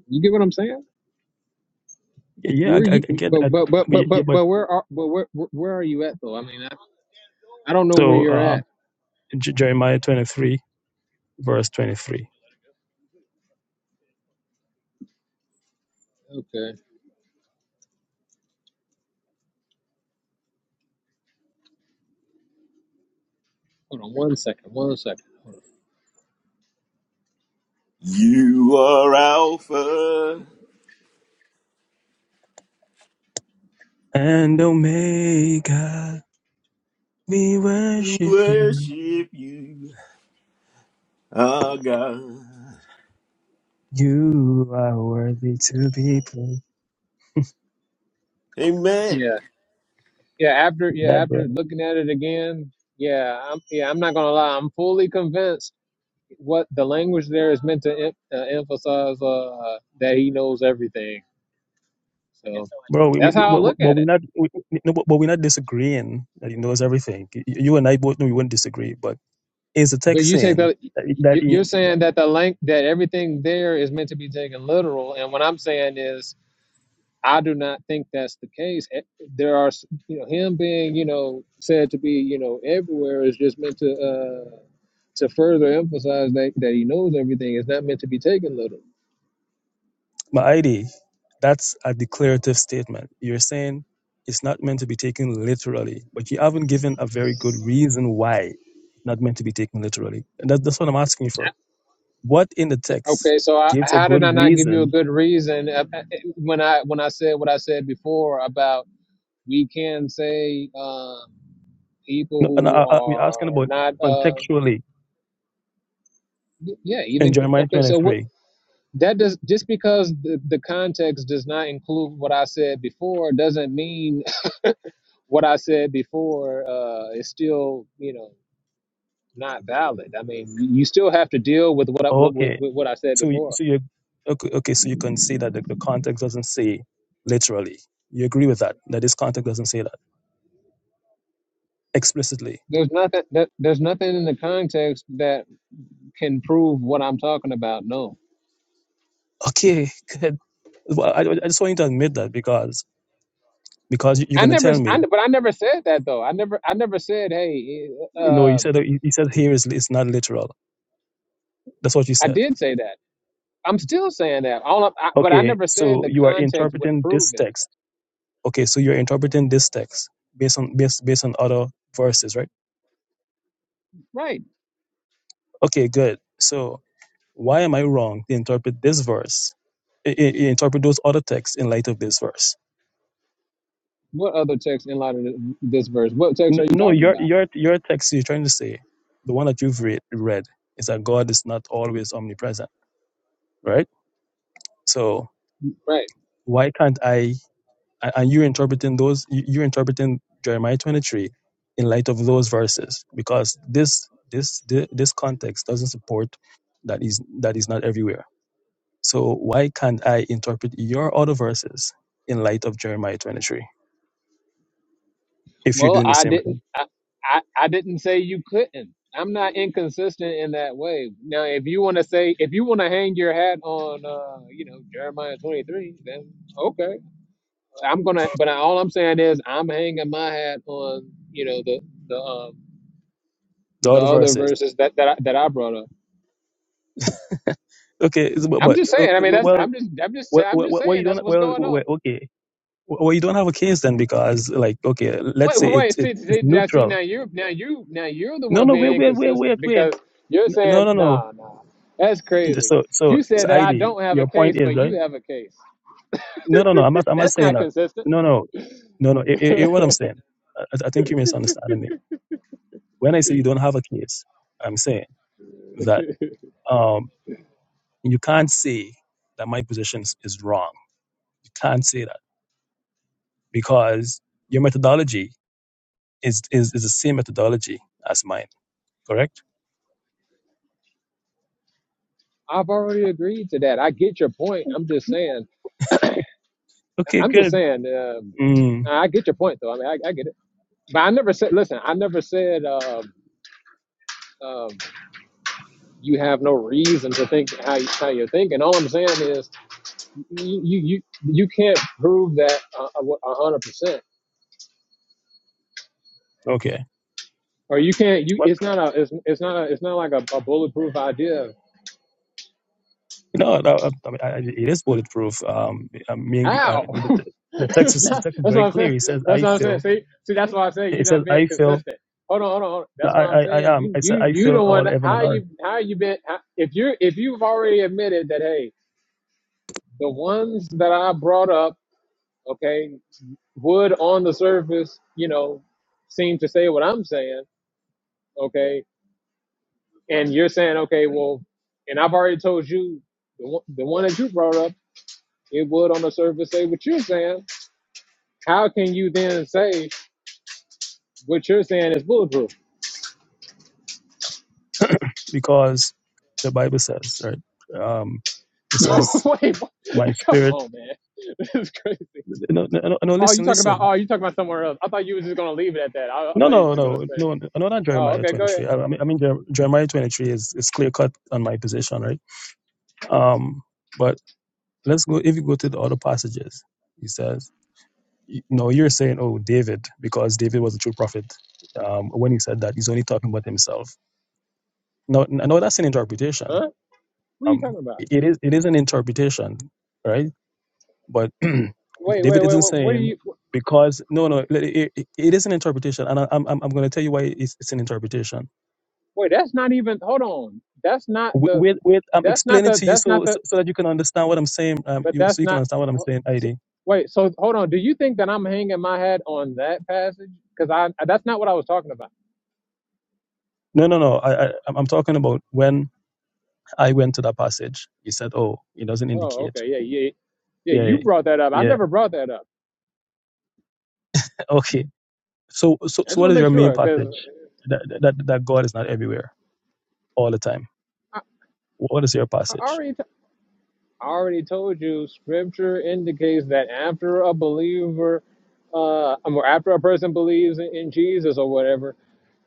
You get what I'm saying? yeah, I, Where I- you? I get But that. but but But yeah, but yeah, but but but where are but where where where are you at though? I mean, I, I don't know where so you're uh, at. J- Jeremiah twenty three verse twenty three. Okay, hold on one second. One second. Hold on. You are Alpha. And Omega, we We worship you. worship you, our God. You are worthy to be praised. Amen. Yeah yeah. After yeah Remember, after looking at it again, yeah I'm yeah I'm not gonna lie. I'm fully convinced what the language there is meant to em- uh, emphasize uh, that he knows everything. So bro, we, we, that's we, how I but look but at we're it. not, we, we- no, but but we're not disagreeing that he knows everything. You you and I both know we wouldn't disagree, but is the But text you take saying the you- that, that you're he saying that the length that everything there is meant to be taken literal, and what I'm saying is I do not think that's the case. Eh, There are, s- you know, him being, you know, said to be, you know, everywhere is just meant to uh, to further emphasize that, that he knows everything. It's not meant to be taken little. Ma'idi, that's a declarative statement. You're saying it's not meant to be taken literally, but you haven't given a very good reason why not meant to be taken literally. And that, that's what I'm asking you for. What in the text Okay, so I, gives a how did good I not give you a reason? good reason uh, uh, uh, when I when I said what I said before about we can say um, people No, and who I, I, I'm asking are about not, uh, contextually y- yeah, in even Jeremiah okay. So what 23. that does just because the, the context does not include what I said before doesn't mean what I said before uh, is still, you know, not valid. I mean, you still have to deal with what I, Oh, what, what, okay, with what I said so you- before. so you okay, okay, so you can see that the, the context doesn't say literally. You agree with that? That this context doesn't say that explicitly. There's nothing. There, there's nothing in the context that can prove what I'm talking about. No, Okay, good. Well, I, I just want you to admit that because because you- are I going to never. tell me, I, but I never said that though. I never. I never said. Hey, you know, you uh, um, said you said here is it's not literal. That's what you I said. did say that. I'm still saying that. All. I, I- but I Okay, never said so the you are context would interpreting this prove it. text. Okay, so you're interpreting this text based on based based on other verses, right? Right. Okay, good. So why am I wrong to interpret this verse? I, I interpret those other texts in light of this verse. What other text in light of this verse? What text N- are you No, talking your about? your your text you're trying to say, the one that you've read read is that God is not always omnipresent, right? So Right. why can't I? a- And you're interpreting those. you- You're interpreting Jeremiah 23 in light of those verses because this this thi- this context doesn't support that is that is not everywhere. So why can't I interpret your other verses in light of Jeremiah 23 if you're Well, doing the I same didn't. thing? I, I, I didn't say you couldn't. I'm not inconsistent in that way. Now, if you want to say, if you want to hang your hat on, uh, you know, Jeremiah 23, then okay, I'm gonna. But I, all I'm saying is, I'm hanging my hat on, you know, the the um, The the other other verses, verses that that I, that I brought up. okay, it's- but, I'm but just saying. I okay, mean, that's. well, I'm just. I'm just. well, I'm just well, well, saying. you That's don't what's well, going on. well okay. Well, you don't have a case then because, like, okay, let's Wait, say wait, it's wait, see, it's it's see, now, see, neutral now you, now you, now you're the No, one no, wait, being wait, wait, wait, inconsistent wait. because you're No, saying, no, no. nah, nah, that's crazy. So, so, You so said that I ID, don't have a your case, point is, but you right? have a case. No, no, no. I'm not, I'm not That's saying not that. consistent. No, no, no, no. It, it, it- what I'm I've saying, I, I think you're misunderstanding me. When I say you don't have a case, I'm saying that um, you can't say that my position is is wrong. You can't say that because your methodology is, is, is the same methodology as mine, correct? already agreed to that. I get your point. I'm just saying, Okay, I'm just good. saying, um, Mm, I get your point though. I mean, I, I get it. But I never said, listen, I never said, um, um, you have no reason to think how, you, how you're thinking. All I'm saying is, you you you you can't prove that uh, a a- hundred percent, okay. or you can't. You it's not a it's, it's not a it's not like a, a bulletproof idea. No, no I mean, I, it is bulletproof. Um, I mean, uh, How? the, the, the text it's is the not. text is That's very what I'm clear. saying. It says, That's "I what I'm saying. feel." See, see, that's why I say you're It says, not being "I feel." consistent. Hold on, hold on. Hold on. No, That's I, why I'm I, I saying am. you I you said, "I you feel the all one. heaven and How earth," you how you been? How, if you're if you've already admitted that hey, the ones that I brought up, okay, would on the surface, you know, seem to say what I'm saying. Okay, and you're saying, okay, well, and I've already told you the one, the one that you brought up, it would on the surface say what you're saying. How can you then say what you're saying is bulletproof? because the Bible says, right? Um, it says, Wait, what? "My come spirit." on, man, this is crazy. No, no, no, no, Oh, you listen, talking about? listen. Oh, you talking about somewhere else? I thought you was just gonna leave it at that. I, I No, thought you was no, just gonna no, say, no, no, not oh, Jeremiah okay, go ahead. 23. I, I mean, I mean, Jer- Jeremiah 23 is, is clear cut on my position, right? Um, but let's go, if you go to the other passages, he says. y- No, you're saying, oh, David, because David was a true prophet. Um, when he said that, he's only talking about himself. No, n- no, that's an interpretation. Huh? What are you Um, talking about? it is, it is an interpretation, right? But Wait, wait, David wait, isn't wait. What are saying you? because no, no, it, it, it is an interpretation, and I, I'm, I'm going to tell you why it's, it's an interpretation. Wait, that's not even. Hold on. That's not Wait, the. wait, wait, I'm That's not explaining the. to you That's so, not the. so so that you can understand what I'm saying. Um, But you that's so you can not. understand what I'm oh, saying, so- ID. Wait. So hold on. Do you think that I'm hanging my hat on that passage? Because I that's not what I was talking about. No, no, no. I, I, I'm I'm talking about when I went to that passage. You said, oh, it doesn't Oh, indicate. okay. Yeah, yeah, yeah. Yeah, yeah. You brought that up. I yeah. never brought that up. Okay. So, so, I so just what want is to make your main sure because passage? That, that, that God is not everywhere all the time. I, What is your I passage? already t- I already told you. Scripture indicates that after a believer, uh, or after a person believes in, in Jesus or whatever.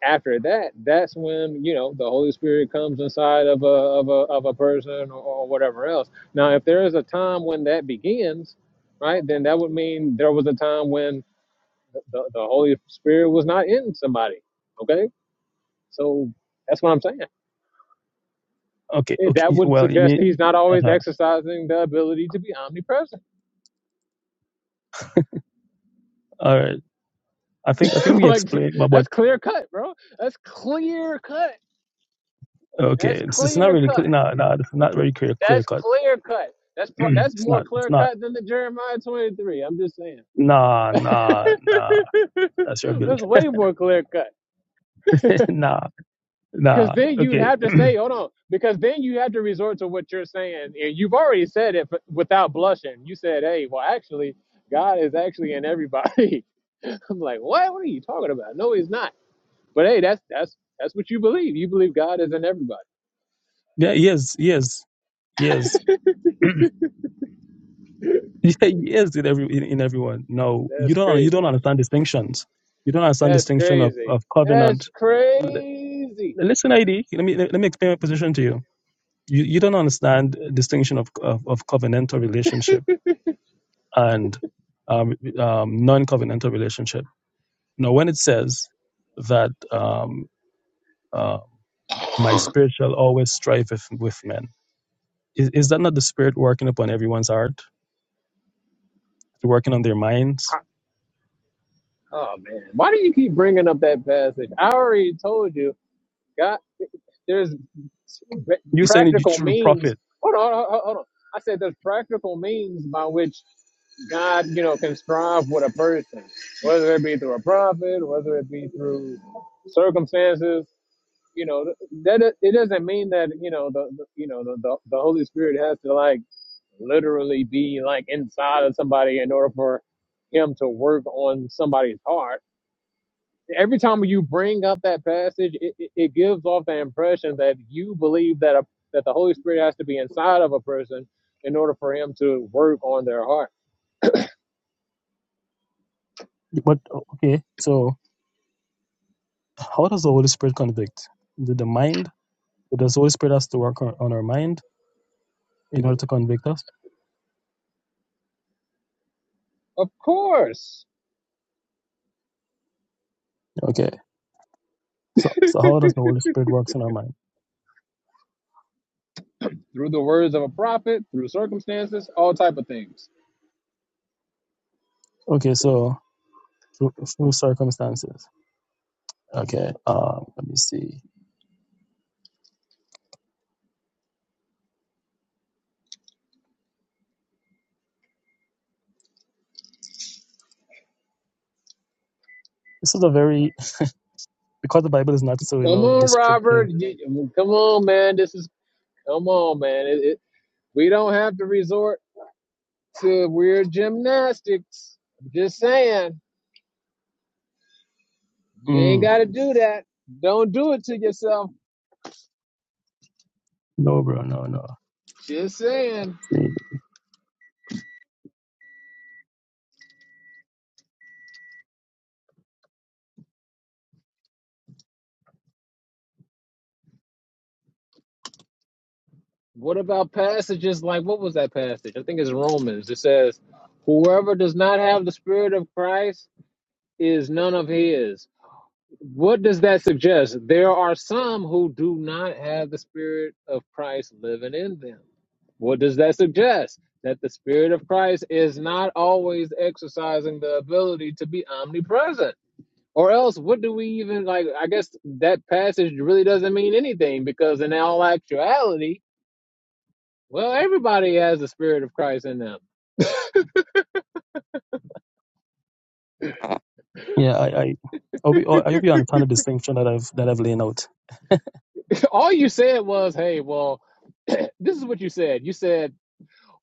after that, that's when you know the Holy Spirit comes inside of a of a of a person or, or whatever else. Now, if there is a time when that begins, right, then that would mean there was a time when the, the Holy Spirit was not in somebody. Okay, so that's what I'm saying. Okay, Eh, okay. That would Well, you suggest mean, that he's not always uh, exercising the ability to be omnipresent. all right. I think, I think we like explained, but, but that's clear cut, bro. That's clear cut. okay, That's it's, it's not clear really cut. clear. Nah, nah, it's not very clear, clear That's cut. clear cut. That's pro- that's it's more not, it's clear not. cut than the Jeremiah 23. I'm just saying. Nah, nah, nah. That's your ability. that's way more clear cut. nah, Because nah. then you'd Okay. have to say, hold on, because then you have to resort to what you're saying. And you've already said it but without blushing. You said, hey, well, actually, God is actually in everybody. I'm like, what? What are you talking about? No, he's not. But hey, that's that's that's what you believe. You believe God is in everybody. yeah. Yes. Yes. Yes. Yeah, yes, in every in, in everyone. No, you That's don't you crazy. don't understand distinctions. You don't understand That's distinction of, crazy. of That's covenant. L- crazy. Listen, ID. Let me let me explain my position to you. You you don't understand distinction of of, of covenantal relationship and um, um, non-covenantal relationship. Now, when it says that um, uh, my spirit shall always strive with, with men, is, is that not the spirit working upon everyone's heart, working on their minds? Oh man, why do you keep bringing up that passage? I already told you, God, there's You're saying it practical through the prophet means. Hold on, hold on, hold on. I said there's practical means by which God, you know, can strive with a person, whether it be through a prophet, whether it be through circumstances. You know, that it doesn't mean that you know the, the you know the, the the Holy Spirit has to like literally be like inside of somebody in order for him to work on somebody's heart every time you bring up that passage, it, it, it gives off the impression that you believe that a, that the Holy Spirit has to be inside of a person in order for him to work on their heart. But o- okay, so how does the Holy Spirit convict? The, the mind? Does the Holy Spirit has to work on, on our mind in order to convict us? Of course, Okay, so so how does the Holy Spirit works in our mind? through the words of a prophet, through circumstances, all type of things. Okay, so through, through circumstances. Okay, um, let me see. This is a very because the Bible is not so you Come know on, descriptive. Robert. Come on, man. This is come on, man. It, it, we don't have to resort to weird gymnastics. I'm just saying, you ain't Mm, got to do that. Don't do it to yourself. no, bro, no, no. Just saying. See, What about passages like what was that passage? I think it's Romans. It says, "Whoever does not have the Spirit of Christ is none of His." What does that suggest? There are some who do not have the Spirit of Christ living in them. What does that suggest? That the Spirit of Christ is not always exercising the ability to be omnipresent. Or else, what do we even like? I guess that passage really doesn't mean anything because, in all actuality, well, everybody has the spirit of Christ in them. yeah, I, I, I hope you, I hope you understand the distinction that I've that I've laid out. All you said was, "Hey, well, this is what you said. You said,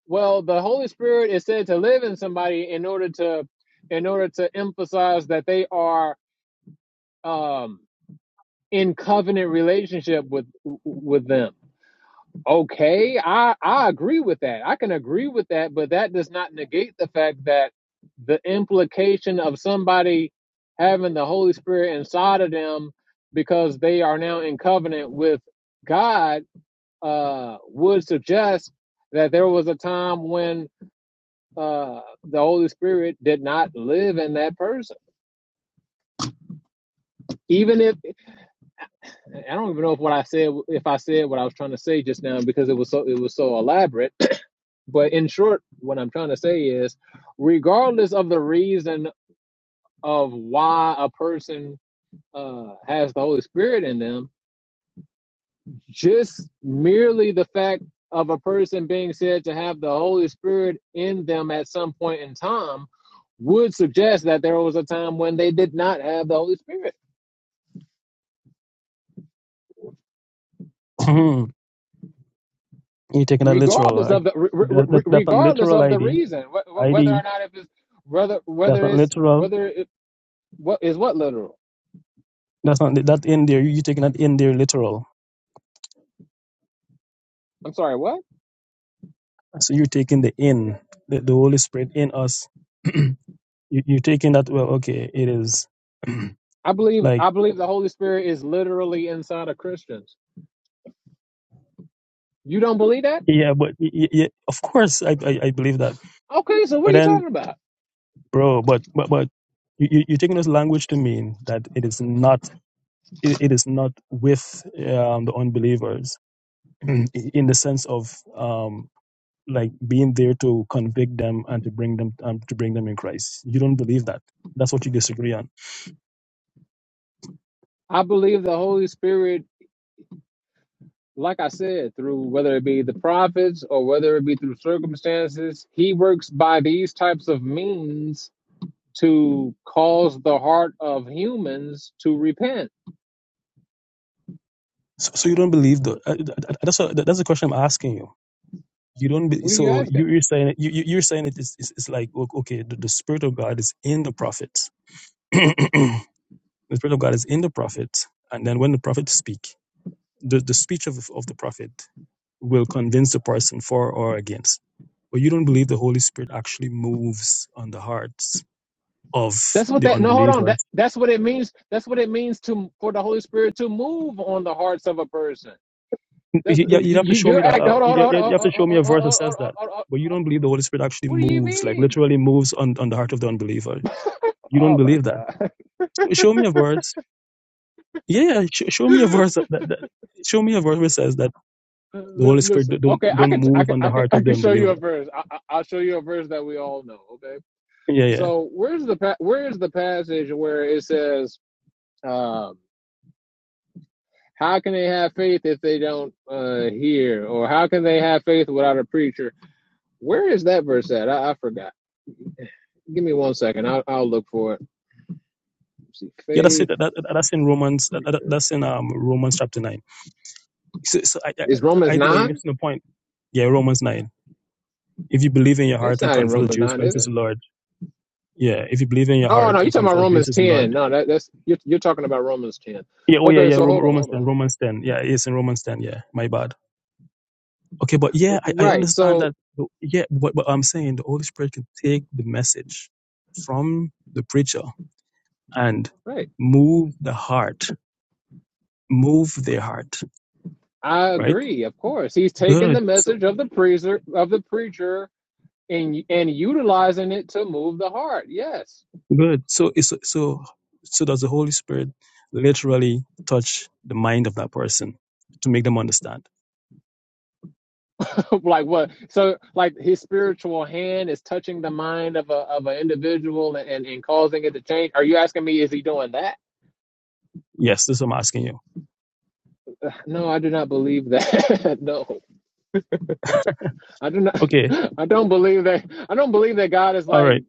well, the Holy Spirit is said to live in somebody in order to, in order to emphasize that they are um, in covenant relationship with with them." Okay, I I agree with that. I can agree with that, but that does not negate the fact that the implication of somebody having the Holy Spirit inside of them because they are now in covenant with God uh, would suggest that there was a time when uh, the Holy Spirit did not live in that person. Even if I don't even know if what I said if I said what I was trying to say just now because it was so it was so elaborate But in short, what I'm trying to say is, regardless of the reason of why a person uh, has the Holy Spirit in them, just merely the fact of a person being said to have the Holy Spirit in them at some point in time would suggest that there was a time when they did not have the Holy Spirit, You're taking a literal. regardless Like of the re- re- that, that that's not regardless literal of the ID. reason, wh- whether ID. or not if it's whether That's whether not it's literal. whether it, what is what literal. That's not that in there. You're taking that in there literal. I'm sorry, what? So you're taking the in the, the Holy Spirit in us. you, you're taking that. Well, okay, it is I believe like I believe the Holy Spirit is literally inside of Christians. You don't believe that? yeah, but y- y- yeah, of course I, I I believe that. Okay, so what But are you then, talking about? bro, but but but you you- you're taking this language to mean that it is not it, it is not with um, the unbelievers in the sense of um like being there to convict them and to bring them um, to bring them in Christ. You don't believe that. That's what you disagree on. I believe the Holy Spirit, like I said, through whether it be the prophets or whether it be through circumstances, he works by these types of means to cause the heart of humans to repent. So, so you don't believe the uh, th- th- that's a, that's the question I'm asking you. You don't be, What are you so you, asking? you're saying you you- you're saying it is is, is like o- okay the, the spirit of God is in the prophets. the spirit of God is in the prophets, and then when the prophets speak. the, the speech of, of the prophet will convince a person for or against. But you don't believe the Holy Spirit actually moves on the hearts of That's what the that no hold on. That unbelievers. that's what it means. That's what it means to for the Holy Spirit to move on the hearts of a person. That, You, you, you have to show you- me are that. acting. uh, Hold on, You, hold you on, hold have on, to show hold on, me a hold on, verse that hold says on, that. But you don't believe the Holy Spirit actually What do you moves, like mean? literally moves on, on the heart of the unbeliever. You don't Oh my believe that. God. Show me a verse. Yeah, yeah, sh- show me a verse that, that, that show me a verse where says that the Holy Spirit Listen, don't okay, I don't can, I move can, on the I can, heart I of the can show you a unbeliever. verse. I, I, I'll show you a verse that we all know. Okay, Yeah, yeah. so where's the where is the passage where it says, um, "How can they have faith if they don't uh, hear?" Or "How can they have faith without a preacher?" Where is that verse at? I, I forgot. Give me one second. I'll, I'll look for it. Let's see, Yeah, that's it. faith, That, that, that's in Romans. That, that, preacher. that's in um Romans chapter nine. So, so I, I, Is Romans I, but you're nine? missing the point. Yeah, Romans nine. If you believe in your That's heart and not in confess that Romans Jesus nine, Christ is is the it? Lord. Yeah, if you believe in your Oh heart no, you're and talking confess about that Romans Jesus is the Lord. ten. No, that, that's you're, you're talking about Romans ten. Yeah. Oh yeah, Okay, yeah. so Rom- hold on, Romans hold ten. on. Romans ten. Yeah, it's in Romans ten. Yeah. My bad. Okay, but yeah, I, I Right, understand so that. Yeah, but, but I'm saying the Holy Spirit can take the message from the preacher and right, move the heart, move their heart, I right? agree. Of course, he's taking Good. the message of the preacher of the preacher and and utilizing it to move the heart. Yes, Good. So, it's- so, so does the Holy Spirit literally touch the mind of that person to make them understand? like what? So like his spiritual hand is touching the mind of a of an individual and and and causing it to change. Are you asking me is he doing that? Yes, this is what I'm asking you. No, I do not believe that. no. I do not. Okay. I don't believe that. I don't believe that God is All like right.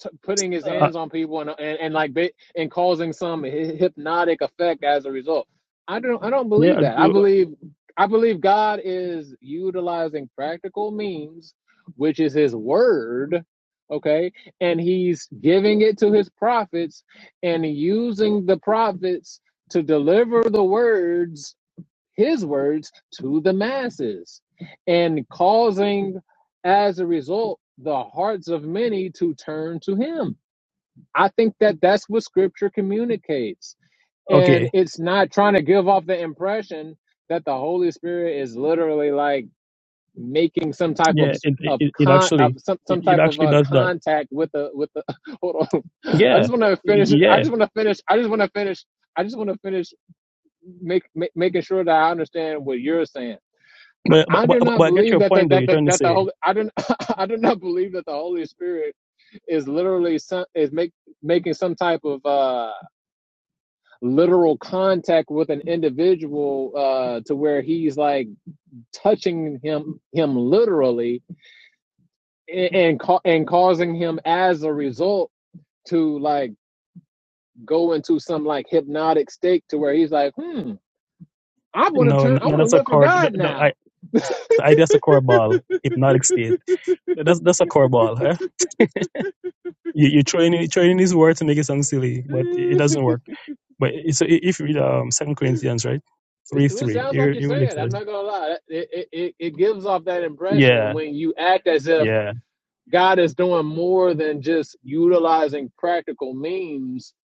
t- putting His Uh, hands on people and and, and like bit and causing some hy- hypnotic effect as a result. I don't. I don't yeah. believe I that. I do- believe. I believe God is utilizing practical means, which is His word. Okay, and He's giving it to His prophets and using the prophets to deliver the words his words to the masses and causing, as a result, the hearts of many to turn to him. I think that that's what scripture communicates. And Okay. it's not trying to give off the impression that the Holy Spirit is literally like making some type Yeah. of It, it, of it con of actually, some, it, some it type of actually uh, does that. contact with the with the hold on i Yeah. just want to Y- finish i Yeah. just want to finish i just want to finish i just want to finish make, make making sure that i understand what you're saying But, but, I but, do not but I get believe your that the, point though. that You're the, trying to that the say, Holy I do I do not believe that the Holy Spirit is literally some, is make making some type of uh literal contact with an individual uh to where he's like touching him him literally and and, ca- and causing him as a result to like go into some like hypnotic state to where he's like hmm I want to no, no, turn I no, want to that's a live for cord. The, God the, I, now the idea's a core ball, hypnotic state. That's, that's a core ball. Eh? You, you're trying you're throwing these words to make it sound silly, but it doesn't work. But it's, if you read um, Second Corinthians, right, It's, three what it three, sounds like hear, you're hear what it saying. I'm says. not gonna lie. It, it it it gives off that impression Yeah, when you act as if yeah, God is doing more than just utilizing practical means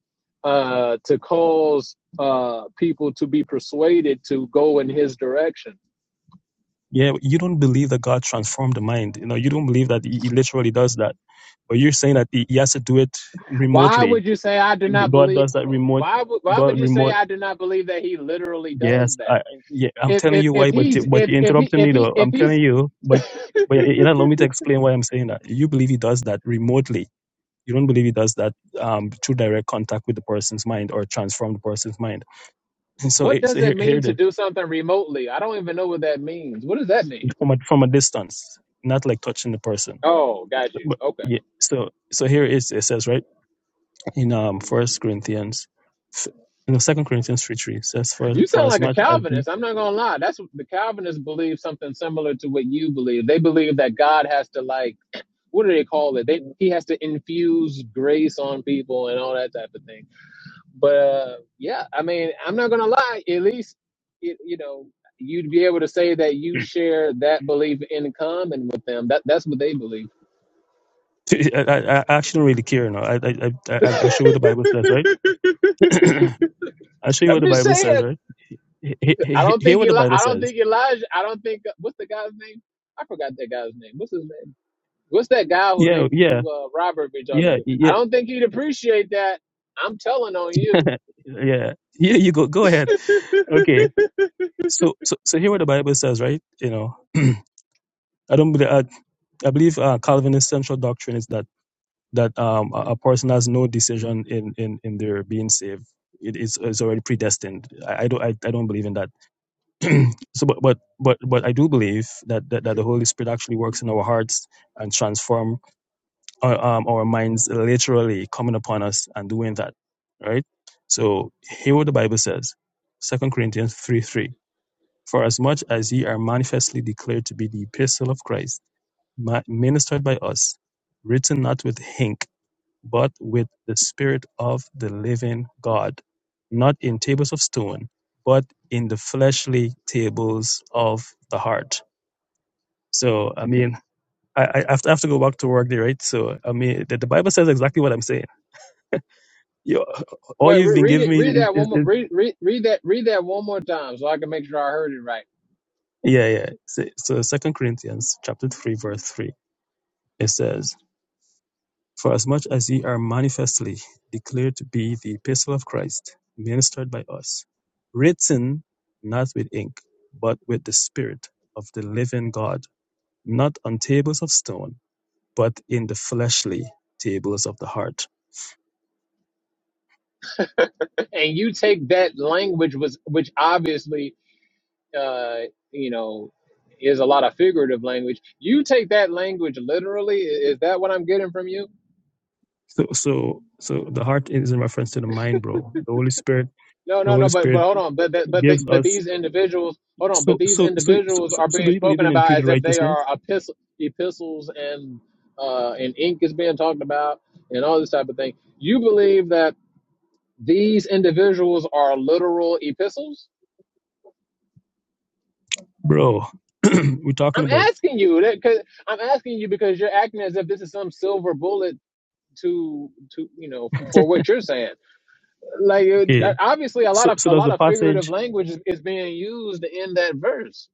uh, to cause uh, people to be persuaded to go in His direction. yeah. You don't believe that God transformed the mind. You know, you don't believe that He, he literally does that. But you're saying that he, he has to do it Why would remotely. you say I do not God believe? does that Hold on. remote. Why would why would God you say remote. I do not believe that He literally does Yes, that? I, yeah, I'm If telling if you why, if but you, he's but if you if he interrupted if me he though. if I'm telling he's you, but but you know, allow me to explain why I'm saying that. You believe He does that remotely. You don't believe He does that um, through direct contact with the person's mind or transform the person's mind And so, what it- so does it here, here mean it to is do something remotely? I don't even know what that means. What does that mean? from a, from a distance, not like touching the person. Oh, got you. But Okay. yeah, so so here it is. It says right in um First Corinthians, you know Second Corinthians three three says for You for sound as like a much as he. Calvinist. I'm not going to lie. That's what the Calvinists believe something similar to what you believe. They believe that God has to, like, what do they call it? They, he has to infuse grace on people and all that type of thing. But uh, yeah, I mean, I'm not going to lie. At least, it, you know, you'd be able to say that you share that belief in common with them. That That's what they believe. I, I, I actually don't really care now. I I I I I'll show you I'm what the Bible says, right? I'll show you what the just Bible saying. says, right? He- he- I he- don't Hear think what the Eli- Bible I don't says. think Elijah. I don't think what's the guy's name? I forgot that guy's name. What's his name? What's that guy who they Yeah, yeah, who uh, Robert be talking yeah, to? I yeah, don't think he'd appreciate that. I'm telling on you. yeah. Here you go. Go ahead. Okay. So so so here what the Bible says, right? You know, I don't believe. uh, I believe uh, Calvinist central doctrine is that that um, a a person has no decision in in, in their being saved. It is is already predestined. I, I don't I, I don't believe in that. so, but, but but but I do believe that, that that the Holy Spirit actually works in our hearts and transform our, um, our minds literally coming upon us and doing that. Right. So hear what the Bible says, Second Corinthians three three. For as much as ye are manifestly declared to be the epistle of Christ mi- ministered by us, written not with ink, but with the Spirit of the living God, not in tables of stone, but in the fleshly tables of the heart. So, I mean, I, I have to I have to go back to work there, right? So, I mean, the, the Bible says exactly what I'm saying. You, all Wait, you've re- been read giving it. me Read is, that is, one more. is Read, read read that. Read that one more time so I can make sure I heard it right. yeah, yeah. So, so, Second Corinthians chapter three, verse three, it says. Forasmuch as ye are manifestly declared to be the epistle of Christ, ministered by us, written not with ink, but with the Spirit of the living God, not on tables of stone, but in the fleshly tables of the heart. And you take that language was which obviously uh you know is a lot of figurative language. You take that language literally. I- Is that what I'm getting from you? So, so, so the heart is in reference to the mind, bro. The Holy Spirit, No, the no, no, Holy but Spirit but hold on, but but but, they, gives but us. these individuals, hold on, but So, these so, so, so, individuals so, are so being do you believe spoken in about imputed as if they righteousness, are epistle, epistles and uh and ink is being talked about and all this type of thing. You believe that these individuals are literal epistles? bro? We're talking I'm about asking you that because I'm asking you because you're acting as if this is some silver bullet to to you know for what you're saying. Like it- okay. obviously, a lot So, of so a does lot the of passage. figurative language is, is being used in that verse.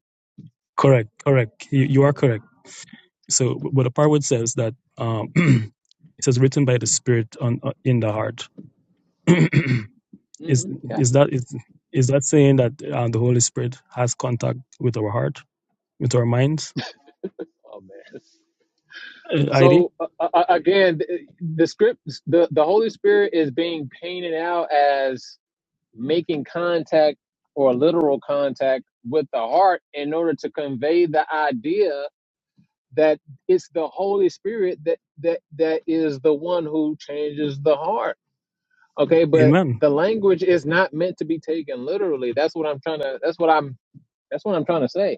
Correct, correct. You, you are correct. So what the part which says that um, it says written by the Spirit on uh, in the heart is hmm Yeah. is that is is that saying that uh, the Holy Spirit has contact with our heart, with our minds? Oh man. Uh, ID, So uh, uh, uh, again, the, the script, the the Holy Spirit is being painted out as making contact or literal contact with the heart in order to convey the idea that it's the Holy Spirit that that that is the one who changes the heart. Okay, but Amen. the language is not meant to be taken literally. That's what I'm trying to. That's what I'm. That's what I'm trying to say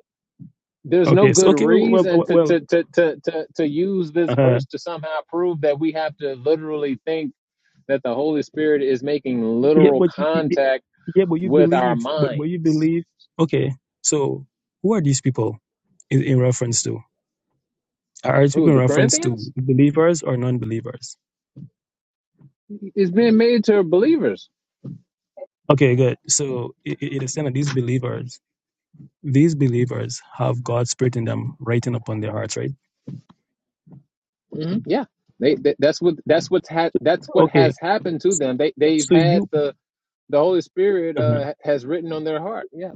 there's no Okay, so good okay, well, well, well reason to well, to to to to, to use this uh, verse to somehow prove that we have to literally think that the Holy Spirit is making yeah, literal but y- y- y- contact yeah, but you with our believe, but, but you minds. believe. Okay, so who are these people in, in reference to? Are these people Who in the reference to Corinthians believers or non-believers? It's being made to believers. Okay, good. So i- i- it is saying that these believers, these believers have God's spirit in them, writing upon their hearts, right? hmm Yeah, they, they- that's what that's what's ha- that's what Okay. has happened to them. They they've So had you the the Holy Spirit uh uh, has written on their heart. Yeah.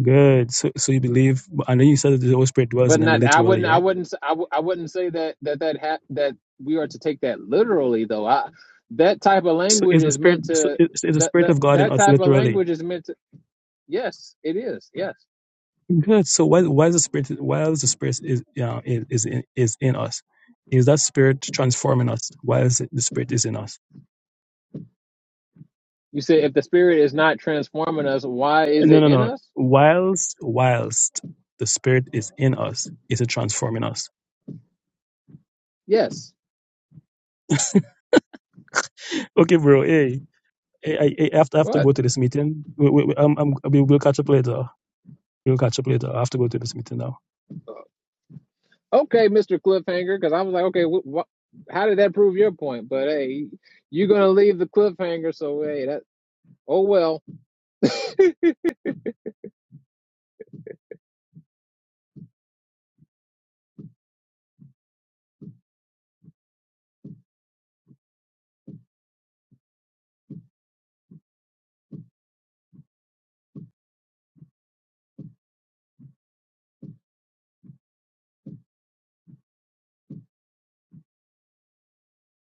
good. So so you believe, and then you said that the Holy Spirit dwells in But them not, I literally, wouldn't, I right? wouldn't, s- I, w- I wouldn't say that that that ha- that we are to take that literally, though. I, that type of So language is the is spirit meant so to is, is the that spirit that of God in that us type of literally? language is meant to. Yes, it is. Yes, Good. So why why is the spirit why is the spirit is yeah is is in, is in us? Is that spirit transforming us? Why is it the spirit is in us? you said if the spirit is not transforming us, why is No it no in no. us? Whilst whilst the spirit is in us, is it transforming us? Yes. Okay, bro. Hey, hey, I, hey, I have to, I have to What? go to this meeting. We, we, we- um, um, we, we'll catch up later. We'll catch up later. I have to go to this meeting now. Uh, Okay, Mister Cliffhanger, because I was like, okay, wh- wh- how did that prove your point? But hey, you're gonna leave the cliffhanger, so hey, that. Oh well.